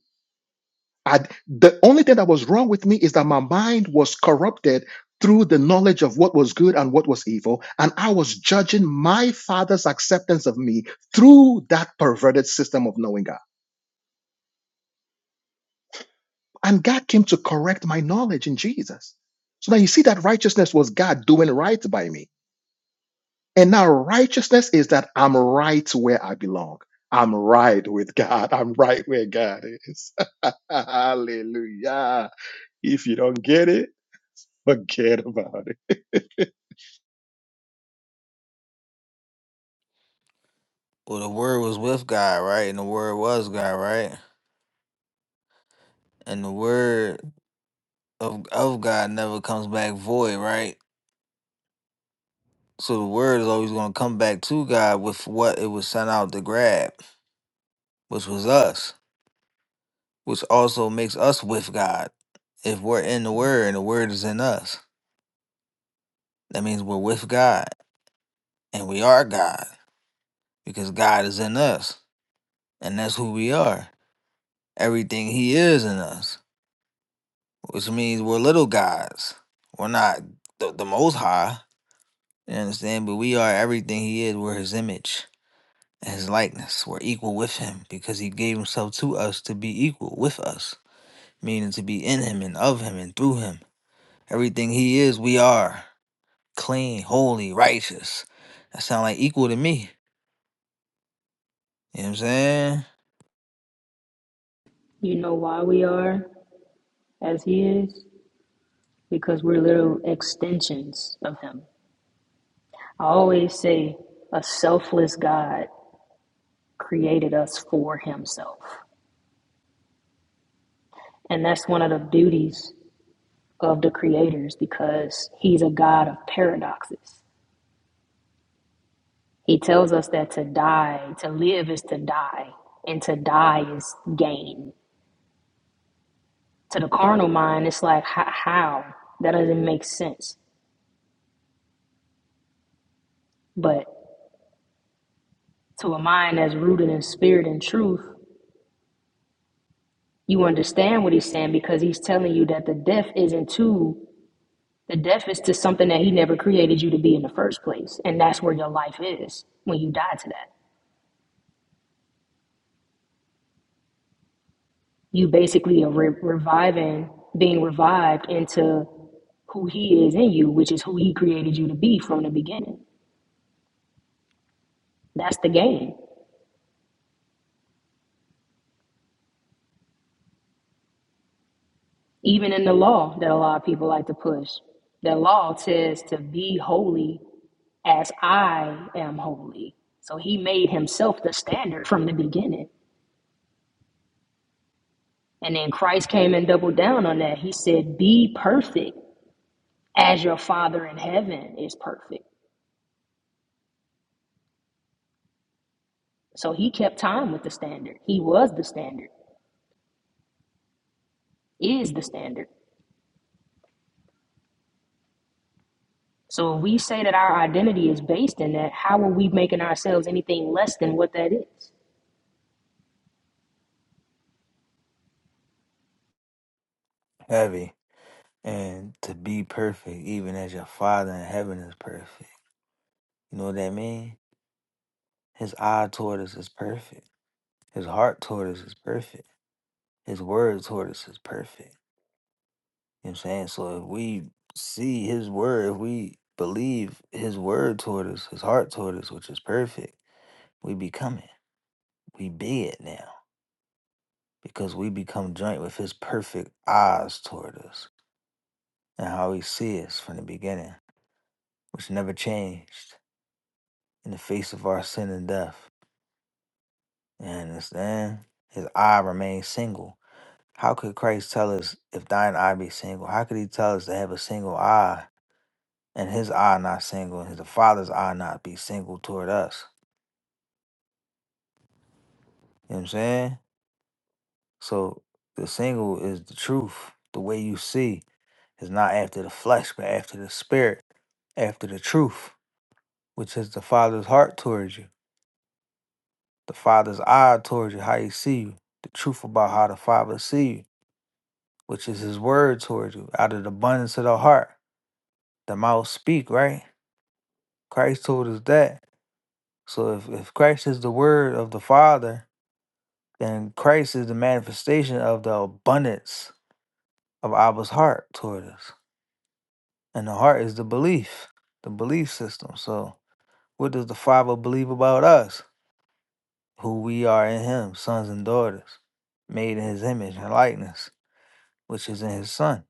Speaker 1: I, the only thing that was wrong with me is that my mind was corrupted through the knowledge of what was good and what was evil. And I was judging my father's acceptance of me through that perverted system of knowing God. And God came to correct my knowledge in Jesus. So now you see that righteousness was God doing right by me And now righteousness is that I'm right where I belong. I'm right with God. I'm right where God is. Hallelujah. If you don't get it, forget about it.
Speaker 6: Well, the word was with God, right? And the word was God, right? And the word of of God never comes back void, right? So the word is always going to come back to God with what it was sent out to grab, which was us, which also makes us with God if we're in the word and the word is in us. That means we're with God and we are God because God is in us and that's who we are. Everything He is in us, which means we're little gods. We're not the, the Most High, you understand? But we are everything He is. We're His image and His likeness. We're equal with Him because He gave Himself to us to be equal with us, meaning to be in Him and of Him and through Him. Everything He is, we are clean, holy, righteous. That sound like equal to me. You know what I'm saying?
Speaker 11: you know why we are? as He is because we're little extensions of Him. I always say a selfless God created us for Himself. And that's one of the beauties of the creators because He's a God of paradoxes. He tells us that to die, to live is to die, and to die is gain. To the carnal mind, it's like, how? That doesn't make sense. But to a mind that's rooted in spirit and truth, You understand what he's saying because he's telling you that the death isn't to the death is to something that he never created you to be in the first place, and that's where your life is when you die to that. You basically are re- reviving, being revived into who he is in you, which is who he created you to be from the beginning. That's the game. Even in the law that a lot of people like to push, the law says to be holy as I am holy. So he made himself the standard from the beginning. And then Christ came and doubled down on that. He said, Be perfect as your Father in heaven is perfect. So he kept time with the standard. He was the standard, is the standard. So if we say that our identity is based in that, how are we making ourselves anything less than what that is?
Speaker 6: Heavy. and to be perfect, even as your Father in heaven is perfect. You know what that means? His eye toward us is perfect. His heart toward us is perfect. His word toward us is perfect. You know what I'm saying? So if we see His word, if we believe His word toward us, His heart toward us, which is perfect, we become it. We be it now because we become joint with His perfect eyes toward us and how He sees us from the beginning, which never changed in the face of our sin and death. You understand? His eye remains single. How could Christ tell us if thine eye be single? How could he tell us to have a single eye and his eye not single and his the father's eye not be single toward us? You know what I'm saying? So the single is the truth. The way you see is not after the flesh, but after the spirit, after the truth, which is the father's heart towards you, the father's eye towards you, how he see you, the truth about how the father see you. which is his word towards you. Out of the abundance of the heart, the mouth speak, right? Christ told us that. So if, if Christ is the word of the Father, then Christ is the manifestation of the abundance of Abba's heart toward us. And the heart is the belief, the belief system. So what does the Father believe about us? Who we are in him, sons and daughters, made in his image and likeness, which is in his son.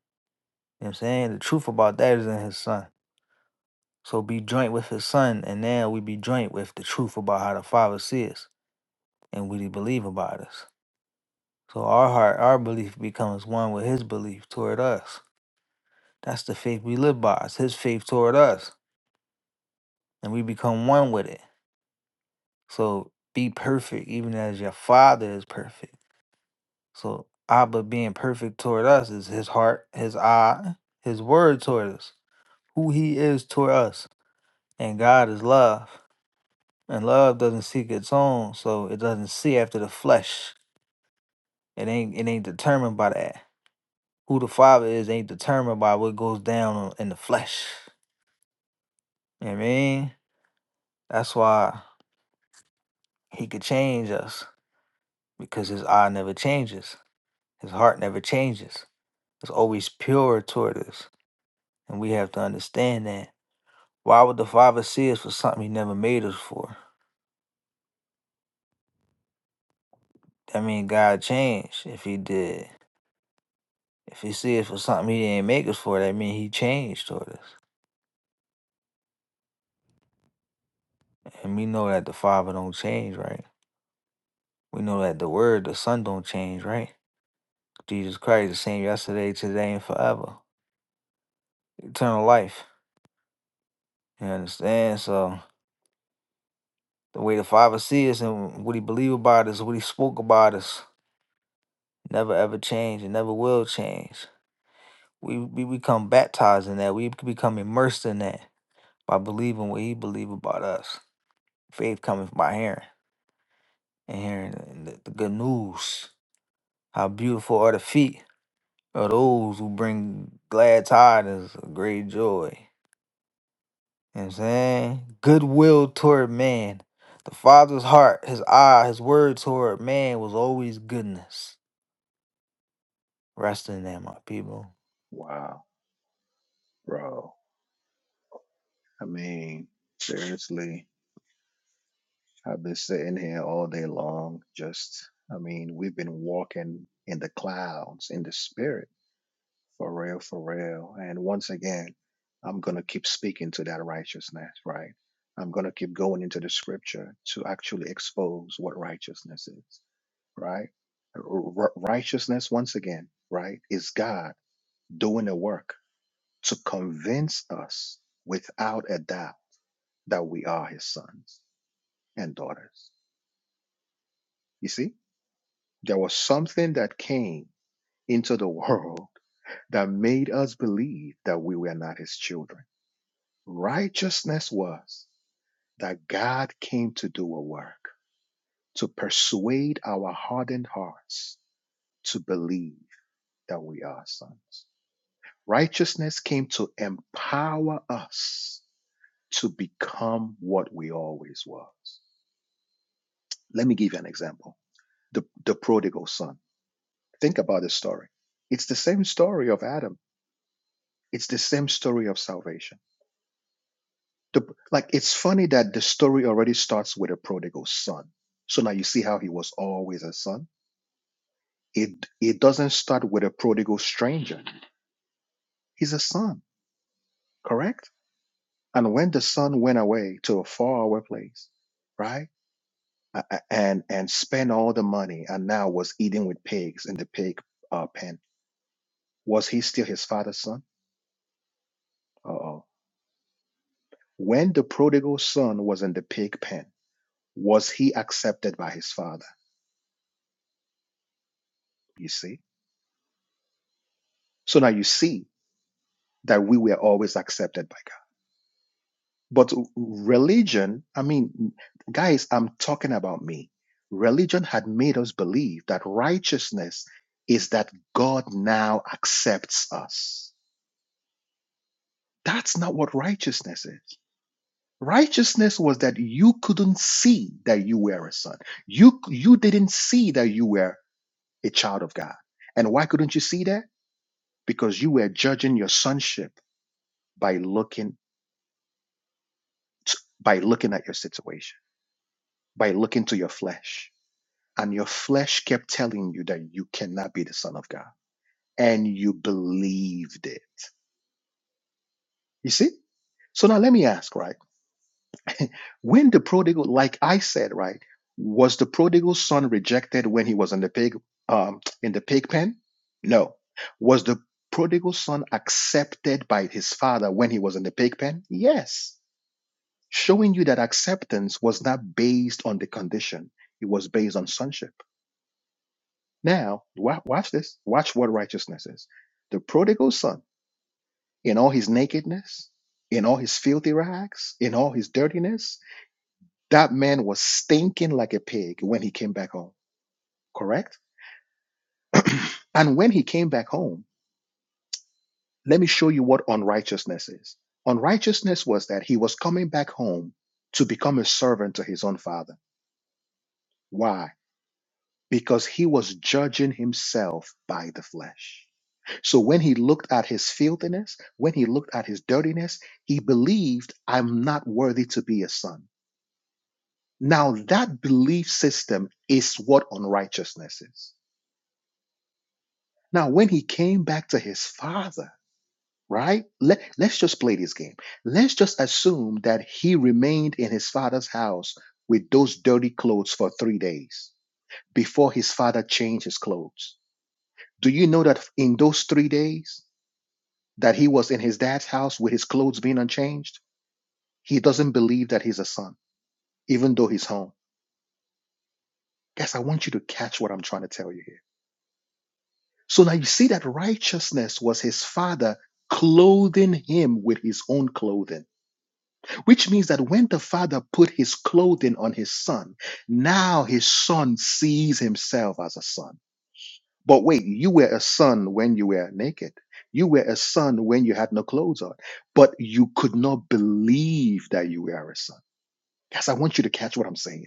Speaker 6: You know what I'm saying? The truth about that is in his son. So be joint with his son, and now we be joint with the truth about how the Father sees and what he believe about us. So our heart, our belief becomes one with his belief toward us. That's the faith we live by. It's his faith toward us. And we become one with it. So be perfect, even as your father is perfect. So Abba being perfect toward us is his heart, his eye, his word toward us, who he is toward us. And God is love. And love doesn't seek its own, so it doesn't see after the flesh. It ain't it ain't determined by that. Who the father is ain't determined by what goes down on- in the flesh. You know what I mean? That's why he could change us. Because his eye never changes. His heart never changes. It's always pure toward us. And we have to understand that. Why would the father see us for something he never made us for? That mean God changed if he did. If he see us for something he didn't make us for, that mean he changed toward us. And we know that the Father don't change, right? We know that the Word, the Son don't change, right? Jesus Christ the same yesterday, today, and forever. Eternal life. You understand? So the way the Father sees us and what he believe about us, what he spoke about us, never ever change and never will change. We, we become baptized in that. We become immersed in that by believing what he believe about us. Faith cometh by hearing and hearing the, the good news. How beautiful are the feet of those who bring glad tidings of great joy. You know what I'm saying? Goodwill toward man. The father's heart, his eye, his word toward man was always goodness. Rest in that, my people.
Speaker 1: Wow, bro. I mean, seriously, I've been sitting here all day long. Just, I mean, we've been walking in the clouds, in the spirit, for real, for real. And once again, I'm going to keep speaking to that righteousness, right? I'm going to keep going into the scripture to actually expose what righteousness is, right? R- righteousness, once again, right, is God doing a work to convince us without a doubt that we are his sons and daughters. You see, there was something that came into the world that made us believe that we were not his children. Righteousness was that God came to do a work, to persuade our hardened hearts to believe that we are sons. Righteousness came to empower us to become what we always was. Let me give you an example. The, the prodigal son Think about this story. It's the same story of Adam. It's the same story of salvation. The, like it's funny that the story already starts with a prodigal son. So now you see how he was always a son. It it doesn't start with a prodigal stranger. He's a son, correct? And when the son went away to a faraway place, right, a- a- and and spent all the money, and now was eating with pigs in the pig uh, pen, was he still his father's son? Uh oh When the prodigal son was in the pig pen, was he accepted by his father? You see? So now you see that we were always accepted by God. But religion, I mean, guys, I'm talking about me. Religion had made us believe that righteousness is that God now accepts us. That's not what righteousness is. Righteousness was that you couldn't see that you were a son. You you didn't see that you were a child of God. And why couldn't you see that? Because you were judging your sonship by looking t- by looking at your situation, by looking to your flesh. And your flesh kept telling you that you cannot be the son of God. And you believed it. You see? So now let me ask, right? When the prodigal, like I said, right, was the prodigal son rejected when he was in the pig um, in the pig pen? No. Was the prodigal son accepted by his father when he was in the pig pen? Yes. Showing you that acceptance was not based on the condition; it was based on sonship. Now, wa- watch this. Watch what righteousness is. The prodigal son, in all his nakedness, in all his filthy rags, in all his dirtiness, That man was stinking like a pig when he came back home, correct? and when he came back home, let me show you what unrighteousness is. Unrighteousness was that he was coming back home to become a servant to his own father. Why? Because he was judging himself by the flesh. So when he looked at his filthiness, when he looked at his dirtiness, he believed, I'm not worthy to be a son. Now, that belief system is what unrighteousness is. Now, when he came back to his father, right? Let, let's just play this game. Let's just assume that he remained in his father's house with those dirty clothes for three days before his father changed his clothes. Do you know that in those three days that he was in his dad's house with his clothes being unchanged? He doesn't believe that he's a son, even though he's home. Guys, I want you to catch what I'm trying to tell you here. So now you see that righteousness was his father clothing him with his own clothing Which means that when the father put his clothing on his son, now his son sees himself as a son. But wait, you were a son when you were naked. You were a son when you had no clothes on, but you could not believe that you were a son. Yes, I want you to catch what I'm saying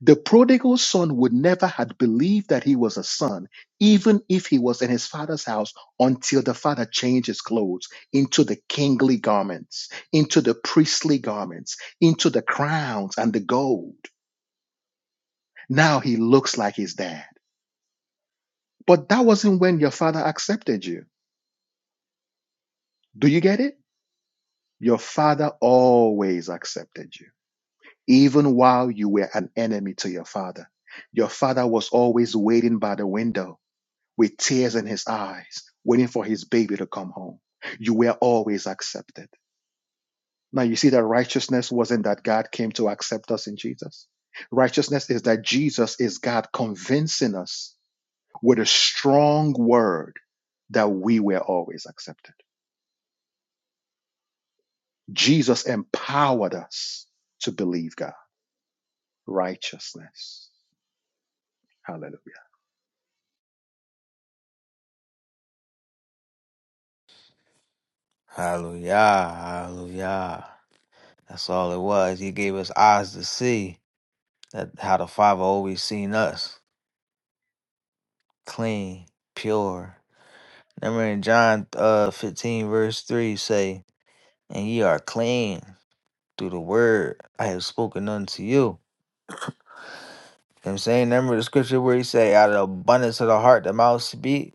Speaker 1: the prodigal son would never had believed that he was a son, even if he was in his father's house, until the father changed his clothes into the kingly garments, into the priestly garments, into the crowns and the gold. Now he looks like his dad. But that wasn't when your father accepted you. Do you get it? Your father always accepted you, even while you were an enemy to your father. Your father was always waiting by the window with tears in his eyes, waiting for his baby to come home. You were always accepted. Now you see that righteousness wasn't that God came to accept us in Jesus. Righteousness is that Jesus is God convincing us with a strong word that we were always accepted. Jesus empowered us to believe God. Righteousness. Hallelujah.
Speaker 6: Hallelujah. Hallelujah. That's all it was. He gave us eyes to see that how the Father always seen us. Clean, pure. Remember in John uh, 15, verse 3 say, And ye are clean. through the word I have spoken unto you. You know what I'm saying? Remember the scripture where he say, out of the abundance of the heart, the mouth speak.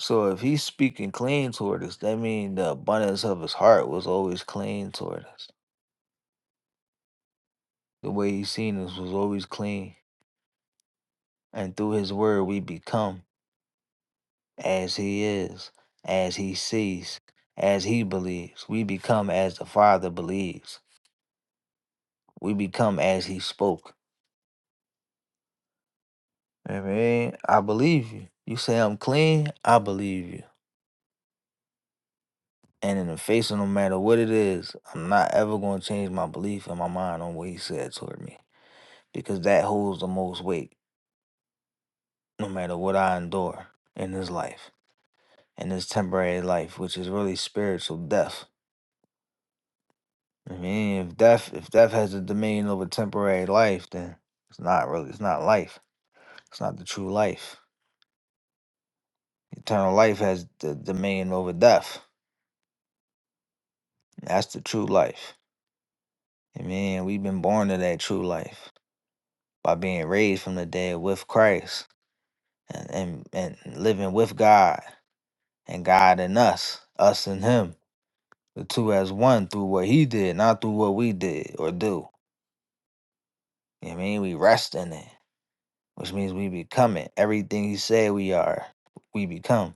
Speaker 6: So if he's speaking clean toward us, that means the abundance of his heart was always clean toward us. The way he seen us was always clean. And through his word we become as he is, as he sees, as he believes. We become as the Father believes. We become as he spoke. I mean, I believe you. You say I'm clean, I believe you. And in the face of no matter what it is, I'm not ever going to change my belief in my mind on what he said toward me because that holds the most weight no matter what I endure in this life, in this temporary life, which is really spiritual death. I mean, if death if death has the dominion over temporary life, then it's not really it's not life. It's not the true life. Eternal life has the dominion over death. That's the true life. I mean, we've been born to that true life by being raised from the dead with Christ and, and, and living with God and God in us, us and Him, the two as one through what He did, not through what we did or do. You know what I mean? We rest in it, which means we become it. Everything He said we are, we become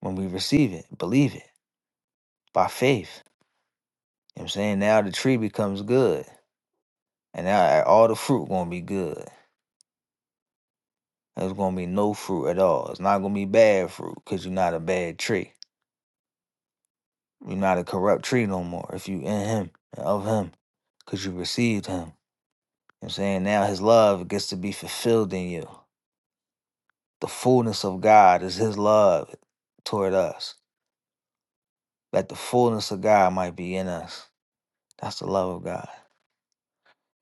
Speaker 6: when we receive it, believe it by faith. You know what I'm saying? Now the tree becomes good, and now all the fruit going to be good. There's going to be no fruit at all. It's not going to be bad fruit because you're not a bad tree. You're not a corrupt tree no more. If you in him, and of him, because you received him. You know what I'm saying? Now his love gets to be fulfilled in you. The fullness of God is his love toward us. That the fullness of God might be in us. That's the love of God.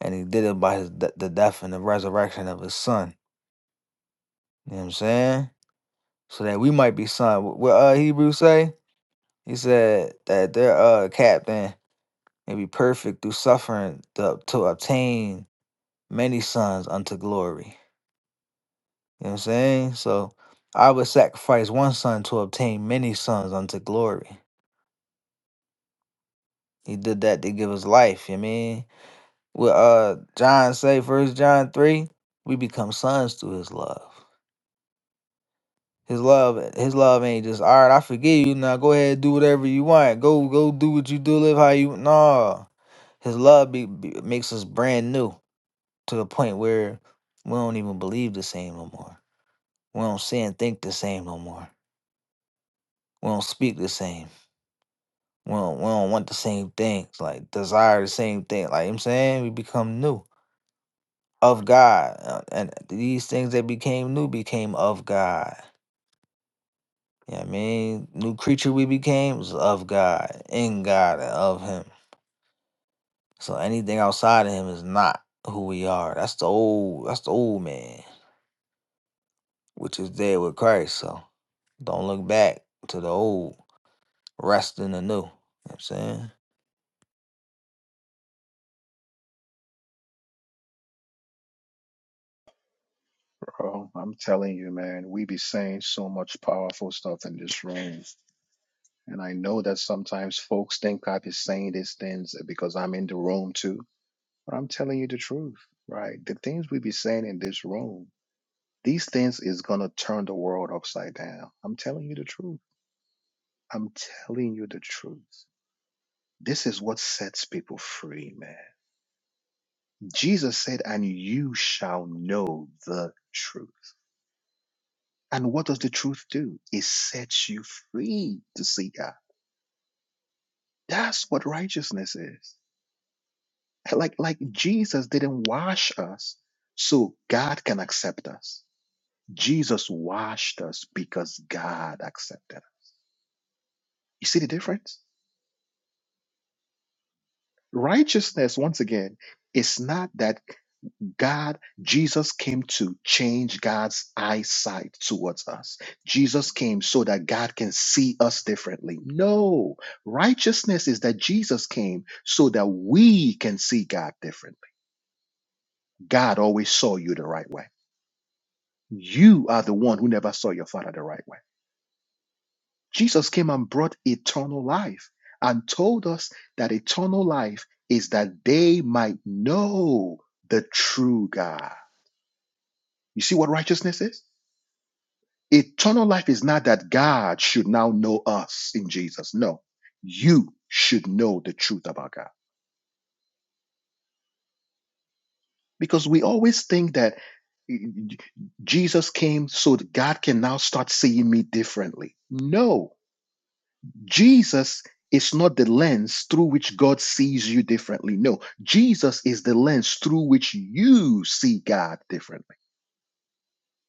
Speaker 6: And he did it by his, de- the death and the resurrection of his son. You know what I'm saying? So that we might be son. Wh- What uh, Hebrews say? He said that their uh, captain may be perfect through suffering to, to obtain many sons unto glory. You know what I'm saying? So I would sacrifice one son to obtain many sons unto glory. He did that to give us life, you mean? With uh John say first John three, we become sons through his love. His love his love ain't just all right, I forgive you now. Go ahead and do whatever you want. Go go do what you do, live how you no. His love be, be, makes us brand new to the point where we don't even believe the same no more. We don't see and think the same no more we don't speak the same. We don't, we don't want the same things, like desire the same thing. Like I'm saying, we become new of God. uh, And these things that became new became of God. You know what I mean? New creature we became was of God, in God, and of Him. So anything outside of Him is not who we are. That's the old, that's the old man, which is dead with Christ. So don't look back to the old, rest in the new. You know what I'm saying?
Speaker 1: Bro, I'm telling you, man, we be saying so much powerful stuff in this room. And I know that sometimes folks think I be saying these things because I'm in the room too. But I'm telling you the truth, right? The things we be saying in this room These things is going to turn the world upside down. I'm telling you the truth. I'm telling you the truth. This is what sets people free, man. Jesus said, and you shall know the truth. And what does the truth do? It sets you free to see God. That's what righteousness is. Like, like Jesus didn't wash us so God can accept us. Jesus washed us because God accepted us. You see the difference? Righteousness, once again, is not that God, Jesus came to change God's eyesight towards us. Jesus came so that God can see us differently. No, righteousness is that Jesus came so that we can see God differently. God always saw you the right way. You are the one who never saw your father the right way. Jesus came and brought eternal life and told us that eternal life is that they might know the true God. You see what righteousness is? Eternal life is not that God should now know us in Jesus. No, you should know the truth about God because we always think that Jesus came so that God can now start seeing me differently. No, Jesus is not the lens through which God sees you differently. No, Jesus is the lens through which you see God differently.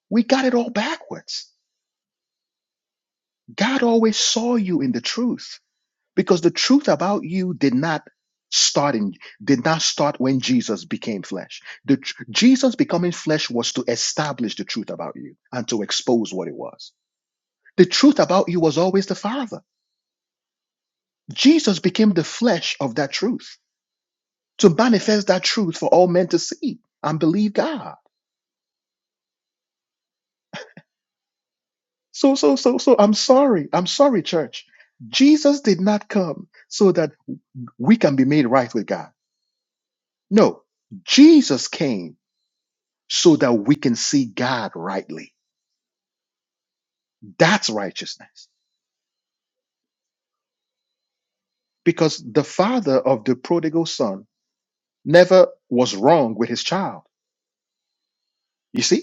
Speaker 1: We got it all backwards. God always saw you in the truth because the truth about you did not start in did not start when Jesus became flesh. The tr- Jesus becoming flesh was to establish the truth about you and to expose what it was. The truth about you was always the Father. Jesus became the flesh of that truth. to manifest that truth for all men to see and believe God. So, so, so, so I'm sorry. I'm sorry, church. Jesus did not come so that we can be made right with God. No, Jesus came so that we can see God rightly. That's righteousness. Because the father of the prodigal son never was wrong with his child. You see,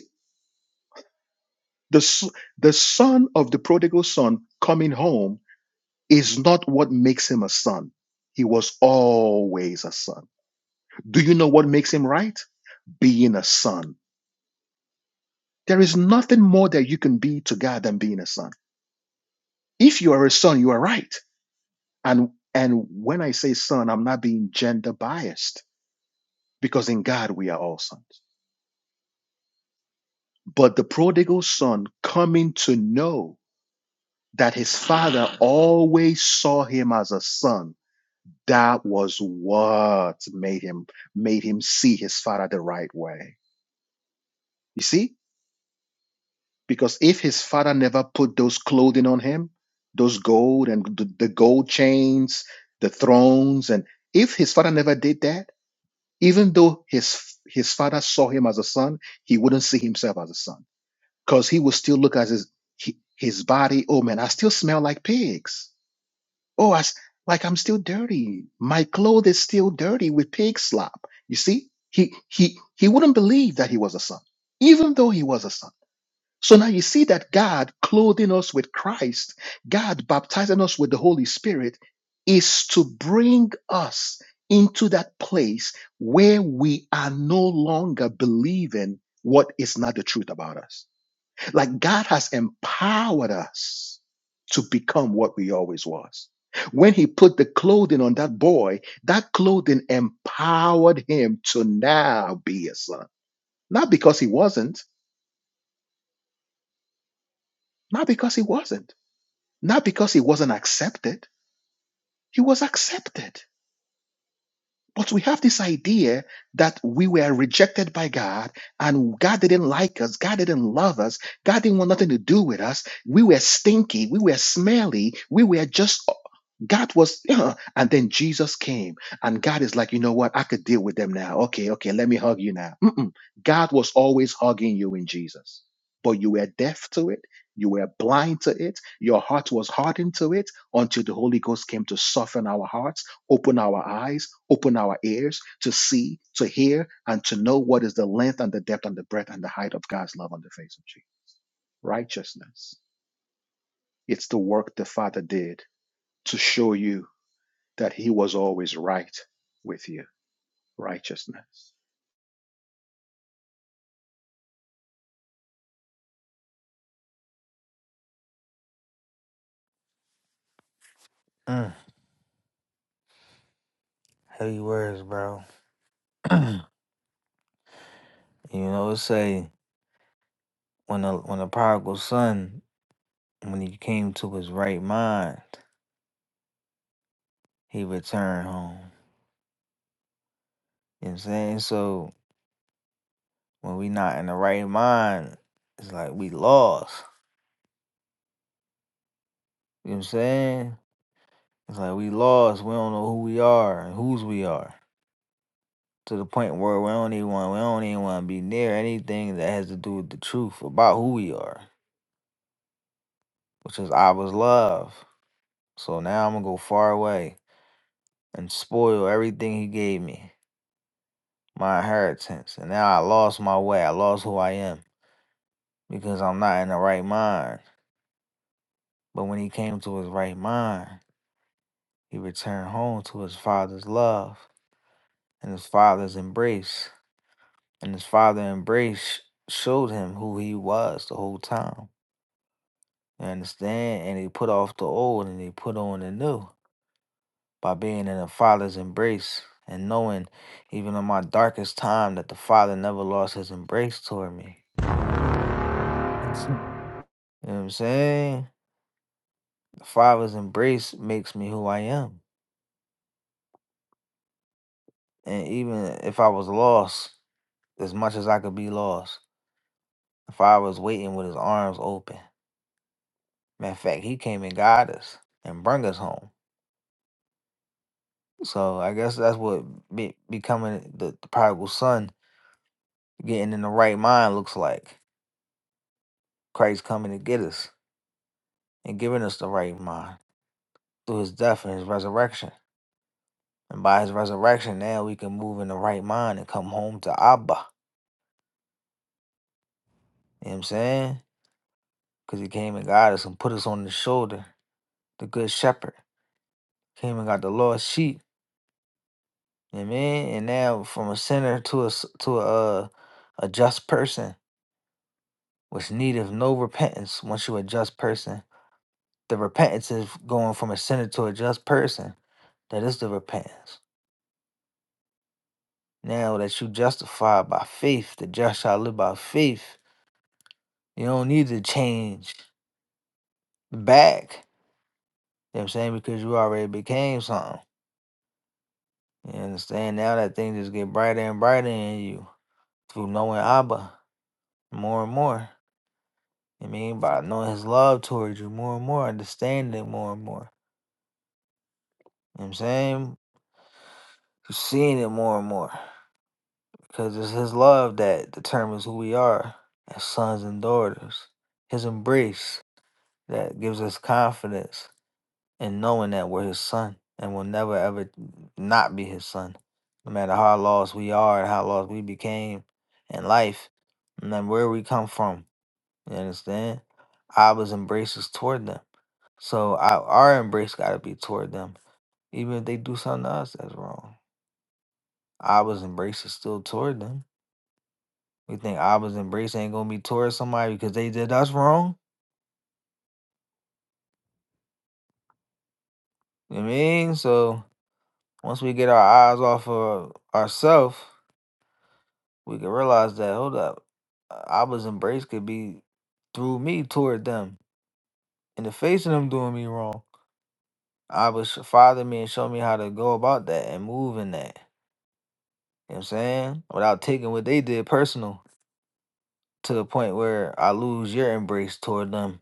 Speaker 1: the, s- the son of the prodigal son coming home is not what makes him a son. He was always a son. Do you know what makes him right? Being a son. There is nothing more that you can be to God than being a son. If you are a son, you are right. And and when I say son, I'm not being gender biased because in God we are all sons. But the prodigal son coming to know that his father always saw him as a son, that was what made him made him see his father the right way You see? Because if his father never put those clothing on him, those gold and the, the gold chains, the thrones, and if his father never did that, even though his his father saw him as a son, he wouldn't see himself as a son. Because he would still look at his he- his body, oh man, I still smell like pigs. Oh, I, s- like I'm still dirty. My clothes is still dirty with pig slop. You see? He he he wouldn't believe that he was a son, even though he was a son. So now you see that God clothing us with Christ, God baptizing us with the Holy Spirit, is to bring us into that place where we are no longer believing what is not the truth about us. Like God has empowered us to become what we always was. When he put the clothing on that boy, that clothing empowered him to now be a son. Not because he wasn't, not because he wasn't Not because he wasn't accepted, he was accepted. But we have this idea that we were rejected by God and God didn't like us. God didn't love us. God didn't want nothing to do with us. We were stinky. We were smelly. We were just, God was, yeah. and then Jesus came and God is like, you know what? I could deal with them now. Okay, okay, let me hug you now. Mm-mm. God was always hugging you in Jesus, but you were deaf to it. You were blind to it. Your heart was hardened to it until the Holy Ghost came to soften our hearts Open our eyes, open our ears to see, to hear, and to know what is the length and the depth and the breadth and the height of God's love on the face of Jesus. Righteousness. It's the work the Father did to show you that He was always right with you. Righteousness.
Speaker 6: Mm, heavy words, bro. You know, it say when the when the prodigal son, when he came to his right mind, he returned home. You know what I'm saying? So when we not in the right mind, it's like we lost. You know what I'm saying? It's like we lost. We don't know who we are and whose we are. To the point where we don't even want we don't even want to be near anything that has to do with the truth about who we are, which is I was love. So now I'm gonna go far away and spoil everything he gave me. my inheritance. And now I lost my way. I lost who I am because I'm not in the right mind. But when he came to his right mind, he returned home to his father's love and his father's embrace. And his father embrace showed him who he was the whole time. You understand? And he put off the old and he put on the new by being in the father's embrace and knowing even in my darkest time that the father never lost his embrace toward me. You know what I'm saying? Father's embrace makes me who I am. And even if I was lost, as much as I could be lost, the Father was waiting with his arms open. Matter of fact, he came and got us and brought us home. So I guess that's what be, becoming the, the prodigal son, getting in the right mind looks like. Christ coming to get us and giving us the right mind through his death and his resurrection. And by his resurrection, now we can move in the right mind and come home to Abba. You know what I'm saying? because he came and got us and put us on his shoulder, the good shepherd. Came and got the lost sheep. Amen. And now from a sinner to a s- to a uh, a just person, which needeth no repentance once you're a just person. The repentance is going from a sinner to a just person. That is the repentance. Now that you justified by faith, the just shall live by faith. You don't need to change back. You know what I'm saying? Because you already became something. You understand? Now that thing just get brighter and brighter in you. through knowing Abba more and more. I mean, by knowing his love towards you more and more, understanding it more and more. You know what I'm saying? You're seeing it more and more. Because it's his love that determines who we are as sons and daughters. His embrace that gives us confidence in knowing that we're his son and will never ever not be his son. No matter how lost we are and how lost we became in life, and then where we come from You understand? I was embraces toward them. So our our embrace got to be toward them. Even if they do something to us that's wrong, Abba's embrace is still toward them. We think I was embrace ain't going to be toward somebody because they did us wrong. You know what I mean? So once we get our eyes off of ourselves, we can realize that, hold up, I was embrace could be through me toward them. In the face of them doing me wrong, I was father me and show me how to go about that and move in that. You know what I'm saying? Without taking what they did personal to the point where I lose your embrace toward them.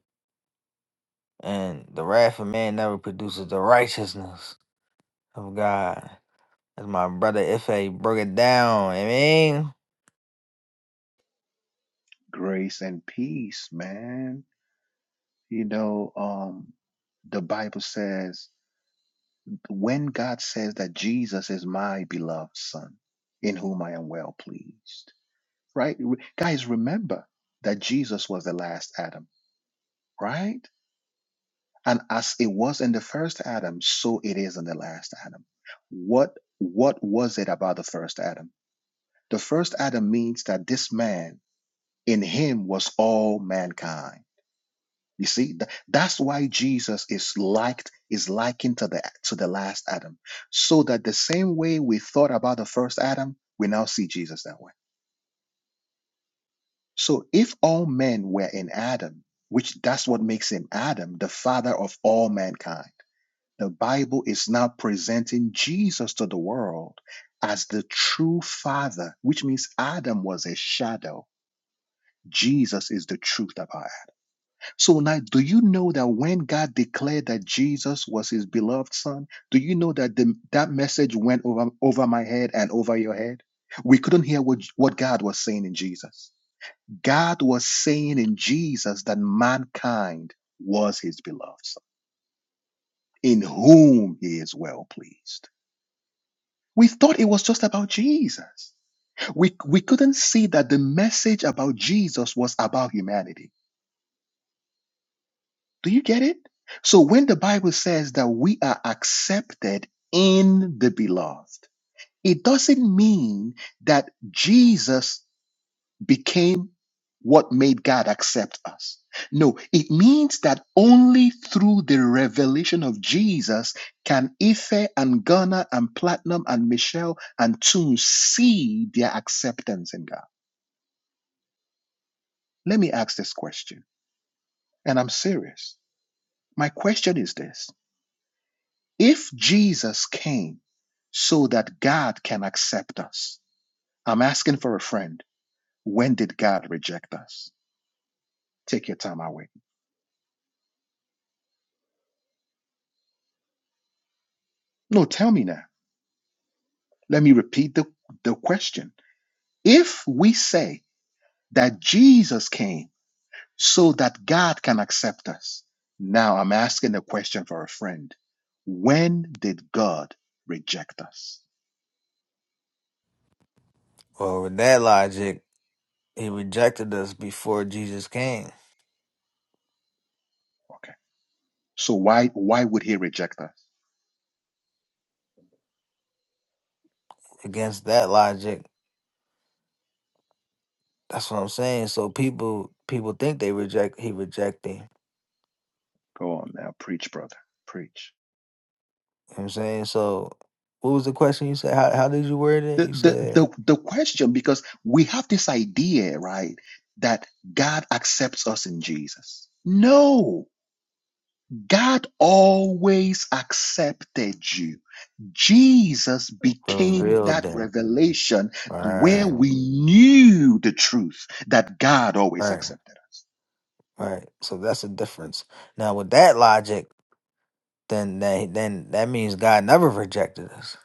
Speaker 6: And the wrath of man never produces the righteousness of God. As my brother Ife broke it down, I mean?
Speaker 1: Grace and peace, man. You know, um, the Bible says, when God says that Jesus is my beloved Son, in whom I am well pleased right? Re- Guys, remember that Jesus was the last Adam, right? And as it was in the first Adam, so it is in the last Adam. What what was it about the first Adam? The first Adam means that this man in him was all mankind. You see, Th- that's why Jesus is liked, is likened to the to the last Adam. So that the same way we thought about the first Adam, we now see Jesus that way. So if all men were in Adam, which that's what makes him Adam, the father of all mankind, the Bible is now presenting Jesus to the world as the true father, which means Adam was a shadow. Jesus is the truth about it. So now, do you know that when God declared that Jesus was his beloved son, do you know that the, that message went over, over my head and over your head? We couldn't hear what, what God was saying in Jesus. God was saying in Jesus that mankind was his beloved son, in whom he is well pleased. We thought it was just about Jesus. We, we couldn't see that the message about Jesus was about humanity. Do you get it? So when the Bible says that we are accepted in the beloved, it doesn't mean that Jesus became what made God accept us. No, it means that only through the revelation of Jesus can Ife and Ghana and Platinum and Michelle and Toon see their acceptance in God. Let me ask this question, and I'm serious. My question is this If Jesus came so that God can accept us, I'm asking for a friend, when did God reject us? Take your time, i wait. No, tell me now. Let me repeat the, the question. If we say that Jesus came so that God can accept us, now I'm asking a question for a friend. When did God reject us?
Speaker 6: Well, with that logic, he rejected us before Jesus came.
Speaker 1: Okay. So why why would he reject us?
Speaker 6: Against that logic, that's what I'm saying. So people people think they reject he rejecting.
Speaker 1: Go on now, preach, brother. Preach.
Speaker 6: You know what I'm saying? So what was the question you said? How how did you word it?
Speaker 1: The
Speaker 6: You
Speaker 1: the
Speaker 6: said
Speaker 1: the, the question, because we have this idea, right, that God accepts us in Jesus. No. God always accepted you. Jesus became
Speaker 6: revealed
Speaker 1: that
Speaker 6: that.
Speaker 1: revelation where
Speaker 6: Right.
Speaker 1: we knew the truth that God always
Speaker 6: Right,
Speaker 1: accepted.
Speaker 6: right. So that's the difference. Now, with that logic, then that then that means God never rejected us.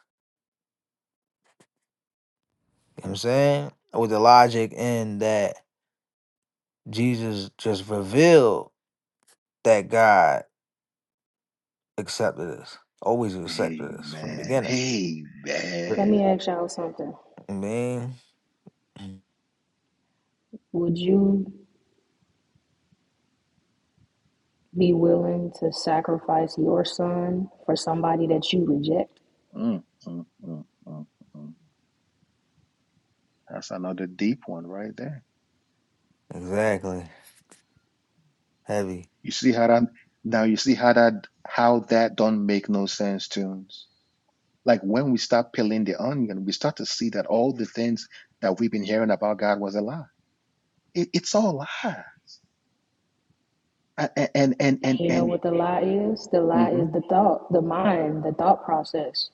Speaker 6: You know what I'm saying? With the logic in that Jesus just revealed that God accepted us, always accepted us from the
Speaker 1: Amen.
Speaker 6: beginning. Right.
Speaker 11: Let
Speaker 1: Amen.
Speaker 11: me ask y'all something.
Speaker 6: I mean,
Speaker 11: Would you be willing to sacrifice your son for somebody that you reject?
Speaker 1: Mm, mm, mm, mm, mm. That's another deep one right there.
Speaker 6: exactly. Heavy.
Speaker 1: You see how that now you see how that how that don't make no sense to us? Like when we start peeling the onion, we start to see that all the things that we've been hearing about God was a lie. It, it's all lie. I, a- and and and
Speaker 11: And you know
Speaker 1: and
Speaker 11: what the lie is? The lie
Speaker 1: hmm
Speaker 11: is the thought, the mind, the thought process.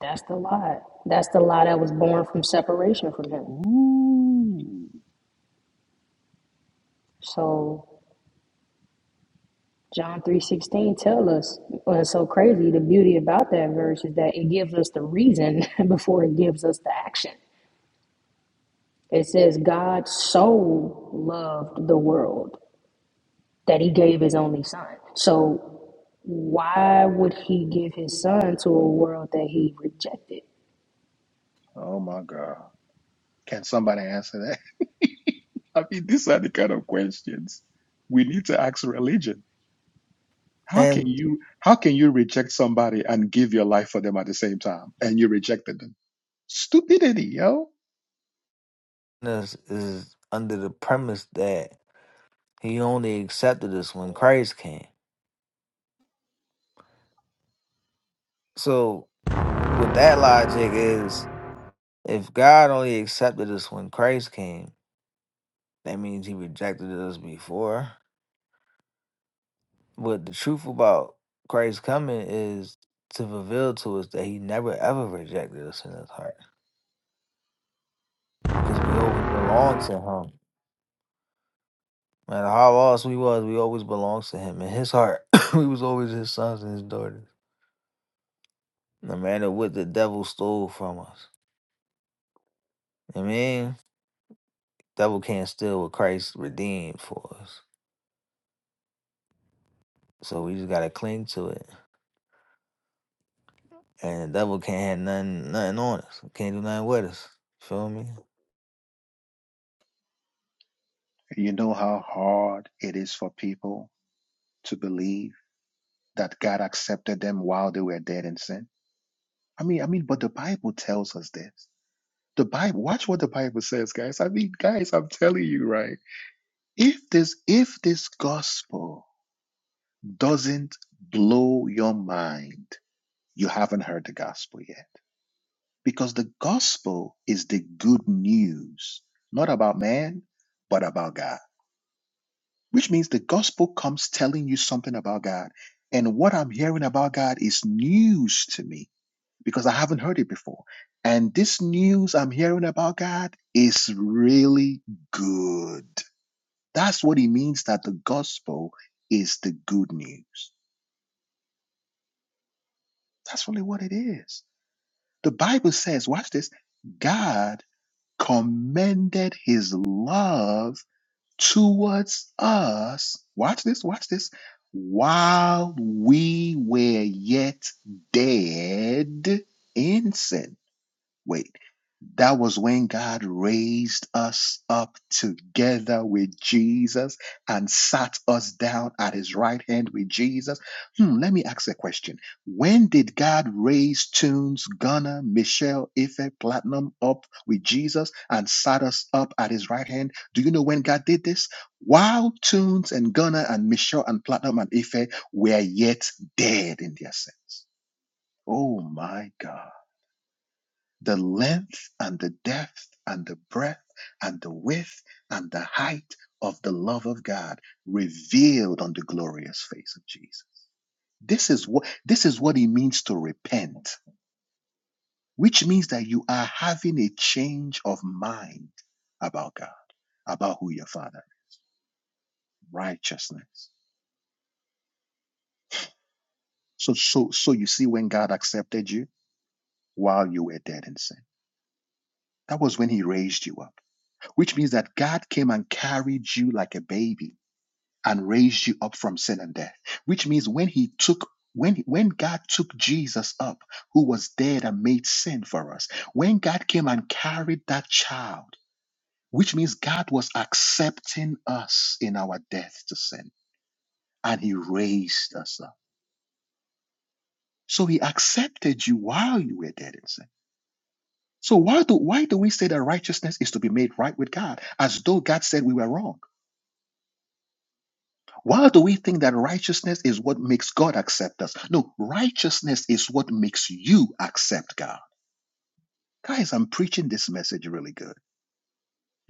Speaker 11: That's the lie. That's the lie that was born from separation from him.
Speaker 1: Ooh.
Speaker 11: So John 3:16 tell us, well, it's so crazy. The beauty about that verse is that it gives us the reason before it gives us the action. It says God so loved the world that he gave his only son. So why would he give his son to a world that he rejected?
Speaker 1: Oh my God. Can somebody answer that? I mean, these are the kind of questions we need to ask religion. How can
Speaker 6: And
Speaker 1: you how can you reject somebody and give your life for them at the same time? And you rejected them. Stupidity, yo.
Speaker 6: this is under the premise that he only accepted us when Christ came. So, with that logic, is If God only accepted us when Christ came, that means he rejected us before. But the truth about Christ coming is to reveal to us that he never ever rejected us in his heart because we always belong to him. No matter how lost we was, we always belonged to him. In his heart, we was always his sons and his daughters. No matter what the devil stole from us. I mean, devil can't steal what Christ redeemed for us. So we just gotta cling to it. And the devil can't have nothing, nothing on us. Can't do nothing with us. Feel me?
Speaker 1: You know how hard it is for people to believe that God accepted them while they were dead in sin? I mean, I mean, but the Bible tells us this. The Bible, watch what the Bible says, guys. I mean, guys, I'm telling you, right? If this if this gospel doesn't blow your mind, you haven't heard the gospel yet. Because the gospel is the good news, not about man, but about God. Which means the gospel comes telling you something about God. And what I'm hearing about God is news to me because I haven't heard it before. And this news I'm hearing about God is really good. That's what it means that the gospel is the good news. That's really what it is. The Bible says, watch this God commended his love towards us. Watch this, watch this. While we were yet dead in sin. Wait, that was when God raised us up together with Jesus and sat us down at his right hand with Jesus. Hmm, let me ask a question. When did God raise Tunes, Gunner, Michelle, Ife, Platinum up with Jesus and sat us up at his right hand? Do you know when God did this? While Tunes and Gunner and Michelle and Platinum and Ife were yet dead in their sins. Oh my God the length and the depth and the breadth and the width and the height of the love of God revealed on the glorious face of Jesus. This is what this is what it means to repent, which means that you are having a change of mind about God, about who your father, is, righteousness. So so so you see when God accepted you while you were dead in sin. That was when he raised you up, which means that God came and carried you like a baby and raised you up from sin and death which means when he took when when god took jesus up who was dead and made sin for us when god came and carried that child which means god was accepting us in our death to sin and he raised us up so he accepted you while you were dead in sin so why do why do we say that righteousness is to be made right with god as though god said we were wrong Why do we think that righteousness is what makes God accept us? No, righteousness is what makes you accept God. Guys, I'm preaching this message really good.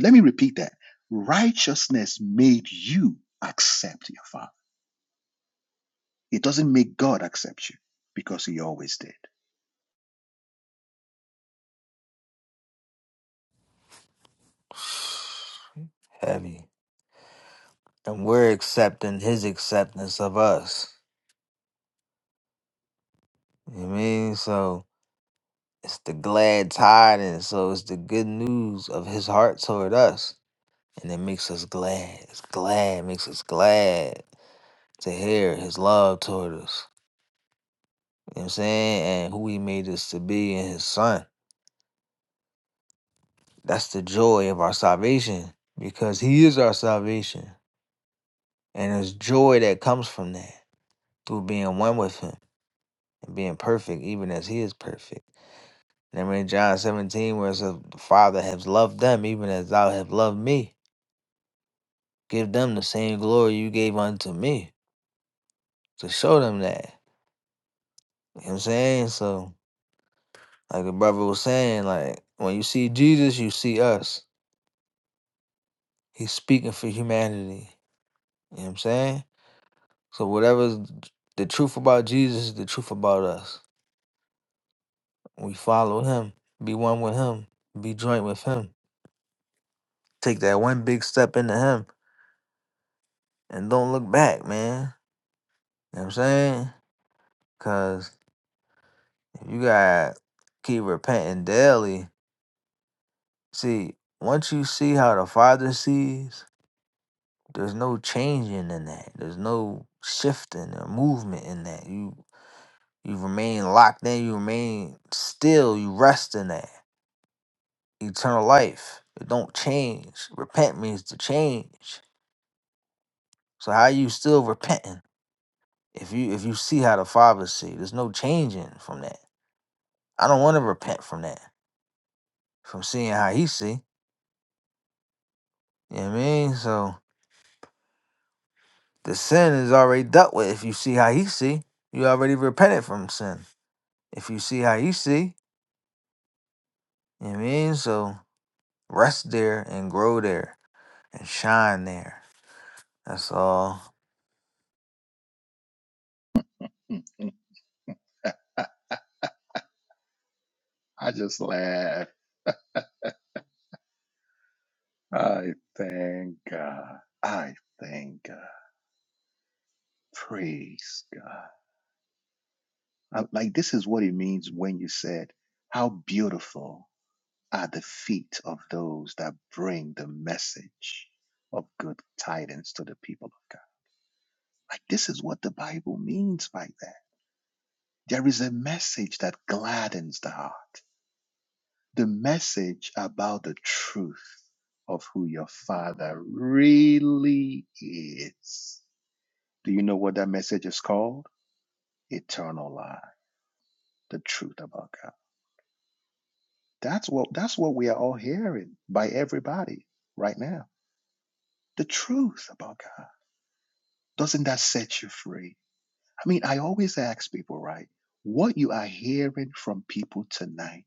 Speaker 1: Let me repeat that. Righteousness made you accept your Father. It doesn't make God accept you because He always did.
Speaker 6: Heavy. And we're accepting his acceptance of us. You know what I mean? So it's the glad tidings. So it's the good news of his heart toward us. And it makes us glad. It's glad. Makes us glad to hear his love toward us. You know what I'm saying? And who he made us to be in his son. That's the joy of our salvation. Because he is our salvation. And there's joy that comes from that through being one with him and being perfect, even as he is perfect. And I mean, John 17, where it says, The Father has loved them, even as thou hast loved me. Give them the same glory you gave unto me to show them that. You know what I'm saying? So, like the brother was saying, like, when you see Jesus, you see us. He's speaking for humanity. You know what I'm saying? So, whatever's the truth about Jesus is the truth about us. We follow him, be one with him, be joint with him. Take that one big step into him and don't look back, man. You know what I'm saying? Cause you gotta keep repenting daily. See, once you see how the Father sees, there's no changing in that. There's no shifting or movement in that. You you remain locked in, you remain still, you rest in that. Eternal life. It don't change. Repent means to change. So how you still repenting if you if you see how the Father see? There's no changing from that. I don't want to repent from that, from seeing how He see. You know what I mean? So the sin is already dealt with. If you see how He see, you already repented from sin. If you see how He see, you know what I mean? So rest there and grow there and shine there. That's all.
Speaker 1: Mhm. I just laugh. I thank God. I thank God. Praise God. I- like, this is what it means when you said, How beautiful at the feet of those that bring the message of good tidings to the people of God. Like, this is what the Bible means by that. There is a message that gladdens the heart, the message about the truth of who your Father really is. Do you know what that message is called? Eternal life, the truth about God. That's what that's what we are all hearing by everybody right now. The truth about God Doesn't that set you free? I mean, I always ask people, right? What you are hearing from people tonight,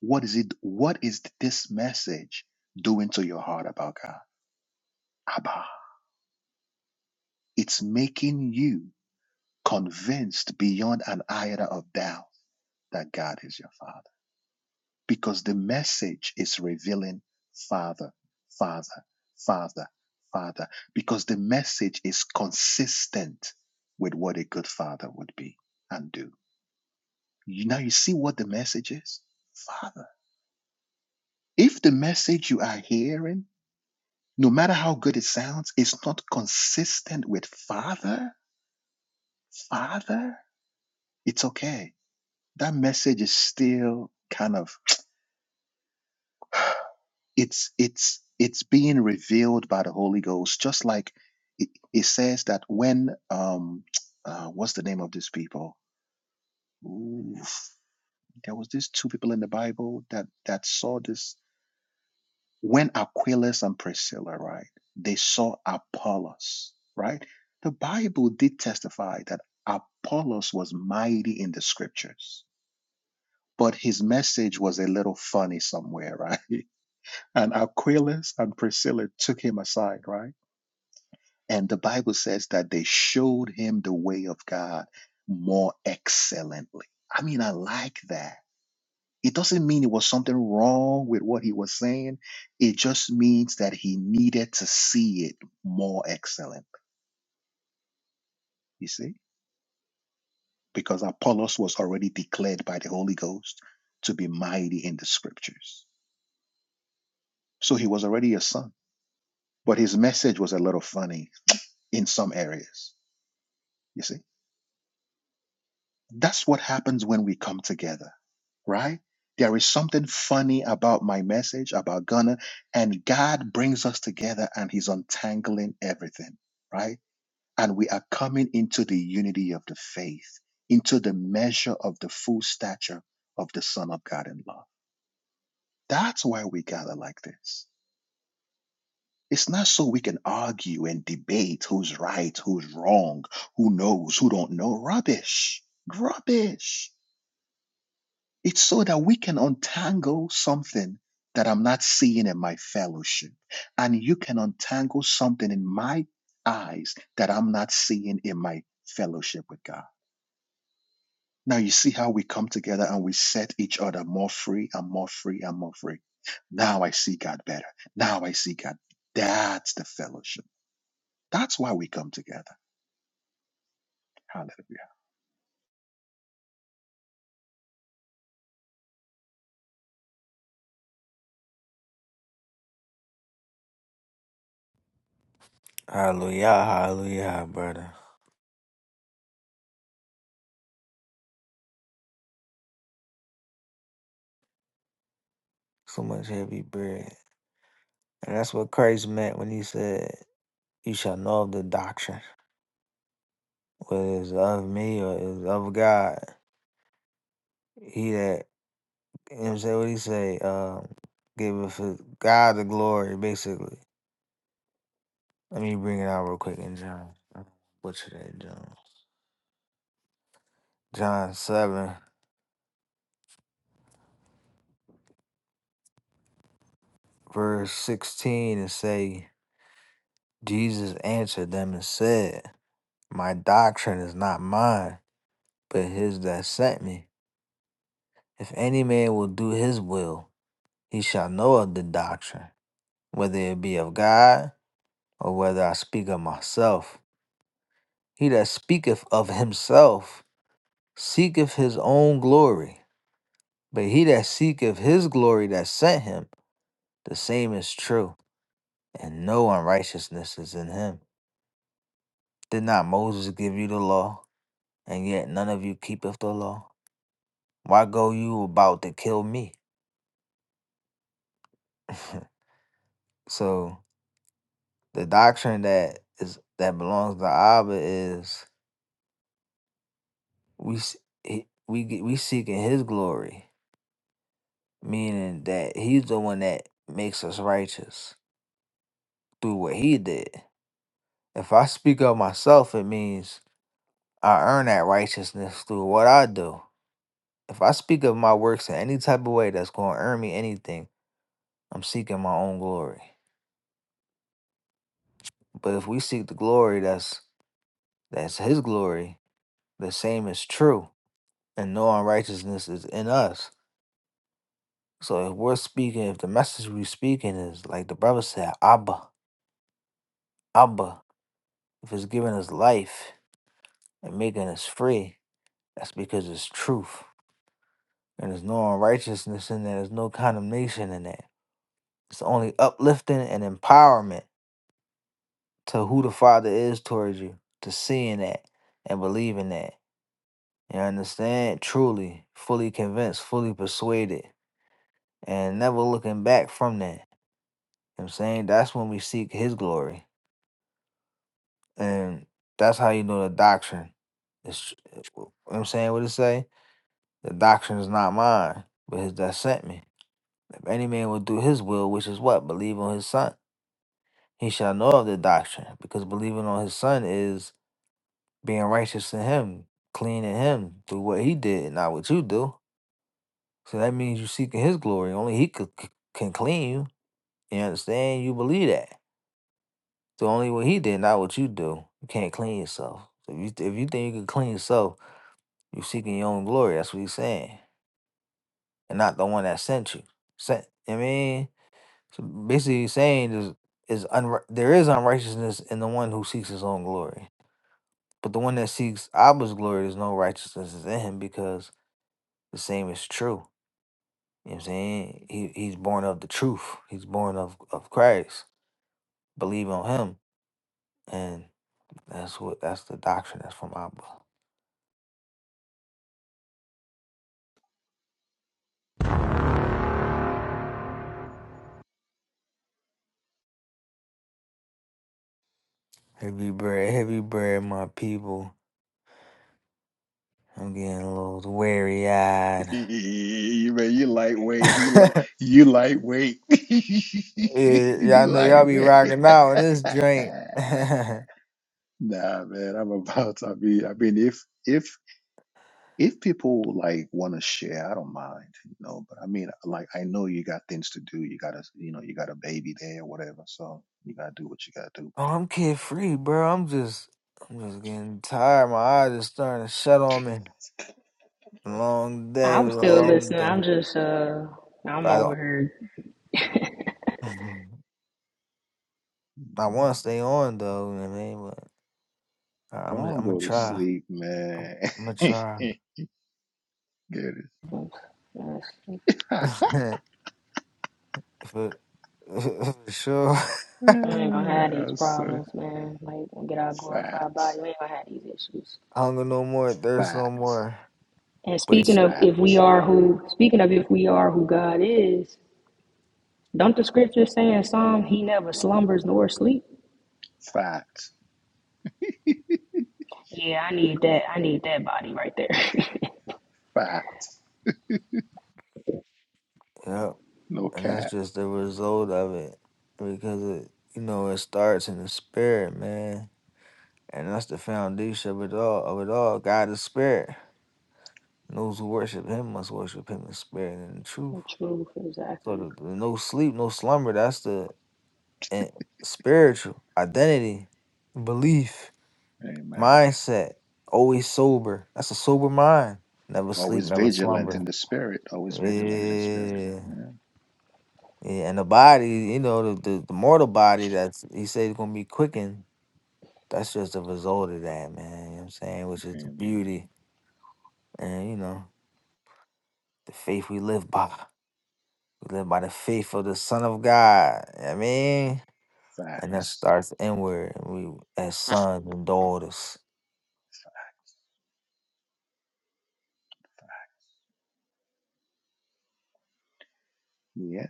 Speaker 1: what is it? What is this message doing to your heart about God? Abba. It's making you convinced beyond an iota of doubt that God is your Father. Because the message is revealing Father, Father, Father, Father. Because the message is consistent with what a good Father would be and do. You now you see what the message is? Father. If the message you are hearing, no matter how good it sounds, is not consistent with Father, Father, it's okay. That message is still kind of it's it's it's being revealed by the Holy Ghost, just like it, it says that when um uh, what's the name of these people? Ooh, there was these two people in the Bible that that saw this. When Aquilus and Priscilla, right, they saw Apollos, right? The Bible did testify that Apollos was mighty in the scriptures, but his message was a little funny somewhere, right? And Aquilus and Priscilla took him aside, right? And the Bible says that they showed him the way of God more excellently. I mean, I like that it doesn't mean it was something wrong with what he was saying. It just means that he needed to see it more excellent, you see? Because Apollos was already declared by the Holy Ghost to be mighty in the scriptures. So he was already a son. But his message was a little funny in some areas, you see? That's what happens when we come together, right? There is something funny about my message, about Gunner, and God brings us together and he's untangling everything right? and we are coming into the unity of the faith, into the measure of the full stature of the Son of God in love. That's why we gather like this. It's not so we can argue and debate who's right, who's wrong, who knows, who don't know. Rubbish. Rubbish. It's so that we can untangle something that I'm not seeing in my fellowship. And you can untangle something in my eyes that I'm not seeing in my fellowship with God. Now you see how we come together and we set each other more free and more free and more free. Now I see God better. Now I see God. That's the fellowship. That's why we come together. Hallelujah.
Speaker 6: Hallelujah, hallelujah, brother. So much heavy bread. And that's what Christ meant when he said, You shall know of the doctrine. whether it's of me or it's of God. He that you know what I'm saying what he say, um, giveth his- God the glory, basically. Let me bring it out real quick in John. uh, Butcher that John. John seven, verse sixteen and say, Jesus answered them and said, My doctrine is not mine, but his that sent me. If any man will do his will, he shall know of the doctrine, whether it be of God or whether I speak of myself. He that speaketh of himself seeketh his own glory. But he that seeketh his glory that sent him, the same is true, and no unrighteousness is in him. Did not Moses give you the law, and yet none of you keepeth the law? Why go you about to kill me? so the doctrine that is that belongs to Abba is we s- he- we get- we seeking his glory, meaning that he's the one that makes us righteous through what he did. If I speak of myself, it means I earn that righteousness through what I do. If I speak of my works in any type of way that's going to earn me anything, I'm seeking my own glory. But if we seek the glory that's that's his glory, the same is true. And no unrighteousness is in us. So if we're speaking, if the message we're speaking is like the brother said, Abba, Abba, if it's giving us life and making us free, that's because it's truth. And there's no unrighteousness in there. There's no condemnation in there. It's only uplifting and empowerment to who the Father is towards you, to seeing that and believing that. You understand? Truly, fully convinced, fully persuaded, and never looking back from that. You know what I'm saying that's when we seek His glory. And that's how you know the doctrine. It's, you know what I'm saying what it say? The doctrine is not mine, but His that sent me. If any man will do His will, which is what? Believe on His Son. He shall know of the doctrine, because believing on his son is being righteous in him, clean in him through what he did, not what you do. So that means you seeking his glory. Only he could, c- can clean you. You understand? You believe that. So only what he did, not what you do. You can't clean yourself. So if you, if you think you can clean yourself, you seeking your own glory. That's what he's saying, and not the one that sent you. Sent. I mean, so basically, he's saying is is unri- there is unrighteousness in the one who seeks his own glory. But the one that seeks Abba's glory, there's no righteousness is in him because the same is true. You know what I'm saying? He, he's born of the truth. He's born of, of Christ. Believe on him. And that's what that's the doctrine that's from Abba. Heavy bread, heavy bread, my people. I'm getting a little weary eyed.
Speaker 1: You Man, you lightweight. You, li-
Speaker 6: yeah,
Speaker 1: you lightweight. you
Speaker 6: y'all know y'all be
Speaker 1: lightweight.
Speaker 6: rocking out with this
Speaker 1: nah,
Speaker 6: drink. oh,
Speaker 1: man, I'm about. I mean, I mean, if if If people like want to share, I don't mind, you know. But I mean, like, I know you got things to do. You gotta, you know, you got a baby there or whatever. So you gotta do what you gotta do,
Speaker 6: I'm kid free, bro. I'm just I'm just getting tired. My eyes are starting to shut on me. Long day
Speaker 11: I'm
Speaker 6: was a
Speaker 11: still
Speaker 6: long
Speaker 11: listening.
Speaker 6: day.
Speaker 11: I'm just uh
Speaker 6: But
Speaker 11: I'm
Speaker 6: I
Speaker 11: over here.
Speaker 6: don't. I want to stay on though. You know what I mean, but I-
Speaker 1: bro. Go
Speaker 6: I'm
Speaker 1: on,
Speaker 6: I'm gonna
Speaker 1: go to
Speaker 6: try.
Speaker 1: sleep,
Speaker 6: I'm,
Speaker 1: man.
Speaker 6: I'm gonna try
Speaker 1: Goodness.
Speaker 11: That's-
Speaker 6: for, for sure.
Speaker 11: We ain't gonna have these
Speaker 1: That's uh,
Speaker 11: problems, man. Like, when we get our glorified
Speaker 1: facts,
Speaker 11: body, we ain't gonna have these issues.
Speaker 6: hunger no more, thirst no
Speaker 1: facts,
Speaker 6: more.
Speaker 11: And
Speaker 6: But
Speaker 11: speaking
Speaker 6: it's
Speaker 11: of if we
Speaker 1: facts,
Speaker 11: are who, speaking of if we are who God is, don't the scriptures say in Psalm, He never slumbers nor sleep?
Speaker 1: facts,
Speaker 11: Yeah, I need that. I need that body right there.
Speaker 1: facts.
Speaker 6: yeah,
Speaker 1: No
Speaker 6: and that's
Speaker 1: cap.
Speaker 6: just the result of it because it you know it starts in the spirit, man, and that's the foundation of it all. Of it all, God is spirit. And those who worship Him must worship Him in spirit and in truth.
Speaker 11: the truth,
Speaker 6: So
Speaker 11: exactly.
Speaker 6: the, the no sleep, no slumber. That's the and spiritual identity, belief,
Speaker 1: Amen.
Speaker 6: mindset. Always sober. That's a sober mind. Never sleep,
Speaker 1: Always
Speaker 6: never
Speaker 1: vigilant in
Speaker 6: slumber.
Speaker 1: the spirit. Always
Speaker 6: Yeah,
Speaker 1: vigilant in the spirit. Yeah.
Speaker 6: yeah. And the body, you know, the the, the mortal body. That's he said it's gonna be quickened. That's just a result of that, man. You know what I'm saying? Which is the
Speaker 1: Amen.
Speaker 6: beauty, and you know, the faith we live by. We live by the faith of the Son of God. You know what I mean. and that
Speaker 1: Facts.
Speaker 6: starts inward. And we as sons and daughters.
Speaker 1: Yeah.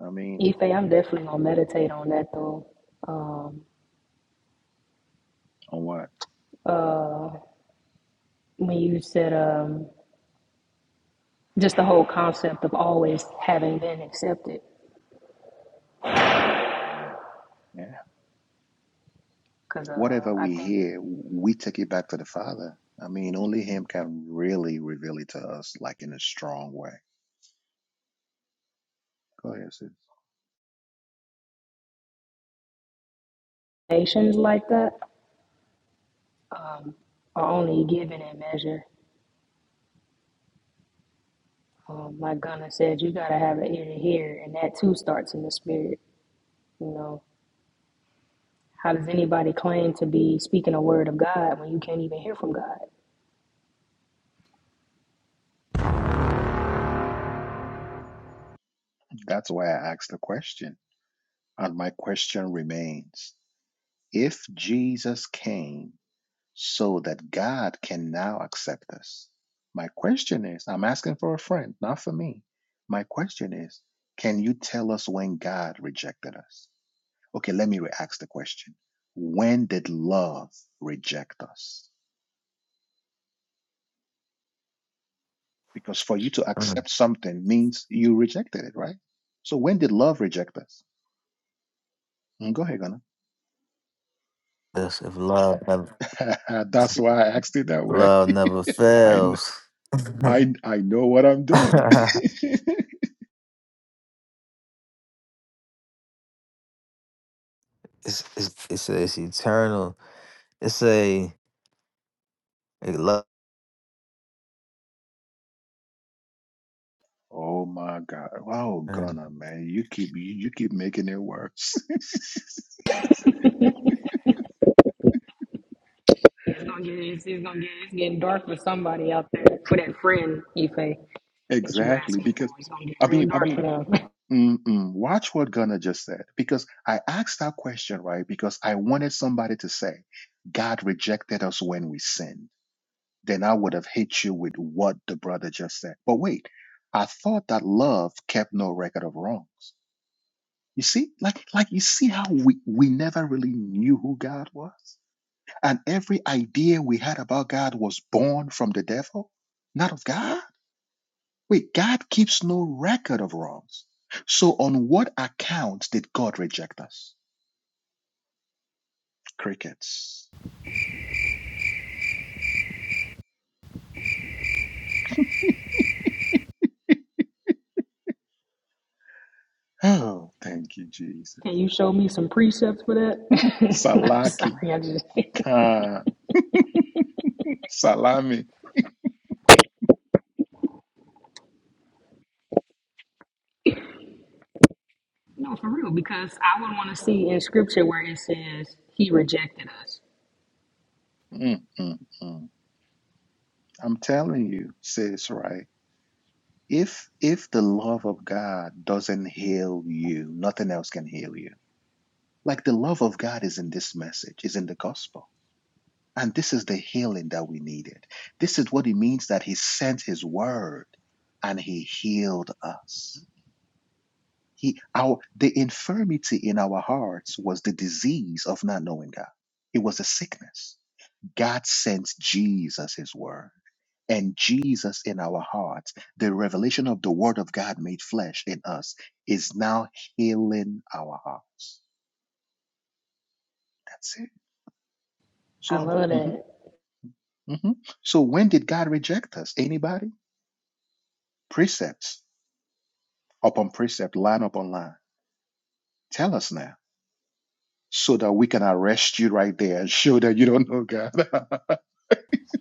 Speaker 1: I mean,
Speaker 11: Ife, I'm definitely gonna meditate on that though. Um,
Speaker 1: on what?
Speaker 11: uh, when you said um, just the whole concept of always having been accepted,
Speaker 1: Amen. Yeah.
Speaker 11: because uh,
Speaker 1: Whatever
Speaker 11: I
Speaker 1: we
Speaker 11: think
Speaker 1: hear, we take it back to the Father. I mean, only Him can really reveal it to us, like in a strong way. Go ahead, sis.
Speaker 11: nations like that. um, are only given in measure. Um, like Gunnar said, you got to have an ear to hear, and that too starts in the spirit. You know, how does anybody claim to be speaking a word of God when you can't even hear from God?
Speaker 1: That's why I asked the question. And my question remains if Jesus came so that God can now accept us, my question is I'm asking for a friend, not for me. My question is can you tell us when God rejected us? Okay, let me re ask the question. When did love reject us? Because for you to
Speaker 6: Mm.
Speaker 1: accept something means you rejected it, right? So when did love reject us? Mm, Go ahead, Ghana.
Speaker 6: This if love never
Speaker 1: That's why I asked it that way.
Speaker 6: love never
Speaker 1: I, kn-
Speaker 6: fails. it's,
Speaker 1: I, I know what I'm doing.
Speaker 6: it's it's it's eternal. It's a, a love.
Speaker 1: oh my God. Oh,
Speaker 6: Mm.
Speaker 1: Ghana, man, you keep you, you keep making it worse.
Speaker 11: It's gonna get it's, it's gonna get it's getting dark for somebody out there for that friend Ife that you
Speaker 1: exactly.
Speaker 11: asking for.
Speaker 1: Because
Speaker 11: It's gonna get
Speaker 1: I
Speaker 11: real
Speaker 1: mean, I mean,
Speaker 11: dark for them.
Speaker 1: Mm-mm. Watch what Gunnar just said because I asked that question, right? Because I wanted somebody to say, God rejected us when we sinned. Then I would have hit you with what the brother just said. But wait, I thought that love kept no record of wrongs. You see, like, like you see how we, we never really knew who God was? And every idea we had about God was born from the devil, not of God? Wait, God keeps no record of wrongs. So on what account did God reject us? Crickets. Oh, thank you, Jesus.
Speaker 11: Can you show me some precepts for that? I'm
Speaker 1: Salaki
Speaker 11: sorry, I just
Speaker 1: Khan. Salami.
Speaker 11: no for real because I would want to see in scripture where it says he rejected us.
Speaker 1: Mm, mm, mm. I'm telling you, sis, right? If if the love of God doesn't heal you, nothing else can heal you. Like the love of God is in this message, is in the gospel. And this is the healing that we needed. This is what it means that he sent his word and he healed us. He, our, the infirmity in our hearts was the disease of not knowing God. It was a sickness. God sent Jesus his word and Jesus in our hearts. The revelation of the word of God made flesh in us is now healing our hearts. That's it.
Speaker 11: I
Speaker 1: So I'm,
Speaker 11: love
Speaker 1: mhm,
Speaker 11: that.
Speaker 1: mhm. so when did God reject us? Anybody? Precepts upon precept, line upon line. Tell us now so that we can arrest you right there and show that you don't know God.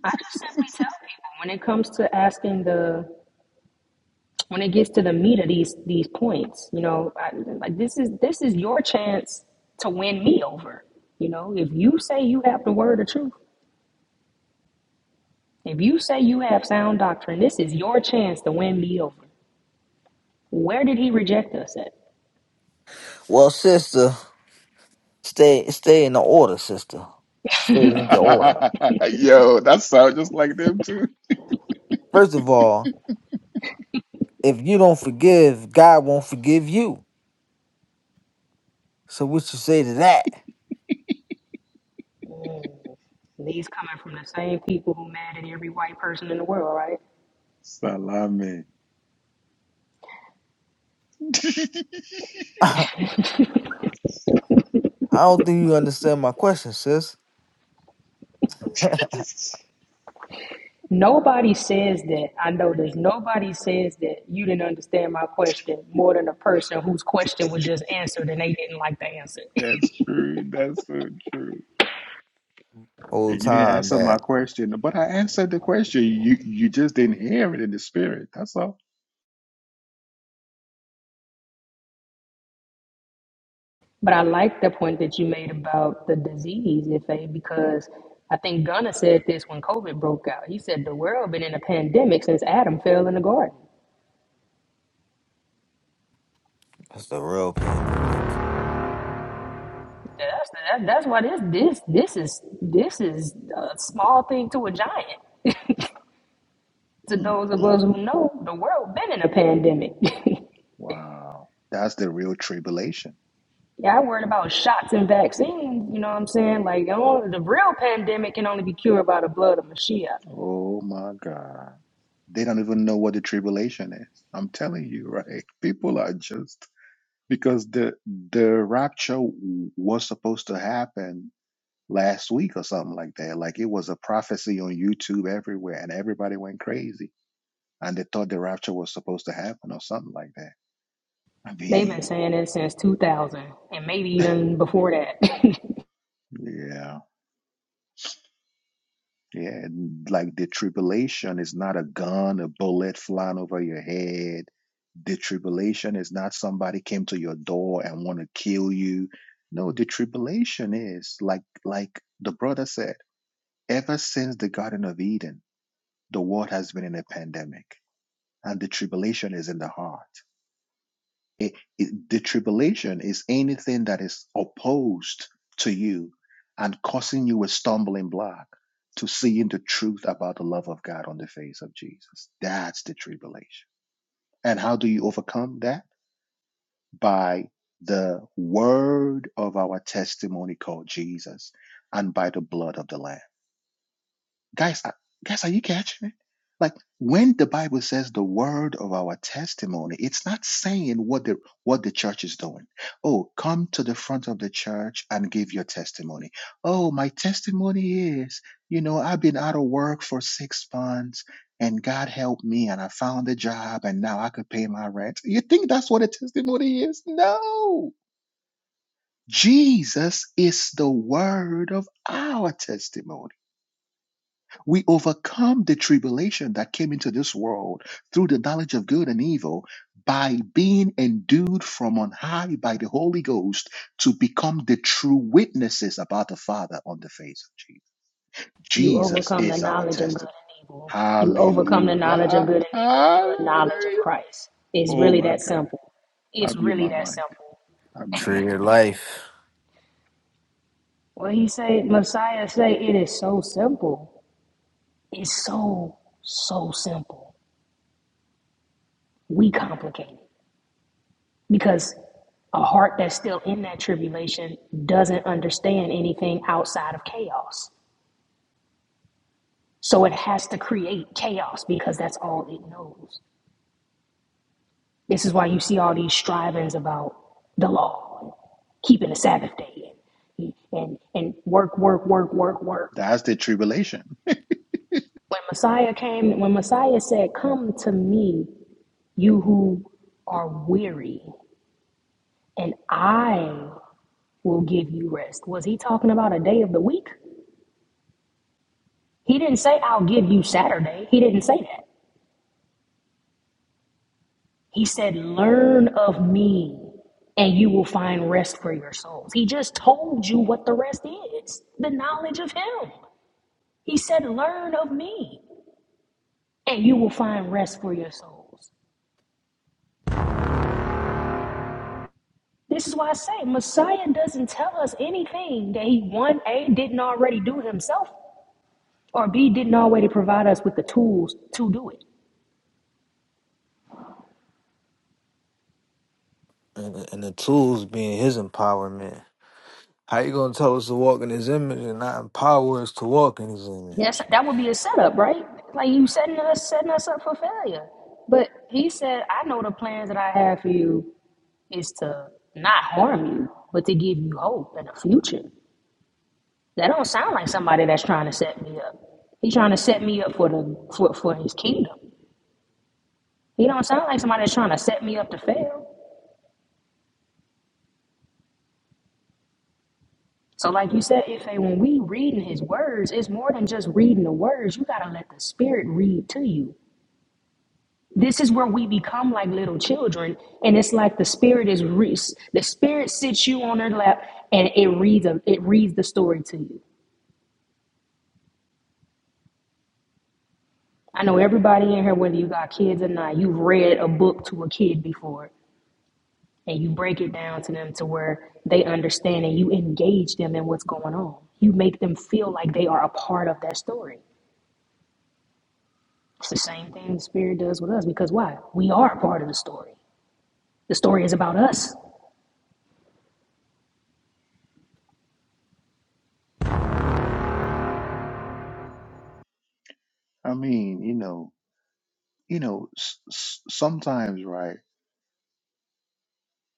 Speaker 11: I just simply tell people when it comes to asking the when it gets to the meat of these these points, you know, I, like this is this is your chance to win me over. You know, if you say you have the word of truth, if you say you have sound doctrine, this is your chance to win me over. Where did he reject us at?
Speaker 6: Well, sister, stay stay in the order, sister. Stay in your order.
Speaker 1: yeah. Yo, that sounds just like them too.
Speaker 6: First of all, if you don't forgive, God won't forgive you. So what you say to that?
Speaker 11: These coming from the same people who mad at every white person in the world, right?
Speaker 1: Salami.
Speaker 6: I don't think you understand my question, sis.
Speaker 11: Nobody says that. I know this. Nobody says that you didn't understand my question more than a person whose question was just answered and they didn't like the answer.
Speaker 1: That's true. That's so true. And
Speaker 6: Whole
Speaker 1: you didn't
Speaker 6: time
Speaker 1: answer my
Speaker 6: that.
Speaker 1: question, but I answered the question. You you just didn't hear it in the spirit. That's all.
Speaker 11: but I like the point that you made about the disease, Ife, because I think Gunna said this when COVID broke out. He said the world been in a pandemic since Adam fell in the garden.
Speaker 6: That's the real pandemic.
Speaker 11: That's that, that's why this this this is this is a small thing to a giant. to
Speaker 1: Mm,
Speaker 11: those of
Speaker 1: mm,
Speaker 11: us
Speaker 1: mm.
Speaker 11: who know, the world been in a pandemic.
Speaker 1: Wow, that's the real tribulation.
Speaker 11: Yeah, I worried about shots and vaccines. You know what I'm saying? Like, I the real pandemic can only be cured by the blood of Mashiach.
Speaker 1: Oh my God, they don't even know what the tribulation is. I'm telling you, right? People are just because the the rapture was supposed to happen last week or something like that. Like it was a prophecy on YouTube everywhere, and everybody went crazy, and they thought the rapture was supposed to happen or something like that. I
Speaker 11: They've been
Speaker 1: mean,
Speaker 11: saying it since 2000, and maybe even before that.
Speaker 1: yeah, yeah. Like the tribulation is not a gun, a bullet flying over your head. The tribulation is not somebody came to your door and want to kill you. No, the tribulation is like like the brother said. Ever since the Garden of Eden, the world has been in a pandemic and the tribulation is in the heart. It, it- the tribulation is anything that is opposed to you and causing you a stumbling block to seeing the truth about the love of God on the face of Jesus. That's the tribulation. And how do you overcome that? By the word of our testimony called Jesus and by the blood of the Lamb. guys, are- guys, are you catching it? Like when the Bible says the word of our testimony, it's not saying what the what the church is doing. Oh, come to the front of the church and give your testimony. Oh, my testimony is, you know, I've been out of work for six months and God helped me and I found a job and now I could pay my rent. You think that's what a testimony is? No. Jesus is the word of our testimony. We overcome the tribulation that came into this world through the knowledge of good and evil by being endued from on high by the Holy Ghost to become the true witnesses about the Father on the face of Jesus.
Speaker 11: you
Speaker 1: Jesus
Speaker 11: overcome the
Speaker 1: is our
Speaker 11: knowledge of good
Speaker 1: testimony.
Speaker 11: and evil. You overcome the knowledge of
Speaker 1: Hallelujah.
Speaker 11: good and evil through the knowledge of
Speaker 1: Hallelujah.
Speaker 11: Christ. It's
Speaker 1: Oh
Speaker 11: really
Speaker 1: my
Speaker 11: that
Speaker 1: God.
Speaker 11: simple.
Speaker 1: I'm
Speaker 11: It's
Speaker 1: in
Speaker 11: really
Speaker 1: my
Speaker 11: that
Speaker 1: mind.
Speaker 11: simple.
Speaker 1: I'm in my
Speaker 6: Tree
Speaker 1: mind.
Speaker 6: life
Speaker 11: What he say, Messiah say, it is so simple. It's so so simple. We complicate it. because a heart that's still in that tribulation doesn't understand anything outside of chaos. So it has to create chaos because that's all it knows. This is why you see all these strivings about the law, and keeping the Sabbath day, and, and, and work, work, work, work, work.
Speaker 1: That's the tribulation.
Speaker 11: When Messiah came, when Messiah said, Come to me, you who are weary, and I will give you rest, was he talking about a day of the week? He didn't say, I'll give you Saturday. He didn't say that. He said, Learn of me and you will find rest for your souls. He just told you what the rest is the knowledge of Him. He said, Learn of me and you will find rest for your souls. This is why I say Messiah doesn't tell us anything that He, one, A, didn't already do Himself, or B, didn't already provide us with the tools to do it.
Speaker 6: and, the- and the tools being his empowerment. How you gonna tell us to walk in his image and not empower us to walk in his
Speaker 11: Yes,
Speaker 6: image?
Speaker 11: that would be a setup, right? Like you setting us setting us up for failure. But he said, I know the plans that I have for you is to not harm you, but to give you hope and a future. That don't sound like somebody that's trying to set me up. He's trying to set me up for the for, for his kingdom. He don't sound like somebody that's trying to set me up to fail. So like you said, if when we reading his words, it's more than just reading the words. You gotta let the spirit read to you. this is where we become like little children and it's like the spirit is re- the spirit sits you on their lap and it reads a, it reads the story to you i know everybody in here whether you got kids or not you've read a book to a kid before and you break it down to them to where they understand and you engage them in what's going on you make them feel like they are a part of that story it's the same thing the spirit does with us because why we are a part of the story the story is about us
Speaker 1: I mean, you know, you know, s- s- sometimes, right?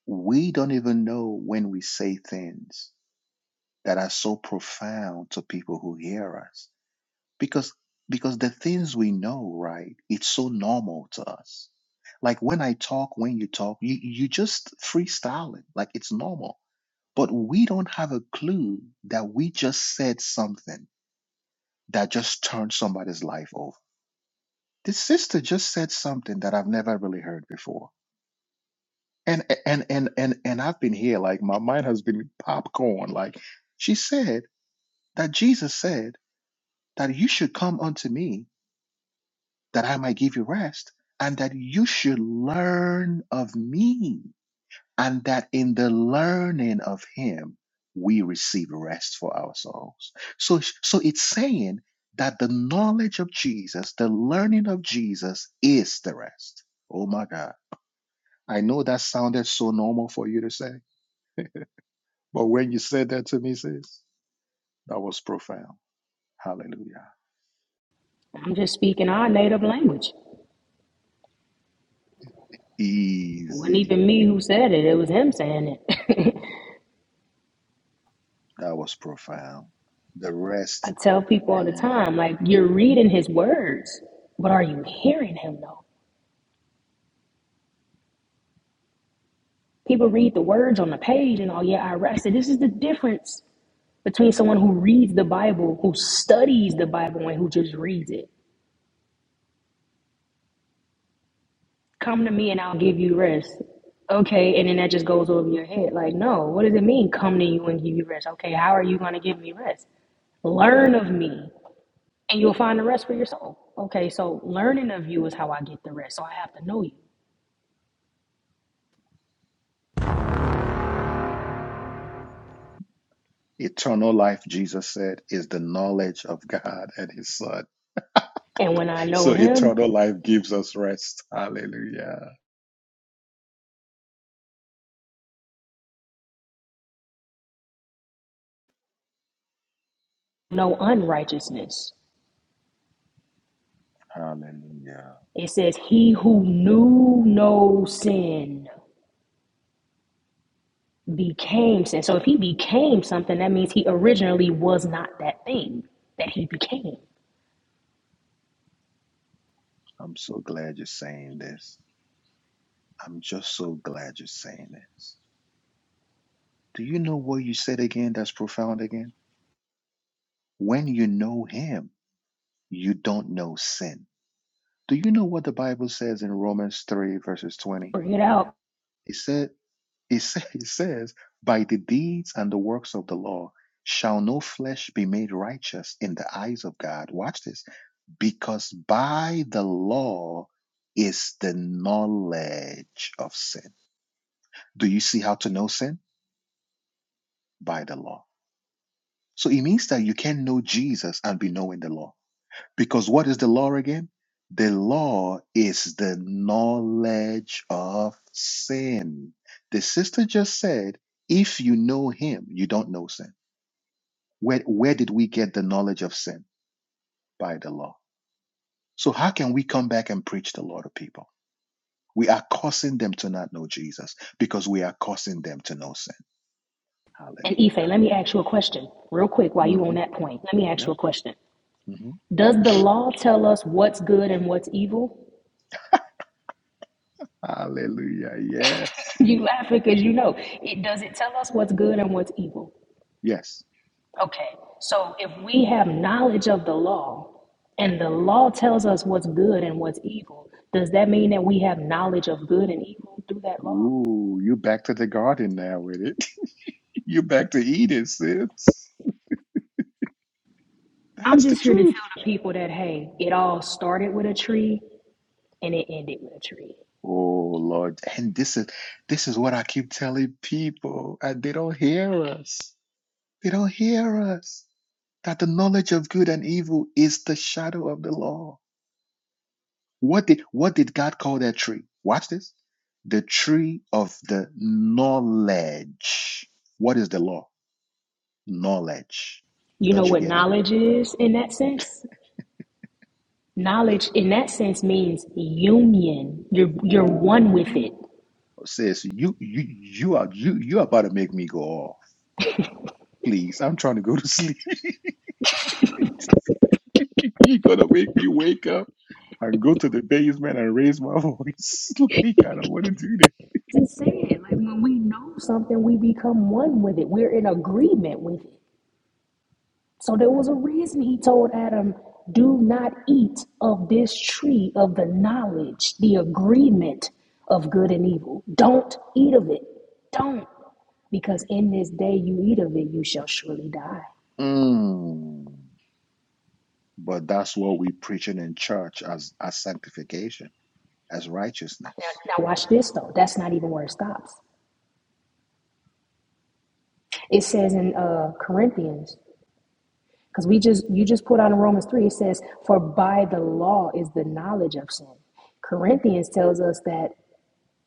Speaker 1: We don't even know when we say things that are so profound to people who hear us because because the things we know, right, it's so normal to us. Like when I talk, when you talk, you you just freestyling, like it's normal. But we don't have a clue that we just said something that just turned somebody's life over. This sister just said something that I've never really heard before And and and and and I've been here, like my mind has been popcorn. Like she said that Jesus said that you should come unto me that I might give you rest, and that you should learn of me, and that in the learning of him we receive rest for our souls. So so it's saying that the knowledge of Jesus, the learning of Jesus is the rest. Oh my God. I know that sounded so normal for you to say But when you said that to me, sis, that was profound. Hallelujah.
Speaker 11: i'm just speaking our native language wasn't
Speaker 1: Easy.
Speaker 11: even me who said it, it was him saying it.
Speaker 1: That was profound. The
Speaker 11: I
Speaker 1: rest,
Speaker 11: tell people all the
Speaker 1: mm,
Speaker 11: time, like, you're reading his words, but are you hearing him though? People read the words on the page and, oh, yeah, I rested. This is the difference between someone who reads the Bible, who studies the Bible, and who just reads it. Come to me and I'll give you rest. Okay, and then that just goes over your head. Like, no, what does it mean, come to you and give you rest? Okay, how are you going to give me rest? Learn of me. and you'll find the rest for your soul. Okay, so learning of you is how I get the rest. So I have to know you.
Speaker 1: eternal life, Jesus said, is the knowledge of God and His Son.
Speaker 11: And when I know
Speaker 1: So
Speaker 11: him,
Speaker 1: eternal life gives us rest. Hallelujah.
Speaker 11: no unrighteousness.
Speaker 1: Hallelujah.
Speaker 11: It says, He who knew no sin became sin. So if he became something, that means he originally was not that thing that he became.
Speaker 1: I'm so glad you're saying this. I'm just so glad you're saying this. Do you know what you said again that's profound again? When you know Him, you don't know sin. Do you know what the Bible says in Romans 3, verses 20?
Speaker 11: Bring it out.
Speaker 1: It said, it, sa- it says, By the deeds and the works of the law shall no flesh be made righteous in the eyes of God. Watch this. Because by the law is the knowledge of sin. Do you see how to know sin? By the law. So it means that you can know Jesus and be knowing the law. Because what is the law again? The law is the knowledge of sin. The sister just said, if you know him, you don't know sin. Where, where did we get the knowledge of sin? By the law. So how can we come back and preach the law to people? We are causing them to not know Jesus because we are causing them to know sin.
Speaker 11: And
Speaker 1: Hallelujah.
Speaker 11: Ife, let me ask you a question real quick while you
Speaker 1: hmm
Speaker 11: on that point. Let me ask you
Speaker 1: Yeah.
Speaker 11: a question.
Speaker 1: hmm
Speaker 11: Does the law tell us what's good and what's evil?
Speaker 1: Hallelujah. Yes.
Speaker 11: You laughing because you know it doesn't tell us what's good and what's evil.
Speaker 1: Yes.
Speaker 11: Okay, so if we have knowledge of the law and the law tells us what's good and what's evil, does that mean that we have knowledge of good and evil through that law?
Speaker 1: Ooh, you back to the garden now with it. You're back to Eden, sis.
Speaker 11: I'm
Speaker 1: That's the
Speaker 11: just here to
Speaker 1: truth.
Speaker 11: tell the people that hey, it all started with a tree and it ended with a tree.
Speaker 1: Oh Lord. And this is this is what I keep telling people. And they don't hear us. They don't hear us. That the knowledge of good and evil is the shadow of the law. What did what did God call that tree? Watch this. The tree of the knowledge. What is the law? Knowledge.
Speaker 11: You know
Speaker 1: Don't you
Speaker 11: what
Speaker 1: get it?
Speaker 11: knowledge is in that sense? Knowledge in that sense means union. You're you're one
Speaker 1: Oh
Speaker 11: with it.
Speaker 1: sis, you you you are you you are about to make me go off. Please, I'm trying to go to sleep. You're gonna make me wake up and go to the basement and raise my voice. like I don't want to do that.
Speaker 11: just said, like when we know something, we become one with it. We're in agreement with it. So there was a reason he told Adam, do not eat of this tree of the knowledge, the agreement of good and evil. Don't eat of it. Don't. Because in this day you eat of it, you shall surely die.
Speaker 1: Mm. But that's what we preaching in church as as sanctification, as
Speaker 11: Now,
Speaker 1: righteousness.
Speaker 11: now watch this though. That's not even where it stops. It says in uh, Corinthians Because we just you just put on Romans 3, it says, For by the law is the knowledge of sin. Corinthians tells us that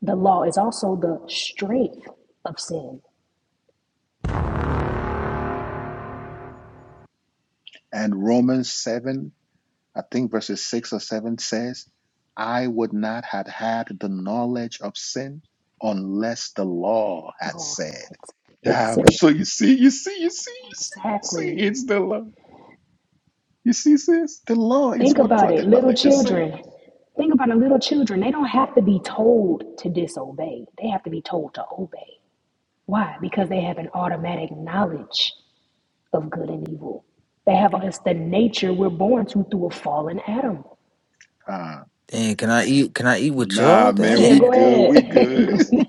Speaker 11: the law is also the strength of sin.
Speaker 1: And Romans seven. I think verses 6 or 7 says, I would not have had the knowledge of sin unless the law had
Speaker 11: Oh,
Speaker 1: said.
Speaker 11: it's, it's
Speaker 1: Now,
Speaker 11: so
Speaker 1: so you see, you see, you see, you see, you
Speaker 11: exactly.
Speaker 1: see, it's the law. You see, sis, the law is
Speaker 11: Think
Speaker 1: what
Speaker 11: about
Speaker 1: brought
Speaker 11: it,
Speaker 1: the
Speaker 11: little
Speaker 1: knowledge of sin.
Speaker 11: children. Think about it, little children. They don't have to be told to disobey. They have to be told to obey. Why? Because they have an automatic knowledge of good and evil. They have it's the nature we're born to through a fallen Adam.
Speaker 1: Ah,
Speaker 6: Dang, can I eat? Can I eat with y'all?
Speaker 1: nah, man,
Speaker 11: Yeah,
Speaker 1: we
Speaker 6: Damn,
Speaker 11: go
Speaker 1: good,
Speaker 11: ahead.
Speaker 1: we
Speaker 11: Go
Speaker 1: good.
Speaker 11: ahead. Yeah,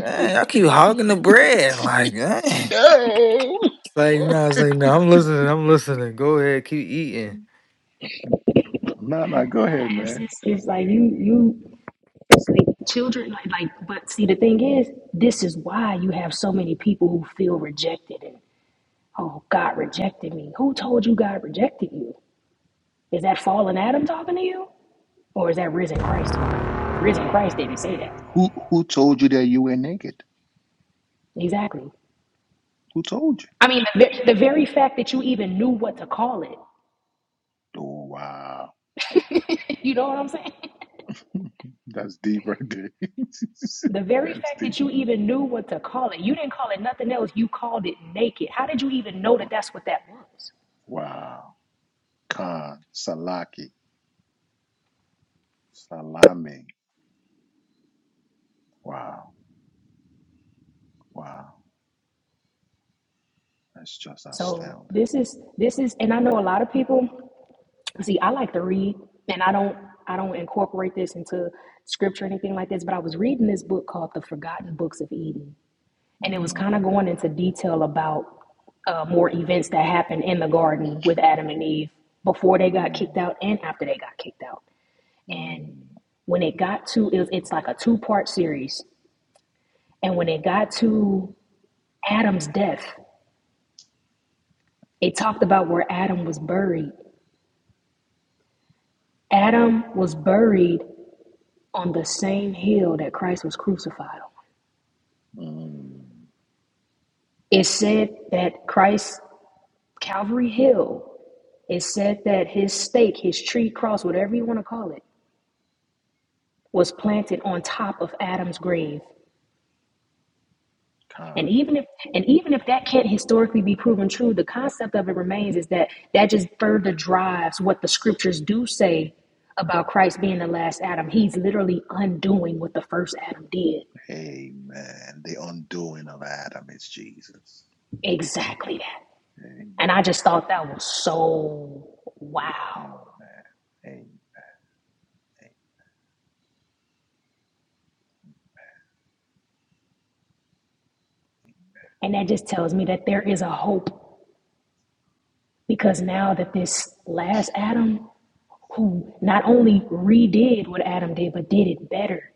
Speaker 1: we
Speaker 6: y'all keep hogging the bread. Like, dang. It's
Speaker 1: No,
Speaker 6: like, no, it's like, no. I'm listening. I'm listening. Go ahead, keep eating.
Speaker 1: No, no, go ahead,
Speaker 11: it's,
Speaker 1: man.
Speaker 11: it's, it's like you you it's like children like, like but see the thing is this is why you have so many people who feel rejected and oh God rejected me. Who told you God rejected you? Is that fallen Adam talking to you? Or is that risen Christ talking to you? Because risen Christ didn't say that.
Speaker 1: Who who told you that you were naked?
Speaker 11: Exactly.
Speaker 1: Who told you?
Speaker 11: I mean, the, the very fact that you even knew what to call
Speaker 1: Oh wow.
Speaker 11: it. you know what I'm saying?
Speaker 1: That's deep right there.
Speaker 11: The very
Speaker 1: That's
Speaker 11: fact that
Speaker 1: deep.
Speaker 11: you even knew what to call it, you didn't call it nothing else, you called it naked. How did you even know that that's what that was?
Speaker 1: Wow. Wow. Khan, Salaki, Salami. Wow. Wow. That's just
Speaker 11: So
Speaker 1: astounding.
Speaker 11: this is this is and I know a lot of people see I like to read and I don't I don't incorporate this into scripture or anything like this, but I was reading this book called The Forgotten Books of Eden and it was
Speaker 1: Mm,
Speaker 11: kind of going into detail about uh, more events that happened in the garden with Adam and Eve before they got
Speaker 1: mm,
Speaker 11: kicked out and after they got kicked out.
Speaker 1: mm,
Speaker 11: And when it got to, it was, it's like a two part series. And when it got to Adam's death, it talked about where Adam was buried. Adam was buried on the same hill that Christ was crucified on.
Speaker 1: mm.
Speaker 11: It said that Christ, Calvary Hill, it said that his stake, his tree cross, whatever you want to call it, was planted on top of Adam's grave.
Speaker 1: Khan.
Speaker 11: And even if and even if that can't historically be proven true, the concept of it remains is that that just further drives what the scriptures do say about Christ being the last Adam. He's literally undoing what the first Adam did.
Speaker 1: Amen. The undoing of Adam is Jesus.
Speaker 11: Exactly that. And I
Speaker 1: Amen.
Speaker 11: just thought that was so wow.
Speaker 1: Amen. Amen.
Speaker 11: And that just tells me that there is a hope because now that this last Adam who not only redid what Adam did, but did it better,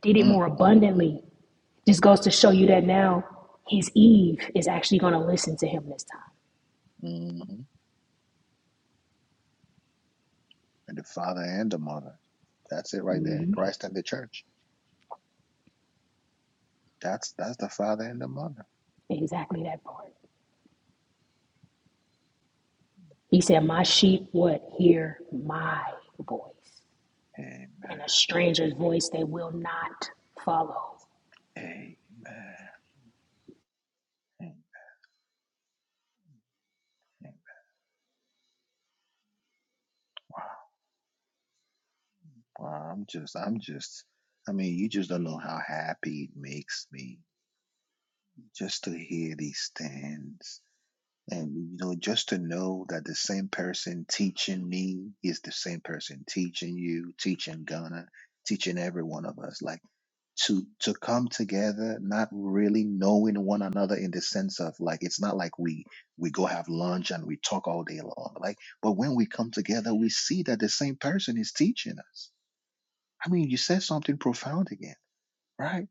Speaker 11: did it
Speaker 1: Mm,
Speaker 11: more
Speaker 1: mm, mm,
Speaker 11: abundantly, Just goes to show you that now his Eve is actually going to listen to him this time.
Speaker 1: mhm. And the father and the mother. That's it right there. Christ and the church. That's that's the father and the mother.
Speaker 11: Exactly that part. He said, My sheep would hear my voice,
Speaker 1: Amen.
Speaker 11: and a stranger's voice they will not follow.
Speaker 1: Amen. Amen. Wow, I'm just I'm just I mean, you just don't know how happy it makes me just to hear these things. And you know, just to know that the same person teaching me is the same person teaching you, teaching Ghana, teaching every one of us. Like to to come together not really knowing one another in the sense of like it's not like we we go have lunch and we talk all day long like but when we come together we see that the same person is teaching us i mean you said something profound again right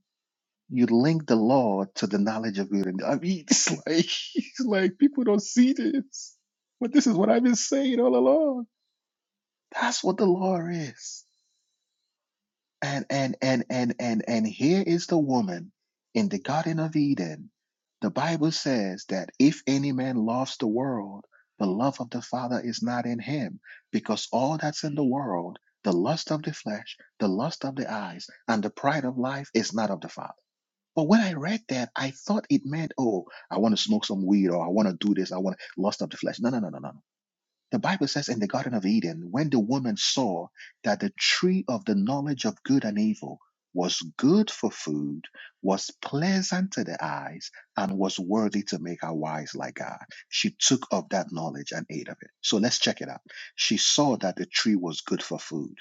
Speaker 1: you link the law to the knowledge of good and i mean it's like it's like people don't see this but this is what i've been saying all along that's what the law is And and and and and and here is the woman in the Garden of Eden. The Bible says that if any man loves the world, the love of the Father is not in him, because all that's in the world, the lust of the flesh, the lust of the eyes, and the pride of life is not of the Father. But when I read that, I thought it meant, oh, I want to smoke some weed or I want to do this, I want to lust of the flesh. No, no, no, no, no. no. The Bible says in the Garden of Eden, when the woman saw that the tree of the knowledge of good and evil was good for food, was pleasant to the eyes, and was worthy to make her wise like God, she took of that knowledge and ate of it. So let's check it out. She saw that the tree was good for food,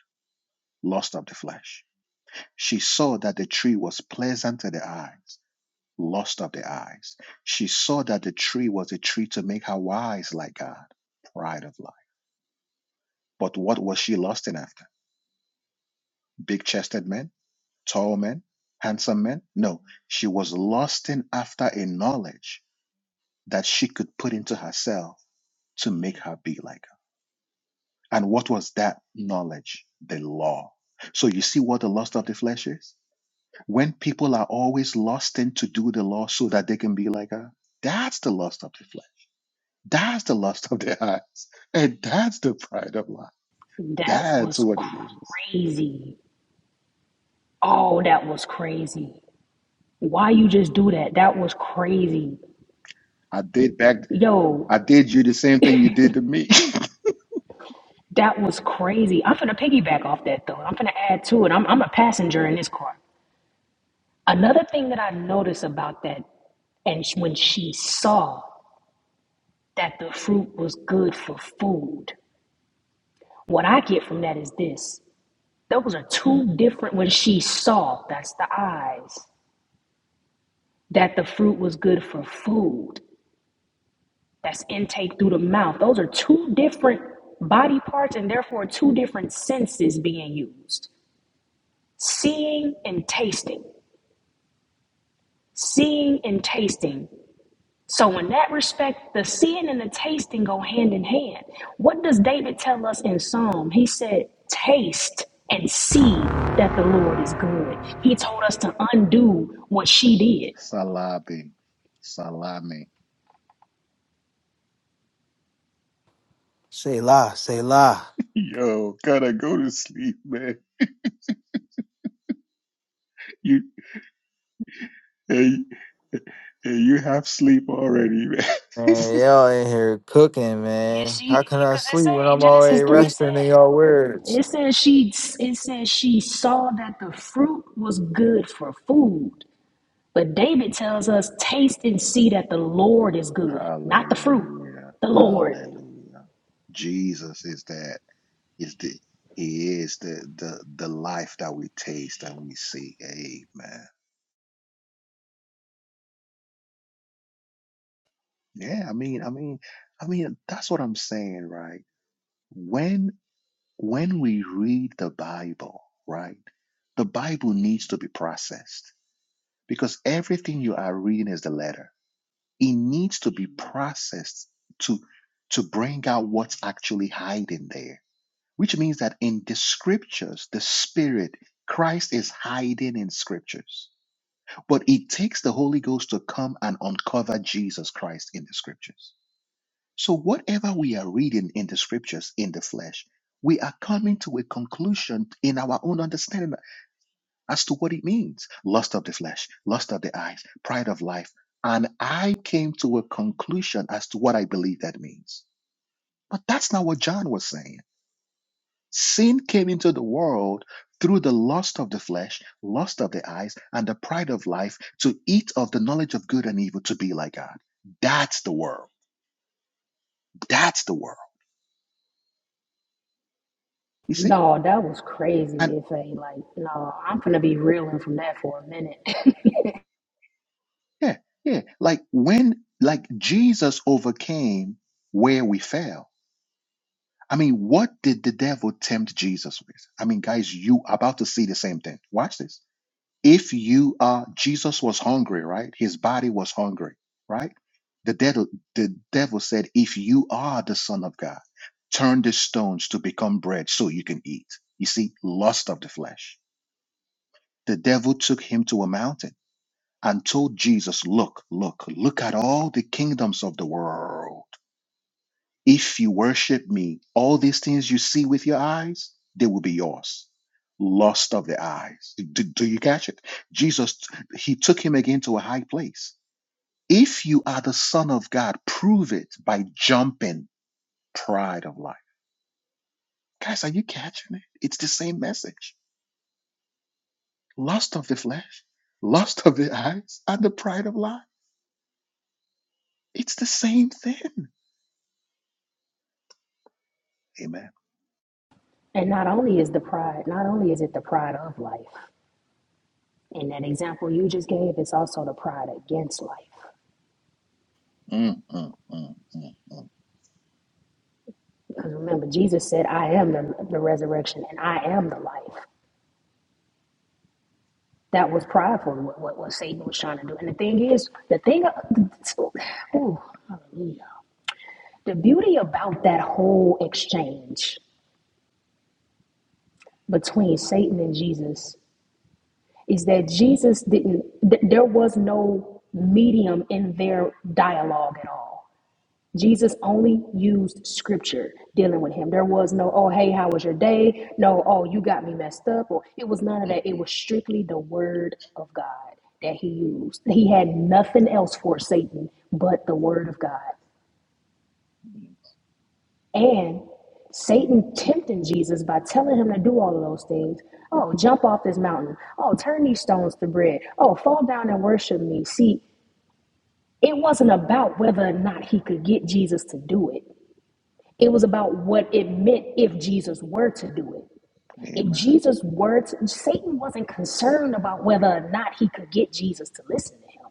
Speaker 1: lust of the flesh. She saw that the tree was pleasant to the eyes. Lust of the eyes. She saw that the tree was a tree to make her wise like God, pride of life but what was she lusting after? Big chested men? Tall men? Handsome men? No, she was lusting after a knowledge that she could put into herself to make her be like her. And what was that knowledge? The law. So you see what the lust of the flesh is? When people are always lusting to do the law so that they can be like her, that's the lust of the flesh. That's the lust of the eyes. And that's the pride of life.
Speaker 11: That
Speaker 1: That's
Speaker 11: was
Speaker 1: what it is.
Speaker 11: crazy. Oh, that was crazy. Why you just do that? That was crazy.
Speaker 1: I did back. I
Speaker 11: Yo,
Speaker 1: did you the same thing you did to me.
Speaker 11: that was crazy. I'm finna piggyback off that though. I'm finna add to it. I'm, I'm a passenger in this car. Another thing that I noticed about that, and when she saw that the fruit was good for food, what I get from that is this. Those are two different, when she saw, that's the eyes, that the fruit was good for food, that's intake through the mouth. Those are two different body parts and therefore two different senses being used seeing and tasting. Seeing and tasting So in that respect, the seeing and the tasting go hand in hand. What does David tell us in Psalm? He said, taste and see that the Lord is good. He told us to undo what she did.
Speaker 1: Salami. Salami.
Speaker 6: Say la, say la.
Speaker 1: Yo, gotta go to sleep, man. You and, and you have sleep already, man.
Speaker 6: Man, y'all in here cooking,
Speaker 11: Yeah,
Speaker 6: man.
Speaker 11: she
Speaker 6: How can I
Speaker 11: because it
Speaker 6: sleep
Speaker 11: said
Speaker 6: when I'm already
Speaker 11: Genesis 3
Speaker 6: resting in
Speaker 11: said
Speaker 6: y'all words?
Speaker 11: it says she it says she saw that the fruit was good for food. But David tells us taste and see that the Lord is good, not the fruit,
Speaker 1: Hallelujah.
Speaker 11: the Lord.
Speaker 1: Hallelujah. Jesus is that is the he is the the the life that we taste and we see. Amen. Yeah, I mean, I mean, I mean, that's what I'm saying, right? When When we read the Bible, right, the Bible needs to be processed because everything you are reading is the letter. It needs to be processed to to bring out what's actually hiding there. Which means that in the scriptures, the spirit, Christ is hiding in scriptures. But it takes the Holy Ghost to come and uncover Jesus Christ in the scriptures. So, whatever we are reading in the scriptures in the flesh, we are coming to a conclusion in our own understanding as to what it means lust of the flesh, lust of the eyes, pride of life. And I came to a conclusion as to what I believe that means. But that's not what John was saying. Sin came into the world through the lust of the flesh, lust of the eyes, and the pride of life to eat of the knowledge of good and evil to be like God. That's the world. That's the world. You see?
Speaker 11: No, that was
Speaker 1: and.
Speaker 11: crazy, If Ife. Like, no, I'm gonna be reeling from that for a minute.
Speaker 1: Yeah, yeah. Like when, like Jesus overcame where we fell. I mean, what did the devil tempt Jesus with? I mean, guys, you are about to see the same thing. Watch this. If you uh Jesus was hungry, right? His body was hungry, right? The devil, the devil said, if you are the son of God, turn the stones to become bread so you can eat. You see, lust of the flesh. The devil took him to a mountain and told Jesus, Look, look, look at all the kingdoms of the world. If you worship me, all these things you see with your eyes, they will be yours. Lust of the eyes. Do, do you catch it? Jesus, he took him again to a high place. If you are the Son of God, prove it by jumping pride of life. Guys, are you catching it? It's the same message. Lust of the flesh, lust of the eyes, and the pride of life. It's the same thing. Amen.
Speaker 11: and not only is the pride, not only is it the pride of life, in that example you just gave, it's also the pride against life.
Speaker 1: Mm, mm, mm, mm, mm,
Speaker 11: Because remember, Jesus said, I am the, the resurrection and I am the life. That was prideful, what, what, what Satan was trying to do. And the thing is, the thing, ooh, hallelujah. The beauty about that whole exchange between Satan and Jesus is that Jesus didn't, th- there was no medium in their dialogue at all. Jesus only used scripture dealing with him. There was no, oh, hey, how was your day? No, oh, you got me messed up. Or it was none of
Speaker 1: mm,
Speaker 11: that. It
Speaker 1: mm,
Speaker 11: was strictly the word of God that he used. He had nothing else for Satan but the word of God.
Speaker 1: mm.
Speaker 11: And Satan tempting Jesus by telling him to do all of those things. Oh, jump off this mountain. Oh, turn these stones to bread. Oh, fall down and worship me. See, it wasn't about whether or not he could get Jesus to do it. It was about what it meant if Jesus were to do it. If
Speaker 1: Amen.
Speaker 11: Jesus were to, Satan wasn't concerned about whether or not he could get Jesus to listen to him.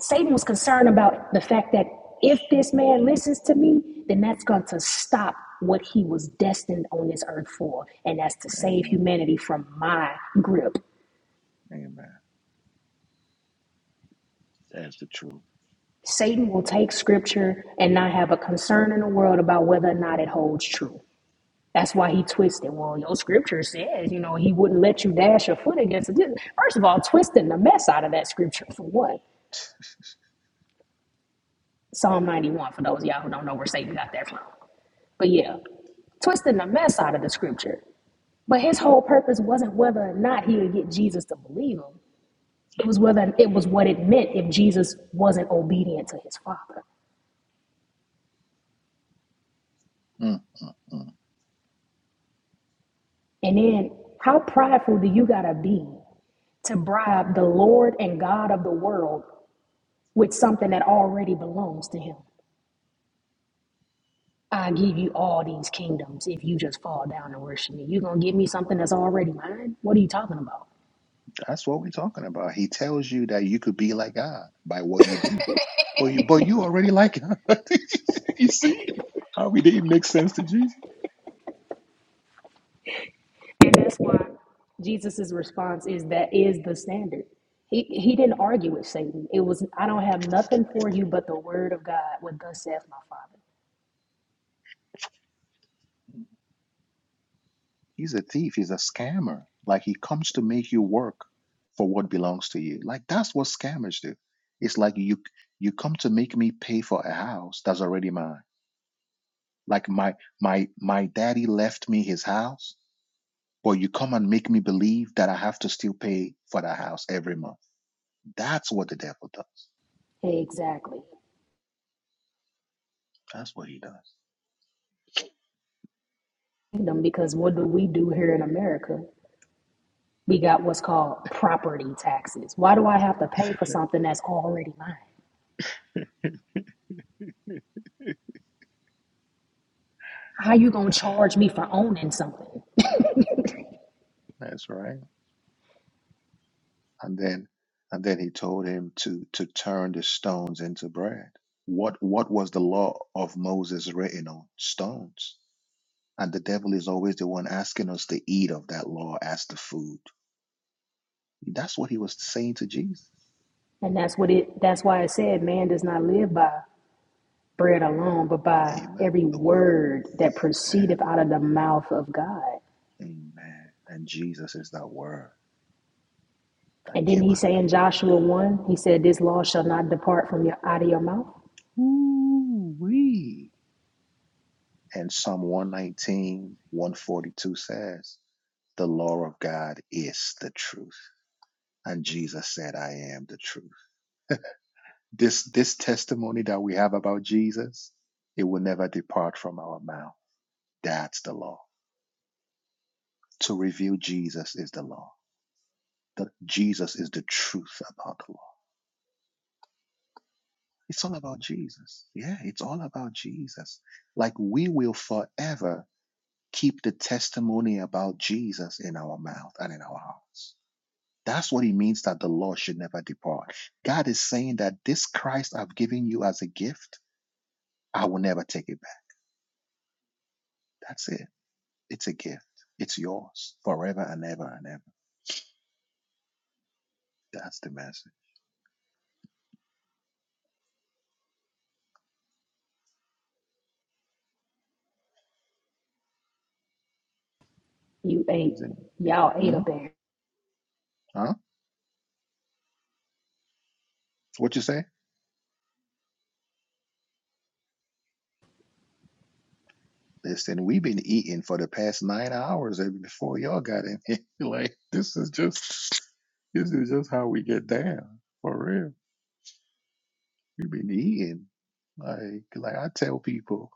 Speaker 11: Satan was concerned about the fact that if this man listens to me, then that's going to stop what he was destined on this earth for, and that's to save
Speaker 1: Amen.
Speaker 11: humanity from my grip.
Speaker 1: Amen. That's the truth.
Speaker 11: Satan will take scripture and not have a concern in the world about whether or not it holds true. That's why he twisted. Well, your scripture says, you know, he wouldn't let you dash your foot against it. First of all, twisting the mess out of that scripture for what? Psalm 91, for those of y'all who don't know where Satan got that from. But yeah, twisting the mess out of the scripture. But his whole purpose wasn't whether or not he would get Jesus to believe him. It was whether it was what it meant if Jesus wasn't obedient to his father.
Speaker 1: Mm, mm, mm.
Speaker 11: And then how prideful do you gotta be to bribe the Lord and God of the world with something that already belongs to him? I give you all these kingdoms if you just fall down and worship me. You're gonna give me something that's already mine? What are you talking about?
Speaker 1: That's what we're talking about. He tells you that you could be like God by what you do. But you, but you already like God. you see how we didn't make sense to Jesus?
Speaker 11: And that's why Jesus' response is that is the standard. He, he didn't argue with Satan. It was, I don't have nothing for you but the word of God, what thus saith my Father.
Speaker 1: He's a thief. He's a scammer. Like he comes to make you work for what belongs to you. Like that's what scammers do. It's like you you come to make me pay for a house that's already mine. Like my my my daddy left me his house, but you come and make me believe that I have to still pay for that house every month. That's what the devil does.
Speaker 11: Exactly.
Speaker 1: That's what he does.
Speaker 11: Kingdom, Because what do we do here in America? We got what's called property taxes. Why do I have to pay for something that's already mine? How you gonna
Speaker 1: Yeah,
Speaker 11: charge me for owning something?
Speaker 1: that's right. and then and then he told him to to turn the stones into bread what what was the law of moses written on stones and the devil is always the one asking us to eat of that law as the food that's what he was saying to jesus
Speaker 11: And that's what it that's why it said man does not live by bread alone, but by
Speaker 1: amen
Speaker 11: every
Speaker 1: the word
Speaker 11: word that
Speaker 1: amen
Speaker 11: proceedeth out of the mouth of God.
Speaker 1: amen and jesus is that word that
Speaker 11: And didn't
Speaker 1: came
Speaker 11: he
Speaker 1: out of
Speaker 11: say
Speaker 1: the
Speaker 11: in
Speaker 1: mouth of
Speaker 11: Joshua
Speaker 1: god
Speaker 11: 1, he said, This law shall not depart from your out of your mouth?
Speaker 1: Ooh, wee. and psalm one nineteen one forty two says the law of God is the truth. And Jesus said, I am the truth. This, this testimony that we have about Jesus, it will never depart from our mouth. That's the law. To reveal Jesus is the law. That Jesus is the truth about the law. It's all about Jesus. Yeah, it's all about Jesus. Like we will forever keep the testimony about Jesus in our mouth and in our hearts. That's what it means that the law should never depart. God is saying that this Christ I've given you as a gift, I will never take it back. That's it. It's a gift. It's yours forever and ever and ever. That's the message.
Speaker 11: You ate,
Speaker 1: Isn't
Speaker 11: y'all
Speaker 1: it?
Speaker 11: ate
Speaker 1: Hmm?
Speaker 11: up there.
Speaker 1: Huh? So What you say? Listen, we've been eating for the past nine hours eh, before y'all got in here. like this is just this is just how we get down. For real. We've been eating. Like like I tell people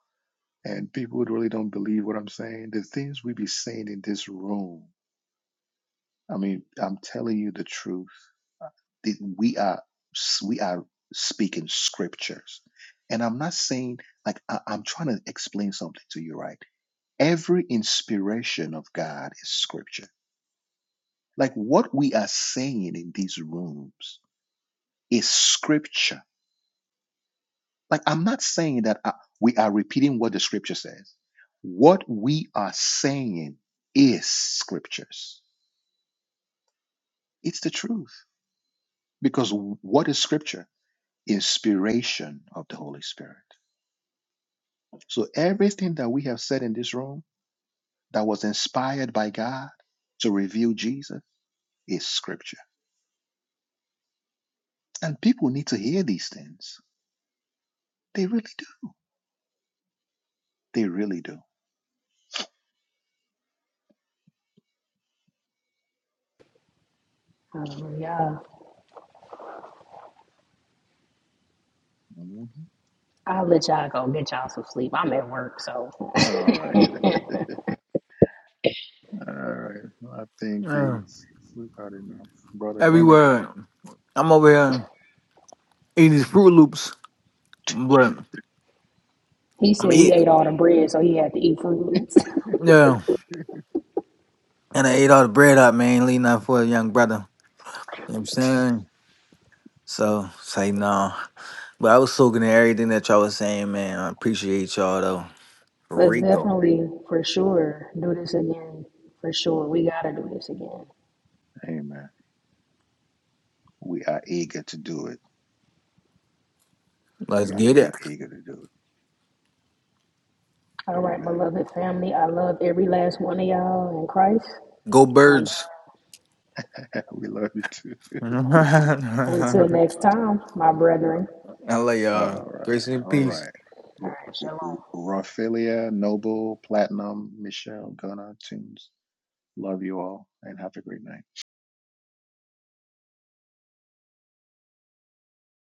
Speaker 1: and people who really don't believe what I'm saying, the things we be saying in this room. I mean, I'm telling you the truth. That we are we are speaking scriptures, and I'm not saying like I, I'm trying to explain something to you, right? Every inspiration of God is scripture. Like what we are saying in these rooms is scripture. Like I'm not saying that I, we are repeating what the scripture says. What we are saying is scriptures. It's the truth because what is scripture? inspiration of the Holy Spirit. So everything that we have said in this room that was inspired by God to reveal Jesus is scripture. And people need to hear these things. They really do. They really do.
Speaker 11: Hallelujah.
Speaker 1: Mhm.
Speaker 11: I'll let y'all go get y'all some sleep. I'm at work, so
Speaker 1: All right. All right. I think we
Speaker 6: Mm.
Speaker 1: we've had enough. Brother
Speaker 6: Every
Speaker 1: Gunner.
Speaker 6: word. I'm over here eating these Fruit Loops, but
Speaker 11: he
Speaker 6: I'm
Speaker 11: said we
Speaker 6: eating.
Speaker 11: ate all the bread, so he had to eat fruit loops.
Speaker 6: Yeah, and I ate all the bread up, man, leaving out for a young brother. You know what I'm saying? So, say no. But I was soaking in everything that y'all was saying, man. I appreciate y'all, though. For
Speaker 11: Let's
Speaker 6: real.
Speaker 11: definitely for sure do this again. For sure. We gotta do this again.
Speaker 1: Amen. We are eager to do it.
Speaker 6: Let's
Speaker 1: We
Speaker 6: get
Speaker 1: are
Speaker 6: it.
Speaker 1: eager to do it.
Speaker 11: All right,
Speaker 1: Amen.
Speaker 11: beloved family. I love every last one of y'all in Christ.
Speaker 6: Go
Speaker 1: All
Speaker 11: And
Speaker 6: birds.
Speaker 11: uh,
Speaker 1: right. we love you too.
Speaker 11: until
Speaker 6: I
Speaker 11: next time, my
Speaker 1: All
Speaker 11: brethren.
Speaker 6: love y'all.
Speaker 1: right.
Speaker 6: Grace and
Speaker 1: All
Speaker 6: peace.
Speaker 1: right.
Speaker 11: All
Speaker 1: R-
Speaker 11: right,
Speaker 1: R- R-
Speaker 11: shalom.
Speaker 1: Raphaelia, Noble, Platinum, Michelle, Gunnar, Tunes. Love you all and have a great night.